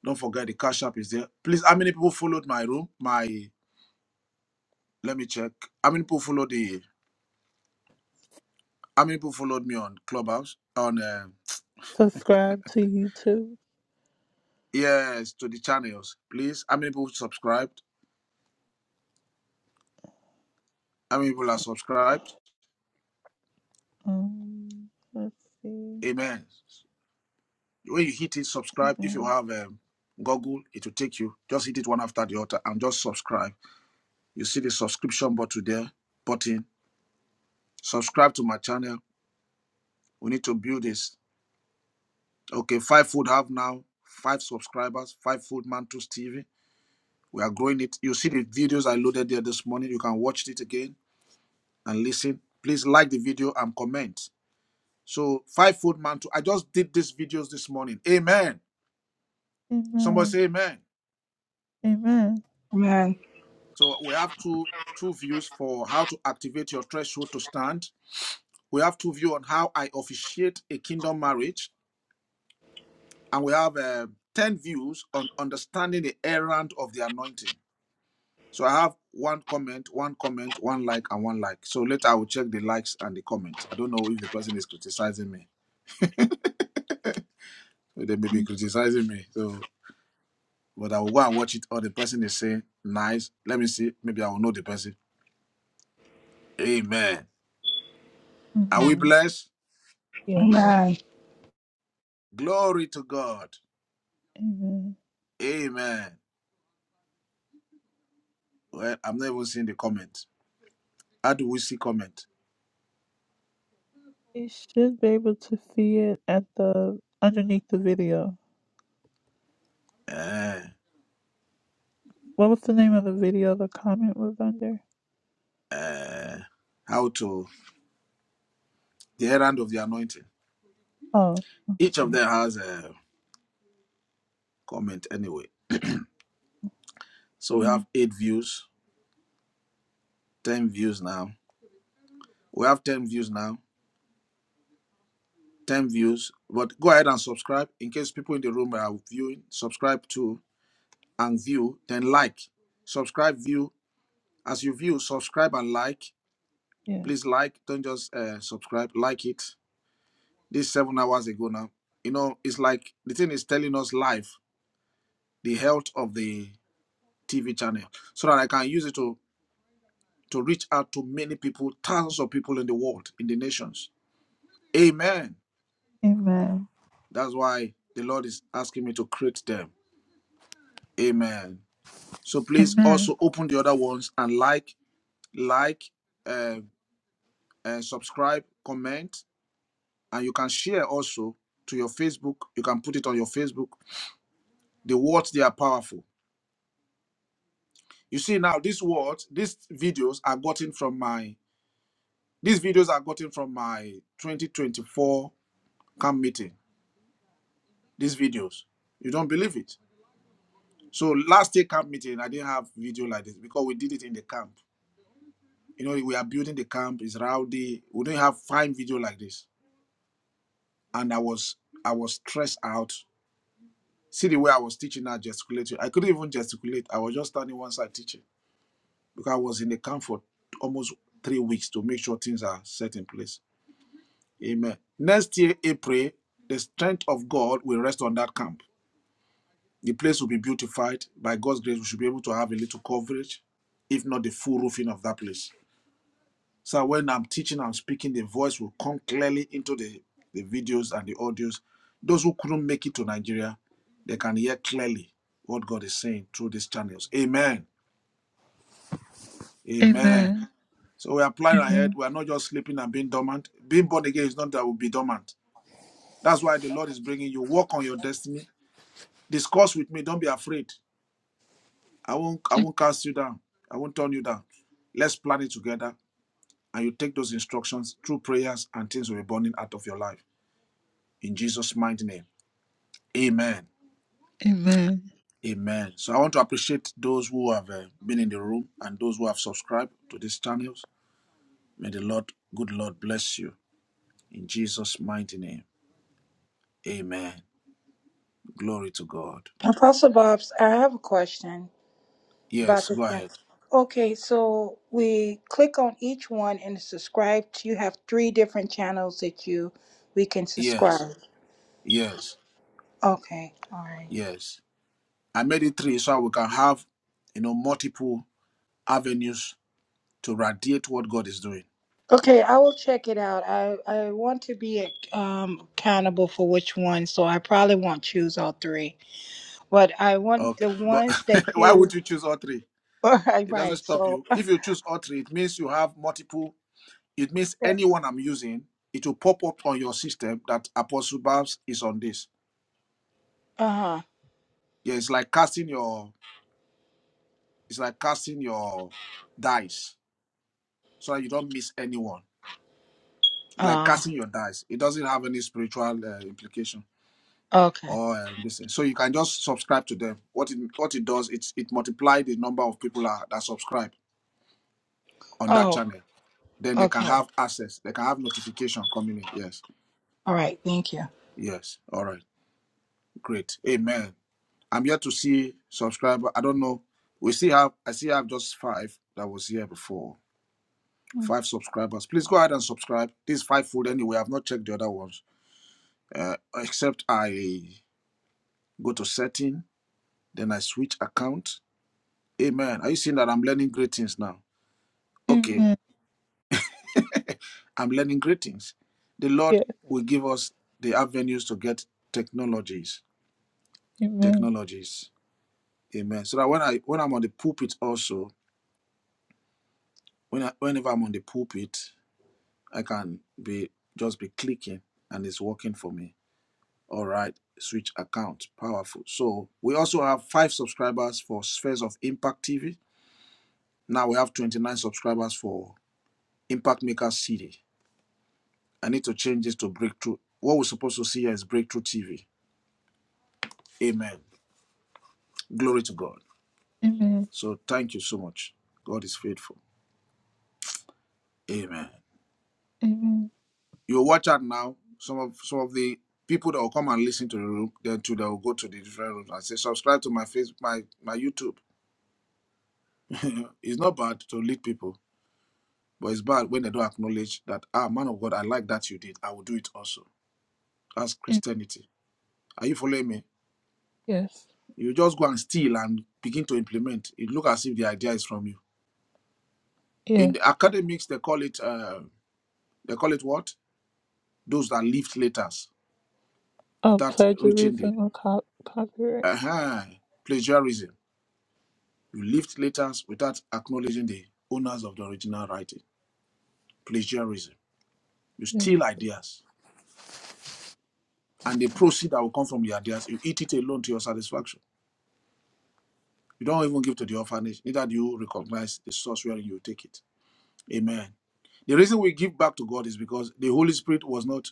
Speaker 1: Don't forget the cash app is there. Please, how many people followed my room? My let me check. How many people followed the how many people followed me on Clubhouse? On uh,
Speaker 2: subscribe to YouTube.
Speaker 1: yes, to the channels. Please, how many people subscribed? How many people are subscribed?
Speaker 2: Um, let's see.
Speaker 1: Amen. When you hit it, subscribe. If you
Speaker 2: Amen.
Speaker 1: have um, Google, it will take you. Just hit it one after the other and just subscribe. You see the subscription button there, button. Subscribe to my channel. We need to build this. Okay, five food have now five subscribers. Five food Mantus TV. We are growing it. You see the videos I loaded there this morning. You can watch it again and listen. Please like the video and comment. So five food Mantu. I just did these videos this morning. Amen. Somebody
Speaker 2: Amen.
Speaker 1: say amen.
Speaker 2: Amen.
Speaker 9: Amen.
Speaker 1: So we have two two views for how to activate your threshold to stand. We have two views on how I officiate a kingdom marriage, and we have uh, ten views on understanding the errand of the anointing. So I have one comment, one comment, one like, and one like. So later I will check the likes and the comment. I don't know if the person is criticizing me. They may be
Speaker 2: Mm,
Speaker 1: criticizing me. So, but I will go and watch it. Or the person is saying nice. Let me see. Maybe I will know the person. Amen. Are we
Speaker 2: Amen.
Speaker 1: blessed?
Speaker 2: Yeah.
Speaker 9: Amen.
Speaker 1: Glory to God.
Speaker 2: Amen.
Speaker 1: Amen. Well, I'm not even seeing the comment. How do we see comment?
Speaker 2: You should be able to see it at the underneath the video.
Speaker 1: Uh,
Speaker 2: What was the name of the video the comment was under?
Speaker 1: uh, how to the errand of the anointing.
Speaker 2: Oh,
Speaker 1: Each of
Speaker 2: okay.
Speaker 1: them has a comment anyway. So we have
Speaker 2: Mm,
Speaker 1: eight views, ten views now. We have ten views now, ten views. But go ahead and subscribe in case people in the room are viewing. Subscribe to and view, then like. Subscribe, view. As you view, subscribe and like.
Speaker 2: yeah.
Speaker 1: Please like. Don't just uh, subscribe. Like it this seven hours ago now. You know, it's like the thing is telling us live the health of the TV channel so that I can use it to to reach out to many people, thousands of people in the world, in the nations. Amen.
Speaker 2: Amen.
Speaker 1: That's why the Lord is asking me to create them. Amen. So please
Speaker 2: Amen.
Speaker 1: also open the other ones and like, like, uh, uh, subscribe, comment, and you can share also to your Facebook. You can put it on your Facebook. The words they are powerful You see now these words, these videos are gotten from my these videos are gotten from my 2024 camp meeting. These videos. You don't believe it. So last year camp meeting, I didn't have video like this because we did it in the camp. You know, we are building the camp, it's rowdy. We didn't have fine video like this. And I was I was stressed out. See the way I was teaching I gesticulated. I couldn't even gesticulate. I was just standing one side teaching because I was in the camp for almost three weeks to make sure things are set in place. Amen. Next year, April, the strength of God will rest on that camp. The place will be beautified. By God's grace, we should be able to have a little coverage, if not the full roofing of that place. So when I'm teaching, I'm speaking, the voice will come clearly into the, the videos and the audios. Those who couldn't make it to Nigeria, they can hear clearly what God is saying through these channels. Amen. Amen.
Speaker 2: Amen.
Speaker 1: So we are planning ahead.
Speaker 2: Amen.
Speaker 1: We are not just sleeping and being dormant. Being born again is not that we'll be dormant. That's why the Lord is bringing you. Walk on your destiny Discuss with me. Don't be afraid. I won't I won't cast you down. I won't turn you down. Let's plan it together. And you take those instructions through prayers and things will be burning out of your life. In Jesus' mighty name. Amen.
Speaker 2: Amen.
Speaker 1: Amen. So I want to appreciate those who have uh, been in the room and those who have subscribed to these channels. May the Lord, good Lord, bless you. In Jesus' mighty name. Amen. Glory to God.
Speaker 9: Apostle Bob's, I have a question about
Speaker 1: Yes,
Speaker 9: the
Speaker 1: go
Speaker 9: chance.
Speaker 1: ahead.
Speaker 9: Okay, so we click on each one and subscribe. You have three different channels that you we can
Speaker 1: Yes,
Speaker 9: subscribe.
Speaker 1: yes,
Speaker 9: Okay. All right.
Speaker 1: yes. I made it three so we can have, you know, multiple avenues to radiate what God is doing.
Speaker 9: Okay, I will check it out. I, I want to be um, accountable for which one, so I probably won't choose all three. But I want
Speaker 1: Okay,
Speaker 9: the
Speaker 1: but
Speaker 9: ones that
Speaker 1: why
Speaker 9: you.
Speaker 1: would you choose all three?
Speaker 9: All right,
Speaker 1: It doesn't
Speaker 9: right.
Speaker 1: stop
Speaker 9: So,
Speaker 1: you. If you choose all three, it means you have multiple. It means anyone I'm using, it will pop up on your system that Apostle Babs is on this.
Speaker 9: uh huh.
Speaker 1: Yeah, it's like casting your, it's like casting your dice so that you don't miss anyone. It's like
Speaker 9: Uh,
Speaker 1: casting your dice. It doesn't have any spiritual uh, implications.
Speaker 9: okay.
Speaker 1: or um, this thing. So you can just subscribe to them. What it what it does, it it multiply the number of people are, that subscribe on that
Speaker 9: Oh,
Speaker 1: channel. Then they can
Speaker 9: okay.
Speaker 1: have access. They can have notification coming in. Yes,
Speaker 9: All right. Thank you.
Speaker 1: yes. All right, great. Amen. I'm here to see subscriber. I don't know. We see have I see have just five that was here before.
Speaker 2: Mm,
Speaker 1: Five subscribers. Please go ahead and subscribe. This is five food anyway. I've not checked the other ones. Uh, except I go to setting, then I switch account. Amen. Are you seeing that I'm learning great things now? Okay,
Speaker 2: Amen.
Speaker 1: I'm learning greetings. The Lord
Speaker 2: Yeah.
Speaker 1: will give us the avenues to get technologies.
Speaker 2: Amen.
Speaker 1: Technologies. Amen. So that when I when I'm on the pulpit also, when I, whenever I'm on the pulpit, I can be just be clicking and it's working for me. All right. Switch account. Powerful. So we also have five subscribers for Spheres of Impact TV. Now we have 29 subscribers for Impact Maker City. I need to change this to Breakthrough. What we're supposed to see here is Breakthrough TV. Amen. Glory to God.
Speaker 2: Amen.
Speaker 1: So thank you so much. God is faithful. Amen.
Speaker 2: Amen.
Speaker 1: You watch out now. Some of some of the people that will come and listen to the room, then too they will go to the different rooms and say, subscribe to my face, my my YouTube. it's not bad to lead people, but it's bad when they don't acknowledge that ah man of God, I like that you did. I will do it also. That's
Speaker 2: Amen.
Speaker 1: Christianity. Are you following me?
Speaker 2: Yes.
Speaker 1: You just go and steal and begin to implement. It look as if the idea is from you.
Speaker 2: Yes.
Speaker 1: In the academics, they call it uh, they call it what? Those that lift letters
Speaker 2: of
Speaker 1: without reaching the
Speaker 2: plagiarism or co- copyright.
Speaker 1: uh plagiarism. You lift letters without acknowledging the owners of the original writing. Plagiarism. You
Speaker 2: Yes.
Speaker 1: steal ideas. And the proceeds that will come from the ideas, you eat it alone to your satisfaction. You don't even give to the orphanage, neither do you recognize the source where you take it. Amen. The reason we give back to God is because the Holy Spirit was not,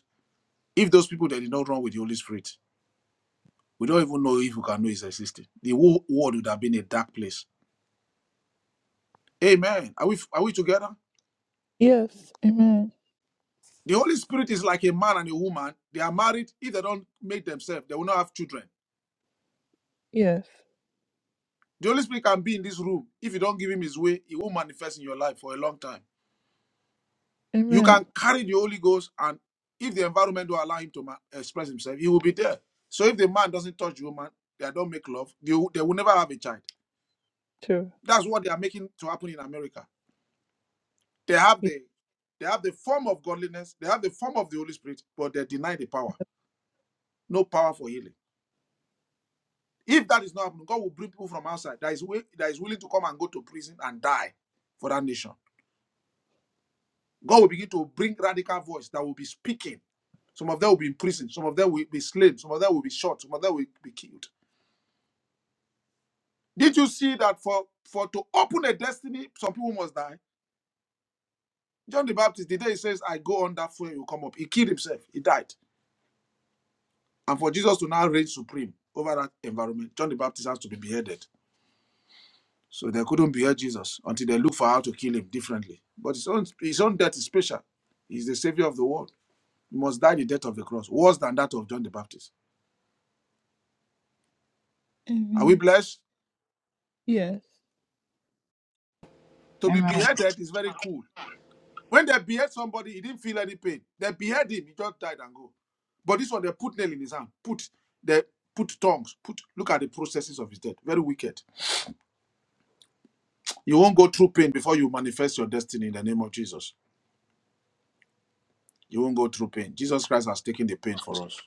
Speaker 1: if those people that did not run with the Holy Spirit, we don't even know if we can know it's existing. The whole world would have been a dark place. Amen. Are we are we together?
Speaker 2: Yes. Amen.
Speaker 1: The Holy Spirit is like a man and a woman. They are married. If they don't make themselves, they will not have children.
Speaker 2: Yes.
Speaker 1: The Holy Spirit can be in this room. If you don't give him his way, he will manifest in your life for a long time. You
Speaker 2: Amen.
Speaker 1: can carry the Holy Ghost, and if the environment will allow him to ma- express himself, he will be there. So if the man doesn't touch the woman, they don't make love, they will, they will never have a child.
Speaker 2: True.
Speaker 1: That's what they are making to happen in America. They have
Speaker 2: Yes.
Speaker 1: the they have the form of godliness, they have the form of the Holy Spirit, but they deny the power. No power for healing. If that is not happening, God will bring people from outside that is, will, that is willing to come and go to prison and die for that nation. God will begin to bring radical voice that will be speaking. Some of them will be in prison. Some of them will be slain. Some of them will be shot. Some of them will be killed. Did you see that for, for to open a destiny, some people must die? John the Baptist, the day he says, I go on that fuel, you come up. He killed himself. He died. And for Jesus to now reign supreme over that environment, John the Baptist has to be beheaded. So they couldn't behead Jesus until they look for how to kill him differently. But his own, his own death is special. He's the savior of the world. He must die the death of the cross, worse than that of John the Baptist. Are we
Speaker 2: Amen.
Speaker 1: blessed?
Speaker 2: Yes.
Speaker 1: To be
Speaker 9: Amen.
Speaker 1: beheaded is very cool. When they behead somebody, he didn't feel any pain. They behead him, he just died and go. But this one, they put nail in his hand, put they put tongues, put look at the processes of his death. Very wicked. You won't go through pain before you manifest your destiny in the name of Jesus. You won't go through pain. Jesus Christ has taken the pain for us.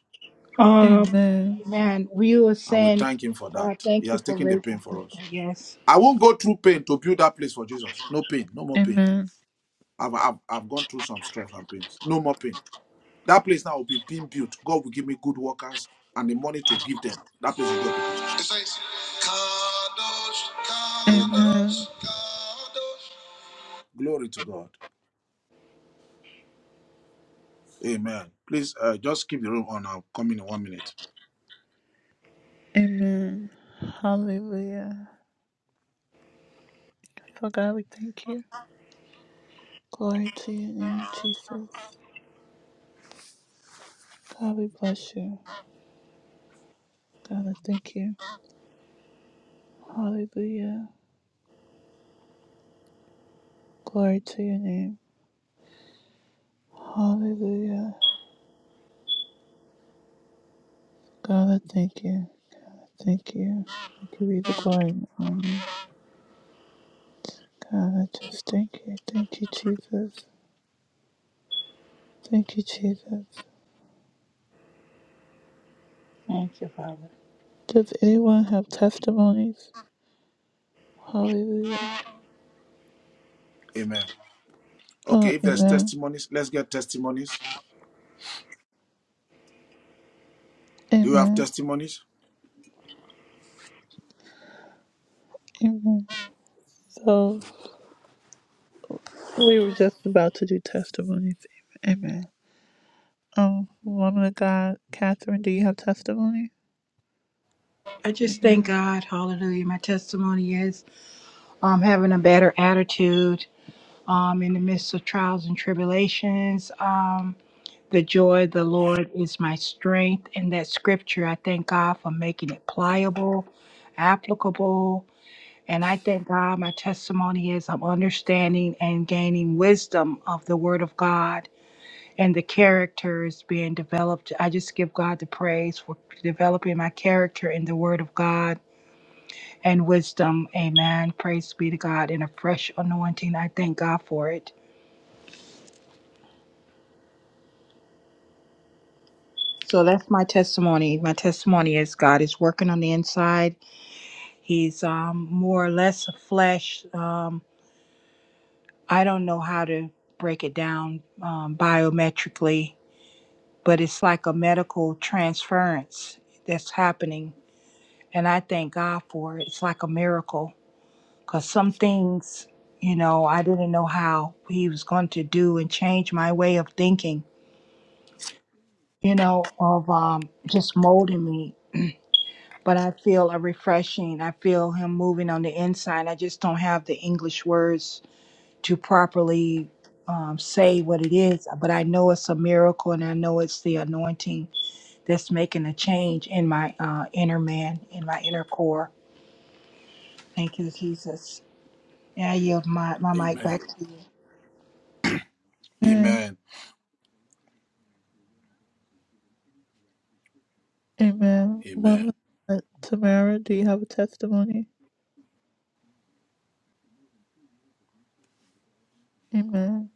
Speaker 9: Um,
Speaker 2: Amen.
Speaker 9: man, we will
Speaker 1: And we
Speaker 9: send.
Speaker 1: thank him for
Speaker 9: Uh,
Speaker 1: that. He
Speaker 9: thank you
Speaker 1: has
Speaker 9: for
Speaker 1: taken the pain
Speaker 9: raising
Speaker 1: for
Speaker 9: people.
Speaker 1: us.
Speaker 9: Yes.
Speaker 1: I won't go through pain to build that place for Jesus. No pain, no more pain.
Speaker 2: Amen.
Speaker 1: I've, I've, I've gone through some stress and pains. No more pain. That place now will be being built. God will give me good workers and the money to give them. That place will get people. It says, "Kadosh, Kadosh, Amen.
Speaker 2: Amen.
Speaker 1: Kadosh." Glory to God. Amen. Please uh, just keep the room on. I'll come in one minute.
Speaker 2: Amen. Hallelujah. So God, we thank you. Glory to your name, Jesus. God, we bless you. God, I thank you. Hallelujah. Glory to your name. Hallelujah. God, I thank you. Thank you. I give you the glory and honor. God, I just thank you. Thank you, Jesus. Thank you, Jesus.
Speaker 9: Thank you, Father.
Speaker 2: Does anyone have testimonies? Hallelujah.
Speaker 1: Amen.
Speaker 2: Oh,
Speaker 1: Okay, if there's
Speaker 2: amen.
Speaker 1: testimonies, let's get testimonies. Do you have
Speaker 2: Amen.
Speaker 1: testimonies?
Speaker 2: Amen. So we were just about to do testimonies. Amen. Um, woman of God, Catherine, do you have testimony?
Speaker 9: I just thank
Speaker 2: Amen.
Speaker 9: God. Hallelujah. My testimony is I'm having a better attitude um, in the midst of trials and tribulations. Um, the joy of the Lord is my strength. And that scripture, I thank God for making it pliable, applicable. And I thank God my testimony is I'm understanding and gaining wisdom of the Word of God and the character is being developed. I just give God the praise for developing my character in the Word of God and wisdom. Amen. Praise be to God in a fresh anointing. I thank God for it. So that's my testimony. My testimony is God is working on the inside. He's um, more or less a flesh. Um, I don't know how to break it down um, biometrically, but it's like a medical transference that's happening. And I thank God for it. It's like a miracle because some things, you know, I didn't know how He was going to do and change my way of thinking, you know, of um, just molding me but I feel a refreshing. I feel him moving on the inside. I just don't have the English words to properly um, say what it is, but I know it's a miracle and I know it's the anointing that's making a change in my uh, inner man, in my inner core. Thank you, Jesus. And I yield my, my mic back
Speaker 1: Amen.
Speaker 9: to you.
Speaker 2: Amen.
Speaker 1: Amen.
Speaker 2: Amen.
Speaker 1: Amen.
Speaker 2: Woman of God, Tamara, do you have a testimony? Amen.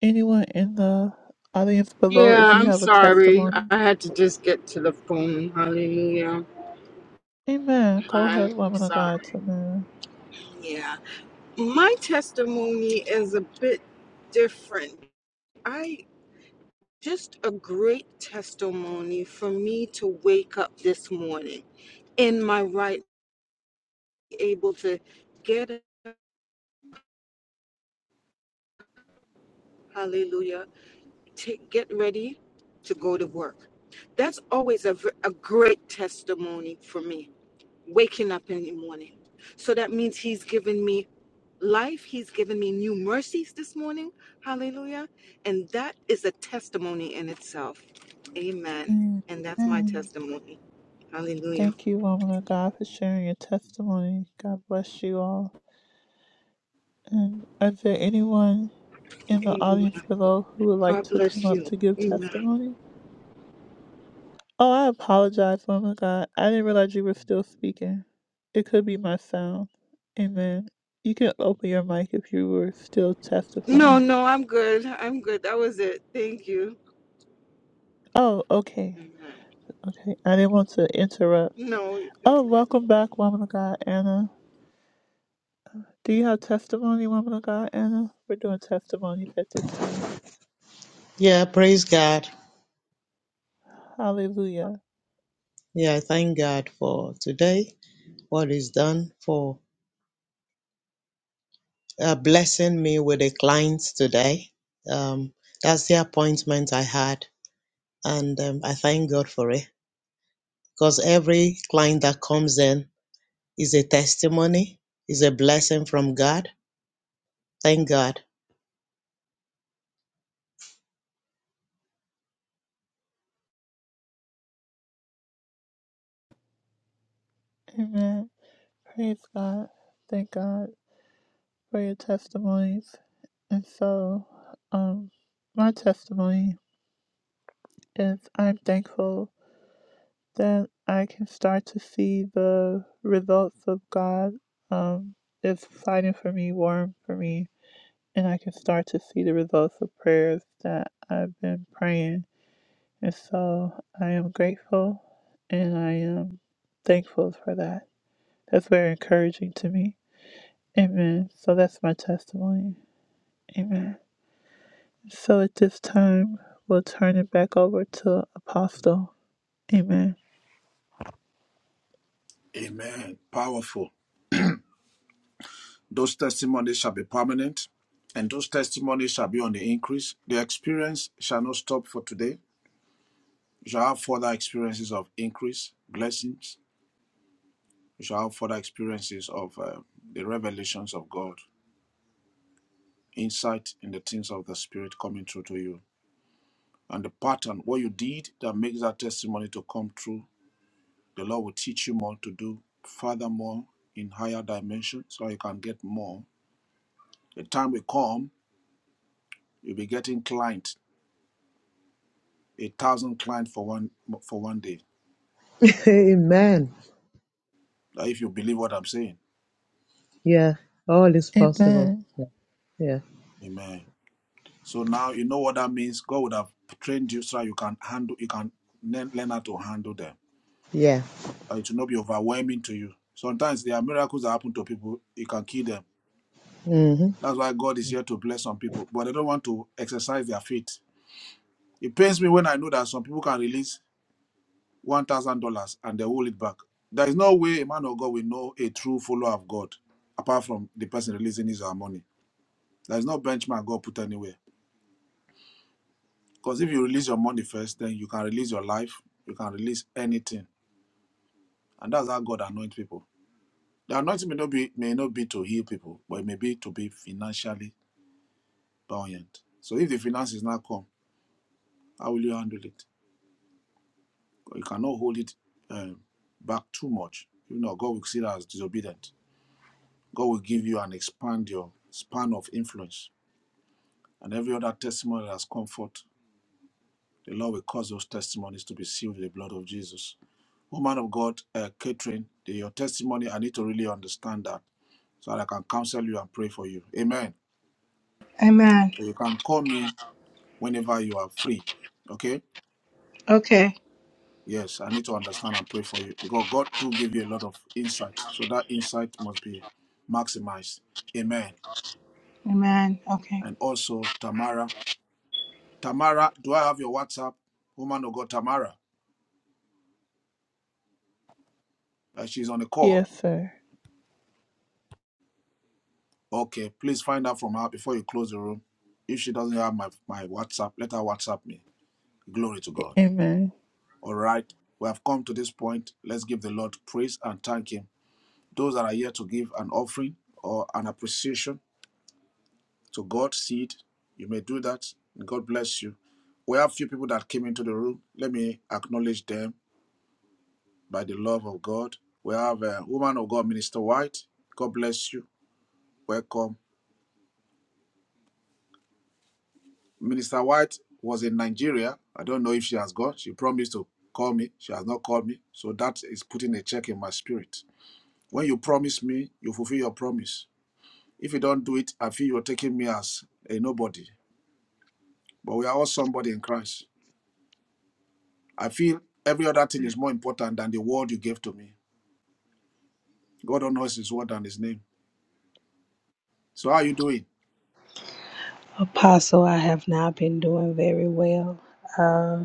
Speaker 2: Anyone in the audience below, if
Speaker 5: Yeah,
Speaker 2: you
Speaker 5: I'm
Speaker 2: have a
Speaker 5: sorry.
Speaker 2: testimony.
Speaker 5: I had to just get to the phone. Hallelujah.
Speaker 2: Amen. Go ahead,
Speaker 5: I'm
Speaker 2: woman of God,
Speaker 5: sorry.
Speaker 2: Tamara.
Speaker 5: Yeah. My testimony is a bit different. I just a great testimony for me to wake up this morning in my right able to get hallelujah to get ready to go to work that's always a, v- a great testimony for me waking up in the morning so that means he's given me life he's given me new mercies this morning hallelujah and that is a testimony in itself amen and that's my
Speaker 2: Amen.
Speaker 5: testimony hallelujah
Speaker 2: Thank you, woman of God, for sharing your testimony. God bless you all. And is there anyone in the audience
Speaker 5: amen
Speaker 2: below who would like
Speaker 5: god
Speaker 2: to come
Speaker 5: bless
Speaker 2: up
Speaker 5: you
Speaker 2: to give
Speaker 5: amen
Speaker 2: testimony? Oh, I apologize, woman of God. I didn't realize you were still speaking. It could be my sound. Amen. You can open your mic if you were still
Speaker 5: no
Speaker 2: testifying.
Speaker 5: no i'm good i'm good that was it thank you
Speaker 2: Oh, okay.
Speaker 5: Amen.
Speaker 2: Okay. I didn't want to interrupt.
Speaker 5: No, it's
Speaker 2: Oh, welcome back, woman of God, Anna. Do you have testimony, woman of God, Anna? We're doing testimonies at this time.
Speaker 4: Yeah, praise God.
Speaker 2: Hallelujah.
Speaker 4: Yeah, I thank God for today, what He's done for uh, blessing me with a client today. Um, that's the appointment I had, and um, I thank God for it because every client that comes in is a testimony, is a blessing from God. Thank God.
Speaker 2: Amen. Praise God. Thank God for your testimonies. And so, um, my testimony is I'm thankful that I can start to see the results of God. Um, it's fighting for me, warm for me, and I can start to see the results of prayers that I've been praying And so I am grateful and I am thankful for that. That's very encouraging to me. Amen. So that's my testimony. Amen. So at this time, we'll turn it back over to Apostle. Amen.
Speaker 1: Amen. Powerful. Those testimonies shall be permanent, and those testimonies shall be on the increase. The experience shall not stop for today. You shall have further experiences of increase, blessings. You shall have further experiences of uh, the revelations of God, insight in the things of the Spirit coming through to you. And the pattern, what you did that makes that testimony to come true, the Lord will teach you more to do furthermore in higher dimensions so you can get more The time will come, you'll be getting clients, a thousand clients for one for one day.
Speaker 4: Amen.
Speaker 1: Now, If you believe what I'm saying,
Speaker 4: Yeah, all is possible.
Speaker 2: Amen.
Speaker 4: Yeah,
Speaker 1: Amen. So now you know what that means. God would have trained you so that you can handle, you can learn learn how to handle them.
Speaker 4: yeah,
Speaker 1: That it will not be overwhelming to you. Sometimes there are miracles that happen to people. It can kill them.
Speaker 4: yeah.
Speaker 1: That's why God is here to bless some people, but they don't want to exercise their faith. It pains me when I know that some people can release. one thousand dollars and they hold it back. There is no way a man of God will know a true follower of God apart from the person releasing his or her money. There is no benchmark God put anywhere. Because if you release your money first, then you can release your life, you can release anything. And that's how God anoints people. The anointing may not be may not be to heal people, but it may be to be financially buoyant. So if the finances not come, how will you handle it? You cannot hold it um, back too much. You know, God will see that as disobedient. God will give you and expand your span of influence. And every other testimony that has come forth, the Lord will cause those testimonies to be sealed with the blood of Jesus. Woman of God, uh, Catherine, the- your testimony, I need to really understand that so that I can counsel you and pray for you. Amen.
Speaker 9: Amen.
Speaker 1: You can call me whenever you are free. Okay?
Speaker 9: Okay.
Speaker 1: Yes, I need to understand and pray for you because God do give you a lot of insight. So that insight must be maximized. Amen.
Speaker 9: Amen. Okay.
Speaker 1: And also, Tamara. Tamara, do I have your WhatsApp? Woman of God, Tamara. Uh, she's on the call.
Speaker 2: Yes, sir.
Speaker 1: Okay, please find out from her before you close the room. If she doesn't have my, my WhatsApp, let her WhatsApp me. Glory to
Speaker 2: A-
Speaker 1: God.
Speaker 2: Amen.
Speaker 1: All right, we have come to this point. Let's give the Lord praise and thank Him. Those that are here to give an offering or an appreciation to God, seed, you may do that. God bless you. We have few people that came into the room. Let me acknowledge them by the love of God. We have a woman of God, Minister White. God bless you. Welcome. Minister White was in Nigeria. I don't know if she has gone. She promised to call me. She has not called me. So that is putting a check in my spirit. When you promise me, you fulfill your promise. If you don't do it, I feel you're taking me as a nobody. But we are all somebody in Christ. I feel every other thing is more important than the word you gave to me. God honors his word and his name. So how are you doing?
Speaker 10: Apostle, I have not been doing very well. Uh,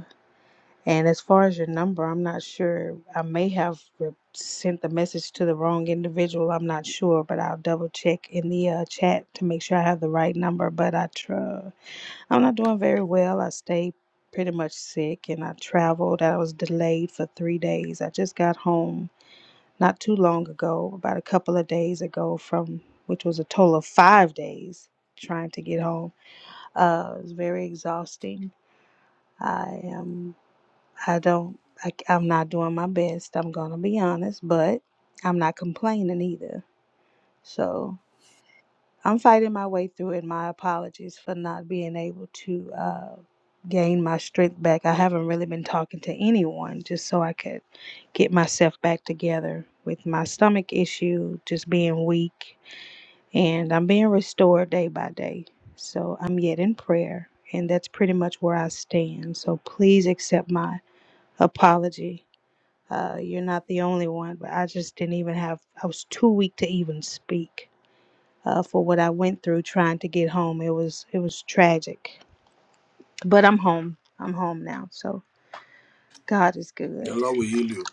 Speaker 10: and as far as your number, I'm not sure. I may have re- sent the message to the wrong individual. I'm not sure, but I'll double check in the uh, chat to make sure I have the right number. But I try. I'm not doing very well. I stayed pretty much sick and I traveled. I was delayed for three days. I just got home not too long ago, about a couple of days ago, from which was a total of five days trying to get home uh, it was very exhausting. I am. I don't. I, am not doing my best. I'm gonna be honest, but I'm not complaining either. So I'm fighting my way through it. My apologies for not being able to uh, gain my strength back. I haven't really been talking to anyone just so I could get myself back together with my stomach issue, just being weak and I'm being restored day by day. So I'm yet in prayer, and that's pretty much where I stand. So please accept my apology. Uh, you're not the only one, but I just didn't even have, I was too weak to even speak uh, for what I went through trying to get home. It was, it was tragic, but I'm home. I'm home now. So God is
Speaker 1: The
Speaker 10: good.
Speaker 1: Lord will heal you.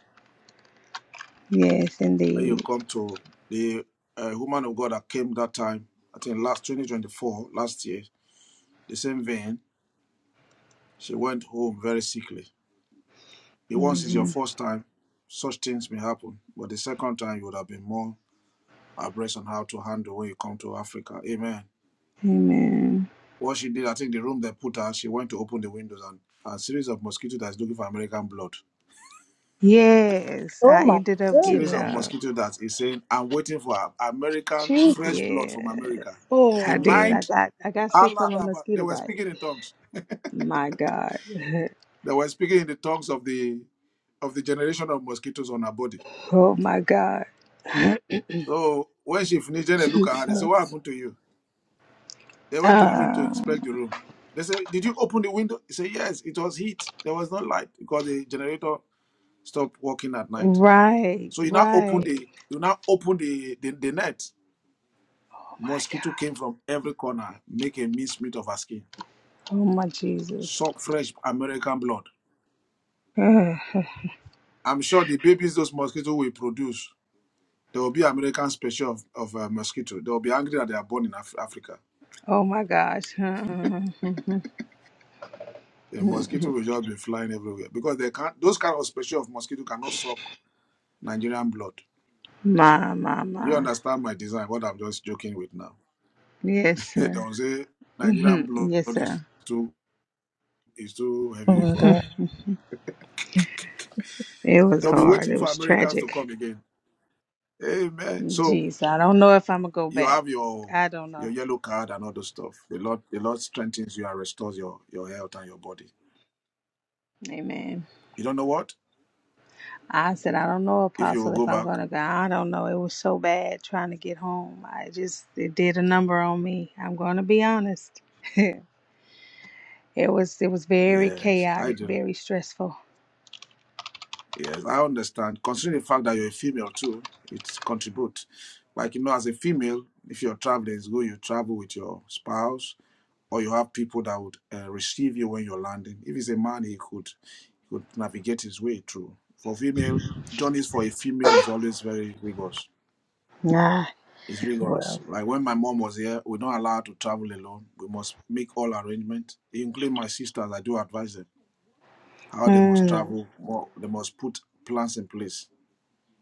Speaker 10: Yes,
Speaker 1: when you
Speaker 10: indeed.
Speaker 1: come to the uh, woman of God that came that time, I think last 2024, last year, the same vein, she went home very sickly. If once is your
Speaker 10: hmm
Speaker 1: first time, such things may happen. But the second time, you would have been more abreast on how to handle when you come to Africa. Amen.
Speaker 10: Amen.
Speaker 1: What she did, I think the room they put her, she went to open the windows and a series of mosquitoes that's looking for American blood.
Speaker 10: Yes,
Speaker 9: Oh
Speaker 10: I
Speaker 9: my
Speaker 10: ended up
Speaker 1: Series
Speaker 10: getting
Speaker 9: goodness.
Speaker 1: of
Speaker 10: uh
Speaker 1: mosquitoes that is saying, I'm waiting for American,
Speaker 9: Jesus.
Speaker 1: fresh blood
Speaker 10: yeah.
Speaker 1: from America.
Speaker 10: I did. I
Speaker 1: Tonight,
Speaker 10: got I got sick
Speaker 1: Allah,
Speaker 10: from a
Speaker 1: Daba- they
Speaker 10: mosquito
Speaker 1: were
Speaker 10: bite.
Speaker 1: speaking in tongues.
Speaker 10: My God.
Speaker 1: They were speaking in the tongues of the of the generation of mosquitoes on her body.
Speaker 10: Oh my God.
Speaker 1: So when she finished, then they look at her. They say, "What
Speaker 2: Jesus.
Speaker 1: happened to you?" They went to the room to inspect
Speaker 10: Um,
Speaker 1: the room. They said, "Did you open the window?" He said, "Yes. It was heat. There was no light because the generator stopped working at night.
Speaker 10: right,
Speaker 1: So you now open
Speaker 10: right.
Speaker 1: the you now open the the, the net.
Speaker 10: Oh my God.
Speaker 1: Mosquito came from every corner, make a mincemeat of her skin,
Speaker 10: Oh my Jesus.
Speaker 1: suck fresh American blood.
Speaker 10: oh
Speaker 1: I'm sure the babies those mosquitoes will produce There will be American special of, of uh, mosquito. They will be angry that they are born in Af- Africa.
Speaker 10: my gosh. my,
Speaker 1: The mosquito will just be flying everywhere because they can't. Those kind of special of mosquito cannot suck Nigerian blood.
Speaker 10: my,
Speaker 1: Do you
Speaker 10: my.
Speaker 1: understand my design? What I'm just joking with now.
Speaker 10: Yes,
Speaker 1: they
Speaker 10: sir.
Speaker 1: will say Nigerian
Speaker 10: Mhm.
Speaker 1: blood
Speaker 10: yes,
Speaker 1: is
Speaker 10: sir.
Speaker 1: too is too
Speaker 2: Oh
Speaker 1: heavy
Speaker 2: my
Speaker 1: for us.
Speaker 2: God.
Speaker 10: It was
Speaker 1: They'll be
Speaker 10: hard.
Speaker 1: waiting
Speaker 10: It
Speaker 1: for
Speaker 10: was
Speaker 1: Americans to
Speaker 10: tragic.
Speaker 1: come again. Amen. So
Speaker 10: Jeez, I don't know if I'm gonna go
Speaker 1: you
Speaker 10: back.
Speaker 1: have your
Speaker 10: I don't
Speaker 1: your
Speaker 10: know.
Speaker 1: yellow card and all those stuff. The Lord the Lord strengthens you and restores your your health and your body.
Speaker 10: Amen.
Speaker 1: You don't know what?
Speaker 10: I said, I don't know,
Speaker 1: If you will
Speaker 10: Apostle,
Speaker 1: go
Speaker 10: if I'm
Speaker 1: back.
Speaker 10: going to go. I don't know. It was so bad trying to get home. I just, it did a number on me. I'm going to be honest. it was, it was very
Speaker 1: Yes, I
Speaker 10: chaotic,
Speaker 1: do.
Speaker 10: very stressful.
Speaker 1: Yes, I understand. Considering the fact that you're a female too, it contributes. Like you know, as a female, if you're traveling, it's good you travel with your spouse, or you have people that would uh, receive you when you're landing. If it's a man, he could he could navigate his way through. For female, journeys for a female is always very rigorous.
Speaker 10: Ah,
Speaker 1: It's rigorous.
Speaker 10: well.
Speaker 1: Like when my mom was here, we're not allowed to travel alone. We must make all arrangements, including my sisters. I do advise them how they must
Speaker 10: Hmm.
Speaker 1: travel, what they must put plans in place.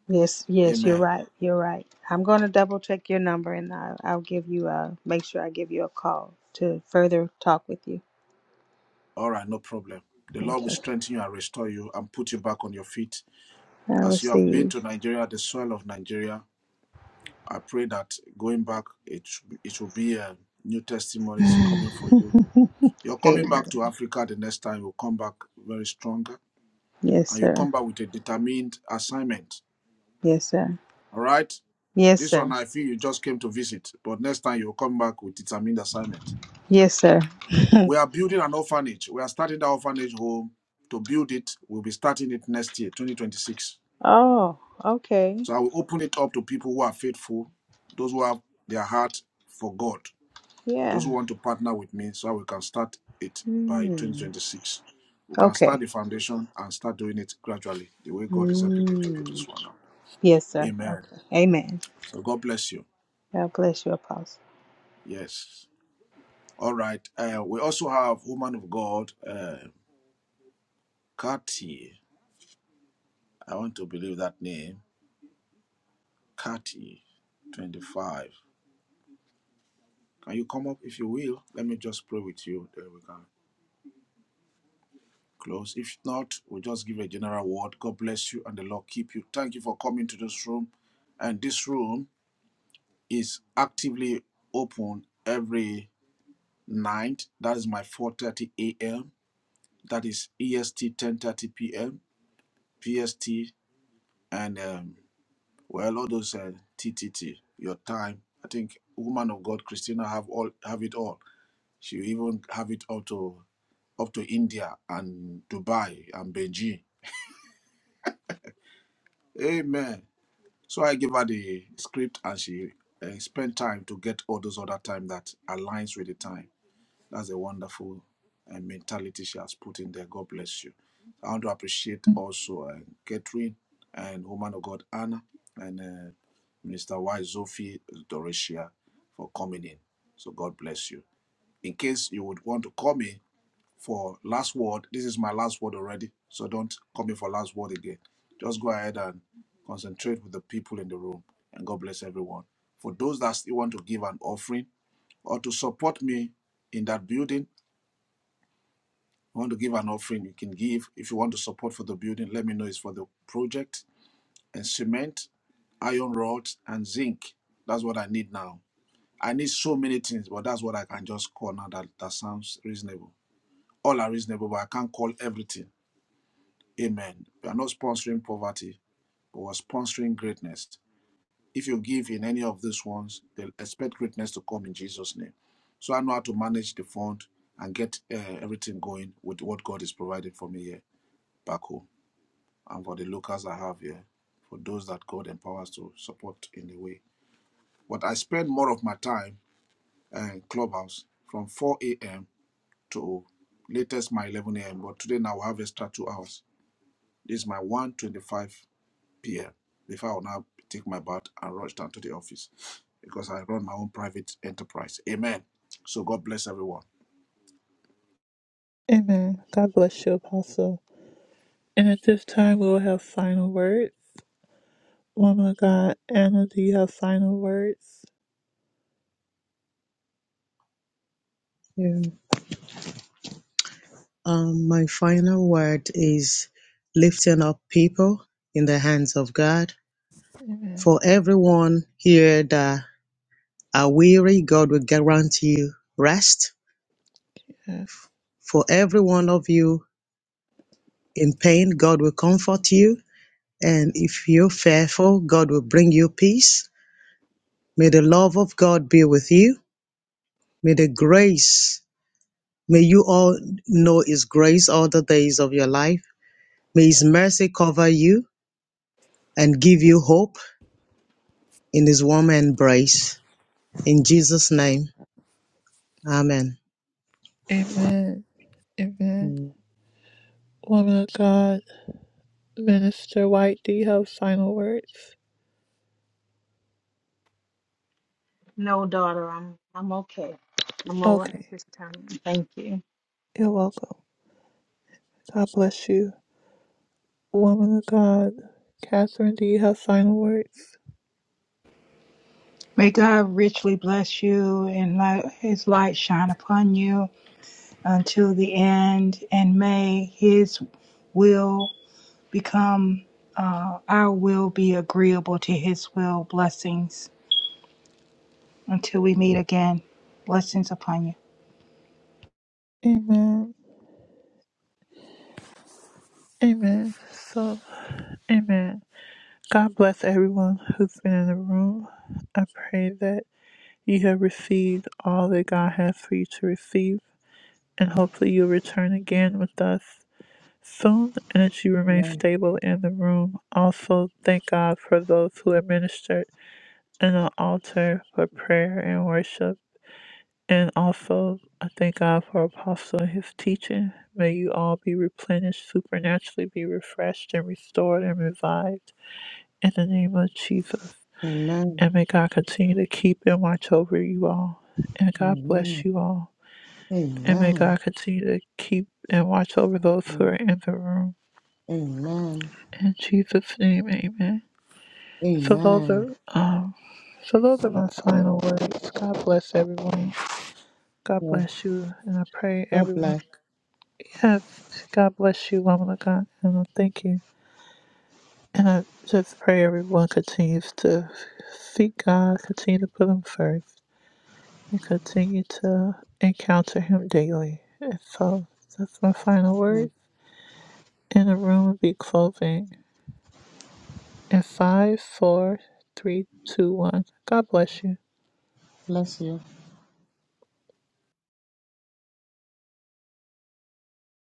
Speaker 10: Yes, yes, you're
Speaker 1: Amen.
Speaker 10: right. You're right. I'm going to double check your number and I, I'll give you a, make sure I give you a call to further talk with you.
Speaker 1: All right, no problem. The Lord will
Speaker 10: Okay.
Speaker 1: strengthen you and restore you and put you back on your feet.
Speaker 10: I
Speaker 1: As you have been
Speaker 10: receive.
Speaker 1: to Nigeria, the soil of Nigeria, I pray that going back, it, should be- it will be uh, new testimonies coming for you.
Speaker 10: Amen.
Speaker 1: You're coming back to Africa the next time. You'll come back very stronger
Speaker 10: Yes,
Speaker 1: and you'll
Speaker 10: sir.
Speaker 1: come back with a determined assignment.
Speaker 10: Yes, sir.
Speaker 1: All right?
Speaker 10: Yes,
Speaker 1: This
Speaker 10: sir.
Speaker 1: one, I feel you just came to visit, but next time you'll come back with determined assignment.
Speaker 10: Yes, sir.
Speaker 1: We are building an orphanage. We are starting the orphanage home to build it. We'll be starting it next year, 2026.
Speaker 10: Oh, okay.
Speaker 1: So I will open it up to people who are faithful, those who have their heart for God, those who
Speaker 10: Yeah.
Speaker 1: want to partner with me so we can start it by
Speaker 10: Mm.
Speaker 1: 2026. We can start
Speaker 10: Okay.
Speaker 1: the foundation and start doing it gradually, the way God is helping me to do this
Speaker 10: Mm.
Speaker 1: one now.
Speaker 10: Yes, sir.
Speaker 1: Amen.
Speaker 10: Okay. Amen.
Speaker 1: So God bless you.
Speaker 10: God bless you, Apostle.
Speaker 1: Yes. All right. Uh, we also have woman of God, uh, Kati. I want to believe that name. Kati 25. Can you come up if you will? Let me just pray with you. Then we can close. If not, we'll just give a general word. God bless you and the Lord keep you. Thank you for coming to this room. And this room is actively open every night. That is my 4:30 a.m. That is EST 10:30 p.m. PST and um, Well, all those uh, T, T T, your time. I think woman of God, Christina, have all have it all. She even have it up to up to India and Dubai and Beijing. Amen. So I gave her the script and she uh, spent time to get all those other time that aligns with the time. That's a wonderful uh, mentality she has put in there. God bless you. I want to appreciate also uh, Catherine and woman of God Anna and uh, Minister Y Sophie Doresia for coming in. So God bless you. In case you would want to call me, for last word. This is my last word already, so don't come in for last word again. Just go ahead and concentrate with the people in the room, and God bless everyone. For those that still want to give an offering or to support me in that building, you want to give an offering, you can give. If you want to support for the building, let me know it's for the project and cement, iron rods, and zinc. That's what I need now. I need so many things, but that's what I can just call now that, that sounds reasonable. All are reasonable, but I can't call everything. Amen. We are not sponsoring poverty, but we're sponsoring greatness. If you give in any of these ones, they'll expect greatness to come in Jesus' name. So I know how to manage the fund and get uh, everything going with what God is providing for me here back home and for the locals I have here, for those that God empowers to support in the way. But I spend more of my time uh, in Clubhouse from 4 a.m. to latest my 11 a.m. But today now I have extra two hours. This is my 125 p.m. before I will now take my bath and rush down to the office because I run my own private enterprise. Amen. So God bless everyone.
Speaker 2: Amen. God bless you, Apostle. And at this time, we will have final words. Woman of God, Anna, do you have final words?
Speaker 4: hmm Um, my final word is lifting up people in the hands of God.
Speaker 2: Amen.
Speaker 4: For everyone here that are weary, God will grant you rest.
Speaker 2: Yes.
Speaker 4: For every one of you in pain, God will comfort you. And if you're fearful, God will bring you peace. May the love of God be with you. May the grace, may you all know His grace all the days of your life. May His mercy cover you and give you hope in his warm embrace. In Jesus' name, amen.
Speaker 2: Amen. Amen.
Speaker 4: Amen.
Speaker 2: Woman of God, Minister White, do you have final words?
Speaker 10: No, daughter, I'm I'm okay. I'm all right
Speaker 2: Okay.
Speaker 10: this time. Thank you.
Speaker 2: You're welcome. God bless you. Woman of God, Catherine, do you have final words?
Speaker 9: May God richly bless you and let his light shine upon you. until the end, and may His will become uh, our will be agreeable to His will. Blessings until we meet again. Blessings upon you.
Speaker 2: Amen. Amen. So, amen. God bless everyone who's been in the room. I pray that you have received all that God has for you to receive, and hopefully you'll return again with us Soon energy remained
Speaker 4: Amen.
Speaker 2: stable in the room. Also, thank God for those who administered in the altar for prayer and worship. And also, I thank God for Apostle and his teaching. May you all be replenished, supernaturally be refreshed and restored and revived in the name of Jesus.
Speaker 4: Amen.
Speaker 2: And may God continue to keep and watch over you all. And God bless you all. And may
Speaker 4: Amen.
Speaker 2: God continue to keep and watch over those who are in the room.
Speaker 4: Amen.
Speaker 2: In Jesus' name, amen. So those
Speaker 4: Amen.
Speaker 2: are um, so those are my final words. God bless everyone. God
Speaker 4: Yeah.
Speaker 2: bless you, and I pray
Speaker 4: God
Speaker 2: everyone.
Speaker 4: bless.
Speaker 2: Yes, God bless you, woman of God, and I thank you. And I just pray everyone continues to seek God, continue to put Him first, and continue to encounter Him daily. And so that's my final
Speaker 4: Yeah.
Speaker 2: words. And the room will be closing in five, four, three, two, one. God bless you.
Speaker 4: Bless you.